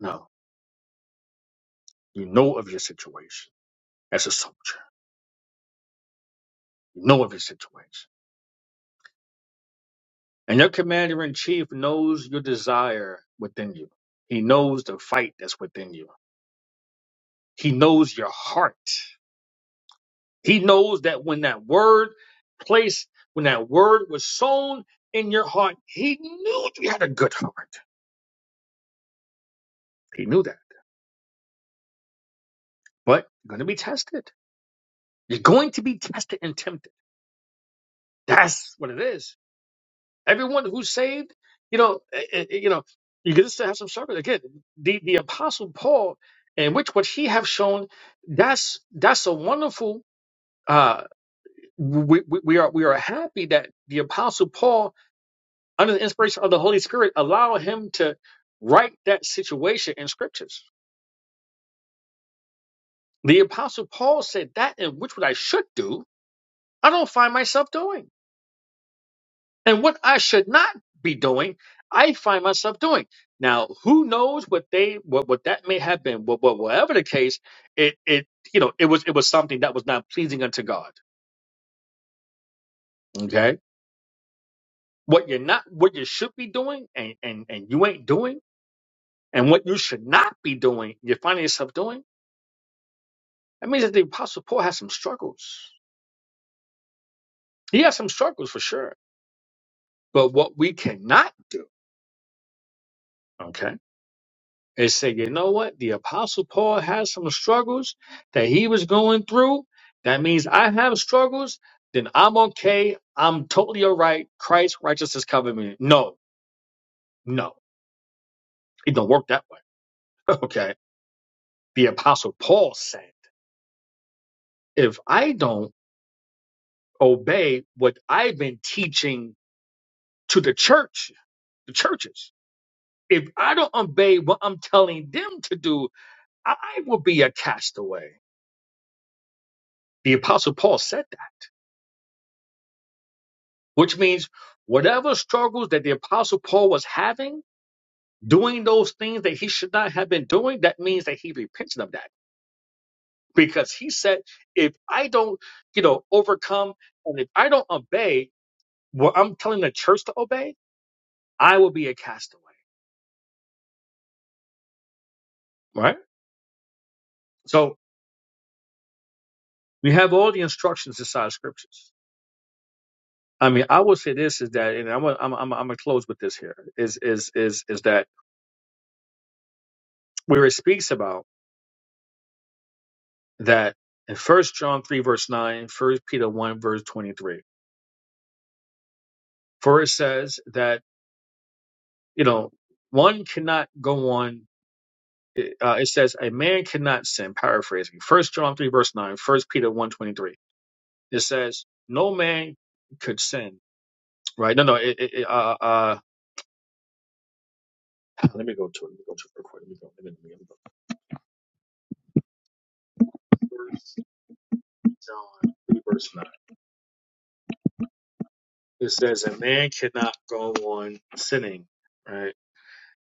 Speaker 14: No. You know of your situation as a soldier. You know of your situation. And your commander in chief knows your desire within you. He knows the fight that's within you. He knows your heart. He knows that when that word placed, when that word was sown in your heart, he knew you had a good heart. He knew that. But you're going to be tested. You're going to be tested and tempted. That's what it is. Everyone who's saved, you know, eh, eh, eh, you know, you're going to have some service. Again, the, the apostle Paul, in which what he have shown, that's that's a wonderful. Uh, we, we we are we are happy that the apostle Paul under the inspiration of the Holy Spirit, allow him to write that situation in scriptures. The apostle Paul said that in which what I should do, I don't find myself doing. And what I should not be doing, I find myself doing. Now, who knows what they what, what that may have been, what, what whatever the case, it it you know, it was it was something that was not pleasing unto God. Okay. What you're not what you should be doing and and, and you ain't doing, and what you should not be doing, you're finding yourself doing That means that the Apostle Paul has some struggles. He has some struggles for sure. But what we cannot do, okay, is say, you know what? The Apostle Paul has some struggles that he was going through. That means I have struggles. Then I'm okay. I'm totally all right. Christ's righteousness covered me. No, no, it don't work that way. Okay. The Apostle Paul said, if I don't obey what I've been teaching to the church, the churches, if I don't obey what I'm telling them to do, I will be a castaway. The apostle Paul said that, which means whatever struggles that the apostle Paul was having, doing those things that he should not have been doing, that means that he repented of that. Because he said, if I don't, you know, overcome and if I don't obey what I'm telling the church to obey, I will be a castaway. Right? So we have all the instructions inside of scriptures. I mean, I will say this is that, and I'm gonna- I'm I'm I'm gonna close with this here is is is is that where it speaks about that in First John three verse nine, First Peter one verse twenty three, for it says that you know one cannot go on. Uh, it says a man cannot sin. Paraphrasing First John three verse nine, First Peter one twenty three. It says no man could sin. Right? No, no. It, it, it, uh, uh, let me go to it. Let me go to it real quick. Let me go. Let me, let me go. First John three verse nine. It says, A man cannot go on sinning, right?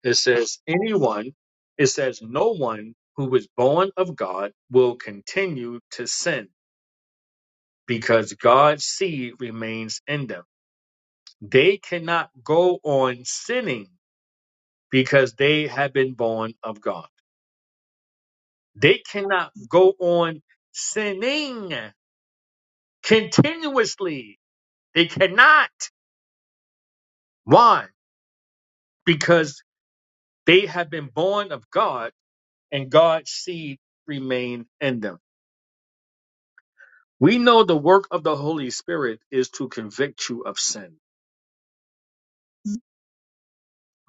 Speaker 14: It says, Anyone, it says, No one who is born of God will continue to sin because God's seed remains in them. They cannot go on sinning because they have been born of God. They cannot go on sinning continuously. They cannot. Why? Because they have been born of God and God's seed remain in them. We know the work of the Holy Spirit is to convict you of sin,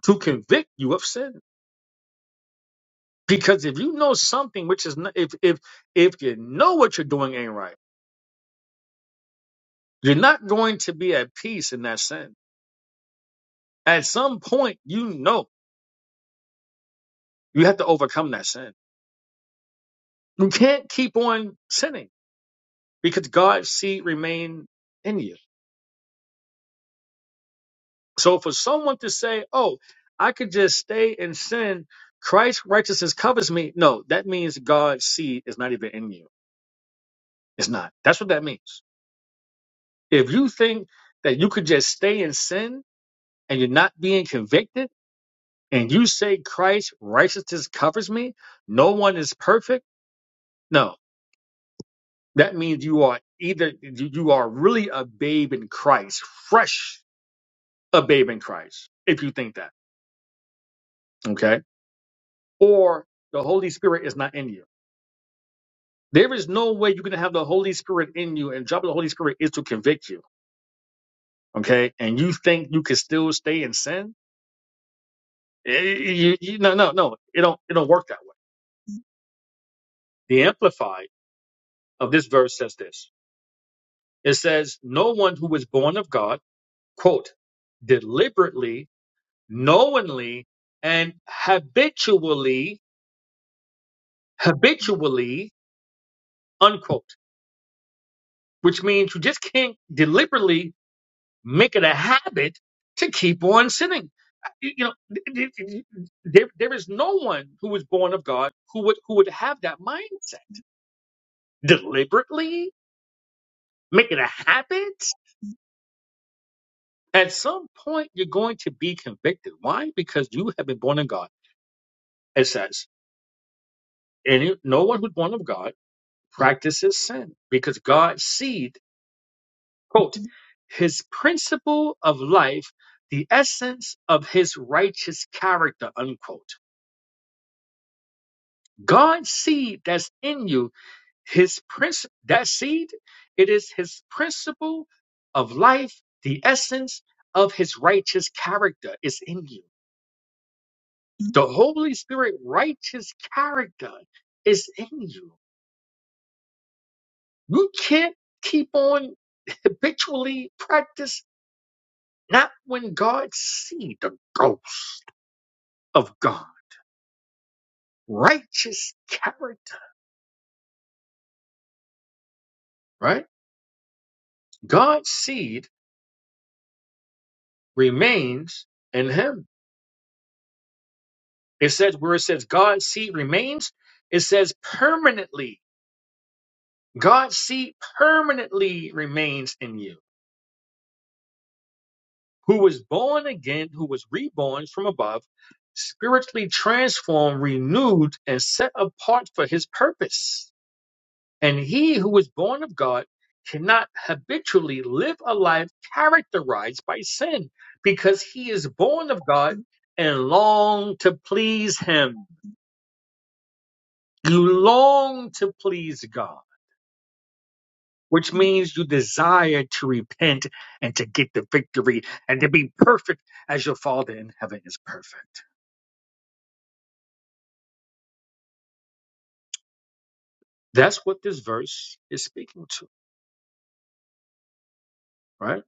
Speaker 14: to convict you of sin. Because if you know something which is not, if if if you know what you're doing ain't right, you're not going to be at peace in that sin. At some point, you know you have to overcome that sin. You can't keep on sinning because God's seed remain in you. So for someone to say, "Oh, I could just stay in sin, Christ's righteousness covers me," no, that means God's seed is not even in you. It's not. That's what that means. If you think that you could just stay in sin and you're not being convicted, and you say Christ's righteousness covers me, no one is perfect. No, that means you are either you you are really a babe in Christ, fresh a babe in Christ. If you think that, okay, or the Holy Spirit is not in you There is no way you can have the Holy Spirit in you, and job of the Holy Spirit is to convict you. Okay, and you think you can still stay in sin? Eh, you- you- no, no, no. It don't. It don't work that way. The Amplified of this verse says this. It says, "No one who was born of God, quote, deliberately, knowingly, and habitually, habitually, unquote." Which means you just can't deliberately make it a habit to keep on sinning. You know, th- th- there, there is no one who was born of God who would who would have that mindset deliberately make it a habit. At some point, you're going to be convicted. Why? Because you have been born of God. It says, and no one who's born of God practices sin because God's seed, quote, his principle of life, the essence of his righteous character, unquote God's seed that's in you, his prince that seed, it is his principle of life, the essence of his righteous character is in you. The Holy Spirit righteous character is in you. You can't keep on habitually practice not when God see the ghost of God. Righteous character, right? God's seed remains in him It says where it says God's seed remains, it says permanently. God's seed permanently remains in you. Who was born again, who was reborn from above, spiritually transformed, renewed, and set apart for his purpose. And he who was born of God cannot habitually live a life characterized by sin because he is born of God and long to please him. You long to please God. which means you desire to repent and to get the victory and to be perfect as your Father in heaven is perfect. That's what this verse is speaking to, right?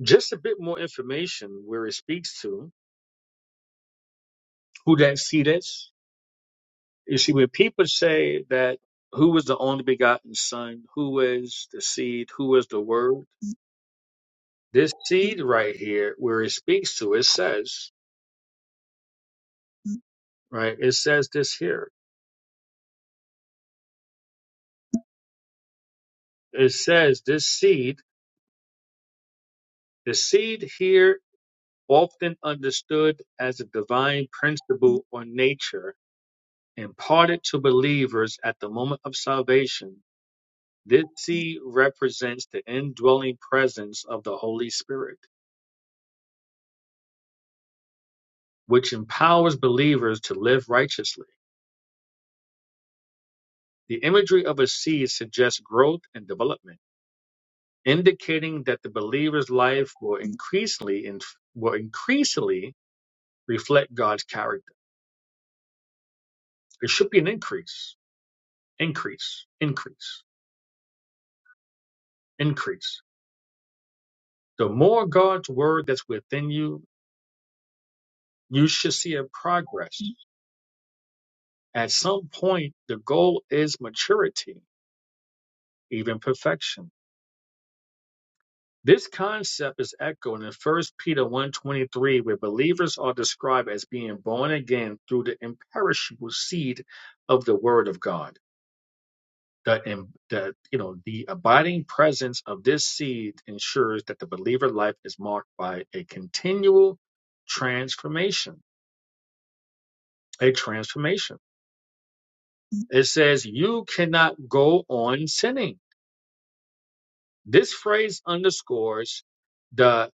Speaker 14: Just a bit more information where it speaks to who that seed is. You see, when people say that who is the only begotten Son, who is the seed, who is the Word, this seed right here, where it speaks to, it says, right? It says this here. It says this seed, the seed here often understood as a divine principle or nature imparted to believers at the moment of salvation, this seed represents the indwelling presence of the Holy Spirit, which empowers believers to live righteously. The imagery of a seed suggests growth and development, indicating that the believer's life will increasingly inf- will increasingly reflect God's character. It should be an increase, increase, increase, increase The more God's word that's within you, you should see a progress. At some point, the goal is maturity, even perfection. This concept is echoed in First Peter one twenty three, where believers are described as being born again through the imperishable seed of the word of God. The, im- the, you know, the abiding presence of this seed ensures that the believer life is marked by a continual transformation, a transformation. It says, You cannot go on sinning. This phrase underscores the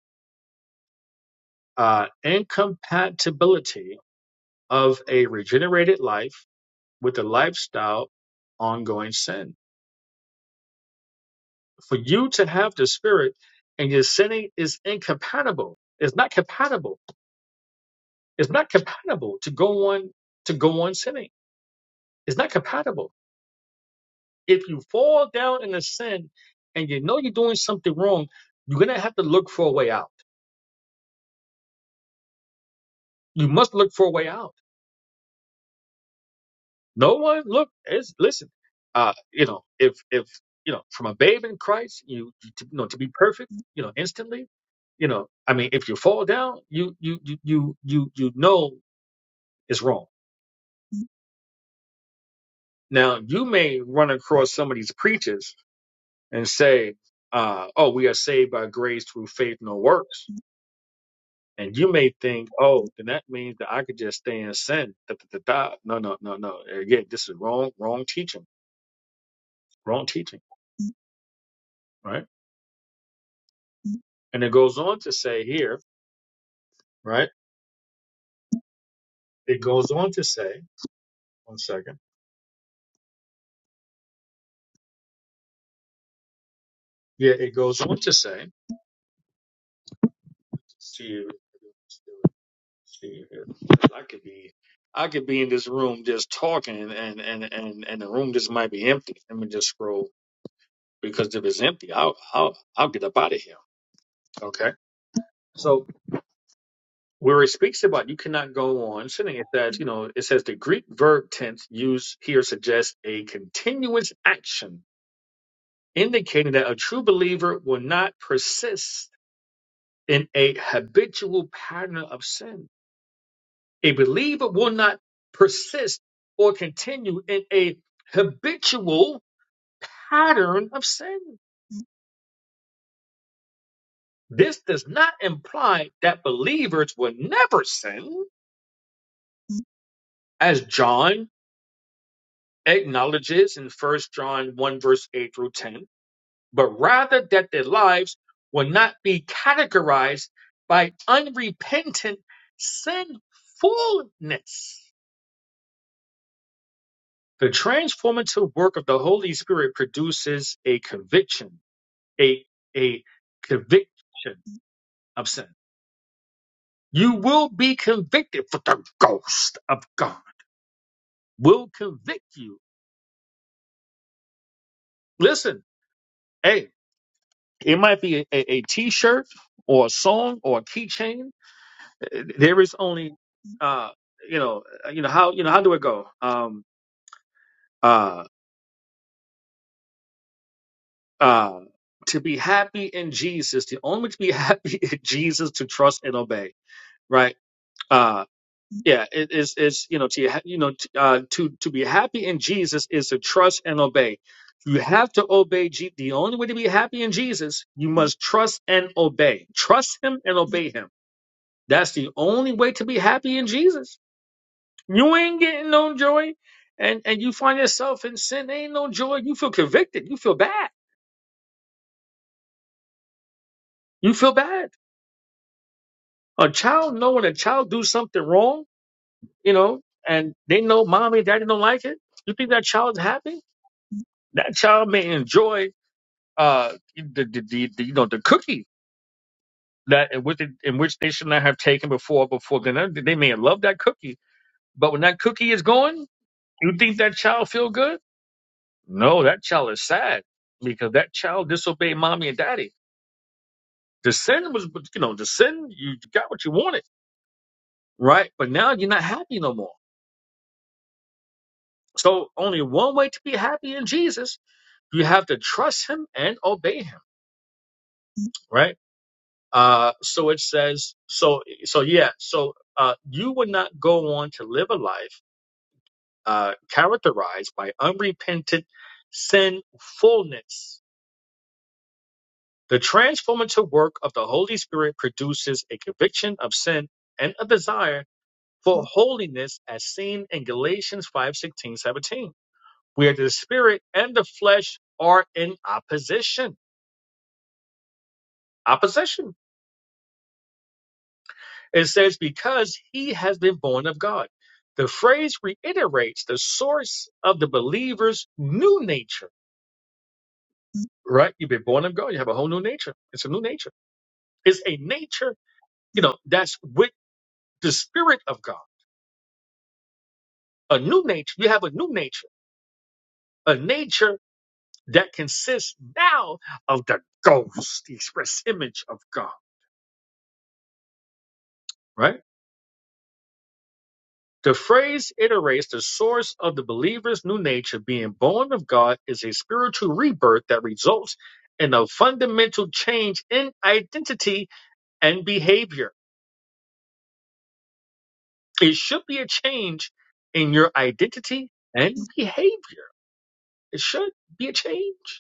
Speaker 14: uh, incompatibility of a regenerated life with a lifestyle of ongoing sin. For you to have the Spirit and your sinning is incompatible. It's not compatible. It's not compatible to go on to go on sinning. It's not compatible. If you fall down in a sin and you know you're doing something wrong, you're gonna have to look for a way out you must look for a way out. No one look is listen. Uh, you know, if if you know, from a babe in Christ, you, you to, you know to be perfect, you know, instantly, you know, I mean, if you fall down, you you you you you you know is wrong. Now you may run across some of these preachers and say, uh, "Oh, we are saved by grace through faith, no works," and you may think, "Oh, then that means that I could just stay in sin." Da, da, da, da. No, no, no, no. Again, this is wrong, wrong teaching, wrong teaching, right? And it goes on to say here, right? It goes on to say, one second. Yeah, it goes on to say, see you, see you here. I could be, I could be in this room just talking, and and and and the room just might be empty. Let me just scroll because if it's empty, I'll I'll I'll get up out of here. Okay. So where it speaks about you cannot go on sitting it that you know it says the Greek verb tense used here suggests a continuous action indicating that a true believer will not persist in a habitual pattern of sin. A believer will not persist or continue in a habitual pattern of sin. This does not imply that believers will never sin, as John acknowledges in First John 1, verse 8 through 10 but rather that their lives will not be categorized by unrepentant sinfulness. The transformative work of the Holy Spirit produces a conviction, a, a conviction of sin. You will be convicted for the ghost of God will convict you. Listen, hey, it might be a a a t-shirt or a song or a keychain there is only uh you know uh, you know how you know how do it go um uh uh to be happy in jesus the only way to be happy in jesus to trust and obey right uh yeah it is it's you know to ha- you know t- uh to to be happy in jesus is to trust and obey you have to obey Je- the only way to be happy in jesus you must trust and obey trust him and obey him that's the only way to be happy in jesus You ain't getting no joy, and and you find yourself in sin. Ain't no joy. You feel convicted. You feel bad. You feel bad. A child know when a child do something wrong, you know, and they know mommy and daddy don't like it. You think that child's happy? That child may enjoy uh the the, the, the you know the cookie that in which, they, in which they should not have taken before before dinner. They may love that cookie, but when that cookie is gone, you think that child feel good? No, that child is sad because that child disobeyed mommy and daddy The sin was, you know, the sin, you got what you wanted, right? But now you're not happy no more. So only one way to be happy in Jesus, you have to trust him and obey him, right? Uh, so it says, so, so yeah, so, uh, you would not go on to live a life, uh, characterized by unrepentant sinfulness. The transformative work of the Holy Spirit produces a conviction of sin and a desire for holiness as seen in Galatians 5 16 17, where the spirit and the flesh are in opposition. Opposition. It says, because he has been born of God. The phrase reiterates the source of the believer's new nature, right? You've been born of God. You have a whole new nature. It's a new nature. It's a nature, you know, that's with the spirit of God. A new nature. You have a new nature. A nature that consists now of the ghost, the express image of God, right? The phrase iterates the source of the believer's new nature being born of God is a spiritual rebirth that results in a fundamental change in identity and behavior. It should be a change in your identity and behavior. It should be a change.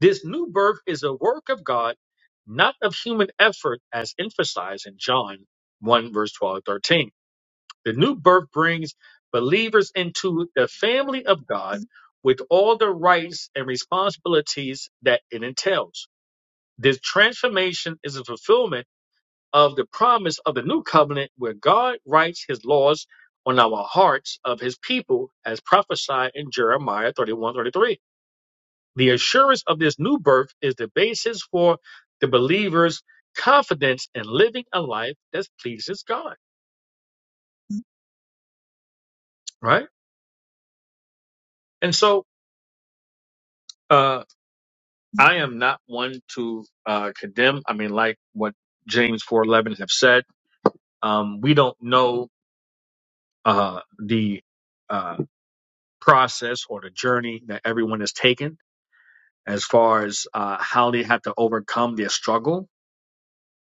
Speaker 14: This new birth is a work of God, not of human effort, as emphasized in John 1, verse 12 to 13. The new birth brings believers into the family of God with all the rights and responsibilities that it entails. This transformation is a fulfillment of the promise of the new covenant where God writes his laws on our hearts of his people as prophesied in Jeremiah 31:33. The assurance of this new birth is the basis for the believer's confidence in living a life that pleases God, right? And so, uh, I am not one to uh, condemn. I mean, like what James 4:11 have said, um, we don't know uh, the uh, process or the journey that everyone has taken as far as uh, how they have to overcome their struggle,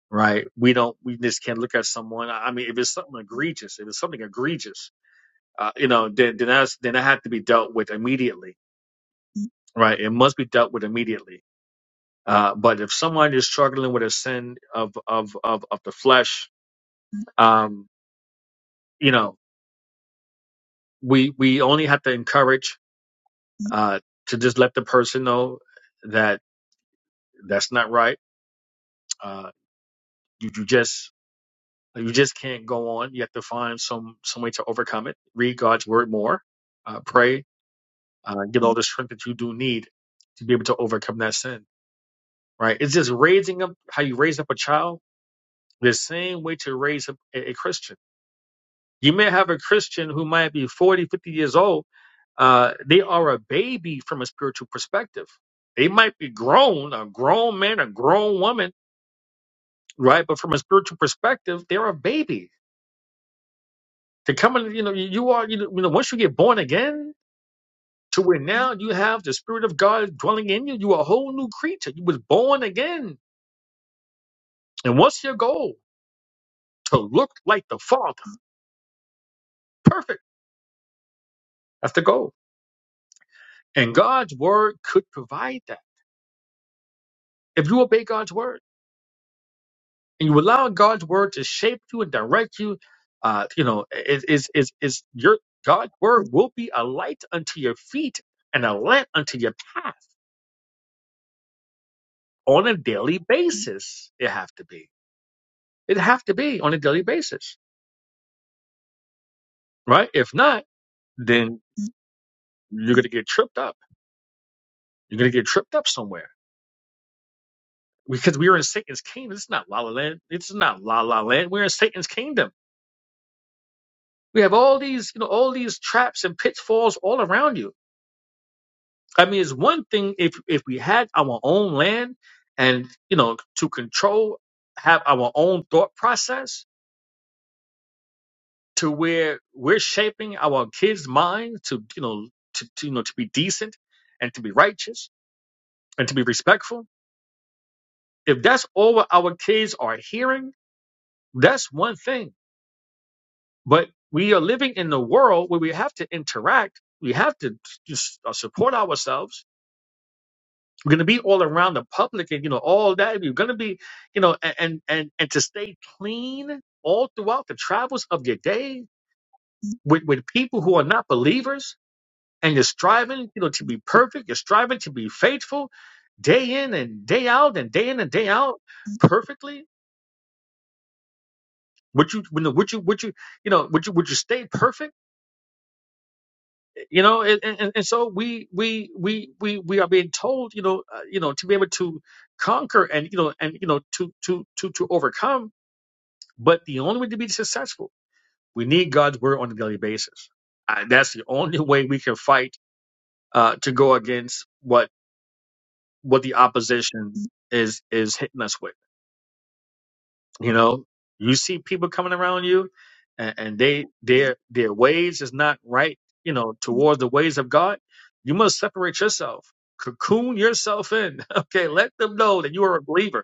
Speaker 14: right? We don't. We just can't look at someone. I I mean, if it's something egregious, if it's something egregious, uh, you know, then then that's then that had to be dealt with immediately, right? It must be dealt with immediately. Uh, but if someone is struggling with a sin of of of, of the flesh, um, you know, we we only have to encourage uh, to just let the person know that that's not right. Uh, you, you just you just can't go on. You have to find some some way to overcome it. Read God's word more, uh, pray, uh, get all the strength that you do need to be able to overcome that sin right? It's just raising up how you raise up a child, the same way to raise up a, a Christian. You may have a Christian who might be 40, 50 years old. Uh, they are a baby from a spiritual perspective. They might be grown, a grown man, a grown woman, right? But from a spiritual perspective, they're a baby. To come in, you know, you are, you know, you know, once you get born again, to where now you have the Spirit of God dwelling in you, you're a whole new creature. You was born again. And what's your goal? To look like the Father. Perfect That's the goal. And God's word could provide that. If you obey God's word and you allow God's word to shape you and direct you, uh, you know, is is is is your God's word will be a light unto your feet and a lamp unto your path on a daily basis. It have to be. It have to be on a daily basis, right? If not, then you're gonna get tripped up. You're gonna get tripped up somewhere because we are in Satan's kingdom. It's not La La Land. It's not La La Land. We're in Satan's kingdom We have all these, you know, all these traps and pitfalls all around you. I mean, it's one thing if if we had our own land and you know to control, have our own thought process to where we're shaping our kids' minds to you know to, to you know to be decent and to be righteous and to be respectful. If that's all our kids are hearing, that's one thing. But we are living in a world where we have to interact. We have to just uh, support ourselves We're going to be all around the public and, you know, all that. We're going to be, you know, a- and, and, and to stay clean all throughout the travels of your day with, with people who are not believers and you're striving, you know, to be perfect. You're striving to be faithful day in and day out and day in and day out perfectly. Would you, would you, would you, would you, you know, would you, would you stay perfect? You know, and, and, and so we, we, we, we, we are being told, you know, uh, you know, to be able to conquer and, you know, and, you know, to, to, to, to overcome But the only way to be successful, we need God's word on a daily basis. And that's the only way we can fight uh, to go against what what the opposition is is hitting us with. You know, you see people coming around you, and, and they their their ways is not right. You know, towards the ways of God, you must separate yourself, cocoon yourself in. Okay, let them know that you are a believer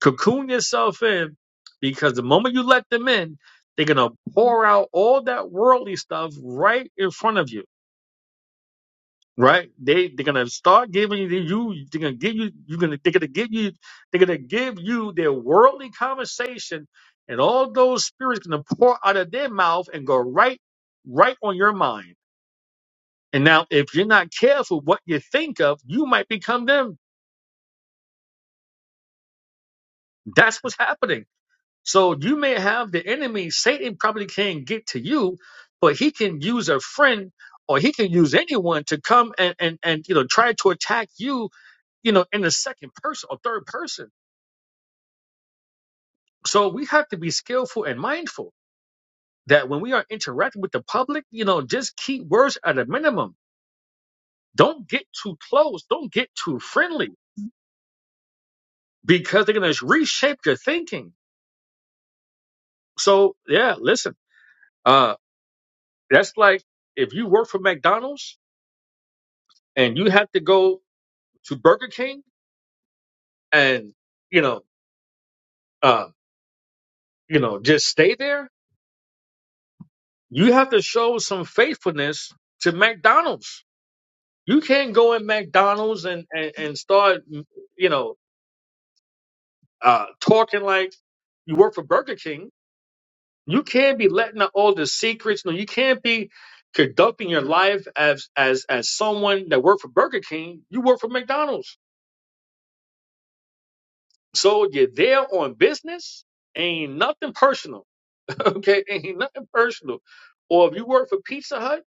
Speaker 14: Cocoon yourself in because the moment you let them in, they're gonna pour out all that worldly stuff right in front of you. Right? They they're gonna start giving you you they're gonna give you you're gonna they're gonna give you they're gonna give you their worldly conversation and all those spirits gonna pour out of their mouth and go right right on your mind. And now if you're not careful what you think of, you might become them. That's what's happening So you may have the enemy. Satan probably can't get to you, but he can use a friend or he can use anyone to come and, and, and you know try to attack you, you know, in the second person or third person. So we have to be skillful and mindful that when we are interacting with the public, you know, just keep words at a minimum. Don't get too close. Don't get too friendly because they're gonna reshape your thinking. So yeah, listen, uh, that's like if you work for McDonald's and you have to go to Burger King and you know uh, you know just stay there, you have to show some faithfulness to McDonald's. You can't go in McDonald's and and, and start mm, you know uh, talking like you work for Burger King. You can't be letting out all the secrets. No, you can't be conducting your life as as as someone that worked for Burger King. You work for McDonald's, so you're there on business. Ain't nothing personal okay, ain't nothing personal. Or if you work for Pizza Hut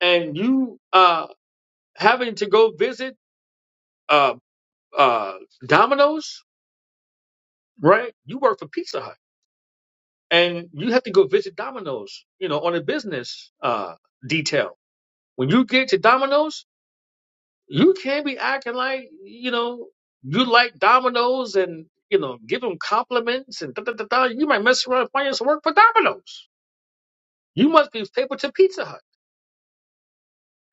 Speaker 14: and you uh having to go visit uh uh Domino's, right? You work for Pizza Hut and you have to go visit Domino's, you know, on a business uh detail. When you get to Domino's, you can't be acting like you know you like Domino's and you know give them compliments and da da da da. You might mess around and find yourself work for Domino's. You must be faithful to Pizza Hut.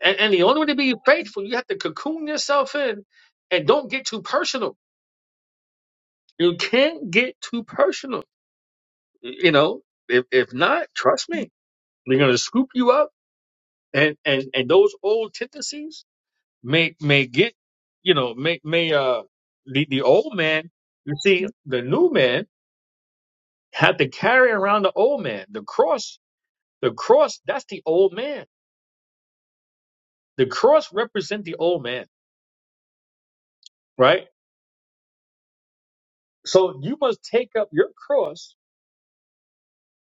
Speaker 14: And, and the only way to be faithful, you have to cocoon yourself in and don't get too personal. You can't get too personal. You know, if, if not, trust me, they're going to scoop you up and, and, and those old tendencies may, may get, you know, may, may, uh, the, the old man, you see, the new man had to carry around the old man. The cross, the cross, that's the old man. The cross represent the old man, right? So you must take up your cross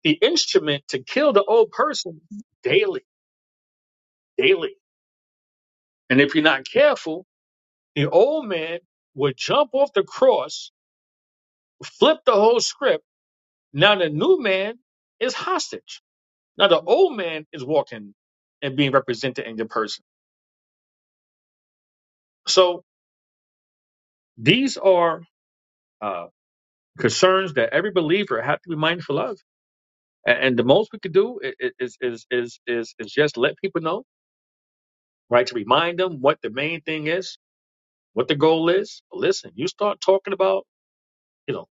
Speaker 14: the instrument to kill the old person daily, daily. And if you're not careful, the old man would jump off the cross, flip the whole script. Now the new man is hostage. Now the old man is walking and being represented in your person. So these are uh, concerns that every believer has to be mindful of. A- And the most we could do i- i- is is is is is just let people know, right? To remind them what the main thing is what the goal is. But listen, you start talking about, you know,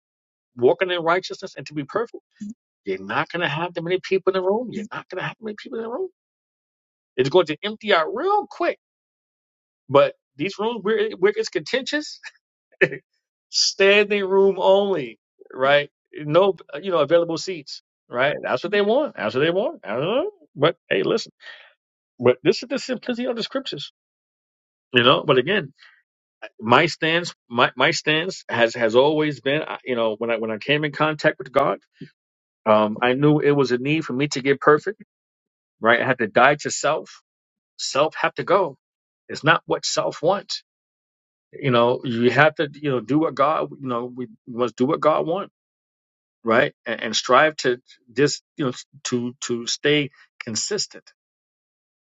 Speaker 14: walking in righteousness and to be perfect, you're not going to have that many people in the room. You're not going to have that many people in the room. It's going to empty out real quick. But these rooms where, it- where it's contentious, standing room only, right? No, you know, available seats, right? That's what they want. That's what they want. I don't know. But hey, listen, but this is the simplicity of the scriptures, you know. But again, my stance, my, my stance has has always been, I- you know, when I when I came in contact with God. Um, I knew it was a need for me to get perfect, right? I had to die to self. Self had to go. It's not what self wants. You know, you have to, you know, do what God, you know, we must do what God wants, right? And, and strive to this, you know, to to stay consistent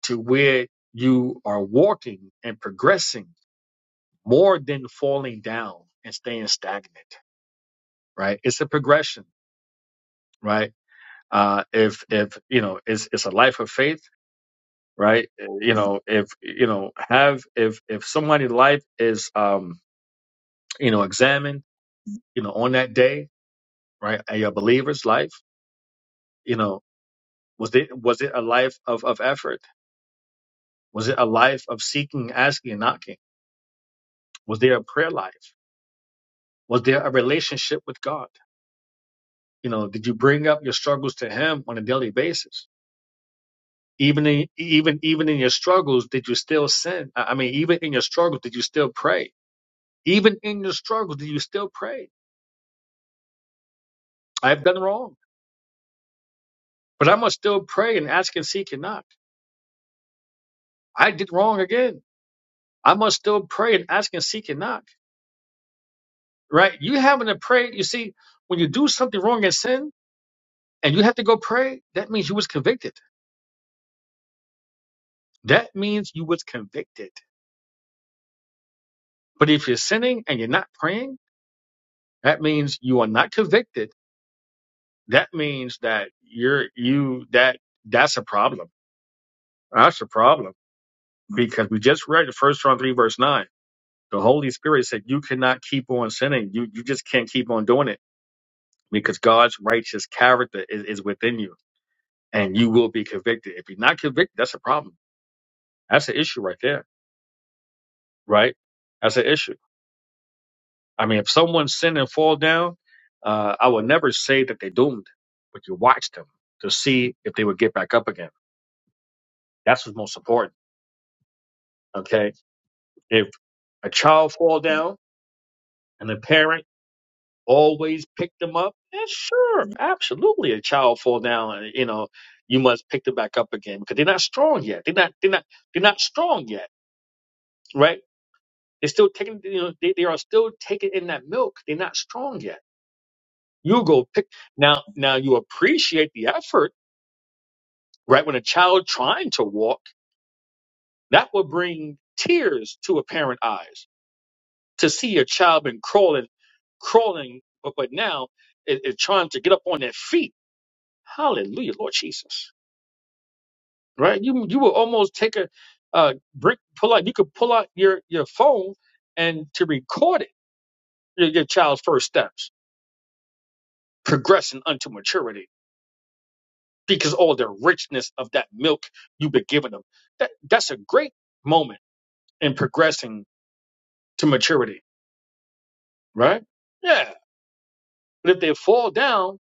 Speaker 14: to where you are walking and progressing more than falling down and staying stagnant, right? It's a progression, right? Uh, if if you know, it's it's a life of faith right? You know, if you know, have if if somebody's life is um, you know, examined, you know, on that day, right? And your believer's life, you know, was it was it a life of of effort? Was it a life of seeking, asking, and knocking? Was there a prayer life? Was there a relationship with God? You know, did you bring up your struggles to Him on a daily basis? Even in even even in your struggles, did you still sin? I I mean, even in your struggles, did you still pray? Even in your struggles, did you still pray? I've done wrong. But I must still pray and ask and seek and knock. I did wrong again. I must still pray and ask and seek and knock. Right? You having to pray, you see, when you do something wrong and sin and you have to go pray, that means you was convicted. That means you was convicted. But if you're sinning and you're not praying, that means you are not convicted. That means that you're you that that's a problem. That's a problem. Because we just read the first John three verse nine. The Holy Spirit said you cannot keep on sinning. You you just can't keep on doing it because God's righteous character is, is within you and you will be convicted. If you're not convicted, that's a problem. That's an issue right there, right? That's an issue. I mean, if someone sin and fall down, uh, I would never say that they're doomed, but you watch them to see if they would get back up again. That's what's most important. Okay. If a child fall down and the parent always pick them up? Yeah, sure, absolutely. A child fall down, and you know, you must pick them back up again because they're not strong yet. They're not. They're not. They're not strong yet, right? They're still taking. You know, they, they are still taking in that milk. They're not strong yet. You go pick now. Now you appreciate the effort, right? When a child trying to walk, that will bring tears to a parent eyes to see a child been crawling, crawling, but but now is, is trying to get up on their feet. Hallelujah, Lord Jesus right? You you will almost take a uh, brick pull out. You could pull out your your phone and to record it your, your child's first steps, progressing unto maturity, because all the richness of that milk you've been giving them. That that's a great moment in progressing to maturity, right? Yeah, but if they fall down,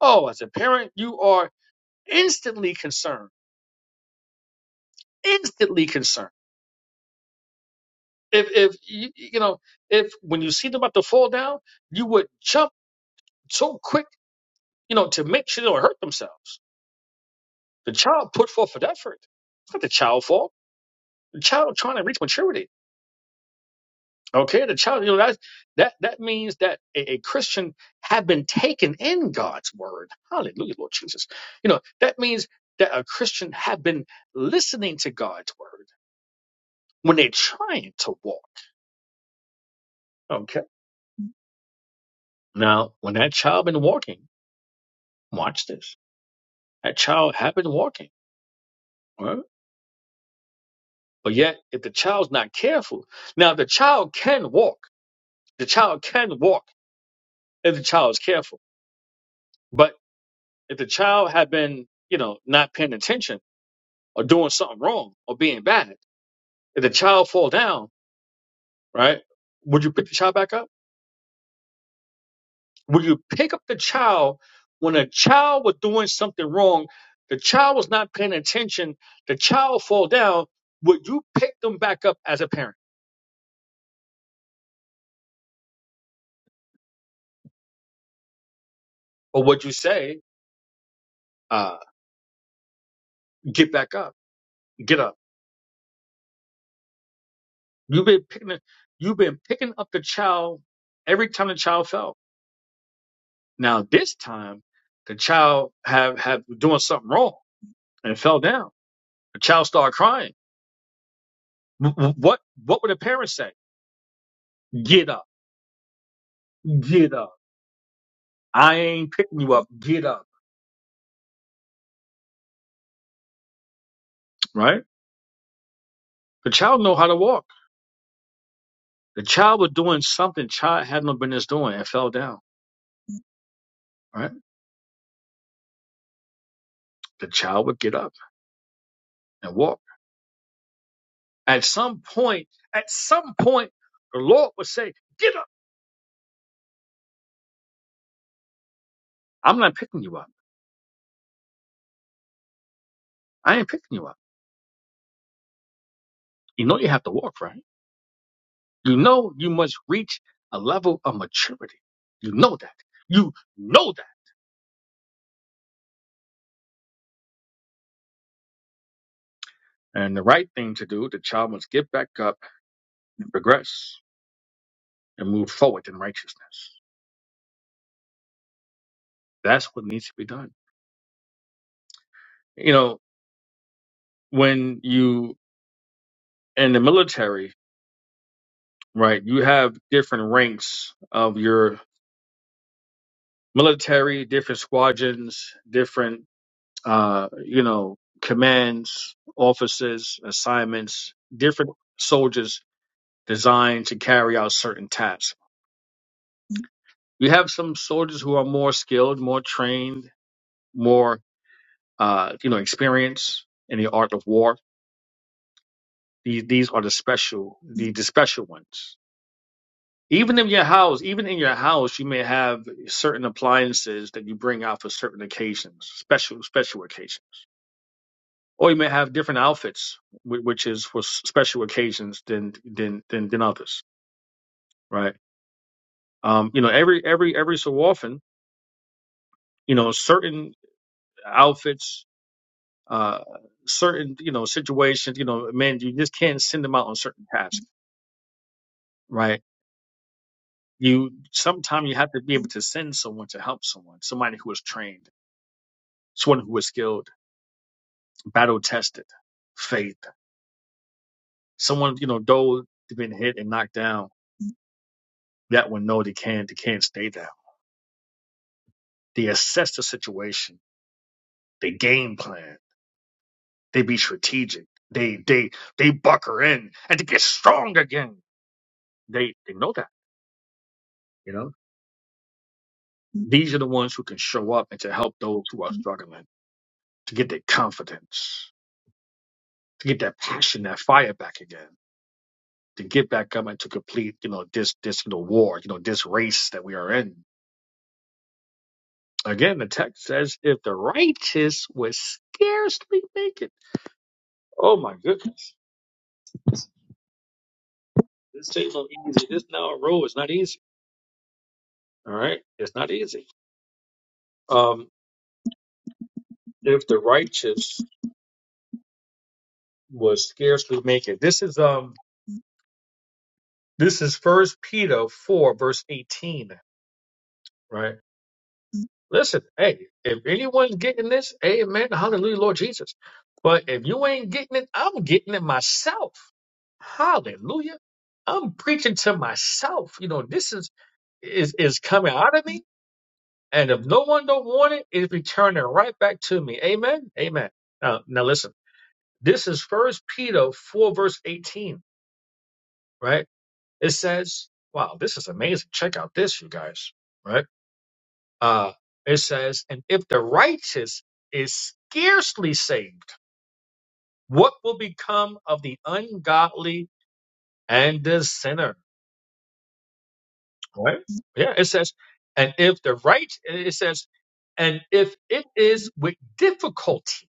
Speaker 14: oh, as a parent, you are instantly concerned, instantly concerned. If if you you know if when you see them about to fall down, you would jump so quick you know, to make sure they don't hurt themselves. The child put forth an effort. It's not the child fault. The child trying to reach maturity. Okay, the child, you know, that that that means that a, a Christian have been taken in God's word. Hallelujah, Lord Jesus. You know, that means that a Christian have been listening to God's word when they're trying to walk. Okay. Now, when that child been walking, watch this. That child have been walking. all right? But yet, if the child's not careful, now the child can walk The child can walk if the child is careful. But if the child had been, you know, not paying attention or doing something wrong or being bad, if the child fall down, right, would you pick the child back up? Would you pick up the child when a child was doing something wrong? The child was not paying attention. The child fall down. Would you pick them back up as a parent, or would you say, uh, "Get back up, get up"? You've been picking, you've been picking up the child every time the child fell Now this time, the child have have doing something wrong and fell down. The child started crying. What what would the parents say? Get up, get up. I ain't picking you up. Get up. Right? The child know how to walk. The child was doing something child had no business doing and fell down. Right? The child would get up and walk. At some point, at some point, the Lord would say, "Get up. I'm not picking you up. I ain't picking you up. You know you have to walk, right?" You know you must reach a level of maturity. You know that. You know that. And the right thing to do, the child must get back up and progress and move forward in righteousness. That's what needs to be done. You know, when you in the military, right, you have different ranks of your military, different squadrons, different uh, you know, commands, officers, assignments, different soldiers designed to carry out certain tasks. You have some soldiers who are more skilled, more trained, more uh, you know experienced in the art of war. These these are the special the, the special ones. Even in your house, even in your house, you may have certain appliances that you bring out for certain occasions, special special occasions, or you may have different outfits, whi- which is for s- special occasions than than than, than others, right? Um, you know, every every every so often, you know, certain outfits uh, certain you know situations you know man you just can't send them out on certain tasks right you sometimes you have to be able to send someone to help someone somebody who is trained someone who is skilled battle tested faith someone you know though they have been hit and knocked down that one know they can't they can't stay down they assess the situation they game plan they be strategic they they they bucker in and to get strong again they they know that you know. These are the ones who can show up and to help those who are struggling, to get their confidence, to get that passion, that fire back again, to get back up and to complete, you know, this this you know war, you know, this race that we are in. Again, the text says, if the righteous would scarcely make it. Oh my goodness. This ain't no easy. This now road is not easy. All right. It's not easy. Um, if the righteous would scarcely make it. This is um this is first Peter four, verse eighteen, right? Listen, hey, if anyone's getting this, amen, hallelujah, Lord Jesus. But if you ain't getting it, I'm getting it myself. Hallelujah. I'm preaching to myself. You know, this is is is coming out of me, and if no one don't want it, it's returning right back to me. Amen. Amen. Now, now listen. This is First Peter four verse eighteen. Right? It says, "Wow, this is amazing. Check out this, you guys." Right? Uh, it says, And if the righteous is scarcely saved, what will become of the ungodly and the sinner? Right? Yeah, it says, And if the right, it says, And if it is with difficulty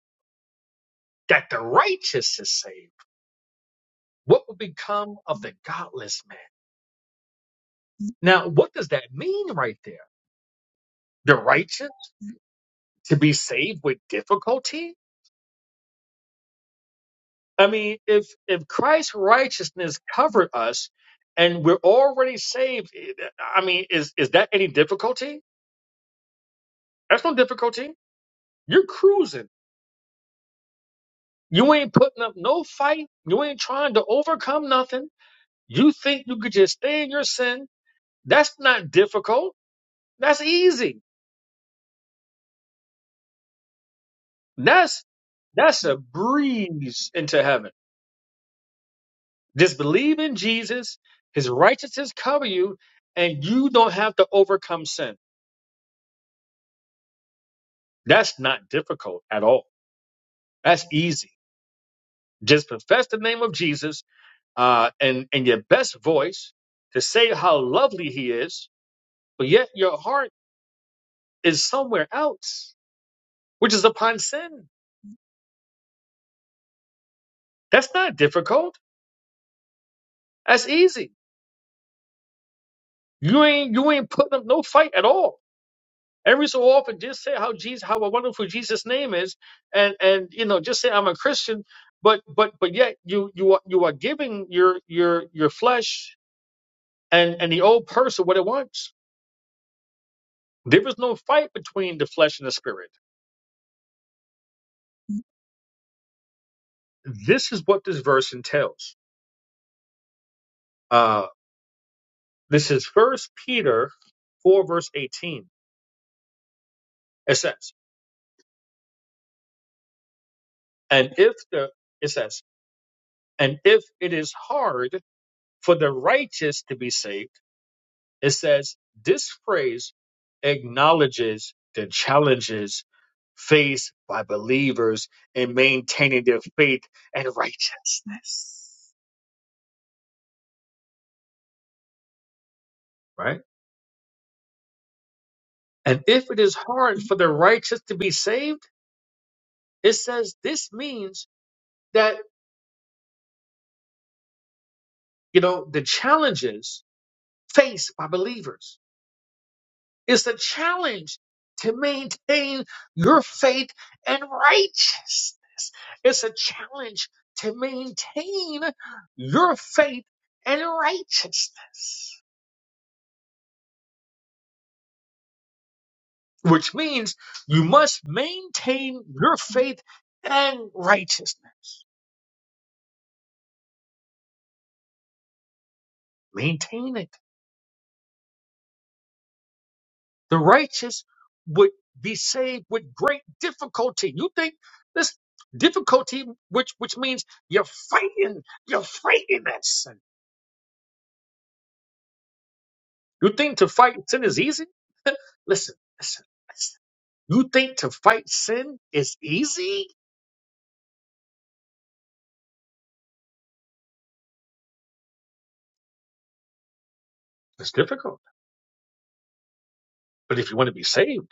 Speaker 14: that the righteous is saved, what will become of the godless man? Now, what does that mean right there? The righteous to be saved with difficulty? I mean, if if Christ's righteousness covered us and we're already saved, I mean, is is that any difficulty? That's no difficulty. You're cruising. You ain't putting up no fight. You ain't trying to overcome nothing. You think you could just stay in your sin. That's not difficult. That's easy. That's that's a breeze into heaven. Just believe in Jesus, his righteousness cover you, and you don't have to overcome sin. That's not difficult at all. That's easy. Just profess the name of Jesus uh, and in your best voice to say how lovely He is, but yet your heart is somewhere else, which is upon sin. That's not difficult. That's easy. You ain't you ain't putting up no fight at all. Every so often, just say how Jesus, how wonderful Jesus' name is, and and you know, just say I'm a Christian, but but but yet you you are you are giving your your your flesh And and the old person, what it wants. There is no fight between the flesh and the spirit. This is what this verse entails. Uh, this is First Peter four verse eighteen. It says, "And if the it says, and if it is hard for the righteous to be saved," it says this phrase acknowledges the challenges faced by believers in maintaining their faith and righteousness. Right And if it is hard for the righteous to be saved, it says this means that, you know, the challenges faced by believers is a challenge to maintain your faith and righteousness. It's a challenge to maintain your faith and righteousness, which means you must maintain your faith and righteousness. Maintain it The righteous would be saved with great difficulty. You think this difficulty, which which means you're fighting, you're fighting that sin. You think to fight sin is easy? listen, listen, listen. You think to fight sin is easy? It's difficult. But if you want to be saved,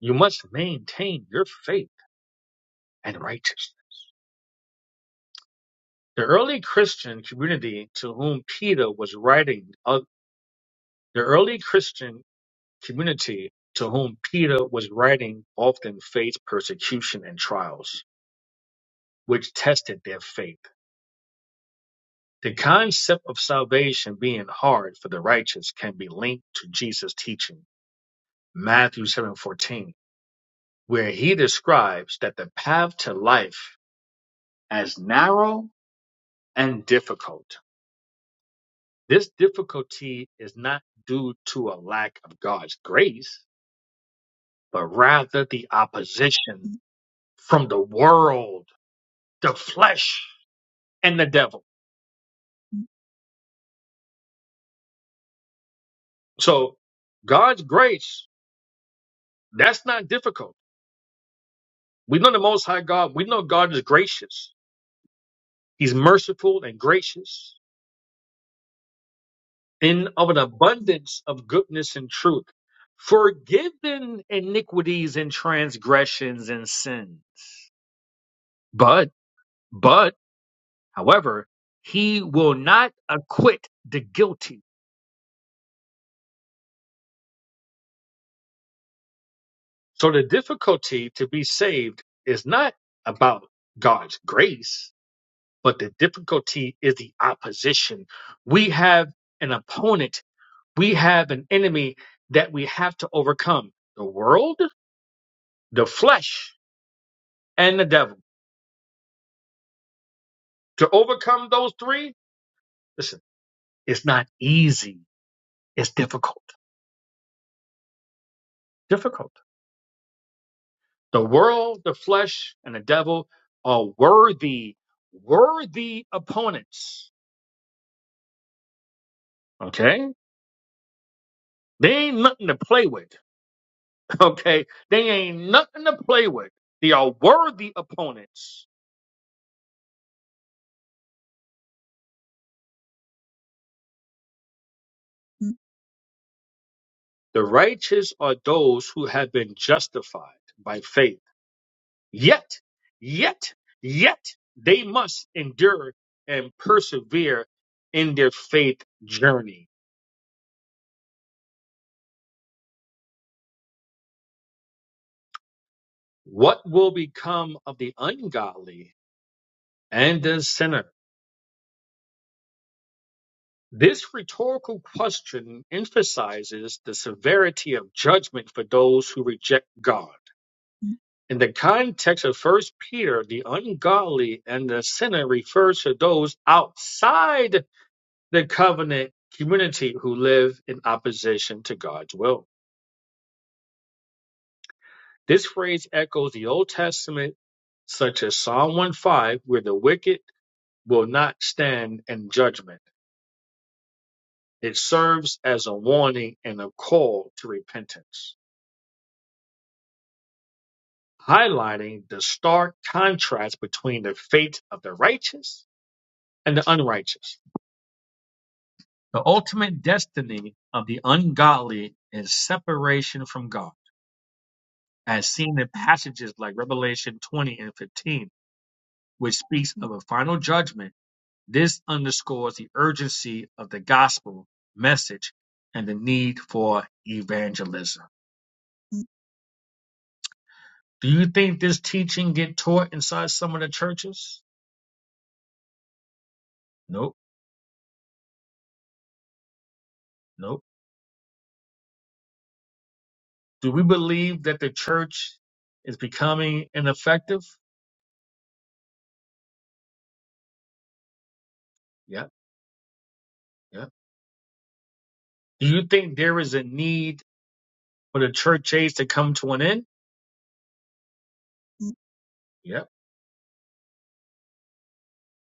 Speaker 14: you must maintain your faith and righteousness. The early Christian community to whom Peter was writing, uh, the early Christian community to whom Peter was writing often faced persecution and trials, which tested their faith. The concept of salvation being hard for the righteous can be linked to Jesus' teaching, Matthew 7:14, where he describes that the path to life as narrow and difficult. This difficulty is not due to a lack of God's grace, but rather the opposition from the world, the flesh, and the devil. So God's grace, that's not difficult. We know the Most High God. We know God is gracious. He's merciful and gracious in of an abundance of goodness and truth, forgiving iniquities and transgressions and sin. But, but, however, he will not acquit the guilty. So the difficulty to be saved is not about God's grace but the difficulty is the opposition. We have an opponent, we have an enemy that we have to overcome the world, the flesh, and the devil. To overcome those three, listen, it's not easy, it's difficult. Difficult. The world, the flesh, and the devil are worthy, worthy opponents. Okay? They ain't nothing to play with. Okay? They ain't nothing to play with. They are worthy opponents. The righteous are those who have been justified by faith. Yet, yet, yet they must endure and persevere in their faith journey. What will become of the ungodly and the sinner? This rhetorical question emphasizes the severity of judgment for those who reject God. In the context of First Peter, the ungodly and the sinner refers to those outside the covenant community who live in opposition to God's will. This phrase echoes the Old Testament, such as Psalm 1:5, where the wicked will not stand in judgment. It serves as a warning and a call to repentance, highlighting the stark contrast between the fate of the righteous and the unrighteous. The ultimate destiny of the ungodly is separation from God as seen in passages like Revelation 20 and 15, which speaks of a final judgment. This underscores the urgency of the gospel message and the need for evangelism. Do you think this teaching get taught inside some of the churches? Nope, nope. Do we believe that the church is becoming ineffective? Yeah, yeah. Do you think there is a need for the church age to come to an end? Yeah.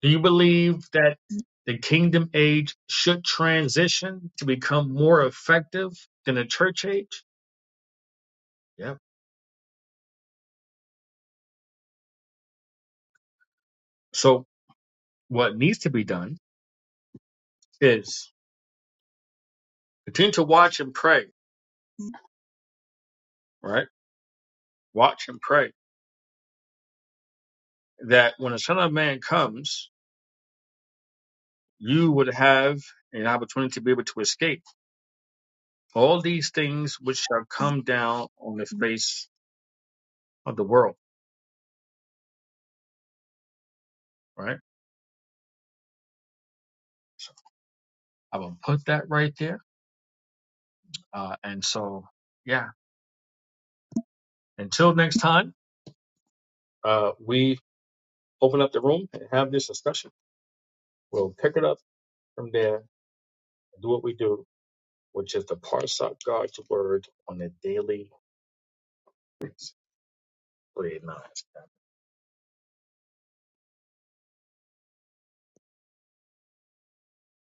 Speaker 14: Do you believe that the kingdom age should transition to become more effective than the church age? Yeah. So what needs to be done is continue to watch and pray, right? Watch and pray that when the son of man comes, you would have an opportunity to be able to escape all these things which shall come down on the face of the world, right? I will put that right there. Uh, and so, yeah, until next time, uh, we open up the room and have this discussion. We'll pick it up from there and do what we do, which is to parse out God's word on a daily basis. Pray it